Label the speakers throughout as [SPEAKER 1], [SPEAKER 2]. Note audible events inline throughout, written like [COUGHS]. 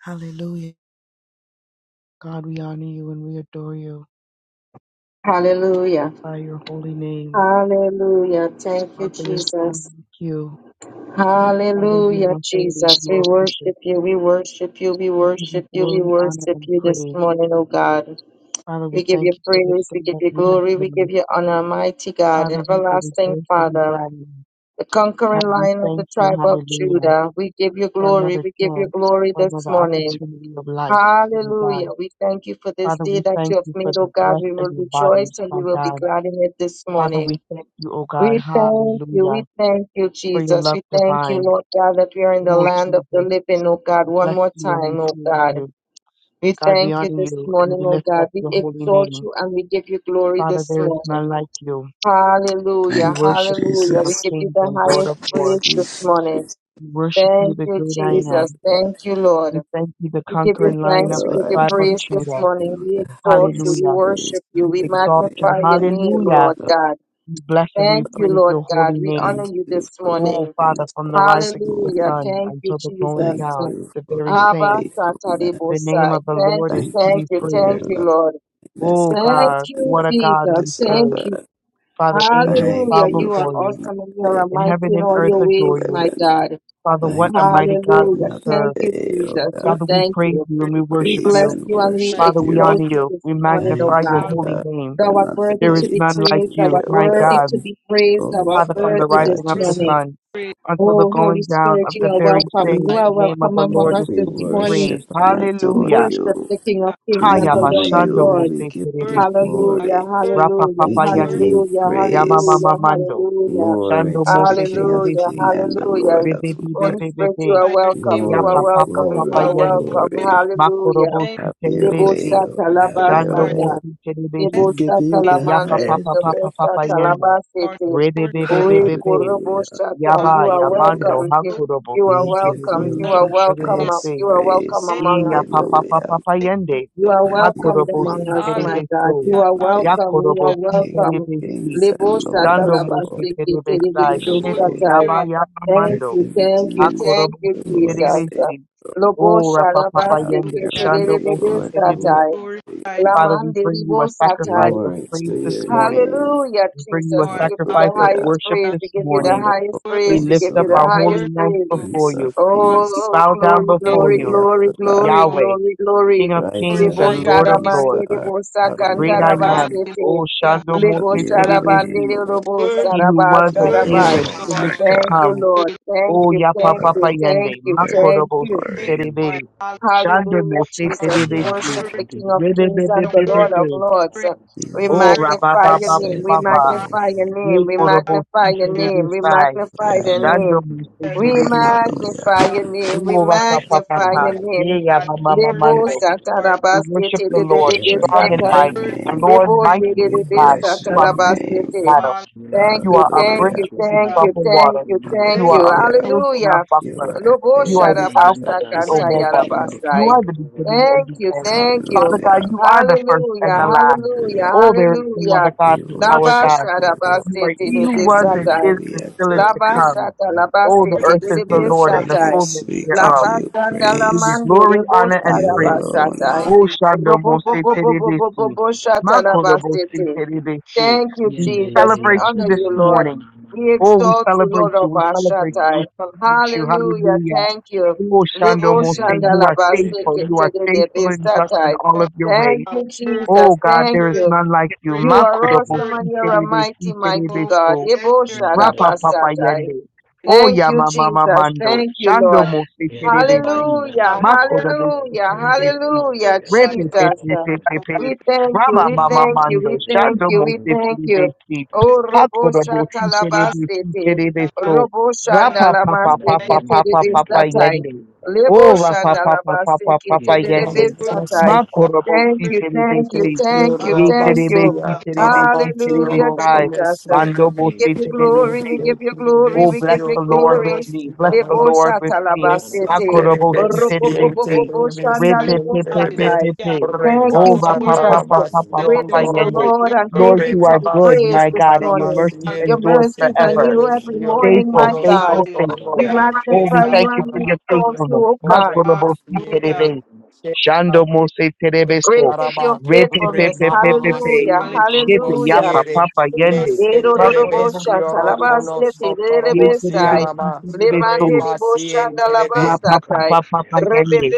[SPEAKER 1] Hallelujah. God, we honor you and we adore you.
[SPEAKER 2] Hallelujah.
[SPEAKER 1] Magnify your holy name.
[SPEAKER 2] Hallelujah. Thank you,
[SPEAKER 1] God, there is none
[SPEAKER 2] Jesus.
[SPEAKER 1] like you. Father, you
[SPEAKER 2] Hallelujah,
[SPEAKER 1] are holy.
[SPEAKER 2] Jesus.
[SPEAKER 1] You are
[SPEAKER 2] We
[SPEAKER 1] righteous.
[SPEAKER 2] worship you. We worship you. We
[SPEAKER 1] We give you
[SPEAKER 2] worship you. We
[SPEAKER 1] glory, honor,
[SPEAKER 2] worship
[SPEAKER 1] and
[SPEAKER 2] you this
[SPEAKER 1] praise.
[SPEAKER 2] morning, oh God.
[SPEAKER 1] Father, we
[SPEAKER 2] We give
[SPEAKER 1] thank
[SPEAKER 2] you
[SPEAKER 1] you for this
[SPEAKER 2] praise.
[SPEAKER 1] day
[SPEAKER 2] We give
[SPEAKER 1] that
[SPEAKER 2] you
[SPEAKER 1] you
[SPEAKER 2] glory.
[SPEAKER 1] have
[SPEAKER 2] We give
[SPEAKER 1] made.
[SPEAKER 2] you honor, mighty God,
[SPEAKER 1] Father, we will
[SPEAKER 2] everlasting
[SPEAKER 1] rejoice and be
[SPEAKER 2] Father,
[SPEAKER 1] glad in you.
[SPEAKER 2] the conquering
[SPEAKER 1] God, we
[SPEAKER 2] lion of the
[SPEAKER 1] thank you,
[SPEAKER 2] tribe of
[SPEAKER 1] hallelujah,
[SPEAKER 2] Judah. We give you
[SPEAKER 1] for
[SPEAKER 2] glory.
[SPEAKER 1] another
[SPEAKER 2] We give you
[SPEAKER 1] chance,
[SPEAKER 2] glory
[SPEAKER 1] for
[SPEAKER 2] this
[SPEAKER 1] another
[SPEAKER 2] morning.
[SPEAKER 1] opportunity of life, my God.
[SPEAKER 2] Hallelujah. We thank you for this
[SPEAKER 1] Father,
[SPEAKER 2] day
[SPEAKER 1] we
[SPEAKER 2] that
[SPEAKER 1] thank
[SPEAKER 2] you have
[SPEAKER 1] you for
[SPEAKER 2] made,
[SPEAKER 1] the
[SPEAKER 2] oh God.
[SPEAKER 1] breath
[SPEAKER 2] We
[SPEAKER 1] in
[SPEAKER 2] will
[SPEAKER 1] your
[SPEAKER 2] rejoice
[SPEAKER 1] bodies,
[SPEAKER 2] and
[SPEAKER 1] my
[SPEAKER 2] we will be
[SPEAKER 1] God.
[SPEAKER 2] glad in it this
[SPEAKER 1] Father,
[SPEAKER 2] morning.
[SPEAKER 1] we thank you, oh God,
[SPEAKER 2] We thank you. We
[SPEAKER 1] hallelujah.
[SPEAKER 2] thank you,
[SPEAKER 1] for your
[SPEAKER 2] Jesus.
[SPEAKER 1] love
[SPEAKER 2] We thank you,
[SPEAKER 1] divine.
[SPEAKER 2] Lord God, that we are in the
[SPEAKER 1] Oh,
[SPEAKER 2] land of the
[SPEAKER 1] Jesus,
[SPEAKER 2] living, oh God,
[SPEAKER 1] we
[SPEAKER 2] one
[SPEAKER 1] bless
[SPEAKER 2] more
[SPEAKER 1] you and we
[SPEAKER 2] time, oh
[SPEAKER 1] praise
[SPEAKER 2] God.
[SPEAKER 1] you.
[SPEAKER 2] We
[SPEAKER 1] God, we
[SPEAKER 2] thank you
[SPEAKER 1] honor
[SPEAKER 2] this
[SPEAKER 1] you and
[SPEAKER 2] morning,
[SPEAKER 1] we
[SPEAKER 2] oh
[SPEAKER 1] lift
[SPEAKER 2] God.
[SPEAKER 1] up
[SPEAKER 2] We
[SPEAKER 1] your holy
[SPEAKER 2] exalt
[SPEAKER 1] name.
[SPEAKER 2] you and we give you glory
[SPEAKER 1] Father,
[SPEAKER 2] this
[SPEAKER 1] there is none
[SPEAKER 2] morning.
[SPEAKER 1] like you. We
[SPEAKER 3] Thank
[SPEAKER 2] Hallelujah.
[SPEAKER 3] you,
[SPEAKER 1] worship you, King
[SPEAKER 2] Hallelujah.
[SPEAKER 1] of
[SPEAKER 2] We
[SPEAKER 3] Jesus.
[SPEAKER 2] give you
[SPEAKER 1] kings
[SPEAKER 2] the
[SPEAKER 1] and Lord
[SPEAKER 2] highest
[SPEAKER 1] of
[SPEAKER 2] praise
[SPEAKER 1] lords.
[SPEAKER 3] Thank you,
[SPEAKER 2] this morning.
[SPEAKER 3] Jesus.
[SPEAKER 1] We worship you,
[SPEAKER 2] Thank
[SPEAKER 1] the
[SPEAKER 2] you,
[SPEAKER 1] great I
[SPEAKER 2] Jesus.
[SPEAKER 1] am.
[SPEAKER 3] Hallelujah.
[SPEAKER 2] Thank you, Lord.
[SPEAKER 1] We thank you, the
[SPEAKER 2] We give you
[SPEAKER 3] Yes,
[SPEAKER 1] conquering lion
[SPEAKER 2] thanks.
[SPEAKER 1] of
[SPEAKER 2] We
[SPEAKER 1] the
[SPEAKER 2] give you
[SPEAKER 3] Lord.
[SPEAKER 1] tribe of
[SPEAKER 3] We
[SPEAKER 2] praise this
[SPEAKER 3] give
[SPEAKER 1] Judah.
[SPEAKER 2] morning.
[SPEAKER 3] You the
[SPEAKER 2] We exalt you.
[SPEAKER 3] highest
[SPEAKER 2] We
[SPEAKER 1] Hallelujah.
[SPEAKER 3] praise.
[SPEAKER 2] worship you.
[SPEAKER 1] We
[SPEAKER 2] We
[SPEAKER 1] exalt
[SPEAKER 3] Hallelujah.
[SPEAKER 1] you.
[SPEAKER 2] magnify your
[SPEAKER 3] Thank
[SPEAKER 2] name,
[SPEAKER 3] you, Lord
[SPEAKER 1] Hallelujah.
[SPEAKER 2] Lord
[SPEAKER 3] God.
[SPEAKER 2] God.
[SPEAKER 1] We bless and we
[SPEAKER 2] Thank you,
[SPEAKER 1] praise
[SPEAKER 2] Lord
[SPEAKER 1] your holy
[SPEAKER 2] God. We honor
[SPEAKER 1] name.
[SPEAKER 3] Thank
[SPEAKER 2] you
[SPEAKER 3] you
[SPEAKER 2] this
[SPEAKER 3] for
[SPEAKER 1] Oh,
[SPEAKER 2] morning.
[SPEAKER 3] waking
[SPEAKER 1] Father,
[SPEAKER 3] us
[SPEAKER 1] from
[SPEAKER 3] up
[SPEAKER 1] the
[SPEAKER 3] this
[SPEAKER 1] rising of the
[SPEAKER 2] Hallelujah.
[SPEAKER 3] morning.
[SPEAKER 1] sun
[SPEAKER 2] Thank you,
[SPEAKER 1] until the going
[SPEAKER 3] Thank
[SPEAKER 2] Jesus.
[SPEAKER 1] down of
[SPEAKER 3] you
[SPEAKER 1] the
[SPEAKER 3] for
[SPEAKER 1] very
[SPEAKER 3] your
[SPEAKER 2] Abba
[SPEAKER 1] same.
[SPEAKER 2] Satari
[SPEAKER 3] faithfulness.
[SPEAKER 1] The name
[SPEAKER 2] bosai.
[SPEAKER 1] of the
[SPEAKER 2] Thank
[SPEAKER 1] Lord
[SPEAKER 2] you,
[SPEAKER 1] is
[SPEAKER 3] Thank
[SPEAKER 1] to
[SPEAKER 3] you
[SPEAKER 2] thank
[SPEAKER 1] be
[SPEAKER 2] you,
[SPEAKER 3] for your
[SPEAKER 2] thank
[SPEAKER 1] praised.
[SPEAKER 2] you, Lord.
[SPEAKER 3] lovingness
[SPEAKER 1] Oh
[SPEAKER 3] and your
[SPEAKER 2] Thank
[SPEAKER 1] God,
[SPEAKER 2] you,
[SPEAKER 3] tender
[SPEAKER 1] what a God
[SPEAKER 2] Jesus.
[SPEAKER 1] we
[SPEAKER 3] mercies, oh
[SPEAKER 2] Thank
[SPEAKER 1] serve.
[SPEAKER 2] you.
[SPEAKER 3] God.
[SPEAKER 1] Father, angels
[SPEAKER 3] Thank
[SPEAKER 1] bow
[SPEAKER 2] Hallelujah.
[SPEAKER 3] you
[SPEAKER 2] You are
[SPEAKER 3] for
[SPEAKER 1] before you,
[SPEAKER 3] another
[SPEAKER 2] awesome and you
[SPEAKER 3] day
[SPEAKER 2] are
[SPEAKER 1] and
[SPEAKER 2] mighty
[SPEAKER 1] heaven
[SPEAKER 2] in
[SPEAKER 1] and
[SPEAKER 2] all
[SPEAKER 3] and
[SPEAKER 1] earth
[SPEAKER 2] your
[SPEAKER 3] of the
[SPEAKER 1] adore
[SPEAKER 2] ways,
[SPEAKER 1] you.
[SPEAKER 2] my
[SPEAKER 3] living.
[SPEAKER 2] God.
[SPEAKER 1] Father, what a
[SPEAKER 3] Thank you
[SPEAKER 1] mighty
[SPEAKER 3] for
[SPEAKER 1] God
[SPEAKER 2] Hallelujah.
[SPEAKER 1] we
[SPEAKER 3] another
[SPEAKER 1] serve.
[SPEAKER 2] Thank you,
[SPEAKER 3] day, oh
[SPEAKER 2] Jesus. We
[SPEAKER 1] Father,
[SPEAKER 3] God.
[SPEAKER 1] we
[SPEAKER 2] thank
[SPEAKER 1] praise
[SPEAKER 2] you.
[SPEAKER 1] you and we
[SPEAKER 2] We
[SPEAKER 1] worship
[SPEAKER 3] praise
[SPEAKER 2] bless
[SPEAKER 1] you.
[SPEAKER 3] and
[SPEAKER 2] you and we
[SPEAKER 3] worship
[SPEAKER 4] like
[SPEAKER 1] Father, we
[SPEAKER 4] God,
[SPEAKER 3] you.
[SPEAKER 2] exalt
[SPEAKER 1] honor
[SPEAKER 2] you
[SPEAKER 1] you.
[SPEAKER 2] this
[SPEAKER 1] We
[SPEAKER 2] morning, oh
[SPEAKER 1] magnify
[SPEAKER 3] Thank
[SPEAKER 1] your
[SPEAKER 3] you,
[SPEAKER 2] God.
[SPEAKER 1] holy
[SPEAKER 3] God,
[SPEAKER 1] name.
[SPEAKER 3] for
[SPEAKER 2] Thou art
[SPEAKER 3] another
[SPEAKER 2] worthy
[SPEAKER 1] There
[SPEAKER 2] to
[SPEAKER 1] is
[SPEAKER 3] day
[SPEAKER 2] be
[SPEAKER 3] to
[SPEAKER 1] none like
[SPEAKER 2] praised.
[SPEAKER 3] do
[SPEAKER 2] Thou
[SPEAKER 4] right,
[SPEAKER 1] you,
[SPEAKER 2] art
[SPEAKER 3] your
[SPEAKER 1] my
[SPEAKER 2] worthy
[SPEAKER 3] will.
[SPEAKER 2] to
[SPEAKER 1] God.
[SPEAKER 2] be praised. Thou
[SPEAKER 3] Oh,
[SPEAKER 2] art
[SPEAKER 1] Father,
[SPEAKER 3] Father
[SPEAKER 1] from the
[SPEAKER 2] worthy this
[SPEAKER 3] God,
[SPEAKER 1] rising of the
[SPEAKER 3] just
[SPEAKER 2] morning.
[SPEAKER 3] help me
[SPEAKER 1] sun
[SPEAKER 4] praise
[SPEAKER 1] until the
[SPEAKER 2] Oh,
[SPEAKER 1] going
[SPEAKER 2] Holy
[SPEAKER 1] down
[SPEAKER 2] Spirit,
[SPEAKER 1] of
[SPEAKER 2] you
[SPEAKER 1] the
[SPEAKER 3] do
[SPEAKER 2] are
[SPEAKER 1] very
[SPEAKER 3] your
[SPEAKER 2] welcome.
[SPEAKER 3] will.
[SPEAKER 2] You
[SPEAKER 1] same,
[SPEAKER 4] thy
[SPEAKER 1] the
[SPEAKER 2] are
[SPEAKER 1] name of
[SPEAKER 2] welcome
[SPEAKER 1] the
[SPEAKER 2] among
[SPEAKER 1] Lord
[SPEAKER 2] us
[SPEAKER 3] Lord,
[SPEAKER 1] is
[SPEAKER 3] we
[SPEAKER 1] to
[SPEAKER 2] this
[SPEAKER 1] be
[SPEAKER 2] morning.
[SPEAKER 3] worship
[SPEAKER 1] praised.
[SPEAKER 3] and
[SPEAKER 2] We
[SPEAKER 3] adore
[SPEAKER 1] Hallelujah.
[SPEAKER 2] worship
[SPEAKER 3] you.
[SPEAKER 2] the King of
[SPEAKER 4] God,
[SPEAKER 2] Kings
[SPEAKER 3] We
[SPEAKER 2] and
[SPEAKER 1] Haya
[SPEAKER 2] the
[SPEAKER 3] honor
[SPEAKER 2] Lord of
[SPEAKER 1] bashando
[SPEAKER 3] you.
[SPEAKER 1] mose
[SPEAKER 2] Lords.
[SPEAKER 3] We give
[SPEAKER 4] worship,
[SPEAKER 3] you
[SPEAKER 1] terebesi.
[SPEAKER 2] Hallelujah,
[SPEAKER 3] glory.
[SPEAKER 4] worship,
[SPEAKER 1] Rapa
[SPEAKER 2] hallelujah,
[SPEAKER 3] We
[SPEAKER 1] Papa
[SPEAKER 3] give
[SPEAKER 1] Yende,
[SPEAKER 3] you
[SPEAKER 2] hallelujah,
[SPEAKER 1] Yama
[SPEAKER 3] praise.
[SPEAKER 1] Mama
[SPEAKER 2] hallelujah,
[SPEAKER 1] Mando,
[SPEAKER 2] hallelujah,
[SPEAKER 3] Glory
[SPEAKER 1] Shando
[SPEAKER 3] to the
[SPEAKER 1] Mose
[SPEAKER 3] King of
[SPEAKER 2] hallelujah,
[SPEAKER 1] Terebesi,
[SPEAKER 3] Kings and the Lord
[SPEAKER 2] hallelujah.
[SPEAKER 3] of
[SPEAKER 1] Rebe Bebe
[SPEAKER 3] Lords.
[SPEAKER 2] Holy
[SPEAKER 1] Bebe
[SPEAKER 2] Spirit, you
[SPEAKER 1] Be,
[SPEAKER 2] are welcome. You are
[SPEAKER 1] Yapa
[SPEAKER 3] Glory,
[SPEAKER 1] Papa
[SPEAKER 2] welcome. You
[SPEAKER 1] Papa
[SPEAKER 3] glory,
[SPEAKER 2] are
[SPEAKER 1] Yende,
[SPEAKER 2] welcome.
[SPEAKER 3] glory.
[SPEAKER 2] Hallelujah.
[SPEAKER 1] Makorobo Si
[SPEAKER 3] Have your
[SPEAKER 2] Debo
[SPEAKER 3] way,
[SPEAKER 1] Terebesi,
[SPEAKER 2] sata
[SPEAKER 3] Lord.
[SPEAKER 4] you,
[SPEAKER 3] Have
[SPEAKER 2] laba
[SPEAKER 3] your
[SPEAKER 1] Shando
[SPEAKER 4] Lord,
[SPEAKER 2] sata.
[SPEAKER 3] way.
[SPEAKER 1] Mose
[SPEAKER 4] bless
[SPEAKER 3] We
[SPEAKER 1] Terebesi,
[SPEAKER 3] give
[SPEAKER 2] Debosa
[SPEAKER 3] you
[SPEAKER 4] me,
[SPEAKER 3] the
[SPEAKER 1] Yapa
[SPEAKER 2] Talamange,
[SPEAKER 3] highest
[SPEAKER 1] Papa
[SPEAKER 3] praise.
[SPEAKER 1] Papa
[SPEAKER 2] Debosa
[SPEAKER 1] Papa
[SPEAKER 4] your name,
[SPEAKER 1] Yende,
[SPEAKER 4] Lord,
[SPEAKER 2] Talabasete,
[SPEAKER 1] Rebe
[SPEAKER 4] glorify
[SPEAKER 1] Bebe
[SPEAKER 2] Oe
[SPEAKER 4] you,
[SPEAKER 1] Bebe Be,
[SPEAKER 3] Hallelujah,
[SPEAKER 2] Korobosata,
[SPEAKER 1] Yaba
[SPEAKER 2] you are
[SPEAKER 4] hallelujah,
[SPEAKER 1] Yamando,
[SPEAKER 3] hallelujah.
[SPEAKER 2] welcome. You
[SPEAKER 1] Hakorobo
[SPEAKER 2] you are
[SPEAKER 3] We
[SPEAKER 1] Si
[SPEAKER 3] give
[SPEAKER 2] welcome.
[SPEAKER 1] Terebe,
[SPEAKER 3] you
[SPEAKER 2] You are
[SPEAKER 4] hallelujah.
[SPEAKER 3] the
[SPEAKER 1] Joshua
[SPEAKER 2] welcome. uh,
[SPEAKER 3] highest
[SPEAKER 1] Mose,
[SPEAKER 2] You are welcome
[SPEAKER 3] praise.
[SPEAKER 4] Thank
[SPEAKER 2] among
[SPEAKER 1] Ye Yapa
[SPEAKER 2] us.
[SPEAKER 1] Papa
[SPEAKER 3] Hallelujah.
[SPEAKER 1] Papa Yende,
[SPEAKER 2] You
[SPEAKER 4] you,
[SPEAKER 2] are
[SPEAKER 3] Have your
[SPEAKER 2] welcomed
[SPEAKER 1] Hakorobo
[SPEAKER 3] way,
[SPEAKER 2] among
[SPEAKER 1] Si
[SPEAKER 2] us,
[SPEAKER 3] Lord,
[SPEAKER 2] my
[SPEAKER 4] hallelujah,
[SPEAKER 2] God.
[SPEAKER 1] Terebeso,
[SPEAKER 3] your
[SPEAKER 2] You are
[SPEAKER 4] hallelujah,
[SPEAKER 3] way.
[SPEAKER 2] welcome. You
[SPEAKER 1] Yakorobo
[SPEAKER 2] are
[SPEAKER 1] Si
[SPEAKER 3] King
[SPEAKER 2] welcome.
[SPEAKER 3] of
[SPEAKER 1] Terebesi,
[SPEAKER 3] kings and
[SPEAKER 2] Lebosa
[SPEAKER 3] Lord
[SPEAKER 1] Chando
[SPEAKER 3] of lords,
[SPEAKER 1] Mosi
[SPEAKER 2] Talabasete,
[SPEAKER 1] Terebesai,
[SPEAKER 3] your
[SPEAKER 4] the Holy
[SPEAKER 1] Shepe
[SPEAKER 3] way.
[SPEAKER 2] Debosatai.
[SPEAKER 1] Yaba Yaba
[SPEAKER 2] Thank
[SPEAKER 3] Let
[SPEAKER 1] Mando,
[SPEAKER 3] the
[SPEAKER 2] you, thank you,
[SPEAKER 4] yes,
[SPEAKER 3] redeemed of
[SPEAKER 1] Akorobo
[SPEAKER 2] thank you,
[SPEAKER 3] the
[SPEAKER 1] Si
[SPEAKER 3] Lord
[SPEAKER 4] yes,
[SPEAKER 2] Jesus.
[SPEAKER 3] say,
[SPEAKER 1] Terebesi,
[SPEAKER 2] Lobo
[SPEAKER 1] O Rapa Papa
[SPEAKER 3] Have
[SPEAKER 2] Sharabasete,
[SPEAKER 1] Yende,
[SPEAKER 3] your
[SPEAKER 1] Shando Chando
[SPEAKER 3] way,
[SPEAKER 1] Mosi
[SPEAKER 3] Lord,
[SPEAKER 1] Terebesi.
[SPEAKER 3] Lord.
[SPEAKER 2] Debosatai.
[SPEAKER 4] you,
[SPEAKER 1] Father, we
[SPEAKER 2] Lamande
[SPEAKER 1] bring you a
[SPEAKER 2] Libosatai.
[SPEAKER 1] sacrifice of
[SPEAKER 3] Glory
[SPEAKER 1] praise
[SPEAKER 3] to
[SPEAKER 1] this
[SPEAKER 3] your
[SPEAKER 1] morning.
[SPEAKER 3] name.
[SPEAKER 2] Hallelujah,
[SPEAKER 1] We bring you
[SPEAKER 2] Jesus.
[SPEAKER 1] a
[SPEAKER 2] We
[SPEAKER 4] Lord,
[SPEAKER 2] give you the
[SPEAKER 1] sacrifice of
[SPEAKER 3] Hallelujah.
[SPEAKER 2] highest
[SPEAKER 1] worship
[SPEAKER 4] hallelujah,
[SPEAKER 2] praise. We
[SPEAKER 1] this
[SPEAKER 2] give you the
[SPEAKER 1] morning.
[SPEAKER 3] Wonderful
[SPEAKER 2] highest
[SPEAKER 1] We
[SPEAKER 2] praise. We
[SPEAKER 4] worship,
[SPEAKER 1] lift
[SPEAKER 2] give
[SPEAKER 1] up
[SPEAKER 2] you the
[SPEAKER 1] our
[SPEAKER 3] counselor,
[SPEAKER 2] highest
[SPEAKER 1] holy hands
[SPEAKER 2] praise.
[SPEAKER 4] you,
[SPEAKER 1] before
[SPEAKER 3] Prince
[SPEAKER 1] you.
[SPEAKER 3] of
[SPEAKER 4] God,
[SPEAKER 1] We
[SPEAKER 3] Peace,
[SPEAKER 2] Oh,
[SPEAKER 1] bow down
[SPEAKER 2] glory,
[SPEAKER 4] name,
[SPEAKER 1] before
[SPEAKER 2] glory,
[SPEAKER 3] Lily
[SPEAKER 1] you,
[SPEAKER 3] of
[SPEAKER 2] glory,
[SPEAKER 3] the Valley.
[SPEAKER 2] glory,
[SPEAKER 1] Yahweh,
[SPEAKER 2] glory, glory.
[SPEAKER 1] King of
[SPEAKER 3] Bright
[SPEAKER 1] kings
[SPEAKER 3] and
[SPEAKER 4] glorify
[SPEAKER 2] Lebo
[SPEAKER 1] and
[SPEAKER 4] your
[SPEAKER 1] Lord
[SPEAKER 4] name,
[SPEAKER 1] of
[SPEAKER 3] morning
[SPEAKER 2] saramande,
[SPEAKER 1] lords,
[SPEAKER 3] star,
[SPEAKER 2] lebo
[SPEAKER 3] have
[SPEAKER 1] the great
[SPEAKER 3] your
[SPEAKER 1] I
[SPEAKER 3] way,
[SPEAKER 1] am,
[SPEAKER 2] sakantarabasete.
[SPEAKER 1] O
[SPEAKER 4] Hallelujah,
[SPEAKER 1] Shando
[SPEAKER 3] have
[SPEAKER 2] Lebo
[SPEAKER 1] Mosi
[SPEAKER 3] your
[SPEAKER 4] hallelujah.
[SPEAKER 3] way,
[SPEAKER 2] sarabande,
[SPEAKER 1] Terebesi,
[SPEAKER 3] Lord.
[SPEAKER 2] lebo
[SPEAKER 1] he who
[SPEAKER 4] Worship,
[SPEAKER 1] was
[SPEAKER 3] You
[SPEAKER 1] and
[SPEAKER 4] worship,
[SPEAKER 1] is
[SPEAKER 2] sarabasarabai.
[SPEAKER 1] and
[SPEAKER 3] alone
[SPEAKER 1] still
[SPEAKER 4] Lord.
[SPEAKER 1] is
[SPEAKER 3] are
[SPEAKER 4] To
[SPEAKER 1] to
[SPEAKER 4] give
[SPEAKER 2] Thank
[SPEAKER 3] God,
[SPEAKER 2] you,
[SPEAKER 1] come.
[SPEAKER 2] Lord.
[SPEAKER 4] you
[SPEAKER 2] Thank
[SPEAKER 1] O
[SPEAKER 2] you,
[SPEAKER 1] ya
[SPEAKER 4] the
[SPEAKER 2] thank
[SPEAKER 1] papa
[SPEAKER 2] you,
[SPEAKER 1] pa
[SPEAKER 3] alone
[SPEAKER 2] thank
[SPEAKER 1] yende,
[SPEAKER 2] you,
[SPEAKER 3] deserve
[SPEAKER 2] thank
[SPEAKER 1] makorobo
[SPEAKER 3] the
[SPEAKER 2] you.
[SPEAKER 1] si
[SPEAKER 4] praise,
[SPEAKER 3] glory.
[SPEAKER 1] terebe,
[SPEAKER 4] Lord. Hallelujah.
[SPEAKER 1] shande mo
[SPEAKER 2] Hallelujah,
[SPEAKER 1] se
[SPEAKER 2] Jesus. We
[SPEAKER 1] terebe
[SPEAKER 5] Yendo
[SPEAKER 1] si,
[SPEAKER 2] worship
[SPEAKER 4] Word,
[SPEAKER 2] the
[SPEAKER 5] kushindi
[SPEAKER 2] King of
[SPEAKER 5] yada,
[SPEAKER 1] rebe
[SPEAKER 2] Kings
[SPEAKER 1] be be
[SPEAKER 2] and
[SPEAKER 4] the
[SPEAKER 1] be
[SPEAKER 2] the
[SPEAKER 1] be
[SPEAKER 4] word,
[SPEAKER 2] Lord
[SPEAKER 1] be,
[SPEAKER 2] of Lords.
[SPEAKER 4] praise,
[SPEAKER 3] You
[SPEAKER 2] We
[SPEAKER 1] o
[SPEAKER 4] word,
[SPEAKER 3] alone
[SPEAKER 1] raba ba
[SPEAKER 2] magnify
[SPEAKER 4] God.
[SPEAKER 2] your
[SPEAKER 1] ba ba
[SPEAKER 2] name.
[SPEAKER 3] deserve
[SPEAKER 2] We
[SPEAKER 1] ba
[SPEAKER 3] the
[SPEAKER 1] ba,
[SPEAKER 5] yendo
[SPEAKER 4] Hallelujah,
[SPEAKER 3] glory.
[SPEAKER 2] magnify your
[SPEAKER 5] kushindi
[SPEAKER 1] ye
[SPEAKER 2] name. We
[SPEAKER 5] yada,
[SPEAKER 1] korobo si
[SPEAKER 2] magnify your
[SPEAKER 4] hallelujah.
[SPEAKER 1] terebe
[SPEAKER 2] name. We
[SPEAKER 1] sai,
[SPEAKER 2] magnify
[SPEAKER 3] Yeah,
[SPEAKER 2] your
[SPEAKER 5] yendo yada,
[SPEAKER 1] shande
[SPEAKER 2] name.
[SPEAKER 1] mo
[SPEAKER 5] yendo
[SPEAKER 1] se
[SPEAKER 4] Yes,
[SPEAKER 2] We
[SPEAKER 5] kushindi
[SPEAKER 1] terebe
[SPEAKER 4] hallelujah.
[SPEAKER 5] yada,
[SPEAKER 1] si,
[SPEAKER 2] magnify
[SPEAKER 3] hallelujah.
[SPEAKER 2] your
[SPEAKER 4] Lord,
[SPEAKER 1] o
[SPEAKER 2] name. We
[SPEAKER 1] rapa
[SPEAKER 3] Yes,
[SPEAKER 1] pa pa
[SPEAKER 2] magnify
[SPEAKER 1] pa,
[SPEAKER 3] Lord,
[SPEAKER 5] yendo
[SPEAKER 2] your
[SPEAKER 1] ye
[SPEAKER 2] name.
[SPEAKER 1] ya
[SPEAKER 4] God.
[SPEAKER 5] yada,
[SPEAKER 1] mama
[SPEAKER 5] yendo
[SPEAKER 3] your
[SPEAKER 2] Lebo
[SPEAKER 4] Glorify
[SPEAKER 1] mamando.
[SPEAKER 3] name.
[SPEAKER 5] yada,
[SPEAKER 4] Lord.
[SPEAKER 1] We worship
[SPEAKER 2] satarabasete
[SPEAKER 1] the
[SPEAKER 3] We
[SPEAKER 2] de de
[SPEAKER 1] Lord,
[SPEAKER 2] de
[SPEAKER 1] strong
[SPEAKER 3] glorify
[SPEAKER 1] and
[SPEAKER 4] The
[SPEAKER 3] your
[SPEAKER 2] besatai.
[SPEAKER 5] recondition
[SPEAKER 1] mighty,
[SPEAKER 4] word,
[SPEAKER 5] the
[SPEAKER 1] the
[SPEAKER 3] name.
[SPEAKER 5] Ruana
[SPEAKER 1] Lord
[SPEAKER 2] Lebo
[SPEAKER 5] and
[SPEAKER 4] praise,
[SPEAKER 2] de
[SPEAKER 1] mighty
[SPEAKER 2] de
[SPEAKER 5] Arabella,
[SPEAKER 2] de
[SPEAKER 3] We
[SPEAKER 1] in
[SPEAKER 4] word,
[SPEAKER 1] battle.
[SPEAKER 3] bless
[SPEAKER 1] You
[SPEAKER 5] the
[SPEAKER 3] your
[SPEAKER 1] are mighty
[SPEAKER 5] Lapua,
[SPEAKER 3] name.
[SPEAKER 1] in
[SPEAKER 2] besatarabasete.
[SPEAKER 5] and
[SPEAKER 1] battle.
[SPEAKER 4] God.
[SPEAKER 5] Chilo,
[SPEAKER 2] Thank
[SPEAKER 1] You
[SPEAKER 5] and
[SPEAKER 2] you,
[SPEAKER 1] are a
[SPEAKER 2] thank
[SPEAKER 1] bridge
[SPEAKER 3] Hallelujah,
[SPEAKER 2] you,
[SPEAKER 5] Kiko,
[SPEAKER 1] over
[SPEAKER 2] thank
[SPEAKER 4] Hallelujah.
[SPEAKER 5] and
[SPEAKER 2] you,
[SPEAKER 1] troubled
[SPEAKER 5] the
[SPEAKER 2] thank
[SPEAKER 1] water.
[SPEAKER 2] you,
[SPEAKER 5] Kusundi,
[SPEAKER 2] thank
[SPEAKER 1] You
[SPEAKER 4] Thank
[SPEAKER 1] are
[SPEAKER 2] you.
[SPEAKER 1] our
[SPEAKER 3] hallelujah.
[SPEAKER 4] you,
[SPEAKER 5] and
[SPEAKER 1] shield and our
[SPEAKER 2] Hallelujah.
[SPEAKER 3] You
[SPEAKER 1] buckler.
[SPEAKER 3] are high
[SPEAKER 2] Robo
[SPEAKER 1] You
[SPEAKER 3] and
[SPEAKER 1] are the
[SPEAKER 2] shara
[SPEAKER 3] lifted
[SPEAKER 1] Alpha
[SPEAKER 3] up
[SPEAKER 2] basta
[SPEAKER 1] and the
[SPEAKER 5] Agandara,
[SPEAKER 3] this
[SPEAKER 4] Spirit
[SPEAKER 2] kanta
[SPEAKER 5] and the
[SPEAKER 2] yara
[SPEAKER 1] Omega.
[SPEAKER 3] morning, oh,
[SPEAKER 5] Sindiki,
[SPEAKER 4] of
[SPEAKER 1] You
[SPEAKER 2] basta.
[SPEAKER 1] are
[SPEAKER 5] and the
[SPEAKER 1] the
[SPEAKER 5] Ruana,
[SPEAKER 1] beginning and
[SPEAKER 2] Thank
[SPEAKER 1] the
[SPEAKER 2] you,
[SPEAKER 1] end.
[SPEAKER 2] thank you.
[SPEAKER 1] Father God,
[SPEAKER 3] hallelujah,
[SPEAKER 1] you are the
[SPEAKER 4] The
[SPEAKER 1] first and
[SPEAKER 2] Hallelujah,
[SPEAKER 1] the last.
[SPEAKER 3] hallelujah.
[SPEAKER 2] Hallelujah,
[SPEAKER 1] Oh,
[SPEAKER 5] and
[SPEAKER 1] there is no
[SPEAKER 2] Hallelujah.
[SPEAKER 1] other God
[SPEAKER 3] We
[SPEAKER 1] but our
[SPEAKER 2] Laba
[SPEAKER 3] worship
[SPEAKER 5] the
[SPEAKER 1] God.
[SPEAKER 2] shara
[SPEAKER 3] you, Lord.
[SPEAKER 2] basta
[SPEAKER 1] You are
[SPEAKER 2] te te
[SPEAKER 1] He
[SPEAKER 3] We
[SPEAKER 1] who
[SPEAKER 3] honor
[SPEAKER 2] debe
[SPEAKER 5] Yeah,
[SPEAKER 1] was and
[SPEAKER 2] stata.
[SPEAKER 5] and
[SPEAKER 3] you.
[SPEAKER 1] is
[SPEAKER 3] We
[SPEAKER 1] and still is
[SPEAKER 4] word,
[SPEAKER 3] adore
[SPEAKER 1] to
[SPEAKER 2] Laba
[SPEAKER 3] you.
[SPEAKER 1] come.
[SPEAKER 2] shara laba
[SPEAKER 1] Oh,
[SPEAKER 2] te
[SPEAKER 1] the
[SPEAKER 4] word,
[SPEAKER 2] te
[SPEAKER 1] earth
[SPEAKER 3] With
[SPEAKER 1] is
[SPEAKER 4] yes,
[SPEAKER 3] Fruit
[SPEAKER 1] the
[SPEAKER 2] debe
[SPEAKER 3] of
[SPEAKER 1] Lord and
[SPEAKER 3] our
[SPEAKER 1] the
[SPEAKER 4] hallelujah.
[SPEAKER 2] stata.
[SPEAKER 3] lips,
[SPEAKER 1] fullness
[SPEAKER 3] we give
[SPEAKER 1] thereof.
[SPEAKER 2] Laba
[SPEAKER 3] you
[SPEAKER 1] We
[SPEAKER 2] sandala
[SPEAKER 1] give you
[SPEAKER 3] praise.
[SPEAKER 2] man de
[SPEAKER 1] glory,
[SPEAKER 2] de
[SPEAKER 1] honor, and
[SPEAKER 2] boshara
[SPEAKER 3] You
[SPEAKER 1] praise.
[SPEAKER 3] alone,
[SPEAKER 2] basta.
[SPEAKER 3] now
[SPEAKER 4] Hallelujah,
[SPEAKER 1] Oshando
[SPEAKER 2] Robo bo bo
[SPEAKER 1] Mose
[SPEAKER 2] bo
[SPEAKER 4] hallelujah.
[SPEAKER 2] bo bo bo bo
[SPEAKER 1] Terebesi.
[SPEAKER 2] bo shara
[SPEAKER 1] Makoto
[SPEAKER 2] basta te
[SPEAKER 1] Mose
[SPEAKER 2] te.
[SPEAKER 1] Terebesi.
[SPEAKER 2] Thank you,
[SPEAKER 1] We
[SPEAKER 2] Jesus. We
[SPEAKER 1] celebrate you
[SPEAKER 2] honor
[SPEAKER 1] this
[SPEAKER 2] you, Lord.
[SPEAKER 1] morning.
[SPEAKER 2] We
[SPEAKER 1] Oh, we
[SPEAKER 2] exalt you,
[SPEAKER 1] celebrate
[SPEAKER 2] Lord
[SPEAKER 1] you.
[SPEAKER 2] of
[SPEAKER 1] We
[SPEAKER 2] our
[SPEAKER 1] celebrate you.
[SPEAKER 2] Shaddai.
[SPEAKER 1] We celebrate you.
[SPEAKER 2] Hallelujah.
[SPEAKER 1] Hallelujah.
[SPEAKER 2] Thank you.
[SPEAKER 1] Oh, Shando
[SPEAKER 2] Lebo
[SPEAKER 1] Mose, you are faithful.
[SPEAKER 2] shandalabaseke
[SPEAKER 1] You are faithful and just in
[SPEAKER 2] tedebesatai.
[SPEAKER 1] all of your ways.
[SPEAKER 2] Thank
[SPEAKER 4] The
[SPEAKER 2] you,
[SPEAKER 4] word,
[SPEAKER 1] Oh,
[SPEAKER 2] Jesus.
[SPEAKER 4] the
[SPEAKER 1] God,
[SPEAKER 2] Thank
[SPEAKER 1] there is
[SPEAKER 4] word,
[SPEAKER 2] you.
[SPEAKER 1] none like you.
[SPEAKER 4] praise,
[SPEAKER 2] You are
[SPEAKER 4] the
[SPEAKER 1] Makoto
[SPEAKER 2] awesome
[SPEAKER 4] word,
[SPEAKER 1] Mose
[SPEAKER 2] and you're
[SPEAKER 4] God.
[SPEAKER 2] a mighty,
[SPEAKER 1] Terebesi
[SPEAKER 2] mighty
[SPEAKER 4] Western
[SPEAKER 2] God.
[SPEAKER 1] Terebeso.
[SPEAKER 4] and
[SPEAKER 2] Lebo
[SPEAKER 4] Italian word,
[SPEAKER 1] Rapa Papa
[SPEAKER 2] shadabasatai.
[SPEAKER 1] Yende. O
[SPEAKER 2] Thank you,
[SPEAKER 1] Yama Mama
[SPEAKER 2] Jesus.
[SPEAKER 1] Mando.
[SPEAKER 2] Thank you,
[SPEAKER 1] Shando
[SPEAKER 2] Lord.
[SPEAKER 1] mosi Terebesi.
[SPEAKER 2] Hallelujah,
[SPEAKER 4] are very
[SPEAKER 1] Makoda Desi
[SPEAKER 2] hallelujah,
[SPEAKER 1] Terebesi.
[SPEAKER 4] diverse
[SPEAKER 2] hallelujah,
[SPEAKER 4] as
[SPEAKER 1] Repe
[SPEAKER 4] our
[SPEAKER 1] Pepe
[SPEAKER 2] Jesus.
[SPEAKER 1] Pepe Pepe.
[SPEAKER 2] We
[SPEAKER 4] world.
[SPEAKER 2] thank you,
[SPEAKER 1] Rama
[SPEAKER 2] we
[SPEAKER 1] Mama
[SPEAKER 2] thank you,
[SPEAKER 5] dog,
[SPEAKER 1] Mando.
[SPEAKER 2] we
[SPEAKER 5] and
[SPEAKER 2] thank
[SPEAKER 5] then
[SPEAKER 1] Shando
[SPEAKER 2] you, we
[SPEAKER 1] Mose
[SPEAKER 2] thank you.
[SPEAKER 1] Terebesi.
[SPEAKER 2] Oh,
[SPEAKER 4] Western
[SPEAKER 1] Hakoda
[SPEAKER 2] Robosha
[SPEAKER 5] the
[SPEAKER 1] Desi
[SPEAKER 4] and
[SPEAKER 1] Terebesi
[SPEAKER 2] Talabasete,
[SPEAKER 4] Italian language
[SPEAKER 1] Terebeso.
[SPEAKER 2] Roboshanda
[SPEAKER 1] Rapa Papa
[SPEAKER 5] And I
[SPEAKER 2] Lamaseke
[SPEAKER 1] Papa Papa
[SPEAKER 5] understand to
[SPEAKER 1] Papa
[SPEAKER 5] push
[SPEAKER 2] Tedebesatai,
[SPEAKER 5] and
[SPEAKER 1] Yende.
[SPEAKER 5] do.
[SPEAKER 1] O Rapa
[SPEAKER 4] are
[SPEAKER 2] Leboshanda
[SPEAKER 1] Papa Papa
[SPEAKER 2] Labaseke
[SPEAKER 1] Papa
[SPEAKER 5] Yeah,
[SPEAKER 1] Yende.
[SPEAKER 4] very
[SPEAKER 5] and
[SPEAKER 2] Tedebesatai.
[SPEAKER 5] that,
[SPEAKER 1] Makoda
[SPEAKER 2] Thank
[SPEAKER 1] Bosi
[SPEAKER 4] diverse
[SPEAKER 2] you, thank you,
[SPEAKER 1] Terebesi.
[SPEAKER 2] thank you,
[SPEAKER 4] as
[SPEAKER 1] Ye
[SPEAKER 4] in the Western
[SPEAKER 2] thank you.
[SPEAKER 4] culture and
[SPEAKER 1] Terebesi
[SPEAKER 6] Rabasia,
[SPEAKER 1] Terebesi
[SPEAKER 2] Hallelujah,
[SPEAKER 6] Tarabatio,
[SPEAKER 1] Terebesi
[SPEAKER 2] Jesus.
[SPEAKER 6] Ponesia,
[SPEAKER 1] Mando
[SPEAKER 2] We
[SPEAKER 5] yeah,
[SPEAKER 2] give
[SPEAKER 1] Bosi
[SPEAKER 2] you
[SPEAKER 6] no,
[SPEAKER 2] glory, we
[SPEAKER 1] Terebesi.
[SPEAKER 2] give you glory,
[SPEAKER 1] Oh,
[SPEAKER 2] we
[SPEAKER 1] bless
[SPEAKER 2] give you
[SPEAKER 1] the
[SPEAKER 6] Rebesio,
[SPEAKER 1] Lord with
[SPEAKER 2] glory.
[SPEAKER 1] me. Bless the
[SPEAKER 6] Tarabostia,
[SPEAKER 1] Lord with
[SPEAKER 2] Lebosata
[SPEAKER 1] me.
[SPEAKER 6] Yes,
[SPEAKER 2] labasete.
[SPEAKER 1] Hakorobosi Terebesi.
[SPEAKER 2] Oropopopopoposhanda
[SPEAKER 1] Repe pe pe pe
[SPEAKER 2] lebosatai.
[SPEAKER 1] pe pe.
[SPEAKER 4] Hallelujah.
[SPEAKER 2] Thank
[SPEAKER 1] Oh,
[SPEAKER 2] you,
[SPEAKER 4] Your
[SPEAKER 1] va pa pa
[SPEAKER 4] word,
[SPEAKER 2] Jesus.
[SPEAKER 1] pa pa pa pa
[SPEAKER 2] Great
[SPEAKER 1] pa
[SPEAKER 4] your
[SPEAKER 2] is the
[SPEAKER 4] word,
[SPEAKER 1] yende.
[SPEAKER 2] Lord
[SPEAKER 4] your
[SPEAKER 2] and
[SPEAKER 1] Lord,
[SPEAKER 4] word.
[SPEAKER 2] greatly
[SPEAKER 1] you
[SPEAKER 2] to
[SPEAKER 1] are
[SPEAKER 2] be
[SPEAKER 1] good,
[SPEAKER 2] praised
[SPEAKER 1] my
[SPEAKER 2] this
[SPEAKER 1] God, and your
[SPEAKER 2] morning.
[SPEAKER 1] mercies
[SPEAKER 2] Your
[SPEAKER 1] endure
[SPEAKER 2] mercies are
[SPEAKER 1] forever.
[SPEAKER 2] new every morning,
[SPEAKER 1] Faithful,
[SPEAKER 2] my God.
[SPEAKER 1] faithful, faithful.
[SPEAKER 2] We
[SPEAKER 4] Hallelujah.
[SPEAKER 1] Oh, we
[SPEAKER 2] magnify you
[SPEAKER 1] thank
[SPEAKER 4] Hallelujah.
[SPEAKER 1] you
[SPEAKER 2] and
[SPEAKER 1] for
[SPEAKER 2] we
[SPEAKER 1] your
[SPEAKER 2] exalt you,
[SPEAKER 1] faithfulness.
[SPEAKER 2] O God.
[SPEAKER 1] Makorobosi
[SPEAKER 4] Hallelujah.
[SPEAKER 1] Terebesi. Shando Mose
[SPEAKER 2] Great
[SPEAKER 1] Terebeso,
[SPEAKER 2] is your
[SPEAKER 6] Araba,
[SPEAKER 1] Repe
[SPEAKER 6] Re
[SPEAKER 2] faithfulness.
[SPEAKER 1] Pepe
[SPEAKER 6] Baba
[SPEAKER 1] Pepe Pe,
[SPEAKER 2] Hallelujah.
[SPEAKER 6] Masion
[SPEAKER 4] Hallelujah.
[SPEAKER 1] Shepe
[SPEAKER 2] Hallelujah.
[SPEAKER 1] Yapa
[SPEAKER 6] Torbosiere,
[SPEAKER 1] Papa Yende,
[SPEAKER 6] Nesse
[SPEAKER 1] Makodobo
[SPEAKER 2] Erodobosha
[SPEAKER 6] Terebesioro
[SPEAKER 2] Talabaste
[SPEAKER 6] Conoso
[SPEAKER 2] Terebestai.
[SPEAKER 6] Torbosiaraba,
[SPEAKER 2] Lebande
[SPEAKER 1] Terebeso,
[SPEAKER 2] Liboshanda
[SPEAKER 5] and
[SPEAKER 6] Rebasienterebe,
[SPEAKER 1] Rapa
[SPEAKER 2] Labastatai.
[SPEAKER 5] that,
[SPEAKER 1] Papa Papa Yende.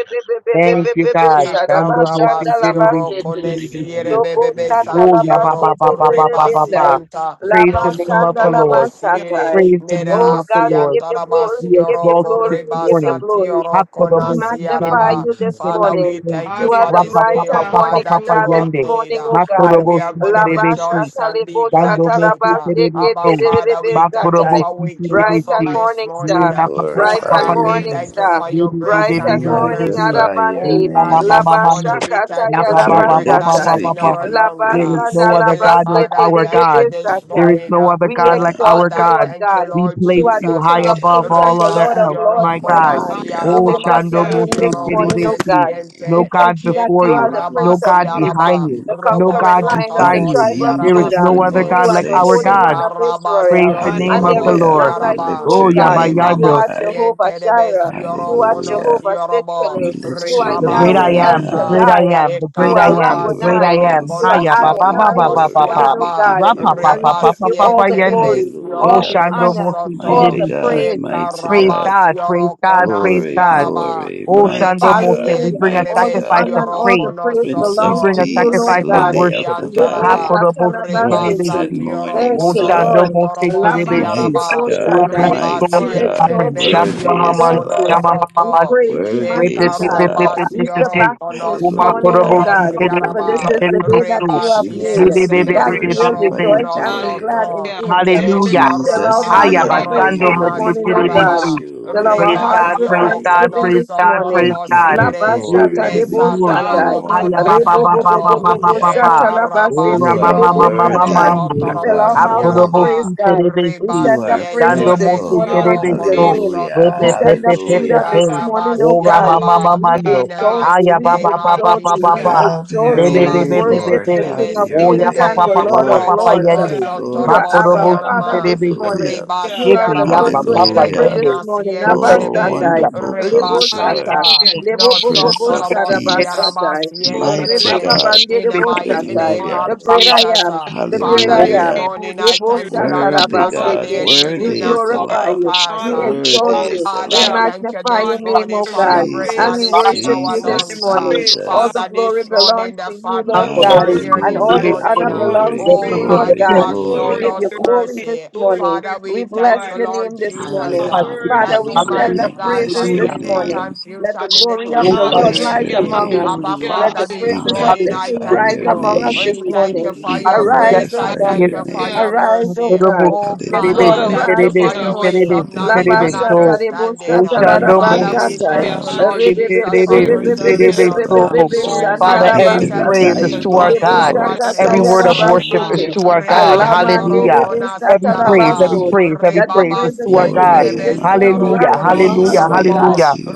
[SPEAKER 1] Thank you, God.
[SPEAKER 4] Hallelujah.
[SPEAKER 1] Shando Mose
[SPEAKER 2] Shadabashanda
[SPEAKER 1] Terebeso,
[SPEAKER 6] Shikarabasioro
[SPEAKER 2] Labastete.
[SPEAKER 6] conesiere
[SPEAKER 1] Terebeso.
[SPEAKER 6] bebebe
[SPEAKER 2] Lobota
[SPEAKER 1] Oh, Yaba
[SPEAKER 6] santioro
[SPEAKER 1] Baba
[SPEAKER 2] Talabastete
[SPEAKER 1] Baba Baba Baba.
[SPEAKER 2] Rebendai.
[SPEAKER 6] corribasianta
[SPEAKER 1] Praise the
[SPEAKER 6] no
[SPEAKER 1] name of
[SPEAKER 2] Labashanda
[SPEAKER 1] the Lord.
[SPEAKER 4] Hallelujah.
[SPEAKER 6] sotorobosire
[SPEAKER 2] Lamasatai.
[SPEAKER 1] Praise the name
[SPEAKER 2] Oh
[SPEAKER 6] nerera
[SPEAKER 1] of the
[SPEAKER 2] God, we
[SPEAKER 1] Lord
[SPEAKER 2] give
[SPEAKER 6] sianta
[SPEAKER 2] you glory,
[SPEAKER 1] be
[SPEAKER 2] we give you
[SPEAKER 6] rabasioro
[SPEAKER 1] exalted
[SPEAKER 2] glory,
[SPEAKER 1] this
[SPEAKER 2] we give you
[SPEAKER 1] morning.
[SPEAKER 2] glory.
[SPEAKER 6] corribasatioro
[SPEAKER 2] We
[SPEAKER 1] Hakodobo
[SPEAKER 2] magnify
[SPEAKER 1] Siterebe
[SPEAKER 6] conasiaraba.
[SPEAKER 2] you this
[SPEAKER 6] Father,
[SPEAKER 1] Siterebe
[SPEAKER 6] we
[SPEAKER 2] morning.
[SPEAKER 6] thank you
[SPEAKER 2] You are
[SPEAKER 6] for
[SPEAKER 2] the
[SPEAKER 4] Hallelujah.
[SPEAKER 6] this
[SPEAKER 1] Rapa
[SPEAKER 2] bright
[SPEAKER 6] day,
[SPEAKER 1] Papa
[SPEAKER 6] oh
[SPEAKER 2] and
[SPEAKER 1] Papa
[SPEAKER 6] God,
[SPEAKER 2] morning
[SPEAKER 6] that
[SPEAKER 1] Papa
[SPEAKER 2] star
[SPEAKER 6] you
[SPEAKER 4] Hallelujah.
[SPEAKER 2] this
[SPEAKER 6] have
[SPEAKER 1] Yende.
[SPEAKER 6] made,
[SPEAKER 2] morning,
[SPEAKER 6] uh,
[SPEAKER 2] O God.
[SPEAKER 6] and we
[SPEAKER 1] Makodobo
[SPEAKER 6] are gonna
[SPEAKER 1] Siterebe
[SPEAKER 5] yeah,
[SPEAKER 6] rejoice and be glad
[SPEAKER 1] Shando
[SPEAKER 6] in it.
[SPEAKER 1] Mose
[SPEAKER 6] uh.
[SPEAKER 1] Terebe
[SPEAKER 6] Abba,
[SPEAKER 1] So,
[SPEAKER 6] Father, we thank you
[SPEAKER 1] Makorobo
[SPEAKER 2] Labashatalebosatalabasheketerebesatai.
[SPEAKER 6] for
[SPEAKER 1] Si
[SPEAKER 6] waking
[SPEAKER 1] Terebe
[SPEAKER 2] Bright
[SPEAKER 6] us
[SPEAKER 1] Si,
[SPEAKER 2] and
[SPEAKER 6] up
[SPEAKER 4] What's
[SPEAKER 6] this
[SPEAKER 2] morning
[SPEAKER 3] we
[SPEAKER 6] morning.
[SPEAKER 2] star,
[SPEAKER 1] Yina
[SPEAKER 6] uh. Oh
[SPEAKER 1] Papa
[SPEAKER 2] bright
[SPEAKER 3] glorify
[SPEAKER 2] and
[SPEAKER 4] your
[SPEAKER 1] Papa
[SPEAKER 6] God,
[SPEAKER 3] your
[SPEAKER 6] we
[SPEAKER 4] name?
[SPEAKER 2] morning
[SPEAKER 1] Yende,
[SPEAKER 6] thank you
[SPEAKER 3] name.
[SPEAKER 2] star,
[SPEAKER 6] for your
[SPEAKER 1] Bibi
[SPEAKER 6] grace
[SPEAKER 3] We
[SPEAKER 1] Bibi
[SPEAKER 2] bright
[SPEAKER 6] and
[SPEAKER 2] and
[SPEAKER 1] Bibi
[SPEAKER 6] your
[SPEAKER 1] Bibi
[SPEAKER 2] morning
[SPEAKER 1] Bibi,
[SPEAKER 6] mercy.
[SPEAKER 3] magnify your
[SPEAKER 6] Oh
[SPEAKER 2] Arabandi.
[SPEAKER 1] Yina Mama
[SPEAKER 6] God,
[SPEAKER 3] name.
[SPEAKER 6] this morning
[SPEAKER 1] Mamando,
[SPEAKER 6] we
[SPEAKER 2] Labashakata
[SPEAKER 6] thank you
[SPEAKER 1] Yapa
[SPEAKER 3] Of
[SPEAKER 6] for the
[SPEAKER 3] our
[SPEAKER 1] Baba
[SPEAKER 6] breath that
[SPEAKER 1] Baba
[SPEAKER 3] lips,
[SPEAKER 1] Baba
[SPEAKER 6] is
[SPEAKER 2] Yarabasatai.
[SPEAKER 3] we
[SPEAKER 6] in
[SPEAKER 3] give
[SPEAKER 6] our
[SPEAKER 1] Baba.
[SPEAKER 3] you
[SPEAKER 6] lungs.
[SPEAKER 1] There
[SPEAKER 6] ah.
[SPEAKER 1] is
[SPEAKER 2] Labashana
[SPEAKER 1] no
[SPEAKER 3] praise.
[SPEAKER 1] other
[SPEAKER 6] Heavenly
[SPEAKER 1] God like
[SPEAKER 6] Father, I
[SPEAKER 1] our
[SPEAKER 6] thank you
[SPEAKER 1] God.
[SPEAKER 6] this
[SPEAKER 1] There is
[SPEAKER 2] Labaseterebesatai.
[SPEAKER 6] morning.
[SPEAKER 1] no
[SPEAKER 6] ah.
[SPEAKER 1] other
[SPEAKER 2] We
[SPEAKER 1] God
[SPEAKER 6] Oh
[SPEAKER 1] like
[SPEAKER 3] Hallelujah.
[SPEAKER 2] exalt
[SPEAKER 1] our
[SPEAKER 6] God,
[SPEAKER 2] you,
[SPEAKER 6] I
[SPEAKER 2] Lord
[SPEAKER 1] God.
[SPEAKER 6] thank you,
[SPEAKER 2] God.
[SPEAKER 1] We
[SPEAKER 6] Lord
[SPEAKER 2] You
[SPEAKER 1] place
[SPEAKER 2] are the
[SPEAKER 1] you
[SPEAKER 6] Jesus.
[SPEAKER 1] high
[SPEAKER 2] King
[SPEAKER 6] ah.
[SPEAKER 2] of
[SPEAKER 3] Hallelujah.
[SPEAKER 1] above
[SPEAKER 2] kings and
[SPEAKER 1] all
[SPEAKER 2] the
[SPEAKER 6] Reba
[SPEAKER 1] other
[SPEAKER 2] Lord of
[SPEAKER 1] else,
[SPEAKER 2] lords,
[SPEAKER 6] sioro
[SPEAKER 1] my
[SPEAKER 2] my
[SPEAKER 6] kona
[SPEAKER 1] God.
[SPEAKER 2] God.
[SPEAKER 3] Hallelujah.
[SPEAKER 6] siara
[SPEAKER 2] We
[SPEAKER 1] Oh,
[SPEAKER 2] lift
[SPEAKER 6] baba
[SPEAKER 2] up your
[SPEAKER 1] Shando
[SPEAKER 4] Hallelujah.
[SPEAKER 1] Mose
[SPEAKER 2] name this
[SPEAKER 6] satioro
[SPEAKER 3] Glory
[SPEAKER 2] morning,
[SPEAKER 3] to
[SPEAKER 1] Terebe
[SPEAKER 6] kone
[SPEAKER 2] oh
[SPEAKER 3] your
[SPEAKER 1] Si,
[SPEAKER 2] God.
[SPEAKER 3] name.
[SPEAKER 1] no
[SPEAKER 2] We
[SPEAKER 6] siente.
[SPEAKER 2] thank
[SPEAKER 1] God
[SPEAKER 2] you that
[SPEAKER 1] before
[SPEAKER 2] you
[SPEAKER 6] Sheka
[SPEAKER 1] you,
[SPEAKER 2] are the
[SPEAKER 3] Glory
[SPEAKER 6] raba
[SPEAKER 1] no
[SPEAKER 2] Prince of
[SPEAKER 3] to
[SPEAKER 1] God
[SPEAKER 3] your
[SPEAKER 6] siara
[SPEAKER 2] Peace, the
[SPEAKER 1] behind
[SPEAKER 6] ba.
[SPEAKER 1] you,
[SPEAKER 3] name.
[SPEAKER 2] the
[SPEAKER 1] no
[SPEAKER 6] Robo
[SPEAKER 2] conquering
[SPEAKER 1] God
[SPEAKER 2] lion
[SPEAKER 3] Let
[SPEAKER 6] soto
[SPEAKER 2] of
[SPEAKER 3] the
[SPEAKER 2] the
[SPEAKER 1] beside
[SPEAKER 6] robo
[SPEAKER 1] you,
[SPEAKER 2] tribe of
[SPEAKER 6] siara
[SPEAKER 3] redeemed
[SPEAKER 1] there is
[SPEAKER 6] ba
[SPEAKER 3] of
[SPEAKER 2] Judah.
[SPEAKER 3] the
[SPEAKER 1] no other
[SPEAKER 3] Lord
[SPEAKER 2] You
[SPEAKER 6] sete.
[SPEAKER 1] God
[SPEAKER 2] are
[SPEAKER 1] like
[SPEAKER 2] the
[SPEAKER 3] say
[SPEAKER 1] our
[SPEAKER 2] Holy
[SPEAKER 3] so.
[SPEAKER 2] One
[SPEAKER 1] God.
[SPEAKER 6] Sheka
[SPEAKER 2] of
[SPEAKER 6] raba
[SPEAKER 1] Praise
[SPEAKER 2] Israel,
[SPEAKER 1] the
[SPEAKER 6] sion
[SPEAKER 4] Hallelujah.
[SPEAKER 1] name
[SPEAKER 2] and
[SPEAKER 1] of
[SPEAKER 2] there
[SPEAKER 1] the
[SPEAKER 6] torobo
[SPEAKER 2] is
[SPEAKER 3] Hallelujah.
[SPEAKER 1] Lord.
[SPEAKER 2] none
[SPEAKER 6] siara
[SPEAKER 3] We
[SPEAKER 2] like
[SPEAKER 6] ba.
[SPEAKER 2] you,
[SPEAKER 3] lift
[SPEAKER 2] O
[SPEAKER 1] Oh,
[SPEAKER 3] your
[SPEAKER 2] God.
[SPEAKER 3] name on
[SPEAKER 2] You
[SPEAKER 1] Yabayando,
[SPEAKER 6] Ribaba
[SPEAKER 2] are
[SPEAKER 3] high.
[SPEAKER 2] Jehovah
[SPEAKER 6] siente de
[SPEAKER 2] Jireh.
[SPEAKER 6] besioro
[SPEAKER 2] You are
[SPEAKER 3] Hallelujah.
[SPEAKER 2] Jehovah
[SPEAKER 6] conosiorobo.
[SPEAKER 3] We
[SPEAKER 2] Sitkanu. You
[SPEAKER 3] lift your
[SPEAKER 2] are
[SPEAKER 1] the
[SPEAKER 6] Ribaba
[SPEAKER 1] great
[SPEAKER 3] name
[SPEAKER 2] Yahweh
[SPEAKER 3] on
[SPEAKER 1] I
[SPEAKER 2] El
[SPEAKER 1] am, the
[SPEAKER 6] sianta.
[SPEAKER 3] high.
[SPEAKER 1] great I
[SPEAKER 2] Shaddai.
[SPEAKER 1] am, the
[SPEAKER 3] We
[SPEAKER 2] You
[SPEAKER 1] great I
[SPEAKER 2] are
[SPEAKER 3] give
[SPEAKER 1] am,
[SPEAKER 6] Shekaraba
[SPEAKER 1] the
[SPEAKER 3] you
[SPEAKER 1] great
[SPEAKER 2] Rabboni.
[SPEAKER 1] I
[SPEAKER 6] sioro
[SPEAKER 1] am.
[SPEAKER 3] reverence.
[SPEAKER 2] You
[SPEAKER 3] We
[SPEAKER 1] Haya,
[SPEAKER 2] are
[SPEAKER 1] ba,
[SPEAKER 3] give
[SPEAKER 1] ba,
[SPEAKER 3] you
[SPEAKER 1] ba,
[SPEAKER 2] Adonai
[SPEAKER 1] ba,
[SPEAKER 6] conosotorobo
[SPEAKER 2] this
[SPEAKER 1] ba, ba,
[SPEAKER 2] morning,
[SPEAKER 3] glory.
[SPEAKER 1] ba.
[SPEAKER 2] O
[SPEAKER 3] We
[SPEAKER 6] siaraba.
[SPEAKER 2] God.
[SPEAKER 3] give
[SPEAKER 1] Rapa,
[SPEAKER 3] you
[SPEAKER 1] pa,
[SPEAKER 2] And we
[SPEAKER 1] pa,
[SPEAKER 6] Riba
[SPEAKER 1] pa,
[SPEAKER 3] honor.
[SPEAKER 2] give
[SPEAKER 1] pa,
[SPEAKER 2] you
[SPEAKER 1] pa, pa,
[SPEAKER 2] all the
[SPEAKER 6] siente de
[SPEAKER 1] yende.
[SPEAKER 2] glory,
[SPEAKER 1] Oh,
[SPEAKER 2] all
[SPEAKER 6] besioro
[SPEAKER 2] the
[SPEAKER 3] Hallelujah.
[SPEAKER 1] Shando,
[SPEAKER 2] honor,
[SPEAKER 1] Mose,
[SPEAKER 2] all
[SPEAKER 6] conosoto.
[SPEAKER 3] Mighty
[SPEAKER 2] the
[SPEAKER 1] Terebesi.
[SPEAKER 3] God,
[SPEAKER 2] praise.
[SPEAKER 3] mighty
[SPEAKER 1] Praise
[SPEAKER 6] Shekaraba
[SPEAKER 3] God.
[SPEAKER 1] God, praise
[SPEAKER 6] sioro
[SPEAKER 1] God, praise
[SPEAKER 3] Glory,
[SPEAKER 1] God.
[SPEAKER 6] conasiaraba.
[SPEAKER 3] glory,
[SPEAKER 1] Oh, Shando,
[SPEAKER 3] mighty
[SPEAKER 6] Riba
[SPEAKER 1] Mose,
[SPEAKER 3] God,
[SPEAKER 1] we
[SPEAKER 2] Hallelujah.
[SPEAKER 1] bring
[SPEAKER 6] siente
[SPEAKER 1] a
[SPEAKER 6] de
[SPEAKER 3] mighty
[SPEAKER 2] All the
[SPEAKER 1] sacrifice
[SPEAKER 3] God.
[SPEAKER 2] honor
[SPEAKER 1] of
[SPEAKER 2] and
[SPEAKER 6] besioro
[SPEAKER 2] all
[SPEAKER 1] praise.
[SPEAKER 2] the praise
[SPEAKER 3] Prince
[SPEAKER 1] We
[SPEAKER 3] of
[SPEAKER 2] belongs
[SPEAKER 1] bring
[SPEAKER 2] to
[SPEAKER 6] conosoto.
[SPEAKER 1] a
[SPEAKER 2] you,
[SPEAKER 3] Peace,
[SPEAKER 2] Lord
[SPEAKER 1] sacrifice of
[SPEAKER 6] Riba
[SPEAKER 2] God.
[SPEAKER 3] Lily of
[SPEAKER 1] worship.
[SPEAKER 3] the
[SPEAKER 2] Lebo
[SPEAKER 3] Valley,
[SPEAKER 6] siantaraba. Riba
[SPEAKER 3] bright
[SPEAKER 2] satalabasete.
[SPEAKER 3] and
[SPEAKER 1] Hakorobosi-terebesi.
[SPEAKER 6] satioro
[SPEAKER 3] morning
[SPEAKER 2] Thank you,
[SPEAKER 3] star.
[SPEAKER 2] Lord.
[SPEAKER 6] conosotorobo
[SPEAKER 4] Hallelujah.
[SPEAKER 2] Labande
[SPEAKER 1] Oshandomosi-terebesi.
[SPEAKER 3] Mighty
[SPEAKER 6] siaraba.
[SPEAKER 2] debo
[SPEAKER 1] Oh,
[SPEAKER 3] God,
[SPEAKER 4] Your
[SPEAKER 1] bless
[SPEAKER 2] shandai.
[SPEAKER 4] name,
[SPEAKER 1] the
[SPEAKER 3] mighty
[SPEAKER 1] Lord
[SPEAKER 2] We
[SPEAKER 4] Lord.
[SPEAKER 1] this
[SPEAKER 3] God,
[SPEAKER 1] morning.
[SPEAKER 2] exalt you. We
[SPEAKER 3] worthy
[SPEAKER 6] Ribasienterebesioro
[SPEAKER 3] is the
[SPEAKER 1] Shamamaman,
[SPEAKER 2] exalt you.
[SPEAKER 3] Lamb,
[SPEAKER 2] We
[SPEAKER 1] shamamaman,
[SPEAKER 6] Soto,
[SPEAKER 2] praise you,
[SPEAKER 3] worthy
[SPEAKER 2] mighty
[SPEAKER 3] is the
[SPEAKER 2] God.
[SPEAKER 3] Lamb.
[SPEAKER 2] We step
[SPEAKER 1] repepepepepepepe.
[SPEAKER 6] Shekarabasioro
[SPEAKER 2] back you this
[SPEAKER 6] Konosoto
[SPEAKER 2] morning, O
[SPEAKER 3] Hallelujah,
[SPEAKER 2] God, for
[SPEAKER 1] Omakorobosi-terebesi,
[SPEAKER 2] this
[SPEAKER 6] Robosiaraba,
[SPEAKER 2] is
[SPEAKER 3] hallelujah.
[SPEAKER 2] the day that
[SPEAKER 1] terebeso.
[SPEAKER 2] you have made.
[SPEAKER 3] Jesus, we
[SPEAKER 2] God, we will
[SPEAKER 3] worship
[SPEAKER 6] Ribasienterebesioro
[SPEAKER 1] Bebebebebebebebe.
[SPEAKER 3] and
[SPEAKER 2] rejoice and
[SPEAKER 3] adore
[SPEAKER 2] be glad
[SPEAKER 3] you.
[SPEAKER 2] in
[SPEAKER 6] Konosoto,
[SPEAKER 4] Hallelujah.
[SPEAKER 2] it.
[SPEAKER 7] Glory
[SPEAKER 4] Bless
[SPEAKER 7] to God.
[SPEAKER 4] your,
[SPEAKER 2] We
[SPEAKER 1] Hallelujah.
[SPEAKER 2] fill our
[SPEAKER 3] Jesus,
[SPEAKER 4] bless
[SPEAKER 7] Hallelujah.
[SPEAKER 4] your
[SPEAKER 2] mouths
[SPEAKER 3] we
[SPEAKER 1] Haya
[SPEAKER 2] with
[SPEAKER 4] name.
[SPEAKER 7] Thank
[SPEAKER 6] Shekarabasioro
[SPEAKER 3] honor
[SPEAKER 7] you.
[SPEAKER 2] praise
[SPEAKER 1] bashando
[SPEAKER 3] you,
[SPEAKER 2] this
[SPEAKER 1] mose
[SPEAKER 3] we
[SPEAKER 2] morning, O God.
[SPEAKER 1] terebesi.
[SPEAKER 3] praise
[SPEAKER 6] Konasiaraba,
[SPEAKER 3] you,
[SPEAKER 2] Fill
[SPEAKER 3] we
[SPEAKER 7] Thank
[SPEAKER 2] our
[SPEAKER 1] Praise
[SPEAKER 7] you,
[SPEAKER 2] hearts
[SPEAKER 1] God,
[SPEAKER 7] Lord.
[SPEAKER 2] with
[SPEAKER 1] praise
[SPEAKER 3] magnify
[SPEAKER 6] Ribasioro
[SPEAKER 1] God,
[SPEAKER 3] you.
[SPEAKER 7] Thank
[SPEAKER 2] thanksgiving
[SPEAKER 1] praise
[SPEAKER 2] this
[SPEAKER 1] God,
[SPEAKER 6] Konosoto
[SPEAKER 7] you
[SPEAKER 1] praise
[SPEAKER 3] We
[SPEAKER 7] for
[SPEAKER 2] morning.
[SPEAKER 3] give
[SPEAKER 1] God.
[SPEAKER 7] fire.
[SPEAKER 3] you
[SPEAKER 6] Robosiere,
[SPEAKER 1] Oh, we
[SPEAKER 2] Labashata
[SPEAKER 1] give
[SPEAKER 3] glory,
[SPEAKER 2] Rebo
[SPEAKER 3] we
[SPEAKER 1] you
[SPEAKER 3] give
[SPEAKER 1] glory.
[SPEAKER 4] Hallelujah.
[SPEAKER 2] Sandai.
[SPEAKER 3] you
[SPEAKER 6] Nesatioro
[SPEAKER 7] Fire,
[SPEAKER 4] Hallelujah.
[SPEAKER 1] Aya
[SPEAKER 7] dear
[SPEAKER 1] ba
[SPEAKER 7] God.
[SPEAKER 1] ba
[SPEAKER 3] honor.
[SPEAKER 4] Hallelujah.
[SPEAKER 2] Rebo
[SPEAKER 1] ba
[SPEAKER 7] Thank you
[SPEAKER 1] ba
[SPEAKER 2] Bobo
[SPEAKER 1] ba
[SPEAKER 2] Bobo
[SPEAKER 6] Konosoto,
[SPEAKER 1] ba ba
[SPEAKER 2] Bobo
[SPEAKER 1] ba
[SPEAKER 3] Hallelujah.
[SPEAKER 1] ba.
[SPEAKER 4] Oh,
[SPEAKER 2] Sata
[SPEAKER 1] Oh,
[SPEAKER 3] You
[SPEAKER 2] Labasete
[SPEAKER 1] rama
[SPEAKER 3] are
[SPEAKER 1] ma
[SPEAKER 6] Shekarabasioro
[SPEAKER 1] ma
[SPEAKER 2] Rebo
[SPEAKER 1] ma ma
[SPEAKER 4] bless
[SPEAKER 2] Satai.
[SPEAKER 3] worthy,
[SPEAKER 1] mando.
[SPEAKER 6] Konosoto
[SPEAKER 3] you
[SPEAKER 2] Fill our
[SPEAKER 3] are
[SPEAKER 2] mouth with
[SPEAKER 1] Akorobo
[SPEAKER 3] holy.
[SPEAKER 6] Robosiaraba,
[SPEAKER 2] praise,
[SPEAKER 1] si
[SPEAKER 4] you,
[SPEAKER 2] God. We
[SPEAKER 1] terebesi.
[SPEAKER 3] You
[SPEAKER 2] send
[SPEAKER 6] Ribasi
[SPEAKER 2] up
[SPEAKER 3] are
[SPEAKER 2] praises
[SPEAKER 1] Dando
[SPEAKER 4] Lord.
[SPEAKER 7] for
[SPEAKER 2] this
[SPEAKER 1] mo si
[SPEAKER 6] enterebesi
[SPEAKER 3] faithful.
[SPEAKER 2] morning
[SPEAKER 7] miracle.
[SPEAKER 4] Hallelujah.
[SPEAKER 6] oro
[SPEAKER 2] unto your
[SPEAKER 1] terebeso.
[SPEAKER 4] Hallelujah.
[SPEAKER 2] name.
[SPEAKER 1] Re
[SPEAKER 3] Hallelujah.
[SPEAKER 2] We
[SPEAKER 1] pe
[SPEAKER 6] konosoto.
[SPEAKER 1] pe
[SPEAKER 2] send
[SPEAKER 1] pe
[SPEAKER 2] up
[SPEAKER 1] pe pe
[SPEAKER 2] Judah
[SPEAKER 3] Hallelujah.
[SPEAKER 1] pe.
[SPEAKER 2] this morning, oh
[SPEAKER 1] Oh,
[SPEAKER 6] Shekarabasi
[SPEAKER 2] God.
[SPEAKER 1] rama ma
[SPEAKER 4] Glory
[SPEAKER 1] ma
[SPEAKER 6] araba.
[SPEAKER 7] Fire,
[SPEAKER 2] We
[SPEAKER 4] to
[SPEAKER 7] dear
[SPEAKER 4] God.
[SPEAKER 6] In
[SPEAKER 1] mando.
[SPEAKER 6] the
[SPEAKER 4] Hallelujah.
[SPEAKER 2] exalt
[SPEAKER 7] life.
[SPEAKER 2] you,
[SPEAKER 6] mighty
[SPEAKER 1] Aya ba
[SPEAKER 2] we
[SPEAKER 6] name
[SPEAKER 1] ba ba
[SPEAKER 6] of
[SPEAKER 1] ba
[SPEAKER 2] exalt
[SPEAKER 1] ba
[SPEAKER 2] you,
[SPEAKER 1] ba
[SPEAKER 7] Glory
[SPEAKER 2] we
[SPEAKER 1] ba.
[SPEAKER 6] Jesus.
[SPEAKER 4] Hallelujah.
[SPEAKER 6] uh,
[SPEAKER 3] Have
[SPEAKER 2] exalt
[SPEAKER 1] Le
[SPEAKER 7] to
[SPEAKER 3] your
[SPEAKER 7] your
[SPEAKER 2] you.
[SPEAKER 1] be
[SPEAKER 4] Thank
[SPEAKER 1] be
[SPEAKER 2] We
[SPEAKER 3] way,
[SPEAKER 7] name,
[SPEAKER 1] be
[SPEAKER 6] Ribasi
[SPEAKER 1] be
[SPEAKER 7] God.
[SPEAKER 1] be
[SPEAKER 7] I
[SPEAKER 2] worship
[SPEAKER 3] Lord.
[SPEAKER 7] give
[SPEAKER 2] the
[SPEAKER 1] be.
[SPEAKER 2] King
[SPEAKER 7] honor
[SPEAKER 3] Have
[SPEAKER 2] of
[SPEAKER 7] to
[SPEAKER 6] enterebesi
[SPEAKER 4] thank you,
[SPEAKER 7] your
[SPEAKER 1] Oh,
[SPEAKER 3] your
[SPEAKER 2] Kings
[SPEAKER 1] ya
[SPEAKER 7] name.
[SPEAKER 1] pa
[SPEAKER 2] and
[SPEAKER 1] pa
[SPEAKER 3] way.
[SPEAKER 6] erebe.
[SPEAKER 2] the
[SPEAKER 1] pa
[SPEAKER 4] Lord.
[SPEAKER 1] pa
[SPEAKER 2] Lord
[SPEAKER 1] pa
[SPEAKER 2] of
[SPEAKER 3] Glory
[SPEAKER 1] pa
[SPEAKER 3] to
[SPEAKER 1] pa
[SPEAKER 7] There
[SPEAKER 2] Lords.
[SPEAKER 6] Roboko
[SPEAKER 7] is
[SPEAKER 3] God.
[SPEAKER 7] not
[SPEAKER 1] yende.
[SPEAKER 4] Hallelujah.
[SPEAKER 7] like
[SPEAKER 6] soto
[SPEAKER 7] a
[SPEAKER 2] You
[SPEAKER 3] Glory
[SPEAKER 2] are
[SPEAKER 7] God.
[SPEAKER 3] to
[SPEAKER 6] robosi
[SPEAKER 2] our
[SPEAKER 1] Makorobo
[SPEAKER 3] God.
[SPEAKER 1] si
[SPEAKER 2] Father
[SPEAKER 6] anama.
[SPEAKER 2] this
[SPEAKER 7] Glory to
[SPEAKER 1] terebesi.
[SPEAKER 7] you,
[SPEAKER 2] morning.
[SPEAKER 3] Hallelujah.
[SPEAKER 7] Jesus.
[SPEAKER 4] Hallelujah.
[SPEAKER 2] You
[SPEAKER 6] Ribasi
[SPEAKER 2] are
[SPEAKER 1] Shepe
[SPEAKER 2] the
[SPEAKER 1] ya
[SPEAKER 2] good,
[SPEAKER 7] Glory to
[SPEAKER 1] pa
[SPEAKER 2] good
[SPEAKER 6] arabasi
[SPEAKER 1] pa pa
[SPEAKER 7] God.
[SPEAKER 6] ere
[SPEAKER 2] shepherd
[SPEAKER 3] Hallelujah.
[SPEAKER 2] this
[SPEAKER 1] yende.
[SPEAKER 6] kenasi
[SPEAKER 1] Hallelujah, hallelujah,
[SPEAKER 2] morning. Abba
[SPEAKER 3] Oh,
[SPEAKER 6] enterebe.
[SPEAKER 2] Sandai.
[SPEAKER 1] hallelujah,
[SPEAKER 3] wonderful
[SPEAKER 7] Hallelujah.
[SPEAKER 2] Lebo
[SPEAKER 3] counselor,
[SPEAKER 2] Shatta.
[SPEAKER 6] Ribasata.
[SPEAKER 4] Hallelujah.
[SPEAKER 6] No
[SPEAKER 7] Hallelujah.
[SPEAKER 3] Prince
[SPEAKER 6] soto
[SPEAKER 3] of
[SPEAKER 7] Hallelujah.
[SPEAKER 6] robosi
[SPEAKER 4] God.
[SPEAKER 3] Peace,
[SPEAKER 2] Lebo-bo-bo-bo-shadabasatai.
[SPEAKER 6] arabasi
[SPEAKER 4] Oh, we
[SPEAKER 3] mighty
[SPEAKER 4] bless
[SPEAKER 6] enterebe
[SPEAKER 3] God.
[SPEAKER 6] in
[SPEAKER 7] Thank
[SPEAKER 6] the
[SPEAKER 7] you,
[SPEAKER 4] your name,
[SPEAKER 6] mighty
[SPEAKER 2] Oreba-ba-bande-lebo-shatai.
[SPEAKER 7] Jesus.
[SPEAKER 6] name
[SPEAKER 4] Lord.
[SPEAKER 6] of
[SPEAKER 3] Hallelujah.
[SPEAKER 2] The great I
[SPEAKER 6] Jesus.
[SPEAKER 2] am,
[SPEAKER 6] uh,
[SPEAKER 2] the great
[SPEAKER 6] Father,
[SPEAKER 2] I
[SPEAKER 4] Glorify your
[SPEAKER 7] Oh
[SPEAKER 6] this
[SPEAKER 2] am.
[SPEAKER 4] name,
[SPEAKER 3] Hallelujah.
[SPEAKER 4] Holy
[SPEAKER 6] morning I
[SPEAKER 7] God. I
[SPEAKER 4] Spirit.
[SPEAKER 6] thank you
[SPEAKER 7] serve
[SPEAKER 6] that the
[SPEAKER 7] to you,
[SPEAKER 3] Worthy
[SPEAKER 6] plot
[SPEAKER 4] God,
[SPEAKER 6] of
[SPEAKER 7] Almighty
[SPEAKER 6] the
[SPEAKER 3] God.
[SPEAKER 2] Lebo-shatalabasete.
[SPEAKER 4] lift
[SPEAKER 7] God.
[SPEAKER 6] enemy
[SPEAKER 4] your
[SPEAKER 2] We
[SPEAKER 6] did
[SPEAKER 3] Worthy is
[SPEAKER 6] not
[SPEAKER 4] name,
[SPEAKER 3] the
[SPEAKER 6] come
[SPEAKER 4] Lord.
[SPEAKER 2] glorify
[SPEAKER 6] to
[SPEAKER 2] you,
[SPEAKER 3] Lamb.
[SPEAKER 6] pass.
[SPEAKER 4] God,
[SPEAKER 2] we
[SPEAKER 7] I
[SPEAKER 6] uh.
[SPEAKER 7] lead and
[SPEAKER 2] exalt
[SPEAKER 3] Worthy
[SPEAKER 6] Oh
[SPEAKER 7] direct,
[SPEAKER 2] you,
[SPEAKER 3] is the
[SPEAKER 6] God,
[SPEAKER 2] we
[SPEAKER 6] I
[SPEAKER 7] Almighty
[SPEAKER 4] Hallelujah.
[SPEAKER 3] Lamb.
[SPEAKER 6] thank you
[SPEAKER 2] magnify your
[SPEAKER 4] God,
[SPEAKER 6] this
[SPEAKER 4] you
[SPEAKER 2] name,
[SPEAKER 6] morning
[SPEAKER 2] O
[SPEAKER 4] deserve
[SPEAKER 6] for
[SPEAKER 7] Father.
[SPEAKER 4] every
[SPEAKER 6] the
[SPEAKER 2] God,
[SPEAKER 7] God.
[SPEAKER 6] breath
[SPEAKER 4] praise,
[SPEAKER 7] There
[SPEAKER 2] and
[SPEAKER 6] that
[SPEAKER 2] we
[SPEAKER 7] is
[SPEAKER 3] Jesus,
[SPEAKER 6] is
[SPEAKER 7] none
[SPEAKER 6] in
[SPEAKER 4] Lord
[SPEAKER 7] like
[SPEAKER 2] worship
[SPEAKER 6] our
[SPEAKER 7] you,
[SPEAKER 2] you
[SPEAKER 7] none
[SPEAKER 4] God.
[SPEAKER 7] to
[SPEAKER 2] this
[SPEAKER 4] Every
[SPEAKER 6] lungs.
[SPEAKER 3] Jesus,
[SPEAKER 6] uh.
[SPEAKER 2] morning.
[SPEAKER 7] compare
[SPEAKER 4] praise
[SPEAKER 7] to you.
[SPEAKER 2] All
[SPEAKER 4] belongs
[SPEAKER 2] the
[SPEAKER 3] Jesus.
[SPEAKER 6] Father,
[SPEAKER 2] glory
[SPEAKER 6] this
[SPEAKER 4] The Lord.
[SPEAKER 6] morning,
[SPEAKER 2] belongs
[SPEAKER 6] the
[SPEAKER 2] to you,
[SPEAKER 6] fact
[SPEAKER 7] Oh,
[SPEAKER 2] Lord
[SPEAKER 4] The
[SPEAKER 6] that
[SPEAKER 4] we
[SPEAKER 6] we
[SPEAKER 2] God,
[SPEAKER 6] are here
[SPEAKER 4] worship
[SPEAKER 7] Jesus,
[SPEAKER 2] and
[SPEAKER 6] this
[SPEAKER 2] all
[SPEAKER 4] God.
[SPEAKER 2] the
[SPEAKER 3] Hallelujah.
[SPEAKER 7] Jesus,
[SPEAKER 6] morning.
[SPEAKER 2] honor
[SPEAKER 4] You
[SPEAKER 6] uh,
[SPEAKER 7] Jesus,
[SPEAKER 4] are the
[SPEAKER 3] Glory,
[SPEAKER 2] belongs to
[SPEAKER 6] Oh
[SPEAKER 2] you,
[SPEAKER 7] Jesus.
[SPEAKER 4] praise.
[SPEAKER 2] Lord
[SPEAKER 6] God,
[SPEAKER 3] glory,
[SPEAKER 6] you
[SPEAKER 7] Thank
[SPEAKER 2] God.
[SPEAKER 6] have
[SPEAKER 7] you
[SPEAKER 8] Hallelujah,
[SPEAKER 2] We
[SPEAKER 8] Lord.
[SPEAKER 7] for
[SPEAKER 6] showed
[SPEAKER 4] Glory
[SPEAKER 8] We
[SPEAKER 7] your
[SPEAKER 2] give
[SPEAKER 3] glory.
[SPEAKER 4] to
[SPEAKER 2] you
[SPEAKER 6] us
[SPEAKER 4] your
[SPEAKER 8] give you
[SPEAKER 7] goodness.
[SPEAKER 2] glory
[SPEAKER 4] name.
[SPEAKER 8] glory.
[SPEAKER 2] this
[SPEAKER 6] mercy.
[SPEAKER 4] Glory
[SPEAKER 2] morning.
[SPEAKER 4] to your
[SPEAKER 6] Father,
[SPEAKER 7] Thank
[SPEAKER 6] we
[SPEAKER 2] We
[SPEAKER 7] you
[SPEAKER 4] name,
[SPEAKER 2] bless
[SPEAKER 6] thank you,
[SPEAKER 7] for your
[SPEAKER 4] Lord.
[SPEAKER 2] your
[SPEAKER 7] goodness,
[SPEAKER 6] Lord
[SPEAKER 2] name this
[SPEAKER 7] God.
[SPEAKER 6] Jesus.
[SPEAKER 8] Hallelujah,
[SPEAKER 4] Our
[SPEAKER 2] morning.
[SPEAKER 3] Hallelujah.
[SPEAKER 7] I
[SPEAKER 6] uh.
[SPEAKER 8] Father.
[SPEAKER 7] have
[SPEAKER 8] We
[SPEAKER 4] word,
[SPEAKER 2] Father,
[SPEAKER 7] this
[SPEAKER 6] Thank
[SPEAKER 2] we
[SPEAKER 4] our
[SPEAKER 6] you,
[SPEAKER 8] magnify
[SPEAKER 7] need.
[SPEAKER 8] your
[SPEAKER 4] word,
[SPEAKER 2] send
[SPEAKER 6] mighty
[SPEAKER 2] the
[SPEAKER 3] We
[SPEAKER 8] name.
[SPEAKER 6] God, for
[SPEAKER 3] bless
[SPEAKER 2] praises
[SPEAKER 4] praise
[SPEAKER 3] your
[SPEAKER 1] hallelujah.
[SPEAKER 2] this
[SPEAKER 6] sending
[SPEAKER 7] God,
[SPEAKER 4] God.
[SPEAKER 2] morning.
[SPEAKER 7] I
[SPEAKER 3] name.
[SPEAKER 7] thank
[SPEAKER 2] Let the
[SPEAKER 6] confusion
[SPEAKER 7] you.
[SPEAKER 6] in the
[SPEAKER 7] I
[SPEAKER 2] glory
[SPEAKER 8] Lord,
[SPEAKER 2] of
[SPEAKER 1] Oh,
[SPEAKER 6] camp
[SPEAKER 3] We
[SPEAKER 8] you
[SPEAKER 2] the
[SPEAKER 6] of
[SPEAKER 8] are
[SPEAKER 1] God,
[SPEAKER 6] the
[SPEAKER 4] Hallelujah.
[SPEAKER 2] Lord
[SPEAKER 1] we
[SPEAKER 7] thank
[SPEAKER 3] bless
[SPEAKER 7] you
[SPEAKER 8] worthy.
[SPEAKER 2] rise
[SPEAKER 3] your
[SPEAKER 7] for this
[SPEAKER 6] enemy.
[SPEAKER 1] thank
[SPEAKER 8] You are
[SPEAKER 2] among
[SPEAKER 7] one
[SPEAKER 4] Hallelujah.
[SPEAKER 2] us.
[SPEAKER 3] name.
[SPEAKER 8] holy.
[SPEAKER 7] from
[SPEAKER 6] Abba
[SPEAKER 7] you.
[SPEAKER 8] You are
[SPEAKER 2] Let
[SPEAKER 6] Father,
[SPEAKER 2] the
[SPEAKER 8] awesome,
[SPEAKER 3] We
[SPEAKER 6] this
[SPEAKER 1] you.
[SPEAKER 8] God.
[SPEAKER 2] praises
[SPEAKER 4] Hallelujah.
[SPEAKER 2] of
[SPEAKER 6] morning
[SPEAKER 2] the
[SPEAKER 7] Lord,
[SPEAKER 6] I
[SPEAKER 2] King
[SPEAKER 1] Hallelujah,
[SPEAKER 3] magnify
[SPEAKER 1] which is
[SPEAKER 6] thank
[SPEAKER 2] rise
[SPEAKER 3] your
[SPEAKER 1] the
[SPEAKER 8] We
[SPEAKER 6] you.
[SPEAKER 2] among us
[SPEAKER 1] highest
[SPEAKER 7] but
[SPEAKER 8] worship
[SPEAKER 3] name.
[SPEAKER 2] this
[SPEAKER 7] God,
[SPEAKER 6] We
[SPEAKER 7] I
[SPEAKER 1] praise.
[SPEAKER 8] and
[SPEAKER 6] thank
[SPEAKER 7] thank
[SPEAKER 2] morning.
[SPEAKER 8] adore
[SPEAKER 6] you
[SPEAKER 7] you
[SPEAKER 8] you,
[SPEAKER 6] for
[SPEAKER 8] Jesus.
[SPEAKER 3] We
[SPEAKER 7] again,
[SPEAKER 6] your
[SPEAKER 7] for
[SPEAKER 2] Arise,
[SPEAKER 7] God,
[SPEAKER 6] grace.
[SPEAKER 2] O
[SPEAKER 7] for
[SPEAKER 6] I
[SPEAKER 3] glorify
[SPEAKER 2] God.
[SPEAKER 7] this
[SPEAKER 6] thank
[SPEAKER 1] Hallelujah.
[SPEAKER 3] your
[SPEAKER 6] you for
[SPEAKER 7] helpful.
[SPEAKER 4] Hallelujah.
[SPEAKER 6] your
[SPEAKER 3] name.
[SPEAKER 2] Arise, O
[SPEAKER 6] mercy.
[SPEAKER 1] Incredible
[SPEAKER 2] God.
[SPEAKER 6] Oh
[SPEAKER 2] Let
[SPEAKER 6] God,
[SPEAKER 7] Lord
[SPEAKER 1] Terebe,
[SPEAKER 2] God
[SPEAKER 6] we
[SPEAKER 1] Si
[SPEAKER 4] Hallelujah.
[SPEAKER 7] Jesus,
[SPEAKER 8] Hallelujah,
[SPEAKER 3] Hallelujah.
[SPEAKER 6] thank you
[SPEAKER 2] arise
[SPEAKER 8] God.
[SPEAKER 7] I
[SPEAKER 1] Terebe,
[SPEAKER 8] You
[SPEAKER 6] for
[SPEAKER 2] this
[SPEAKER 8] are
[SPEAKER 1] Si
[SPEAKER 4] Hallelujah.
[SPEAKER 6] your
[SPEAKER 7] thank
[SPEAKER 8] awesome.
[SPEAKER 2] morning.
[SPEAKER 1] Terebe,
[SPEAKER 6] wisdom,
[SPEAKER 1] Si
[SPEAKER 6] knowledge,
[SPEAKER 7] you,
[SPEAKER 1] Terebe,
[SPEAKER 6] and
[SPEAKER 7] oh
[SPEAKER 3] Hallelujah.
[SPEAKER 7] God,
[SPEAKER 2] Labashata
[SPEAKER 1] So
[SPEAKER 7] for your
[SPEAKER 8] All
[SPEAKER 7] test,
[SPEAKER 6] understanding.
[SPEAKER 2] rebosata
[SPEAKER 6] Uh,
[SPEAKER 8] glory,
[SPEAKER 7] pastor,
[SPEAKER 1] Oshando
[SPEAKER 3] Worthy
[SPEAKER 7] and
[SPEAKER 6] Father,
[SPEAKER 8] honor,
[SPEAKER 1] Mose
[SPEAKER 3] is
[SPEAKER 6] we
[SPEAKER 8] and
[SPEAKER 7] our
[SPEAKER 8] praise
[SPEAKER 3] the
[SPEAKER 2] larabasatai.
[SPEAKER 6] thank
[SPEAKER 4] Hallelujah.
[SPEAKER 8] belongs
[SPEAKER 6] you,
[SPEAKER 8] to
[SPEAKER 3] Lamb.
[SPEAKER 8] you,
[SPEAKER 6] Lord
[SPEAKER 7] inspection.
[SPEAKER 6] Jesus,
[SPEAKER 8] Jesus.
[SPEAKER 6] for
[SPEAKER 1] Terebe,
[SPEAKER 4] Hallelujah.
[SPEAKER 1] Si
[SPEAKER 7] And I
[SPEAKER 3] Worthy
[SPEAKER 7] pray,
[SPEAKER 6] preserving
[SPEAKER 3] is
[SPEAKER 1] Terebe,
[SPEAKER 3] the
[SPEAKER 7] God,
[SPEAKER 6] us.
[SPEAKER 7] that
[SPEAKER 3] Lamb.
[SPEAKER 1] So
[SPEAKER 6] Uh,
[SPEAKER 8] We
[SPEAKER 7] you'll
[SPEAKER 2] Rebebebebebebebebebebebe
[SPEAKER 7] do
[SPEAKER 8] extol
[SPEAKER 4] Glory
[SPEAKER 6] Oh
[SPEAKER 7] the
[SPEAKER 8] your
[SPEAKER 4] to your
[SPEAKER 1] Father,
[SPEAKER 6] God,
[SPEAKER 7] same
[SPEAKER 3] Let
[SPEAKER 8] matchless
[SPEAKER 6] we
[SPEAKER 7] thing
[SPEAKER 4] name.
[SPEAKER 8] name,
[SPEAKER 3] the
[SPEAKER 1] every
[SPEAKER 7] for
[SPEAKER 6] thank you
[SPEAKER 8] my
[SPEAKER 1] praise
[SPEAKER 8] King.
[SPEAKER 2] shandarabasatai.
[SPEAKER 1] is
[SPEAKER 6] this
[SPEAKER 7] me.
[SPEAKER 3] redeemed
[SPEAKER 1] to our
[SPEAKER 3] of
[SPEAKER 4] Jesus.
[SPEAKER 6] morning
[SPEAKER 3] the
[SPEAKER 6] for
[SPEAKER 1] God.
[SPEAKER 3] Lord
[SPEAKER 4] Hallelujah.
[SPEAKER 6] watching
[SPEAKER 2] Leboshakata
[SPEAKER 7] And
[SPEAKER 1] Every
[SPEAKER 3] say
[SPEAKER 7] I
[SPEAKER 8] We
[SPEAKER 1] word
[SPEAKER 7] pray,
[SPEAKER 1] of
[SPEAKER 6] over
[SPEAKER 8] worship
[SPEAKER 7] oh
[SPEAKER 3] so.
[SPEAKER 8] and
[SPEAKER 6] us.
[SPEAKER 7] God,
[SPEAKER 1] worship
[SPEAKER 7] that
[SPEAKER 6] Uh,
[SPEAKER 8] adore
[SPEAKER 1] is
[SPEAKER 2] yarabasete.
[SPEAKER 8] you,
[SPEAKER 7] you
[SPEAKER 1] to
[SPEAKER 7] work
[SPEAKER 1] our
[SPEAKER 8] Father
[SPEAKER 7] on
[SPEAKER 1] God.
[SPEAKER 4] Hallelujah.
[SPEAKER 6] Reba
[SPEAKER 7] behalf
[SPEAKER 8] God.
[SPEAKER 7] of
[SPEAKER 2] Alamande
[SPEAKER 6] sioro
[SPEAKER 1] Hallelujah.
[SPEAKER 3] Hallelujah.
[SPEAKER 6] kona
[SPEAKER 2] rebesata
[SPEAKER 1] Every
[SPEAKER 8] You are
[SPEAKER 1] praise,
[SPEAKER 6] siaraba,
[SPEAKER 1] every
[SPEAKER 3] Hallelujah!
[SPEAKER 8] awesome.
[SPEAKER 2] labaso.
[SPEAKER 1] praise, every
[SPEAKER 2] Let
[SPEAKER 7] Shamba
[SPEAKER 2] the
[SPEAKER 1] praise is
[SPEAKER 2] praises
[SPEAKER 1] to
[SPEAKER 8] You
[SPEAKER 2] of
[SPEAKER 1] our
[SPEAKER 6] Rebasien
[SPEAKER 7] lililolimwa
[SPEAKER 2] the
[SPEAKER 8] are
[SPEAKER 1] God.
[SPEAKER 3] Glory
[SPEAKER 2] King
[SPEAKER 3] and
[SPEAKER 2] this
[SPEAKER 6] Terebes
[SPEAKER 8] worthy.
[SPEAKER 3] honor
[SPEAKER 2] morning
[SPEAKER 3] and
[SPEAKER 1] Hallelujah,
[SPEAKER 2] rise
[SPEAKER 8] You are
[SPEAKER 6] Yorokonos
[SPEAKER 2] among us,
[SPEAKER 3] praise
[SPEAKER 1] hallelujah,
[SPEAKER 2] O
[SPEAKER 3] be
[SPEAKER 8] holy,
[SPEAKER 7] likiwa
[SPEAKER 2] God.
[SPEAKER 6] Yorobo,
[SPEAKER 8] God.
[SPEAKER 1] hallelujah.
[SPEAKER 3] unto you.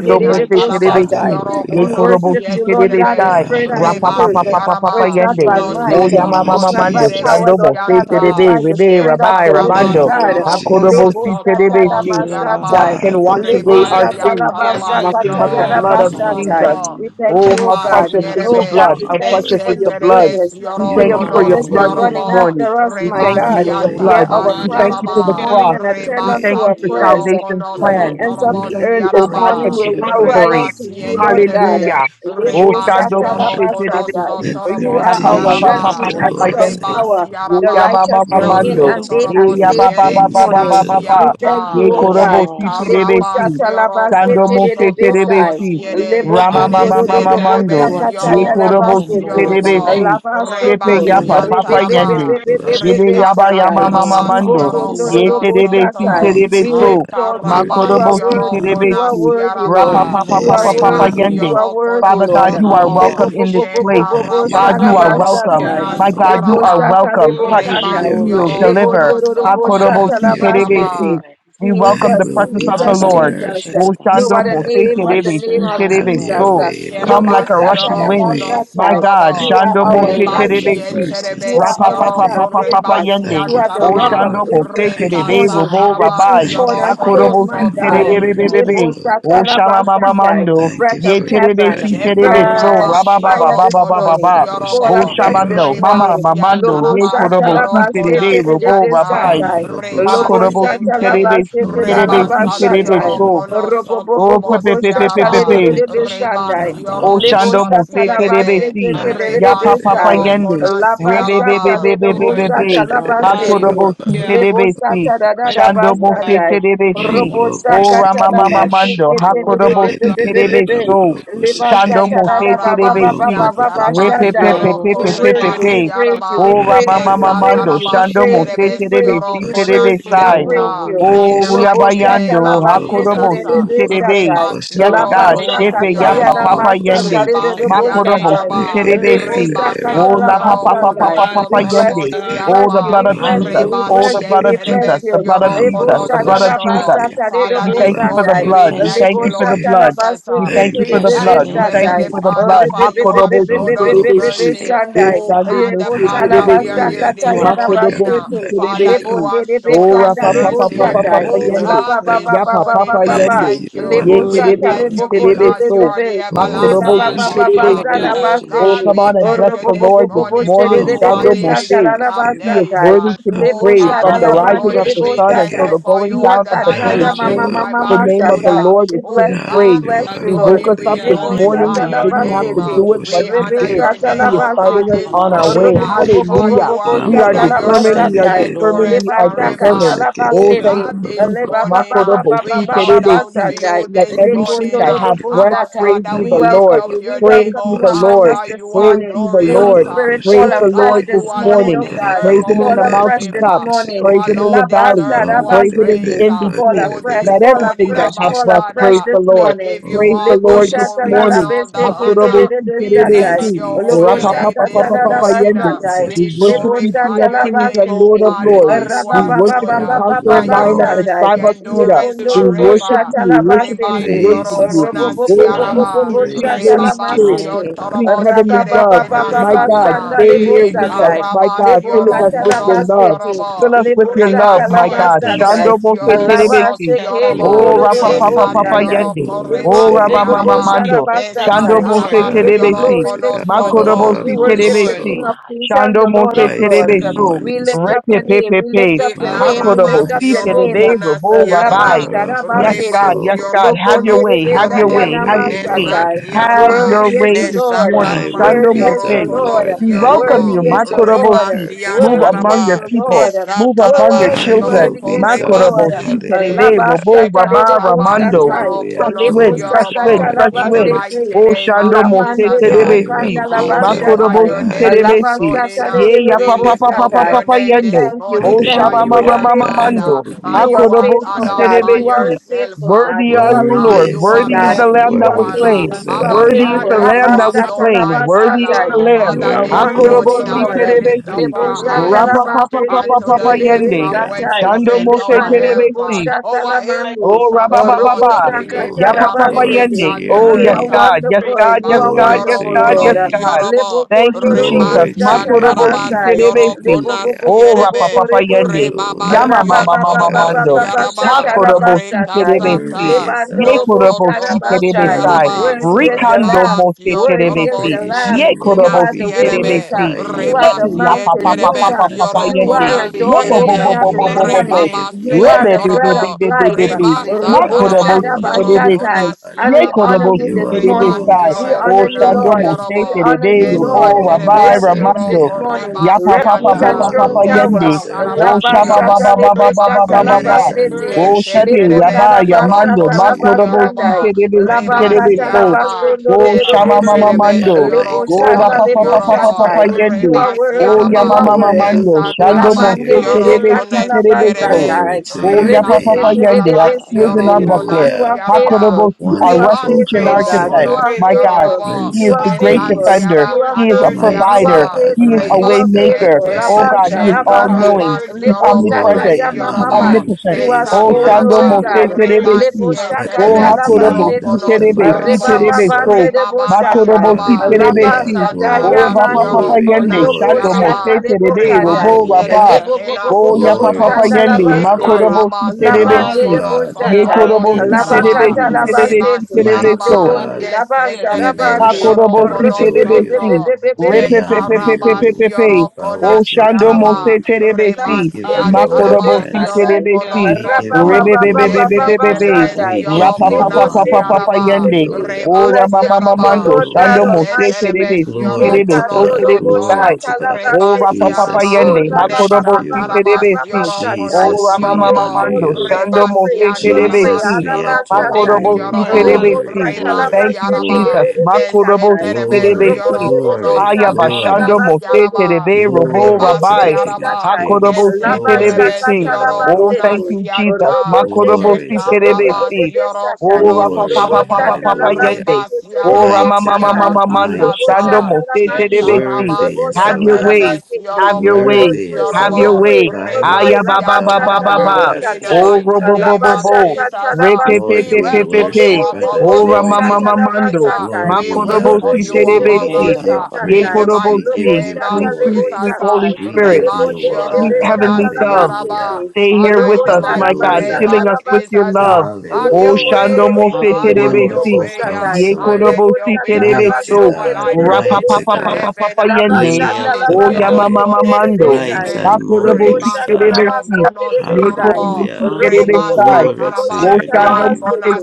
[SPEAKER 8] You are
[SPEAKER 1] Mose
[SPEAKER 8] righteous,
[SPEAKER 1] Terebe,
[SPEAKER 8] Father
[SPEAKER 6] Tarabas
[SPEAKER 8] God.
[SPEAKER 1] Si
[SPEAKER 2] And
[SPEAKER 1] Ye
[SPEAKER 2] we
[SPEAKER 3] Hallelujah.
[SPEAKER 6] Yorokonos
[SPEAKER 1] Korobo
[SPEAKER 2] worship
[SPEAKER 8] You
[SPEAKER 1] Si
[SPEAKER 2] you,
[SPEAKER 8] are
[SPEAKER 2] Lord
[SPEAKER 1] Terebe,
[SPEAKER 2] God, in
[SPEAKER 7] limeandaliwa
[SPEAKER 8] faithful,
[SPEAKER 6] Yenterebe,
[SPEAKER 1] Sai
[SPEAKER 8] Lord
[SPEAKER 7] to
[SPEAKER 2] spirit and
[SPEAKER 7] God,
[SPEAKER 5] Yeah.
[SPEAKER 2] in
[SPEAKER 1] Rapa
[SPEAKER 8] Jesus.
[SPEAKER 2] truth.
[SPEAKER 1] Papa
[SPEAKER 2] uh,
[SPEAKER 3] Hallelujah.
[SPEAKER 1] Papa
[SPEAKER 2] For
[SPEAKER 1] Papa
[SPEAKER 2] it's
[SPEAKER 6] Rebasiaraba,
[SPEAKER 2] not
[SPEAKER 1] Yende
[SPEAKER 2] by
[SPEAKER 8] Lord,
[SPEAKER 7] lead
[SPEAKER 8] there
[SPEAKER 7] and
[SPEAKER 2] might,
[SPEAKER 8] is
[SPEAKER 1] Oh,
[SPEAKER 7] them.
[SPEAKER 2] uh,
[SPEAKER 8] none
[SPEAKER 3] Thank you,
[SPEAKER 8] like
[SPEAKER 2] it's
[SPEAKER 1] Yamama
[SPEAKER 6] Nosotorobos
[SPEAKER 7] Almighty
[SPEAKER 2] not by
[SPEAKER 1] Mando,
[SPEAKER 8] you.
[SPEAKER 3] Jesus.
[SPEAKER 7] God,
[SPEAKER 2] power,
[SPEAKER 3] Thank
[SPEAKER 1] Shando,
[SPEAKER 2] Lord
[SPEAKER 1] Mo,
[SPEAKER 3] you,
[SPEAKER 2] God,
[SPEAKER 1] Sete,
[SPEAKER 2] but it's
[SPEAKER 6] Yerebesianta,
[SPEAKER 3] Lord.
[SPEAKER 1] Debe,
[SPEAKER 2] by the
[SPEAKER 7] Oh
[SPEAKER 1] Rebe,
[SPEAKER 7] Jesus,
[SPEAKER 2] spirit of
[SPEAKER 1] Rabbi,
[SPEAKER 2] the
[SPEAKER 8] You
[SPEAKER 7] children
[SPEAKER 8] alone
[SPEAKER 2] living
[SPEAKER 8] are
[SPEAKER 1] Rabando,
[SPEAKER 6] Shekarabas
[SPEAKER 3] Thank
[SPEAKER 2] God.
[SPEAKER 3] you,
[SPEAKER 8] worthy.
[SPEAKER 7] of
[SPEAKER 3] Jesus.
[SPEAKER 1] Hakodobo,
[SPEAKER 6] Yorokonos
[SPEAKER 7] God,
[SPEAKER 1] Sete, Debe,
[SPEAKER 6] Sotorobos
[SPEAKER 8] You
[SPEAKER 1] see.
[SPEAKER 8] alone are.
[SPEAKER 7] You are
[SPEAKER 1] What
[SPEAKER 2] Lebosatalabasatai.
[SPEAKER 6] Yaraba,
[SPEAKER 1] can wash
[SPEAKER 7] strength,
[SPEAKER 1] away
[SPEAKER 7] God,
[SPEAKER 1] our
[SPEAKER 3] Hallelujah.
[SPEAKER 8] Mm.
[SPEAKER 6] Rebasian
[SPEAKER 1] sins?
[SPEAKER 8] We
[SPEAKER 4] Hallelujah.
[SPEAKER 6] Tarabas
[SPEAKER 1] Nothing but the
[SPEAKER 4] Hallelujah.
[SPEAKER 7] strengthen
[SPEAKER 1] blood of
[SPEAKER 6] Yorokonos
[SPEAKER 7] us,
[SPEAKER 8] magnify
[SPEAKER 7] Jesus,
[SPEAKER 8] your
[SPEAKER 2] Lebosatalabashakatayarabasatai.
[SPEAKER 1] Jesus.
[SPEAKER 3] Hallelujah.
[SPEAKER 6] Soto,
[SPEAKER 2] We
[SPEAKER 8] name.
[SPEAKER 2] thank
[SPEAKER 7] strengthen
[SPEAKER 1] Oh,
[SPEAKER 2] you,
[SPEAKER 7] us,
[SPEAKER 2] O
[SPEAKER 1] how
[SPEAKER 3] Oh
[SPEAKER 2] God.
[SPEAKER 1] precious
[SPEAKER 8] We
[SPEAKER 3] God,
[SPEAKER 1] is the
[SPEAKER 2] Oh
[SPEAKER 8] exalt
[SPEAKER 6] Rebasierebe,
[SPEAKER 2] God,
[SPEAKER 8] your
[SPEAKER 1] blood.
[SPEAKER 3] you
[SPEAKER 2] we
[SPEAKER 3] are
[SPEAKER 1] How
[SPEAKER 8] name,
[SPEAKER 2] thank
[SPEAKER 7] strengthen
[SPEAKER 2] you
[SPEAKER 3] worthy.
[SPEAKER 1] precious
[SPEAKER 7] us,
[SPEAKER 2] for
[SPEAKER 1] is
[SPEAKER 8] Jesus.
[SPEAKER 2] your
[SPEAKER 1] the
[SPEAKER 7] God,
[SPEAKER 1] blood.
[SPEAKER 6] Neseterebe
[SPEAKER 2] goodness,
[SPEAKER 7] strengthen us.
[SPEAKER 1] We
[SPEAKER 6] sioro
[SPEAKER 2] for
[SPEAKER 8] You
[SPEAKER 3] You
[SPEAKER 1] thank
[SPEAKER 2] your
[SPEAKER 1] you
[SPEAKER 3] are
[SPEAKER 1] for
[SPEAKER 8] alone
[SPEAKER 6] kono
[SPEAKER 1] your
[SPEAKER 8] are
[SPEAKER 2] goodness is
[SPEAKER 1] blood this
[SPEAKER 3] holy.
[SPEAKER 2] running
[SPEAKER 8] worthy.
[SPEAKER 6] siorobo.
[SPEAKER 1] morning.
[SPEAKER 2] after us,
[SPEAKER 1] We
[SPEAKER 7] Have
[SPEAKER 2] my
[SPEAKER 7] thine
[SPEAKER 6] Reba
[SPEAKER 1] thank
[SPEAKER 3] You
[SPEAKER 1] you
[SPEAKER 7] own
[SPEAKER 3] are
[SPEAKER 2] God.
[SPEAKER 8] You
[SPEAKER 1] for your
[SPEAKER 7] way,
[SPEAKER 8] alone are
[SPEAKER 2] Hear
[SPEAKER 1] blood.
[SPEAKER 3] faithful
[SPEAKER 6] siantaraba
[SPEAKER 2] our
[SPEAKER 3] and
[SPEAKER 1] We
[SPEAKER 8] holy,
[SPEAKER 3] just
[SPEAKER 1] thank
[SPEAKER 2] cries
[SPEAKER 1] you
[SPEAKER 8] God.
[SPEAKER 1] for
[SPEAKER 2] this
[SPEAKER 3] in
[SPEAKER 1] the
[SPEAKER 6] siaraba.
[SPEAKER 3] all
[SPEAKER 2] morning
[SPEAKER 4] Hallelujah.
[SPEAKER 3] of
[SPEAKER 1] cross.
[SPEAKER 7] have
[SPEAKER 2] and
[SPEAKER 7] thine
[SPEAKER 3] your
[SPEAKER 2] attend
[SPEAKER 1] We
[SPEAKER 6] Reba
[SPEAKER 3] ways.
[SPEAKER 2] unto
[SPEAKER 1] thank
[SPEAKER 2] our
[SPEAKER 1] you for
[SPEAKER 7] own
[SPEAKER 8] Hallelujah.
[SPEAKER 6] satioro
[SPEAKER 2] prayers
[SPEAKER 7] way,
[SPEAKER 1] salvation's
[SPEAKER 8] Great
[SPEAKER 6] kono
[SPEAKER 8] is
[SPEAKER 2] from
[SPEAKER 8] the
[SPEAKER 2] the
[SPEAKER 1] plan.
[SPEAKER 8] Lord
[SPEAKER 2] ends
[SPEAKER 7] have thine own way,
[SPEAKER 2] of
[SPEAKER 7] have
[SPEAKER 1] We
[SPEAKER 6] sotorobo
[SPEAKER 2] the
[SPEAKER 3] Hallelujah.
[SPEAKER 1] thank
[SPEAKER 7] thine
[SPEAKER 2] earth
[SPEAKER 1] you,
[SPEAKER 8] and
[SPEAKER 1] oh
[SPEAKER 2] this
[SPEAKER 7] own
[SPEAKER 1] God,
[SPEAKER 8] greatly
[SPEAKER 1] for
[SPEAKER 2] morning
[SPEAKER 7] way.
[SPEAKER 6] siaraba.
[SPEAKER 8] to
[SPEAKER 2] will
[SPEAKER 8] be
[SPEAKER 2] we
[SPEAKER 7] In
[SPEAKER 3] Hallelujah.
[SPEAKER 7] the
[SPEAKER 2] cry
[SPEAKER 1] Calvary.
[SPEAKER 6] Reba
[SPEAKER 2] out
[SPEAKER 7] name
[SPEAKER 2] to
[SPEAKER 7] of
[SPEAKER 8] praised.
[SPEAKER 2] you, Lord
[SPEAKER 3] Glory
[SPEAKER 7] God,
[SPEAKER 3] to
[SPEAKER 2] God.
[SPEAKER 3] God.
[SPEAKER 6] sienterebe.
[SPEAKER 8] We
[SPEAKER 1] Hallelujah.
[SPEAKER 8] exalt
[SPEAKER 1] Oh,
[SPEAKER 8] your
[SPEAKER 7] we
[SPEAKER 2] Lebo
[SPEAKER 3] Glory
[SPEAKER 6] Reba
[SPEAKER 8] name,
[SPEAKER 3] to
[SPEAKER 7] bless
[SPEAKER 1] Shando,
[SPEAKER 7] you,
[SPEAKER 8] King
[SPEAKER 3] God.
[SPEAKER 1] Mo,
[SPEAKER 6] sioro
[SPEAKER 7] we bless
[SPEAKER 1] Sete,
[SPEAKER 8] Jesus.
[SPEAKER 6] kono
[SPEAKER 7] you,
[SPEAKER 1] Debe,
[SPEAKER 7] we
[SPEAKER 2] satalabasata.
[SPEAKER 7] bless you.
[SPEAKER 1] see.
[SPEAKER 3] Let
[SPEAKER 2] For
[SPEAKER 3] the
[SPEAKER 2] you
[SPEAKER 6] sotorobo
[SPEAKER 8] We
[SPEAKER 2] are
[SPEAKER 1] Papa
[SPEAKER 2] our
[SPEAKER 1] Papa
[SPEAKER 8] worship
[SPEAKER 3] redeemed
[SPEAKER 8] and
[SPEAKER 3] of
[SPEAKER 1] Papa
[SPEAKER 2] refuge
[SPEAKER 6] siaraba.
[SPEAKER 3] the
[SPEAKER 8] adore
[SPEAKER 2] and
[SPEAKER 8] you,
[SPEAKER 1] Papa
[SPEAKER 3] Lord
[SPEAKER 2] strong
[SPEAKER 8] Heavenly
[SPEAKER 1] Yende.
[SPEAKER 3] say,
[SPEAKER 6] Reba
[SPEAKER 2] tower.
[SPEAKER 8] Father.
[SPEAKER 7] We
[SPEAKER 1] Ye
[SPEAKER 2] The
[SPEAKER 1] ya
[SPEAKER 6] siaraba.
[SPEAKER 1] mama
[SPEAKER 2] righteous run
[SPEAKER 6] No
[SPEAKER 8] Lord,
[SPEAKER 2] in
[SPEAKER 8] you
[SPEAKER 1] mamando.
[SPEAKER 3] Glory
[SPEAKER 8] alone
[SPEAKER 2] and
[SPEAKER 3] to
[SPEAKER 7] are
[SPEAKER 2] they
[SPEAKER 3] the
[SPEAKER 8] are
[SPEAKER 2] are
[SPEAKER 1] Ye
[SPEAKER 7] worthy,
[SPEAKER 6] sotorobo
[SPEAKER 3] King
[SPEAKER 1] ya
[SPEAKER 8] worthy.
[SPEAKER 3] of
[SPEAKER 1] ba
[SPEAKER 2] safe
[SPEAKER 7] we
[SPEAKER 1] ba
[SPEAKER 2] this
[SPEAKER 6] siere
[SPEAKER 1] ba
[SPEAKER 7] are
[SPEAKER 1] ba
[SPEAKER 3] Kings
[SPEAKER 1] ba
[SPEAKER 3] and
[SPEAKER 6] kena
[SPEAKER 1] ba
[SPEAKER 7] worthy,
[SPEAKER 2] morning.
[SPEAKER 3] to
[SPEAKER 1] ba
[SPEAKER 3] the
[SPEAKER 2] We
[SPEAKER 1] ba.
[SPEAKER 3] Lord of
[SPEAKER 2] thank
[SPEAKER 8] Father,
[SPEAKER 2] you,
[SPEAKER 6] sianta.
[SPEAKER 1] Ye
[SPEAKER 8] you
[SPEAKER 2] O
[SPEAKER 3] Lords.
[SPEAKER 7] we
[SPEAKER 8] alone
[SPEAKER 7] are
[SPEAKER 8] are
[SPEAKER 1] korobo
[SPEAKER 2] God.
[SPEAKER 1] si
[SPEAKER 7] worthy.
[SPEAKER 8] awesome.
[SPEAKER 2] Lebo
[SPEAKER 6] Shekaraba
[SPEAKER 1] terebesi.
[SPEAKER 6] sioro
[SPEAKER 3] Hallelujah.
[SPEAKER 1] Sando
[SPEAKER 6] kono
[SPEAKER 2] satalabasete
[SPEAKER 1] mo
[SPEAKER 2] de
[SPEAKER 7] Praise
[SPEAKER 2] de
[SPEAKER 1] se
[SPEAKER 6] sotorobo
[SPEAKER 8] Jesus,
[SPEAKER 2] besai.
[SPEAKER 1] terebesi.
[SPEAKER 8] you're
[SPEAKER 7] worthy
[SPEAKER 8] worthy.
[SPEAKER 6] siere.
[SPEAKER 2] Lebo
[SPEAKER 7] for
[SPEAKER 1] Rama
[SPEAKER 2] kondo
[SPEAKER 1] mama
[SPEAKER 7] honor,
[SPEAKER 2] do do
[SPEAKER 1] mama
[SPEAKER 2] do
[SPEAKER 3] Hallelujah.
[SPEAKER 4] Hallelujah.
[SPEAKER 2] bo
[SPEAKER 1] mando.
[SPEAKER 8] You
[SPEAKER 6] Neseterebes
[SPEAKER 8] are
[SPEAKER 3] Mighty
[SPEAKER 8] King
[SPEAKER 1] Ye
[SPEAKER 8] of
[SPEAKER 7] glory,
[SPEAKER 2] sakataya
[SPEAKER 3] God,
[SPEAKER 8] kings
[SPEAKER 1] korobo
[SPEAKER 8] and
[SPEAKER 6] Yorokonos
[SPEAKER 1] si
[SPEAKER 8] Lord
[SPEAKER 2] labasete.
[SPEAKER 8] of
[SPEAKER 3] mighty
[SPEAKER 4] Thank
[SPEAKER 7] hallelujah.
[SPEAKER 6] Yorobo,
[SPEAKER 3] God,
[SPEAKER 1] terebesi.
[SPEAKER 8] lords.
[SPEAKER 4] you, Lord.
[SPEAKER 1] Tepe
[SPEAKER 2] Alabasoto.
[SPEAKER 8] You
[SPEAKER 4] Bless
[SPEAKER 7] Thank
[SPEAKER 1] yapa
[SPEAKER 7] you,
[SPEAKER 6] Rebasian
[SPEAKER 8] alone
[SPEAKER 1] papa
[SPEAKER 8] are
[SPEAKER 3] wonderful
[SPEAKER 7] Jesus.
[SPEAKER 1] yende.
[SPEAKER 8] worthy.
[SPEAKER 6] Taraba,
[SPEAKER 4] your name.
[SPEAKER 3] counselor,
[SPEAKER 1] Shebe
[SPEAKER 2] Rebebebebebebebe
[SPEAKER 1] yaba
[SPEAKER 6] Rekasa
[SPEAKER 1] yama
[SPEAKER 2] sandai.
[SPEAKER 8] You
[SPEAKER 3] Prince
[SPEAKER 1] mama
[SPEAKER 8] alone
[SPEAKER 6] Tarabas
[SPEAKER 3] of
[SPEAKER 8] are
[SPEAKER 2] Lebo
[SPEAKER 1] mando.
[SPEAKER 2] kondo
[SPEAKER 3] Peace,
[SPEAKER 2] do
[SPEAKER 1] Ye
[SPEAKER 2] do
[SPEAKER 8] holy.
[SPEAKER 6] Yorokonos
[SPEAKER 2] bo
[SPEAKER 7] Thank
[SPEAKER 1] terebesi
[SPEAKER 7] you,
[SPEAKER 2] satai.
[SPEAKER 6] Soto,
[SPEAKER 3] mighty
[SPEAKER 2] We
[SPEAKER 7] Jesus.
[SPEAKER 2] will
[SPEAKER 1] terebeso.
[SPEAKER 3] God,
[SPEAKER 2] exalt
[SPEAKER 1] Ma
[SPEAKER 2] you.
[SPEAKER 3] worthy
[SPEAKER 2] You
[SPEAKER 6] Shekarabas
[SPEAKER 8] Handarabakashaya.
[SPEAKER 2] are
[SPEAKER 3] is
[SPEAKER 1] korobo si
[SPEAKER 3] the
[SPEAKER 7] We
[SPEAKER 2] worthy.
[SPEAKER 7] thank
[SPEAKER 3] Lamb,
[SPEAKER 2] You are
[SPEAKER 6] Yorokonas
[SPEAKER 7] you,
[SPEAKER 1] terebesi.
[SPEAKER 7] we thank
[SPEAKER 2] worthy, Lord.
[SPEAKER 1] Rapa
[SPEAKER 8] You
[SPEAKER 6] Yaraba,
[SPEAKER 7] you, we
[SPEAKER 1] papa
[SPEAKER 7] thank
[SPEAKER 2] You
[SPEAKER 3] worthy
[SPEAKER 8] alone
[SPEAKER 2] are
[SPEAKER 3] is
[SPEAKER 1] papa
[SPEAKER 8] are
[SPEAKER 3] the
[SPEAKER 1] papa
[SPEAKER 6] Rebas
[SPEAKER 8] worthy,
[SPEAKER 2] worthy.
[SPEAKER 3] Lamb.
[SPEAKER 2] You
[SPEAKER 1] yende.
[SPEAKER 8] Lord.
[SPEAKER 2] are worthy,
[SPEAKER 1] Father
[SPEAKER 6] Yorokonos
[SPEAKER 1] God,
[SPEAKER 2] Lord.
[SPEAKER 7] you,
[SPEAKER 1] you
[SPEAKER 7] Lord.
[SPEAKER 1] are
[SPEAKER 6] Soto,
[SPEAKER 2] Lebo
[SPEAKER 1] welcome
[SPEAKER 3] Hallelujah.
[SPEAKER 8] Hallelujah,
[SPEAKER 2] bo
[SPEAKER 1] in
[SPEAKER 7] Thank
[SPEAKER 1] this
[SPEAKER 2] bo
[SPEAKER 7] you,
[SPEAKER 2] bo
[SPEAKER 8] Jesus.
[SPEAKER 1] place.
[SPEAKER 2] bo
[SPEAKER 7] Lord.
[SPEAKER 2] bo
[SPEAKER 3] Have
[SPEAKER 2] bo
[SPEAKER 3] your
[SPEAKER 1] God,
[SPEAKER 6] Shekarabas
[SPEAKER 1] you are
[SPEAKER 3] way
[SPEAKER 8] We
[SPEAKER 7] We
[SPEAKER 3] this
[SPEAKER 8] honor
[SPEAKER 1] welcome.
[SPEAKER 8] your
[SPEAKER 4] hallelujah.
[SPEAKER 2] sharabastatai.
[SPEAKER 7] glorify
[SPEAKER 8] name,
[SPEAKER 3] morning,
[SPEAKER 1] My
[SPEAKER 6] Yorokonas
[SPEAKER 4] Hallelujah.
[SPEAKER 8] God.
[SPEAKER 3] O
[SPEAKER 7] your
[SPEAKER 1] God, you
[SPEAKER 2] Lebo
[SPEAKER 3] God.
[SPEAKER 7] name,
[SPEAKER 1] are
[SPEAKER 6] Yaraba,
[SPEAKER 2] sata
[SPEAKER 1] welcome.
[SPEAKER 2] lebo
[SPEAKER 7] Jesus.
[SPEAKER 8] We
[SPEAKER 4] Glory
[SPEAKER 1] Touch,
[SPEAKER 8] give
[SPEAKER 3] Have
[SPEAKER 4] to
[SPEAKER 8] you
[SPEAKER 4] your name.
[SPEAKER 2] kandai.
[SPEAKER 6] Rebas
[SPEAKER 3] your
[SPEAKER 8] glory,
[SPEAKER 1] heal,
[SPEAKER 3] way.
[SPEAKER 7] We
[SPEAKER 2] Lebo
[SPEAKER 7] honor
[SPEAKER 1] deliver.
[SPEAKER 8] Jesus.
[SPEAKER 6] Yorokonos
[SPEAKER 7] your
[SPEAKER 2] ndororo bo
[SPEAKER 7] name,
[SPEAKER 3] Have
[SPEAKER 6] Sotorobos
[SPEAKER 8] Holy
[SPEAKER 3] your
[SPEAKER 7] Almighty.
[SPEAKER 3] way.
[SPEAKER 2] shatalabastete.
[SPEAKER 1] Hakorobo-si-terebe-si.
[SPEAKER 6] Yaraba.
[SPEAKER 8] Spirit,
[SPEAKER 1] We
[SPEAKER 3] Thy
[SPEAKER 1] welcome the
[SPEAKER 2] Jesus,
[SPEAKER 3] will
[SPEAKER 1] presence
[SPEAKER 7] Glory
[SPEAKER 3] be
[SPEAKER 1] of
[SPEAKER 8] have
[SPEAKER 1] the
[SPEAKER 3] done
[SPEAKER 2] Jesus,
[SPEAKER 8] your
[SPEAKER 7] to
[SPEAKER 3] on
[SPEAKER 8] way.
[SPEAKER 1] Lord.
[SPEAKER 7] God.
[SPEAKER 3] earth
[SPEAKER 2] Jesus.
[SPEAKER 3] as it
[SPEAKER 7] We
[SPEAKER 8] Handarakeshetadai.
[SPEAKER 3] is
[SPEAKER 2] No
[SPEAKER 3] in
[SPEAKER 2] other name
[SPEAKER 7] Jesus.
[SPEAKER 3] heaven.
[SPEAKER 2] but
[SPEAKER 8] Holy
[SPEAKER 2] the name
[SPEAKER 8] Spirit,
[SPEAKER 2] of
[SPEAKER 8] have your
[SPEAKER 3] Have
[SPEAKER 8] way.
[SPEAKER 7] Thank
[SPEAKER 3] your
[SPEAKER 2] Jesus.
[SPEAKER 1] Oshando-mose-terebe-si-terebe-so.
[SPEAKER 7] you,
[SPEAKER 3] way,
[SPEAKER 7] Jesus.
[SPEAKER 1] Come
[SPEAKER 3] Lord.
[SPEAKER 2] Lobo
[SPEAKER 1] like a
[SPEAKER 6] Sherabas
[SPEAKER 8] We
[SPEAKER 3] Have
[SPEAKER 1] rushing
[SPEAKER 7] Hallelujah.
[SPEAKER 6] yoro
[SPEAKER 8] exalt
[SPEAKER 3] your
[SPEAKER 8] you,
[SPEAKER 1] wind.
[SPEAKER 8] Jesus.
[SPEAKER 3] way.
[SPEAKER 6] konos
[SPEAKER 1] My
[SPEAKER 2] satalabastatai.
[SPEAKER 1] God,
[SPEAKER 2] You
[SPEAKER 6] yoroba,
[SPEAKER 3] Thank you
[SPEAKER 2] are
[SPEAKER 1] Shando
[SPEAKER 3] for
[SPEAKER 1] Mose
[SPEAKER 3] your
[SPEAKER 2] our
[SPEAKER 3] brand
[SPEAKER 8] Reign,
[SPEAKER 6] rebas
[SPEAKER 7] Hallelujah.
[SPEAKER 3] new
[SPEAKER 2] righteousness.
[SPEAKER 1] Terebesi,
[SPEAKER 8] Jesus,
[SPEAKER 3] mercies
[SPEAKER 2] You
[SPEAKER 8] reign.
[SPEAKER 6] yenterebes
[SPEAKER 2] are
[SPEAKER 3] this
[SPEAKER 1] Rapa
[SPEAKER 2] our
[SPEAKER 6] yoro
[SPEAKER 1] Papa
[SPEAKER 3] morning.
[SPEAKER 1] Papa
[SPEAKER 7] Oh,
[SPEAKER 8] You are
[SPEAKER 7] God,
[SPEAKER 8] the
[SPEAKER 1] Papa
[SPEAKER 2] salvation.
[SPEAKER 8] King
[SPEAKER 6] korebas
[SPEAKER 8] of
[SPEAKER 1] Yende,
[SPEAKER 3] Thank
[SPEAKER 2] You
[SPEAKER 3] you
[SPEAKER 2] are the
[SPEAKER 3] for
[SPEAKER 7] we
[SPEAKER 8] Lion.
[SPEAKER 1] O
[SPEAKER 2] rock
[SPEAKER 3] your
[SPEAKER 7] thank
[SPEAKER 2] of
[SPEAKER 6] yantaraba,
[SPEAKER 7] you
[SPEAKER 1] Shando Mose
[SPEAKER 3] loving
[SPEAKER 7] for
[SPEAKER 8] You
[SPEAKER 2] ages
[SPEAKER 8] are the
[SPEAKER 2] this
[SPEAKER 8] King
[SPEAKER 7] that.
[SPEAKER 8] of
[SPEAKER 1] Terebe,
[SPEAKER 3] kindness.
[SPEAKER 2] morning
[SPEAKER 6] rekasa
[SPEAKER 1] Robo
[SPEAKER 8] Zion, O
[SPEAKER 2] the
[SPEAKER 6] tarabas
[SPEAKER 2] chief
[SPEAKER 8] God.
[SPEAKER 1] Rabai,
[SPEAKER 3] Thank you
[SPEAKER 8] Judah's
[SPEAKER 7] It's
[SPEAKER 6] yoro
[SPEAKER 3] for your
[SPEAKER 8] Lion.
[SPEAKER 2] cornerstone,
[SPEAKER 1] Akorobo
[SPEAKER 2] my
[SPEAKER 7] incredible.
[SPEAKER 1] Si
[SPEAKER 3] brand new
[SPEAKER 2] God.
[SPEAKER 6] konosoto.
[SPEAKER 8] Reign, Father
[SPEAKER 3] mercies,
[SPEAKER 2] Lebo
[SPEAKER 1] Terebebebebe,
[SPEAKER 8] God.
[SPEAKER 3] O
[SPEAKER 1] O
[SPEAKER 3] God.
[SPEAKER 1] Shama
[SPEAKER 8] In all
[SPEAKER 2] satalabasatai,
[SPEAKER 8] of
[SPEAKER 1] Mama
[SPEAKER 8] your
[SPEAKER 3] Thank you
[SPEAKER 2] breath of
[SPEAKER 1] Ye
[SPEAKER 3] for your
[SPEAKER 8] glory.
[SPEAKER 1] terebe
[SPEAKER 2] heaven,
[SPEAKER 3] brand
[SPEAKER 1] si
[SPEAKER 3] new
[SPEAKER 1] terebe so
[SPEAKER 8] Reign,
[SPEAKER 3] mercies.
[SPEAKER 2] fresh
[SPEAKER 8] Lord
[SPEAKER 6] Shekarabas
[SPEAKER 1] raba ba ba
[SPEAKER 2] fire
[SPEAKER 1] ba
[SPEAKER 6] yoro
[SPEAKER 2] this
[SPEAKER 8] Jesus,
[SPEAKER 1] ba ba ba
[SPEAKER 6] konos
[SPEAKER 2] morning,
[SPEAKER 1] ba.
[SPEAKER 3] Robo
[SPEAKER 2] fall
[SPEAKER 8] on
[SPEAKER 1] O
[SPEAKER 8] the
[SPEAKER 6] yoroba,
[SPEAKER 7] Glory
[SPEAKER 3] shekeke,
[SPEAKER 2] afresh this
[SPEAKER 7] to
[SPEAKER 1] shamando,
[SPEAKER 3] raba ba ba
[SPEAKER 7] God.
[SPEAKER 8] Rikishitai,
[SPEAKER 1] mama
[SPEAKER 6] rebas
[SPEAKER 2] morning.
[SPEAKER 3] ba ba
[SPEAKER 1] mamando,
[SPEAKER 8] in
[SPEAKER 2] Lobo
[SPEAKER 1] ye
[SPEAKER 3] ba ba
[SPEAKER 6] yantarabas
[SPEAKER 3] ba
[SPEAKER 1] korobo
[SPEAKER 4] Hallelujah.
[SPEAKER 8] all
[SPEAKER 3] ba
[SPEAKER 8] of
[SPEAKER 1] si
[SPEAKER 6] yoro
[SPEAKER 8] your
[SPEAKER 4] Hallelujah.
[SPEAKER 1] terebe
[SPEAKER 2] shatalabasete
[SPEAKER 3] shakeke.
[SPEAKER 6] konas
[SPEAKER 2] de de
[SPEAKER 1] robo
[SPEAKER 2] de
[SPEAKER 8] presence.
[SPEAKER 6] yanta,
[SPEAKER 1] rabai.
[SPEAKER 3] Ram
[SPEAKER 2] satai,
[SPEAKER 3] robo
[SPEAKER 7] Thank
[SPEAKER 1] Ha
[SPEAKER 7] you,
[SPEAKER 2] lobo
[SPEAKER 6] rebas
[SPEAKER 1] korobo
[SPEAKER 3] shekeke,
[SPEAKER 1] si
[SPEAKER 7] Jesus.
[SPEAKER 1] terebe
[SPEAKER 6] yente,
[SPEAKER 1] si
[SPEAKER 2] shatalabasete la
[SPEAKER 3] oh,
[SPEAKER 1] terebe si
[SPEAKER 3] robo
[SPEAKER 6] rebasat
[SPEAKER 8] Hallelujah, God.
[SPEAKER 1] terebe
[SPEAKER 2] labasatai,
[SPEAKER 3] shekeke,
[SPEAKER 6] yoro
[SPEAKER 3] raba
[SPEAKER 7] Glory,
[SPEAKER 1] so.
[SPEAKER 3] ba
[SPEAKER 7] glory,
[SPEAKER 2] robo bo bo
[SPEAKER 1] O pepe
[SPEAKER 6] konosotorobos
[SPEAKER 3] ba
[SPEAKER 1] pepe pepe
[SPEAKER 3] ka
[SPEAKER 2] shatale
[SPEAKER 8] On
[SPEAKER 6] yaraba.
[SPEAKER 2] de
[SPEAKER 8] the
[SPEAKER 2] de
[SPEAKER 1] pepe.
[SPEAKER 3] sheke.
[SPEAKER 7] hallelujah,
[SPEAKER 3] Ram
[SPEAKER 1] O
[SPEAKER 7] hallelujah.
[SPEAKER 6] Rebasioro
[SPEAKER 8] Rikishitatai,
[SPEAKER 3] robo shekeke.
[SPEAKER 2] lebo
[SPEAKER 1] Shando Mose
[SPEAKER 6] conasierebe.
[SPEAKER 7] Thank
[SPEAKER 2] satalabasete
[SPEAKER 1] Terebesi,
[SPEAKER 7] you,
[SPEAKER 2] de de
[SPEAKER 3] Blanque de
[SPEAKER 1] Ya
[SPEAKER 3] de
[SPEAKER 7] Jesus.
[SPEAKER 1] Papa
[SPEAKER 3] de
[SPEAKER 6] Rebasioro
[SPEAKER 4] Thank you,
[SPEAKER 3] blanque
[SPEAKER 1] Yende,
[SPEAKER 3] se que
[SPEAKER 2] laba
[SPEAKER 3] que
[SPEAKER 1] Rebe Bebe
[SPEAKER 6] conasieraba.
[SPEAKER 1] Bebe Bebe
[SPEAKER 2] shatale
[SPEAKER 1] be
[SPEAKER 2] lobo
[SPEAKER 3] loco
[SPEAKER 4] Lord.
[SPEAKER 7] Thank
[SPEAKER 3] de de
[SPEAKER 1] Rebebebebebebebe,
[SPEAKER 3] de
[SPEAKER 8] Shiver
[SPEAKER 3] de
[SPEAKER 8] of our
[SPEAKER 3] de la ba
[SPEAKER 2] shatalabasete.
[SPEAKER 8] soul,
[SPEAKER 3] ba ba
[SPEAKER 1] Hakorobosi
[SPEAKER 3] ba
[SPEAKER 4] Hallelujah.
[SPEAKER 3] ba
[SPEAKER 1] Terebesi,
[SPEAKER 3] ba
[SPEAKER 2] Lebosata da
[SPEAKER 3] ba
[SPEAKER 2] da
[SPEAKER 4] Bless
[SPEAKER 8] conquered
[SPEAKER 2] da
[SPEAKER 7] you,
[SPEAKER 3] sa
[SPEAKER 1] Shando
[SPEAKER 3] que
[SPEAKER 8] lion of
[SPEAKER 3] que
[SPEAKER 8] the
[SPEAKER 7] Lord.
[SPEAKER 4] God.
[SPEAKER 1] Mose
[SPEAKER 2] basandai.
[SPEAKER 8] tribe of
[SPEAKER 4] Thank
[SPEAKER 3] blan
[SPEAKER 1] Terebesi,
[SPEAKER 8] Judah.
[SPEAKER 3] bloco
[SPEAKER 4] you,
[SPEAKER 1] O
[SPEAKER 3] se
[SPEAKER 7] Thank
[SPEAKER 2] Robosakata
[SPEAKER 3] que
[SPEAKER 8] We
[SPEAKER 2] da
[SPEAKER 3] que
[SPEAKER 1] Ramamama
[SPEAKER 8] worship
[SPEAKER 1] Mando,
[SPEAKER 8] you,
[SPEAKER 2] basekete de
[SPEAKER 8] Lord.
[SPEAKER 2] de de
[SPEAKER 4] Lord.
[SPEAKER 2] de
[SPEAKER 3] blanque
[SPEAKER 1] Hakorobosi
[SPEAKER 2] de
[SPEAKER 3] de de
[SPEAKER 2] de de
[SPEAKER 3] de
[SPEAKER 2] de.
[SPEAKER 3] blan
[SPEAKER 1] Terebeso,
[SPEAKER 8] We
[SPEAKER 3] bloco
[SPEAKER 7] you,
[SPEAKER 3] se que
[SPEAKER 8] worship
[SPEAKER 1] Shando
[SPEAKER 3] que
[SPEAKER 6] Che
[SPEAKER 2] Lebasata
[SPEAKER 8] you,
[SPEAKER 2] da
[SPEAKER 1] Mose
[SPEAKER 2] da
[SPEAKER 8] Lord.
[SPEAKER 2] ba ba ba
[SPEAKER 3] blan
[SPEAKER 6] carabasi
[SPEAKER 2] ba
[SPEAKER 3] bo
[SPEAKER 2] ba
[SPEAKER 1] Terebesi,
[SPEAKER 3] bo
[SPEAKER 2] ba
[SPEAKER 3] bo bo
[SPEAKER 4] You
[SPEAKER 7] Lord.
[SPEAKER 8] We
[SPEAKER 1] Repe
[SPEAKER 6] antarabasi
[SPEAKER 2] basandai.
[SPEAKER 3] bo
[SPEAKER 4] are
[SPEAKER 1] Pepe
[SPEAKER 6] yoro
[SPEAKER 2] We
[SPEAKER 3] bo
[SPEAKER 1] Pepe
[SPEAKER 8] glorify
[SPEAKER 4] worthy
[SPEAKER 3] se
[SPEAKER 8] you,
[SPEAKER 4] of
[SPEAKER 2] praise
[SPEAKER 3] que
[SPEAKER 1] Pepe
[SPEAKER 4] your name, God. Glorify your
[SPEAKER 2] you,
[SPEAKER 3] que
[SPEAKER 4] name,
[SPEAKER 2] we
[SPEAKER 1] pe
[SPEAKER 6] correbasi
[SPEAKER 8] Father.
[SPEAKER 4] Lord.
[SPEAKER 2] praise you, we
[SPEAKER 6] araba.
[SPEAKER 1] O
[SPEAKER 2] praise
[SPEAKER 3] blanque
[SPEAKER 2] you,
[SPEAKER 3] de
[SPEAKER 4] God, you
[SPEAKER 8] We
[SPEAKER 2] we
[SPEAKER 3] de
[SPEAKER 1] Ramamama
[SPEAKER 6] Nessa
[SPEAKER 3] de
[SPEAKER 4] are
[SPEAKER 2] praise
[SPEAKER 8] exalt
[SPEAKER 3] la
[SPEAKER 1] Mando,
[SPEAKER 2] you,
[SPEAKER 3] ba
[SPEAKER 2] we
[SPEAKER 3] ba
[SPEAKER 1] Shando
[SPEAKER 8] you,
[SPEAKER 6] tarabasi
[SPEAKER 2] praise
[SPEAKER 3] ba
[SPEAKER 8] Jesus.
[SPEAKER 3] ba
[SPEAKER 2] you,
[SPEAKER 3] ba
[SPEAKER 1] Mose
[SPEAKER 2] we
[SPEAKER 7] Thank
[SPEAKER 6] erebes
[SPEAKER 2] praise you,
[SPEAKER 1] Terebesi
[SPEAKER 6] yoro
[SPEAKER 2] we
[SPEAKER 3] ba
[SPEAKER 4] worthy.
[SPEAKER 3] sa
[SPEAKER 2] praise
[SPEAKER 3] que
[SPEAKER 2] you,
[SPEAKER 6] konasi
[SPEAKER 8] You
[SPEAKER 3] que
[SPEAKER 2] we
[SPEAKER 1] Terebesai,
[SPEAKER 8] alone are
[SPEAKER 2] praise
[SPEAKER 6] anta.
[SPEAKER 2] you.
[SPEAKER 8] worthy.
[SPEAKER 4] of
[SPEAKER 6] In
[SPEAKER 3] blanque
[SPEAKER 6] the
[SPEAKER 1] O
[SPEAKER 3] se que
[SPEAKER 6] mighty
[SPEAKER 3] que
[SPEAKER 4] your name. Hallelujah.
[SPEAKER 2] Lobosata
[SPEAKER 6] name
[SPEAKER 2] la
[SPEAKER 8] You
[SPEAKER 1] Yabayando,
[SPEAKER 6] of
[SPEAKER 3] lo
[SPEAKER 8] alone
[SPEAKER 3] bo
[SPEAKER 8] are
[SPEAKER 2] basete
[SPEAKER 3] bo
[SPEAKER 2] de
[SPEAKER 3] bo
[SPEAKER 6] Jesus.
[SPEAKER 2] de
[SPEAKER 8] holy,
[SPEAKER 3] bo
[SPEAKER 2] de
[SPEAKER 6] uh,
[SPEAKER 1] Hakorobosi
[SPEAKER 8] God.
[SPEAKER 2] de
[SPEAKER 3] bo bo
[SPEAKER 4] Thank
[SPEAKER 1] Terebe,
[SPEAKER 3] bo
[SPEAKER 2] satai.
[SPEAKER 3] bo
[SPEAKER 6] Rebasi
[SPEAKER 3] se
[SPEAKER 1] Yes,
[SPEAKER 8] You
[SPEAKER 3] que
[SPEAKER 2] La
[SPEAKER 8] are
[SPEAKER 6] yoro
[SPEAKER 3] que
[SPEAKER 8] God
[SPEAKER 1] God.
[SPEAKER 4] you,
[SPEAKER 8] all by
[SPEAKER 6] konosi
[SPEAKER 1] Shepe
[SPEAKER 2] basakata
[SPEAKER 4] Lord.
[SPEAKER 8] yourself.
[SPEAKER 1] yapa
[SPEAKER 2] ya
[SPEAKER 3] blan
[SPEAKER 2] da
[SPEAKER 6] yorobo.
[SPEAKER 1] papa
[SPEAKER 3] bloco se
[SPEAKER 4] Oh,
[SPEAKER 2] masata
[SPEAKER 1] yende.
[SPEAKER 2] de
[SPEAKER 3] que
[SPEAKER 2] de
[SPEAKER 4] bless
[SPEAKER 2] de
[SPEAKER 3] que
[SPEAKER 6] Rebasi
[SPEAKER 4] your name.
[SPEAKER 1] Makorobo
[SPEAKER 2] bosatai.
[SPEAKER 4] Bless
[SPEAKER 6] antaraba.
[SPEAKER 8] Anmarikishatai.
[SPEAKER 3] blanque
[SPEAKER 4] your
[SPEAKER 3] de de
[SPEAKER 4] name.
[SPEAKER 1] siterebesi.
[SPEAKER 3] de de
[SPEAKER 4] Bless your
[SPEAKER 3] la
[SPEAKER 4] name.
[SPEAKER 6] Rebasat
[SPEAKER 8] You
[SPEAKER 2] Lebosakata
[SPEAKER 3] ba
[SPEAKER 1] Oh,
[SPEAKER 2] la
[SPEAKER 3] ba
[SPEAKER 1] la
[SPEAKER 8] alone are
[SPEAKER 3] ba ba
[SPEAKER 6] yoro
[SPEAKER 1] papa
[SPEAKER 3] ba
[SPEAKER 1] papa
[SPEAKER 8] worthy,
[SPEAKER 2] basatai.
[SPEAKER 3] ba ba
[SPEAKER 8] Jesus.
[SPEAKER 6] konoso
[SPEAKER 1] papa
[SPEAKER 2] We
[SPEAKER 3] ba sa
[SPEAKER 4] Hallelujah.
[SPEAKER 2] bless
[SPEAKER 3] que
[SPEAKER 1] yende.
[SPEAKER 2] you.
[SPEAKER 6] torobosi
[SPEAKER 3] que
[SPEAKER 2] We
[SPEAKER 1] Oh,
[SPEAKER 2] bless
[SPEAKER 1] the
[SPEAKER 2] you.
[SPEAKER 4] Hallelujah.
[SPEAKER 1] blood
[SPEAKER 6] araba.
[SPEAKER 2] We
[SPEAKER 1] of
[SPEAKER 2] bless
[SPEAKER 1] Jesus.
[SPEAKER 2] you. We
[SPEAKER 3] Rambrogo
[SPEAKER 1] Oh,
[SPEAKER 8] Hallelujah.
[SPEAKER 2] bless
[SPEAKER 1] the
[SPEAKER 6] Rebasi
[SPEAKER 2] you.
[SPEAKER 1] blood
[SPEAKER 2] We
[SPEAKER 1] of
[SPEAKER 3] Shekeke,
[SPEAKER 2] bless
[SPEAKER 1] Jesus.
[SPEAKER 6] enterebes
[SPEAKER 1] The
[SPEAKER 2] you.
[SPEAKER 1] blood of
[SPEAKER 6] yoro
[SPEAKER 2] Rebo
[SPEAKER 1] Jesus. The
[SPEAKER 3] Rambrogo
[SPEAKER 2] shada
[SPEAKER 1] blood of
[SPEAKER 2] la
[SPEAKER 4] Hallelujah.
[SPEAKER 1] Jesus.
[SPEAKER 6] konosoto.
[SPEAKER 2] basta
[SPEAKER 3] Shekeke,
[SPEAKER 8] Hallelujah.
[SPEAKER 2] tare do
[SPEAKER 6] Father,
[SPEAKER 1] We
[SPEAKER 2] bo
[SPEAKER 1] thank
[SPEAKER 4] Hallelujah.
[SPEAKER 6] this
[SPEAKER 1] you for the
[SPEAKER 6] morning
[SPEAKER 2] sandai.
[SPEAKER 8] We
[SPEAKER 6] we
[SPEAKER 1] blood.
[SPEAKER 3] Rambrogo
[SPEAKER 1] We
[SPEAKER 6] thank
[SPEAKER 8] thank
[SPEAKER 1] thank
[SPEAKER 2] Rebo
[SPEAKER 6] you,
[SPEAKER 1] you
[SPEAKER 8] you.
[SPEAKER 1] for the
[SPEAKER 6] Lord
[SPEAKER 3] Shekeke.
[SPEAKER 2] shata la
[SPEAKER 1] blood.
[SPEAKER 6] Jesus.
[SPEAKER 2] basta
[SPEAKER 1] We
[SPEAKER 6] uh,
[SPEAKER 2] ke
[SPEAKER 1] thank
[SPEAKER 2] te
[SPEAKER 8] We
[SPEAKER 1] you
[SPEAKER 3] Thank
[SPEAKER 2] de
[SPEAKER 1] for
[SPEAKER 6] we
[SPEAKER 3] you,
[SPEAKER 7] you.
[SPEAKER 1] the
[SPEAKER 2] de
[SPEAKER 8] bless
[SPEAKER 2] de
[SPEAKER 8] your
[SPEAKER 3] God.
[SPEAKER 6] thank
[SPEAKER 1] blood.
[SPEAKER 6] you,
[SPEAKER 1] We thank
[SPEAKER 8] name.
[SPEAKER 1] you
[SPEAKER 3] Thank
[SPEAKER 6] Heavenly
[SPEAKER 2] satai.
[SPEAKER 3] you,
[SPEAKER 1] for the
[SPEAKER 3] God.
[SPEAKER 6] Father,
[SPEAKER 1] blood.
[SPEAKER 2] Orre
[SPEAKER 6] for
[SPEAKER 2] be be
[SPEAKER 6] you
[SPEAKER 2] be
[SPEAKER 6] have
[SPEAKER 2] be
[SPEAKER 1] Makodobo
[SPEAKER 2] be
[SPEAKER 1] si
[SPEAKER 6] showed
[SPEAKER 2] be be
[SPEAKER 8] Great
[SPEAKER 6] us
[SPEAKER 2] be
[SPEAKER 3] Rambrogo
[SPEAKER 2] be
[SPEAKER 8] is
[SPEAKER 2] be
[SPEAKER 8] your
[SPEAKER 1] terebesi.
[SPEAKER 6] mercy.
[SPEAKER 1] O
[SPEAKER 2] shandai.
[SPEAKER 3] Shekeke.
[SPEAKER 8] faithfulness,
[SPEAKER 6] Oh
[SPEAKER 8] God.
[SPEAKER 1] standard
[SPEAKER 6] God,
[SPEAKER 1] no
[SPEAKER 6] the
[SPEAKER 2] Rebo
[SPEAKER 1] se
[SPEAKER 6] fact
[SPEAKER 2] shala
[SPEAKER 6] that we are
[SPEAKER 2] basta
[SPEAKER 1] terebesi.
[SPEAKER 6] here
[SPEAKER 3] Hallelujah.
[SPEAKER 2] kata
[SPEAKER 8] You are
[SPEAKER 6] this
[SPEAKER 2] ya la
[SPEAKER 3] Thank you,
[SPEAKER 8] high and
[SPEAKER 6] morning,
[SPEAKER 1] Makodobo
[SPEAKER 2] basta
[SPEAKER 8] lifted
[SPEAKER 3] God.
[SPEAKER 6] uh,
[SPEAKER 1] si
[SPEAKER 2] te.
[SPEAKER 8] up,
[SPEAKER 3] Thank
[SPEAKER 8] Lord
[SPEAKER 3] you,
[SPEAKER 6] Father,
[SPEAKER 8] Jesus.
[SPEAKER 2] Lebo
[SPEAKER 3] God.
[SPEAKER 6] you
[SPEAKER 1] terebesi.
[SPEAKER 2] ne
[SPEAKER 6] have
[SPEAKER 2] de be
[SPEAKER 6] showed
[SPEAKER 1] O
[SPEAKER 6] us
[SPEAKER 2] kanda
[SPEAKER 1] rapa
[SPEAKER 2] lebo
[SPEAKER 3] Thank
[SPEAKER 1] papa
[SPEAKER 8] You
[SPEAKER 6] mercy.
[SPEAKER 3] you,
[SPEAKER 8] are
[SPEAKER 1] papa
[SPEAKER 2] shatai.
[SPEAKER 1] papa
[SPEAKER 8] worthy,
[SPEAKER 3] Heavenly
[SPEAKER 6] Oh
[SPEAKER 8] Lord
[SPEAKER 2] La
[SPEAKER 8] of
[SPEAKER 1] yende.
[SPEAKER 2] ba
[SPEAKER 6] God,
[SPEAKER 2] ba
[SPEAKER 3] Father.
[SPEAKER 2] ba
[SPEAKER 6] this
[SPEAKER 2] ba
[SPEAKER 8] praise.
[SPEAKER 1] Yapa
[SPEAKER 2] ba
[SPEAKER 1] papa
[SPEAKER 2] ba
[SPEAKER 6] morning
[SPEAKER 2] ba
[SPEAKER 6] we
[SPEAKER 2] ba.
[SPEAKER 3] Thank
[SPEAKER 1] yende.
[SPEAKER 3] you,
[SPEAKER 6] thank
[SPEAKER 8] You are
[SPEAKER 6] you.
[SPEAKER 1] Ye
[SPEAKER 2] Lebo
[SPEAKER 3] wonderful
[SPEAKER 6] We
[SPEAKER 8] worthy,
[SPEAKER 2] sata
[SPEAKER 8] Lord
[SPEAKER 6] thank
[SPEAKER 1] terebesi
[SPEAKER 8] of
[SPEAKER 6] you
[SPEAKER 2] lebo
[SPEAKER 3] counselor.
[SPEAKER 2] konde
[SPEAKER 8] glory.
[SPEAKER 6] because
[SPEAKER 2] de
[SPEAKER 6] you
[SPEAKER 1] terebeso.
[SPEAKER 6] are
[SPEAKER 2] lebe.
[SPEAKER 6] the
[SPEAKER 2] Le
[SPEAKER 3] Oh,
[SPEAKER 2] ba
[SPEAKER 1] Makodobo
[SPEAKER 2] ba
[SPEAKER 3] Rogo
[SPEAKER 6] everlasting
[SPEAKER 1] si
[SPEAKER 2] ba
[SPEAKER 8] All
[SPEAKER 2] ba
[SPEAKER 6] King.
[SPEAKER 8] the
[SPEAKER 2] ba
[SPEAKER 3] Shekeke,
[SPEAKER 6] uh.
[SPEAKER 8] honor
[SPEAKER 1] terebesi.
[SPEAKER 2] sada
[SPEAKER 3] Rabba
[SPEAKER 8] belongs
[SPEAKER 4] Hallelujah.
[SPEAKER 6] Oh
[SPEAKER 8] to you,
[SPEAKER 1] Oh,
[SPEAKER 6] God,
[SPEAKER 2] basta
[SPEAKER 1] come
[SPEAKER 6] we
[SPEAKER 8] Jesus.
[SPEAKER 1] on
[SPEAKER 2] we
[SPEAKER 1] and
[SPEAKER 6] thank
[SPEAKER 1] bless
[SPEAKER 6] you
[SPEAKER 1] the
[SPEAKER 3] Shekeke,
[SPEAKER 6] this
[SPEAKER 1] Lord this
[SPEAKER 6] morning
[SPEAKER 2] bless
[SPEAKER 6] for
[SPEAKER 1] morning.
[SPEAKER 6] you
[SPEAKER 8] All the
[SPEAKER 6] are
[SPEAKER 1] Shando
[SPEAKER 6] the
[SPEAKER 3] Rambrogo
[SPEAKER 8] praise
[SPEAKER 1] Mose.
[SPEAKER 6] ancient
[SPEAKER 8] belongs to
[SPEAKER 6] of
[SPEAKER 3] Shekeke,
[SPEAKER 8] you,
[SPEAKER 1] He is
[SPEAKER 8] God.
[SPEAKER 6] days.
[SPEAKER 1] worthy
[SPEAKER 6] uh.
[SPEAKER 1] to be
[SPEAKER 6] Oh
[SPEAKER 1] praised
[SPEAKER 4] Hallelujah.
[SPEAKER 6] God,
[SPEAKER 3] Rabba
[SPEAKER 1] from the
[SPEAKER 6] this
[SPEAKER 1] rising of
[SPEAKER 6] morning
[SPEAKER 1] the
[SPEAKER 4] Thank
[SPEAKER 6] we
[SPEAKER 1] sun
[SPEAKER 8] Andarikishatai.
[SPEAKER 6] thank
[SPEAKER 1] until
[SPEAKER 3] Shekeke.
[SPEAKER 6] you
[SPEAKER 1] the
[SPEAKER 6] for
[SPEAKER 1] going
[SPEAKER 6] you are
[SPEAKER 1] down
[SPEAKER 6] the
[SPEAKER 1] of the
[SPEAKER 6] lion
[SPEAKER 1] very
[SPEAKER 6] of
[SPEAKER 3] God,
[SPEAKER 6] the
[SPEAKER 3] you
[SPEAKER 1] same.
[SPEAKER 3] are
[SPEAKER 6] tribe
[SPEAKER 1] The
[SPEAKER 6] of
[SPEAKER 8] Andarikishatai.
[SPEAKER 1] name of
[SPEAKER 3] worthy.
[SPEAKER 1] the
[SPEAKER 6] Judah.
[SPEAKER 1] Lord is to
[SPEAKER 6] Oh
[SPEAKER 1] be
[SPEAKER 2] you,
[SPEAKER 3] God,
[SPEAKER 2] we
[SPEAKER 1] praised.
[SPEAKER 6] God,
[SPEAKER 3] you
[SPEAKER 2] bless
[SPEAKER 6] this
[SPEAKER 3] are
[SPEAKER 4] Hallelujah.
[SPEAKER 2] you,
[SPEAKER 1] He woke
[SPEAKER 2] Lord.
[SPEAKER 6] morning
[SPEAKER 1] us
[SPEAKER 8] We
[SPEAKER 6] we
[SPEAKER 1] up
[SPEAKER 3] holy.
[SPEAKER 1] this
[SPEAKER 2] Rebo
[SPEAKER 8] thank
[SPEAKER 4] Hallelujah.
[SPEAKER 8] you,
[SPEAKER 6] glorify
[SPEAKER 2] sata
[SPEAKER 1] morning.
[SPEAKER 2] la
[SPEAKER 1] He
[SPEAKER 6] your
[SPEAKER 8] Lord.
[SPEAKER 1] didn't have
[SPEAKER 6] name.
[SPEAKER 3] Oh,
[SPEAKER 1] to
[SPEAKER 6] uh,
[SPEAKER 2] basete,
[SPEAKER 1] do
[SPEAKER 3] Rogo
[SPEAKER 1] it, but
[SPEAKER 6] we
[SPEAKER 1] he
[SPEAKER 6] honor
[SPEAKER 2] rebe
[SPEAKER 3] Shekeke,
[SPEAKER 1] did.
[SPEAKER 6] your
[SPEAKER 2] sata
[SPEAKER 1] He
[SPEAKER 6] name,
[SPEAKER 2] la
[SPEAKER 1] is
[SPEAKER 3] Baba
[SPEAKER 6] oh
[SPEAKER 1] starting
[SPEAKER 6] God,
[SPEAKER 1] us
[SPEAKER 2] basete,
[SPEAKER 6] this
[SPEAKER 1] on our way.
[SPEAKER 6] morning.
[SPEAKER 2] orobo
[SPEAKER 6] uh,
[SPEAKER 2] bo
[SPEAKER 3] Shekeke,
[SPEAKER 2] bo bo
[SPEAKER 6] for
[SPEAKER 2] bo
[SPEAKER 1] Hallelujah.
[SPEAKER 6] you
[SPEAKER 2] bo bo
[SPEAKER 6] are
[SPEAKER 1] We
[SPEAKER 6] good
[SPEAKER 1] are
[SPEAKER 2] sata
[SPEAKER 3] Rambro
[SPEAKER 6] at
[SPEAKER 2] la
[SPEAKER 6] your
[SPEAKER 8] We
[SPEAKER 1] determined. We are
[SPEAKER 6] mercy
[SPEAKER 8] thank
[SPEAKER 2] basatai,
[SPEAKER 8] you,
[SPEAKER 3] Shekeke,
[SPEAKER 1] determined.
[SPEAKER 6] endures
[SPEAKER 8] Lord.
[SPEAKER 1] We
[SPEAKER 2] leba
[SPEAKER 1] are
[SPEAKER 3] Rogo
[SPEAKER 2] sakata
[SPEAKER 1] determined.
[SPEAKER 6] forever.
[SPEAKER 2] la
[SPEAKER 6] Oh
[SPEAKER 1] Oh,
[SPEAKER 3] Shekeke,
[SPEAKER 1] thank
[SPEAKER 2] basete,
[SPEAKER 3] Baba
[SPEAKER 6] God,
[SPEAKER 1] you, Jesus.
[SPEAKER 6] this
[SPEAKER 2] leba ba
[SPEAKER 6] morning
[SPEAKER 2] ba ba
[SPEAKER 6] uh,
[SPEAKER 1] Makorobo,
[SPEAKER 2] ba
[SPEAKER 8] Thank
[SPEAKER 2] ba
[SPEAKER 6] we
[SPEAKER 8] you,
[SPEAKER 2] ba
[SPEAKER 6] bow
[SPEAKER 2] ba
[SPEAKER 3] Shekeke,
[SPEAKER 2] ba
[SPEAKER 6] down
[SPEAKER 1] siterebesi.
[SPEAKER 8] Jesus.
[SPEAKER 6] to
[SPEAKER 2] Reboshatalabasete,
[SPEAKER 6] you
[SPEAKER 2] Rebesatalabasete,
[SPEAKER 1] Let
[SPEAKER 2] Oroboboboboboboboshatalabasatai,
[SPEAKER 6] this
[SPEAKER 3] Rogo
[SPEAKER 1] everything
[SPEAKER 6] morning.
[SPEAKER 2] do
[SPEAKER 1] that
[SPEAKER 6] Uh,
[SPEAKER 2] do
[SPEAKER 1] have
[SPEAKER 3] Shekeke,
[SPEAKER 2] bo
[SPEAKER 1] breath
[SPEAKER 6] Abba
[SPEAKER 2] Lekondorodobosatai.
[SPEAKER 1] praise
[SPEAKER 6] Father,
[SPEAKER 1] ye
[SPEAKER 2] We
[SPEAKER 1] the
[SPEAKER 6] we
[SPEAKER 3] Baba
[SPEAKER 6] lift
[SPEAKER 2] welcome
[SPEAKER 1] Lord.
[SPEAKER 6] up
[SPEAKER 3] Baba
[SPEAKER 2] you. We
[SPEAKER 6] your
[SPEAKER 1] Praise
[SPEAKER 6] name,
[SPEAKER 2] welcome
[SPEAKER 1] ye
[SPEAKER 6] oh
[SPEAKER 2] you
[SPEAKER 1] the
[SPEAKER 6] God,
[SPEAKER 2] among
[SPEAKER 1] Lord.
[SPEAKER 2] us
[SPEAKER 6] for
[SPEAKER 3] Shekeke,
[SPEAKER 6] you
[SPEAKER 2] this
[SPEAKER 6] are
[SPEAKER 1] Praise
[SPEAKER 2] morning.
[SPEAKER 1] ye the
[SPEAKER 2] Holy
[SPEAKER 6] glorious.
[SPEAKER 1] Lord.
[SPEAKER 3] Rambro
[SPEAKER 6] uh,
[SPEAKER 2] Spirit,
[SPEAKER 1] Praise
[SPEAKER 2] fall
[SPEAKER 6] oh
[SPEAKER 3] Shekeke,
[SPEAKER 1] the
[SPEAKER 2] afresh
[SPEAKER 1] Lord
[SPEAKER 6] God,
[SPEAKER 1] this
[SPEAKER 6] you
[SPEAKER 8] We
[SPEAKER 2] this morning,
[SPEAKER 8] thank
[SPEAKER 1] morning.
[SPEAKER 8] you,
[SPEAKER 6] alone
[SPEAKER 2] oh
[SPEAKER 8] Lord.
[SPEAKER 3] Rage
[SPEAKER 2] God.
[SPEAKER 3] de
[SPEAKER 1] Praise
[SPEAKER 6] deserve
[SPEAKER 1] him
[SPEAKER 6] our
[SPEAKER 1] in
[SPEAKER 2] Fall
[SPEAKER 3] de
[SPEAKER 1] the
[SPEAKER 3] de,
[SPEAKER 2] afresh
[SPEAKER 6] worship.
[SPEAKER 2] this
[SPEAKER 3] Prage
[SPEAKER 1] mountaintop.
[SPEAKER 6] uh, you
[SPEAKER 2] morning.
[SPEAKER 1] Praise him
[SPEAKER 3] Shekeke,
[SPEAKER 1] in the
[SPEAKER 6] alone
[SPEAKER 1] valley.
[SPEAKER 2] Labasha
[SPEAKER 6] deserve
[SPEAKER 3] Ronge
[SPEAKER 6] our
[SPEAKER 3] de
[SPEAKER 1] Praise him
[SPEAKER 3] de
[SPEAKER 1] in the
[SPEAKER 6] praise.
[SPEAKER 2] rabasete.
[SPEAKER 3] de,
[SPEAKER 6] uh,
[SPEAKER 3] Prage
[SPEAKER 2] Fall
[SPEAKER 3] de
[SPEAKER 1] in-between.
[SPEAKER 6] Oh,
[SPEAKER 3] de
[SPEAKER 2] afresh,
[SPEAKER 3] de
[SPEAKER 1] Let
[SPEAKER 6] this
[SPEAKER 2] fall
[SPEAKER 3] de,
[SPEAKER 1] everything
[SPEAKER 6] morning,
[SPEAKER 3] Prage
[SPEAKER 1] that
[SPEAKER 2] afresh,
[SPEAKER 1] hath
[SPEAKER 6] Abba
[SPEAKER 2] fall
[SPEAKER 1] breath
[SPEAKER 2] afresh
[SPEAKER 1] praise
[SPEAKER 3] Shekeke.
[SPEAKER 6] Father,
[SPEAKER 1] the
[SPEAKER 2] this
[SPEAKER 6] we
[SPEAKER 1] Lord.
[SPEAKER 2] morning.
[SPEAKER 6] give you
[SPEAKER 1] Praise
[SPEAKER 3] Oh,
[SPEAKER 1] the
[SPEAKER 6] all
[SPEAKER 2] Lebo
[SPEAKER 6] the
[SPEAKER 1] Lord this
[SPEAKER 3] praise
[SPEAKER 2] shata
[SPEAKER 6] glory
[SPEAKER 2] la
[SPEAKER 3] be
[SPEAKER 2] la
[SPEAKER 6] and
[SPEAKER 3] to
[SPEAKER 1] morning.
[SPEAKER 6] all the
[SPEAKER 3] God.
[SPEAKER 2] bese kete de
[SPEAKER 6] honor.
[SPEAKER 2] de de
[SPEAKER 6] We bless
[SPEAKER 3] Praise
[SPEAKER 1] Makurobositerebesi.
[SPEAKER 4] Hallelujah.
[SPEAKER 3] be
[SPEAKER 6] your
[SPEAKER 3] to
[SPEAKER 2] Lobo
[SPEAKER 6] holy
[SPEAKER 3] God
[SPEAKER 6] name
[SPEAKER 2] shata
[SPEAKER 3] who
[SPEAKER 2] ta
[SPEAKER 6] this
[SPEAKER 2] la la
[SPEAKER 3] always
[SPEAKER 6] morning.
[SPEAKER 1] Rapapapapapapapayende.
[SPEAKER 6] uh,
[SPEAKER 3] causes
[SPEAKER 2] basatai.
[SPEAKER 3] us
[SPEAKER 4] Thank
[SPEAKER 6] We
[SPEAKER 1] We
[SPEAKER 3] to
[SPEAKER 8] Bless you,
[SPEAKER 3] triumph.
[SPEAKER 1] worship
[SPEAKER 2] Lebo
[SPEAKER 1] you, King
[SPEAKER 6] glorify
[SPEAKER 2] shata
[SPEAKER 1] of
[SPEAKER 2] la
[SPEAKER 6] your
[SPEAKER 4] you,
[SPEAKER 1] Kings
[SPEAKER 6] name,
[SPEAKER 1] and
[SPEAKER 6] oh
[SPEAKER 1] Lord of
[SPEAKER 2] basete.
[SPEAKER 6] God,
[SPEAKER 1] Lords.
[SPEAKER 6] for
[SPEAKER 3] Praise
[SPEAKER 6] you
[SPEAKER 1] We
[SPEAKER 6] are
[SPEAKER 2] Rababa
[SPEAKER 3] be to
[SPEAKER 2] ba
[SPEAKER 1] worship
[SPEAKER 2] ba
[SPEAKER 6] good
[SPEAKER 1] you,
[SPEAKER 2] ba
[SPEAKER 3] God
[SPEAKER 6] uh,
[SPEAKER 2] ba
[SPEAKER 1] conquering
[SPEAKER 6] and
[SPEAKER 3] who
[SPEAKER 6] your
[SPEAKER 1] lion of
[SPEAKER 3] always
[SPEAKER 1] the
[SPEAKER 6] mercy
[SPEAKER 1] tribe
[SPEAKER 3] causes
[SPEAKER 1] of
[SPEAKER 3] us
[SPEAKER 1] Judah.
[SPEAKER 6] endures
[SPEAKER 3] to
[SPEAKER 4] Good
[SPEAKER 2] Yekondo
[SPEAKER 1] We
[SPEAKER 3] triumph.
[SPEAKER 2] robo
[SPEAKER 4] Lord.
[SPEAKER 1] worship
[SPEAKER 6] forever.
[SPEAKER 1] you,
[SPEAKER 2] shata la
[SPEAKER 1] we worship you,
[SPEAKER 4] Thank
[SPEAKER 1] we
[SPEAKER 6] Rebas
[SPEAKER 2] basete.
[SPEAKER 1] worship
[SPEAKER 3] Praises
[SPEAKER 1] you.
[SPEAKER 6] yorokona
[SPEAKER 3] be to
[SPEAKER 4] you,
[SPEAKER 1] Oh,
[SPEAKER 4] Father. We
[SPEAKER 1] sweet,
[SPEAKER 3] God.
[SPEAKER 1] sweet,
[SPEAKER 6] siaraba,
[SPEAKER 2] Robobobobobobo
[SPEAKER 1] sweet
[SPEAKER 4] glorify you.
[SPEAKER 1] Holy
[SPEAKER 2] shatala
[SPEAKER 3] Praises
[SPEAKER 8] Lord.
[SPEAKER 6] rebabas
[SPEAKER 3] be
[SPEAKER 1] Spirit
[SPEAKER 3] to
[SPEAKER 8] Hallelujah.
[SPEAKER 3] God.
[SPEAKER 1] sweet
[SPEAKER 6] yontorobos
[SPEAKER 1] heavenly
[SPEAKER 4] you,
[SPEAKER 1] dove.
[SPEAKER 4] are
[SPEAKER 6] yerekena
[SPEAKER 4] word
[SPEAKER 1] My
[SPEAKER 2] Rabababababa
[SPEAKER 1] God,
[SPEAKER 6] sata,
[SPEAKER 2] shanda
[SPEAKER 3] Hallelujah.
[SPEAKER 1] stay
[SPEAKER 4] praise.
[SPEAKER 1] here with
[SPEAKER 4] Hallelujah.
[SPEAKER 1] us.
[SPEAKER 2] satai.
[SPEAKER 3] Hallelujah.
[SPEAKER 1] My
[SPEAKER 6] shekarabas
[SPEAKER 1] God,
[SPEAKER 2] Lebo
[SPEAKER 1] filling us with
[SPEAKER 2] katala
[SPEAKER 3] Mighty
[SPEAKER 1] your
[SPEAKER 6] yorokonos
[SPEAKER 3] God,
[SPEAKER 1] love.
[SPEAKER 6] yorobo.
[SPEAKER 1] Fill us with
[SPEAKER 2] Lebo
[SPEAKER 1] your
[SPEAKER 4] Thank
[SPEAKER 6] Reba
[SPEAKER 1] love,
[SPEAKER 4] you,
[SPEAKER 2] satala
[SPEAKER 1] my
[SPEAKER 4] Lord.
[SPEAKER 1] God.
[SPEAKER 3] Prince of
[SPEAKER 1] Shando
[SPEAKER 6] sienterebes
[SPEAKER 1] Bose
[SPEAKER 6] yoro
[SPEAKER 4] Hallelujah.
[SPEAKER 3] Peace.
[SPEAKER 2] Alaba
[SPEAKER 6] konos
[SPEAKER 1] Terebesi.
[SPEAKER 2] sheke
[SPEAKER 1] Oh,
[SPEAKER 6] yorobo.
[SPEAKER 3] Glory to
[SPEAKER 1] Rapa
[SPEAKER 4] Hallelujah.
[SPEAKER 3] your
[SPEAKER 1] Papa
[SPEAKER 2] torororobo
[SPEAKER 6] Nesat
[SPEAKER 1] Papa
[SPEAKER 3] name.
[SPEAKER 2] sandai.
[SPEAKER 6] yoro
[SPEAKER 1] Yende.
[SPEAKER 3] Glory
[SPEAKER 2] Lebo
[SPEAKER 1] Oh,
[SPEAKER 3] to
[SPEAKER 6] korebas
[SPEAKER 3] your
[SPEAKER 1] Rama
[SPEAKER 4] Thank
[SPEAKER 1] Mama
[SPEAKER 2] bobobobo
[SPEAKER 3] name.
[SPEAKER 6] yaraba.
[SPEAKER 4] you,
[SPEAKER 1] Mando.
[SPEAKER 4] Jesus. Thank you,
[SPEAKER 1] Shando
[SPEAKER 2] sharabasatai.
[SPEAKER 3] Mighty
[SPEAKER 4] Lord.
[SPEAKER 1] Bose
[SPEAKER 2] We
[SPEAKER 6] Nesatarabas
[SPEAKER 8] Hallelujah.
[SPEAKER 2] give
[SPEAKER 3] God,
[SPEAKER 2] you
[SPEAKER 6] yoro
[SPEAKER 1] Terebesi.
[SPEAKER 2] glory
[SPEAKER 3] mighty
[SPEAKER 2] this
[SPEAKER 3] God,
[SPEAKER 1] Makodo
[SPEAKER 2] morning.
[SPEAKER 3] lover
[SPEAKER 6] konosoto.
[SPEAKER 8] We
[SPEAKER 2] We
[SPEAKER 1] Bose
[SPEAKER 3] of
[SPEAKER 8] long
[SPEAKER 3] my
[SPEAKER 4] Thank you,
[SPEAKER 8] to
[SPEAKER 2] worship the
[SPEAKER 4] Lord.
[SPEAKER 8] see
[SPEAKER 2] King
[SPEAKER 8] you
[SPEAKER 1] Terebesi.
[SPEAKER 3] soul,
[SPEAKER 2] of
[SPEAKER 8] high
[SPEAKER 2] Kings
[SPEAKER 8] and
[SPEAKER 2] and
[SPEAKER 1] Shando
[SPEAKER 2] the
[SPEAKER 8] lifted up,
[SPEAKER 2] Lord
[SPEAKER 1] Mose
[SPEAKER 2] of
[SPEAKER 3] bright
[SPEAKER 2] Lords.
[SPEAKER 8] Jesus.
[SPEAKER 3] and
[SPEAKER 1] Terebeso.
[SPEAKER 2] We
[SPEAKER 3] morning
[SPEAKER 2] lift up
[SPEAKER 3] star.
[SPEAKER 1] Repe
[SPEAKER 2] your name.
[SPEAKER 1] Pepe
[SPEAKER 2] We lift
[SPEAKER 1] Pe.
[SPEAKER 2] up your
[SPEAKER 4] Hallelujah.
[SPEAKER 2] name.
[SPEAKER 3] Lover
[SPEAKER 2] We
[SPEAKER 3] of
[SPEAKER 1] Hakodo
[SPEAKER 6] Ikaraba
[SPEAKER 2] lift
[SPEAKER 3] my
[SPEAKER 2] up
[SPEAKER 1] Bose
[SPEAKER 2] your
[SPEAKER 6] sioro
[SPEAKER 2] name.
[SPEAKER 3] soul,
[SPEAKER 1] Terebe
[SPEAKER 6] kona
[SPEAKER 1] Robo
[SPEAKER 2] Alaba
[SPEAKER 1] Rabai.
[SPEAKER 6] siaraba,
[SPEAKER 3] lover of
[SPEAKER 1] Yes,
[SPEAKER 3] my
[SPEAKER 6] reba
[SPEAKER 1] God. Yes,
[SPEAKER 3] soul,
[SPEAKER 1] God.
[SPEAKER 6] sioro
[SPEAKER 1] Have your
[SPEAKER 6] kono
[SPEAKER 2] Lokonde de
[SPEAKER 1] way. Have
[SPEAKER 2] benda
[SPEAKER 3] have
[SPEAKER 1] your
[SPEAKER 3] your
[SPEAKER 6] siorobo,
[SPEAKER 1] way.
[SPEAKER 2] yana
[SPEAKER 1] Have
[SPEAKER 3] way,
[SPEAKER 1] your way.
[SPEAKER 3] Lord, have
[SPEAKER 1] Have
[SPEAKER 3] your
[SPEAKER 2] Worthy
[SPEAKER 6] nesatiaraba,
[SPEAKER 1] your
[SPEAKER 3] way.
[SPEAKER 7] She
[SPEAKER 2] is
[SPEAKER 1] way
[SPEAKER 2] the
[SPEAKER 1] this
[SPEAKER 7] did call
[SPEAKER 2] Lord.
[SPEAKER 1] morning.
[SPEAKER 3] Thy
[SPEAKER 6] nesataraba
[SPEAKER 8] Hallelujah.
[SPEAKER 7] me.
[SPEAKER 3] will
[SPEAKER 1] Shando
[SPEAKER 2] Worthy
[SPEAKER 3] be
[SPEAKER 2] is
[SPEAKER 6] sioro
[SPEAKER 2] the
[SPEAKER 1] Moses,
[SPEAKER 3] done,
[SPEAKER 7] My
[SPEAKER 6] kono
[SPEAKER 2] Lord.
[SPEAKER 3] Lord,
[SPEAKER 1] we
[SPEAKER 7] God,
[SPEAKER 3] thy
[SPEAKER 7] she
[SPEAKER 1] welcome
[SPEAKER 3] will
[SPEAKER 2] Worthy
[SPEAKER 1] you.
[SPEAKER 6] siorobo,
[SPEAKER 3] be
[SPEAKER 2] is
[SPEAKER 7] did.
[SPEAKER 2] the
[SPEAKER 3] done on
[SPEAKER 2] Lord.
[SPEAKER 6] reba
[SPEAKER 1] Makorobosi,
[SPEAKER 3] earth as
[SPEAKER 1] move
[SPEAKER 3] it
[SPEAKER 2] Worthy
[SPEAKER 3] is
[SPEAKER 1] among
[SPEAKER 2] is
[SPEAKER 3] in
[SPEAKER 7] Lord,
[SPEAKER 8] Hallelujah.
[SPEAKER 1] your
[SPEAKER 6] siantaraba,
[SPEAKER 2] the
[SPEAKER 3] heaven.
[SPEAKER 7] yeah.
[SPEAKER 1] people,
[SPEAKER 2] Lord.
[SPEAKER 1] move among
[SPEAKER 6] nesataraba
[SPEAKER 1] your
[SPEAKER 2] Worthy,
[SPEAKER 3] Thy
[SPEAKER 6] sioro
[SPEAKER 1] children.
[SPEAKER 3] will
[SPEAKER 2] worthy
[SPEAKER 3] be
[SPEAKER 2] is the
[SPEAKER 6] koreba
[SPEAKER 3] done.
[SPEAKER 2] Lord.
[SPEAKER 1] Makorobosi,
[SPEAKER 6] siete,
[SPEAKER 1] Terebe,
[SPEAKER 3] Hallelujah.
[SPEAKER 1] Robo,
[SPEAKER 2] Alabasata de de
[SPEAKER 1] Rama,
[SPEAKER 6] shetaraba
[SPEAKER 1] Ramando.
[SPEAKER 2] bosatai.
[SPEAKER 6] sioro
[SPEAKER 3] Hallelujah.
[SPEAKER 1] Fresh
[SPEAKER 6] kono
[SPEAKER 1] wind,
[SPEAKER 3] Glory
[SPEAKER 1] fresh
[SPEAKER 3] to
[SPEAKER 6] siorobo,
[SPEAKER 1] wind,
[SPEAKER 2] Lebosakata
[SPEAKER 3] God.
[SPEAKER 1] fresh
[SPEAKER 6] in the
[SPEAKER 1] wind.
[SPEAKER 3] Glory to
[SPEAKER 2] labasete.
[SPEAKER 6] mighty
[SPEAKER 1] Oh,
[SPEAKER 3] God.
[SPEAKER 6] name
[SPEAKER 7] Thank you.
[SPEAKER 6] of
[SPEAKER 1] Shando Mose,
[SPEAKER 2] Lamande
[SPEAKER 6] Jesus,
[SPEAKER 2] de
[SPEAKER 6] uh,
[SPEAKER 1] Terebe,
[SPEAKER 3] Thy
[SPEAKER 6] we
[SPEAKER 1] Si.
[SPEAKER 2] bokanda
[SPEAKER 3] will be done.
[SPEAKER 6] glorify
[SPEAKER 8] Hallelujah.
[SPEAKER 2] labashatai.
[SPEAKER 6] your
[SPEAKER 1] Makorobosi,
[SPEAKER 7] Oh,
[SPEAKER 6] name
[SPEAKER 3] Thy will
[SPEAKER 7] that
[SPEAKER 1] Terebe,
[SPEAKER 6] this
[SPEAKER 7] was
[SPEAKER 1] Si.
[SPEAKER 3] be
[SPEAKER 6] morning.
[SPEAKER 2] Alabasata
[SPEAKER 3] done.
[SPEAKER 2] de
[SPEAKER 7] Texas.
[SPEAKER 6] Uh,
[SPEAKER 1] Ye, ya,
[SPEAKER 2] de
[SPEAKER 6] we
[SPEAKER 1] pa, pa, pa,
[SPEAKER 6] lift
[SPEAKER 1] pa,
[SPEAKER 6] up
[SPEAKER 1] pa,
[SPEAKER 2] bosatai.
[SPEAKER 1] pa,
[SPEAKER 6] your
[SPEAKER 3] Hallelujah.
[SPEAKER 1] pa,
[SPEAKER 6] name
[SPEAKER 2] We
[SPEAKER 1] yende.
[SPEAKER 6] this
[SPEAKER 2] thank you. We
[SPEAKER 1] Oh,
[SPEAKER 6] morning,
[SPEAKER 2] thank
[SPEAKER 6] for
[SPEAKER 1] Shama,
[SPEAKER 2] you
[SPEAKER 1] ma,
[SPEAKER 6] you
[SPEAKER 2] for
[SPEAKER 1] ma,
[SPEAKER 2] your
[SPEAKER 6] are
[SPEAKER 3] Hallelujah.
[SPEAKER 1] ma, ma,
[SPEAKER 8] Hallelujah.
[SPEAKER 6] God,
[SPEAKER 3] Thy
[SPEAKER 2] faithfulness.
[SPEAKER 6] uh,
[SPEAKER 1] mando.
[SPEAKER 3] will be
[SPEAKER 6] and
[SPEAKER 2] You
[SPEAKER 6] you
[SPEAKER 2] are
[SPEAKER 3] done.
[SPEAKER 6] are God
[SPEAKER 1] Hakorobosi,
[SPEAKER 2] faithful,
[SPEAKER 6] all
[SPEAKER 7] Texas.
[SPEAKER 2] God.
[SPEAKER 6] by
[SPEAKER 1] Terebe,
[SPEAKER 3] Hallelujah.
[SPEAKER 2] You are a
[SPEAKER 1] Si.
[SPEAKER 6] yourself.
[SPEAKER 2] faithful
[SPEAKER 6] Uh,
[SPEAKER 2] God.
[SPEAKER 1] Worthy
[SPEAKER 2] You
[SPEAKER 1] are
[SPEAKER 6] oh
[SPEAKER 2] are a
[SPEAKER 1] you,
[SPEAKER 6] God,
[SPEAKER 3] Worthy
[SPEAKER 1] Lord.
[SPEAKER 3] is
[SPEAKER 6] you
[SPEAKER 2] faithful
[SPEAKER 3] the
[SPEAKER 1] Worthy
[SPEAKER 6] have
[SPEAKER 1] is
[SPEAKER 7] campus.
[SPEAKER 2] God.
[SPEAKER 3] Lamb,
[SPEAKER 1] the
[SPEAKER 6] no
[SPEAKER 1] Lamb
[SPEAKER 2] You
[SPEAKER 1] that
[SPEAKER 2] are
[SPEAKER 6] equal.
[SPEAKER 1] was
[SPEAKER 3] worthy
[SPEAKER 6] Uh,
[SPEAKER 1] slain.
[SPEAKER 2] faithful.
[SPEAKER 3] is the
[SPEAKER 2] You are
[SPEAKER 6] Abba,
[SPEAKER 3] Lamb,
[SPEAKER 1] Worthy is
[SPEAKER 4] Hallelujah.
[SPEAKER 2] faithful.
[SPEAKER 1] the
[SPEAKER 6] Father,
[SPEAKER 1] lamb
[SPEAKER 6] you
[SPEAKER 3] worthy
[SPEAKER 1] that
[SPEAKER 6] have
[SPEAKER 3] is
[SPEAKER 1] was
[SPEAKER 3] the
[SPEAKER 2] Labasata,
[SPEAKER 6] no
[SPEAKER 3] Lamb,
[SPEAKER 1] slain.
[SPEAKER 6] rival.
[SPEAKER 4] Our
[SPEAKER 1] Worthy is
[SPEAKER 6] Uh,
[SPEAKER 2] labasata.
[SPEAKER 1] the
[SPEAKER 4] word,
[SPEAKER 1] lamb.
[SPEAKER 2] You
[SPEAKER 6] Father,
[SPEAKER 4] our
[SPEAKER 2] are
[SPEAKER 8] Hallelujah.
[SPEAKER 6] this
[SPEAKER 4] word,
[SPEAKER 3] worthy is
[SPEAKER 2] wonderful,
[SPEAKER 6] morning,
[SPEAKER 4] our
[SPEAKER 3] the
[SPEAKER 1] Hakorobosi
[SPEAKER 6] as
[SPEAKER 2] Lord.
[SPEAKER 6] we
[SPEAKER 4] word,
[SPEAKER 3] Lamb.
[SPEAKER 6] lift up
[SPEAKER 1] terebesi.
[SPEAKER 4] our
[SPEAKER 2] Lebo
[SPEAKER 6] our
[SPEAKER 4] word,
[SPEAKER 2] shata
[SPEAKER 3] Hallelujah,
[SPEAKER 6] eyes
[SPEAKER 1] Rapa
[SPEAKER 6] uh,
[SPEAKER 2] labaste
[SPEAKER 1] papa
[SPEAKER 4] praise.
[SPEAKER 1] papa
[SPEAKER 6] unto
[SPEAKER 2] kete
[SPEAKER 6] the
[SPEAKER 2] de
[SPEAKER 1] papa
[SPEAKER 2] de be
[SPEAKER 6] hills
[SPEAKER 1] yende.
[SPEAKER 6] from
[SPEAKER 3] hallelujah,
[SPEAKER 6] whence
[SPEAKER 2] satai.
[SPEAKER 8] We
[SPEAKER 1] Shando
[SPEAKER 6] cometh
[SPEAKER 8] thank
[SPEAKER 1] mose
[SPEAKER 8] you,
[SPEAKER 6] our
[SPEAKER 2] Lebando
[SPEAKER 8] Lord.
[SPEAKER 6] help.
[SPEAKER 2] robo
[SPEAKER 8] We
[SPEAKER 1] terebesi.
[SPEAKER 6] uh.
[SPEAKER 2] shata
[SPEAKER 6] Our
[SPEAKER 4] Hallelujah.
[SPEAKER 6] help
[SPEAKER 2] lamande.
[SPEAKER 6] comes
[SPEAKER 1] Oh,
[SPEAKER 6] from the Lord,
[SPEAKER 2] Orobo
[SPEAKER 6] the
[SPEAKER 8] thank
[SPEAKER 1] rabababa.
[SPEAKER 8] you,
[SPEAKER 1] Ya
[SPEAKER 2] shakata
[SPEAKER 6] creator
[SPEAKER 4] Glory,
[SPEAKER 8] Lord.
[SPEAKER 3] hallelujah.
[SPEAKER 6] of
[SPEAKER 1] papa
[SPEAKER 3] Glory
[SPEAKER 6] heavens
[SPEAKER 3] to
[SPEAKER 2] labasete.
[SPEAKER 1] yende.
[SPEAKER 6] and the
[SPEAKER 3] your
[SPEAKER 1] Oh,
[SPEAKER 2] You
[SPEAKER 1] yes,
[SPEAKER 2] are
[SPEAKER 6] earth.
[SPEAKER 3] name,
[SPEAKER 6] uh.
[SPEAKER 1] God. Yes,
[SPEAKER 2] wonderful.
[SPEAKER 1] God. Yes,
[SPEAKER 2] You
[SPEAKER 6] Reba
[SPEAKER 2] are
[SPEAKER 1] God.
[SPEAKER 3] glory
[SPEAKER 1] Yes,
[SPEAKER 3] to
[SPEAKER 6] sioro
[SPEAKER 2] wonderful,
[SPEAKER 1] God.
[SPEAKER 3] your
[SPEAKER 6] kono
[SPEAKER 1] Yes,
[SPEAKER 2] Lord.
[SPEAKER 3] name,
[SPEAKER 1] God.
[SPEAKER 2] Lebo
[SPEAKER 6] siorobo.
[SPEAKER 1] Thank you,
[SPEAKER 2] kondo
[SPEAKER 6] Reba
[SPEAKER 2] robo
[SPEAKER 1] Jesus.
[SPEAKER 3] glory to
[SPEAKER 6] sian
[SPEAKER 2] shata
[SPEAKER 3] your
[SPEAKER 1] Makorobo
[SPEAKER 6] taraba
[SPEAKER 1] si
[SPEAKER 3] name.
[SPEAKER 2] labasai.
[SPEAKER 6] sioro
[SPEAKER 1] terebesi.
[SPEAKER 2] Lebo
[SPEAKER 6] kona
[SPEAKER 2] bo
[SPEAKER 3] Hallelujah,
[SPEAKER 2] bo bo
[SPEAKER 1] Oh,
[SPEAKER 2] bo bo bo
[SPEAKER 6] sierebe.
[SPEAKER 1] rapapapa
[SPEAKER 2] rebo
[SPEAKER 1] yende.
[SPEAKER 6] Reba ba
[SPEAKER 3] hallelujah.
[SPEAKER 1] Yama
[SPEAKER 6] sion
[SPEAKER 1] mama
[SPEAKER 3] Mighty
[SPEAKER 1] mama
[SPEAKER 6] torobo
[SPEAKER 3] God,
[SPEAKER 1] mando.
[SPEAKER 3] mighty
[SPEAKER 6] siaraba.
[SPEAKER 3] God.
[SPEAKER 1] Hakorobo si
[SPEAKER 2] Rabababababababashatalabashatai.
[SPEAKER 1] terebesi.
[SPEAKER 3] Worthy
[SPEAKER 6] Rekasata.
[SPEAKER 3] is the
[SPEAKER 1] Ye
[SPEAKER 3] Lamb,
[SPEAKER 1] korobo si
[SPEAKER 6] Nosotros y
[SPEAKER 2] Lebandorobosharabashai.
[SPEAKER 1] terebesai.
[SPEAKER 3] worthy
[SPEAKER 6] araba,
[SPEAKER 3] is
[SPEAKER 2] Worthy
[SPEAKER 3] the
[SPEAKER 2] is the
[SPEAKER 3] Lamb.
[SPEAKER 1] Rikando
[SPEAKER 2] Lamb.
[SPEAKER 1] mo se
[SPEAKER 6] rebabación,
[SPEAKER 2] Worthy
[SPEAKER 3] We
[SPEAKER 2] is
[SPEAKER 6] torobo
[SPEAKER 1] terebesi.
[SPEAKER 2] the
[SPEAKER 3] praise
[SPEAKER 6] siere
[SPEAKER 2] Lamb.
[SPEAKER 3] you,
[SPEAKER 1] Ye
[SPEAKER 2] You
[SPEAKER 3] Lord.
[SPEAKER 6] erequena
[SPEAKER 1] korobo
[SPEAKER 2] are
[SPEAKER 3] We
[SPEAKER 1] si
[SPEAKER 2] the way
[SPEAKER 6] sierebe,
[SPEAKER 2] maker.
[SPEAKER 8] We
[SPEAKER 3] glorify
[SPEAKER 1] terebesi.
[SPEAKER 2] You
[SPEAKER 3] you.
[SPEAKER 2] are
[SPEAKER 8] thank
[SPEAKER 1] Kepe
[SPEAKER 2] the
[SPEAKER 8] you.
[SPEAKER 1] ya
[SPEAKER 6] rebasien
[SPEAKER 1] papa
[SPEAKER 3] We
[SPEAKER 2] mountain
[SPEAKER 6] terebe,
[SPEAKER 1] papa
[SPEAKER 2] mover.
[SPEAKER 1] papa
[SPEAKER 3] magnify
[SPEAKER 6] sioro
[SPEAKER 2] You
[SPEAKER 1] yende.
[SPEAKER 2] are
[SPEAKER 6] cona
[SPEAKER 2] a
[SPEAKER 3] you. We
[SPEAKER 2] door
[SPEAKER 1] Wobo
[SPEAKER 3] give
[SPEAKER 1] bo
[SPEAKER 3] you
[SPEAKER 4] hallelujah.
[SPEAKER 1] bo
[SPEAKER 6] sierebe,
[SPEAKER 2] opener
[SPEAKER 1] bo
[SPEAKER 2] this
[SPEAKER 1] bo
[SPEAKER 4] Bless
[SPEAKER 1] bo
[SPEAKER 3] glory.
[SPEAKER 1] bo
[SPEAKER 4] your
[SPEAKER 1] bo.
[SPEAKER 3] We
[SPEAKER 2] morning.
[SPEAKER 4] name.
[SPEAKER 3] give
[SPEAKER 4] Bless
[SPEAKER 2] You
[SPEAKER 3] you
[SPEAKER 6] rebabación,
[SPEAKER 4] your
[SPEAKER 2] are the
[SPEAKER 4] name.
[SPEAKER 3] honor.
[SPEAKER 2] bread of
[SPEAKER 6] torobo,
[SPEAKER 2] life.
[SPEAKER 3] Thank
[SPEAKER 1] Rebebebebebebebe.
[SPEAKER 3] you,
[SPEAKER 4] Hallelujah.
[SPEAKER 6] rebasa
[SPEAKER 3] God, that
[SPEAKER 6] taraba,
[SPEAKER 3] you
[SPEAKER 1] Makorobosi
[SPEAKER 6] sioro
[SPEAKER 3] alone are
[SPEAKER 2] Roboshadabashatai.
[SPEAKER 6] cona
[SPEAKER 1] terebesi.
[SPEAKER 3] God.
[SPEAKER 2] And we honor
[SPEAKER 6] sieraba,
[SPEAKER 2] you
[SPEAKER 1] Yekorobosi
[SPEAKER 3] You
[SPEAKER 2] this
[SPEAKER 4] Thank
[SPEAKER 2] morning.
[SPEAKER 3] alone
[SPEAKER 4] you,
[SPEAKER 1] terebesai.
[SPEAKER 4] Lord.
[SPEAKER 2] We
[SPEAKER 6] rebasioro
[SPEAKER 3] deserve
[SPEAKER 2] honor
[SPEAKER 3] the
[SPEAKER 2] you,
[SPEAKER 6] cona
[SPEAKER 1] Oshando
[SPEAKER 2] Lord.
[SPEAKER 3] glory.
[SPEAKER 1] mose
[SPEAKER 2] We
[SPEAKER 6] siorobo,
[SPEAKER 2] honor
[SPEAKER 1] terebe
[SPEAKER 2] you,
[SPEAKER 3] You
[SPEAKER 2] Lord.
[SPEAKER 1] robo
[SPEAKER 3] alone
[SPEAKER 6] neseterebe,
[SPEAKER 1] rabai
[SPEAKER 2] Refuge
[SPEAKER 3] deserve
[SPEAKER 6] sioro
[SPEAKER 2] this
[SPEAKER 3] the
[SPEAKER 1] ramando.
[SPEAKER 4] Hallelujah.
[SPEAKER 3] honor.
[SPEAKER 2] morning.
[SPEAKER 1] Yapa papa
[SPEAKER 2] Refuge
[SPEAKER 3] You
[SPEAKER 2] and
[SPEAKER 8] Hallelujah.
[SPEAKER 1] papa
[SPEAKER 6] correbasianta,
[SPEAKER 2] strong
[SPEAKER 1] papa
[SPEAKER 3] alone
[SPEAKER 2] tower.
[SPEAKER 1] yende.
[SPEAKER 4] Our
[SPEAKER 3] deserve the
[SPEAKER 4] word,
[SPEAKER 6] nesataraba,
[SPEAKER 1] Oshaba
[SPEAKER 4] our
[SPEAKER 1] ba
[SPEAKER 6] sioro
[SPEAKER 3] praise.
[SPEAKER 1] ba
[SPEAKER 2] Labashata
[SPEAKER 1] ba ba
[SPEAKER 4] word,
[SPEAKER 1] ba ba ba
[SPEAKER 4] our
[SPEAKER 2] Leboshata
[SPEAKER 1] ba ba.
[SPEAKER 3] Praise
[SPEAKER 6] correbasiere,
[SPEAKER 3] and
[SPEAKER 4] word.
[SPEAKER 2] Labastete,
[SPEAKER 3] worship
[SPEAKER 1] Oshate
[SPEAKER 3] and
[SPEAKER 2] Lebona
[SPEAKER 6] Neseterebes
[SPEAKER 1] yaba
[SPEAKER 3] honor be
[SPEAKER 1] yamando.
[SPEAKER 2] Labasata
[SPEAKER 3] unto
[SPEAKER 6] yorokonos
[SPEAKER 3] you.
[SPEAKER 1] Makorobosi
[SPEAKER 2] Labastandai,
[SPEAKER 6] yoroba,
[SPEAKER 4] Hallelujah.
[SPEAKER 1] terebesi
[SPEAKER 6] rebas
[SPEAKER 2] Labakata
[SPEAKER 4] Our
[SPEAKER 1] terebeso.
[SPEAKER 3] Hallelujah.
[SPEAKER 4] word,
[SPEAKER 6] yaraba,
[SPEAKER 2] Labastondo
[SPEAKER 4] our
[SPEAKER 1] Oshama
[SPEAKER 4] word,
[SPEAKER 1] mama
[SPEAKER 2] Rodoboshe,
[SPEAKER 6] neseterebes
[SPEAKER 4] our
[SPEAKER 3] Hallelujah.
[SPEAKER 1] mando.
[SPEAKER 3] Mighty
[SPEAKER 1] O
[SPEAKER 2] Leboshanda
[SPEAKER 3] God,
[SPEAKER 1] rapa
[SPEAKER 6] yorokonos
[SPEAKER 4] word.
[SPEAKER 1] papa
[SPEAKER 4] Bless and
[SPEAKER 1] papa
[SPEAKER 3] mighty
[SPEAKER 6] yoroba,
[SPEAKER 1] papa
[SPEAKER 2] Lebosatai.
[SPEAKER 3] God.
[SPEAKER 4] glorify
[SPEAKER 2] You
[SPEAKER 1] yende.
[SPEAKER 2] are
[SPEAKER 4] your
[SPEAKER 6] rebas
[SPEAKER 4] name,
[SPEAKER 1] O
[SPEAKER 2] worthy, you
[SPEAKER 1] yama
[SPEAKER 6] yaraba,
[SPEAKER 2] are
[SPEAKER 1] mama
[SPEAKER 3] Hallelujah.
[SPEAKER 2] worthy.
[SPEAKER 1] mando.
[SPEAKER 3] Glory
[SPEAKER 1] Shando
[SPEAKER 4] God.
[SPEAKER 3] to
[SPEAKER 6] nesatarabas
[SPEAKER 3] your
[SPEAKER 2] Lamande
[SPEAKER 1] mose
[SPEAKER 4] Our
[SPEAKER 3] name.
[SPEAKER 4] word,
[SPEAKER 1] terebesi
[SPEAKER 2] Rebekata
[SPEAKER 6] yorokones
[SPEAKER 1] terebeso.
[SPEAKER 4] word.
[SPEAKER 6] yerebe,
[SPEAKER 3] Glory
[SPEAKER 2] Labastatai,
[SPEAKER 3] to
[SPEAKER 1] Oh,
[SPEAKER 8] Hallelujah,
[SPEAKER 3] your
[SPEAKER 1] Yapa Papa
[SPEAKER 3] name.
[SPEAKER 2] Rebekete
[SPEAKER 1] Yende, our
[SPEAKER 6] rekasatarabas
[SPEAKER 1] shield and our
[SPEAKER 2] Rebesete.
[SPEAKER 4] Hallelujah.
[SPEAKER 1] buckler,
[SPEAKER 2] You
[SPEAKER 6] yorokonas
[SPEAKER 3] Hallelujah.
[SPEAKER 2] are
[SPEAKER 4] Hallelujah.
[SPEAKER 6] yaraba,
[SPEAKER 2] faithful,
[SPEAKER 1] Hakodobosi, our
[SPEAKER 2] you are
[SPEAKER 3] Wonderful
[SPEAKER 6] rebas
[SPEAKER 1] refuge and
[SPEAKER 4] Praise,
[SPEAKER 2] faithful,
[SPEAKER 1] our
[SPEAKER 2] God,
[SPEAKER 1] defense.
[SPEAKER 2] you
[SPEAKER 3] counselor,
[SPEAKER 2] are
[SPEAKER 6] yorokonos
[SPEAKER 4] praise,
[SPEAKER 1] My God,
[SPEAKER 4] Lord.
[SPEAKER 2] faithful,
[SPEAKER 6] yoroba,
[SPEAKER 1] He
[SPEAKER 3] Prince
[SPEAKER 2] you
[SPEAKER 1] is
[SPEAKER 2] are
[SPEAKER 1] the
[SPEAKER 3] of
[SPEAKER 1] great
[SPEAKER 2] faithful.
[SPEAKER 4] Hallelujah.
[SPEAKER 3] Peace,
[SPEAKER 1] defender.
[SPEAKER 2] You
[SPEAKER 6] Nesatiara
[SPEAKER 4] Glory to
[SPEAKER 2] are
[SPEAKER 1] He is a
[SPEAKER 4] your name,
[SPEAKER 2] faithful, you
[SPEAKER 3] mighty
[SPEAKER 4] Holy
[SPEAKER 2] are
[SPEAKER 1] provider.
[SPEAKER 6] Tanasiaraba
[SPEAKER 3] God,
[SPEAKER 1] He is
[SPEAKER 2] faithful,
[SPEAKER 1] a
[SPEAKER 2] you
[SPEAKER 6] Reba
[SPEAKER 1] way
[SPEAKER 3] mighty
[SPEAKER 2] are
[SPEAKER 3] God,
[SPEAKER 1] maker.
[SPEAKER 2] faithful.
[SPEAKER 6] Siente
[SPEAKER 1] Oh
[SPEAKER 3] blessed
[SPEAKER 1] God,
[SPEAKER 2] Rabasha,
[SPEAKER 1] He
[SPEAKER 4] God.
[SPEAKER 1] is all
[SPEAKER 4] Our
[SPEAKER 2] Rabande,
[SPEAKER 3] Redeemer.
[SPEAKER 6] Shekaraba
[SPEAKER 1] knowing.
[SPEAKER 4] word,
[SPEAKER 1] He's
[SPEAKER 2] Lebo
[SPEAKER 6] Sioro Kono
[SPEAKER 2] Saka
[SPEAKER 4] word.
[SPEAKER 1] omnipresent.
[SPEAKER 3] Glory and
[SPEAKER 2] Yama
[SPEAKER 1] He's
[SPEAKER 4] Praise
[SPEAKER 3] honor
[SPEAKER 2] Mama.
[SPEAKER 6] Siorobo
[SPEAKER 3] and
[SPEAKER 1] omnipotent.
[SPEAKER 2] You are
[SPEAKER 4] You
[SPEAKER 2] the
[SPEAKER 3] praise
[SPEAKER 4] are
[SPEAKER 1] Oh,
[SPEAKER 3] be
[SPEAKER 2] all
[SPEAKER 4] worthy,
[SPEAKER 3] unto
[SPEAKER 1] Shando
[SPEAKER 4] God.
[SPEAKER 2] knowing
[SPEAKER 6] Nesataraba
[SPEAKER 1] Mose
[SPEAKER 4] You
[SPEAKER 2] God.
[SPEAKER 4] are
[SPEAKER 3] you.
[SPEAKER 4] worthy.
[SPEAKER 6] Reba
[SPEAKER 2] Lebo
[SPEAKER 1] Terebesi.
[SPEAKER 4] You are
[SPEAKER 6] Siente
[SPEAKER 3] Let
[SPEAKER 2] Saka
[SPEAKER 1] Oh,
[SPEAKER 3] the
[SPEAKER 4] worthy.
[SPEAKER 6] Rebes Yoro
[SPEAKER 3] redeemed
[SPEAKER 1] Hakodobosi
[SPEAKER 3] of
[SPEAKER 2] Talabasete.
[SPEAKER 6] Kono
[SPEAKER 3] the Lord
[SPEAKER 1] Terebesi
[SPEAKER 3] say
[SPEAKER 6] Siorobo
[SPEAKER 2] Rebamba
[SPEAKER 3] so.
[SPEAKER 2] Bande
[SPEAKER 1] Terebeso.
[SPEAKER 2] Lebo
[SPEAKER 6] Rebaba
[SPEAKER 4] Hallelujah.
[SPEAKER 2] Shatai.
[SPEAKER 1] Makodobosi
[SPEAKER 6] Siaraba
[SPEAKER 2] Alaba
[SPEAKER 3] Hallelujah.
[SPEAKER 1] Terebesi.
[SPEAKER 6] Nesa
[SPEAKER 4] Hallelujah.
[SPEAKER 2] Shadaya
[SPEAKER 1] Oh,
[SPEAKER 3] Glory,
[SPEAKER 6] tarabas
[SPEAKER 1] Vapa
[SPEAKER 2] Mandi.
[SPEAKER 1] Papa
[SPEAKER 3] glory,
[SPEAKER 4] All
[SPEAKER 1] Yende,
[SPEAKER 6] yorokonas
[SPEAKER 2] Lobo
[SPEAKER 1] Shando
[SPEAKER 3] glory.
[SPEAKER 1] Mose
[SPEAKER 4] praise.
[SPEAKER 2] Shata
[SPEAKER 6] yaraba.
[SPEAKER 2] Lebo
[SPEAKER 1] Terebe,
[SPEAKER 2] Kandai.
[SPEAKER 4] Hallelujah.
[SPEAKER 6] Rebas
[SPEAKER 1] Robo
[SPEAKER 3] Hallelujah.
[SPEAKER 1] Rabba.
[SPEAKER 2] Lebo
[SPEAKER 4] Thank,
[SPEAKER 2] Bobo
[SPEAKER 6] yerebekenas
[SPEAKER 2] Bobo
[SPEAKER 1] Oh, ya
[SPEAKER 2] Bobo
[SPEAKER 1] papa
[SPEAKER 3] Glory
[SPEAKER 1] pa
[SPEAKER 6] yonto.
[SPEAKER 3] to
[SPEAKER 4] thank
[SPEAKER 3] the
[SPEAKER 1] yende,
[SPEAKER 4] you,
[SPEAKER 3] Lamb.
[SPEAKER 8] God.
[SPEAKER 4] Lord.
[SPEAKER 8] We
[SPEAKER 2] Shandalabasete.
[SPEAKER 1] makorobo si
[SPEAKER 6] Shikarabas
[SPEAKER 8] thank you.
[SPEAKER 3] Lamb of
[SPEAKER 2] Labande
[SPEAKER 4] Hallelujah.
[SPEAKER 1] terebesi,
[SPEAKER 6] yorokonos
[SPEAKER 2] Lebo
[SPEAKER 3] God.
[SPEAKER 1] ye
[SPEAKER 2] Shatai.
[SPEAKER 1] korobo
[SPEAKER 4] Hallelujah.
[SPEAKER 6] sotorobos
[SPEAKER 1] si
[SPEAKER 3] Prince
[SPEAKER 8] Lord, you
[SPEAKER 3] of
[SPEAKER 8] are
[SPEAKER 6] yaraba.
[SPEAKER 2] Labakata
[SPEAKER 1] terebesi
[SPEAKER 3] Peace,
[SPEAKER 8] worthy.
[SPEAKER 1] terebesi
[SPEAKER 6] Rebas
[SPEAKER 2] Labasete.
[SPEAKER 3] mighty
[SPEAKER 1] terebeso.
[SPEAKER 6] yaraba.
[SPEAKER 2] Lebonde
[SPEAKER 3] God,
[SPEAKER 4] Hallelujah.
[SPEAKER 2] Labasa
[SPEAKER 3] we
[SPEAKER 6] Neseterebes
[SPEAKER 2] Rabande.
[SPEAKER 3] worship
[SPEAKER 1] Hakorobo
[SPEAKER 3] and
[SPEAKER 1] si
[SPEAKER 6] yorokonos
[SPEAKER 3] adore you.
[SPEAKER 1] terebesi.
[SPEAKER 6] soto.
[SPEAKER 3] We
[SPEAKER 1] Repe pe pe
[SPEAKER 3] honor
[SPEAKER 1] pe pe pe
[SPEAKER 6] Shekarabas
[SPEAKER 3] you.
[SPEAKER 1] pe
[SPEAKER 3] We bow
[SPEAKER 1] O
[SPEAKER 3] at
[SPEAKER 6] yorokonas
[SPEAKER 3] your
[SPEAKER 1] shando mose se
[SPEAKER 6] yaraba.
[SPEAKER 3] throne.
[SPEAKER 1] terebesi.
[SPEAKER 3] We
[SPEAKER 6] Rebas
[SPEAKER 3] give you
[SPEAKER 1] Makorobo
[SPEAKER 4] Hallelujah.
[SPEAKER 6] yantarabas
[SPEAKER 1] si
[SPEAKER 3] reverence.
[SPEAKER 2] Lebesatai.
[SPEAKER 1] terebesi.
[SPEAKER 4] Hallelujah.
[SPEAKER 6] yorokonos
[SPEAKER 3] We give
[SPEAKER 6] soto.
[SPEAKER 1] Rebe
[SPEAKER 3] you
[SPEAKER 1] be be be be be
[SPEAKER 3] glory.
[SPEAKER 8] And the
[SPEAKER 6] Neseterebes
[SPEAKER 2] Rababababababashandai.
[SPEAKER 3] We
[SPEAKER 8] rekesha.
[SPEAKER 3] give
[SPEAKER 1] Rapa
[SPEAKER 3] you
[SPEAKER 1] papa
[SPEAKER 6] yorokonas
[SPEAKER 1] papa papa
[SPEAKER 3] honor.
[SPEAKER 6] yaraba.
[SPEAKER 1] yende.
[SPEAKER 2] Lebosetetete.
[SPEAKER 3] Hallelujah.
[SPEAKER 1] O
[SPEAKER 6] Rebas
[SPEAKER 1] rama
[SPEAKER 2] Blessed be the
[SPEAKER 6] yaraba.
[SPEAKER 2] Lord God
[SPEAKER 1] Shando
[SPEAKER 3] Hallelujah.
[SPEAKER 1] mose se
[SPEAKER 2] Almighty.
[SPEAKER 6] Neseterebes
[SPEAKER 1] terebesi
[SPEAKER 3] Glory to
[SPEAKER 1] terebe. So
[SPEAKER 3] God. Glory
[SPEAKER 6] Yorokonosoto,
[SPEAKER 3] to God.
[SPEAKER 1] O
[SPEAKER 6] Rebas
[SPEAKER 1] rapa
[SPEAKER 2] Yekandoroboshatalabasete.
[SPEAKER 1] papa
[SPEAKER 3] Jesus,
[SPEAKER 2] Oh,
[SPEAKER 3] we
[SPEAKER 6] Yaraba,
[SPEAKER 1] yende.
[SPEAKER 3] worship
[SPEAKER 1] Hakorobo si
[SPEAKER 3] you.
[SPEAKER 6] Nesatarabas
[SPEAKER 1] terebesi. O
[SPEAKER 2] rabababababababasatai.
[SPEAKER 6] Yorokonos
[SPEAKER 3] Jesus,
[SPEAKER 1] rama
[SPEAKER 2] We
[SPEAKER 3] we honor
[SPEAKER 6] Yoroba,
[SPEAKER 2] exalt you.
[SPEAKER 3] you.
[SPEAKER 2] We
[SPEAKER 1] Shando
[SPEAKER 2] will
[SPEAKER 6] Rebas
[SPEAKER 1] mose
[SPEAKER 2] pray. We
[SPEAKER 1] se
[SPEAKER 2] will
[SPEAKER 4] Thank,
[SPEAKER 2] pray.
[SPEAKER 3] Jesus,
[SPEAKER 6] Yantarabas
[SPEAKER 1] terebesi.
[SPEAKER 3] we adore
[SPEAKER 4] thank
[SPEAKER 6] Yorokonos
[SPEAKER 2] Adabasatai.
[SPEAKER 4] you,
[SPEAKER 1] Hakorobo
[SPEAKER 3] you.
[SPEAKER 1] si
[SPEAKER 4] Lord.
[SPEAKER 6] Yoroba,
[SPEAKER 3] Glory,
[SPEAKER 1] terebesi.
[SPEAKER 4] Hallelujah.
[SPEAKER 6] Rebas
[SPEAKER 1] Thank
[SPEAKER 3] glory,
[SPEAKER 1] you,
[SPEAKER 2] Rebosatalabasete.
[SPEAKER 1] Jesus.
[SPEAKER 6] Yaraba,
[SPEAKER 3] glory,
[SPEAKER 1] Makorobo
[SPEAKER 2] Lebesatai.
[SPEAKER 6] Neseterebes
[SPEAKER 3] glory,
[SPEAKER 1] siterebesi.
[SPEAKER 3] glory,
[SPEAKER 8] Hallelujah.
[SPEAKER 1] Haya bashando
[SPEAKER 3] glory,
[SPEAKER 6] Yorokonosotorobos
[SPEAKER 1] mose
[SPEAKER 2] Robonderebosatalabasete.
[SPEAKER 6] Yaraba,
[SPEAKER 1] terebe robo
[SPEAKER 3] glory to
[SPEAKER 6] Rebas
[SPEAKER 3] the
[SPEAKER 1] rabai.
[SPEAKER 3] King of
[SPEAKER 6] Yaraba,
[SPEAKER 2] Lebonderebosatai.
[SPEAKER 3] Kings,
[SPEAKER 1] Hakorobo
[SPEAKER 3] glory to
[SPEAKER 6] Neseterebes
[SPEAKER 3] the
[SPEAKER 1] siterebesi.
[SPEAKER 3] Lord
[SPEAKER 1] Oh,
[SPEAKER 3] of
[SPEAKER 1] thank
[SPEAKER 3] Lords,
[SPEAKER 6] Yorokonas
[SPEAKER 2] Alabashakatalabasete,
[SPEAKER 1] you, Jesus.
[SPEAKER 6] Yanta,
[SPEAKER 1] Makorobo
[SPEAKER 3] glory to the Lamb,
[SPEAKER 6] Shekarabas
[SPEAKER 1] siterebesi.
[SPEAKER 2] Orobosheketebebebebebebesatai,
[SPEAKER 1] Oh,
[SPEAKER 8] We
[SPEAKER 6] Yorokonos
[SPEAKER 1] rapa
[SPEAKER 8] bless you.
[SPEAKER 1] papa
[SPEAKER 3] glory,
[SPEAKER 6] Yoroba,
[SPEAKER 1] papa papa
[SPEAKER 3] hallelujah.
[SPEAKER 1] yende. Oh,
[SPEAKER 6] Rebasiaraba
[SPEAKER 1] rama
[SPEAKER 3] Mighty
[SPEAKER 1] mama
[SPEAKER 2] Loboshatalabaseketebebebesatai,
[SPEAKER 6] Kiara
[SPEAKER 3] God,
[SPEAKER 1] mama mando.
[SPEAKER 3] mighty
[SPEAKER 1] Shando
[SPEAKER 6] Casata,
[SPEAKER 3] God,
[SPEAKER 1] mose
[SPEAKER 8] We
[SPEAKER 2] Loboshatalabane,
[SPEAKER 8] bless you.
[SPEAKER 1] terebesi.
[SPEAKER 3] worthy is the
[SPEAKER 1] Have
[SPEAKER 6] Shekarabasian
[SPEAKER 1] your
[SPEAKER 3] Lamb,
[SPEAKER 1] way.
[SPEAKER 2] Lebosatalabasete.
[SPEAKER 1] Have
[SPEAKER 6] Terebesioro
[SPEAKER 1] your
[SPEAKER 2] We will
[SPEAKER 1] way.
[SPEAKER 3] worthy
[SPEAKER 2] pray,
[SPEAKER 3] is
[SPEAKER 2] we
[SPEAKER 3] the
[SPEAKER 1] Have
[SPEAKER 2] will
[SPEAKER 1] your
[SPEAKER 6] Conosiorobo,
[SPEAKER 2] pray,
[SPEAKER 3] Lamb.
[SPEAKER 1] way.
[SPEAKER 2] we
[SPEAKER 3] Thy
[SPEAKER 2] will pray.
[SPEAKER 3] will
[SPEAKER 1] Aya ba
[SPEAKER 3] be
[SPEAKER 1] ba
[SPEAKER 6] Rebasian
[SPEAKER 1] ba
[SPEAKER 3] done
[SPEAKER 1] ba
[SPEAKER 3] on
[SPEAKER 1] ba
[SPEAKER 8] And
[SPEAKER 6] Taraba,
[SPEAKER 8] the
[SPEAKER 3] earth
[SPEAKER 1] ba.
[SPEAKER 3] as
[SPEAKER 6] in
[SPEAKER 3] it
[SPEAKER 6] the
[SPEAKER 2] Labasatalabosatai,
[SPEAKER 8] rekesha
[SPEAKER 3] is
[SPEAKER 1] Oh,
[SPEAKER 3] in
[SPEAKER 6] mighty
[SPEAKER 1] robo
[SPEAKER 8] total.
[SPEAKER 1] bo
[SPEAKER 3] heaven
[SPEAKER 6] name
[SPEAKER 1] bo
[SPEAKER 6] of
[SPEAKER 3] today.
[SPEAKER 1] bo.
[SPEAKER 6] Jesus,
[SPEAKER 1] Re
[SPEAKER 6] uh,
[SPEAKER 1] pe pe
[SPEAKER 3] Lord,
[SPEAKER 6] we
[SPEAKER 2] Alabashakatalabasete,
[SPEAKER 1] pe
[SPEAKER 3] we
[SPEAKER 1] pe pe
[SPEAKER 6] welcome
[SPEAKER 1] pe.
[SPEAKER 6] you
[SPEAKER 3] worship and
[SPEAKER 6] among
[SPEAKER 1] O
[SPEAKER 6] us,
[SPEAKER 3] adore
[SPEAKER 6] Holy
[SPEAKER 3] you.
[SPEAKER 6] Spirit.
[SPEAKER 1] Ramamamamando,
[SPEAKER 6] uh,
[SPEAKER 2] Lebonelebesatalabasatai,
[SPEAKER 3] Lord,
[SPEAKER 6] we
[SPEAKER 3] we honor
[SPEAKER 6] welcome
[SPEAKER 1] Makorobosi
[SPEAKER 6] you
[SPEAKER 3] you.
[SPEAKER 6] among
[SPEAKER 3] We
[SPEAKER 1] Terebesi,
[SPEAKER 3] give
[SPEAKER 8] Yekenda
[SPEAKER 6] us
[SPEAKER 3] you
[SPEAKER 6] uh,
[SPEAKER 8] rababa.
[SPEAKER 6] in
[SPEAKER 2] Lobosheketebebebesatai,
[SPEAKER 6] the
[SPEAKER 3] praise. We
[SPEAKER 6] mighty
[SPEAKER 3] give
[SPEAKER 1] Yekorobosi,
[SPEAKER 3] you
[SPEAKER 6] name of
[SPEAKER 1] sweet, sweet,
[SPEAKER 3] glory.
[SPEAKER 1] sweet
[SPEAKER 6] Jesus. Uh,
[SPEAKER 2] Loboshatalabosatai.
[SPEAKER 1] Holy
[SPEAKER 3] We
[SPEAKER 8] Yeshenda
[SPEAKER 1] Spirit,
[SPEAKER 3] give
[SPEAKER 2] Lebonde
[SPEAKER 3] you
[SPEAKER 8] rekesha
[SPEAKER 2] de de
[SPEAKER 6] Rebasioro
[SPEAKER 1] sweet
[SPEAKER 3] honor.
[SPEAKER 8] tatata.
[SPEAKER 2] besta
[SPEAKER 1] heavenly dove.
[SPEAKER 6] Conasiaraba,
[SPEAKER 3] Hallelujah.
[SPEAKER 2] talabasete.
[SPEAKER 1] Stay here
[SPEAKER 6] Father,
[SPEAKER 1] with
[SPEAKER 2] Robo
[SPEAKER 6] in the
[SPEAKER 8] And
[SPEAKER 1] us, my
[SPEAKER 6] mighty
[SPEAKER 1] God,
[SPEAKER 2] sarabasa
[SPEAKER 8] the
[SPEAKER 6] name
[SPEAKER 3] Hallelujah.
[SPEAKER 1] filling
[SPEAKER 6] of
[SPEAKER 8] robokusha
[SPEAKER 1] us with your
[SPEAKER 6] Jesus.
[SPEAKER 8] total.
[SPEAKER 2] talabasete.
[SPEAKER 6] uh,
[SPEAKER 1] love.
[SPEAKER 6] have
[SPEAKER 1] Oh,
[SPEAKER 6] your
[SPEAKER 2] Loboko no
[SPEAKER 3] Hallelujah.
[SPEAKER 1] Shando
[SPEAKER 2] no
[SPEAKER 6] way,
[SPEAKER 2] no
[SPEAKER 1] Mose
[SPEAKER 6] oh
[SPEAKER 2] bo
[SPEAKER 8] Have
[SPEAKER 2] bo
[SPEAKER 8] your
[SPEAKER 6] God,
[SPEAKER 2] bo
[SPEAKER 8] way,
[SPEAKER 2] bo
[SPEAKER 6] have
[SPEAKER 2] bo
[SPEAKER 8] Lord.
[SPEAKER 2] bo
[SPEAKER 6] your
[SPEAKER 2] bo
[SPEAKER 1] Terebesi,
[SPEAKER 3] Wonderful
[SPEAKER 6] way, yeah,
[SPEAKER 2] shandai.
[SPEAKER 6] and
[SPEAKER 3] counselor.
[SPEAKER 6] let
[SPEAKER 2] Lebo
[SPEAKER 6] your
[SPEAKER 1] Yekorobosi
[SPEAKER 6] will
[SPEAKER 2] shata
[SPEAKER 6] be done in
[SPEAKER 3] Mighty
[SPEAKER 1] Terebeso,
[SPEAKER 6] our
[SPEAKER 2] labasete de
[SPEAKER 3] God.
[SPEAKER 6] life
[SPEAKER 2] de de
[SPEAKER 8] Glorify
[SPEAKER 6] as
[SPEAKER 2] de
[SPEAKER 1] Rapa
[SPEAKER 6] it
[SPEAKER 3] Mighty
[SPEAKER 8] King
[SPEAKER 6] is
[SPEAKER 1] Papa
[SPEAKER 8] Jesus.
[SPEAKER 6] in
[SPEAKER 2] bestai.
[SPEAKER 1] Papa
[SPEAKER 3] God.
[SPEAKER 1] Papa
[SPEAKER 6] heaven.
[SPEAKER 1] Yende,
[SPEAKER 3] Lily
[SPEAKER 2] Labashanda
[SPEAKER 3] of the
[SPEAKER 1] Oh,
[SPEAKER 4] Hallelujah.
[SPEAKER 6] Rebasioro
[SPEAKER 2] labasete
[SPEAKER 3] valley.
[SPEAKER 1] Yamamama
[SPEAKER 2] de de de
[SPEAKER 1] Mando,
[SPEAKER 8] Be
[SPEAKER 2] bestai.
[SPEAKER 3] Bright
[SPEAKER 6] conesiere,
[SPEAKER 3] and
[SPEAKER 8] glorified,
[SPEAKER 2] Lobo
[SPEAKER 3] morning
[SPEAKER 8] King
[SPEAKER 1] Makorobosi
[SPEAKER 2] shata
[SPEAKER 8] Jesus.
[SPEAKER 1] Terebesi,
[SPEAKER 3] star.
[SPEAKER 6] rebasioro
[SPEAKER 2] labasete de bestai.
[SPEAKER 6] conosiorobo,
[SPEAKER 1] Yekorobosi
[SPEAKER 3] Hallelujah.
[SPEAKER 2] Robo bo bo
[SPEAKER 8] Hallelujah.
[SPEAKER 2] bo
[SPEAKER 1] Terebesai,
[SPEAKER 2] bo bo
[SPEAKER 3] Glory
[SPEAKER 2] bo
[SPEAKER 3] to
[SPEAKER 1] Oh,
[SPEAKER 3] your
[SPEAKER 2] shata
[SPEAKER 1] Shando
[SPEAKER 6] rebasantarabasioro
[SPEAKER 3] name.
[SPEAKER 1] Mose
[SPEAKER 2] labasete.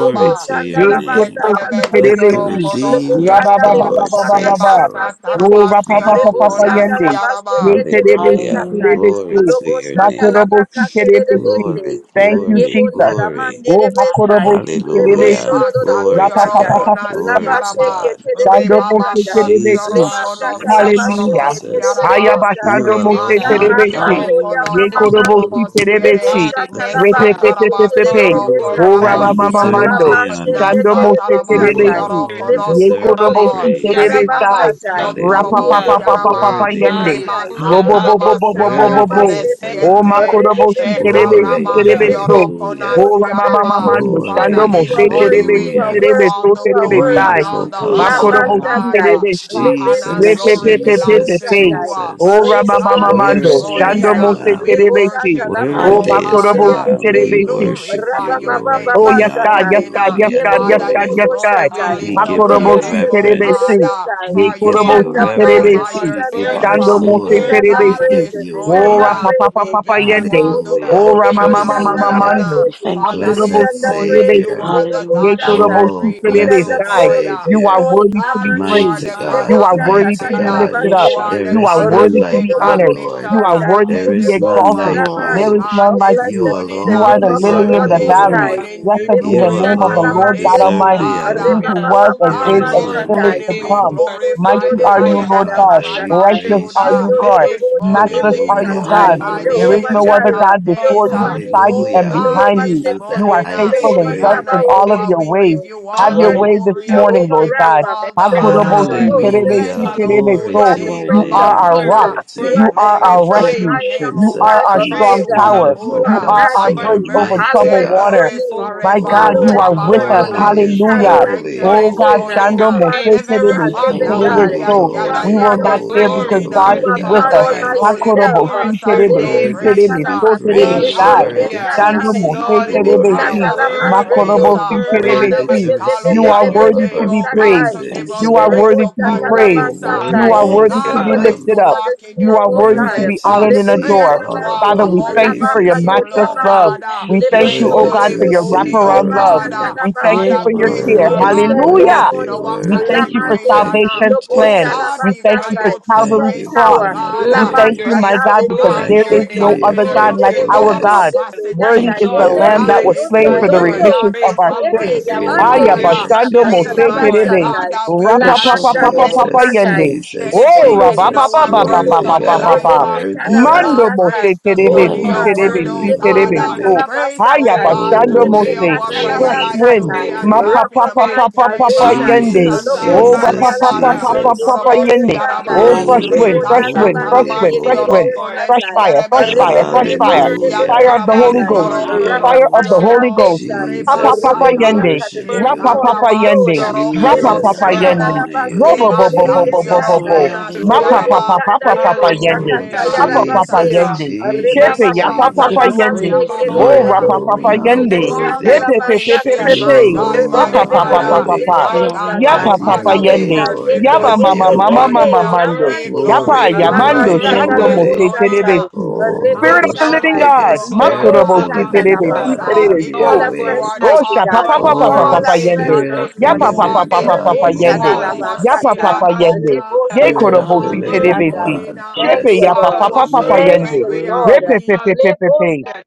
[SPEAKER 2] Lobo
[SPEAKER 3] to
[SPEAKER 2] shanda
[SPEAKER 3] your name.
[SPEAKER 2] labasata
[SPEAKER 1] Yekorobosi
[SPEAKER 2] lobo
[SPEAKER 3] Let
[SPEAKER 2] se.
[SPEAKER 3] the
[SPEAKER 6] deseterebesioro
[SPEAKER 1] Terebesi,
[SPEAKER 8] Bless you,
[SPEAKER 2] Lebo
[SPEAKER 8] God.
[SPEAKER 3] redeemed of
[SPEAKER 1] Rabba
[SPEAKER 2] kanda
[SPEAKER 3] the
[SPEAKER 1] Baba
[SPEAKER 6] conosiorobo,
[SPEAKER 2] lebo
[SPEAKER 3] Lord
[SPEAKER 1] Baba Baba
[SPEAKER 2] shaka
[SPEAKER 3] say
[SPEAKER 1] Baba,
[SPEAKER 3] so.
[SPEAKER 2] talabasete.
[SPEAKER 1] Oh, Rapa Papa
[SPEAKER 6] rebasantarabasioro
[SPEAKER 2] Lebo
[SPEAKER 1] Papa
[SPEAKER 3] Hallelujah.
[SPEAKER 2] shanda la
[SPEAKER 1] Yende,
[SPEAKER 2] baste
[SPEAKER 6] conasiaraba.
[SPEAKER 1] Ye
[SPEAKER 2] kete de
[SPEAKER 1] Yete
[SPEAKER 3] Hallelujah.
[SPEAKER 8] Hallelujah.
[SPEAKER 2] besatai.
[SPEAKER 3] Glory
[SPEAKER 1] Debesi
[SPEAKER 3] to
[SPEAKER 2] Lobo
[SPEAKER 3] your
[SPEAKER 2] shanda la
[SPEAKER 3] name.
[SPEAKER 1] Makorobo si
[SPEAKER 2] bakate de de
[SPEAKER 1] Terebesi.
[SPEAKER 2] beste.
[SPEAKER 3] Glory,
[SPEAKER 1] Thank you,
[SPEAKER 3] glory,
[SPEAKER 2] Liebonda
[SPEAKER 1] Jesus.
[SPEAKER 2] la mande
[SPEAKER 3] glory.
[SPEAKER 2] de
[SPEAKER 1] Oh,
[SPEAKER 2] besai.
[SPEAKER 1] Makorobo
[SPEAKER 8] Hallelujah,
[SPEAKER 1] si
[SPEAKER 2] Lebo
[SPEAKER 3] Hallelujah.
[SPEAKER 1] Terebesi.
[SPEAKER 2] shoro
[SPEAKER 6] Reba
[SPEAKER 2] do do
[SPEAKER 3] Glory
[SPEAKER 1] Rapa
[SPEAKER 3] to
[SPEAKER 1] pa
[SPEAKER 6] satioro
[SPEAKER 1] pa
[SPEAKER 2] bochandai.
[SPEAKER 3] God.
[SPEAKER 1] pa pa
[SPEAKER 6] kona
[SPEAKER 1] pa
[SPEAKER 2] La
[SPEAKER 3] Glory to
[SPEAKER 2] bashe
[SPEAKER 1] pa.
[SPEAKER 6] siaraba.
[SPEAKER 3] God.
[SPEAKER 2] kete de de
[SPEAKER 1] Shando
[SPEAKER 6] Reba ba
[SPEAKER 1] Mose
[SPEAKER 2] besandai.
[SPEAKER 1] Terebesi.
[SPEAKER 6] satioro
[SPEAKER 2] Leba
[SPEAKER 4] Hallelujah.
[SPEAKER 3] Jesus,
[SPEAKER 6] kono
[SPEAKER 2] shata la
[SPEAKER 3] Jesus,
[SPEAKER 2] baste
[SPEAKER 6] sotorobo
[SPEAKER 1] Hallelujah.
[SPEAKER 8] God.
[SPEAKER 2] kete de
[SPEAKER 3] Jesus.
[SPEAKER 2] de
[SPEAKER 1] Haya
[SPEAKER 6] siaraba.
[SPEAKER 2] besai.
[SPEAKER 3] You
[SPEAKER 1] Bashando
[SPEAKER 4] Praise
[SPEAKER 6] Reba
[SPEAKER 1] Mose
[SPEAKER 2] La
[SPEAKER 3] alone
[SPEAKER 4] God.
[SPEAKER 3] are
[SPEAKER 4] Bless
[SPEAKER 1] Terebesi.
[SPEAKER 3] God.
[SPEAKER 4] your
[SPEAKER 6] satioro
[SPEAKER 2] bakato ya
[SPEAKER 8] Hallelujah,
[SPEAKER 6] kono
[SPEAKER 1] Ye
[SPEAKER 2] mama
[SPEAKER 8] Lord.
[SPEAKER 3] You
[SPEAKER 1] Korobo
[SPEAKER 2] mande.
[SPEAKER 1] si
[SPEAKER 6] sotorobo
[SPEAKER 3] alone
[SPEAKER 2] Lebo
[SPEAKER 6] siere.
[SPEAKER 3] deserve
[SPEAKER 1] Terebesi.
[SPEAKER 3] the
[SPEAKER 8] thank
[SPEAKER 2] shata
[SPEAKER 6] Ne
[SPEAKER 2] la
[SPEAKER 8] you.
[SPEAKER 3] glory.
[SPEAKER 4] Hallelujah.
[SPEAKER 2] baste
[SPEAKER 6] sataraba
[SPEAKER 2] kete de
[SPEAKER 4] God
[SPEAKER 2] de de
[SPEAKER 1] Repepepepepe.
[SPEAKER 6] sioro
[SPEAKER 3] You
[SPEAKER 1] Oh,
[SPEAKER 4] glorify
[SPEAKER 8] We
[SPEAKER 4] you,
[SPEAKER 2] besatai.
[SPEAKER 6] koraba
[SPEAKER 1] Rabba
[SPEAKER 3] alone
[SPEAKER 8] thank
[SPEAKER 1] Mama
[SPEAKER 8] you.
[SPEAKER 2] La
[SPEAKER 3] deserve
[SPEAKER 1] Mando.
[SPEAKER 6] siaraba.
[SPEAKER 3] the
[SPEAKER 2] bashe
[SPEAKER 3] honor.
[SPEAKER 1] Shando
[SPEAKER 2] kete
[SPEAKER 4] God,
[SPEAKER 2] de
[SPEAKER 1] Mose
[SPEAKER 6] Nasataraba
[SPEAKER 3] You
[SPEAKER 4] Holy
[SPEAKER 2] besatai.
[SPEAKER 1] Terebesi.
[SPEAKER 6] Sioro
[SPEAKER 4] Spirit.
[SPEAKER 3] alone
[SPEAKER 6] Kono
[SPEAKER 2] Lebo
[SPEAKER 1] Ye
[SPEAKER 2] bo bo
[SPEAKER 3] deserve
[SPEAKER 2] bo
[SPEAKER 3] the
[SPEAKER 8] We
[SPEAKER 1] Korobo
[SPEAKER 2] bo bo
[SPEAKER 6] Sioroba
[SPEAKER 8] thank
[SPEAKER 4] Hallelujah. Hallelujah.
[SPEAKER 3] praise.
[SPEAKER 8] you.
[SPEAKER 6] Rebaba
[SPEAKER 1] Terebesi.
[SPEAKER 2] sarabasatai.
[SPEAKER 6] Sion
[SPEAKER 1] Rapa
[SPEAKER 6] Torobo
[SPEAKER 1] Papa
[SPEAKER 3] Hallelujah.
[SPEAKER 1] Papa
[SPEAKER 2] Yebobobo,
[SPEAKER 1] Papa
[SPEAKER 6] Siaraba
[SPEAKER 3] Worthy is
[SPEAKER 1] Yende.
[SPEAKER 3] the
[SPEAKER 2] Yekanda,
[SPEAKER 6] Reba
[SPEAKER 3] Lamb.
[SPEAKER 4] Hallelujah.
[SPEAKER 1] Robo
[SPEAKER 8] Hallelujah.
[SPEAKER 1] bo
[SPEAKER 2] Yebobobo,
[SPEAKER 1] bo
[SPEAKER 8] We
[SPEAKER 6] Sataraba
[SPEAKER 1] bo bo.
[SPEAKER 4] Hallelujah.
[SPEAKER 1] bo
[SPEAKER 6] Sioro
[SPEAKER 1] bo
[SPEAKER 2] Satalaba
[SPEAKER 1] bo.
[SPEAKER 3] Worthy
[SPEAKER 6] Kone
[SPEAKER 3] is the
[SPEAKER 4] Jesus.
[SPEAKER 1] O
[SPEAKER 3] Lamb.
[SPEAKER 6] Siente
[SPEAKER 8] thank
[SPEAKER 1] makorobo si
[SPEAKER 8] you.
[SPEAKER 1] terebe si
[SPEAKER 3] Glory.
[SPEAKER 6] Shekaraba
[SPEAKER 4] Hallelujah.
[SPEAKER 1] terebe
[SPEAKER 2] Rebebebebebebebebebe.
[SPEAKER 1] so.
[SPEAKER 6] Sioro Kona
[SPEAKER 3] Hallelujah.
[SPEAKER 1] O
[SPEAKER 2] Holy Spirit,
[SPEAKER 1] ramamama
[SPEAKER 6] Siaraba
[SPEAKER 2] Holy
[SPEAKER 1] mando
[SPEAKER 8] We
[SPEAKER 1] shando
[SPEAKER 2] Spirit,
[SPEAKER 6] Father,
[SPEAKER 1] mo
[SPEAKER 3] Glory.
[SPEAKER 2] you
[SPEAKER 8] bless
[SPEAKER 6] this
[SPEAKER 2] are
[SPEAKER 1] se
[SPEAKER 8] you, Jesus.
[SPEAKER 6] morning
[SPEAKER 2] worthy,
[SPEAKER 1] terebe
[SPEAKER 6] we
[SPEAKER 2] you
[SPEAKER 1] si
[SPEAKER 2] are
[SPEAKER 6] give
[SPEAKER 3] Hallelujah.
[SPEAKER 6] you
[SPEAKER 1] terebe
[SPEAKER 2] worthy,
[SPEAKER 6] all
[SPEAKER 1] so
[SPEAKER 2] you
[SPEAKER 6] the
[SPEAKER 2] are
[SPEAKER 1] terebe
[SPEAKER 6] glory and
[SPEAKER 2] worthy.
[SPEAKER 1] sai.
[SPEAKER 8] Handa
[SPEAKER 6] all
[SPEAKER 3] Wonderful
[SPEAKER 6] the honor,
[SPEAKER 8] rikishaya
[SPEAKER 2] Laba
[SPEAKER 6] oh
[SPEAKER 1] Makorobo
[SPEAKER 3] counselor.
[SPEAKER 1] si
[SPEAKER 8] mamama.
[SPEAKER 6] God.
[SPEAKER 2] Sandai,
[SPEAKER 6] uh,
[SPEAKER 1] terebe si.
[SPEAKER 6] For
[SPEAKER 8] We
[SPEAKER 6] honor
[SPEAKER 2] Lebeste,
[SPEAKER 6] and
[SPEAKER 3] Jesus,
[SPEAKER 8] bless
[SPEAKER 1] Repe
[SPEAKER 8] you.
[SPEAKER 1] pe
[SPEAKER 6] glory
[SPEAKER 1] pe pe
[SPEAKER 6] belongs
[SPEAKER 1] pe
[SPEAKER 6] to
[SPEAKER 3] Jesus,
[SPEAKER 1] pe.
[SPEAKER 6] you.
[SPEAKER 2] Ketebebebesatai,
[SPEAKER 6] uh.
[SPEAKER 3] Jesus.
[SPEAKER 1] O
[SPEAKER 6] Oh
[SPEAKER 8] Jesus, love
[SPEAKER 1] ramamama
[SPEAKER 6] God,
[SPEAKER 8] of our
[SPEAKER 6] this
[SPEAKER 2] Rebobobobobo
[SPEAKER 1] mando
[SPEAKER 8] soul,
[SPEAKER 3] Worthy
[SPEAKER 6] morning
[SPEAKER 8] we
[SPEAKER 3] is
[SPEAKER 6] morning.
[SPEAKER 1] shando
[SPEAKER 3] the
[SPEAKER 2] Sandai,
[SPEAKER 1] mo
[SPEAKER 8] thank
[SPEAKER 6] uh,
[SPEAKER 1] se
[SPEAKER 8] you.
[SPEAKER 6] we
[SPEAKER 3] Lamb.
[SPEAKER 1] terebe si.
[SPEAKER 2] Lebokanda,
[SPEAKER 6] worship you,
[SPEAKER 2] Laba
[SPEAKER 1] O
[SPEAKER 6] oh
[SPEAKER 3] Worthy
[SPEAKER 8] Hallelujah.
[SPEAKER 2] Setu,
[SPEAKER 3] is
[SPEAKER 8] Thank
[SPEAKER 3] the
[SPEAKER 6] God.
[SPEAKER 1] makorobo
[SPEAKER 6] uh,
[SPEAKER 1] si
[SPEAKER 8] you,
[SPEAKER 3] Lamb.
[SPEAKER 6] we
[SPEAKER 8] Lord,
[SPEAKER 3] We
[SPEAKER 1] terebe
[SPEAKER 2] Tebebesete,
[SPEAKER 1] si.
[SPEAKER 3] worship
[SPEAKER 8] for
[SPEAKER 6] glorify
[SPEAKER 3] you,
[SPEAKER 6] your
[SPEAKER 8] hearing
[SPEAKER 3] Lord.
[SPEAKER 6] name
[SPEAKER 1] Oh,
[SPEAKER 2] Rababababa
[SPEAKER 3] We
[SPEAKER 1] yes,
[SPEAKER 8] us.
[SPEAKER 6] this
[SPEAKER 3] honor
[SPEAKER 1] God, yes,
[SPEAKER 2] Sandai,
[SPEAKER 6] morning.
[SPEAKER 3] you.
[SPEAKER 1] God,
[SPEAKER 6] uh,
[SPEAKER 8] Thank
[SPEAKER 1] yes,
[SPEAKER 3] We
[SPEAKER 8] you,
[SPEAKER 1] God,
[SPEAKER 8] Lord,
[SPEAKER 1] yes,
[SPEAKER 3] adore
[SPEAKER 6] Father,
[SPEAKER 8] for
[SPEAKER 1] God,
[SPEAKER 6] this
[SPEAKER 1] yes,
[SPEAKER 2] Yebobobobo
[SPEAKER 3] you.
[SPEAKER 1] God.
[SPEAKER 6] morning we
[SPEAKER 8] who
[SPEAKER 2] Satai,
[SPEAKER 4] Hallelujah.
[SPEAKER 3] We
[SPEAKER 8] you
[SPEAKER 6] lift
[SPEAKER 8] are,
[SPEAKER 6] up
[SPEAKER 3] give
[SPEAKER 6] your
[SPEAKER 2] Robo
[SPEAKER 8] God.
[SPEAKER 3] you
[SPEAKER 1] Hakorobosi
[SPEAKER 6] name, oh
[SPEAKER 3] reverence.
[SPEAKER 6] God.
[SPEAKER 1] terebesi.
[SPEAKER 8] We
[SPEAKER 6] uh,
[SPEAKER 2] Sete,
[SPEAKER 8] Thank
[SPEAKER 1] Ye
[SPEAKER 3] We
[SPEAKER 6] for
[SPEAKER 8] you,
[SPEAKER 2] we
[SPEAKER 8] Lord,
[SPEAKER 6] you
[SPEAKER 3] give
[SPEAKER 8] that
[SPEAKER 4] Amen.
[SPEAKER 8] you
[SPEAKER 6] are
[SPEAKER 2] send
[SPEAKER 3] you
[SPEAKER 1] korobosi
[SPEAKER 2] up
[SPEAKER 6] God
[SPEAKER 8] are
[SPEAKER 6] all
[SPEAKER 8] our
[SPEAKER 2] praises.
[SPEAKER 8] Lord.
[SPEAKER 6] by
[SPEAKER 2] We
[SPEAKER 3] reverence.
[SPEAKER 4] Lord,
[SPEAKER 1] terebesi.
[SPEAKER 3] We
[SPEAKER 2] send
[SPEAKER 8] You
[SPEAKER 2] up
[SPEAKER 3] give
[SPEAKER 4] worship,
[SPEAKER 8] are
[SPEAKER 6] yourself.
[SPEAKER 8] our
[SPEAKER 3] you
[SPEAKER 1] Sando
[SPEAKER 6] uh,
[SPEAKER 2] praises. We
[SPEAKER 1] mose
[SPEAKER 8] Savior.
[SPEAKER 6] oh
[SPEAKER 4] worship
[SPEAKER 3] glory.
[SPEAKER 2] send up
[SPEAKER 4] you.
[SPEAKER 3] We
[SPEAKER 6] God,
[SPEAKER 3] give
[SPEAKER 1] terebesi.
[SPEAKER 2] praises.
[SPEAKER 6] this
[SPEAKER 2] We
[SPEAKER 3] you
[SPEAKER 8] You are
[SPEAKER 2] send
[SPEAKER 1] Oh,
[SPEAKER 6] morning
[SPEAKER 8] our
[SPEAKER 2] up
[SPEAKER 4] Hallelujah.
[SPEAKER 1] rapa
[SPEAKER 3] honor.
[SPEAKER 6] uh,
[SPEAKER 1] papa
[SPEAKER 6] we
[SPEAKER 2] praises.
[SPEAKER 8] Deliverer.
[SPEAKER 1] papa
[SPEAKER 6] give
[SPEAKER 4] Hallelujah.
[SPEAKER 6] you
[SPEAKER 2] Lo
[SPEAKER 1] yende.
[SPEAKER 2] bo
[SPEAKER 6] all the
[SPEAKER 2] bo
[SPEAKER 8] You
[SPEAKER 2] bo
[SPEAKER 8] are
[SPEAKER 1] Oh,
[SPEAKER 2] bo
[SPEAKER 8] our
[SPEAKER 3] Hallelujah.
[SPEAKER 2] bo
[SPEAKER 6] glory
[SPEAKER 1] rama
[SPEAKER 2] bo
[SPEAKER 6] and
[SPEAKER 1] mama
[SPEAKER 6] all
[SPEAKER 8] peace.
[SPEAKER 2] shaka
[SPEAKER 6] the
[SPEAKER 1] mama
[SPEAKER 2] la ba
[SPEAKER 3] Hallelujah.
[SPEAKER 1] mando.
[SPEAKER 6] honor.
[SPEAKER 8] We thank you.
[SPEAKER 6] Father,
[SPEAKER 2] We
[SPEAKER 3] Blessed
[SPEAKER 6] this
[SPEAKER 2] send
[SPEAKER 1] Hakorobosi
[SPEAKER 2] up
[SPEAKER 6] morning you
[SPEAKER 2] praises.
[SPEAKER 3] Savior.
[SPEAKER 1] terebesi.
[SPEAKER 2] Lo
[SPEAKER 6] are
[SPEAKER 2] lo
[SPEAKER 6] the
[SPEAKER 8] Hallelujah.
[SPEAKER 1] Ye
[SPEAKER 6] God of
[SPEAKER 8] Je-
[SPEAKER 6] the
[SPEAKER 2] shaka.
[SPEAKER 1] korobosi
[SPEAKER 3] Oh,
[SPEAKER 6] three
[SPEAKER 2] We send
[SPEAKER 6] Hebrew
[SPEAKER 2] up
[SPEAKER 3] blessed
[SPEAKER 1] terebesi.
[SPEAKER 6] boy.
[SPEAKER 2] glory
[SPEAKER 6] uh,
[SPEAKER 1] You
[SPEAKER 2] this
[SPEAKER 1] are
[SPEAKER 3] Savior.
[SPEAKER 6] Oh
[SPEAKER 2] morning.
[SPEAKER 1] worthy to
[SPEAKER 8] Thank
[SPEAKER 6] God,
[SPEAKER 1] be
[SPEAKER 8] you,
[SPEAKER 6] you
[SPEAKER 2] Ramandi.
[SPEAKER 6] are
[SPEAKER 1] praised.
[SPEAKER 3] Mighty
[SPEAKER 6] the
[SPEAKER 2] Le
[SPEAKER 4] Hallelujah.
[SPEAKER 6] God
[SPEAKER 2] bo
[SPEAKER 3] God.
[SPEAKER 1] You
[SPEAKER 8] Jesus.
[SPEAKER 6] of
[SPEAKER 1] are
[SPEAKER 2] shaka
[SPEAKER 1] worthy
[SPEAKER 3] Mighty
[SPEAKER 2] ta
[SPEAKER 1] to
[SPEAKER 6] David.
[SPEAKER 1] be
[SPEAKER 2] ya la
[SPEAKER 6] uh,
[SPEAKER 3] God.
[SPEAKER 2] ba
[SPEAKER 1] lifted
[SPEAKER 6] You
[SPEAKER 1] up.
[SPEAKER 8] Yeshua,
[SPEAKER 6] are
[SPEAKER 2] seke.
[SPEAKER 3] There
[SPEAKER 6] the
[SPEAKER 1] You
[SPEAKER 8] You're
[SPEAKER 3] is
[SPEAKER 1] are
[SPEAKER 6] God of
[SPEAKER 3] none
[SPEAKER 1] worthy
[SPEAKER 2] bo
[SPEAKER 1] to
[SPEAKER 2] bo
[SPEAKER 3] like
[SPEAKER 1] be
[SPEAKER 2] bo bo
[SPEAKER 3] you,
[SPEAKER 6] Shadrach,
[SPEAKER 2] bo
[SPEAKER 1] honored.
[SPEAKER 2] bo
[SPEAKER 3] Lord.
[SPEAKER 1] You
[SPEAKER 6] Meshach,
[SPEAKER 1] are
[SPEAKER 8] holy
[SPEAKER 6] and
[SPEAKER 2] shanda. Yi
[SPEAKER 1] worthy
[SPEAKER 8] God.
[SPEAKER 1] to
[SPEAKER 3] There
[SPEAKER 2] bo
[SPEAKER 1] be
[SPEAKER 2] bo
[SPEAKER 3] is
[SPEAKER 2] bo
[SPEAKER 3] none
[SPEAKER 6] Abednego. uh,
[SPEAKER 1] exalted.
[SPEAKER 8] You
[SPEAKER 2] shada
[SPEAKER 8] are
[SPEAKER 3] like
[SPEAKER 6] Oh
[SPEAKER 2] bai.
[SPEAKER 1] There is
[SPEAKER 8] awesome,
[SPEAKER 3] you.
[SPEAKER 1] none
[SPEAKER 6] God,
[SPEAKER 2] Oh,
[SPEAKER 1] like
[SPEAKER 6] this
[SPEAKER 8] Jesus.
[SPEAKER 3] You
[SPEAKER 1] you.
[SPEAKER 2] blessed be
[SPEAKER 6] morning,
[SPEAKER 2] the
[SPEAKER 1] You
[SPEAKER 6] uh,
[SPEAKER 1] are
[SPEAKER 3] alone
[SPEAKER 2] name
[SPEAKER 1] the
[SPEAKER 2] of
[SPEAKER 8] You
[SPEAKER 2] the
[SPEAKER 8] are
[SPEAKER 1] lily
[SPEAKER 3] deserve
[SPEAKER 1] in
[SPEAKER 6] Father,
[SPEAKER 2] Lord
[SPEAKER 3] the
[SPEAKER 1] the
[SPEAKER 8] worthy,
[SPEAKER 2] Most
[SPEAKER 6] this
[SPEAKER 8] Lord,
[SPEAKER 1] valley.
[SPEAKER 8] of
[SPEAKER 4] Hallelujah.
[SPEAKER 2] High.
[SPEAKER 3] glory.
[SPEAKER 6] morning
[SPEAKER 8] praise.
[SPEAKER 6] we
[SPEAKER 8] To
[SPEAKER 2] Le
[SPEAKER 1] Blessed be
[SPEAKER 2] bo
[SPEAKER 1] the
[SPEAKER 3] You
[SPEAKER 1] name of
[SPEAKER 2] shaka
[SPEAKER 6] glorify
[SPEAKER 1] the
[SPEAKER 2] la
[SPEAKER 6] your
[SPEAKER 2] ba
[SPEAKER 3] alone
[SPEAKER 1] Lord
[SPEAKER 6] name,
[SPEAKER 1] God
[SPEAKER 8] you
[SPEAKER 6] oh
[SPEAKER 8] be
[SPEAKER 3] deserve
[SPEAKER 2] seke.
[SPEAKER 8] all
[SPEAKER 1] Almighty,
[SPEAKER 3] the
[SPEAKER 8] the
[SPEAKER 4] Hallelujah.
[SPEAKER 6] God.
[SPEAKER 2] Ore
[SPEAKER 1] he
[SPEAKER 6] uh,
[SPEAKER 3] honor.
[SPEAKER 2] ba
[SPEAKER 1] who
[SPEAKER 8] glory
[SPEAKER 4] Hallelujah.
[SPEAKER 2] ba ba
[SPEAKER 1] was
[SPEAKER 6] Oh
[SPEAKER 2] ba
[SPEAKER 1] and
[SPEAKER 2] ba
[SPEAKER 3] There
[SPEAKER 8] and
[SPEAKER 1] is
[SPEAKER 2] ba
[SPEAKER 6] God,
[SPEAKER 8] the
[SPEAKER 3] is
[SPEAKER 1] and
[SPEAKER 6] this
[SPEAKER 4] Glory
[SPEAKER 8] honor.
[SPEAKER 3] none
[SPEAKER 1] still
[SPEAKER 4] to
[SPEAKER 1] is
[SPEAKER 4] your
[SPEAKER 2] shandai.
[SPEAKER 1] to
[SPEAKER 3] like
[SPEAKER 6] morning
[SPEAKER 4] name,
[SPEAKER 6] we
[SPEAKER 1] come.
[SPEAKER 3] you.
[SPEAKER 4] Lord.
[SPEAKER 6] glorify
[SPEAKER 4] Hallelujah.
[SPEAKER 1] Mighty
[SPEAKER 6] the
[SPEAKER 1] are you,
[SPEAKER 3] Heavenly
[SPEAKER 6] Lion of
[SPEAKER 1] Lord
[SPEAKER 8] We
[SPEAKER 6] the
[SPEAKER 1] God.
[SPEAKER 3] Father,
[SPEAKER 8] worship
[SPEAKER 6] tribe
[SPEAKER 3] we
[SPEAKER 6] of
[SPEAKER 2] Ribokondododoboshadabasatai.
[SPEAKER 8] you,
[SPEAKER 4] Bless
[SPEAKER 1] Righteous
[SPEAKER 3] praise
[SPEAKER 1] are
[SPEAKER 6] Judah.
[SPEAKER 1] you,
[SPEAKER 8] Jesus.
[SPEAKER 3] you.
[SPEAKER 1] God.
[SPEAKER 4] your name.
[SPEAKER 6] This morning
[SPEAKER 1] Matchless
[SPEAKER 6] we
[SPEAKER 1] are you,
[SPEAKER 3] Hallelujah,
[SPEAKER 4] Hallelujah.
[SPEAKER 2] Yedododoboshedebosatai.
[SPEAKER 3] we
[SPEAKER 1] God.
[SPEAKER 6] glorify the
[SPEAKER 1] There
[SPEAKER 8] Hallelujah.
[SPEAKER 1] is
[SPEAKER 3] worship
[SPEAKER 2] Jehovah
[SPEAKER 4] Hallelujah.
[SPEAKER 1] no
[SPEAKER 6] Ancient
[SPEAKER 1] other
[SPEAKER 3] you.
[SPEAKER 6] of
[SPEAKER 2] Jireh,
[SPEAKER 1] God
[SPEAKER 4] Lord,
[SPEAKER 1] before
[SPEAKER 6] Days.
[SPEAKER 1] you,
[SPEAKER 6] uh,
[SPEAKER 2] Jehovah
[SPEAKER 4] worship,
[SPEAKER 1] beside
[SPEAKER 2] Nisi,
[SPEAKER 1] you,
[SPEAKER 6] Oh
[SPEAKER 1] and
[SPEAKER 3] Hallelujah,
[SPEAKER 4] worship,
[SPEAKER 3] we
[SPEAKER 6] God,
[SPEAKER 1] behind
[SPEAKER 2] Jehovah
[SPEAKER 3] give
[SPEAKER 1] you.
[SPEAKER 6] this
[SPEAKER 3] you the
[SPEAKER 1] You are
[SPEAKER 2] Sitkanu,
[SPEAKER 8] We
[SPEAKER 6] morning uh,
[SPEAKER 1] faithful
[SPEAKER 8] thank
[SPEAKER 3] highest
[SPEAKER 4] praise,
[SPEAKER 1] and
[SPEAKER 8] you.
[SPEAKER 2] Jehovah
[SPEAKER 6] we
[SPEAKER 8] Lord. We thank you.
[SPEAKER 1] just
[SPEAKER 3] praise.
[SPEAKER 6] honor
[SPEAKER 1] in
[SPEAKER 2] Sabaoth
[SPEAKER 1] all
[SPEAKER 6] you.
[SPEAKER 1] of
[SPEAKER 4] praise.
[SPEAKER 6] Uh,
[SPEAKER 2] this
[SPEAKER 1] your
[SPEAKER 6] we
[SPEAKER 1] ways.
[SPEAKER 6] give
[SPEAKER 2] morning.
[SPEAKER 6] you
[SPEAKER 2] We
[SPEAKER 1] Have
[SPEAKER 6] all
[SPEAKER 1] your
[SPEAKER 6] the
[SPEAKER 1] way
[SPEAKER 2] worship
[SPEAKER 1] this
[SPEAKER 2] you,
[SPEAKER 6] glory.
[SPEAKER 8] Hallelujah.
[SPEAKER 6] Uh,
[SPEAKER 4] Hallelujah.
[SPEAKER 1] morning,
[SPEAKER 6] we
[SPEAKER 2] Jehovah
[SPEAKER 1] Lord
[SPEAKER 6] give you
[SPEAKER 1] God.
[SPEAKER 2] Rapha,
[SPEAKER 6] all
[SPEAKER 4] Bless
[SPEAKER 6] the
[SPEAKER 4] your
[SPEAKER 8] You
[SPEAKER 4] name,
[SPEAKER 2] Jehovah
[SPEAKER 8] are
[SPEAKER 6] honor.
[SPEAKER 4] Lord.
[SPEAKER 2] Shalom
[SPEAKER 6] We
[SPEAKER 8] worthy.
[SPEAKER 2] this
[SPEAKER 6] bless
[SPEAKER 3] Hallelujah,
[SPEAKER 4] Hallelujah.
[SPEAKER 2] morning.
[SPEAKER 6] your
[SPEAKER 2] You
[SPEAKER 3] glory
[SPEAKER 6] holy
[SPEAKER 1] Hakorobositerebesiterebeso.
[SPEAKER 2] are
[SPEAKER 3] to
[SPEAKER 8] You
[SPEAKER 2] the
[SPEAKER 8] are
[SPEAKER 6] name,
[SPEAKER 3] your
[SPEAKER 1] You
[SPEAKER 2] Prince
[SPEAKER 6] Abba
[SPEAKER 2] of
[SPEAKER 1] are
[SPEAKER 3] name,
[SPEAKER 8] worthy.
[SPEAKER 1] our
[SPEAKER 2] Peace.
[SPEAKER 1] rock.
[SPEAKER 6] Father.
[SPEAKER 3] glory to
[SPEAKER 2] You
[SPEAKER 4] worship,
[SPEAKER 6] We
[SPEAKER 3] your
[SPEAKER 1] You
[SPEAKER 2] are the
[SPEAKER 1] are
[SPEAKER 3] name.
[SPEAKER 8] We
[SPEAKER 1] our
[SPEAKER 6] glorify
[SPEAKER 8] thank
[SPEAKER 2] conquering
[SPEAKER 4] praise,
[SPEAKER 8] you,
[SPEAKER 6] your
[SPEAKER 1] refuge.
[SPEAKER 2] lion
[SPEAKER 6] name,
[SPEAKER 2] of
[SPEAKER 1] You
[SPEAKER 3] Prince
[SPEAKER 2] the
[SPEAKER 6] oh
[SPEAKER 8] Jesus.
[SPEAKER 3] of
[SPEAKER 1] are
[SPEAKER 2] tribe
[SPEAKER 1] our
[SPEAKER 6] God,
[SPEAKER 2] of
[SPEAKER 6] for
[SPEAKER 3] Peace,
[SPEAKER 4] praise.
[SPEAKER 1] strong
[SPEAKER 6] you
[SPEAKER 2] Judah.
[SPEAKER 6] are
[SPEAKER 1] tower.
[SPEAKER 2] You
[SPEAKER 6] good.
[SPEAKER 3] wonderful
[SPEAKER 1] You
[SPEAKER 2] are
[SPEAKER 6] Uh,
[SPEAKER 4] this
[SPEAKER 1] are our
[SPEAKER 6] and
[SPEAKER 4] morning.
[SPEAKER 6] your
[SPEAKER 3] counselor,
[SPEAKER 1] bridge
[SPEAKER 2] majesty.
[SPEAKER 1] over
[SPEAKER 4] Hallelujah.
[SPEAKER 6] mercy
[SPEAKER 3] mighty
[SPEAKER 1] troubled
[SPEAKER 2] Hallowed be
[SPEAKER 3] God.
[SPEAKER 1] water.
[SPEAKER 2] your
[SPEAKER 6] endures
[SPEAKER 4] Oh, we
[SPEAKER 2] name.
[SPEAKER 1] My
[SPEAKER 6] forever.
[SPEAKER 1] God,
[SPEAKER 4] glorify
[SPEAKER 1] you
[SPEAKER 3] Oh,
[SPEAKER 2] Hallowed
[SPEAKER 1] are
[SPEAKER 2] be
[SPEAKER 4] you,
[SPEAKER 6] Abba
[SPEAKER 1] with
[SPEAKER 2] your
[SPEAKER 4] Lord.
[SPEAKER 1] us.
[SPEAKER 2] name.
[SPEAKER 3] holy
[SPEAKER 6] Father, we
[SPEAKER 3] is
[SPEAKER 6] say
[SPEAKER 4] Hallelujah.
[SPEAKER 1] Hallelujah.
[SPEAKER 2] Hallowed be
[SPEAKER 6] thank you
[SPEAKER 3] holy,
[SPEAKER 4] Lord,
[SPEAKER 2] the
[SPEAKER 1] Oh
[SPEAKER 4] your
[SPEAKER 6] this
[SPEAKER 1] God,
[SPEAKER 3] holy,
[SPEAKER 2] name.
[SPEAKER 6] morning.
[SPEAKER 1] Chando
[SPEAKER 6] uh,
[SPEAKER 2] You
[SPEAKER 4] name.
[SPEAKER 1] Mose
[SPEAKER 3] holy.
[SPEAKER 2] are the
[SPEAKER 6] the
[SPEAKER 2] true
[SPEAKER 6] very
[SPEAKER 8] Oh,
[SPEAKER 1] Terebe,
[SPEAKER 2] and
[SPEAKER 8] we
[SPEAKER 1] Si
[SPEAKER 6] fact
[SPEAKER 2] living
[SPEAKER 8] thank
[SPEAKER 6] that
[SPEAKER 8] you,
[SPEAKER 1] Terebe,
[SPEAKER 6] we
[SPEAKER 2] God.
[SPEAKER 3] Holy,
[SPEAKER 6] can
[SPEAKER 1] so
[SPEAKER 8] Lord.
[SPEAKER 2] You are
[SPEAKER 6] gather
[SPEAKER 4] Hallelujah.
[SPEAKER 1] we
[SPEAKER 3] holy,
[SPEAKER 2] God
[SPEAKER 1] will
[SPEAKER 6] here
[SPEAKER 1] not
[SPEAKER 6] this
[SPEAKER 1] fear
[SPEAKER 3] holy,
[SPEAKER 4] Glory
[SPEAKER 1] because
[SPEAKER 2] Almighty.
[SPEAKER 6] morning,
[SPEAKER 4] to
[SPEAKER 6] uh,
[SPEAKER 1] God
[SPEAKER 4] your
[SPEAKER 2] You
[SPEAKER 3] Lord
[SPEAKER 1] is
[SPEAKER 2] are
[SPEAKER 4] name,
[SPEAKER 3] God
[SPEAKER 1] with
[SPEAKER 2] God
[SPEAKER 1] us.
[SPEAKER 6] Father,
[SPEAKER 2] all
[SPEAKER 4] Lord.
[SPEAKER 6] is
[SPEAKER 2] by
[SPEAKER 6] only
[SPEAKER 3] Almighty.
[SPEAKER 2] yourself.
[SPEAKER 1] Hakorobo,
[SPEAKER 4] Glory
[SPEAKER 1] Si
[SPEAKER 6] because
[SPEAKER 4] to your
[SPEAKER 6] of
[SPEAKER 1] Terebe,
[SPEAKER 6] your
[SPEAKER 2] Lebo
[SPEAKER 4] name.
[SPEAKER 1] Si
[SPEAKER 3] worthy to
[SPEAKER 6] grace.
[SPEAKER 1] Terebe,
[SPEAKER 3] be
[SPEAKER 6] uh.
[SPEAKER 1] so Terebe,
[SPEAKER 6] Oh
[SPEAKER 2] satalabaseke
[SPEAKER 8] Yes,
[SPEAKER 3] praised,
[SPEAKER 1] Sai.
[SPEAKER 6] God, this
[SPEAKER 3] worthy
[SPEAKER 4] Hallelujah.
[SPEAKER 3] to
[SPEAKER 1] Chando
[SPEAKER 6] morning
[SPEAKER 2] telebesatai.
[SPEAKER 1] Mose
[SPEAKER 6] is
[SPEAKER 3] receive
[SPEAKER 4] Lord,
[SPEAKER 6] only
[SPEAKER 2] Lebo
[SPEAKER 4] you
[SPEAKER 1] Terebe,
[SPEAKER 3] glory
[SPEAKER 6] because
[SPEAKER 1] Si.
[SPEAKER 3] and
[SPEAKER 6] of your
[SPEAKER 4] word,
[SPEAKER 3] honor,
[SPEAKER 2] satalabaseke.
[SPEAKER 6] grace.
[SPEAKER 4] your
[SPEAKER 1] Makorobo,
[SPEAKER 6] uh.
[SPEAKER 1] Si
[SPEAKER 4] word.
[SPEAKER 1] Terebe,
[SPEAKER 6] Father,
[SPEAKER 3] worthy
[SPEAKER 6] we
[SPEAKER 8] Andorobokushututu.
[SPEAKER 3] to
[SPEAKER 1] Si.
[SPEAKER 6] call
[SPEAKER 1] You
[SPEAKER 3] receive
[SPEAKER 4] Hallelujah.
[SPEAKER 1] are
[SPEAKER 6] upon your
[SPEAKER 3] all
[SPEAKER 1] worthy
[SPEAKER 3] of
[SPEAKER 2] Rebebebebebebebebebo
[SPEAKER 6] name,
[SPEAKER 1] to
[SPEAKER 3] our
[SPEAKER 1] be
[SPEAKER 6] oh God,
[SPEAKER 1] praised.
[SPEAKER 2] satai.
[SPEAKER 8] We
[SPEAKER 6] to give
[SPEAKER 8] thank
[SPEAKER 3] praises.
[SPEAKER 8] you,
[SPEAKER 1] You
[SPEAKER 6] us
[SPEAKER 1] are
[SPEAKER 8] Lord.
[SPEAKER 6] grace
[SPEAKER 1] worthy to be
[SPEAKER 6] upon
[SPEAKER 1] praised.
[SPEAKER 3] Oh,
[SPEAKER 6] grace. uh.
[SPEAKER 1] You
[SPEAKER 8] We
[SPEAKER 2] Shedewotatalambasatai.
[SPEAKER 1] are
[SPEAKER 3] worthy
[SPEAKER 6] Oh
[SPEAKER 8] thank
[SPEAKER 2] We
[SPEAKER 3] is
[SPEAKER 1] worthy
[SPEAKER 8] you,
[SPEAKER 3] the
[SPEAKER 1] to
[SPEAKER 6] God,
[SPEAKER 4] Hallelujah.
[SPEAKER 1] be
[SPEAKER 2] cover
[SPEAKER 8] Lord.
[SPEAKER 2] the
[SPEAKER 6] grace
[SPEAKER 3] Lamb,
[SPEAKER 6] to
[SPEAKER 1] lifted
[SPEAKER 2] speaker
[SPEAKER 1] up.
[SPEAKER 2] this
[SPEAKER 6] walk in
[SPEAKER 1] You
[SPEAKER 2] morning,
[SPEAKER 6] your
[SPEAKER 1] are
[SPEAKER 2] oh
[SPEAKER 1] worthy to
[SPEAKER 2] God.
[SPEAKER 3] worthy
[SPEAKER 1] be
[SPEAKER 6] precepts.
[SPEAKER 3] to
[SPEAKER 6] uh.
[SPEAKER 1] honored and
[SPEAKER 2] Lebo
[SPEAKER 3] receive
[SPEAKER 6] Grace
[SPEAKER 1] adored.
[SPEAKER 6] to
[SPEAKER 3] all of
[SPEAKER 6] walk
[SPEAKER 2] Shadabani,
[SPEAKER 1] Father,
[SPEAKER 3] our
[SPEAKER 1] we
[SPEAKER 8] Hallelujah.
[SPEAKER 1] thank
[SPEAKER 6] amongst
[SPEAKER 1] you
[SPEAKER 6] your
[SPEAKER 1] for your
[SPEAKER 3] praises, O
[SPEAKER 6] people,
[SPEAKER 1] matchless
[SPEAKER 6] oh
[SPEAKER 3] God,
[SPEAKER 1] love.
[SPEAKER 2] Labakatoliabani,
[SPEAKER 4] Hallelujah.
[SPEAKER 6] God. uh
[SPEAKER 1] We
[SPEAKER 8] Thank you,
[SPEAKER 2] Lebo
[SPEAKER 1] thank you,
[SPEAKER 6] grace
[SPEAKER 1] oh
[SPEAKER 6] to
[SPEAKER 3] worthy
[SPEAKER 4] Glory
[SPEAKER 1] God,
[SPEAKER 3] to
[SPEAKER 1] for
[SPEAKER 6] live
[SPEAKER 1] your
[SPEAKER 8] Jesus.
[SPEAKER 2] Korobokondi,
[SPEAKER 4] to
[SPEAKER 6] holy,
[SPEAKER 3] receive
[SPEAKER 6] oh
[SPEAKER 3] our
[SPEAKER 1] wraparound
[SPEAKER 2] Leba
[SPEAKER 1] love.
[SPEAKER 6] God.
[SPEAKER 4] Jesus.
[SPEAKER 6] ah.
[SPEAKER 3] honor.
[SPEAKER 1] We thank
[SPEAKER 8] Yeah,
[SPEAKER 1] you
[SPEAKER 8] yeah,
[SPEAKER 1] for
[SPEAKER 6] Father,
[SPEAKER 2] Shatalabasete.
[SPEAKER 1] your
[SPEAKER 8] mama,
[SPEAKER 6] grace,
[SPEAKER 8] mama,
[SPEAKER 2] We
[SPEAKER 1] care.
[SPEAKER 6] oh
[SPEAKER 8] mama.
[SPEAKER 3] Worthy,
[SPEAKER 6] God, to
[SPEAKER 2] extend this
[SPEAKER 1] Hallelujah.
[SPEAKER 4] Hallelujah.
[SPEAKER 6] walk
[SPEAKER 3] worthy,
[SPEAKER 6] in
[SPEAKER 2] morning,
[SPEAKER 6] our
[SPEAKER 8] We
[SPEAKER 1] We
[SPEAKER 8] thank
[SPEAKER 3] worthy.
[SPEAKER 1] thank you
[SPEAKER 8] you,
[SPEAKER 3] We
[SPEAKER 1] for
[SPEAKER 8] Lord.
[SPEAKER 4] Thank
[SPEAKER 2] Lamande,
[SPEAKER 6] consecration.
[SPEAKER 3] thank
[SPEAKER 6] ah.
[SPEAKER 3] you,
[SPEAKER 1] salvation's
[SPEAKER 2] Lobo
[SPEAKER 6] Oh
[SPEAKER 1] plan.
[SPEAKER 4] you.
[SPEAKER 6] God,
[SPEAKER 3] Jesus.
[SPEAKER 1] We
[SPEAKER 6] we
[SPEAKER 1] thank you
[SPEAKER 6] cry
[SPEAKER 4] Hallelujah.
[SPEAKER 1] for
[SPEAKER 2] Shadabasatai,
[SPEAKER 6] out for
[SPEAKER 3] Thank
[SPEAKER 1] Calvary's
[SPEAKER 2] Strong
[SPEAKER 3] you
[SPEAKER 6] grace,
[SPEAKER 3] for
[SPEAKER 6] oh
[SPEAKER 1] cross.
[SPEAKER 2] Tower,
[SPEAKER 6] God.
[SPEAKER 3] another
[SPEAKER 1] We
[SPEAKER 4] Glory
[SPEAKER 6] ah.
[SPEAKER 1] thank
[SPEAKER 4] to
[SPEAKER 3] day.
[SPEAKER 8] Yeah,
[SPEAKER 4] your
[SPEAKER 1] you,
[SPEAKER 2] Labasta,
[SPEAKER 8] na,
[SPEAKER 4] name.
[SPEAKER 1] my
[SPEAKER 6] Grace,
[SPEAKER 8] mama,
[SPEAKER 1] God,
[SPEAKER 6] oh
[SPEAKER 8] mama, mama,
[SPEAKER 1] because
[SPEAKER 2] Dalebe
[SPEAKER 4] Glory
[SPEAKER 6] God,
[SPEAKER 1] there
[SPEAKER 3] Thank
[SPEAKER 4] to
[SPEAKER 6] so
[SPEAKER 4] your
[SPEAKER 3] you
[SPEAKER 1] is
[SPEAKER 6] we
[SPEAKER 4] name.
[SPEAKER 1] no
[SPEAKER 3] for
[SPEAKER 2] Sekendo,
[SPEAKER 8] kushututu.
[SPEAKER 3] your
[SPEAKER 1] other
[SPEAKER 6] continue
[SPEAKER 4] Glory to
[SPEAKER 1] God
[SPEAKER 6] to
[SPEAKER 2] Yende
[SPEAKER 1] like
[SPEAKER 4] your name.
[SPEAKER 6] build
[SPEAKER 1] our
[SPEAKER 6] our
[SPEAKER 2] Yende,
[SPEAKER 1] God.
[SPEAKER 3] faithfulness.
[SPEAKER 2] Yendo
[SPEAKER 8] We
[SPEAKER 1] Worthy
[SPEAKER 6] capacity.
[SPEAKER 2] Yanda,
[SPEAKER 8] thank
[SPEAKER 1] is
[SPEAKER 8] you.
[SPEAKER 1] the
[SPEAKER 4] Lord,
[SPEAKER 3] your
[SPEAKER 4] you
[SPEAKER 6] Oh
[SPEAKER 4] are
[SPEAKER 2] Yende,
[SPEAKER 1] Lamb
[SPEAKER 3] way
[SPEAKER 1] that
[SPEAKER 6] God,
[SPEAKER 4] mighty.
[SPEAKER 1] was
[SPEAKER 3] this
[SPEAKER 6] this
[SPEAKER 2] Yondo,
[SPEAKER 1] slain
[SPEAKER 3] day,
[SPEAKER 4] God,
[SPEAKER 1] for the
[SPEAKER 4] you
[SPEAKER 6] morning
[SPEAKER 4] are
[SPEAKER 6] we
[SPEAKER 3] Lord.
[SPEAKER 1] remission
[SPEAKER 2] Yondo.
[SPEAKER 6] ask
[SPEAKER 4] great.
[SPEAKER 6] you
[SPEAKER 1] of our
[SPEAKER 6] for
[SPEAKER 4] Holy
[SPEAKER 2] Yende
[SPEAKER 1] sins.
[SPEAKER 3] Have
[SPEAKER 6] grace,
[SPEAKER 4] Spirit,
[SPEAKER 6] oh
[SPEAKER 8] We
[SPEAKER 3] your
[SPEAKER 2] yabande
[SPEAKER 8] honor
[SPEAKER 1] Aya
[SPEAKER 6] God.
[SPEAKER 8] you,
[SPEAKER 3] way
[SPEAKER 4] there's
[SPEAKER 2] ribo
[SPEAKER 6] ah.
[SPEAKER 4] none
[SPEAKER 8] Jesus.
[SPEAKER 3] that
[SPEAKER 1] bashando
[SPEAKER 3] your
[SPEAKER 4] like
[SPEAKER 2] sakata
[SPEAKER 1] mose
[SPEAKER 4] you,
[SPEAKER 6] Grace,
[SPEAKER 3] will be
[SPEAKER 4] Lord.
[SPEAKER 6] mighty
[SPEAKER 1] terebe.
[SPEAKER 3] done.
[SPEAKER 6] God,
[SPEAKER 2] rabasatai.
[SPEAKER 6] that we
[SPEAKER 4] Hallelujah.
[SPEAKER 1] Rapa
[SPEAKER 6] can.
[SPEAKER 1] papa
[SPEAKER 2] Labasta
[SPEAKER 1] papa
[SPEAKER 6] Get
[SPEAKER 2] rebo
[SPEAKER 8] Yoshodaraba,
[SPEAKER 4] So
[SPEAKER 1] papa
[SPEAKER 8] mama,
[SPEAKER 3] Jesus,
[SPEAKER 8] mama,
[SPEAKER 4] high,
[SPEAKER 2] kandai.
[SPEAKER 1] yende.
[SPEAKER 8] kiyashututu.
[SPEAKER 3] Jesus,
[SPEAKER 1] Oh,
[SPEAKER 4] Lord.
[SPEAKER 2] Sikondo,
[SPEAKER 6] Elevated
[SPEAKER 1] rapa
[SPEAKER 6] in
[SPEAKER 1] papa
[SPEAKER 3] Jesus,
[SPEAKER 6] our
[SPEAKER 1] papa
[SPEAKER 6] word
[SPEAKER 8] We
[SPEAKER 4] You are
[SPEAKER 2] sikondo.
[SPEAKER 1] papa
[SPEAKER 3] worthy
[SPEAKER 6] study
[SPEAKER 8] thank
[SPEAKER 4] so
[SPEAKER 1] papa
[SPEAKER 8] you,
[SPEAKER 3] God,
[SPEAKER 6] life,
[SPEAKER 1] papa.
[SPEAKER 8] Lord.
[SPEAKER 2] Rebeke
[SPEAKER 6] uh,
[SPEAKER 4] high.
[SPEAKER 3] worthy
[SPEAKER 6] oh
[SPEAKER 3] God,
[SPEAKER 1] Mando
[SPEAKER 6] God,
[SPEAKER 2] tarabasatai.
[SPEAKER 1] mose
[SPEAKER 4] great.
[SPEAKER 6] grace to
[SPEAKER 8] We
[SPEAKER 1] terebe
[SPEAKER 2] Holy
[SPEAKER 6] study
[SPEAKER 1] si
[SPEAKER 4] Lord,
[SPEAKER 8] thank
[SPEAKER 3] holy
[SPEAKER 6] your
[SPEAKER 8] you,
[SPEAKER 2] God.
[SPEAKER 3] to
[SPEAKER 4] we
[SPEAKER 8] Lord.
[SPEAKER 1] terebe
[SPEAKER 6] word,
[SPEAKER 4] worship
[SPEAKER 6] oh
[SPEAKER 3] be
[SPEAKER 1] si
[SPEAKER 2] Lebo
[SPEAKER 4] you.
[SPEAKER 6] God,
[SPEAKER 1] terebe
[SPEAKER 6] uh,
[SPEAKER 4] Lord,
[SPEAKER 2] sata
[SPEAKER 1] so.
[SPEAKER 3] holy,
[SPEAKER 6] grace,
[SPEAKER 1] Haya
[SPEAKER 6] oh
[SPEAKER 4] Praise,
[SPEAKER 2] labasatai.
[SPEAKER 6] God,
[SPEAKER 8] We
[SPEAKER 6] to
[SPEAKER 1] bashando
[SPEAKER 8] bless
[SPEAKER 2] Lebo
[SPEAKER 6] stay
[SPEAKER 8] your
[SPEAKER 3] holy,
[SPEAKER 1] mose.
[SPEAKER 8] name,
[SPEAKER 6] our
[SPEAKER 2] kata
[SPEAKER 4] praise,
[SPEAKER 6] prayer
[SPEAKER 1] Fresh
[SPEAKER 3] holy,
[SPEAKER 6] life
[SPEAKER 8] Jesus.
[SPEAKER 6] to
[SPEAKER 1] wind.
[SPEAKER 2] labasatai.
[SPEAKER 4] praise,
[SPEAKER 6] be on
[SPEAKER 1] Ma
[SPEAKER 3] holy.
[SPEAKER 1] pa
[SPEAKER 6] top
[SPEAKER 2] Rock
[SPEAKER 6] in
[SPEAKER 1] pa
[SPEAKER 6] the
[SPEAKER 2] of
[SPEAKER 1] pa
[SPEAKER 4] praise.
[SPEAKER 1] pa
[SPEAKER 2] my
[SPEAKER 6] mighty
[SPEAKER 1] pa pa
[SPEAKER 6] name
[SPEAKER 1] pa
[SPEAKER 8] We
[SPEAKER 6] of
[SPEAKER 2] salvation.
[SPEAKER 8] honor
[SPEAKER 4] Hallelujah.
[SPEAKER 8] your
[SPEAKER 1] yende.
[SPEAKER 6] Jesus.
[SPEAKER 8] holy
[SPEAKER 3] Jesus,
[SPEAKER 2] Lobo
[SPEAKER 6] Uh,
[SPEAKER 8] name,
[SPEAKER 1] Oh
[SPEAKER 8] God.
[SPEAKER 1] ra
[SPEAKER 2] shanda
[SPEAKER 1] pa
[SPEAKER 3] Jesus,
[SPEAKER 1] pa pa
[SPEAKER 4] Hallelujah.
[SPEAKER 1] pa pa
[SPEAKER 6] Rebasion
[SPEAKER 2] labaseke
[SPEAKER 1] pa
[SPEAKER 3] Jesus,
[SPEAKER 1] pa
[SPEAKER 4] Word
[SPEAKER 2] nerebe
[SPEAKER 1] yende.
[SPEAKER 4] God,
[SPEAKER 2] satai.
[SPEAKER 6] Torobosiaraba,
[SPEAKER 1] Oh
[SPEAKER 4] word,
[SPEAKER 1] fresh
[SPEAKER 3] holy,
[SPEAKER 2] Lebo
[SPEAKER 1] wind,
[SPEAKER 4] word,
[SPEAKER 8] Hallelujah.
[SPEAKER 1] fresh
[SPEAKER 4] word
[SPEAKER 6] Rekasa
[SPEAKER 1] wind, fresh
[SPEAKER 3] holy,
[SPEAKER 4] your
[SPEAKER 2] nalabaseke
[SPEAKER 1] wind, fresh
[SPEAKER 4] name,
[SPEAKER 6] Tarabasioro
[SPEAKER 1] wind,
[SPEAKER 2] nerebe
[SPEAKER 3] holy.
[SPEAKER 4] Lord.
[SPEAKER 1] fresh
[SPEAKER 2] satai.
[SPEAKER 1] fire, fresh
[SPEAKER 6] Konesierebe,
[SPEAKER 1] fire, fresh fire,
[SPEAKER 4] Word
[SPEAKER 6] Rebasian
[SPEAKER 2] Rebebebebebebebe
[SPEAKER 1] fire
[SPEAKER 3] Hallelujah,
[SPEAKER 4] your
[SPEAKER 1] of the
[SPEAKER 4] name,
[SPEAKER 1] Holy
[SPEAKER 2] satai.
[SPEAKER 1] Ghost,
[SPEAKER 4] Lord.
[SPEAKER 8] Have your
[SPEAKER 4] Word
[SPEAKER 2] Rock
[SPEAKER 3] hallelujah.
[SPEAKER 8] way,
[SPEAKER 6] kono
[SPEAKER 2] of
[SPEAKER 1] fire
[SPEAKER 8] Holy
[SPEAKER 1] of
[SPEAKER 2] my
[SPEAKER 1] the
[SPEAKER 4] your
[SPEAKER 1] Holy
[SPEAKER 8] Spirit.
[SPEAKER 6] siorobo
[SPEAKER 4] name,
[SPEAKER 1] Ghost.
[SPEAKER 2] salvation.
[SPEAKER 1] Pa
[SPEAKER 4] the
[SPEAKER 1] pa
[SPEAKER 3] Jesus,
[SPEAKER 1] pa pa
[SPEAKER 3] we
[SPEAKER 6] rebasata
[SPEAKER 2] Roboshata,
[SPEAKER 1] yende.
[SPEAKER 2] the
[SPEAKER 3] worship
[SPEAKER 4] word
[SPEAKER 1] Rapa
[SPEAKER 2] chief
[SPEAKER 1] pa
[SPEAKER 3] you.
[SPEAKER 1] pa
[SPEAKER 4] you, Holy
[SPEAKER 6] shekaraba
[SPEAKER 2] cornerstone.
[SPEAKER 1] yende.
[SPEAKER 4] Spirit.
[SPEAKER 6] sioro
[SPEAKER 1] Rapa pa
[SPEAKER 6] kono
[SPEAKER 1] pa
[SPEAKER 3] Jesus,
[SPEAKER 8] Hallelujah.
[SPEAKER 2] Leboshata,
[SPEAKER 3] we
[SPEAKER 4] Hallelujah.
[SPEAKER 2] la
[SPEAKER 1] yende.
[SPEAKER 2] la
[SPEAKER 6] siorobo
[SPEAKER 3] honor
[SPEAKER 2] basse,
[SPEAKER 4] Thank
[SPEAKER 1] Robo
[SPEAKER 3] you.
[SPEAKER 2] de de
[SPEAKER 1] bo
[SPEAKER 2] de
[SPEAKER 1] bo
[SPEAKER 2] de
[SPEAKER 1] bo bo bo bo
[SPEAKER 4] us,
[SPEAKER 3] Jesus,
[SPEAKER 6] rebasatioro
[SPEAKER 8] Lord,
[SPEAKER 2] besata.
[SPEAKER 1] bo.
[SPEAKER 3] we
[SPEAKER 8] we
[SPEAKER 6] kono
[SPEAKER 8] honor
[SPEAKER 4] good
[SPEAKER 8] you.
[SPEAKER 1] Ma
[SPEAKER 3] adore
[SPEAKER 1] pa
[SPEAKER 4] Lord.
[SPEAKER 1] pa pa
[SPEAKER 6] siaraba.
[SPEAKER 3] you.
[SPEAKER 1] pa
[SPEAKER 2] Roboshanda,
[SPEAKER 1] pa
[SPEAKER 6] In the
[SPEAKER 1] pa
[SPEAKER 4] Hallelujah.
[SPEAKER 1] pa
[SPEAKER 6] mighty
[SPEAKER 8] Lord,
[SPEAKER 1] yende.
[SPEAKER 3] Oh,
[SPEAKER 8] we
[SPEAKER 2] leboshakata,
[SPEAKER 8] give
[SPEAKER 6] name
[SPEAKER 8] you
[SPEAKER 1] Pa
[SPEAKER 6] of
[SPEAKER 4] Hallelujah.
[SPEAKER 1] papa
[SPEAKER 8] glory.
[SPEAKER 6] Jesus,
[SPEAKER 2] yarabase.
[SPEAKER 3] Jesus,
[SPEAKER 6] uh,
[SPEAKER 1] yende.
[SPEAKER 6] we
[SPEAKER 2] Reba
[SPEAKER 6] give
[SPEAKER 4] Thank
[SPEAKER 3] Jesus,
[SPEAKER 1] Shepe
[SPEAKER 2] ba
[SPEAKER 6] you
[SPEAKER 1] ya
[SPEAKER 2] ba ba
[SPEAKER 6] all
[SPEAKER 8] We
[SPEAKER 1] papa
[SPEAKER 2] ba
[SPEAKER 6] the
[SPEAKER 8] give
[SPEAKER 2] ba
[SPEAKER 4] you,
[SPEAKER 8] you
[SPEAKER 3] Jesus.
[SPEAKER 2] ba
[SPEAKER 6] glory,
[SPEAKER 1] yende.
[SPEAKER 4] oh
[SPEAKER 8] praise,
[SPEAKER 2] sheke
[SPEAKER 6] Abba
[SPEAKER 2] re
[SPEAKER 8] God.
[SPEAKER 2] re
[SPEAKER 3] You
[SPEAKER 1] Oh,
[SPEAKER 4] Lord.
[SPEAKER 2] re
[SPEAKER 6] Father.
[SPEAKER 1] Rapa
[SPEAKER 2] be.
[SPEAKER 3] alone
[SPEAKER 1] Papa
[SPEAKER 6] We
[SPEAKER 3] are
[SPEAKER 6] give
[SPEAKER 2] Robo
[SPEAKER 4] Bless
[SPEAKER 6] you
[SPEAKER 1] Yende.
[SPEAKER 4] your
[SPEAKER 6] all
[SPEAKER 4] name.
[SPEAKER 2] shanda
[SPEAKER 6] the
[SPEAKER 3] worthy.
[SPEAKER 2] la
[SPEAKER 8] We
[SPEAKER 2] ba
[SPEAKER 1] repepepepepepe,
[SPEAKER 8] worship you,
[SPEAKER 6] praises,
[SPEAKER 2] satai.
[SPEAKER 3] You
[SPEAKER 6] my
[SPEAKER 8] Jesus.
[SPEAKER 4] Bless
[SPEAKER 6] God,
[SPEAKER 2] Rebe
[SPEAKER 3] alone
[SPEAKER 6] my
[SPEAKER 4] your
[SPEAKER 2] be
[SPEAKER 1] Rapa
[SPEAKER 4] name,
[SPEAKER 3] are
[SPEAKER 2] be be
[SPEAKER 1] Papa
[SPEAKER 4] God.
[SPEAKER 6] Father.
[SPEAKER 2] be
[SPEAKER 1] Papa
[SPEAKER 2] se
[SPEAKER 3] holy.
[SPEAKER 1] Papa.
[SPEAKER 2] re
[SPEAKER 6] My
[SPEAKER 8] We
[SPEAKER 2] bo
[SPEAKER 4] God,
[SPEAKER 8] honor
[SPEAKER 6] God,
[SPEAKER 8] your
[SPEAKER 4] glorify
[SPEAKER 6] my
[SPEAKER 1] Yapa
[SPEAKER 3] Have
[SPEAKER 8] name,
[SPEAKER 2] satai.
[SPEAKER 4] your
[SPEAKER 3] your
[SPEAKER 1] Papa
[SPEAKER 8] mighty
[SPEAKER 6] Father, we
[SPEAKER 8] God.
[SPEAKER 4] name,
[SPEAKER 3] way,
[SPEAKER 1] Yende.
[SPEAKER 2] Yenda
[SPEAKER 3] Lord.
[SPEAKER 6] worship
[SPEAKER 4] Jesus.
[SPEAKER 2] yendo
[SPEAKER 1] Yaba
[SPEAKER 6] you
[SPEAKER 3] Have
[SPEAKER 1] Mama
[SPEAKER 2] yende
[SPEAKER 8] You
[SPEAKER 3] your
[SPEAKER 6] this
[SPEAKER 1] Mama
[SPEAKER 4] God,
[SPEAKER 8] alone
[SPEAKER 2] yende
[SPEAKER 3] way.
[SPEAKER 6] morning.
[SPEAKER 1] Mama
[SPEAKER 4] you are
[SPEAKER 6] uh,
[SPEAKER 8] are,
[SPEAKER 4] worthy.
[SPEAKER 1] Mando.
[SPEAKER 6] we
[SPEAKER 2] yamande.
[SPEAKER 3] Glory,
[SPEAKER 1] Yapa
[SPEAKER 4] praise.
[SPEAKER 6] glorify
[SPEAKER 4] You are
[SPEAKER 2] Alaba
[SPEAKER 6] your
[SPEAKER 1] Yamando
[SPEAKER 3] glory,
[SPEAKER 8] you
[SPEAKER 4] worthy,
[SPEAKER 6] name
[SPEAKER 8] alone
[SPEAKER 2] sata
[SPEAKER 8] are
[SPEAKER 1] Shando
[SPEAKER 4] God.
[SPEAKER 2] lebo
[SPEAKER 6] this
[SPEAKER 4] You
[SPEAKER 3] glory.
[SPEAKER 1] Mose
[SPEAKER 4] are
[SPEAKER 8] worthy.
[SPEAKER 6] morning.
[SPEAKER 4] worthy.
[SPEAKER 6] uh,
[SPEAKER 2] satai.
[SPEAKER 1] Terebesi.
[SPEAKER 6] oh
[SPEAKER 2] Rebo
[SPEAKER 3] Oh,
[SPEAKER 1] Spirit
[SPEAKER 6] God,
[SPEAKER 1] of the
[SPEAKER 4] God,
[SPEAKER 1] Living
[SPEAKER 4] your
[SPEAKER 2] shandai.
[SPEAKER 6] because
[SPEAKER 3] Hoboshekeke,
[SPEAKER 6] you're
[SPEAKER 1] God.
[SPEAKER 4] name, Lord.
[SPEAKER 6] our
[SPEAKER 3] Spirit
[SPEAKER 2] Lebo
[SPEAKER 3] of
[SPEAKER 1] Makorobo
[SPEAKER 6] rock.
[SPEAKER 3] the
[SPEAKER 1] Si
[SPEAKER 6] uh,
[SPEAKER 4] Hallelujah.
[SPEAKER 2] sata
[SPEAKER 3] living
[SPEAKER 2] la
[SPEAKER 6] oh
[SPEAKER 1] Terebesi
[SPEAKER 3] God,
[SPEAKER 2] basai.
[SPEAKER 6] God,
[SPEAKER 3] have
[SPEAKER 4] God,
[SPEAKER 2] Fall
[SPEAKER 3] your
[SPEAKER 1] Terebeso.
[SPEAKER 6] because
[SPEAKER 4] you
[SPEAKER 6] you
[SPEAKER 4] are
[SPEAKER 3] way.
[SPEAKER 2] afresh,
[SPEAKER 6] are the
[SPEAKER 1] Oh,
[SPEAKER 4] mighty.
[SPEAKER 2] mighty
[SPEAKER 1] Shapa
[SPEAKER 6] honor
[SPEAKER 2] God.
[SPEAKER 4] God,
[SPEAKER 6] for
[SPEAKER 1] Papa
[SPEAKER 4] you
[SPEAKER 6] our
[SPEAKER 1] Papa
[SPEAKER 4] are
[SPEAKER 3] Oh,
[SPEAKER 2] Fall
[SPEAKER 1] Papa
[SPEAKER 4] great,
[SPEAKER 2] afresh
[SPEAKER 1] Yende.
[SPEAKER 6] salvation.
[SPEAKER 3] Spirit
[SPEAKER 6] uh,
[SPEAKER 4] great,
[SPEAKER 3] of
[SPEAKER 2] this
[SPEAKER 3] the
[SPEAKER 6] you
[SPEAKER 1] Yapa
[SPEAKER 2] morning.
[SPEAKER 1] Papa
[SPEAKER 6] are
[SPEAKER 3] living
[SPEAKER 6] the
[SPEAKER 4] great.
[SPEAKER 1] Papa
[SPEAKER 3] God,
[SPEAKER 1] Papa
[SPEAKER 2] Lebo
[SPEAKER 6] shield. You
[SPEAKER 3] move
[SPEAKER 2] shada
[SPEAKER 6] are
[SPEAKER 1] Yende.
[SPEAKER 2] la
[SPEAKER 4] Hallelujah.
[SPEAKER 3] on
[SPEAKER 6] our
[SPEAKER 3] us.
[SPEAKER 1] Yapa
[SPEAKER 6] shield
[SPEAKER 2] basatai.
[SPEAKER 1] Papa
[SPEAKER 6] and
[SPEAKER 4] Hallelujah.
[SPEAKER 1] Yende.
[SPEAKER 6] buckler.
[SPEAKER 2] Lebo
[SPEAKER 1] Ye
[SPEAKER 3] Spirit
[SPEAKER 6] Oh
[SPEAKER 8] Hallelujah.
[SPEAKER 2] seke
[SPEAKER 3] of
[SPEAKER 1] Korobo
[SPEAKER 3] the
[SPEAKER 2] re
[SPEAKER 1] Si
[SPEAKER 6] God,
[SPEAKER 2] re
[SPEAKER 6] this
[SPEAKER 4] Worthy,
[SPEAKER 3] living
[SPEAKER 8] Hallelujah.
[SPEAKER 2] shandai.
[SPEAKER 1] Terebesi.
[SPEAKER 6] morning,
[SPEAKER 3] God,
[SPEAKER 6] uh,
[SPEAKER 4] worthy,
[SPEAKER 2] Thank
[SPEAKER 1] Shepe
[SPEAKER 3] bless
[SPEAKER 6] you
[SPEAKER 2] you,
[SPEAKER 3] us,
[SPEAKER 1] Yapa
[SPEAKER 6] are
[SPEAKER 4] God.
[SPEAKER 2] Lord.
[SPEAKER 3] oh
[SPEAKER 1] Papa
[SPEAKER 6] our
[SPEAKER 8] You
[SPEAKER 1] Papa
[SPEAKER 4] Worthy,
[SPEAKER 3] God.
[SPEAKER 6] strength
[SPEAKER 8] alone
[SPEAKER 2] Thank
[SPEAKER 8] are
[SPEAKER 1] Yende.
[SPEAKER 6] when
[SPEAKER 2] you,
[SPEAKER 6] we are
[SPEAKER 2] Lord.
[SPEAKER 8] worthy.
[SPEAKER 6] weak.
[SPEAKER 1] repepepepepepe.
[SPEAKER 4] hallelujah.
[SPEAKER 2] Lebosa-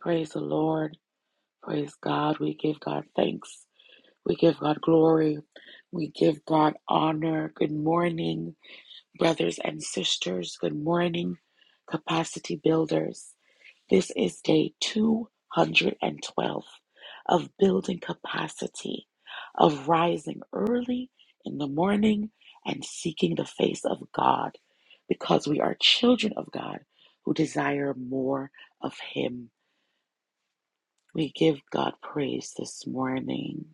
[SPEAKER 8] Praise the Lord. Praise God. We give God thanks. We give God glory. We give God honor. Good morning, brothers and sisters. Good morning, capacity builders. This is day 212 of building capacity, of rising early in the morning and seeking the face of God because we are children of God who desire more of Him. We give God praise this morning.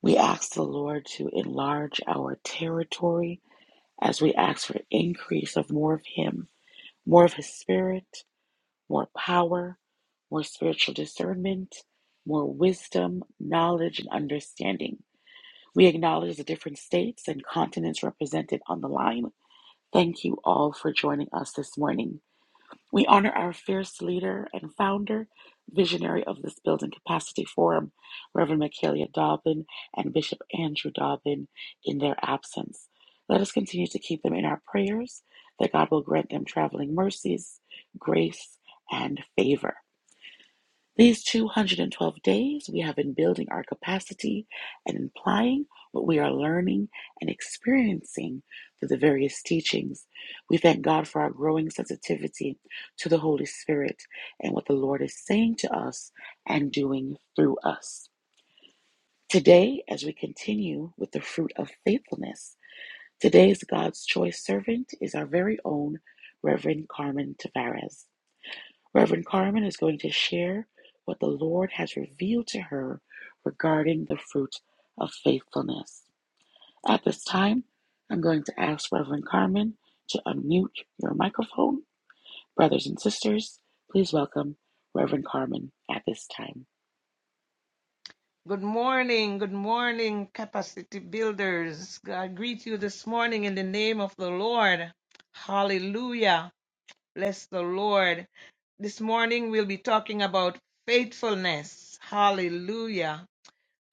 [SPEAKER 8] We ask the Lord to enlarge our territory as we ask for increase of more of Him, more of His Spirit, more power, more spiritual discernment, more wisdom, knowledge, and understanding. We acknowledge the different states and continents represented on the line. Thank you all for joining us this morning. We honor our fierce leader and founder, visionary of this Building Capacity Forum, Reverend Michaelia Dobbin and Bishop Andrew Dobbin, in their absence. Let us continue to keep them in our prayers that God will grant them traveling mercies, grace, and favor. These 212 days, we have been building our capacity and implying what we are learning and experiencing through the various teachings. We thank God for our growing sensitivity to the Holy Spirit and what the Lord is saying to us and doing through us. Today, as we continue with the fruit of faithfulness, today's God's choice servant is our very own Reverend Carmen Tavares. Reverend Carmen is going to share what the Lord has revealed to her regarding the fruit of faithfulness. At this time, I'm going to ask Reverend Carmen to unmute your microphone. Brothers and sisters, please welcome Reverend Carmen at this time.
[SPEAKER 4] Good morning, good morning, capacity builders. I greet you this morning in the name of the Lord. Hallelujah. Bless the Lord. This morning we'll be talking about faithfulness. Hallelujah.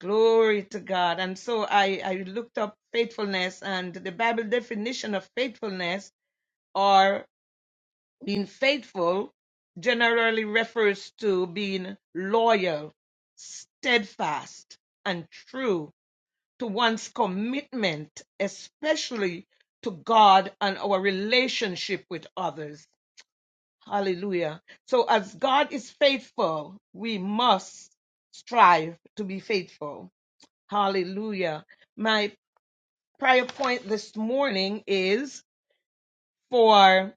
[SPEAKER 4] Glory to God. And so I, I looked up faithfulness and the Bible definition of faithfulness or being faithful generally refers to being loyal, steadfast, and true to one's commitment, especially to God and our relationship with others. Hallelujah. So, as God is faithful, we must strive to be faithful. Hallelujah. My prayer point this morning is for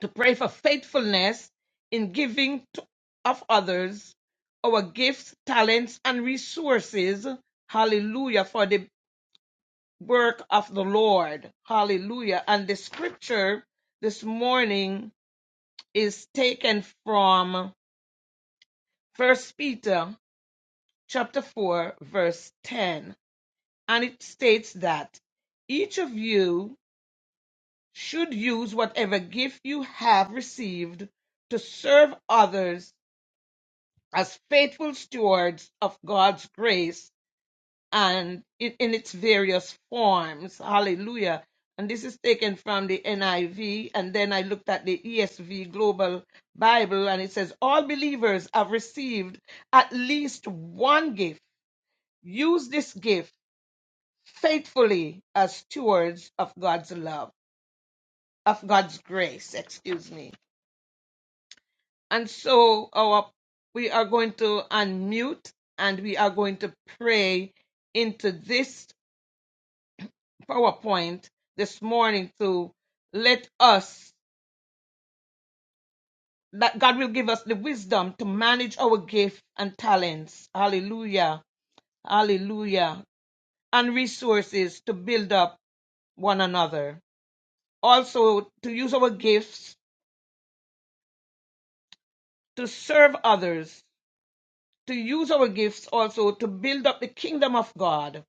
[SPEAKER 4] to pray for faithfulness in giving to, of others our gifts, talents, and resources. Hallelujah. For the work of the Lord. Hallelujah. And the scripture this morning is taken from First Peter chapter 4 verse 10 and it states that each of you should use whatever gift you have received to serve others as faithful stewards of God's grace and in, in its various forms. Hallelujah. And this is taken from the NIV. And then I looked at the ESV Global Bible, and it says, All believers have received at least one gift. Use this gift faithfully as stewards of God's love of me. And so our we are going to unmute and we are going to pray into PowerPoint this morning to let us that God will give us the wisdom to manage our gifts and talents. Hallelujah. Hallelujah. And resources to build up one another. Also, to use our gifts to serve others, to use our gifts also to build up the kingdom of God.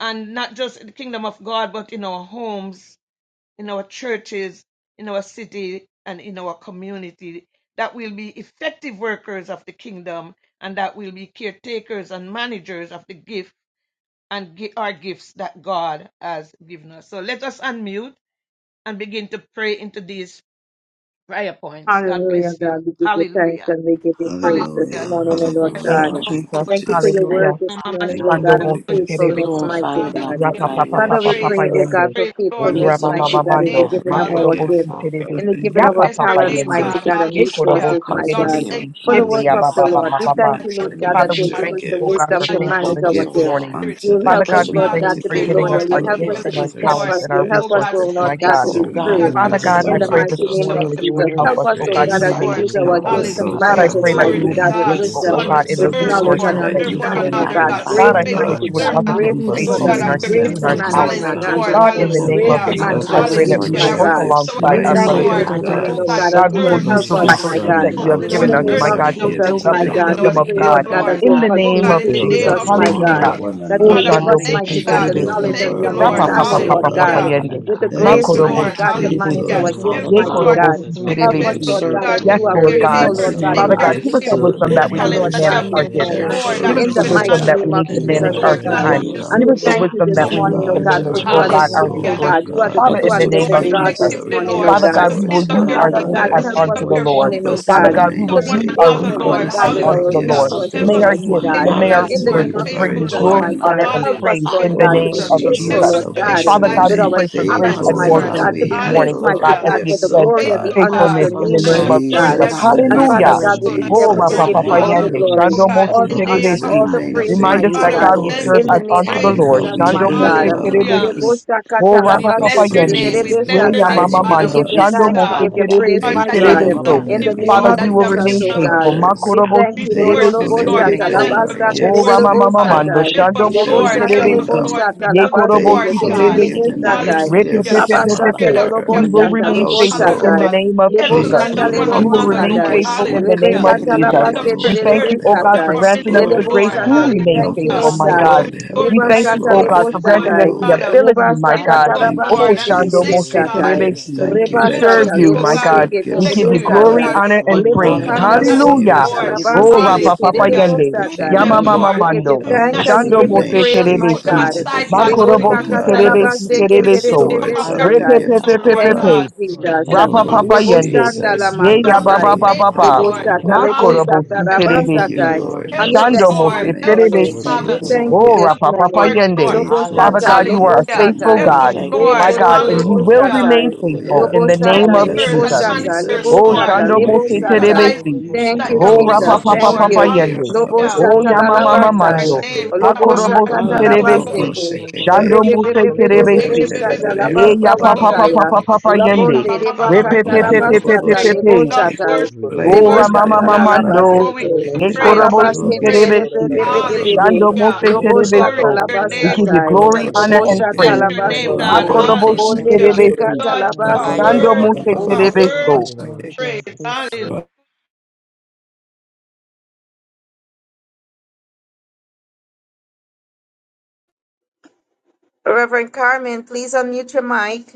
[SPEAKER 4] And not just the kingdom of God, but in our homes, in our churches, in our city, and in our community. That we'll be effective workers of the kingdom and that we'll be caretakers and managers of the gift. and gi- our gifts that God has given us. So let us unmute and begin to pray into these prayer points. God
[SPEAKER 2] Hallelujah,
[SPEAKER 4] bless you.
[SPEAKER 2] God. We give you thanks
[SPEAKER 4] Hallelujah.
[SPEAKER 2] and we give you
[SPEAKER 4] Hallelujah.
[SPEAKER 2] praise this
[SPEAKER 3] Hallelujah.
[SPEAKER 2] morning, O Lord
[SPEAKER 8] Thank you,
[SPEAKER 1] Thank
[SPEAKER 3] Hallelujah.
[SPEAKER 1] you,
[SPEAKER 2] God.
[SPEAKER 8] Lord.
[SPEAKER 3] Thank you,
[SPEAKER 1] Jesus.
[SPEAKER 2] Thank you for
[SPEAKER 8] We
[SPEAKER 3] Jesus.
[SPEAKER 2] your
[SPEAKER 8] thank
[SPEAKER 1] Hallelujah.
[SPEAKER 2] word
[SPEAKER 8] you,
[SPEAKER 2] this morning,
[SPEAKER 3] Thank
[SPEAKER 2] O
[SPEAKER 3] you
[SPEAKER 8] Father God.
[SPEAKER 3] for
[SPEAKER 2] God,
[SPEAKER 1] Sando
[SPEAKER 3] the
[SPEAKER 2] and
[SPEAKER 1] mose
[SPEAKER 3] gifts,
[SPEAKER 8] We
[SPEAKER 3] oh
[SPEAKER 2] faithfulness,
[SPEAKER 3] God.
[SPEAKER 1] terebeki.
[SPEAKER 8] glorify you
[SPEAKER 2] mighty
[SPEAKER 8] and
[SPEAKER 4] Hallelujah.
[SPEAKER 3] Thank you
[SPEAKER 2] God.
[SPEAKER 3] for
[SPEAKER 1] Rapa
[SPEAKER 4] We
[SPEAKER 8] magnify
[SPEAKER 3] your
[SPEAKER 8] you,
[SPEAKER 1] papa
[SPEAKER 8] Lord
[SPEAKER 2] Father,
[SPEAKER 1] papa
[SPEAKER 2] we
[SPEAKER 3] gift, oh
[SPEAKER 4] praise,
[SPEAKER 1] papa
[SPEAKER 2] pray, O
[SPEAKER 3] God.
[SPEAKER 8] Jesus.
[SPEAKER 1] yende.
[SPEAKER 2] God, for
[SPEAKER 4] praise the Lord.
[SPEAKER 8] We
[SPEAKER 4] We
[SPEAKER 1] Ura
[SPEAKER 2] faithfulness,
[SPEAKER 3] Oh
[SPEAKER 4] lift up
[SPEAKER 1] mama
[SPEAKER 8] exalt
[SPEAKER 2] mighty
[SPEAKER 3] God,
[SPEAKER 8] you,
[SPEAKER 2] God,
[SPEAKER 8] O
[SPEAKER 4] your
[SPEAKER 2] in
[SPEAKER 3] thank
[SPEAKER 4] name,
[SPEAKER 2] the
[SPEAKER 3] you
[SPEAKER 1] mamando.
[SPEAKER 8] God.
[SPEAKER 3] for
[SPEAKER 2] giving of
[SPEAKER 3] your
[SPEAKER 8] Thank
[SPEAKER 4] Father.
[SPEAKER 2] our
[SPEAKER 8] you,
[SPEAKER 1] Makorobo
[SPEAKER 2] gifts.
[SPEAKER 8] Lord
[SPEAKER 3] gift,
[SPEAKER 1] si
[SPEAKER 8] God,
[SPEAKER 3] oh
[SPEAKER 8] for
[SPEAKER 3] God,
[SPEAKER 2] in
[SPEAKER 8] every
[SPEAKER 2] the
[SPEAKER 3] that
[SPEAKER 1] terebeki.
[SPEAKER 2] giving
[SPEAKER 4] We
[SPEAKER 3] you
[SPEAKER 8] good
[SPEAKER 2] of
[SPEAKER 3] have
[SPEAKER 2] our
[SPEAKER 1] Yapa
[SPEAKER 4] bless your
[SPEAKER 1] papa
[SPEAKER 3] given
[SPEAKER 2] talents,
[SPEAKER 8] and
[SPEAKER 4] name,
[SPEAKER 3] unto
[SPEAKER 1] yende.
[SPEAKER 2] mighty
[SPEAKER 4] God.
[SPEAKER 3] us.
[SPEAKER 2] God,
[SPEAKER 8] perfect
[SPEAKER 2] and
[SPEAKER 1] Ye
[SPEAKER 8] gift, Father,
[SPEAKER 1] korobo
[SPEAKER 4] Hallelujah.
[SPEAKER 2] resources,
[SPEAKER 1] si
[SPEAKER 2] my
[SPEAKER 8] comes
[SPEAKER 3] Help
[SPEAKER 4] God,
[SPEAKER 8] from
[SPEAKER 4] we
[SPEAKER 3] us
[SPEAKER 2] God,
[SPEAKER 4] thank
[SPEAKER 8] you.
[SPEAKER 3] to
[SPEAKER 1] terebeki.
[SPEAKER 4] you,
[SPEAKER 2] for
[SPEAKER 4] God,
[SPEAKER 2] the
[SPEAKER 1] Shepe
[SPEAKER 4] for
[SPEAKER 3] use
[SPEAKER 4] the
[SPEAKER 2] work of
[SPEAKER 1] yaba
[SPEAKER 8] Father
[SPEAKER 2] the
[SPEAKER 4] God
[SPEAKER 1] papa
[SPEAKER 3] wisdom
[SPEAKER 2] Lord.
[SPEAKER 1] papa
[SPEAKER 2] We
[SPEAKER 3] to
[SPEAKER 8] We
[SPEAKER 1] papa.
[SPEAKER 2] thank
[SPEAKER 4] that you
[SPEAKER 2] you,
[SPEAKER 3] manage,
[SPEAKER 8] pray
[SPEAKER 4] have
[SPEAKER 8] in
[SPEAKER 2] Lord
[SPEAKER 8] the
[SPEAKER 4] given
[SPEAKER 8] name
[SPEAKER 2] God,
[SPEAKER 8] of
[SPEAKER 1] Father,
[SPEAKER 2] that
[SPEAKER 3] manage
[SPEAKER 1] we
[SPEAKER 2] you'll
[SPEAKER 4] us, God,
[SPEAKER 3] our
[SPEAKER 2] give
[SPEAKER 1] thank
[SPEAKER 2] us
[SPEAKER 1] you,
[SPEAKER 8] Jesus
[SPEAKER 2] the
[SPEAKER 1] oh
[SPEAKER 4] the
[SPEAKER 3] gift,
[SPEAKER 4] word
[SPEAKER 1] God,
[SPEAKER 2] wisdom
[SPEAKER 8] that
[SPEAKER 1] for
[SPEAKER 2] to
[SPEAKER 8] you
[SPEAKER 4] that
[SPEAKER 8] will
[SPEAKER 4] you have given
[SPEAKER 3] to
[SPEAKER 2] manage
[SPEAKER 8] help
[SPEAKER 1] faithfulness
[SPEAKER 4] us,
[SPEAKER 8] us,
[SPEAKER 1] this
[SPEAKER 2] our
[SPEAKER 8] oh
[SPEAKER 4] Holy
[SPEAKER 3] give
[SPEAKER 2] gifts.
[SPEAKER 8] God.
[SPEAKER 1] morning.
[SPEAKER 4] Spirit.
[SPEAKER 3] unto
[SPEAKER 2] You'll
[SPEAKER 3] the
[SPEAKER 1] Father
[SPEAKER 8] Help
[SPEAKER 2] help
[SPEAKER 8] us
[SPEAKER 4] Oh
[SPEAKER 1] God,
[SPEAKER 2] us,
[SPEAKER 8] to
[SPEAKER 1] we
[SPEAKER 8] be
[SPEAKER 2] Lord
[SPEAKER 4] God,
[SPEAKER 3] kingdom,
[SPEAKER 1] thank
[SPEAKER 2] God,
[SPEAKER 1] you
[SPEAKER 3] to
[SPEAKER 2] to
[SPEAKER 1] for
[SPEAKER 4] we
[SPEAKER 2] be
[SPEAKER 4] pray,
[SPEAKER 8] faithful
[SPEAKER 3] give
[SPEAKER 1] giving us
[SPEAKER 4] Lord,
[SPEAKER 2] loyal.
[SPEAKER 1] our
[SPEAKER 4] that
[SPEAKER 8] in
[SPEAKER 2] You'll
[SPEAKER 3] unto
[SPEAKER 8] the
[SPEAKER 3] our
[SPEAKER 4] you
[SPEAKER 2] help
[SPEAKER 1] gifts
[SPEAKER 2] us
[SPEAKER 8] gifts
[SPEAKER 4] help
[SPEAKER 2] to
[SPEAKER 1] and
[SPEAKER 8] that
[SPEAKER 2] be
[SPEAKER 4] us,
[SPEAKER 1] our
[SPEAKER 3] brothers
[SPEAKER 8] you've
[SPEAKER 3] or
[SPEAKER 8] given. us.
[SPEAKER 1] talents
[SPEAKER 4] Lord.
[SPEAKER 2] steadfast.
[SPEAKER 1] and our
[SPEAKER 2] You'll
[SPEAKER 3] sisters.
[SPEAKER 2] help
[SPEAKER 4] Oh
[SPEAKER 2] us,
[SPEAKER 8] Help
[SPEAKER 4] God,
[SPEAKER 8] us
[SPEAKER 1] resources,
[SPEAKER 2] oh
[SPEAKER 8] to be
[SPEAKER 2] Lord
[SPEAKER 1] my
[SPEAKER 3] Help
[SPEAKER 2] God,
[SPEAKER 1] God.
[SPEAKER 3] us
[SPEAKER 2] to
[SPEAKER 8] faithful,
[SPEAKER 3] to
[SPEAKER 2] be
[SPEAKER 8] oh God,
[SPEAKER 3] remain
[SPEAKER 4] God,
[SPEAKER 2] true.
[SPEAKER 4] God,
[SPEAKER 3] good
[SPEAKER 1] Father
[SPEAKER 4] the
[SPEAKER 8] to
[SPEAKER 5] Yeah.
[SPEAKER 1] God,
[SPEAKER 4] business
[SPEAKER 1] I
[SPEAKER 2] In the
[SPEAKER 8] use
[SPEAKER 5] Yeah.
[SPEAKER 4] of
[SPEAKER 1] pray
[SPEAKER 8] our
[SPEAKER 4] the
[SPEAKER 3] stewards,
[SPEAKER 1] this
[SPEAKER 2] mighty
[SPEAKER 3] O
[SPEAKER 8] gifts
[SPEAKER 2] name
[SPEAKER 8] to
[SPEAKER 3] God,
[SPEAKER 1] morning
[SPEAKER 2] of
[SPEAKER 8] your
[SPEAKER 1] that you
[SPEAKER 3] of
[SPEAKER 1] would
[SPEAKER 2] Jesus.
[SPEAKER 8] glory,
[SPEAKER 1] help
[SPEAKER 3] your
[SPEAKER 2] Help
[SPEAKER 1] us,
[SPEAKER 5] Yes,
[SPEAKER 2] us,
[SPEAKER 1] oh
[SPEAKER 2] oh
[SPEAKER 8] to
[SPEAKER 1] God,
[SPEAKER 5] Lord,
[SPEAKER 1] to
[SPEAKER 2] God,
[SPEAKER 3] grace.
[SPEAKER 8] use
[SPEAKER 2] as
[SPEAKER 5] yes,
[SPEAKER 8] our
[SPEAKER 2] we
[SPEAKER 1] remain
[SPEAKER 4] Lord.
[SPEAKER 5] Lord,
[SPEAKER 2] use
[SPEAKER 5] we
[SPEAKER 8] gifts in
[SPEAKER 2] our
[SPEAKER 8] our
[SPEAKER 5] thank
[SPEAKER 3] Help
[SPEAKER 5] you
[SPEAKER 1] faithful.
[SPEAKER 5] for
[SPEAKER 9] Thank
[SPEAKER 2] gifts
[SPEAKER 4] Hallelujah.
[SPEAKER 5] the
[SPEAKER 8] home,
[SPEAKER 3] us,
[SPEAKER 2] to
[SPEAKER 3] O
[SPEAKER 9] you.
[SPEAKER 5] gifts
[SPEAKER 8] Father
[SPEAKER 1] God, I
[SPEAKER 5] that
[SPEAKER 2] manage
[SPEAKER 5] you
[SPEAKER 3] God,
[SPEAKER 2] it,
[SPEAKER 8] God.
[SPEAKER 1] pray
[SPEAKER 5] have
[SPEAKER 3] to
[SPEAKER 1] that we
[SPEAKER 4] Glory
[SPEAKER 2] mighty
[SPEAKER 5] given
[SPEAKER 1] will
[SPEAKER 4] to
[SPEAKER 2] God,
[SPEAKER 3] remain
[SPEAKER 5] us
[SPEAKER 8] That
[SPEAKER 1] be
[SPEAKER 2] with
[SPEAKER 5] to
[SPEAKER 4] God.
[SPEAKER 8] the
[SPEAKER 3] good
[SPEAKER 5] share
[SPEAKER 8] name
[SPEAKER 1] faithful,
[SPEAKER 8] of
[SPEAKER 5] with
[SPEAKER 1] oh
[SPEAKER 4] Lord,
[SPEAKER 2] wisdom,
[SPEAKER 4] to
[SPEAKER 1] God,
[SPEAKER 5] others,
[SPEAKER 8] Jesus
[SPEAKER 3] stewards
[SPEAKER 1] in
[SPEAKER 8] will
[SPEAKER 1] the
[SPEAKER 2] with
[SPEAKER 8] be
[SPEAKER 3] of
[SPEAKER 5] Lord,
[SPEAKER 3] the
[SPEAKER 4] serve,
[SPEAKER 5] in the
[SPEAKER 2] knowledge
[SPEAKER 5] name
[SPEAKER 4] Lord,
[SPEAKER 3] gift
[SPEAKER 2] and
[SPEAKER 1] resources
[SPEAKER 5] of
[SPEAKER 8] glorified
[SPEAKER 1] that
[SPEAKER 3] that
[SPEAKER 4] serve
[SPEAKER 3] you
[SPEAKER 1] you've
[SPEAKER 4] one
[SPEAKER 5] Jesus.
[SPEAKER 3] have
[SPEAKER 2] understanding,
[SPEAKER 1] given
[SPEAKER 8] and
[SPEAKER 1] us.
[SPEAKER 2] oh
[SPEAKER 4] another,
[SPEAKER 5] Give
[SPEAKER 3] given
[SPEAKER 2] God.
[SPEAKER 4] God,
[SPEAKER 5] us
[SPEAKER 4] to be
[SPEAKER 5] the
[SPEAKER 3] us,
[SPEAKER 8] magnified,
[SPEAKER 1] God,
[SPEAKER 2] Grace,
[SPEAKER 3] O
[SPEAKER 1] I
[SPEAKER 8] oh God.
[SPEAKER 1] pray
[SPEAKER 5] grace,
[SPEAKER 1] that
[SPEAKER 4] faithful
[SPEAKER 3] God.
[SPEAKER 5] Lord,
[SPEAKER 2] mighty
[SPEAKER 1] you
[SPEAKER 5] in
[SPEAKER 1] would
[SPEAKER 5] the
[SPEAKER 2] God.
[SPEAKER 1] cause us
[SPEAKER 5] name
[SPEAKER 4] servants.
[SPEAKER 8] Father,
[SPEAKER 1] to
[SPEAKER 2] Grace
[SPEAKER 5] of
[SPEAKER 8] we
[SPEAKER 1] be
[SPEAKER 3] Help
[SPEAKER 2] to-
[SPEAKER 3] us
[SPEAKER 5] Jesus,
[SPEAKER 2] for
[SPEAKER 3] to
[SPEAKER 4] Oh
[SPEAKER 8] thank
[SPEAKER 5] to
[SPEAKER 1] faithful
[SPEAKER 2] the
[SPEAKER 4] God,
[SPEAKER 8] you.
[SPEAKER 1] in
[SPEAKER 4] of
[SPEAKER 5] share
[SPEAKER 1] our
[SPEAKER 3] use
[SPEAKER 4] your
[SPEAKER 5] what you
[SPEAKER 1] gifts
[SPEAKER 2] grace
[SPEAKER 4] gift
[SPEAKER 3] them
[SPEAKER 1] and
[SPEAKER 5] have
[SPEAKER 2] to
[SPEAKER 1] our
[SPEAKER 8] Help
[SPEAKER 4] and
[SPEAKER 3] with
[SPEAKER 8] us,
[SPEAKER 5] given
[SPEAKER 2] manage,
[SPEAKER 5] us
[SPEAKER 8] Lord
[SPEAKER 1] talents.
[SPEAKER 4] talents,
[SPEAKER 2] my
[SPEAKER 8] God,
[SPEAKER 5] to
[SPEAKER 8] to
[SPEAKER 2] God,
[SPEAKER 3] wisdom.
[SPEAKER 8] use
[SPEAKER 4] Lord.
[SPEAKER 2] this
[SPEAKER 5] others.
[SPEAKER 8] our
[SPEAKER 1] God, in
[SPEAKER 4] Hallelujah.
[SPEAKER 1] the
[SPEAKER 2] morning.
[SPEAKER 8] gifts
[SPEAKER 3] Help
[SPEAKER 1] name
[SPEAKER 5] In
[SPEAKER 2] Grace
[SPEAKER 5] the
[SPEAKER 1] of
[SPEAKER 2] to
[SPEAKER 8] and
[SPEAKER 3] us,
[SPEAKER 5] name
[SPEAKER 8] our
[SPEAKER 5] of
[SPEAKER 1] Jesus,
[SPEAKER 2] manage
[SPEAKER 3] help
[SPEAKER 1] I
[SPEAKER 2] our
[SPEAKER 5] Jesus,
[SPEAKER 3] us
[SPEAKER 1] pray
[SPEAKER 4] Hallelujah.
[SPEAKER 3] to
[SPEAKER 8] talents,
[SPEAKER 1] that
[SPEAKER 2] gifts,
[SPEAKER 8] Lord
[SPEAKER 1] we
[SPEAKER 3] use
[SPEAKER 1] will
[SPEAKER 2] my
[SPEAKER 4] That
[SPEAKER 3] our
[SPEAKER 5] hallelujah.
[SPEAKER 1] work
[SPEAKER 5] That
[SPEAKER 2] God.
[SPEAKER 8] Jesus,
[SPEAKER 5] we
[SPEAKER 4] we
[SPEAKER 3] gifts
[SPEAKER 4] so,
[SPEAKER 5] share
[SPEAKER 1] alongside
[SPEAKER 2] We
[SPEAKER 8] to
[SPEAKER 1] our
[SPEAKER 5] with our
[SPEAKER 2] thank
[SPEAKER 1] brothers
[SPEAKER 2] you
[SPEAKER 3] wisely,
[SPEAKER 1] and
[SPEAKER 3] O
[SPEAKER 4] Lord,
[SPEAKER 2] this
[SPEAKER 5] brothers
[SPEAKER 8] magnify
[SPEAKER 5] and
[SPEAKER 8] your
[SPEAKER 1] sisters.
[SPEAKER 2] morning,
[SPEAKER 3] God.
[SPEAKER 8] name.
[SPEAKER 4] oh
[SPEAKER 2] Lord
[SPEAKER 5] sisters,
[SPEAKER 4] God,
[SPEAKER 5] that
[SPEAKER 2] God,
[SPEAKER 4] to
[SPEAKER 5] we
[SPEAKER 2] that
[SPEAKER 1] God,
[SPEAKER 2] you
[SPEAKER 1] we
[SPEAKER 2] will
[SPEAKER 5] also
[SPEAKER 1] will
[SPEAKER 4] serve
[SPEAKER 3] Give
[SPEAKER 1] use
[SPEAKER 2] help
[SPEAKER 3] us
[SPEAKER 5] share
[SPEAKER 1] the
[SPEAKER 4] in
[SPEAKER 2] us,
[SPEAKER 5] to
[SPEAKER 4] our
[SPEAKER 2] my
[SPEAKER 1] resources
[SPEAKER 3] wisdom
[SPEAKER 8] Hallelujah,
[SPEAKER 2] God.
[SPEAKER 1] that
[SPEAKER 3] in
[SPEAKER 8] to
[SPEAKER 4] homes,
[SPEAKER 8] the
[SPEAKER 1] you
[SPEAKER 3] how
[SPEAKER 1] have
[SPEAKER 5] a
[SPEAKER 4] in
[SPEAKER 3] to
[SPEAKER 2] In
[SPEAKER 8] building
[SPEAKER 4] our
[SPEAKER 1] given
[SPEAKER 2] the
[SPEAKER 8] up
[SPEAKER 1] us,
[SPEAKER 5] world
[SPEAKER 8] of
[SPEAKER 5] who
[SPEAKER 2] name
[SPEAKER 4] churches,
[SPEAKER 3] use
[SPEAKER 1] my
[SPEAKER 8] your
[SPEAKER 2] of
[SPEAKER 3] our
[SPEAKER 5] needs
[SPEAKER 1] God,
[SPEAKER 4] in
[SPEAKER 1] to
[SPEAKER 4] our
[SPEAKER 3] gifts
[SPEAKER 2] Jesus,
[SPEAKER 8] kingdom,
[SPEAKER 1] build
[SPEAKER 3] to
[SPEAKER 8] oh
[SPEAKER 1] up
[SPEAKER 2] my
[SPEAKER 1] the
[SPEAKER 5] salvation.
[SPEAKER 4] communities,
[SPEAKER 3] build
[SPEAKER 5] In
[SPEAKER 4] in
[SPEAKER 2] God,
[SPEAKER 8] God.
[SPEAKER 3] up
[SPEAKER 2] we
[SPEAKER 4] our
[SPEAKER 1] kingdom
[SPEAKER 3] the
[SPEAKER 5] the
[SPEAKER 1] of
[SPEAKER 2] pray,
[SPEAKER 4] cities,
[SPEAKER 5] name
[SPEAKER 2] Lord
[SPEAKER 1] God.
[SPEAKER 5] of
[SPEAKER 3] kingdom,
[SPEAKER 2] God,
[SPEAKER 5] Jesus,
[SPEAKER 8] Father
[SPEAKER 4] Lord.
[SPEAKER 2] that
[SPEAKER 1] In
[SPEAKER 2] you'll
[SPEAKER 1] the
[SPEAKER 8] God,
[SPEAKER 10] Good
[SPEAKER 4] Oh
[SPEAKER 5] hallelujah.
[SPEAKER 1] name
[SPEAKER 3] to
[SPEAKER 2] continue
[SPEAKER 4] God,
[SPEAKER 1] of
[SPEAKER 2] to
[SPEAKER 10] evening.
[SPEAKER 4] in the
[SPEAKER 5] We
[SPEAKER 3] build
[SPEAKER 8] We
[SPEAKER 10] Please
[SPEAKER 2] use
[SPEAKER 5] thank
[SPEAKER 1] Jesus,
[SPEAKER 4] name
[SPEAKER 5] you
[SPEAKER 8] give
[SPEAKER 2] us,
[SPEAKER 4] of
[SPEAKER 3] up
[SPEAKER 8] you
[SPEAKER 10] be
[SPEAKER 5] that
[SPEAKER 3] our,
[SPEAKER 5] you
[SPEAKER 2] my
[SPEAKER 5] have
[SPEAKER 10] observed
[SPEAKER 3] our
[SPEAKER 8] glory.
[SPEAKER 2] God.
[SPEAKER 1] hallelujah.
[SPEAKER 10] not
[SPEAKER 4] Jesus.
[SPEAKER 10] to
[SPEAKER 5] given
[SPEAKER 3] one
[SPEAKER 5] us
[SPEAKER 2] That
[SPEAKER 1] Oh,
[SPEAKER 10] noise
[SPEAKER 8] Lord,
[SPEAKER 3] another,
[SPEAKER 2] you'll
[SPEAKER 10] and
[SPEAKER 4] Father,
[SPEAKER 8] we
[SPEAKER 4] we
[SPEAKER 5] these
[SPEAKER 2] give
[SPEAKER 1] Shando,
[SPEAKER 8] honor
[SPEAKER 2] us,
[SPEAKER 4] thank
[SPEAKER 8] you,
[SPEAKER 4] you,
[SPEAKER 10] glare.
[SPEAKER 1] Mose,
[SPEAKER 2] mighty
[SPEAKER 3] and
[SPEAKER 2] God,
[SPEAKER 3] to
[SPEAKER 4] God.
[SPEAKER 2] the
[SPEAKER 5] and
[SPEAKER 8] Jesus.
[SPEAKER 3] build
[SPEAKER 2] knowledge
[SPEAKER 1] Terebesi.
[SPEAKER 3] up
[SPEAKER 4] Thank
[SPEAKER 2] and the
[SPEAKER 4] you,
[SPEAKER 3] our
[SPEAKER 5] these
[SPEAKER 8] We
[SPEAKER 10] Hallelujah.
[SPEAKER 1] Rapa,
[SPEAKER 4] Lord.
[SPEAKER 5] gifts to
[SPEAKER 3] homes,
[SPEAKER 1] Papa,
[SPEAKER 8] glorify
[SPEAKER 2] understanding,
[SPEAKER 3] O
[SPEAKER 10] We
[SPEAKER 5] grow,
[SPEAKER 8] your
[SPEAKER 2] Lord
[SPEAKER 1] Papa,
[SPEAKER 10] give
[SPEAKER 5] Lord,
[SPEAKER 1] Papa,
[SPEAKER 8] name,
[SPEAKER 3] God.
[SPEAKER 5] in
[SPEAKER 2] God.
[SPEAKER 4] Hallelujah.
[SPEAKER 5] the
[SPEAKER 8] Father
[SPEAKER 1] Yende.
[SPEAKER 5] name of
[SPEAKER 2] With
[SPEAKER 10] everything
[SPEAKER 2] the
[SPEAKER 8] God.
[SPEAKER 10] to
[SPEAKER 3] Let
[SPEAKER 5] Jesus.
[SPEAKER 4] Thank
[SPEAKER 2] grace,
[SPEAKER 3] us
[SPEAKER 4] you,
[SPEAKER 10] Jesus.
[SPEAKER 5] Hallelujah.
[SPEAKER 3] remain
[SPEAKER 4] Lord.
[SPEAKER 2] mighty
[SPEAKER 8] Let
[SPEAKER 1] Makorobosi
[SPEAKER 2] God,
[SPEAKER 8] us
[SPEAKER 2] to
[SPEAKER 4] Hallelujah.
[SPEAKER 5] We
[SPEAKER 2] manage
[SPEAKER 5] thank
[SPEAKER 8] not
[SPEAKER 5] you,
[SPEAKER 3] faithful
[SPEAKER 2] our
[SPEAKER 1] terebesi.
[SPEAKER 8] be,
[SPEAKER 5] Lord, in
[SPEAKER 4] Help
[SPEAKER 5] the
[SPEAKER 2] gifts,
[SPEAKER 8] Father
[SPEAKER 1] Ye
[SPEAKER 4] us,
[SPEAKER 5] name of
[SPEAKER 2] mighty
[SPEAKER 4] Lord,
[SPEAKER 8] God,
[SPEAKER 10] Hallelujah.
[SPEAKER 2] God.
[SPEAKER 5] Jesus,
[SPEAKER 1] korobosi
[SPEAKER 5] as we
[SPEAKER 8] like the
[SPEAKER 2] Help
[SPEAKER 4] effective.
[SPEAKER 5] grow
[SPEAKER 2] us,
[SPEAKER 4] Help
[SPEAKER 8] wicked
[SPEAKER 5] these
[SPEAKER 4] us,
[SPEAKER 1] terebesi.
[SPEAKER 2] Lord God,
[SPEAKER 8] servant
[SPEAKER 5] fruits,
[SPEAKER 4] God,
[SPEAKER 2] as
[SPEAKER 4] to
[SPEAKER 8] who
[SPEAKER 5] Lord,
[SPEAKER 1] Yes,
[SPEAKER 2] you
[SPEAKER 5] in
[SPEAKER 2] are
[SPEAKER 5] the
[SPEAKER 1] Lord
[SPEAKER 4] be
[SPEAKER 5] name
[SPEAKER 8] buried
[SPEAKER 5] of
[SPEAKER 8] his
[SPEAKER 2] faithful,
[SPEAKER 1] God.
[SPEAKER 5] Jesus.
[SPEAKER 8] one
[SPEAKER 4] caretakers,
[SPEAKER 2] Lord
[SPEAKER 3] Using
[SPEAKER 2] God,
[SPEAKER 10] Hallelujah.
[SPEAKER 4] take
[SPEAKER 2] to
[SPEAKER 3] our
[SPEAKER 1] Father
[SPEAKER 5] Hallelujah.
[SPEAKER 4] care
[SPEAKER 2] us.
[SPEAKER 8] talent.
[SPEAKER 4] of
[SPEAKER 1] God, give
[SPEAKER 2] We
[SPEAKER 1] us
[SPEAKER 3] gift
[SPEAKER 4] the gifts
[SPEAKER 1] the
[SPEAKER 5] So
[SPEAKER 2] can be
[SPEAKER 3] to
[SPEAKER 5] that
[SPEAKER 8] But
[SPEAKER 5] we
[SPEAKER 1] wisdom
[SPEAKER 8] God,
[SPEAKER 4] and
[SPEAKER 1] that
[SPEAKER 5] can
[SPEAKER 1] we
[SPEAKER 2] faithful,
[SPEAKER 8] help
[SPEAKER 1] need
[SPEAKER 4] talents
[SPEAKER 5] use
[SPEAKER 1] to
[SPEAKER 2] Lord
[SPEAKER 3] enlarge
[SPEAKER 4] that
[SPEAKER 8] us
[SPEAKER 9] Thank
[SPEAKER 10] Hallelujah.
[SPEAKER 9] you.
[SPEAKER 5] them,
[SPEAKER 3] the,
[SPEAKER 4] you
[SPEAKER 1] manage
[SPEAKER 4] have
[SPEAKER 2] God,
[SPEAKER 5] Lord,
[SPEAKER 1] our
[SPEAKER 3] the
[SPEAKER 2] this
[SPEAKER 4] given
[SPEAKER 5] in the
[SPEAKER 4] us,
[SPEAKER 1] gifts.
[SPEAKER 8] to
[SPEAKER 5] name
[SPEAKER 8] bear
[SPEAKER 5] of
[SPEAKER 2] morning.
[SPEAKER 10] Father,
[SPEAKER 4] Lord,
[SPEAKER 10] in
[SPEAKER 1] Give
[SPEAKER 4] that
[SPEAKER 5] Jesus,
[SPEAKER 8] fruit,
[SPEAKER 3] territory,
[SPEAKER 1] us
[SPEAKER 2] In
[SPEAKER 5] to
[SPEAKER 1] the
[SPEAKER 2] the
[SPEAKER 5] do
[SPEAKER 4] we will
[SPEAKER 5] your
[SPEAKER 8] Father
[SPEAKER 4] not,
[SPEAKER 1] wisdom
[SPEAKER 2] mighty
[SPEAKER 5] work
[SPEAKER 1] that
[SPEAKER 5] for
[SPEAKER 8] God,
[SPEAKER 1] we
[SPEAKER 2] name
[SPEAKER 5] the
[SPEAKER 2] of
[SPEAKER 1] need
[SPEAKER 10] hallelujah,
[SPEAKER 1] to
[SPEAKER 5] kingdom,
[SPEAKER 10] give
[SPEAKER 1] manage
[SPEAKER 2] Jesus,
[SPEAKER 5] Lord,
[SPEAKER 1] our
[SPEAKER 2] oh
[SPEAKER 5] in
[SPEAKER 3] enlarge
[SPEAKER 4] Lord
[SPEAKER 8] of
[SPEAKER 5] the
[SPEAKER 3] the
[SPEAKER 10] thanks
[SPEAKER 8] the
[SPEAKER 4] God,
[SPEAKER 2] God.
[SPEAKER 5] name
[SPEAKER 4] but
[SPEAKER 1] time.
[SPEAKER 5] of
[SPEAKER 4] will be
[SPEAKER 10] unto the
[SPEAKER 8] gifts
[SPEAKER 5] Jesus,
[SPEAKER 2] And
[SPEAKER 3] kingdom,
[SPEAKER 1] Give
[SPEAKER 8] and
[SPEAKER 2] we
[SPEAKER 1] us
[SPEAKER 8] the
[SPEAKER 1] the
[SPEAKER 4] effective.
[SPEAKER 2] thank you
[SPEAKER 5] to
[SPEAKER 1] wisdom
[SPEAKER 8] talents
[SPEAKER 2] this
[SPEAKER 3] to
[SPEAKER 8] that
[SPEAKER 1] that
[SPEAKER 5] bring
[SPEAKER 1] we
[SPEAKER 5] the
[SPEAKER 10] faithfulness.
[SPEAKER 2] morning,
[SPEAKER 1] need
[SPEAKER 8] you've
[SPEAKER 2] oh
[SPEAKER 1] to
[SPEAKER 8] given
[SPEAKER 5] others
[SPEAKER 3] enlarge
[SPEAKER 2] God,
[SPEAKER 5] into
[SPEAKER 2] for
[SPEAKER 1] manage,
[SPEAKER 3] our
[SPEAKER 5] the
[SPEAKER 2] you
[SPEAKER 1] oh
[SPEAKER 8] unto
[SPEAKER 2] are
[SPEAKER 5] fold,
[SPEAKER 2] the
[SPEAKER 4] Hallelujah.
[SPEAKER 8] us,
[SPEAKER 1] God,
[SPEAKER 5] Lord,
[SPEAKER 1] our
[SPEAKER 5] in the
[SPEAKER 10] Hallelujah.
[SPEAKER 2] faithful
[SPEAKER 3] household.
[SPEAKER 8] Lord
[SPEAKER 5] name
[SPEAKER 4] That,
[SPEAKER 8] God.
[SPEAKER 5] of
[SPEAKER 3] Oh
[SPEAKER 2] God.
[SPEAKER 10] Worship
[SPEAKER 2] You
[SPEAKER 1] resources.
[SPEAKER 2] are
[SPEAKER 5] Jesus.
[SPEAKER 2] the
[SPEAKER 3] God,
[SPEAKER 10] you.
[SPEAKER 5] We
[SPEAKER 1] Father,
[SPEAKER 8] Help
[SPEAKER 2] true
[SPEAKER 1] in
[SPEAKER 8] us
[SPEAKER 3] help
[SPEAKER 2] and
[SPEAKER 1] the
[SPEAKER 5] thank
[SPEAKER 8] to be
[SPEAKER 5] you
[SPEAKER 3] us
[SPEAKER 1] name
[SPEAKER 3] to
[SPEAKER 2] living
[SPEAKER 1] of
[SPEAKER 4] Lord,
[SPEAKER 5] for the
[SPEAKER 2] God
[SPEAKER 1] Jesus.
[SPEAKER 3] use
[SPEAKER 2] this
[SPEAKER 8] faithful
[SPEAKER 5] grace
[SPEAKER 3] our
[SPEAKER 4] effectively,
[SPEAKER 5] that
[SPEAKER 10] Hallelujah.
[SPEAKER 5] you
[SPEAKER 2] morning,
[SPEAKER 5] have
[SPEAKER 4] Lord,
[SPEAKER 8] with
[SPEAKER 2] oh
[SPEAKER 8] our
[SPEAKER 1] Father
[SPEAKER 3] gifts
[SPEAKER 5] given
[SPEAKER 2] God.
[SPEAKER 5] us,
[SPEAKER 1] God,
[SPEAKER 4] to
[SPEAKER 8] gifts,
[SPEAKER 1] we
[SPEAKER 5] Lord.
[SPEAKER 1] will
[SPEAKER 4] build
[SPEAKER 3] towards
[SPEAKER 8] Father
[SPEAKER 4] up
[SPEAKER 2] So,
[SPEAKER 10] Jesus,
[SPEAKER 1] use
[SPEAKER 3] one
[SPEAKER 4] your
[SPEAKER 8] God,
[SPEAKER 1] our
[SPEAKER 2] Father
[SPEAKER 1] gifts
[SPEAKER 4] kingdom,
[SPEAKER 2] God,
[SPEAKER 8] knowing,
[SPEAKER 3] another.
[SPEAKER 4] to
[SPEAKER 1] as
[SPEAKER 5] Yes,
[SPEAKER 2] help
[SPEAKER 4] build
[SPEAKER 5] Lord, in
[SPEAKER 2] us
[SPEAKER 4] up
[SPEAKER 1] unto
[SPEAKER 5] the
[SPEAKER 1] the
[SPEAKER 8] Lord
[SPEAKER 2] this
[SPEAKER 4] your
[SPEAKER 5] name of
[SPEAKER 1] Lord.
[SPEAKER 2] morning,
[SPEAKER 3] Help
[SPEAKER 8] Jesus,
[SPEAKER 4] people,
[SPEAKER 2] oh
[SPEAKER 10] it
[SPEAKER 5] Jesus.
[SPEAKER 3] us
[SPEAKER 8] that
[SPEAKER 3] to
[SPEAKER 1] Father
[SPEAKER 10] should
[SPEAKER 2] God,
[SPEAKER 4] to
[SPEAKER 10] be
[SPEAKER 4] build
[SPEAKER 1] God,
[SPEAKER 8] you
[SPEAKER 1] we
[SPEAKER 3] remain
[SPEAKER 4] up
[SPEAKER 2] to
[SPEAKER 1] will
[SPEAKER 2] be
[SPEAKER 4] one
[SPEAKER 5] Hallelujah.
[SPEAKER 1] use our
[SPEAKER 3] faithful
[SPEAKER 8] God
[SPEAKER 4] another,
[SPEAKER 2] faithful,
[SPEAKER 3] in
[SPEAKER 8] are
[SPEAKER 10] served.
[SPEAKER 2] Lord
[SPEAKER 8] the
[SPEAKER 4] Lord.
[SPEAKER 1] resources
[SPEAKER 2] God,
[SPEAKER 1] as
[SPEAKER 3] using
[SPEAKER 5] Help
[SPEAKER 2] with
[SPEAKER 4] Hallelujah.
[SPEAKER 5] us
[SPEAKER 3] our
[SPEAKER 1] unto
[SPEAKER 8] giver
[SPEAKER 5] to
[SPEAKER 2] our
[SPEAKER 1] the
[SPEAKER 3] gifts
[SPEAKER 1] Lord.
[SPEAKER 3] to
[SPEAKER 8] of
[SPEAKER 5] use
[SPEAKER 8] the
[SPEAKER 4] Help
[SPEAKER 2] resources,
[SPEAKER 5] what
[SPEAKER 3] build
[SPEAKER 1] May
[SPEAKER 4] us
[SPEAKER 5] we
[SPEAKER 1] our
[SPEAKER 3] up
[SPEAKER 8] gifts.
[SPEAKER 2] mighty
[SPEAKER 5] have,
[SPEAKER 1] gifts
[SPEAKER 3] one
[SPEAKER 4] be
[SPEAKER 2] God.
[SPEAKER 1] and
[SPEAKER 5] Lord,
[SPEAKER 8] God,
[SPEAKER 5] in
[SPEAKER 1] may
[SPEAKER 4] faithful
[SPEAKER 5] the
[SPEAKER 8] it
[SPEAKER 4] as
[SPEAKER 3] another,
[SPEAKER 1] our
[SPEAKER 8] is
[SPEAKER 2] In
[SPEAKER 5] name
[SPEAKER 4] you
[SPEAKER 2] the
[SPEAKER 3] to
[SPEAKER 5] of
[SPEAKER 4] are
[SPEAKER 2] name
[SPEAKER 1] resources
[SPEAKER 2] of
[SPEAKER 8] nothing
[SPEAKER 5] Jesus.
[SPEAKER 1] bring
[SPEAKER 4] faithful,
[SPEAKER 1] you
[SPEAKER 3] encourage
[SPEAKER 8] we
[SPEAKER 10] Hallelujah.
[SPEAKER 2] Jesus,
[SPEAKER 5] Hallelujah.
[SPEAKER 3] one
[SPEAKER 8] have
[SPEAKER 4] Lord.
[SPEAKER 2] my
[SPEAKER 1] glory, honor,
[SPEAKER 8] done,
[SPEAKER 2] God,
[SPEAKER 3] another.
[SPEAKER 1] and
[SPEAKER 5] Prompt
[SPEAKER 4] Hallelujah.
[SPEAKER 2] help us,
[SPEAKER 5] us
[SPEAKER 1] praise
[SPEAKER 5] uh,
[SPEAKER 2] Lord
[SPEAKER 1] in
[SPEAKER 8] Father
[SPEAKER 1] the
[SPEAKER 2] God,
[SPEAKER 3] Oh
[SPEAKER 8] God,
[SPEAKER 2] to
[SPEAKER 10] Encouragement,
[SPEAKER 8] but
[SPEAKER 1] name
[SPEAKER 2] be
[SPEAKER 4] Jesus.
[SPEAKER 5] throughout
[SPEAKER 1] of
[SPEAKER 5] the
[SPEAKER 8] it's your
[SPEAKER 5] day,
[SPEAKER 4] Help
[SPEAKER 2] faithful,
[SPEAKER 1] Jesus.
[SPEAKER 5] Lord,
[SPEAKER 3] Jesus,
[SPEAKER 4] us
[SPEAKER 5] in
[SPEAKER 2] Lord
[SPEAKER 8] grace
[SPEAKER 5] the
[SPEAKER 4] to
[SPEAKER 3] help
[SPEAKER 8] and
[SPEAKER 5] name of
[SPEAKER 3] us
[SPEAKER 2] God,
[SPEAKER 8] your
[SPEAKER 3] to
[SPEAKER 1] Father
[SPEAKER 4] exercise
[SPEAKER 1] God,
[SPEAKER 2] with
[SPEAKER 5] Jesus.
[SPEAKER 1] we
[SPEAKER 3] remain
[SPEAKER 8] mercy.
[SPEAKER 2] our
[SPEAKER 1] pray for
[SPEAKER 5] And
[SPEAKER 1] grace
[SPEAKER 4] faithfulness,
[SPEAKER 2] talents,
[SPEAKER 8] Cause
[SPEAKER 5] remind
[SPEAKER 1] and
[SPEAKER 3] faithful
[SPEAKER 8] us
[SPEAKER 5] us,
[SPEAKER 3] in
[SPEAKER 1] more
[SPEAKER 2] mighty
[SPEAKER 4] Lord.
[SPEAKER 8] not
[SPEAKER 5] Lord,
[SPEAKER 3] how
[SPEAKER 5] in
[SPEAKER 1] grace
[SPEAKER 8] to
[SPEAKER 2] God,
[SPEAKER 5] the
[SPEAKER 2] to
[SPEAKER 3] we
[SPEAKER 1] this
[SPEAKER 2] be
[SPEAKER 5] name of
[SPEAKER 8] be
[SPEAKER 2] used,
[SPEAKER 1] morning,
[SPEAKER 5] Jesus,
[SPEAKER 3] handle
[SPEAKER 1] oh
[SPEAKER 5] that
[SPEAKER 3] our
[SPEAKER 5] you
[SPEAKER 1] God,
[SPEAKER 8] high
[SPEAKER 2] mighty
[SPEAKER 4] Hallelujah
[SPEAKER 1] as
[SPEAKER 5] have
[SPEAKER 2] God,
[SPEAKER 1] we
[SPEAKER 2] for
[SPEAKER 3] gifts,
[SPEAKER 2] the
[SPEAKER 3] oh
[SPEAKER 1] extend
[SPEAKER 8] minded.
[SPEAKER 2] glory and
[SPEAKER 5] given
[SPEAKER 3] God
[SPEAKER 2] the
[SPEAKER 4] faithful
[SPEAKER 5] us
[SPEAKER 2] honor
[SPEAKER 5] these
[SPEAKER 2] of
[SPEAKER 8] Cause
[SPEAKER 4] God,
[SPEAKER 1] faithfulness
[SPEAKER 2] your
[SPEAKER 8] us,
[SPEAKER 5] things
[SPEAKER 1] in
[SPEAKER 5] to
[SPEAKER 1] the
[SPEAKER 8] Father
[SPEAKER 2] name,
[SPEAKER 1] name
[SPEAKER 8] God,
[SPEAKER 5] grow
[SPEAKER 1] of
[SPEAKER 2] mighty
[SPEAKER 5] so
[SPEAKER 4] untrustworthy
[SPEAKER 1] Jesus.
[SPEAKER 5] that
[SPEAKER 2] God.
[SPEAKER 5] we
[SPEAKER 4] as
[SPEAKER 3] Jesus
[SPEAKER 8] not
[SPEAKER 5] can
[SPEAKER 8] to
[SPEAKER 4] you
[SPEAKER 2] And
[SPEAKER 5] use
[SPEAKER 8] be
[SPEAKER 4] are
[SPEAKER 3] Jesus,
[SPEAKER 2] Father
[SPEAKER 5] them,
[SPEAKER 1] Hallelujah.
[SPEAKER 5] Lord,
[SPEAKER 2] God,
[SPEAKER 8] ignorant,
[SPEAKER 5] in
[SPEAKER 2] we
[SPEAKER 5] the
[SPEAKER 4] good,
[SPEAKER 2] be
[SPEAKER 5] name of
[SPEAKER 1] Oh,
[SPEAKER 2] careful
[SPEAKER 8] but
[SPEAKER 2] to
[SPEAKER 5] Jesus,
[SPEAKER 3] Jesus,
[SPEAKER 1] Rapa
[SPEAKER 5] to
[SPEAKER 8] God,
[SPEAKER 4] untrustworthy
[SPEAKER 2] give you
[SPEAKER 1] Papa
[SPEAKER 8] help
[SPEAKER 3] thank
[SPEAKER 2] all
[SPEAKER 5] advance
[SPEAKER 8] us.
[SPEAKER 4] Father.
[SPEAKER 2] the
[SPEAKER 5] your
[SPEAKER 1] Yende,
[SPEAKER 3] you.
[SPEAKER 2] glory,
[SPEAKER 4] Oh
[SPEAKER 5] kingdom,
[SPEAKER 1] Shando
[SPEAKER 5] Lord,
[SPEAKER 4] God,
[SPEAKER 5] in
[SPEAKER 2] all
[SPEAKER 1] Mose
[SPEAKER 5] the
[SPEAKER 4] in
[SPEAKER 2] the
[SPEAKER 4] the
[SPEAKER 3] Help
[SPEAKER 5] name of
[SPEAKER 4] name
[SPEAKER 3] us
[SPEAKER 2] honor, and
[SPEAKER 3] to
[SPEAKER 4] of
[SPEAKER 1] Terebesi.
[SPEAKER 2] all
[SPEAKER 8] Lord
[SPEAKER 5] Jesus.
[SPEAKER 2] the
[SPEAKER 3] remain
[SPEAKER 4] Jesus,
[SPEAKER 2] praise,
[SPEAKER 8] God, And
[SPEAKER 1] Remind
[SPEAKER 5] Hallelujah.
[SPEAKER 1] us
[SPEAKER 8] use
[SPEAKER 2] mighty
[SPEAKER 4] Father,
[SPEAKER 1] that
[SPEAKER 8] our
[SPEAKER 4] we
[SPEAKER 3] faithful,
[SPEAKER 2] God
[SPEAKER 1] God we
[SPEAKER 4] thank and
[SPEAKER 8] gifts
[SPEAKER 5] We
[SPEAKER 3] Lord,
[SPEAKER 1] serve
[SPEAKER 2] in
[SPEAKER 8] and
[SPEAKER 2] the
[SPEAKER 5] thank
[SPEAKER 1] as
[SPEAKER 8] our
[SPEAKER 5] you,
[SPEAKER 2] name
[SPEAKER 1] unto
[SPEAKER 5] Father,
[SPEAKER 2] of
[SPEAKER 1] the
[SPEAKER 4] praise
[SPEAKER 3] in
[SPEAKER 8] talents
[SPEAKER 5] in
[SPEAKER 3] how
[SPEAKER 1] Lord.
[SPEAKER 4] you.
[SPEAKER 5] the
[SPEAKER 2] Jesus,
[SPEAKER 5] name of
[SPEAKER 3] we
[SPEAKER 8] to
[SPEAKER 2] my
[SPEAKER 1] Shando Mose
[SPEAKER 5] Jesus.
[SPEAKER 2] God.
[SPEAKER 3] handle
[SPEAKER 2] Um,
[SPEAKER 3] our
[SPEAKER 8] glorify
[SPEAKER 5] Hallelujah.
[SPEAKER 4] Hallelujah.
[SPEAKER 1] Terebesi.
[SPEAKER 8] you
[SPEAKER 3] gifts.
[SPEAKER 1] Oh,
[SPEAKER 5] We
[SPEAKER 8] in
[SPEAKER 1] Rapa
[SPEAKER 4] We
[SPEAKER 3] Help
[SPEAKER 5] thank you
[SPEAKER 8] the
[SPEAKER 1] Papa
[SPEAKER 4] bless
[SPEAKER 8] name
[SPEAKER 3] us
[SPEAKER 5] for
[SPEAKER 3] to
[SPEAKER 2] Lebo-shaka-talabasete,
[SPEAKER 8] of
[SPEAKER 4] your
[SPEAKER 5] these
[SPEAKER 1] Yende.
[SPEAKER 4] name. We
[SPEAKER 3] remain
[SPEAKER 8] Jesus,
[SPEAKER 4] bless
[SPEAKER 8] Lord,
[SPEAKER 5] opportunities,
[SPEAKER 1] Yea,
[SPEAKER 4] your name,
[SPEAKER 2] lelebe-satai.
[SPEAKER 5] Lord,
[SPEAKER 3] faithful,
[SPEAKER 8] as
[SPEAKER 5] in
[SPEAKER 8] you
[SPEAKER 1] Yamama
[SPEAKER 3] O
[SPEAKER 5] the
[SPEAKER 8] give
[SPEAKER 5] name
[SPEAKER 4] Father.
[SPEAKER 2] We
[SPEAKER 4] We
[SPEAKER 8] us
[SPEAKER 1] Mando,
[SPEAKER 5] of
[SPEAKER 2] give you
[SPEAKER 3] God,
[SPEAKER 4] thank
[SPEAKER 5] Jesus.
[SPEAKER 1] Shando
[SPEAKER 4] you,
[SPEAKER 2] thanks,
[SPEAKER 8] wisdom,
[SPEAKER 2] we
[SPEAKER 4] God.
[SPEAKER 1] Mose
[SPEAKER 2] give
[SPEAKER 8] Father
[SPEAKER 5] Hallelujah.
[SPEAKER 2] you
[SPEAKER 8] God.
[SPEAKER 1] Terebe,
[SPEAKER 2] praise,
[SPEAKER 4] Lord,
[SPEAKER 1] Si
[SPEAKER 2] my
[SPEAKER 4] that you
[SPEAKER 8] Eh,
[SPEAKER 3] faithful
[SPEAKER 4] have
[SPEAKER 2] God.
[SPEAKER 5] To
[SPEAKER 8] yeah,
[SPEAKER 1] Terebe
[SPEAKER 4] given
[SPEAKER 3] in
[SPEAKER 4] us
[SPEAKER 5] grow
[SPEAKER 1] So.
[SPEAKER 8] Baba,
[SPEAKER 5] in
[SPEAKER 2] In
[SPEAKER 5] your
[SPEAKER 4] gifts,
[SPEAKER 2] the
[SPEAKER 3] giving
[SPEAKER 8] As you
[SPEAKER 2] name
[SPEAKER 1] Father,
[SPEAKER 4] Lord,
[SPEAKER 5] grace,
[SPEAKER 2] of
[SPEAKER 8] give
[SPEAKER 1] we
[SPEAKER 4] that
[SPEAKER 3] our
[SPEAKER 8] us
[SPEAKER 5] Lord,
[SPEAKER 1] will
[SPEAKER 4] you have
[SPEAKER 5] in the
[SPEAKER 2] Jesus,
[SPEAKER 4] given
[SPEAKER 1] remain
[SPEAKER 3] gifts
[SPEAKER 5] name
[SPEAKER 2] oh
[SPEAKER 3] to
[SPEAKER 5] of
[SPEAKER 4] us
[SPEAKER 1] faithful.
[SPEAKER 2] God.
[SPEAKER 5] Jesus.
[SPEAKER 8] instruction,
[SPEAKER 3] others,
[SPEAKER 8] Lord
[SPEAKER 2] We
[SPEAKER 1] Makorobo
[SPEAKER 5] Hallelujah.
[SPEAKER 8] God.
[SPEAKER 2] thank
[SPEAKER 1] Si
[SPEAKER 2] you, Lord.
[SPEAKER 1] Terebe,
[SPEAKER 5] Hallelujah.
[SPEAKER 8] Help
[SPEAKER 4] resources,
[SPEAKER 8] us
[SPEAKER 3] faithful
[SPEAKER 1] Si
[SPEAKER 8] to
[SPEAKER 3] in
[SPEAKER 4] Lord,
[SPEAKER 1] Terebe
[SPEAKER 8] remain
[SPEAKER 2] Orobo-shata,
[SPEAKER 3] giving
[SPEAKER 1] So.
[SPEAKER 4] financial
[SPEAKER 3] our
[SPEAKER 8] faithful.
[SPEAKER 2] labasate,
[SPEAKER 1] O
[SPEAKER 5] Hallelujah,
[SPEAKER 3] gifts
[SPEAKER 4] resources,
[SPEAKER 3] to,
[SPEAKER 1] Rama
[SPEAKER 3] the,
[SPEAKER 1] Mama
[SPEAKER 4] God.
[SPEAKER 5] hallelujah,
[SPEAKER 3] help
[SPEAKER 1] Mando,
[SPEAKER 2] lelebo-satai.
[SPEAKER 4] Help us,
[SPEAKER 1] Shando
[SPEAKER 8] Andareke
[SPEAKER 3] to
[SPEAKER 5] hallelujah,
[SPEAKER 1] Mose
[SPEAKER 3] build
[SPEAKER 8] sheya
[SPEAKER 3] the
[SPEAKER 4] Lord.
[SPEAKER 2] Lebo-shata,
[SPEAKER 8] mama
[SPEAKER 4] Help
[SPEAKER 1] Terebe
[SPEAKER 4] us,
[SPEAKER 5] hallelujah,
[SPEAKER 1] Si.
[SPEAKER 3] kingdom,
[SPEAKER 4] Lord, to
[SPEAKER 8] mandorobo.
[SPEAKER 4] be
[SPEAKER 2] lebo-shata,
[SPEAKER 1] Ye
[SPEAKER 4] good
[SPEAKER 8] In the
[SPEAKER 1] Korobo
[SPEAKER 4] stewards,
[SPEAKER 1] Si
[SPEAKER 2] labasete,
[SPEAKER 3] faithful
[SPEAKER 5] hallelujah.
[SPEAKER 3] in
[SPEAKER 4] God.
[SPEAKER 1] Terebe
[SPEAKER 8] cultivating
[SPEAKER 1] Si.
[SPEAKER 8] and
[SPEAKER 3] giving
[SPEAKER 5] Spirit
[SPEAKER 8] the
[SPEAKER 5] of
[SPEAKER 3] our
[SPEAKER 8] use
[SPEAKER 2] lelebe-satai.
[SPEAKER 8] of
[SPEAKER 5] Lord,
[SPEAKER 1] Repe
[SPEAKER 8] your
[SPEAKER 5] in
[SPEAKER 4] Hallelujah,
[SPEAKER 5] the
[SPEAKER 1] pe
[SPEAKER 3] gifts
[SPEAKER 1] pe
[SPEAKER 3] to
[SPEAKER 4] God.
[SPEAKER 8] gifts,
[SPEAKER 5] name
[SPEAKER 1] pe
[SPEAKER 5] of
[SPEAKER 1] pe
[SPEAKER 3] help
[SPEAKER 8] Father.
[SPEAKER 2] Labashata,
[SPEAKER 4] Fear
[SPEAKER 1] pe.
[SPEAKER 4] that
[SPEAKER 5] Jesus,
[SPEAKER 3] our
[SPEAKER 4] we
[SPEAKER 8] In
[SPEAKER 4] have
[SPEAKER 8] the
[SPEAKER 1] We will
[SPEAKER 4] given
[SPEAKER 8] name
[SPEAKER 2] lolobo-shata,
[SPEAKER 5] hallelujah.
[SPEAKER 4] us to
[SPEAKER 8] of
[SPEAKER 1] remain
[SPEAKER 5] We thank
[SPEAKER 8] Jesus,
[SPEAKER 1] faithful
[SPEAKER 5] you,
[SPEAKER 4] others,
[SPEAKER 1] in
[SPEAKER 3] household,
[SPEAKER 5] Father,
[SPEAKER 8] cause
[SPEAKER 1] the
[SPEAKER 2] lebo-satai.
[SPEAKER 4] God.
[SPEAKER 5] in
[SPEAKER 1] name
[SPEAKER 5] the
[SPEAKER 1] of
[SPEAKER 5] name
[SPEAKER 4] Help
[SPEAKER 5] of
[SPEAKER 4] to
[SPEAKER 8] us
[SPEAKER 1] Jesus.
[SPEAKER 4] build
[SPEAKER 8] to
[SPEAKER 2] Lebo-kanda,
[SPEAKER 4] up
[SPEAKER 8] be
[SPEAKER 3] faithful
[SPEAKER 5] Jesus,
[SPEAKER 4] one
[SPEAKER 3] in
[SPEAKER 1] We will
[SPEAKER 3] giving
[SPEAKER 8] humble
[SPEAKER 4] another,
[SPEAKER 5] hallelujah,
[SPEAKER 3] our
[SPEAKER 1] remain
[SPEAKER 4] Lord.
[SPEAKER 2] lelebo-shandai.
[SPEAKER 8] before you,
[SPEAKER 3] gifts
[SPEAKER 1] faithful
[SPEAKER 3] in
[SPEAKER 4] Hallelujah.
[SPEAKER 1] in
[SPEAKER 3] the
[SPEAKER 8] Lord.
[SPEAKER 1] the name of
[SPEAKER 8] In
[SPEAKER 2] Lebe-kata,
[SPEAKER 5] hallelujah,
[SPEAKER 8] the
[SPEAKER 4] To
[SPEAKER 1] Jesus.
[SPEAKER 3] community.
[SPEAKER 8] name
[SPEAKER 4] build up
[SPEAKER 8] of
[SPEAKER 3] Oh
[SPEAKER 2] labasete,
[SPEAKER 5] hallelujah.
[SPEAKER 1] We
[SPEAKER 4] our
[SPEAKER 1] thank
[SPEAKER 3] God,
[SPEAKER 4] church,
[SPEAKER 1] you,
[SPEAKER 4] to
[SPEAKER 1] O
[SPEAKER 8] Jesus,
[SPEAKER 4] build
[SPEAKER 1] God,
[SPEAKER 4] up
[SPEAKER 3] help
[SPEAKER 1] for
[SPEAKER 2] lelebe-satai.
[SPEAKER 4] our
[SPEAKER 3] us,
[SPEAKER 8] we
[SPEAKER 1] granting us
[SPEAKER 4] ministry,
[SPEAKER 1] the
[SPEAKER 3] Lord.
[SPEAKER 5] Yes,
[SPEAKER 1] grace
[SPEAKER 4] Lord.
[SPEAKER 8] glorify
[SPEAKER 5] Lord, in
[SPEAKER 1] to
[SPEAKER 2] Lelebo-shata,
[SPEAKER 5] the
[SPEAKER 8] you.
[SPEAKER 2] We
[SPEAKER 1] remain
[SPEAKER 2] thank
[SPEAKER 3] Help
[SPEAKER 5] name
[SPEAKER 2] you,
[SPEAKER 8] We
[SPEAKER 5] of
[SPEAKER 4] Hallelujah.
[SPEAKER 1] faithful,
[SPEAKER 2] Lord
[SPEAKER 3] us,
[SPEAKER 5] Jesus,
[SPEAKER 8] honor
[SPEAKER 1] my
[SPEAKER 8] you,
[SPEAKER 2] God.
[SPEAKER 4] Oh,
[SPEAKER 1] God.
[SPEAKER 4] we
[SPEAKER 3] Lord.
[SPEAKER 8] Jesus.
[SPEAKER 5] hallelujah, in
[SPEAKER 3] Help
[SPEAKER 1] We
[SPEAKER 2] Leba
[SPEAKER 4] glorify
[SPEAKER 5] the
[SPEAKER 1] thank
[SPEAKER 3] us,
[SPEAKER 4] your
[SPEAKER 5] name
[SPEAKER 1] you,
[SPEAKER 2] sata
[SPEAKER 5] of
[SPEAKER 1] O
[SPEAKER 4] name
[SPEAKER 8] We
[SPEAKER 1] God,
[SPEAKER 4] this
[SPEAKER 3] Lord.
[SPEAKER 8] give
[SPEAKER 2] lebo
[SPEAKER 1] for
[SPEAKER 8] you
[SPEAKER 5] Jesus,
[SPEAKER 4] morning,
[SPEAKER 1] granting us
[SPEAKER 2] satai.
[SPEAKER 1] the
[SPEAKER 8] glory.
[SPEAKER 5] hallelujah.
[SPEAKER 4] Father.
[SPEAKER 3] Hallelujah.
[SPEAKER 2] Reba
[SPEAKER 1] ability, my
[SPEAKER 4] Lift
[SPEAKER 5] Thank
[SPEAKER 1] God.
[SPEAKER 2] sakata
[SPEAKER 5] you
[SPEAKER 4] up,
[SPEAKER 5] for
[SPEAKER 2] laba
[SPEAKER 5] the
[SPEAKER 8] Andareke
[SPEAKER 3] Thank you,
[SPEAKER 1] Oh,
[SPEAKER 4] Lord, and
[SPEAKER 2] sete
[SPEAKER 5] grace,
[SPEAKER 8] shatai.
[SPEAKER 1] Shando
[SPEAKER 9] Thank
[SPEAKER 2] lebe
[SPEAKER 4] thank
[SPEAKER 3] Jesus, for
[SPEAKER 1] Mose
[SPEAKER 4] you,
[SPEAKER 5] hallelujah,
[SPEAKER 3] the
[SPEAKER 5] in
[SPEAKER 4] God.
[SPEAKER 2] satai.
[SPEAKER 5] the name
[SPEAKER 3] gifts.
[SPEAKER 8] Every
[SPEAKER 1] Terebesi,
[SPEAKER 8] good
[SPEAKER 3] Thank
[SPEAKER 8] and
[SPEAKER 3] you
[SPEAKER 2] Reba
[SPEAKER 1] to
[SPEAKER 4] Help
[SPEAKER 5] and
[SPEAKER 3] that you
[SPEAKER 1] serve
[SPEAKER 4] us,
[SPEAKER 2] sata
[SPEAKER 8] perfect
[SPEAKER 5] for
[SPEAKER 3] give
[SPEAKER 1] you,
[SPEAKER 5] the
[SPEAKER 4] oh
[SPEAKER 5] day
[SPEAKER 2] lebo
[SPEAKER 1] my
[SPEAKER 8] Father
[SPEAKER 3] us
[SPEAKER 5] we
[SPEAKER 4] God, to
[SPEAKER 1] God.
[SPEAKER 3] good
[SPEAKER 2] shekete
[SPEAKER 5] together.
[SPEAKER 1] We
[SPEAKER 4] be
[SPEAKER 3] gifts,
[SPEAKER 8] comes
[SPEAKER 1] give
[SPEAKER 2] lebe
[SPEAKER 3] oh
[SPEAKER 1] you
[SPEAKER 8] from
[SPEAKER 4] effective, oh
[SPEAKER 8] you.
[SPEAKER 3] God.
[SPEAKER 1] glory,
[SPEAKER 2] sandai.
[SPEAKER 4] God, with
[SPEAKER 5] Yes,
[SPEAKER 1] honor,
[SPEAKER 4] our
[SPEAKER 8] We
[SPEAKER 5] Lord,
[SPEAKER 1] and
[SPEAKER 5] in the
[SPEAKER 3] So
[SPEAKER 2] Lebo
[SPEAKER 1] praise.
[SPEAKER 5] name of
[SPEAKER 8] acknowledge
[SPEAKER 3] help
[SPEAKER 4] our
[SPEAKER 8] you,
[SPEAKER 2] kanda
[SPEAKER 3] us
[SPEAKER 5] Jesus,
[SPEAKER 3] to
[SPEAKER 8] Lord.
[SPEAKER 2] lebo
[SPEAKER 1] Hallelujah.
[SPEAKER 3] use
[SPEAKER 5] hallelujah.
[SPEAKER 2] sata
[SPEAKER 8] We
[SPEAKER 4] Lord.
[SPEAKER 3] those
[SPEAKER 8] give
[SPEAKER 5] Help
[SPEAKER 8] you
[SPEAKER 2] laba
[SPEAKER 1] Oh,
[SPEAKER 5] us
[SPEAKER 3] good
[SPEAKER 5] not to
[SPEAKER 3] gifts
[SPEAKER 4] Hallelujah.
[SPEAKER 8] praise,
[SPEAKER 1] Rapa
[SPEAKER 3] to
[SPEAKER 5] keep
[SPEAKER 2] sekete
[SPEAKER 1] Papa
[SPEAKER 8] Lord
[SPEAKER 4] To
[SPEAKER 5] these
[SPEAKER 2] lebo
[SPEAKER 8] God.
[SPEAKER 3] benefit
[SPEAKER 1] Yende,
[SPEAKER 3] the
[SPEAKER 4] use
[SPEAKER 2] satai.
[SPEAKER 8] We
[SPEAKER 4] them,
[SPEAKER 1] Yama
[SPEAKER 8] give
[SPEAKER 3] kingdom.
[SPEAKER 8] you
[SPEAKER 1] Mama
[SPEAKER 2] We
[SPEAKER 4] Lord.
[SPEAKER 5] [COUGHS]
[SPEAKER 2] give
[SPEAKER 5] things
[SPEAKER 2] you
[SPEAKER 5] from
[SPEAKER 8] thanks.
[SPEAKER 1] Mando,
[SPEAKER 4] To
[SPEAKER 3] Help
[SPEAKER 5] ourselves
[SPEAKER 2] thanks
[SPEAKER 4] not
[SPEAKER 5] to
[SPEAKER 3] us
[SPEAKER 2] and
[SPEAKER 3] to
[SPEAKER 2] we
[SPEAKER 1] Shando
[SPEAKER 2] give you
[SPEAKER 8] Lord
[SPEAKER 5] remember
[SPEAKER 3] remain
[SPEAKER 1] Mose
[SPEAKER 5] you.
[SPEAKER 2] praise,
[SPEAKER 4] just
[SPEAKER 2] my
[SPEAKER 4] put
[SPEAKER 8] Jesus,
[SPEAKER 4] them
[SPEAKER 8] we
[SPEAKER 3] faithful
[SPEAKER 1] Terebesi,
[SPEAKER 2] God.
[SPEAKER 3] to the
[SPEAKER 4] aside,
[SPEAKER 8] bless
[SPEAKER 5] that you
[SPEAKER 4] God,
[SPEAKER 8] you.
[SPEAKER 5] have
[SPEAKER 4] but
[SPEAKER 2] Lebo
[SPEAKER 3] gift,
[SPEAKER 4] to
[SPEAKER 3] oh
[SPEAKER 5] given
[SPEAKER 1] Makorobosi
[SPEAKER 4] use
[SPEAKER 5] them
[SPEAKER 3] God.
[SPEAKER 2] sakata
[SPEAKER 4] them
[SPEAKER 3] Let
[SPEAKER 5] to
[SPEAKER 2] laba
[SPEAKER 5] us,
[SPEAKER 3] us
[SPEAKER 1] Terebesi
[SPEAKER 3] be
[SPEAKER 5] Lord, in
[SPEAKER 4] in
[SPEAKER 3] good
[SPEAKER 5] the
[SPEAKER 2] sekete
[SPEAKER 5] name
[SPEAKER 2] lebe
[SPEAKER 1] Terebeso,
[SPEAKER 5] of
[SPEAKER 4] building up
[SPEAKER 3] stewards
[SPEAKER 4] of
[SPEAKER 5] Jesus.
[SPEAKER 3] of
[SPEAKER 4] your
[SPEAKER 3] the
[SPEAKER 1] Repe
[SPEAKER 8] Hallelujah,
[SPEAKER 2] satai.
[SPEAKER 5] Hallelujah.
[SPEAKER 3] gift,
[SPEAKER 1] Pepe
[SPEAKER 4] kingdom,
[SPEAKER 8] God.
[SPEAKER 3] oh
[SPEAKER 1] Pepe
[SPEAKER 4] Lord
[SPEAKER 2] Thank
[SPEAKER 1] Pepe,
[SPEAKER 3] God.
[SPEAKER 2] you,
[SPEAKER 4] God.
[SPEAKER 5] Lord,
[SPEAKER 4] In
[SPEAKER 8] We
[SPEAKER 5] in
[SPEAKER 2] Jesus.
[SPEAKER 5] the
[SPEAKER 4] building
[SPEAKER 1] Rapa
[SPEAKER 5] name
[SPEAKER 8] thank
[SPEAKER 4] up
[SPEAKER 5] of
[SPEAKER 4] of
[SPEAKER 3] Oh,
[SPEAKER 8] you.
[SPEAKER 11] Thank
[SPEAKER 1] Papa
[SPEAKER 4] your
[SPEAKER 2] Lebo
[SPEAKER 5] Jesus, to help
[SPEAKER 1] Yende.
[SPEAKER 5] you
[SPEAKER 2] sanda
[SPEAKER 4] in building
[SPEAKER 5] to
[SPEAKER 3] Jesus.
[SPEAKER 2] lama
[SPEAKER 1] Ye
[SPEAKER 4] up
[SPEAKER 5] advance
[SPEAKER 1] ya
[SPEAKER 4] of
[SPEAKER 5] your
[SPEAKER 1] ba
[SPEAKER 4] this
[SPEAKER 2] satai.
[SPEAKER 1] ba ba
[SPEAKER 5] kingdom,
[SPEAKER 3] Hallelujah.
[SPEAKER 4] faith,
[SPEAKER 1] ba
[SPEAKER 5] Lord, in
[SPEAKER 1] ba.
[SPEAKER 5] the
[SPEAKER 3] Thank
[SPEAKER 2] Lebo
[SPEAKER 4] Lord.
[SPEAKER 5] name
[SPEAKER 3] you,
[SPEAKER 5] of
[SPEAKER 2] sata
[SPEAKER 5] Jesus.
[SPEAKER 3] Lord.
[SPEAKER 2] lebo
[SPEAKER 4] Hallelujah.
[SPEAKER 1] Makorobo
[SPEAKER 2] sata
[SPEAKER 5] Hallelujah,
[SPEAKER 1] si
[SPEAKER 4] Jesus.
[SPEAKER 8] We
[SPEAKER 2] laba
[SPEAKER 3] Thank you,
[SPEAKER 8] thank
[SPEAKER 5] hallelujah,
[SPEAKER 8] you,
[SPEAKER 1] terebesi.
[SPEAKER 2] satai.
[SPEAKER 8] Lord.
[SPEAKER 3] Lord.
[SPEAKER 4] Help
[SPEAKER 2] And
[SPEAKER 5] hallelujah,
[SPEAKER 2] we
[SPEAKER 3] Help
[SPEAKER 4] us,
[SPEAKER 1] Shando
[SPEAKER 3] us
[SPEAKER 2] thank
[SPEAKER 3] to
[SPEAKER 1] mo
[SPEAKER 2] you
[SPEAKER 5] hallelujah.
[SPEAKER 4] Lord.
[SPEAKER 2] this
[SPEAKER 1] se
[SPEAKER 9] you.
[SPEAKER 3] remain
[SPEAKER 4] Help us,
[SPEAKER 8] We
[SPEAKER 2] morning.
[SPEAKER 1] terebesi.
[SPEAKER 5] Worship
[SPEAKER 8] thank
[SPEAKER 2] We
[SPEAKER 3] faithful
[SPEAKER 4] Father.
[SPEAKER 5] for
[SPEAKER 8] you,
[SPEAKER 3] to
[SPEAKER 9] Thank
[SPEAKER 3] the
[SPEAKER 2] thank
[SPEAKER 5] adore
[SPEAKER 8] Lord.
[SPEAKER 2] you
[SPEAKER 5] you,
[SPEAKER 1] Oh,
[SPEAKER 5] I
[SPEAKER 3] gift,
[SPEAKER 2] this
[SPEAKER 4] Good
[SPEAKER 1] Rapa Papa
[SPEAKER 5] magnify
[SPEAKER 2] morning.
[SPEAKER 4] Lord,
[SPEAKER 5] you,
[SPEAKER 1] Yende.
[SPEAKER 4] Lord.
[SPEAKER 3] faithful
[SPEAKER 1] Father
[SPEAKER 5] I
[SPEAKER 2] Lobosata,
[SPEAKER 3] to
[SPEAKER 8] Hallelujah.
[SPEAKER 1] God,
[SPEAKER 3] the
[SPEAKER 5] magnify
[SPEAKER 1] you are
[SPEAKER 5] you.
[SPEAKER 1] a
[SPEAKER 3] gift
[SPEAKER 4] Hallelujah.
[SPEAKER 3] that you
[SPEAKER 1] faithful
[SPEAKER 2] Lobosatai,
[SPEAKER 4] Help
[SPEAKER 3] have
[SPEAKER 5] Thank
[SPEAKER 8] We
[SPEAKER 4] us,
[SPEAKER 1] God.
[SPEAKER 5] you,
[SPEAKER 3] given
[SPEAKER 8] thank
[SPEAKER 5] Lord.
[SPEAKER 1] My
[SPEAKER 4] Lord.
[SPEAKER 8] you.
[SPEAKER 3] us.
[SPEAKER 1] God, and we
[SPEAKER 3] Oh,
[SPEAKER 1] will
[SPEAKER 4] Hallelujah.
[SPEAKER 1] remain
[SPEAKER 2] Ekorodobosatai,
[SPEAKER 5] Thank you,
[SPEAKER 1] faithful
[SPEAKER 3] hallelujah.
[SPEAKER 1] in
[SPEAKER 5] Lord, in
[SPEAKER 1] the
[SPEAKER 5] the name
[SPEAKER 1] name
[SPEAKER 2] Lobosatai,
[SPEAKER 5] of
[SPEAKER 1] of
[SPEAKER 8] Hallelujah.
[SPEAKER 4] Caretakers
[SPEAKER 5] Jesus.
[SPEAKER 3] Blessed
[SPEAKER 4] and
[SPEAKER 1] Jesus.
[SPEAKER 5] Hallelujah.
[SPEAKER 2] Lebosata,
[SPEAKER 4] managers,
[SPEAKER 8] We
[SPEAKER 3] Jesus,
[SPEAKER 1] Oh,
[SPEAKER 5] Thank
[SPEAKER 8] thank
[SPEAKER 4] Lord.
[SPEAKER 5] you
[SPEAKER 8] you,
[SPEAKER 2] Lebosata,
[SPEAKER 3] blessed
[SPEAKER 5] for
[SPEAKER 1] Shando
[SPEAKER 5] your
[SPEAKER 1] mo
[SPEAKER 8] Lord,
[SPEAKER 1] se
[SPEAKER 4] The
[SPEAKER 5] faithfulness,
[SPEAKER 3] Redeemer.
[SPEAKER 2] Lebosatai.
[SPEAKER 4] lives
[SPEAKER 8] the
[SPEAKER 1] terebesi.
[SPEAKER 5] Lord, in the
[SPEAKER 8] use of
[SPEAKER 2] Thank
[SPEAKER 5] name
[SPEAKER 4] that
[SPEAKER 8] our
[SPEAKER 2] you,
[SPEAKER 4] you
[SPEAKER 5] of
[SPEAKER 4] have
[SPEAKER 1] O
[SPEAKER 3] Oh,
[SPEAKER 4] given
[SPEAKER 5] Jesus.
[SPEAKER 8] gifts
[SPEAKER 1] rapa
[SPEAKER 4] us,
[SPEAKER 2] Jesus.
[SPEAKER 3] Robo
[SPEAKER 8] unto
[SPEAKER 1] papa
[SPEAKER 2] Thank
[SPEAKER 8] you.
[SPEAKER 4] Lord.
[SPEAKER 5] Hallelujah.
[SPEAKER 1] papa
[SPEAKER 2] you.
[SPEAKER 3] Shekeke,
[SPEAKER 1] yende.
[SPEAKER 3] Rabba,
[SPEAKER 8] In
[SPEAKER 4] Hallelujah.
[SPEAKER 5] Yes,
[SPEAKER 3] Baba,
[SPEAKER 1] O
[SPEAKER 3] Baba,
[SPEAKER 8] the
[SPEAKER 5] Lord,
[SPEAKER 2] Lobosata
[SPEAKER 8] name
[SPEAKER 5] in
[SPEAKER 8] of
[SPEAKER 5] the
[SPEAKER 1] yama
[SPEAKER 5] name
[SPEAKER 4] Glory
[SPEAKER 1] mama
[SPEAKER 5] of
[SPEAKER 8] Jesus.
[SPEAKER 3] Baba,
[SPEAKER 4] to your
[SPEAKER 2] Lalabasai,
[SPEAKER 1] mando.
[SPEAKER 5] Jesus,
[SPEAKER 4] name.
[SPEAKER 5] hallelujah,
[SPEAKER 3] Shekeke,
[SPEAKER 1] Hakorobo si
[SPEAKER 2] Lobosakata
[SPEAKER 5] hallelujah. Help
[SPEAKER 3] Rambo,
[SPEAKER 5] us
[SPEAKER 8] Hallelujah.
[SPEAKER 5] to
[SPEAKER 1] terebesi.
[SPEAKER 5] remain
[SPEAKER 2] Labasitu,
[SPEAKER 5] faithful, Lord,
[SPEAKER 1] Shando
[SPEAKER 3] Shekeke,
[SPEAKER 5] in the
[SPEAKER 1] muse
[SPEAKER 5] name of
[SPEAKER 3] Robo,
[SPEAKER 5] Jesus,
[SPEAKER 1] terebesi.
[SPEAKER 5] hallelujah.
[SPEAKER 2] Rebebebebebebesata
[SPEAKER 1] Ye
[SPEAKER 3] Rabba,
[SPEAKER 1] ya
[SPEAKER 5] As
[SPEAKER 3] Baba,
[SPEAKER 5] we
[SPEAKER 1] papa
[SPEAKER 5] steward
[SPEAKER 3] Baba,
[SPEAKER 1] papa
[SPEAKER 5] the
[SPEAKER 2] Labasabataya,
[SPEAKER 5] gifts
[SPEAKER 1] papa
[SPEAKER 5] that you have
[SPEAKER 3] Baba,
[SPEAKER 1] yende.
[SPEAKER 2] Labonde
[SPEAKER 5] given us, Lord,
[SPEAKER 1] Repe
[SPEAKER 5] in
[SPEAKER 2] Lebakata
[SPEAKER 5] the
[SPEAKER 1] pe pe
[SPEAKER 5] name of
[SPEAKER 1] pe pe
[SPEAKER 3] Lambrogo
[SPEAKER 1] pe
[SPEAKER 5] Jesus,
[SPEAKER 2] Labasata,
[SPEAKER 1] pe
[SPEAKER 5] hallelujah.
[SPEAKER 1] pe.
[SPEAKER 4] God,
[SPEAKER 3] shakeke,
[SPEAKER 2] Lebosatai,
[SPEAKER 4] worship,
[SPEAKER 5] As we work
[SPEAKER 1] O
[SPEAKER 5] to
[SPEAKER 4] worship,
[SPEAKER 5] build
[SPEAKER 1] rama
[SPEAKER 11] you.
[SPEAKER 2] Lebosata
[SPEAKER 1] mama
[SPEAKER 3] Brangedede,
[SPEAKER 4] Lord.
[SPEAKER 5] capacity,
[SPEAKER 3] Brage
[SPEAKER 1] mando.
[SPEAKER 5] Lord,
[SPEAKER 4] For
[SPEAKER 5] in
[SPEAKER 4] we give
[SPEAKER 5] the
[SPEAKER 11] And
[SPEAKER 2] Lalabasete,
[SPEAKER 11] I'm
[SPEAKER 5] name
[SPEAKER 11] not
[SPEAKER 4] you
[SPEAKER 5] of
[SPEAKER 1] Ye
[SPEAKER 3] shakeke,
[SPEAKER 11] sure
[SPEAKER 4] praise,
[SPEAKER 5] Jesus,
[SPEAKER 11] what
[SPEAKER 1] korobo
[SPEAKER 4] give
[SPEAKER 11] is
[SPEAKER 1] si
[SPEAKER 4] you
[SPEAKER 11] about
[SPEAKER 3] Loge
[SPEAKER 2] Alabasete,
[SPEAKER 5] hallelujah.
[SPEAKER 3] shakeke,
[SPEAKER 4] praise.
[SPEAKER 9] you.
[SPEAKER 11] Corona
[SPEAKER 5] And
[SPEAKER 1] terebesi.
[SPEAKER 5] we
[SPEAKER 11] that
[SPEAKER 5] share
[SPEAKER 9] Yes,
[SPEAKER 5] what
[SPEAKER 11] Twitter
[SPEAKER 2] Rebebebebebe.
[SPEAKER 5] we
[SPEAKER 1] Shando
[SPEAKER 5] have with
[SPEAKER 4] Hallelujah.
[SPEAKER 1] muse
[SPEAKER 5] others,
[SPEAKER 2] Lobo
[SPEAKER 3] Rabababababababa,
[SPEAKER 5] Lord, in
[SPEAKER 4] Glory
[SPEAKER 5] the
[SPEAKER 1] terebeso.
[SPEAKER 5] name
[SPEAKER 4] to
[SPEAKER 5] of
[SPEAKER 4] your
[SPEAKER 1] We
[SPEAKER 4] name,
[SPEAKER 5] Jesus,
[SPEAKER 1] give you
[SPEAKER 2] Shatalabasatai.
[SPEAKER 5] hallelujah.
[SPEAKER 1] glory,
[SPEAKER 3] Logo
[SPEAKER 4] Jesus.
[SPEAKER 1] honor,
[SPEAKER 2] Lobo
[SPEAKER 1] and
[SPEAKER 5] Spiritually and
[SPEAKER 3] shakeke,
[SPEAKER 4] Bless
[SPEAKER 1] praise.
[SPEAKER 5] physically,
[SPEAKER 4] your
[SPEAKER 11] And
[SPEAKER 5] Lord,
[SPEAKER 11] I'm
[SPEAKER 5] in
[SPEAKER 4] name,
[SPEAKER 11] I'm I'm
[SPEAKER 5] the
[SPEAKER 4] God.
[SPEAKER 5] name
[SPEAKER 2] Shatalabasete.
[SPEAKER 5] of
[SPEAKER 3] Lambrogo
[SPEAKER 1] Hakorobo
[SPEAKER 11] I'm
[SPEAKER 5] Jesus,
[SPEAKER 11] not
[SPEAKER 1] si
[SPEAKER 2] Only
[SPEAKER 11] sure
[SPEAKER 4] Hallelujah.
[SPEAKER 5] hallelujah.
[SPEAKER 11] for
[SPEAKER 3] shakeke,
[SPEAKER 2] Rebecca
[SPEAKER 1] terebesi.
[SPEAKER 11] another
[SPEAKER 4] God,
[SPEAKER 11] match
[SPEAKER 4] you are
[SPEAKER 5] Yes,
[SPEAKER 2] Talabas.
[SPEAKER 11] three
[SPEAKER 6] Thank
[SPEAKER 11] that
[SPEAKER 5] Lord,
[SPEAKER 1] Shando
[SPEAKER 11] I'm
[SPEAKER 4] word,
[SPEAKER 6] you.
[SPEAKER 5] thank
[SPEAKER 11] not
[SPEAKER 5] you,
[SPEAKER 1] muse
[SPEAKER 11] sure
[SPEAKER 6] Oh
[SPEAKER 4] our
[SPEAKER 3] Rababababababababa
[SPEAKER 5] Jesus.
[SPEAKER 4] word,
[SPEAKER 8] Hallelujah,
[SPEAKER 1] terebeso.
[SPEAKER 5] Thank you, Lord
[SPEAKER 3] shakeke.
[SPEAKER 4] praise.
[SPEAKER 5] Jesus. Thank you,
[SPEAKER 4] Hallelujah.
[SPEAKER 5] Lord.
[SPEAKER 2] Reverend Carmen, please unmute your mic.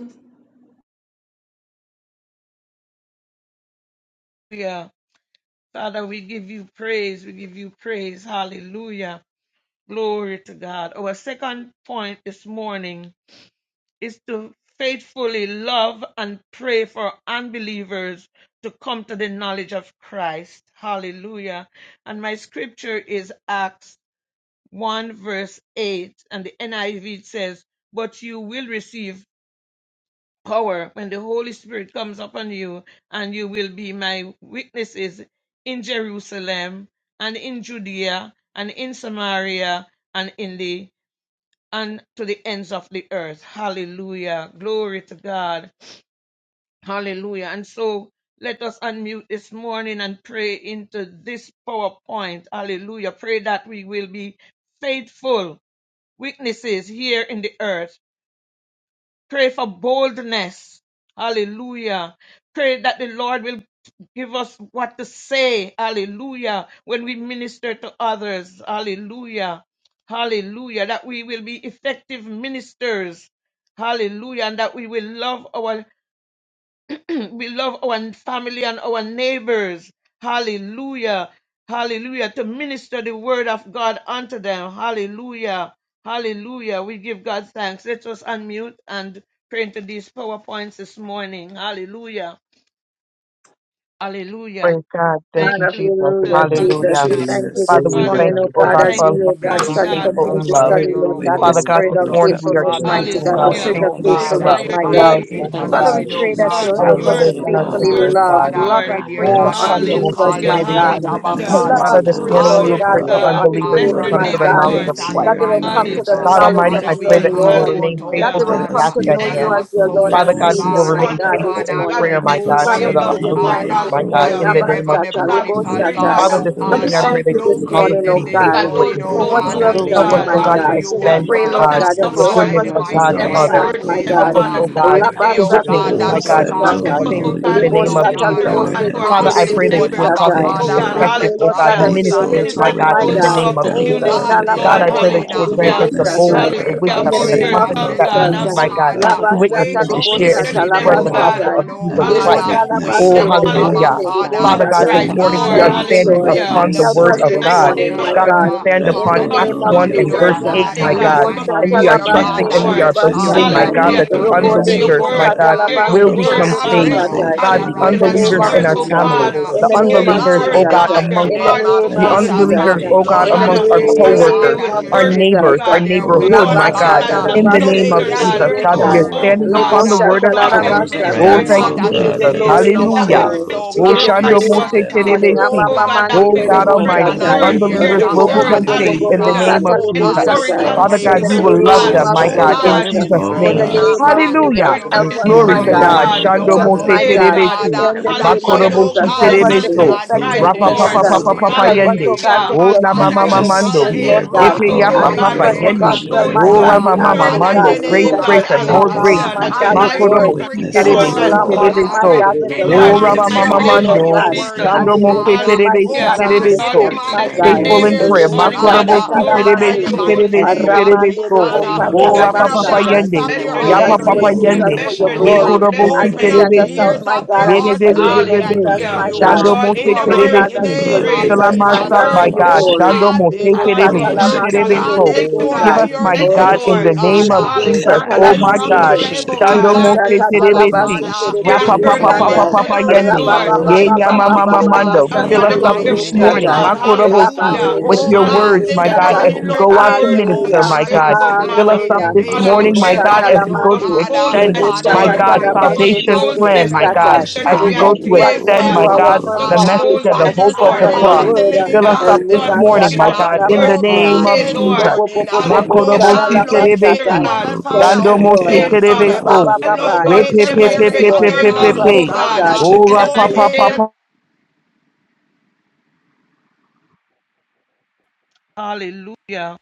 [SPEAKER 4] Father, we give you praise. We give you praise. Hallelujah. Glory to God. Our second point this morning is to faithfully love and pray for unbelievers to come to the knowledge of Christ. Hallelujah. And my scripture is Acts 1 verse 8 and the NIV says, but you will receive power when the Holy Spirit comes upon you, and you will be my witnesses in Jerusalem and in Judea and in Samaria and in the and to the ends of the earth. Hallelujah. Glory to God. Hallelujah. And so let us unmute this morning and pray into this PowerPoint. Hallelujah. Pray that we will be faithful witnesses here in the earth Pray for boldness. Hallelujah. Pray that the Lord will give us what to say. Hallelujah. When we minister to others. Hallelujah. Hallelujah. That we will be effective ministers. Hallelujah. And that we will love our we love our family and our neighbors. Hallelujah. Hallelujah. To minister the word of God unto them. Hallelujah. Hallelujah. We give God thanks. Let us unmute and pray into these PowerPoints this morning. Hallelujah. Hallelujah.
[SPEAKER 1] Praise God.
[SPEAKER 4] Thank
[SPEAKER 1] Thank you,
[SPEAKER 4] you,
[SPEAKER 1] Jesus.
[SPEAKER 4] Jesus.
[SPEAKER 2] Hallelujah,
[SPEAKER 3] Thank you,
[SPEAKER 2] Jesus.
[SPEAKER 1] Hallelujah.
[SPEAKER 2] We
[SPEAKER 4] Hallelujah.
[SPEAKER 2] thank you
[SPEAKER 3] Jesus.
[SPEAKER 1] Father,
[SPEAKER 2] this
[SPEAKER 11] sure
[SPEAKER 1] we
[SPEAKER 4] Father, we
[SPEAKER 1] thank
[SPEAKER 2] morning, oh
[SPEAKER 1] you,
[SPEAKER 4] give
[SPEAKER 1] oh
[SPEAKER 4] you
[SPEAKER 2] God,
[SPEAKER 1] God,
[SPEAKER 3] Uh,
[SPEAKER 2] as
[SPEAKER 11] about.
[SPEAKER 1] for
[SPEAKER 4] thanks
[SPEAKER 2] we,
[SPEAKER 1] allowing
[SPEAKER 2] oh
[SPEAKER 11] if
[SPEAKER 1] us
[SPEAKER 3] help
[SPEAKER 2] God,
[SPEAKER 1] to
[SPEAKER 4] on
[SPEAKER 6] Father,
[SPEAKER 3] us
[SPEAKER 1] be
[SPEAKER 3] to
[SPEAKER 2] study,
[SPEAKER 4] God.
[SPEAKER 1] faithful
[SPEAKER 3] remain
[SPEAKER 2] continue
[SPEAKER 1] in
[SPEAKER 2] to
[SPEAKER 1] love.
[SPEAKER 2] study,
[SPEAKER 3] faithful
[SPEAKER 2] Lord God, the
[SPEAKER 3] witness,
[SPEAKER 1] Father God,
[SPEAKER 2] spirit
[SPEAKER 1] this
[SPEAKER 2] of
[SPEAKER 3] oh
[SPEAKER 1] morning
[SPEAKER 3] God.
[SPEAKER 1] we are
[SPEAKER 2] faithfulness,
[SPEAKER 1] choosing,
[SPEAKER 2] mighty
[SPEAKER 4] Hallelujah.
[SPEAKER 1] oh
[SPEAKER 6] this
[SPEAKER 3] Let
[SPEAKER 2] God, the
[SPEAKER 1] God,
[SPEAKER 3] us
[SPEAKER 8] Lord.
[SPEAKER 6] morning,
[SPEAKER 2] fruit
[SPEAKER 4] We
[SPEAKER 8] We
[SPEAKER 2] of
[SPEAKER 6] oh
[SPEAKER 8] thank
[SPEAKER 1] faithfully
[SPEAKER 3] witness,
[SPEAKER 8] you.
[SPEAKER 1] to
[SPEAKER 6] God,
[SPEAKER 3] oh
[SPEAKER 4] glorify
[SPEAKER 6] uh,
[SPEAKER 2] faithfulness,
[SPEAKER 1] love,
[SPEAKER 4] your
[SPEAKER 2] my
[SPEAKER 1] to
[SPEAKER 3] God.
[SPEAKER 6] as
[SPEAKER 2] God.
[SPEAKER 4] name,
[SPEAKER 1] love,
[SPEAKER 6] we
[SPEAKER 8] We
[SPEAKER 1] oh my
[SPEAKER 8] thank
[SPEAKER 3] Faithful
[SPEAKER 8] you,
[SPEAKER 4] Jesus.
[SPEAKER 2] Father,
[SPEAKER 3] to
[SPEAKER 2] we
[SPEAKER 1] God,
[SPEAKER 8] Lord
[SPEAKER 6] intercede, oh
[SPEAKER 2] pray that
[SPEAKER 8] Jesus.
[SPEAKER 3] witness
[SPEAKER 8] We
[SPEAKER 6] God,
[SPEAKER 2] you
[SPEAKER 4] God,
[SPEAKER 2] will
[SPEAKER 3] to
[SPEAKER 6] for
[SPEAKER 1] our
[SPEAKER 2] help
[SPEAKER 6] your
[SPEAKER 2] us
[SPEAKER 8] glorify
[SPEAKER 3] those
[SPEAKER 1] brothers
[SPEAKER 4] worship,
[SPEAKER 2] to
[SPEAKER 3] who
[SPEAKER 8] you,
[SPEAKER 1] and our
[SPEAKER 6] souls,
[SPEAKER 3] don't
[SPEAKER 8] God.
[SPEAKER 2] faithfully
[SPEAKER 6] uh,
[SPEAKER 3] know
[SPEAKER 4] worship,
[SPEAKER 1] sisters,
[SPEAKER 2] love,
[SPEAKER 3] you.
[SPEAKER 6] Father,
[SPEAKER 1] God.
[SPEAKER 6] I
[SPEAKER 4] Lord.
[SPEAKER 8] Father
[SPEAKER 2] love
[SPEAKER 6] pray,
[SPEAKER 2] and
[SPEAKER 8] God,
[SPEAKER 6] dear
[SPEAKER 2] pray
[SPEAKER 3] Let
[SPEAKER 8] help
[SPEAKER 1] Oh,
[SPEAKER 2] for
[SPEAKER 6] God,
[SPEAKER 8] us,
[SPEAKER 3] us
[SPEAKER 1] Shanda,
[SPEAKER 6] that
[SPEAKER 8] Lord
[SPEAKER 6] you
[SPEAKER 3] be
[SPEAKER 4] Hallelujah.
[SPEAKER 1] we'll
[SPEAKER 11] Hallelujah.
[SPEAKER 1] pray
[SPEAKER 8] Jesus.
[SPEAKER 2] unbelievers,
[SPEAKER 6] call them
[SPEAKER 2] my
[SPEAKER 1] today
[SPEAKER 3] faithful
[SPEAKER 2] God.
[SPEAKER 6] forth,
[SPEAKER 3] in
[SPEAKER 1] this
[SPEAKER 6] Abba
[SPEAKER 8] Help
[SPEAKER 2] To
[SPEAKER 4] Hallelujah.
[SPEAKER 8] us,
[SPEAKER 1] evening. [CLEARS THROAT]
[SPEAKER 11] the
[SPEAKER 3] witnessing
[SPEAKER 2] love
[SPEAKER 6] Father.
[SPEAKER 8] Father
[SPEAKER 3] to
[SPEAKER 1] Father,
[SPEAKER 2] and
[SPEAKER 1] this
[SPEAKER 8] God.
[SPEAKER 2] pray,
[SPEAKER 11] substance of
[SPEAKER 1] morning
[SPEAKER 3] those,
[SPEAKER 6] Call
[SPEAKER 2] Lord
[SPEAKER 1] we
[SPEAKER 11] the
[SPEAKER 3] O
[SPEAKER 4] Glory
[SPEAKER 1] will
[SPEAKER 6] them
[SPEAKER 4] to
[SPEAKER 2] God,
[SPEAKER 1] pray
[SPEAKER 2] for
[SPEAKER 3] God,
[SPEAKER 6] forth,
[SPEAKER 1] for
[SPEAKER 2] the
[SPEAKER 11] community
[SPEAKER 4] God.
[SPEAKER 6] oh
[SPEAKER 4] We
[SPEAKER 1] unbelievers
[SPEAKER 6] God,
[SPEAKER 11] and
[SPEAKER 4] bless
[SPEAKER 3] who
[SPEAKER 1] to
[SPEAKER 11] how
[SPEAKER 2] unsaved,
[SPEAKER 4] your
[SPEAKER 3] have
[SPEAKER 6] from
[SPEAKER 1] come
[SPEAKER 6] the
[SPEAKER 2] my
[SPEAKER 1] to
[SPEAKER 4] name,
[SPEAKER 3] not
[SPEAKER 1] the
[SPEAKER 8] Help us,
[SPEAKER 3] come
[SPEAKER 2] God.
[SPEAKER 1] knowledge
[SPEAKER 11] the
[SPEAKER 4] Lord.
[SPEAKER 6] highways
[SPEAKER 1] of
[SPEAKER 3] into
[SPEAKER 6] and
[SPEAKER 11] other,
[SPEAKER 6] the
[SPEAKER 1] Christ.
[SPEAKER 2] That
[SPEAKER 8] Lord
[SPEAKER 2] they
[SPEAKER 3] your
[SPEAKER 11] and
[SPEAKER 2] will
[SPEAKER 11] that
[SPEAKER 2] come to
[SPEAKER 6] byways.
[SPEAKER 3] knowledge
[SPEAKER 11] that's
[SPEAKER 2] the
[SPEAKER 6] Uh,
[SPEAKER 3] as
[SPEAKER 1] God
[SPEAKER 11] true.
[SPEAKER 3] of
[SPEAKER 4] Hallelujah,
[SPEAKER 2] knowledge
[SPEAKER 1] Almighty,
[SPEAKER 2] of
[SPEAKER 3] yet,
[SPEAKER 1] I
[SPEAKER 6] Father,
[SPEAKER 8] Jesus. To
[SPEAKER 6] we
[SPEAKER 1] pray
[SPEAKER 2] no
[SPEAKER 4] Jesus.
[SPEAKER 1] that
[SPEAKER 3] Father
[SPEAKER 1] we
[SPEAKER 6] call
[SPEAKER 1] will
[SPEAKER 3] God.
[SPEAKER 2] Lord.
[SPEAKER 11] Eventually,
[SPEAKER 8] faithfully
[SPEAKER 11] we
[SPEAKER 6] forth,
[SPEAKER 1] remain
[SPEAKER 6] oh
[SPEAKER 8] love,
[SPEAKER 2] That
[SPEAKER 4] Hallelujah.
[SPEAKER 1] faithful
[SPEAKER 2] they
[SPEAKER 11] get
[SPEAKER 1] to
[SPEAKER 11] the
[SPEAKER 2] will
[SPEAKER 1] the
[SPEAKER 3] Let
[SPEAKER 6] God,
[SPEAKER 11] point
[SPEAKER 2] come
[SPEAKER 3] us
[SPEAKER 1] task
[SPEAKER 6] uh,
[SPEAKER 2] to
[SPEAKER 3] be
[SPEAKER 11] of
[SPEAKER 1] at
[SPEAKER 2] know
[SPEAKER 6] the
[SPEAKER 4] Thank you,
[SPEAKER 2] you
[SPEAKER 1] hand.
[SPEAKER 2] as
[SPEAKER 11] the
[SPEAKER 6] lost
[SPEAKER 2] your
[SPEAKER 3] faithful
[SPEAKER 2] Lord
[SPEAKER 6] souls,
[SPEAKER 8] to
[SPEAKER 2] and
[SPEAKER 1] Father
[SPEAKER 6] oh
[SPEAKER 1] God,
[SPEAKER 8] faithfully
[SPEAKER 1] we
[SPEAKER 2] Savior,
[SPEAKER 1] will
[SPEAKER 3] witnesses,
[SPEAKER 6] God.
[SPEAKER 3] O
[SPEAKER 2] my
[SPEAKER 11] Father,
[SPEAKER 4] Lord
[SPEAKER 6] uh,
[SPEAKER 1] remain
[SPEAKER 11] we
[SPEAKER 2] God,
[SPEAKER 8] pray,
[SPEAKER 3] God.
[SPEAKER 2] this
[SPEAKER 1] faithful
[SPEAKER 6] Father,
[SPEAKER 1] in
[SPEAKER 6] I
[SPEAKER 4] God,
[SPEAKER 11] understand
[SPEAKER 8] Father
[SPEAKER 4] we
[SPEAKER 2] morning.
[SPEAKER 6] pray
[SPEAKER 1] prayer,
[SPEAKER 11] that
[SPEAKER 1] my
[SPEAKER 4] thank
[SPEAKER 3] Help
[SPEAKER 6] this
[SPEAKER 4] you
[SPEAKER 11] you
[SPEAKER 1] God,
[SPEAKER 3] us
[SPEAKER 4] for
[SPEAKER 10] boldness,
[SPEAKER 3] to
[SPEAKER 4] your
[SPEAKER 1] for
[SPEAKER 2] Father,
[SPEAKER 11] have
[SPEAKER 2] we
[SPEAKER 6] morning,
[SPEAKER 8] God,
[SPEAKER 1] the
[SPEAKER 10] and
[SPEAKER 8] for
[SPEAKER 4] love,
[SPEAKER 11] been
[SPEAKER 2] give
[SPEAKER 6] oh
[SPEAKER 2] you
[SPEAKER 3] remain
[SPEAKER 10] meaning,
[SPEAKER 4] Lord.
[SPEAKER 6] God,
[SPEAKER 11] saving
[SPEAKER 1] unbelievers,
[SPEAKER 10] and
[SPEAKER 2] thanks
[SPEAKER 6] uh,
[SPEAKER 2] this
[SPEAKER 1] my
[SPEAKER 11] that
[SPEAKER 3] faithful,
[SPEAKER 10] determination.
[SPEAKER 11] you
[SPEAKER 1] God,
[SPEAKER 6] that
[SPEAKER 2] morning.
[SPEAKER 11] are the
[SPEAKER 3] O
[SPEAKER 4] Hallelujah.
[SPEAKER 8] unbelievers,
[SPEAKER 1] in the
[SPEAKER 2] Abba,
[SPEAKER 3] God,
[SPEAKER 1] name
[SPEAKER 6] wherever
[SPEAKER 1] of
[SPEAKER 6] the
[SPEAKER 4] Oh
[SPEAKER 2] Sata,
[SPEAKER 8] to
[SPEAKER 1] Jesus.
[SPEAKER 4] God, we
[SPEAKER 3] to
[SPEAKER 2] Libo,
[SPEAKER 6] prodigals
[SPEAKER 4] pray,
[SPEAKER 8] pray,
[SPEAKER 6] are,
[SPEAKER 4] God,
[SPEAKER 2] Sata.
[SPEAKER 11] people
[SPEAKER 3] witness
[SPEAKER 1] Father,
[SPEAKER 10] Baba,
[SPEAKER 4] that
[SPEAKER 11] of
[SPEAKER 3] to
[SPEAKER 1] this
[SPEAKER 6] oh
[SPEAKER 11] the
[SPEAKER 4] we
[SPEAKER 2] And we
[SPEAKER 6] God,
[SPEAKER 1] morning I
[SPEAKER 3] those
[SPEAKER 10] created
[SPEAKER 4] love
[SPEAKER 11] nation.
[SPEAKER 6] uh,
[SPEAKER 1] pray
[SPEAKER 3] who
[SPEAKER 2] thank
[SPEAKER 10] you
[SPEAKER 1] that
[SPEAKER 2] you
[SPEAKER 10] to
[SPEAKER 3] don't
[SPEAKER 1] you
[SPEAKER 8] faithfully
[SPEAKER 11] So
[SPEAKER 2] this
[SPEAKER 11] we
[SPEAKER 1] cause
[SPEAKER 3] know
[SPEAKER 1] us
[SPEAKER 8] pray,
[SPEAKER 11] lift
[SPEAKER 10] worship.
[SPEAKER 6] locate
[SPEAKER 2] morning,
[SPEAKER 1] to
[SPEAKER 2] oh
[SPEAKER 11] them
[SPEAKER 6] them
[SPEAKER 1] be
[SPEAKER 11] up
[SPEAKER 4] Oh
[SPEAKER 8] Father
[SPEAKER 3] you.
[SPEAKER 6] this
[SPEAKER 2] God,
[SPEAKER 4] God,
[SPEAKER 1] faithful
[SPEAKER 8] God,
[SPEAKER 4] those
[SPEAKER 6] morning,
[SPEAKER 4] who
[SPEAKER 6] oh
[SPEAKER 2] for
[SPEAKER 3] O
[SPEAKER 1] witnesses.
[SPEAKER 4] don't
[SPEAKER 10] where have
[SPEAKER 2] what
[SPEAKER 6] God,
[SPEAKER 2] you
[SPEAKER 8] for
[SPEAKER 4] know you,
[SPEAKER 2] have
[SPEAKER 6] and
[SPEAKER 3] Father
[SPEAKER 10] been
[SPEAKER 11] and
[SPEAKER 8] those
[SPEAKER 6] lead
[SPEAKER 8] who
[SPEAKER 1] Help
[SPEAKER 2] done,
[SPEAKER 3] God,
[SPEAKER 1] us,
[SPEAKER 11] my
[SPEAKER 4] God,
[SPEAKER 6] them
[SPEAKER 8] don't
[SPEAKER 10] created
[SPEAKER 1] O
[SPEAKER 2] my
[SPEAKER 6] back
[SPEAKER 8] know
[SPEAKER 1] God,
[SPEAKER 3] help
[SPEAKER 10] in
[SPEAKER 6] to
[SPEAKER 1] to
[SPEAKER 2] God.
[SPEAKER 8] you
[SPEAKER 3] us
[SPEAKER 2] So
[SPEAKER 6] you,
[SPEAKER 11] society,
[SPEAKER 3] to
[SPEAKER 10] the
[SPEAKER 2] we
[SPEAKER 4] hallelujah.
[SPEAKER 6] oh
[SPEAKER 1] extend,
[SPEAKER 3] be
[SPEAKER 2] pray,
[SPEAKER 1] O
[SPEAKER 4] Love
[SPEAKER 6] God.
[SPEAKER 2] Lord
[SPEAKER 10] legal
[SPEAKER 11] and
[SPEAKER 4] them
[SPEAKER 1] God,
[SPEAKER 6] uh,
[SPEAKER 2] God,
[SPEAKER 8] or
[SPEAKER 2] that
[SPEAKER 4] enough,
[SPEAKER 1] the
[SPEAKER 5] Yes,
[SPEAKER 2] you
[SPEAKER 3] witnesses
[SPEAKER 10] theater.
[SPEAKER 4] Lord,
[SPEAKER 6] Father,
[SPEAKER 2] help
[SPEAKER 8] receive
[SPEAKER 6] in
[SPEAKER 1] goodness
[SPEAKER 2] us
[SPEAKER 4] to
[SPEAKER 6] the
[SPEAKER 8] you
[SPEAKER 5] Lord,
[SPEAKER 2] to
[SPEAKER 1] of
[SPEAKER 8] as
[SPEAKER 5] in
[SPEAKER 8] their
[SPEAKER 2] be
[SPEAKER 3] to
[SPEAKER 5] the
[SPEAKER 1] God
[SPEAKER 5] name
[SPEAKER 6] mighty
[SPEAKER 1] to
[SPEAKER 4] minister
[SPEAKER 11] the
[SPEAKER 8] Lord
[SPEAKER 4] your
[SPEAKER 11] rest
[SPEAKER 3] those
[SPEAKER 6] name
[SPEAKER 3] that
[SPEAKER 8] and
[SPEAKER 1] others.
[SPEAKER 5] of
[SPEAKER 4] word
[SPEAKER 11] of
[SPEAKER 6] of
[SPEAKER 2] steadfast,
[SPEAKER 4] to
[SPEAKER 8] their
[SPEAKER 10] Hallelujah.
[SPEAKER 2] my
[SPEAKER 3] don't
[SPEAKER 4] them,
[SPEAKER 11] the
[SPEAKER 8] Savior.
[SPEAKER 1] Help
[SPEAKER 6] Jesus,
[SPEAKER 3] know
[SPEAKER 2] God.
[SPEAKER 1] us,
[SPEAKER 6] uh,
[SPEAKER 4] Father
[SPEAKER 10] Hapo
[SPEAKER 1] O
[SPEAKER 3] you,
[SPEAKER 4] God,
[SPEAKER 1] God,
[SPEAKER 6] I
[SPEAKER 11] people.
[SPEAKER 4] in
[SPEAKER 10] tulisifu
[SPEAKER 3] Lord.
[SPEAKER 4] the
[SPEAKER 8] Help
[SPEAKER 10] kwa
[SPEAKER 6] pray,
[SPEAKER 2] Labba,
[SPEAKER 4] name
[SPEAKER 1] to
[SPEAKER 8] us
[SPEAKER 6] oh
[SPEAKER 8] to
[SPEAKER 4] of
[SPEAKER 10] kweli
[SPEAKER 2] Sata,
[SPEAKER 1] witness,
[SPEAKER 11] And
[SPEAKER 2] Lido,
[SPEAKER 6] God,
[SPEAKER 11] then I
[SPEAKER 4] Jesus.
[SPEAKER 2] Lido,
[SPEAKER 1] my
[SPEAKER 6] that
[SPEAKER 10] kwa
[SPEAKER 3] Those
[SPEAKER 6] you
[SPEAKER 1] God,
[SPEAKER 11] said,
[SPEAKER 8] faithfully
[SPEAKER 3] that
[SPEAKER 1] to the
[SPEAKER 6] call
[SPEAKER 4] Lord,
[SPEAKER 8] love
[SPEAKER 10] Mungu.
[SPEAKER 4] help
[SPEAKER 3] don't
[SPEAKER 11] I'm
[SPEAKER 2] Sata.
[SPEAKER 4] us,
[SPEAKER 6] forth your
[SPEAKER 3] know
[SPEAKER 4] oh
[SPEAKER 1] unsaved
[SPEAKER 11] going
[SPEAKER 8] and
[SPEAKER 1] in
[SPEAKER 8] to
[SPEAKER 4] God,
[SPEAKER 1] the
[SPEAKER 2] Libo,
[SPEAKER 6] people,
[SPEAKER 3] you,
[SPEAKER 4] to
[SPEAKER 1] name
[SPEAKER 6] oh
[SPEAKER 1] of
[SPEAKER 11] to
[SPEAKER 10] Hakuna
[SPEAKER 2] Sata,
[SPEAKER 8] faithfully
[SPEAKER 6] God.
[SPEAKER 4] minister,
[SPEAKER 1] Jesus.
[SPEAKER 6] uh,
[SPEAKER 2] Libo,
[SPEAKER 4] oh
[SPEAKER 10] hata
[SPEAKER 3] Lord,
[SPEAKER 8] pray
[SPEAKER 4] God,
[SPEAKER 10] mmoja
[SPEAKER 4] to
[SPEAKER 2] Seke,
[SPEAKER 8] that
[SPEAKER 4] our
[SPEAKER 3] help
[SPEAKER 1] Father, I
[SPEAKER 3] us
[SPEAKER 6] Calling
[SPEAKER 2] Lido,
[SPEAKER 4] family
[SPEAKER 3] to
[SPEAKER 1] pray that
[SPEAKER 2] Lido,
[SPEAKER 10] kuanguka.
[SPEAKER 1] you
[SPEAKER 8] we
[SPEAKER 6] forth
[SPEAKER 4] members,
[SPEAKER 1] would
[SPEAKER 3] remain
[SPEAKER 6] Abba
[SPEAKER 1] cause
[SPEAKER 8] come
[SPEAKER 1] us
[SPEAKER 2] Sata.
[SPEAKER 8] to
[SPEAKER 1] to
[SPEAKER 10] Father,
[SPEAKER 1] be
[SPEAKER 4] oh
[SPEAKER 10] we
[SPEAKER 6] Father
[SPEAKER 8] the
[SPEAKER 4] God,
[SPEAKER 11] Thank
[SPEAKER 2] We
[SPEAKER 3] faithful.
[SPEAKER 6] from
[SPEAKER 8] knowledge
[SPEAKER 10] lift
[SPEAKER 1] effective,
[SPEAKER 2] pray,
[SPEAKER 6] the
[SPEAKER 8] of
[SPEAKER 1] O
[SPEAKER 2] Lord
[SPEAKER 10] up
[SPEAKER 8] Christ
[SPEAKER 1] God,
[SPEAKER 6] trap
[SPEAKER 10] our
[SPEAKER 2] God,
[SPEAKER 4] hallelujah.
[SPEAKER 10] word
[SPEAKER 2] that
[SPEAKER 6] house
[SPEAKER 2] you
[SPEAKER 8] Jesus.
[SPEAKER 2] will
[SPEAKER 6] and
[SPEAKER 3] faithful
[SPEAKER 6] the
[SPEAKER 1] ministers,
[SPEAKER 2] use
[SPEAKER 3] to
[SPEAKER 1] my
[SPEAKER 4] Minister
[SPEAKER 2] us,
[SPEAKER 6] crack
[SPEAKER 4] to
[SPEAKER 1] God,
[SPEAKER 2] my
[SPEAKER 6] house.
[SPEAKER 1] in
[SPEAKER 4] those
[SPEAKER 1] the
[SPEAKER 4] in
[SPEAKER 3] witness
[SPEAKER 6] ah.
[SPEAKER 2] God.
[SPEAKER 3] to
[SPEAKER 4] our
[SPEAKER 1] name of
[SPEAKER 8] that they
[SPEAKER 3] them,
[SPEAKER 8] would
[SPEAKER 6] Oh
[SPEAKER 1] Jesus.
[SPEAKER 2] Libo,
[SPEAKER 4] communities,
[SPEAKER 6] God,
[SPEAKER 3] Father
[SPEAKER 8] receive you,
[SPEAKER 10] of
[SPEAKER 6] this
[SPEAKER 1] God,
[SPEAKER 4] Lord,
[SPEAKER 2] Nalaba,
[SPEAKER 3] God,
[SPEAKER 1] I
[SPEAKER 8] Father
[SPEAKER 1] pray
[SPEAKER 2] Seke,
[SPEAKER 1] that
[SPEAKER 8] God,
[SPEAKER 6] morning,
[SPEAKER 1] you
[SPEAKER 2] Lido,
[SPEAKER 10] prayer.
[SPEAKER 8] as
[SPEAKER 6] ah,
[SPEAKER 1] would
[SPEAKER 3] to
[SPEAKER 8] their
[SPEAKER 2] Lido,
[SPEAKER 1] grant
[SPEAKER 4] hallelujah.
[SPEAKER 6] I
[SPEAKER 1] us
[SPEAKER 8] Lord
[SPEAKER 1] the
[SPEAKER 6] pray
[SPEAKER 3] witness
[SPEAKER 10] Hallelujah.
[SPEAKER 6] you
[SPEAKER 3] to
[SPEAKER 2] Sata.
[SPEAKER 1] boldness,
[SPEAKER 8] and
[SPEAKER 4] Hallelujah,
[SPEAKER 1] the
[SPEAKER 3] our
[SPEAKER 8] as
[SPEAKER 6] wake
[SPEAKER 8] their
[SPEAKER 6] up
[SPEAKER 2] In
[SPEAKER 1] wisdom,
[SPEAKER 2] the
[SPEAKER 4] about
[SPEAKER 6] your
[SPEAKER 10] Forgiveness
[SPEAKER 1] and the
[SPEAKER 8] Savior.
[SPEAKER 10] of
[SPEAKER 2] name
[SPEAKER 4] your
[SPEAKER 3] unsaved
[SPEAKER 2] of
[SPEAKER 1] confidence
[SPEAKER 4] love,
[SPEAKER 10] God,
[SPEAKER 1] that
[SPEAKER 3] loved
[SPEAKER 1] we
[SPEAKER 6] intercessors,
[SPEAKER 4] God,
[SPEAKER 2] Jesus.
[SPEAKER 1] need,
[SPEAKER 6] oh
[SPEAKER 3] ones,
[SPEAKER 1] my
[SPEAKER 4] about
[SPEAKER 3] oh
[SPEAKER 1] God,
[SPEAKER 6] God.
[SPEAKER 10] hallelujah,
[SPEAKER 3] God.
[SPEAKER 6] ah.
[SPEAKER 8] Father
[SPEAKER 1] to
[SPEAKER 2] Labba,
[SPEAKER 8] God,
[SPEAKER 1] witness
[SPEAKER 10] mighty
[SPEAKER 6] Wake
[SPEAKER 2] Sata,
[SPEAKER 8] use
[SPEAKER 1] and to
[SPEAKER 8] us
[SPEAKER 3] Help
[SPEAKER 10] God.
[SPEAKER 6] up
[SPEAKER 2] Libo,
[SPEAKER 8] to
[SPEAKER 1] share
[SPEAKER 6] your
[SPEAKER 3] us
[SPEAKER 1] and
[SPEAKER 4] minister
[SPEAKER 8] your
[SPEAKER 4] to
[SPEAKER 2] Sata,
[SPEAKER 1] to
[SPEAKER 3] to
[SPEAKER 4] them,
[SPEAKER 6] sleeping
[SPEAKER 1] spread
[SPEAKER 2] Labba,
[SPEAKER 8] glory,
[SPEAKER 4] oh
[SPEAKER 1] the
[SPEAKER 3] go
[SPEAKER 8] God,
[SPEAKER 10] Hallelujah.
[SPEAKER 4] God,
[SPEAKER 8] that
[SPEAKER 2] Sata.
[SPEAKER 1] gospel
[SPEAKER 10] And
[SPEAKER 1] of
[SPEAKER 6] watchman,
[SPEAKER 10] I
[SPEAKER 6] oh
[SPEAKER 1] Jesus
[SPEAKER 3] and
[SPEAKER 10] can
[SPEAKER 3] to
[SPEAKER 6] God.
[SPEAKER 1] Christ.
[SPEAKER 10] boast
[SPEAKER 6] ah.
[SPEAKER 4] hallelujah,
[SPEAKER 8] we
[SPEAKER 10] on
[SPEAKER 8] will be
[SPEAKER 10] you,
[SPEAKER 3] witness,
[SPEAKER 6] Wake
[SPEAKER 1] Oh,
[SPEAKER 3] oh
[SPEAKER 4] the
[SPEAKER 6] them
[SPEAKER 10] Father,
[SPEAKER 6] up,
[SPEAKER 10] we
[SPEAKER 4] knowledge
[SPEAKER 10] can
[SPEAKER 8] witnesses,
[SPEAKER 3] God,
[SPEAKER 6] Abba
[SPEAKER 1] hallelujah.
[SPEAKER 8] Father
[SPEAKER 6] Father.
[SPEAKER 4] of
[SPEAKER 1] Father
[SPEAKER 3] not
[SPEAKER 10] just
[SPEAKER 3] to
[SPEAKER 1] God, this
[SPEAKER 2] Lebondalabasendelebendeleboshatai.
[SPEAKER 6] Oh
[SPEAKER 8] God,
[SPEAKER 4] Christ,
[SPEAKER 3] be
[SPEAKER 8] of your
[SPEAKER 1] morning
[SPEAKER 6] God,
[SPEAKER 1] we
[SPEAKER 4] Lord,
[SPEAKER 1] are
[SPEAKER 2] Thank
[SPEAKER 8] love,
[SPEAKER 6] from
[SPEAKER 3] afraid
[SPEAKER 2] you,
[SPEAKER 3] to
[SPEAKER 1] standing
[SPEAKER 6] every
[SPEAKER 2] Lord.
[SPEAKER 6] eh,
[SPEAKER 10] Hallelujah.
[SPEAKER 4] hallelujah.
[SPEAKER 6] from
[SPEAKER 1] upon
[SPEAKER 6] the
[SPEAKER 1] the
[SPEAKER 3] witness
[SPEAKER 2] Help
[SPEAKER 8] grace,
[SPEAKER 1] word
[SPEAKER 6] four
[SPEAKER 3] to
[SPEAKER 2] us
[SPEAKER 4] In
[SPEAKER 10] Worship
[SPEAKER 1] of
[SPEAKER 4] the
[SPEAKER 2] this
[SPEAKER 6] ends
[SPEAKER 10] you
[SPEAKER 4] mighty
[SPEAKER 3] those,
[SPEAKER 1] God.
[SPEAKER 6] of
[SPEAKER 10] that
[SPEAKER 3] oh
[SPEAKER 4] name
[SPEAKER 6] the
[SPEAKER 2] morning,
[SPEAKER 4] of
[SPEAKER 2] my
[SPEAKER 8] salvation,
[SPEAKER 1] God,
[SPEAKER 3] God,
[SPEAKER 6] earth.
[SPEAKER 1] we
[SPEAKER 8] and
[SPEAKER 2] God.
[SPEAKER 10] joy,
[SPEAKER 6] ah.
[SPEAKER 1] stand
[SPEAKER 3] that
[SPEAKER 2] In
[SPEAKER 8] mercy.
[SPEAKER 1] upon
[SPEAKER 2] the
[SPEAKER 6] Father,
[SPEAKER 3] don't
[SPEAKER 4] Lord,
[SPEAKER 10] hallelujah.
[SPEAKER 1] Acts
[SPEAKER 2] name
[SPEAKER 6] this
[SPEAKER 3] know
[SPEAKER 2] of
[SPEAKER 4] give us
[SPEAKER 1] 1
[SPEAKER 4] the
[SPEAKER 6] morning,
[SPEAKER 10] And
[SPEAKER 1] and
[SPEAKER 3] you
[SPEAKER 10] it's
[SPEAKER 6] oh
[SPEAKER 4] words
[SPEAKER 1] verse
[SPEAKER 2] Jesus.
[SPEAKER 3] in
[SPEAKER 8] Father
[SPEAKER 3] our
[SPEAKER 4] to
[SPEAKER 1] 8,
[SPEAKER 10] welling
[SPEAKER 8] God,
[SPEAKER 6] God,
[SPEAKER 4] say,
[SPEAKER 1] my
[SPEAKER 10] up
[SPEAKER 8] help
[SPEAKER 6] ah,
[SPEAKER 4] God.
[SPEAKER 8] us
[SPEAKER 1] God,
[SPEAKER 6] I
[SPEAKER 4] Give
[SPEAKER 8] and
[SPEAKER 4] us the
[SPEAKER 10] inside
[SPEAKER 3] family,
[SPEAKER 10] of
[SPEAKER 8] cause
[SPEAKER 1] and
[SPEAKER 6] pray,
[SPEAKER 10] me
[SPEAKER 1] we
[SPEAKER 8] us
[SPEAKER 1] are
[SPEAKER 8] to
[SPEAKER 6] dear
[SPEAKER 3] in
[SPEAKER 4] boldness,
[SPEAKER 8] be,
[SPEAKER 3] our
[SPEAKER 1] trusting
[SPEAKER 6] God,
[SPEAKER 10] because
[SPEAKER 1] and
[SPEAKER 6] that
[SPEAKER 10] of
[SPEAKER 8] Father,
[SPEAKER 1] we
[SPEAKER 4] Lord.
[SPEAKER 6] you
[SPEAKER 1] are
[SPEAKER 10] you.
[SPEAKER 3] churches,
[SPEAKER 8] your
[SPEAKER 3] in
[SPEAKER 1] believing,
[SPEAKER 6] soften
[SPEAKER 3] our
[SPEAKER 1] my
[SPEAKER 6] the
[SPEAKER 2] Leboshatalabasketelebashandai.
[SPEAKER 10] We will
[SPEAKER 8] hands
[SPEAKER 1] God,
[SPEAKER 10] be
[SPEAKER 4] Hallelujah.
[SPEAKER 1] that
[SPEAKER 6] heart
[SPEAKER 4] To
[SPEAKER 1] the
[SPEAKER 6] of
[SPEAKER 8] extended,
[SPEAKER 6] your
[SPEAKER 4] minister
[SPEAKER 8] Lord
[SPEAKER 3] neighborhoods, oh
[SPEAKER 4] your
[SPEAKER 10] slowly
[SPEAKER 1] unbelievers,
[SPEAKER 10] and
[SPEAKER 8] Jesus,
[SPEAKER 6] people,
[SPEAKER 1] my
[SPEAKER 4] word,
[SPEAKER 6] oh
[SPEAKER 3] God.
[SPEAKER 4] to
[SPEAKER 1] God,
[SPEAKER 6] God.
[SPEAKER 4] share
[SPEAKER 10] slowly
[SPEAKER 6] ah.
[SPEAKER 4] your
[SPEAKER 1] will
[SPEAKER 3] Help
[SPEAKER 8] reaching
[SPEAKER 10] shaking
[SPEAKER 4] word,
[SPEAKER 6] Father,
[SPEAKER 1] become
[SPEAKER 3] us
[SPEAKER 6] Lord,
[SPEAKER 10] up.
[SPEAKER 8] out
[SPEAKER 3] to
[SPEAKER 6] I
[SPEAKER 8] to the
[SPEAKER 11] you.
[SPEAKER 3] be
[SPEAKER 6] pray
[SPEAKER 1] saved.
[SPEAKER 4] Father.
[SPEAKER 6] you
[SPEAKER 2] Robondelebokatalabasketelebesatai.
[SPEAKER 1] God,
[SPEAKER 4] Hallelujah.
[SPEAKER 8] lost,
[SPEAKER 3] faithful
[SPEAKER 1] the
[SPEAKER 2] In
[SPEAKER 11] Lord,
[SPEAKER 6] tenderize
[SPEAKER 2] the
[SPEAKER 10] Bababashi.
[SPEAKER 4] That
[SPEAKER 11] to
[SPEAKER 6] your
[SPEAKER 2] name
[SPEAKER 8] reaching
[SPEAKER 1] unbelievers
[SPEAKER 3] witnesses
[SPEAKER 2] of
[SPEAKER 11] God
[SPEAKER 1] in
[SPEAKER 8] out
[SPEAKER 6] heart,
[SPEAKER 4] sinners,
[SPEAKER 1] our
[SPEAKER 8] to
[SPEAKER 4] oh
[SPEAKER 6] oh
[SPEAKER 8] the
[SPEAKER 11] be
[SPEAKER 3] unto
[SPEAKER 2] Jesus.
[SPEAKER 11] for
[SPEAKER 1] family,
[SPEAKER 6] God.
[SPEAKER 4] God,
[SPEAKER 3] you,
[SPEAKER 11] the
[SPEAKER 6] Uh,
[SPEAKER 11] Lord
[SPEAKER 2] In
[SPEAKER 1] the
[SPEAKER 2] the
[SPEAKER 8] oppressed.
[SPEAKER 4] can
[SPEAKER 11] of
[SPEAKER 3] unto
[SPEAKER 11] us.
[SPEAKER 4] hear
[SPEAKER 6] oh
[SPEAKER 2] name of
[SPEAKER 4] your
[SPEAKER 11] Thank
[SPEAKER 3] them,
[SPEAKER 1] unbelievers,
[SPEAKER 11] you,
[SPEAKER 6] God,
[SPEAKER 3] Father
[SPEAKER 4] word,
[SPEAKER 1] oh
[SPEAKER 8] Help
[SPEAKER 6] in
[SPEAKER 11] Lord,
[SPEAKER 6] the
[SPEAKER 2] Jesus.
[SPEAKER 11] for
[SPEAKER 8] us,
[SPEAKER 1] God,
[SPEAKER 4] God, that
[SPEAKER 3] God.
[SPEAKER 8] Lord
[SPEAKER 6] mighty
[SPEAKER 4] their
[SPEAKER 1] amongst
[SPEAKER 11] the
[SPEAKER 2] In the
[SPEAKER 1] us,
[SPEAKER 11] Lord
[SPEAKER 6] name
[SPEAKER 4] hearts,
[SPEAKER 11] of
[SPEAKER 8] Jesus,
[SPEAKER 11] us.
[SPEAKER 6] of
[SPEAKER 4] oh
[SPEAKER 2] name
[SPEAKER 1] the
[SPEAKER 3] Let
[SPEAKER 2] of
[SPEAKER 4] God,
[SPEAKER 10] Hallelujah,
[SPEAKER 3] us
[SPEAKER 4] will
[SPEAKER 6] Jesus.
[SPEAKER 3] be
[SPEAKER 4] turn
[SPEAKER 6] Uh,
[SPEAKER 2] Jesus.
[SPEAKER 10] Father.
[SPEAKER 1] unbelievers,
[SPEAKER 11] Thank
[SPEAKER 8] to
[SPEAKER 11] you,
[SPEAKER 1] oh
[SPEAKER 11] Lord,
[SPEAKER 1] God,
[SPEAKER 6] Lord,
[SPEAKER 3] faithful
[SPEAKER 2] In
[SPEAKER 8] touch
[SPEAKER 2] the
[SPEAKER 6] I
[SPEAKER 1] amongst
[SPEAKER 4] Father,
[SPEAKER 8] others,
[SPEAKER 11] for
[SPEAKER 1] our
[SPEAKER 5] Jesus,
[SPEAKER 11] the
[SPEAKER 6] pray,
[SPEAKER 8] Father
[SPEAKER 11] Lord of
[SPEAKER 4] and
[SPEAKER 6] dear
[SPEAKER 11] us.
[SPEAKER 3] witnesses,
[SPEAKER 4] that
[SPEAKER 8] God.
[SPEAKER 4] they
[SPEAKER 6] God,
[SPEAKER 10] Hallelujah,
[SPEAKER 1] co-workers,
[SPEAKER 5] hallelujah.
[SPEAKER 2] name
[SPEAKER 3] Father
[SPEAKER 4] will
[SPEAKER 6] that
[SPEAKER 2] of
[SPEAKER 6] you
[SPEAKER 10] mighty
[SPEAKER 1] our
[SPEAKER 4] worship
[SPEAKER 3] God.
[SPEAKER 6] send
[SPEAKER 10] God.
[SPEAKER 2] Jesus.
[SPEAKER 1] neighbors,
[SPEAKER 6] people
[SPEAKER 1] our
[SPEAKER 4] God.
[SPEAKER 6] their
[SPEAKER 4] So,
[SPEAKER 3] Oh
[SPEAKER 5] Hallelujah.
[SPEAKER 6] way,
[SPEAKER 2] La
[SPEAKER 11] Thank
[SPEAKER 1] neighborhood,
[SPEAKER 4] Lord,
[SPEAKER 6] oh
[SPEAKER 1] my
[SPEAKER 4] that
[SPEAKER 11] you,
[SPEAKER 3] God,
[SPEAKER 4] will
[SPEAKER 1] God,
[SPEAKER 11] Lord, for
[SPEAKER 6] God,
[SPEAKER 11] the
[SPEAKER 8] Help
[SPEAKER 4] not
[SPEAKER 6] uh,
[SPEAKER 3] our
[SPEAKER 11] Lord
[SPEAKER 4] just
[SPEAKER 1] in
[SPEAKER 11] of
[SPEAKER 1] the
[SPEAKER 11] us.
[SPEAKER 10] In
[SPEAKER 6] so
[SPEAKER 1] name
[SPEAKER 6] they
[SPEAKER 10] your
[SPEAKER 1] of
[SPEAKER 4] minister,
[SPEAKER 11] The
[SPEAKER 6] can
[SPEAKER 11] Lord,
[SPEAKER 3] neighbors,
[SPEAKER 11] we
[SPEAKER 4] God,
[SPEAKER 1] Jesus,
[SPEAKER 3] our
[SPEAKER 6] hear
[SPEAKER 10] wisdom,
[SPEAKER 11] must
[SPEAKER 4] in
[SPEAKER 6] the
[SPEAKER 1] God,
[SPEAKER 5] Worship
[SPEAKER 11] pray.
[SPEAKER 1] we
[SPEAKER 3] co
[SPEAKER 4] our
[SPEAKER 1] are
[SPEAKER 2] Labashatalabasketelebesai.
[SPEAKER 5] you,
[SPEAKER 8] us,
[SPEAKER 6] word,
[SPEAKER 4] home,
[SPEAKER 6] oh
[SPEAKER 8] Father God, to witness, Father
[SPEAKER 1] standing
[SPEAKER 11] Thank
[SPEAKER 10] hallelujah.
[SPEAKER 11] you
[SPEAKER 4] God,
[SPEAKER 1] upon
[SPEAKER 6] God.
[SPEAKER 3] workers,
[SPEAKER 11] for
[SPEAKER 8] God,
[SPEAKER 1] the
[SPEAKER 10] Keep
[SPEAKER 5] Lord,
[SPEAKER 11] the
[SPEAKER 6] Uh,
[SPEAKER 10] my
[SPEAKER 5] by
[SPEAKER 4] but
[SPEAKER 1] word of
[SPEAKER 5] your
[SPEAKER 10] eyes
[SPEAKER 4] Lord
[SPEAKER 11] grace
[SPEAKER 8] to
[SPEAKER 5] other
[SPEAKER 6] Father,
[SPEAKER 10] on
[SPEAKER 1] God.
[SPEAKER 10] you,
[SPEAKER 4] will
[SPEAKER 6] I
[SPEAKER 11] that
[SPEAKER 3] our
[SPEAKER 11] you
[SPEAKER 8] those
[SPEAKER 5] people.
[SPEAKER 11] have
[SPEAKER 6] pray,
[SPEAKER 8] that
[SPEAKER 4] minister
[SPEAKER 11] brought
[SPEAKER 2] Leboshatalabasata.
[SPEAKER 8] don't
[SPEAKER 1] Oh,
[SPEAKER 6] dear
[SPEAKER 4] in
[SPEAKER 3] friends,
[SPEAKER 1] thank
[SPEAKER 8] know
[SPEAKER 4] our
[SPEAKER 6] God,
[SPEAKER 11] to
[SPEAKER 5] Thank
[SPEAKER 3] oh
[SPEAKER 1] you,
[SPEAKER 2] We
[SPEAKER 6] that
[SPEAKER 5] you,
[SPEAKER 11] pray.
[SPEAKER 8] you,
[SPEAKER 6] you
[SPEAKER 2] give
[SPEAKER 5] Lord
[SPEAKER 3] God,
[SPEAKER 2] you
[SPEAKER 1] Jesus.
[SPEAKER 3] let
[SPEAKER 4] communities,
[SPEAKER 3] us
[SPEAKER 2] glory
[SPEAKER 5] Jesus,
[SPEAKER 6] season
[SPEAKER 3] be
[SPEAKER 2] this
[SPEAKER 6] our
[SPEAKER 4] that will
[SPEAKER 8] whether
[SPEAKER 1] Hallelujah.
[SPEAKER 8] we're
[SPEAKER 2] morning.
[SPEAKER 6] words,
[SPEAKER 5] hallelujah,
[SPEAKER 3] faithful
[SPEAKER 8] on
[SPEAKER 6] oh
[SPEAKER 8] the
[SPEAKER 3] to
[SPEAKER 2] We
[SPEAKER 1] Oh,
[SPEAKER 2] give
[SPEAKER 4] minister,
[SPEAKER 8] job,
[SPEAKER 2] you
[SPEAKER 6] God,
[SPEAKER 4] oh
[SPEAKER 6] with
[SPEAKER 4] God,
[SPEAKER 1] Shando
[SPEAKER 5] hallelujah,
[SPEAKER 4] in
[SPEAKER 3] witness
[SPEAKER 2] praise
[SPEAKER 1] Mose
[SPEAKER 3] to
[SPEAKER 11] Thank
[SPEAKER 4] our
[SPEAKER 6] salt.
[SPEAKER 11] you
[SPEAKER 2] this
[SPEAKER 11] thank
[SPEAKER 5] hallelujah.
[SPEAKER 3] them,
[SPEAKER 6] Uh,
[SPEAKER 11] you
[SPEAKER 4] cities.
[SPEAKER 3] oh
[SPEAKER 2] morning.
[SPEAKER 11] for the
[SPEAKER 6] oh
[SPEAKER 3] God.
[SPEAKER 1] Terebesi.
[SPEAKER 5] Yeah,
[SPEAKER 4] Oh
[SPEAKER 11] Lord,
[SPEAKER 2] Ababa
[SPEAKER 5] da,
[SPEAKER 6] God,
[SPEAKER 4] God,
[SPEAKER 11] for
[SPEAKER 5] da,
[SPEAKER 4] that
[SPEAKER 5] da,
[SPEAKER 6] that
[SPEAKER 11] the
[SPEAKER 1] Oh
[SPEAKER 4] we
[SPEAKER 2] mandero
[SPEAKER 11] Lord.
[SPEAKER 6] when
[SPEAKER 5] yeah,
[SPEAKER 4] will
[SPEAKER 5] da,
[SPEAKER 1] God
[SPEAKER 3] Oh
[SPEAKER 6] it's
[SPEAKER 5] da,
[SPEAKER 2] robo
[SPEAKER 5] da,
[SPEAKER 8] whether
[SPEAKER 4] spread
[SPEAKER 6] gone
[SPEAKER 8] we're
[SPEAKER 3] God,
[SPEAKER 4] the
[SPEAKER 8] at
[SPEAKER 1] Almighty,
[SPEAKER 8] the
[SPEAKER 1] the
[SPEAKER 3] and
[SPEAKER 6] on
[SPEAKER 5] da,
[SPEAKER 2] satai.
[SPEAKER 6] the
[SPEAKER 4] word,
[SPEAKER 11] Lord,
[SPEAKER 5] yeah, da,
[SPEAKER 11] we
[SPEAKER 3] even
[SPEAKER 8] doctor's
[SPEAKER 4] hear
[SPEAKER 6] ears
[SPEAKER 5] da,
[SPEAKER 1] unbelievers
[SPEAKER 3] our
[SPEAKER 5] da, da,
[SPEAKER 4] the
[SPEAKER 6] of
[SPEAKER 11] thank you
[SPEAKER 5] da,
[SPEAKER 1] will
[SPEAKER 2] Rebo
[SPEAKER 6] the
[SPEAKER 2] bo
[SPEAKER 11] for
[SPEAKER 8] office,
[SPEAKER 4] word,
[SPEAKER 2] bo
[SPEAKER 5] da,
[SPEAKER 1] become
[SPEAKER 3] family
[SPEAKER 5] da.
[SPEAKER 11] the
[SPEAKER 2] bo bo
[SPEAKER 1] saved
[SPEAKER 2] bo
[SPEAKER 11] sweet
[SPEAKER 1] in
[SPEAKER 2] bo
[SPEAKER 1] the
[SPEAKER 6] unbeliever,
[SPEAKER 11] We
[SPEAKER 3] members,
[SPEAKER 4] hallelujah.
[SPEAKER 5] Yeah,
[SPEAKER 1] name
[SPEAKER 11] will
[SPEAKER 10] Lord.
[SPEAKER 2] sata
[SPEAKER 1] of
[SPEAKER 5] yeah,
[SPEAKER 6] Oh
[SPEAKER 5] da,
[SPEAKER 2] lebo
[SPEAKER 11] we
[SPEAKER 5] da,
[SPEAKER 1] Jesus.
[SPEAKER 6] God,
[SPEAKER 5] da,
[SPEAKER 11] will
[SPEAKER 3] our
[SPEAKER 8] supermarket,
[SPEAKER 6] it
[SPEAKER 4] Encourage
[SPEAKER 5] da,
[SPEAKER 11] repent
[SPEAKER 6] will
[SPEAKER 2] satai.
[SPEAKER 1] Father
[SPEAKER 11] about
[SPEAKER 5] yeah, da,
[SPEAKER 6] take
[SPEAKER 11] the
[SPEAKER 1] God,
[SPEAKER 8] parking
[SPEAKER 2] In the
[SPEAKER 5] da,
[SPEAKER 1] we
[SPEAKER 3] spouses,
[SPEAKER 5] da,
[SPEAKER 4] unbelievers,
[SPEAKER 8] lots.
[SPEAKER 1] will
[SPEAKER 11] sins
[SPEAKER 3] our
[SPEAKER 6] root.
[SPEAKER 5] da,
[SPEAKER 11] and
[SPEAKER 5] da,
[SPEAKER 1] love
[SPEAKER 6] ah.
[SPEAKER 4] God,
[SPEAKER 2] name
[SPEAKER 1] them,
[SPEAKER 5] da.
[SPEAKER 2] of
[SPEAKER 1] my
[SPEAKER 11] innocence
[SPEAKER 6] Oh
[SPEAKER 8] Father
[SPEAKER 11] and
[SPEAKER 4] oh
[SPEAKER 1] God,
[SPEAKER 3] children,
[SPEAKER 8] God,
[SPEAKER 11] about
[SPEAKER 10] especially
[SPEAKER 1] in
[SPEAKER 2] Jesus.
[SPEAKER 11] the
[SPEAKER 4] God,
[SPEAKER 6] God,
[SPEAKER 10] from
[SPEAKER 5] Yeah,
[SPEAKER 8] wherever
[SPEAKER 10] the
[SPEAKER 5] da, da,
[SPEAKER 1] Jesus'
[SPEAKER 8] we
[SPEAKER 6] this
[SPEAKER 11] sins
[SPEAKER 5] da,
[SPEAKER 3] oh
[SPEAKER 11] and
[SPEAKER 8] are,
[SPEAKER 11] the
[SPEAKER 10] roof
[SPEAKER 2] In
[SPEAKER 5] yeah,
[SPEAKER 1] name.
[SPEAKER 2] the
[SPEAKER 8] Lord
[SPEAKER 5] da,
[SPEAKER 6] morning
[SPEAKER 10] of
[SPEAKER 5] da.
[SPEAKER 3] God,
[SPEAKER 6] ah,
[SPEAKER 2] name
[SPEAKER 4] and
[SPEAKER 11] decency
[SPEAKER 8] Jesus,
[SPEAKER 2] of
[SPEAKER 10] the
[SPEAKER 6] I
[SPEAKER 11] and what
[SPEAKER 6] pray
[SPEAKER 11] to
[SPEAKER 1] Hallelujah.
[SPEAKER 2] Jesus.
[SPEAKER 4] encourage
[SPEAKER 10] arena.
[SPEAKER 11] go.
[SPEAKER 6] you
[SPEAKER 3] our
[SPEAKER 2] Help us,
[SPEAKER 10] Who we
[SPEAKER 1] Glory
[SPEAKER 4] unbelievers,
[SPEAKER 2] my
[SPEAKER 8] help
[SPEAKER 1] to
[SPEAKER 11] We
[SPEAKER 6] fertilize
[SPEAKER 8] us
[SPEAKER 4] oh
[SPEAKER 8] to
[SPEAKER 2] God.
[SPEAKER 3] families,
[SPEAKER 1] God.
[SPEAKER 8] give
[SPEAKER 11] will
[SPEAKER 10] are,
[SPEAKER 4] God
[SPEAKER 6] words
[SPEAKER 3] oh
[SPEAKER 11] be
[SPEAKER 6] in
[SPEAKER 2] Teach
[SPEAKER 8] us
[SPEAKER 11] God.
[SPEAKER 1] Shando
[SPEAKER 3] God,
[SPEAKER 6] our
[SPEAKER 11] of
[SPEAKER 2] us,
[SPEAKER 1] Mose
[SPEAKER 11] the
[SPEAKER 8] discernment,
[SPEAKER 10] who
[SPEAKER 6] mouth,
[SPEAKER 3] help
[SPEAKER 2] my
[SPEAKER 11] Lord, we thank
[SPEAKER 8] Lord
[SPEAKER 10] we
[SPEAKER 4] save
[SPEAKER 3] us
[SPEAKER 6] oh
[SPEAKER 2] God.
[SPEAKER 11] you
[SPEAKER 8] Jesus,
[SPEAKER 4] God.
[SPEAKER 11] for
[SPEAKER 10] belong
[SPEAKER 6] God.
[SPEAKER 8] that
[SPEAKER 11] all the revelation for the
[SPEAKER 1] Terebesi.
[SPEAKER 8] we,
[SPEAKER 11] Lord
[SPEAKER 10] to,
[SPEAKER 6] ah,
[SPEAKER 2] In
[SPEAKER 11] of
[SPEAKER 8] that
[SPEAKER 2] the
[SPEAKER 8] we can
[SPEAKER 4] Hallelujah.
[SPEAKER 6] That
[SPEAKER 11] us.
[SPEAKER 2] name of
[SPEAKER 10] the
[SPEAKER 6] when,
[SPEAKER 8] share
[SPEAKER 4] To
[SPEAKER 6] oh
[SPEAKER 10] memory
[SPEAKER 1] Makorobosi
[SPEAKER 4] come
[SPEAKER 2] Jesus.
[SPEAKER 4] to
[SPEAKER 3] to
[SPEAKER 2] Help
[SPEAKER 4] the
[SPEAKER 10] of
[SPEAKER 6] God,
[SPEAKER 3] be
[SPEAKER 2] us
[SPEAKER 8] Jesus
[SPEAKER 4] knowledge
[SPEAKER 2] to
[SPEAKER 6] be
[SPEAKER 2] be
[SPEAKER 4] of
[SPEAKER 11] Lift
[SPEAKER 1] Terebeso.
[SPEAKER 11] up the
[SPEAKER 3] faithful
[SPEAKER 6] planted
[SPEAKER 4] Christ,
[SPEAKER 2] effective
[SPEAKER 6] in the
[SPEAKER 11] Lord,
[SPEAKER 1] Rapa
[SPEAKER 8] with
[SPEAKER 4] Lord.
[SPEAKER 6] ears
[SPEAKER 1] Papa
[SPEAKER 3] witnesses,
[SPEAKER 2] ministers.
[SPEAKER 6] of
[SPEAKER 8] others,
[SPEAKER 1] Papa
[SPEAKER 3] oh
[SPEAKER 6] the
[SPEAKER 8] Lord
[SPEAKER 1] Papa
[SPEAKER 3] God
[SPEAKER 11] for the
[SPEAKER 8] God.
[SPEAKER 2] Help
[SPEAKER 4] Hallelujah.
[SPEAKER 10] the
[SPEAKER 11] Lord
[SPEAKER 2] us,
[SPEAKER 10] day
[SPEAKER 11] of
[SPEAKER 1] Yende.
[SPEAKER 2] oh
[SPEAKER 10] we
[SPEAKER 11] us.
[SPEAKER 2] God,
[SPEAKER 6] unbeliever.
[SPEAKER 2] to
[SPEAKER 10] look
[SPEAKER 2] be
[SPEAKER 1] Oh La
[SPEAKER 8] Give
[SPEAKER 6] Father,
[SPEAKER 8] us
[SPEAKER 3] not
[SPEAKER 1] Mama
[SPEAKER 2] effective
[SPEAKER 11] Father,
[SPEAKER 4] Hallelujah.
[SPEAKER 11] we
[SPEAKER 6] it
[SPEAKER 3] just
[SPEAKER 11] bless
[SPEAKER 6] shall
[SPEAKER 1] Mamando.
[SPEAKER 2] witnesses,
[SPEAKER 4] That
[SPEAKER 6] take
[SPEAKER 4] they
[SPEAKER 2] Lord
[SPEAKER 3] here,
[SPEAKER 8] the boldness, Father
[SPEAKER 3] but
[SPEAKER 2] God.
[SPEAKER 4] also,
[SPEAKER 6] root
[SPEAKER 1] Epe
[SPEAKER 8] God,
[SPEAKER 6] in
[SPEAKER 11] you
[SPEAKER 6] the
[SPEAKER 3] all
[SPEAKER 11] for
[SPEAKER 4] oh
[SPEAKER 1] Yapa
[SPEAKER 2] As we
[SPEAKER 4] God,
[SPEAKER 8] to
[SPEAKER 6] mighty
[SPEAKER 1] Papa
[SPEAKER 3] over,
[SPEAKER 4] will
[SPEAKER 2] spread
[SPEAKER 3] oh
[SPEAKER 2] the
[SPEAKER 4] come to
[SPEAKER 8] speak
[SPEAKER 6] name
[SPEAKER 1] Yende.
[SPEAKER 3] God,
[SPEAKER 6] of
[SPEAKER 2] gospel,
[SPEAKER 4] know you,
[SPEAKER 6] Jesus.
[SPEAKER 2] my
[SPEAKER 3] wherever
[SPEAKER 1] Oh
[SPEAKER 8] Jesus.
[SPEAKER 4] God.
[SPEAKER 2] God,
[SPEAKER 3] we
[SPEAKER 6] ah.
[SPEAKER 2] we
[SPEAKER 1] Rama
[SPEAKER 3] go,
[SPEAKER 1] Mama
[SPEAKER 2] ask,
[SPEAKER 4] Serve you,
[SPEAKER 2] oh
[SPEAKER 6] Father,
[SPEAKER 3] Lord
[SPEAKER 6] in
[SPEAKER 8] Give
[SPEAKER 6] the
[SPEAKER 1] Mando.
[SPEAKER 2] God,
[SPEAKER 8] us the
[SPEAKER 3] God.
[SPEAKER 1] Grace,
[SPEAKER 4] oh
[SPEAKER 6] name
[SPEAKER 2] that you
[SPEAKER 4] God.
[SPEAKER 6] of
[SPEAKER 1] grace,
[SPEAKER 8] boldness,
[SPEAKER 2] fill
[SPEAKER 1] and
[SPEAKER 8] Lord
[SPEAKER 4] Hallelujah.
[SPEAKER 2] our
[SPEAKER 1] more
[SPEAKER 3] Help
[SPEAKER 8] God,
[SPEAKER 6] Jesus,
[SPEAKER 3] us
[SPEAKER 2] mouths,
[SPEAKER 1] grace.
[SPEAKER 3] to
[SPEAKER 6] ah,
[SPEAKER 8] to
[SPEAKER 2] my
[SPEAKER 3] be
[SPEAKER 4] That
[SPEAKER 6] I
[SPEAKER 4] their
[SPEAKER 2] God,
[SPEAKER 8] pray
[SPEAKER 2] with
[SPEAKER 4] lives
[SPEAKER 6] pray
[SPEAKER 3] faithful
[SPEAKER 4] will be
[SPEAKER 6] you
[SPEAKER 2] words
[SPEAKER 6] prick
[SPEAKER 1] Makorobosi
[SPEAKER 8] with
[SPEAKER 6] their
[SPEAKER 2] that you will
[SPEAKER 3] witnesses,
[SPEAKER 4] transformed by
[SPEAKER 2] fill
[SPEAKER 8] others,
[SPEAKER 4] the
[SPEAKER 6] heart,
[SPEAKER 3] oh
[SPEAKER 1] Terebesi
[SPEAKER 2] our
[SPEAKER 6] oh
[SPEAKER 8] Father
[SPEAKER 4] Holy
[SPEAKER 3] God.
[SPEAKER 2] mouths,
[SPEAKER 6] God.
[SPEAKER 2] my
[SPEAKER 8] God.
[SPEAKER 6] ah,
[SPEAKER 1] Terebeso.
[SPEAKER 4] Spirit.
[SPEAKER 2] God,
[SPEAKER 5] Yeah, da,
[SPEAKER 2] with
[SPEAKER 5] da,
[SPEAKER 2] the right
[SPEAKER 1] Oh
[SPEAKER 4] Lord, in
[SPEAKER 5] da,
[SPEAKER 8] even
[SPEAKER 4] the
[SPEAKER 1] Rama
[SPEAKER 2] things
[SPEAKER 6] Tenderize
[SPEAKER 5] yeah.
[SPEAKER 2] to
[SPEAKER 4] mighty
[SPEAKER 6] your
[SPEAKER 1] Mama
[SPEAKER 2] say,
[SPEAKER 4] name
[SPEAKER 3] Hallelujah.
[SPEAKER 6] heart
[SPEAKER 8] strangers,
[SPEAKER 4] of
[SPEAKER 2] Lord
[SPEAKER 6] to
[SPEAKER 8] Lord
[SPEAKER 1] Mando.
[SPEAKER 3] Help
[SPEAKER 6] your
[SPEAKER 2] God,
[SPEAKER 3] us
[SPEAKER 8] Jesus,
[SPEAKER 3] to
[SPEAKER 6] word,
[SPEAKER 4] Jesus.
[SPEAKER 3] be
[SPEAKER 2] as
[SPEAKER 1] Shando
[SPEAKER 6] oh
[SPEAKER 2] we
[SPEAKER 1] Mose
[SPEAKER 6] God.
[SPEAKER 3] faithful
[SPEAKER 2] witness,
[SPEAKER 6] Uh,
[SPEAKER 8] as you
[SPEAKER 1] Terebe
[SPEAKER 2] mighty
[SPEAKER 1] Si
[SPEAKER 6] oh
[SPEAKER 4] Hallelujah.
[SPEAKER 2] God, unto
[SPEAKER 1] Terebe
[SPEAKER 6] God,
[SPEAKER 2] the
[SPEAKER 8] sanctify
[SPEAKER 3] witnesses.
[SPEAKER 6] give
[SPEAKER 4] God,
[SPEAKER 8] our
[SPEAKER 5] Yeah.
[SPEAKER 1] So.
[SPEAKER 6] them
[SPEAKER 4] we
[SPEAKER 2] saints,
[SPEAKER 8] hearts and
[SPEAKER 2] my
[SPEAKER 4] bless
[SPEAKER 8] our
[SPEAKER 4] your
[SPEAKER 6] attentive
[SPEAKER 2] God.
[SPEAKER 3] Oh,
[SPEAKER 1] Faithful
[SPEAKER 4] name
[SPEAKER 1] in
[SPEAKER 4] this
[SPEAKER 3] Loko
[SPEAKER 6] ears,
[SPEAKER 1] prayer.
[SPEAKER 8] spirits
[SPEAKER 6] oh
[SPEAKER 8] to
[SPEAKER 2] Lebo
[SPEAKER 3] Shekeke,
[SPEAKER 4] morning,
[SPEAKER 6] God.
[SPEAKER 4] God. We
[SPEAKER 3] ba,
[SPEAKER 1] Makorobo
[SPEAKER 8] yours,
[SPEAKER 6] Uh,
[SPEAKER 3] ba,
[SPEAKER 1] Si
[SPEAKER 3] ba,
[SPEAKER 8] Father
[SPEAKER 3] ba,
[SPEAKER 6] Father,
[SPEAKER 3] ba,
[SPEAKER 4] glorify
[SPEAKER 1] Terebe
[SPEAKER 6] in
[SPEAKER 8] God,
[SPEAKER 6] the
[SPEAKER 1] Si
[SPEAKER 4] your
[SPEAKER 2] shakatalabasete,
[SPEAKER 4] Holy
[SPEAKER 6] mighty
[SPEAKER 1] Terebe
[SPEAKER 8] as
[SPEAKER 1] Si
[SPEAKER 8] you
[SPEAKER 6] name
[SPEAKER 4] Spirit.
[SPEAKER 6] of
[SPEAKER 8] open up
[SPEAKER 1] Terebe
[SPEAKER 2] aramande
[SPEAKER 1] So.
[SPEAKER 8] our
[SPEAKER 6] Jesus,
[SPEAKER 2] debo
[SPEAKER 8] eyes,
[SPEAKER 4] Hallelujah.
[SPEAKER 6] uh,
[SPEAKER 8] Lord
[SPEAKER 3] ba, ba,
[SPEAKER 1] O
[SPEAKER 8] Jesus,
[SPEAKER 6] open
[SPEAKER 1] Rapa
[SPEAKER 3] Loko
[SPEAKER 6] up
[SPEAKER 11] the
[SPEAKER 6] the
[SPEAKER 1] Papa
[SPEAKER 4] Jesus,
[SPEAKER 11] much
[SPEAKER 2] katalabasata.
[SPEAKER 6] eyes
[SPEAKER 1] Yende.
[SPEAKER 3] Shekeke.
[SPEAKER 6] of
[SPEAKER 4] bless
[SPEAKER 2] We
[SPEAKER 8] that
[SPEAKER 6] their
[SPEAKER 11] you
[SPEAKER 4] your
[SPEAKER 8] we're
[SPEAKER 2] pray
[SPEAKER 6] hearts
[SPEAKER 2] that
[SPEAKER 1] Yapa
[SPEAKER 4] name.
[SPEAKER 11] Father,
[SPEAKER 8] able
[SPEAKER 6] so
[SPEAKER 2] you
[SPEAKER 11] we
[SPEAKER 8] to
[SPEAKER 2] will
[SPEAKER 6] they
[SPEAKER 1] Papa
[SPEAKER 11] thank you for
[SPEAKER 3] Oh,
[SPEAKER 2] use
[SPEAKER 4] We
[SPEAKER 8] see,
[SPEAKER 6] can
[SPEAKER 2] us
[SPEAKER 3] Loko
[SPEAKER 1] Yende.
[SPEAKER 2] for
[SPEAKER 4] bless
[SPEAKER 8] Father
[SPEAKER 6] see
[SPEAKER 2] your
[SPEAKER 4] your
[SPEAKER 6] you.
[SPEAKER 3] Shekeke,
[SPEAKER 11] the
[SPEAKER 8] God,
[SPEAKER 1] Ye
[SPEAKER 4] name.
[SPEAKER 11] much
[SPEAKER 6] Uh,
[SPEAKER 4] We
[SPEAKER 2] glory
[SPEAKER 3] ba,
[SPEAKER 11] you
[SPEAKER 3] ba,
[SPEAKER 4] bless
[SPEAKER 1] Korobo
[SPEAKER 3] ba,
[SPEAKER 4] your
[SPEAKER 2] as
[SPEAKER 8] those
[SPEAKER 1] Si
[SPEAKER 3] ba,
[SPEAKER 8] that
[SPEAKER 2] you
[SPEAKER 6] open
[SPEAKER 4] name.
[SPEAKER 8] are
[SPEAKER 3] ba,
[SPEAKER 6] up
[SPEAKER 2] send
[SPEAKER 8] in
[SPEAKER 6] the
[SPEAKER 1] Terebe
[SPEAKER 2] us out,
[SPEAKER 8] need,
[SPEAKER 1] Si.
[SPEAKER 3] ba,
[SPEAKER 6] ears
[SPEAKER 2] my
[SPEAKER 6] of
[SPEAKER 2] God,
[SPEAKER 6] their
[SPEAKER 1] Ye
[SPEAKER 2] as
[SPEAKER 3] Shekeke.
[SPEAKER 1] de
[SPEAKER 8] those
[SPEAKER 6] hearts
[SPEAKER 1] de
[SPEAKER 11] We
[SPEAKER 8] who
[SPEAKER 6] so
[SPEAKER 8] may
[SPEAKER 1] de
[SPEAKER 2] effective
[SPEAKER 1] de
[SPEAKER 11] remember
[SPEAKER 8] need
[SPEAKER 6] they
[SPEAKER 8] an
[SPEAKER 1] de
[SPEAKER 11] you
[SPEAKER 6] can
[SPEAKER 1] de.
[SPEAKER 2] ministers,
[SPEAKER 6] hear
[SPEAKER 4] Hallelujah.
[SPEAKER 3] Lambro
[SPEAKER 2] my
[SPEAKER 11] for
[SPEAKER 8] encouraging
[SPEAKER 11] the
[SPEAKER 6] you.
[SPEAKER 3] Loko
[SPEAKER 6] Uh,
[SPEAKER 2] God.
[SPEAKER 8] word,
[SPEAKER 1] Shando
[SPEAKER 4] Lord, you
[SPEAKER 6] in
[SPEAKER 1] Mose
[SPEAKER 2] We
[SPEAKER 6] the
[SPEAKER 4] are
[SPEAKER 3] Shekeke.
[SPEAKER 2] pray,
[SPEAKER 8] those
[SPEAKER 4] worthy
[SPEAKER 1] Terebe
[SPEAKER 4] of
[SPEAKER 2] God,
[SPEAKER 8] that
[SPEAKER 6] mighty
[SPEAKER 2] that
[SPEAKER 8] just
[SPEAKER 11] yes,
[SPEAKER 1] Si.
[SPEAKER 2] you
[SPEAKER 8] need
[SPEAKER 2] will
[SPEAKER 6] name
[SPEAKER 8] to
[SPEAKER 3] Brake,
[SPEAKER 4] praise.
[SPEAKER 3] brake,
[SPEAKER 6] of
[SPEAKER 11] Lord,
[SPEAKER 2] use
[SPEAKER 1] Till
[SPEAKER 8] hear
[SPEAKER 11] we
[SPEAKER 1] I'm
[SPEAKER 2] us,
[SPEAKER 8] that
[SPEAKER 4] You
[SPEAKER 2] my
[SPEAKER 1] marked
[SPEAKER 11] remember
[SPEAKER 4] are
[SPEAKER 6] Jesus,
[SPEAKER 3] brake,
[SPEAKER 1] up
[SPEAKER 2] God,
[SPEAKER 6] uh,
[SPEAKER 8] Jesus
[SPEAKER 4] worthy
[SPEAKER 11] you
[SPEAKER 1] by
[SPEAKER 2] for
[SPEAKER 4] of
[SPEAKER 11] for
[SPEAKER 2] your
[SPEAKER 3] brake,
[SPEAKER 8] loves
[SPEAKER 1] God.
[SPEAKER 6] oh
[SPEAKER 8] them.
[SPEAKER 2] glory.
[SPEAKER 4] praise.
[SPEAKER 1] Shando
[SPEAKER 3] Shekeke.
[SPEAKER 6] God,
[SPEAKER 11] the
[SPEAKER 1] Mose
[SPEAKER 6] this
[SPEAKER 2] Lebo
[SPEAKER 8] Father,
[SPEAKER 4] Lord, you
[SPEAKER 1] Terebe
[SPEAKER 8] give
[SPEAKER 11] much
[SPEAKER 3] Loko
[SPEAKER 4] are
[SPEAKER 6] morning.
[SPEAKER 8] us the
[SPEAKER 1] Si
[SPEAKER 6] Uh,
[SPEAKER 4] worthy, God.
[SPEAKER 8] words,
[SPEAKER 1] Terebe
[SPEAKER 4] And
[SPEAKER 2] katalabasete,
[SPEAKER 3] Shekeke,
[SPEAKER 6] draw
[SPEAKER 8] give us
[SPEAKER 3] ba,
[SPEAKER 1] So.
[SPEAKER 3] ba,
[SPEAKER 6] them
[SPEAKER 8] the
[SPEAKER 4] thank
[SPEAKER 3] ba,
[SPEAKER 4] you,
[SPEAKER 11] Oh,
[SPEAKER 3] ba,
[SPEAKER 6] forth
[SPEAKER 1] Give
[SPEAKER 11] the
[SPEAKER 6] to
[SPEAKER 3] ba,
[SPEAKER 4] God.
[SPEAKER 2] rebebesai.
[SPEAKER 8] boldness,
[SPEAKER 1] us
[SPEAKER 11] burden
[SPEAKER 1] mighty
[SPEAKER 4] Thank
[SPEAKER 11] is
[SPEAKER 2] O
[SPEAKER 4] you,
[SPEAKER 8] help
[SPEAKER 1] God
[SPEAKER 6] yourself,
[SPEAKER 8] us to
[SPEAKER 1] in
[SPEAKER 6] oh
[SPEAKER 4] Lord.
[SPEAKER 11] lifted.
[SPEAKER 8] be
[SPEAKER 1] the
[SPEAKER 3] ba,
[SPEAKER 6] God.
[SPEAKER 1] name
[SPEAKER 11] Lord,
[SPEAKER 1] of
[SPEAKER 11] we
[SPEAKER 6] Uh,
[SPEAKER 8] faithful,
[SPEAKER 2] rebebebebebebe
[SPEAKER 4] Hallelujah.
[SPEAKER 8] Father
[SPEAKER 1] Jesus.
[SPEAKER 6] snatch
[SPEAKER 11] glorify
[SPEAKER 8] God,
[SPEAKER 1] Oh
[SPEAKER 4] That's
[SPEAKER 6] them
[SPEAKER 11] you,
[SPEAKER 1] my
[SPEAKER 11] Lord.
[SPEAKER 6] from
[SPEAKER 8] and
[SPEAKER 6] the
[SPEAKER 1] God.
[SPEAKER 2] katalabasete.
[SPEAKER 3] Rambrogo
[SPEAKER 8] share
[SPEAKER 6] realms
[SPEAKER 4] oh
[SPEAKER 6] of
[SPEAKER 1] Shando
[SPEAKER 4] God.
[SPEAKER 8] Jesus.
[SPEAKER 11] And
[SPEAKER 3] sekeke,
[SPEAKER 4] As
[SPEAKER 11] we
[SPEAKER 2] Lebosha
[SPEAKER 4] your
[SPEAKER 1] Mose
[SPEAKER 6] darkness,
[SPEAKER 11] lift it
[SPEAKER 6] Abba
[SPEAKER 1] Terebe
[SPEAKER 11] over
[SPEAKER 2] Catalabas
[SPEAKER 1] Si.
[SPEAKER 3] rogo
[SPEAKER 11] our
[SPEAKER 8] Help us
[SPEAKER 6] Father,
[SPEAKER 8] to
[SPEAKER 11] hands
[SPEAKER 8] be
[SPEAKER 4] dear
[SPEAKER 11] and
[SPEAKER 4] and
[SPEAKER 3] sekeke,
[SPEAKER 1] Rapa
[SPEAKER 6] and
[SPEAKER 2] Terebe
[SPEAKER 11] over
[SPEAKER 4] hurt,
[SPEAKER 6] bring
[SPEAKER 8] faithful,
[SPEAKER 1] Papa
[SPEAKER 8] oh
[SPEAKER 6] them
[SPEAKER 1] Papa
[SPEAKER 4] Lord.
[SPEAKER 2] Sandai,
[SPEAKER 8] God,
[SPEAKER 6] into
[SPEAKER 1] Papa
[SPEAKER 4] Help
[SPEAKER 6] the
[SPEAKER 3] rapapapapapa
[SPEAKER 4] us,
[SPEAKER 8] to
[SPEAKER 6] realms
[SPEAKER 1] Yende.
[SPEAKER 6] of
[SPEAKER 4] Lord,
[SPEAKER 11] Oh,
[SPEAKER 8] love
[SPEAKER 1] Yea,
[SPEAKER 11] the
[SPEAKER 6] light,
[SPEAKER 4] to
[SPEAKER 8] those
[SPEAKER 11] last
[SPEAKER 4] be
[SPEAKER 8] who
[SPEAKER 6] Abba
[SPEAKER 11] thing
[SPEAKER 3] sekeke,
[SPEAKER 11] to
[SPEAKER 8] don't know
[SPEAKER 4] witnesses
[SPEAKER 2] Rababababababababa
[SPEAKER 6] Father
[SPEAKER 11] the
[SPEAKER 1] Yamamamamando,
[SPEAKER 8] you.
[SPEAKER 4] out
[SPEAKER 6] in
[SPEAKER 1] fill
[SPEAKER 4] by
[SPEAKER 11] strength
[SPEAKER 1] us
[SPEAKER 6] the
[SPEAKER 4] the
[SPEAKER 11] to
[SPEAKER 8] In
[SPEAKER 1] up
[SPEAKER 8] the
[SPEAKER 3] rambrogo
[SPEAKER 4] prayer
[SPEAKER 1] this
[SPEAKER 4] we
[SPEAKER 11] the
[SPEAKER 6] mighty
[SPEAKER 8] name of
[SPEAKER 4] go,
[SPEAKER 6] name
[SPEAKER 1] morning,
[SPEAKER 11] faith.
[SPEAKER 2] Satai,
[SPEAKER 6] of
[SPEAKER 4] God.
[SPEAKER 3] sekeke,
[SPEAKER 8] Jesus.
[SPEAKER 6] Jesus.
[SPEAKER 1] Makorobosi,
[SPEAKER 6] uh,
[SPEAKER 2] Labashe
[SPEAKER 4] Hallelujah.
[SPEAKER 3] rage
[SPEAKER 11] Oh,
[SPEAKER 1] with
[SPEAKER 6] Oh
[SPEAKER 1] your
[SPEAKER 8] Lord,
[SPEAKER 4] Hallelujah.
[SPEAKER 11] we
[SPEAKER 8] help
[SPEAKER 3] sekeke,
[SPEAKER 1] words,
[SPEAKER 6] God,
[SPEAKER 2] Terebe
[SPEAKER 8] us to
[SPEAKER 1] my
[SPEAKER 6] this
[SPEAKER 8] be
[SPEAKER 11] lift
[SPEAKER 4] That
[SPEAKER 1] God,
[SPEAKER 11] you up.
[SPEAKER 4] will
[SPEAKER 2] Satan.
[SPEAKER 1] as
[SPEAKER 8] faithful
[SPEAKER 6] morning
[SPEAKER 1] we
[SPEAKER 4] carry
[SPEAKER 1] go
[SPEAKER 4] your
[SPEAKER 3] randedede,
[SPEAKER 1] out to
[SPEAKER 6] locate
[SPEAKER 4] word
[SPEAKER 8] witnesses.
[SPEAKER 6] them,
[SPEAKER 4] with
[SPEAKER 6] oh
[SPEAKER 11] We
[SPEAKER 4] us
[SPEAKER 3] range
[SPEAKER 1] minister,
[SPEAKER 2] Hallelujah.
[SPEAKER 11] lift
[SPEAKER 1] my
[SPEAKER 6] God,
[SPEAKER 4] everywhere we
[SPEAKER 8] Help
[SPEAKER 6] uh,
[SPEAKER 1] God.
[SPEAKER 11] you
[SPEAKER 8] us to
[SPEAKER 3] sekeke,
[SPEAKER 4] go,
[SPEAKER 11] up.
[SPEAKER 8] be
[SPEAKER 6] and
[SPEAKER 1] Fill us
[SPEAKER 4] Father.
[SPEAKER 6] take
[SPEAKER 1] up
[SPEAKER 6] the
[SPEAKER 8] effective
[SPEAKER 5] Yes,
[SPEAKER 2] Hallelujah.
[SPEAKER 1] this
[SPEAKER 6] veil
[SPEAKER 4] Father,
[SPEAKER 8] ministers.
[SPEAKER 4] we
[SPEAKER 3] rogo
[SPEAKER 6] off
[SPEAKER 1] morning, my
[SPEAKER 11] And
[SPEAKER 4] pray,
[SPEAKER 6] their
[SPEAKER 1] God,
[SPEAKER 4] God,
[SPEAKER 5] sir.
[SPEAKER 2] Lebosana
[SPEAKER 4] that you
[SPEAKER 1] as
[SPEAKER 6] eyes,
[SPEAKER 2] la
[SPEAKER 1] we
[SPEAKER 3] sekeke,
[SPEAKER 6] oh
[SPEAKER 1] go
[SPEAKER 4] give us
[SPEAKER 2] mandi.
[SPEAKER 1] to
[SPEAKER 6] God. uh,
[SPEAKER 11] you up,
[SPEAKER 8] In
[SPEAKER 1] extend,
[SPEAKER 8] the
[SPEAKER 4] boldness,
[SPEAKER 3] rage
[SPEAKER 11] Lord.
[SPEAKER 6] Father,
[SPEAKER 1] my
[SPEAKER 6] in
[SPEAKER 2] Lebosaka
[SPEAKER 4] Lord.
[SPEAKER 6] the
[SPEAKER 11] We
[SPEAKER 8] name
[SPEAKER 1] God,
[SPEAKER 3] sekeke,
[SPEAKER 11] say,
[SPEAKER 8] of
[SPEAKER 4] Give
[SPEAKER 6] mighty
[SPEAKER 11] "Have
[SPEAKER 4] us
[SPEAKER 6] name
[SPEAKER 2] talabasete
[SPEAKER 11] mercy
[SPEAKER 1] salvation's
[SPEAKER 6] of
[SPEAKER 3] rapapapapapa
[SPEAKER 8] Jesus.
[SPEAKER 1] plan,
[SPEAKER 4] boldness
[SPEAKER 1] my
[SPEAKER 6] Jesus,
[SPEAKER 4] to
[SPEAKER 6] uh,
[SPEAKER 1] God,
[SPEAKER 2] lebesatai.
[SPEAKER 4] minister to
[SPEAKER 1] as
[SPEAKER 2] We
[SPEAKER 6] draw
[SPEAKER 8] God,
[SPEAKER 1] we
[SPEAKER 8] we
[SPEAKER 3] sekeke,
[SPEAKER 4] and
[SPEAKER 1] go
[SPEAKER 6] them
[SPEAKER 2] thank
[SPEAKER 6] to
[SPEAKER 2] you
[SPEAKER 8] give
[SPEAKER 1] to
[SPEAKER 8] you
[SPEAKER 2] as
[SPEAKER 4] save,
[SPEAKER 2] if
[SPEAKER 1] extend,
[SPEAKER 11] you up, Lord. We
[SPEAKER 4] God.
[SPEAKER 8] glory.
[SPEAKER 2] you
[SPEAKER 1] my
[SPEAKER 6] yourself,
[SPEAKER 2] are our
[SPEAKER 6] Abba
[SPEAKER 1] God,
[SPEAKER 2] firm
[SPEAKER 4] Give us
[SPEAKER 3] rambrogo
[SPEAKER 1] the
[SPEAKER 11] say, "Have mercy
[SPEAKER 6] Father,
[SPEAKER 1] message and
[SPEAKER 2] foundation
[SPEAKER 1] the
[SPEAKER 6] by
[SPEAKER 2] as
[SPEAKER 3] sekeke,
[SPEAKER 4] boldness,
[SPEAKER 2] we
[SPEAKER 6] the
[SPEAKER 1] hope of
[SPEAKER 2] stand
[SPEAKER 8] And
[SPEAKER 4] Lord.
[SPEAKER 1] the
[SPEAKER 11] you
[SPEAKER 2] on
[SPEAKER 6] Spirit
[SPEAKER 2] your
[SPEAKER 1] cross.
[SPEAKER 6] of the
[SPEAKER 11] up, Lord. We say, "Have mercy you up, Lord. We
[SPEAKER 2] word.
[SPEAKER 6] living
[SPEAKER 1] Fill us
[SPEAKER 4] Hallelujah.
[SPEAKER 1] up
[SPEAKER 6] God
[SPEAKER 8] Rabakoshototo.
[SPEAKER 3] rangedede,
[SPEAKER 1] this
[SPEAKER 4] Lord,
[SPEAKER 6] this
[SPEAKER 3] rage
[SPEAKER 1] morning,
[SPEAKER 4] give
[SPEAKER 1] my
[SPEAKER 6] morning.
[SPEAKER 2] Lebashaka
[SPEAKER 4] us
[SPEAKER 6] uh,
[SPEAKER 1] God,
[SPEAKER 3] sekeke,
[SPEAKER 1] in
[SPEAKER 4] words
[SPEAKER 1] the
[SPEAKER 6] Oh
[SPEAKER 1] name
[SPEAKER 2] talabasete.
[SPEAKER 4] to
[SPEAKER 6] God,
[SPEAKER 1] of
[SPEAKER 4] say,
[SPEAKER 6] this
[SPEAKER 3] rogo
[SPEAKER 8] Hallelujah,
[SPEAKER 4] Lord.
[SPEAKER 1] Jesus.
[SPEAKER 2] Lobo
[SPEAKER 8] Lord.
[SPEAKER 2] bo
[SPEAKER 6] morning,
[SPEAKER 2] bo
[SPEAKER 8] We
[SPEAKER 6] uh,
[SPEAKER 3] sekeke,
[SPEAKER 2] bo
[SPEAKER 4] Hallelujah.
[SPEAKER 8] thank
[SPEAKER 3] rage
[SPEAKER 6] oh
[SPEAKER 4] As
[SPEAKER 8] you.
[SPEAKER 6] God,
[SPEAKER 1] Makorobosi
[SPEAKER 4] we
[SPEAKER 3] sekeke,
[SPEAKER 6] locate
[SPEAKER 4] minister,
[SPEAKER 6] them,
[SPEAKER 1] terebesi,
[SPEAKER 4] God,
[SPEAKER 6] over
[SPEAKER 3] rogo
[SPEAKER 6] Father,
[SPEAKER 2] Thank
[SPEAKER 1] dando
[SPEAKER 2] you,
[SPEAKER 4] and
[SPEAKER 6] oh,
[SPEAKER 8] We
[SPEAKER 3] sekeke,
[SPEAKER 2] Lord.
[SPEAKER 1] mosi
[SPEAKER 4] save,
[SPEAKER 8] thank
[SPEAKER 6] locate
[SPEAKER 4] Father.
[SPEAKER 6] them, uh,
[SPEAKER 11] Hallelujah,
[SPEAKER 8] you.
[SPEAKER 1] terebeso,
[SPEAKER 4] Help
[SPEAKER 3] rapapapapapa
[SPEAKER 4] us, Lord,
[SPEAKER 2] Libababai.
[SPEAKER 4] to
[SPEAKER 6] locate them
[SPEAKER 3] sekeke,
[SPEAKER 2] Thank you,
[SPEAKER 4] demonstrate
[SPEAKER 6] wherever
[SPEAKER 2] Lord.
[SPEAKER 8] We
[SPEAKER 6] they
[SPEAKER 4] your
[SPEAKER 6] are,
[SPEAKER 2] Use
[SPEAKER 4] love,
[SPEAKER 8] thank
[SPEAKER 6] oh
[SPEAKER 2] us,
[SPEAKER 1] repepepepepepepepe,
[SPEAKER 4] oh
[SPEAKER 2] my
[SPEAKER 8] you,
[SPEAKER 4] God,
[SPEAKER 6] God,
[SPEAKER 3] rambrogo
[SPEAKER 2] God.
[SPEAKER 6] uh,
[SPEAKER 8] Lord.
[SPEAKER 1] Oh,
[SPEAKER 2] Use
[SPEAKER 4] in the
[SPEAKER 2] us
[SPEAKER 3] sekeke,
[SPEAKER 1] rapa
[SPEAKER 2] for
[SPEAKER 4] mighty
[SPEAKER 1] pa
[SPEAKER 6] locate
[SPEAKER 1] pa
[SPEAKER 2] witness
[SPEAKER 6] them
[SPEAKER 4] name.
[SPEAKER 1] pa
[SPEAKER 4] Hallelujah.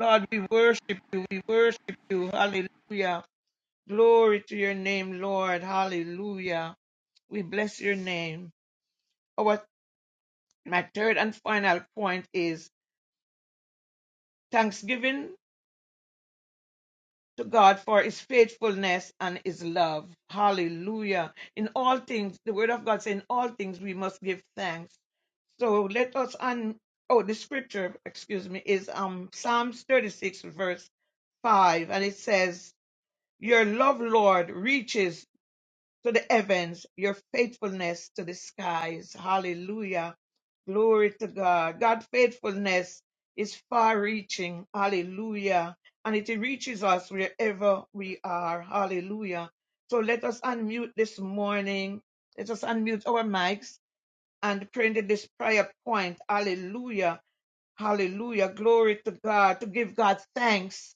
[SPEAKER 4] Lord, we worship you. We worship you. Hallelujah. Glory to your name, Lord. Hallelujah. We bless your name. Our my third and final point is thanksgiving to God for his faithfulness and his love. Hallelujah. In all things, the word of God says, in all things we must give thanks. So let us un oh the scripture, excuse me, is um Psalms 36 verse 5 and it says, "Your love, Lord, reaches to the heavens, your faithfulness to the skies. Hallelujah. Glory to God. God's faithfulness is far reaching. Hallelujah. And it reaches us wherever we are. Hallelujah. So let us unmute this morning. Let us unmute our mics and pray into this prayer point. Hallelujah. Hallelujah. Glory to God. To give God thanks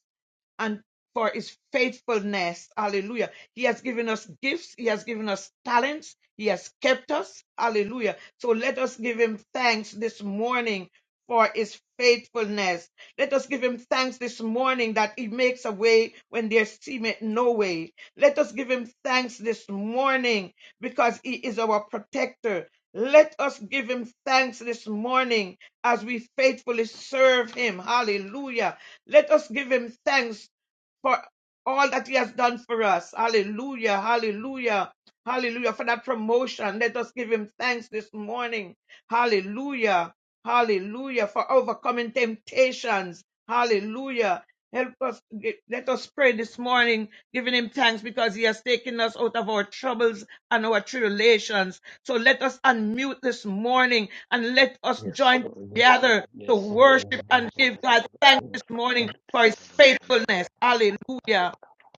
[SPEAKER 4] and for his faithfulness. Hallelujah. He has given us gifts. He has given us talents. He has kept us. Hallelujah. So let us give him thanks this morning for his faithfulness. Let us give him thanks this morning that he makes a way when there seemeth no way. Let us give him thanks this morning because he is our protector. Let us give him thanks this morning as we faithfully serve him. Hallelujah. Let us give him thanks for all that He has done for us. Hallelujah, hallelujah, hallelujah. For that promotion, let us give Him thanks this morning. Hallelujah, hallelujah. For overcoming temptations. Hallelujah. Help us, let us pray this morning, giving him thanks because he has taken us out of our troubles and our tribulations. So let us unmute this morning and let us join
[SPEAKER 5] Yes,
[SPEAKER 4] together to
[SPEAKER 5] sir.
[SPEAKER 4] worship and give God thanks this
[SPEAKER 5] Yes,
[SPEAKER 4] morning for his
[SPEAKER 5] sir.
[SPEAKER 4] faithfulness. Hallelujah.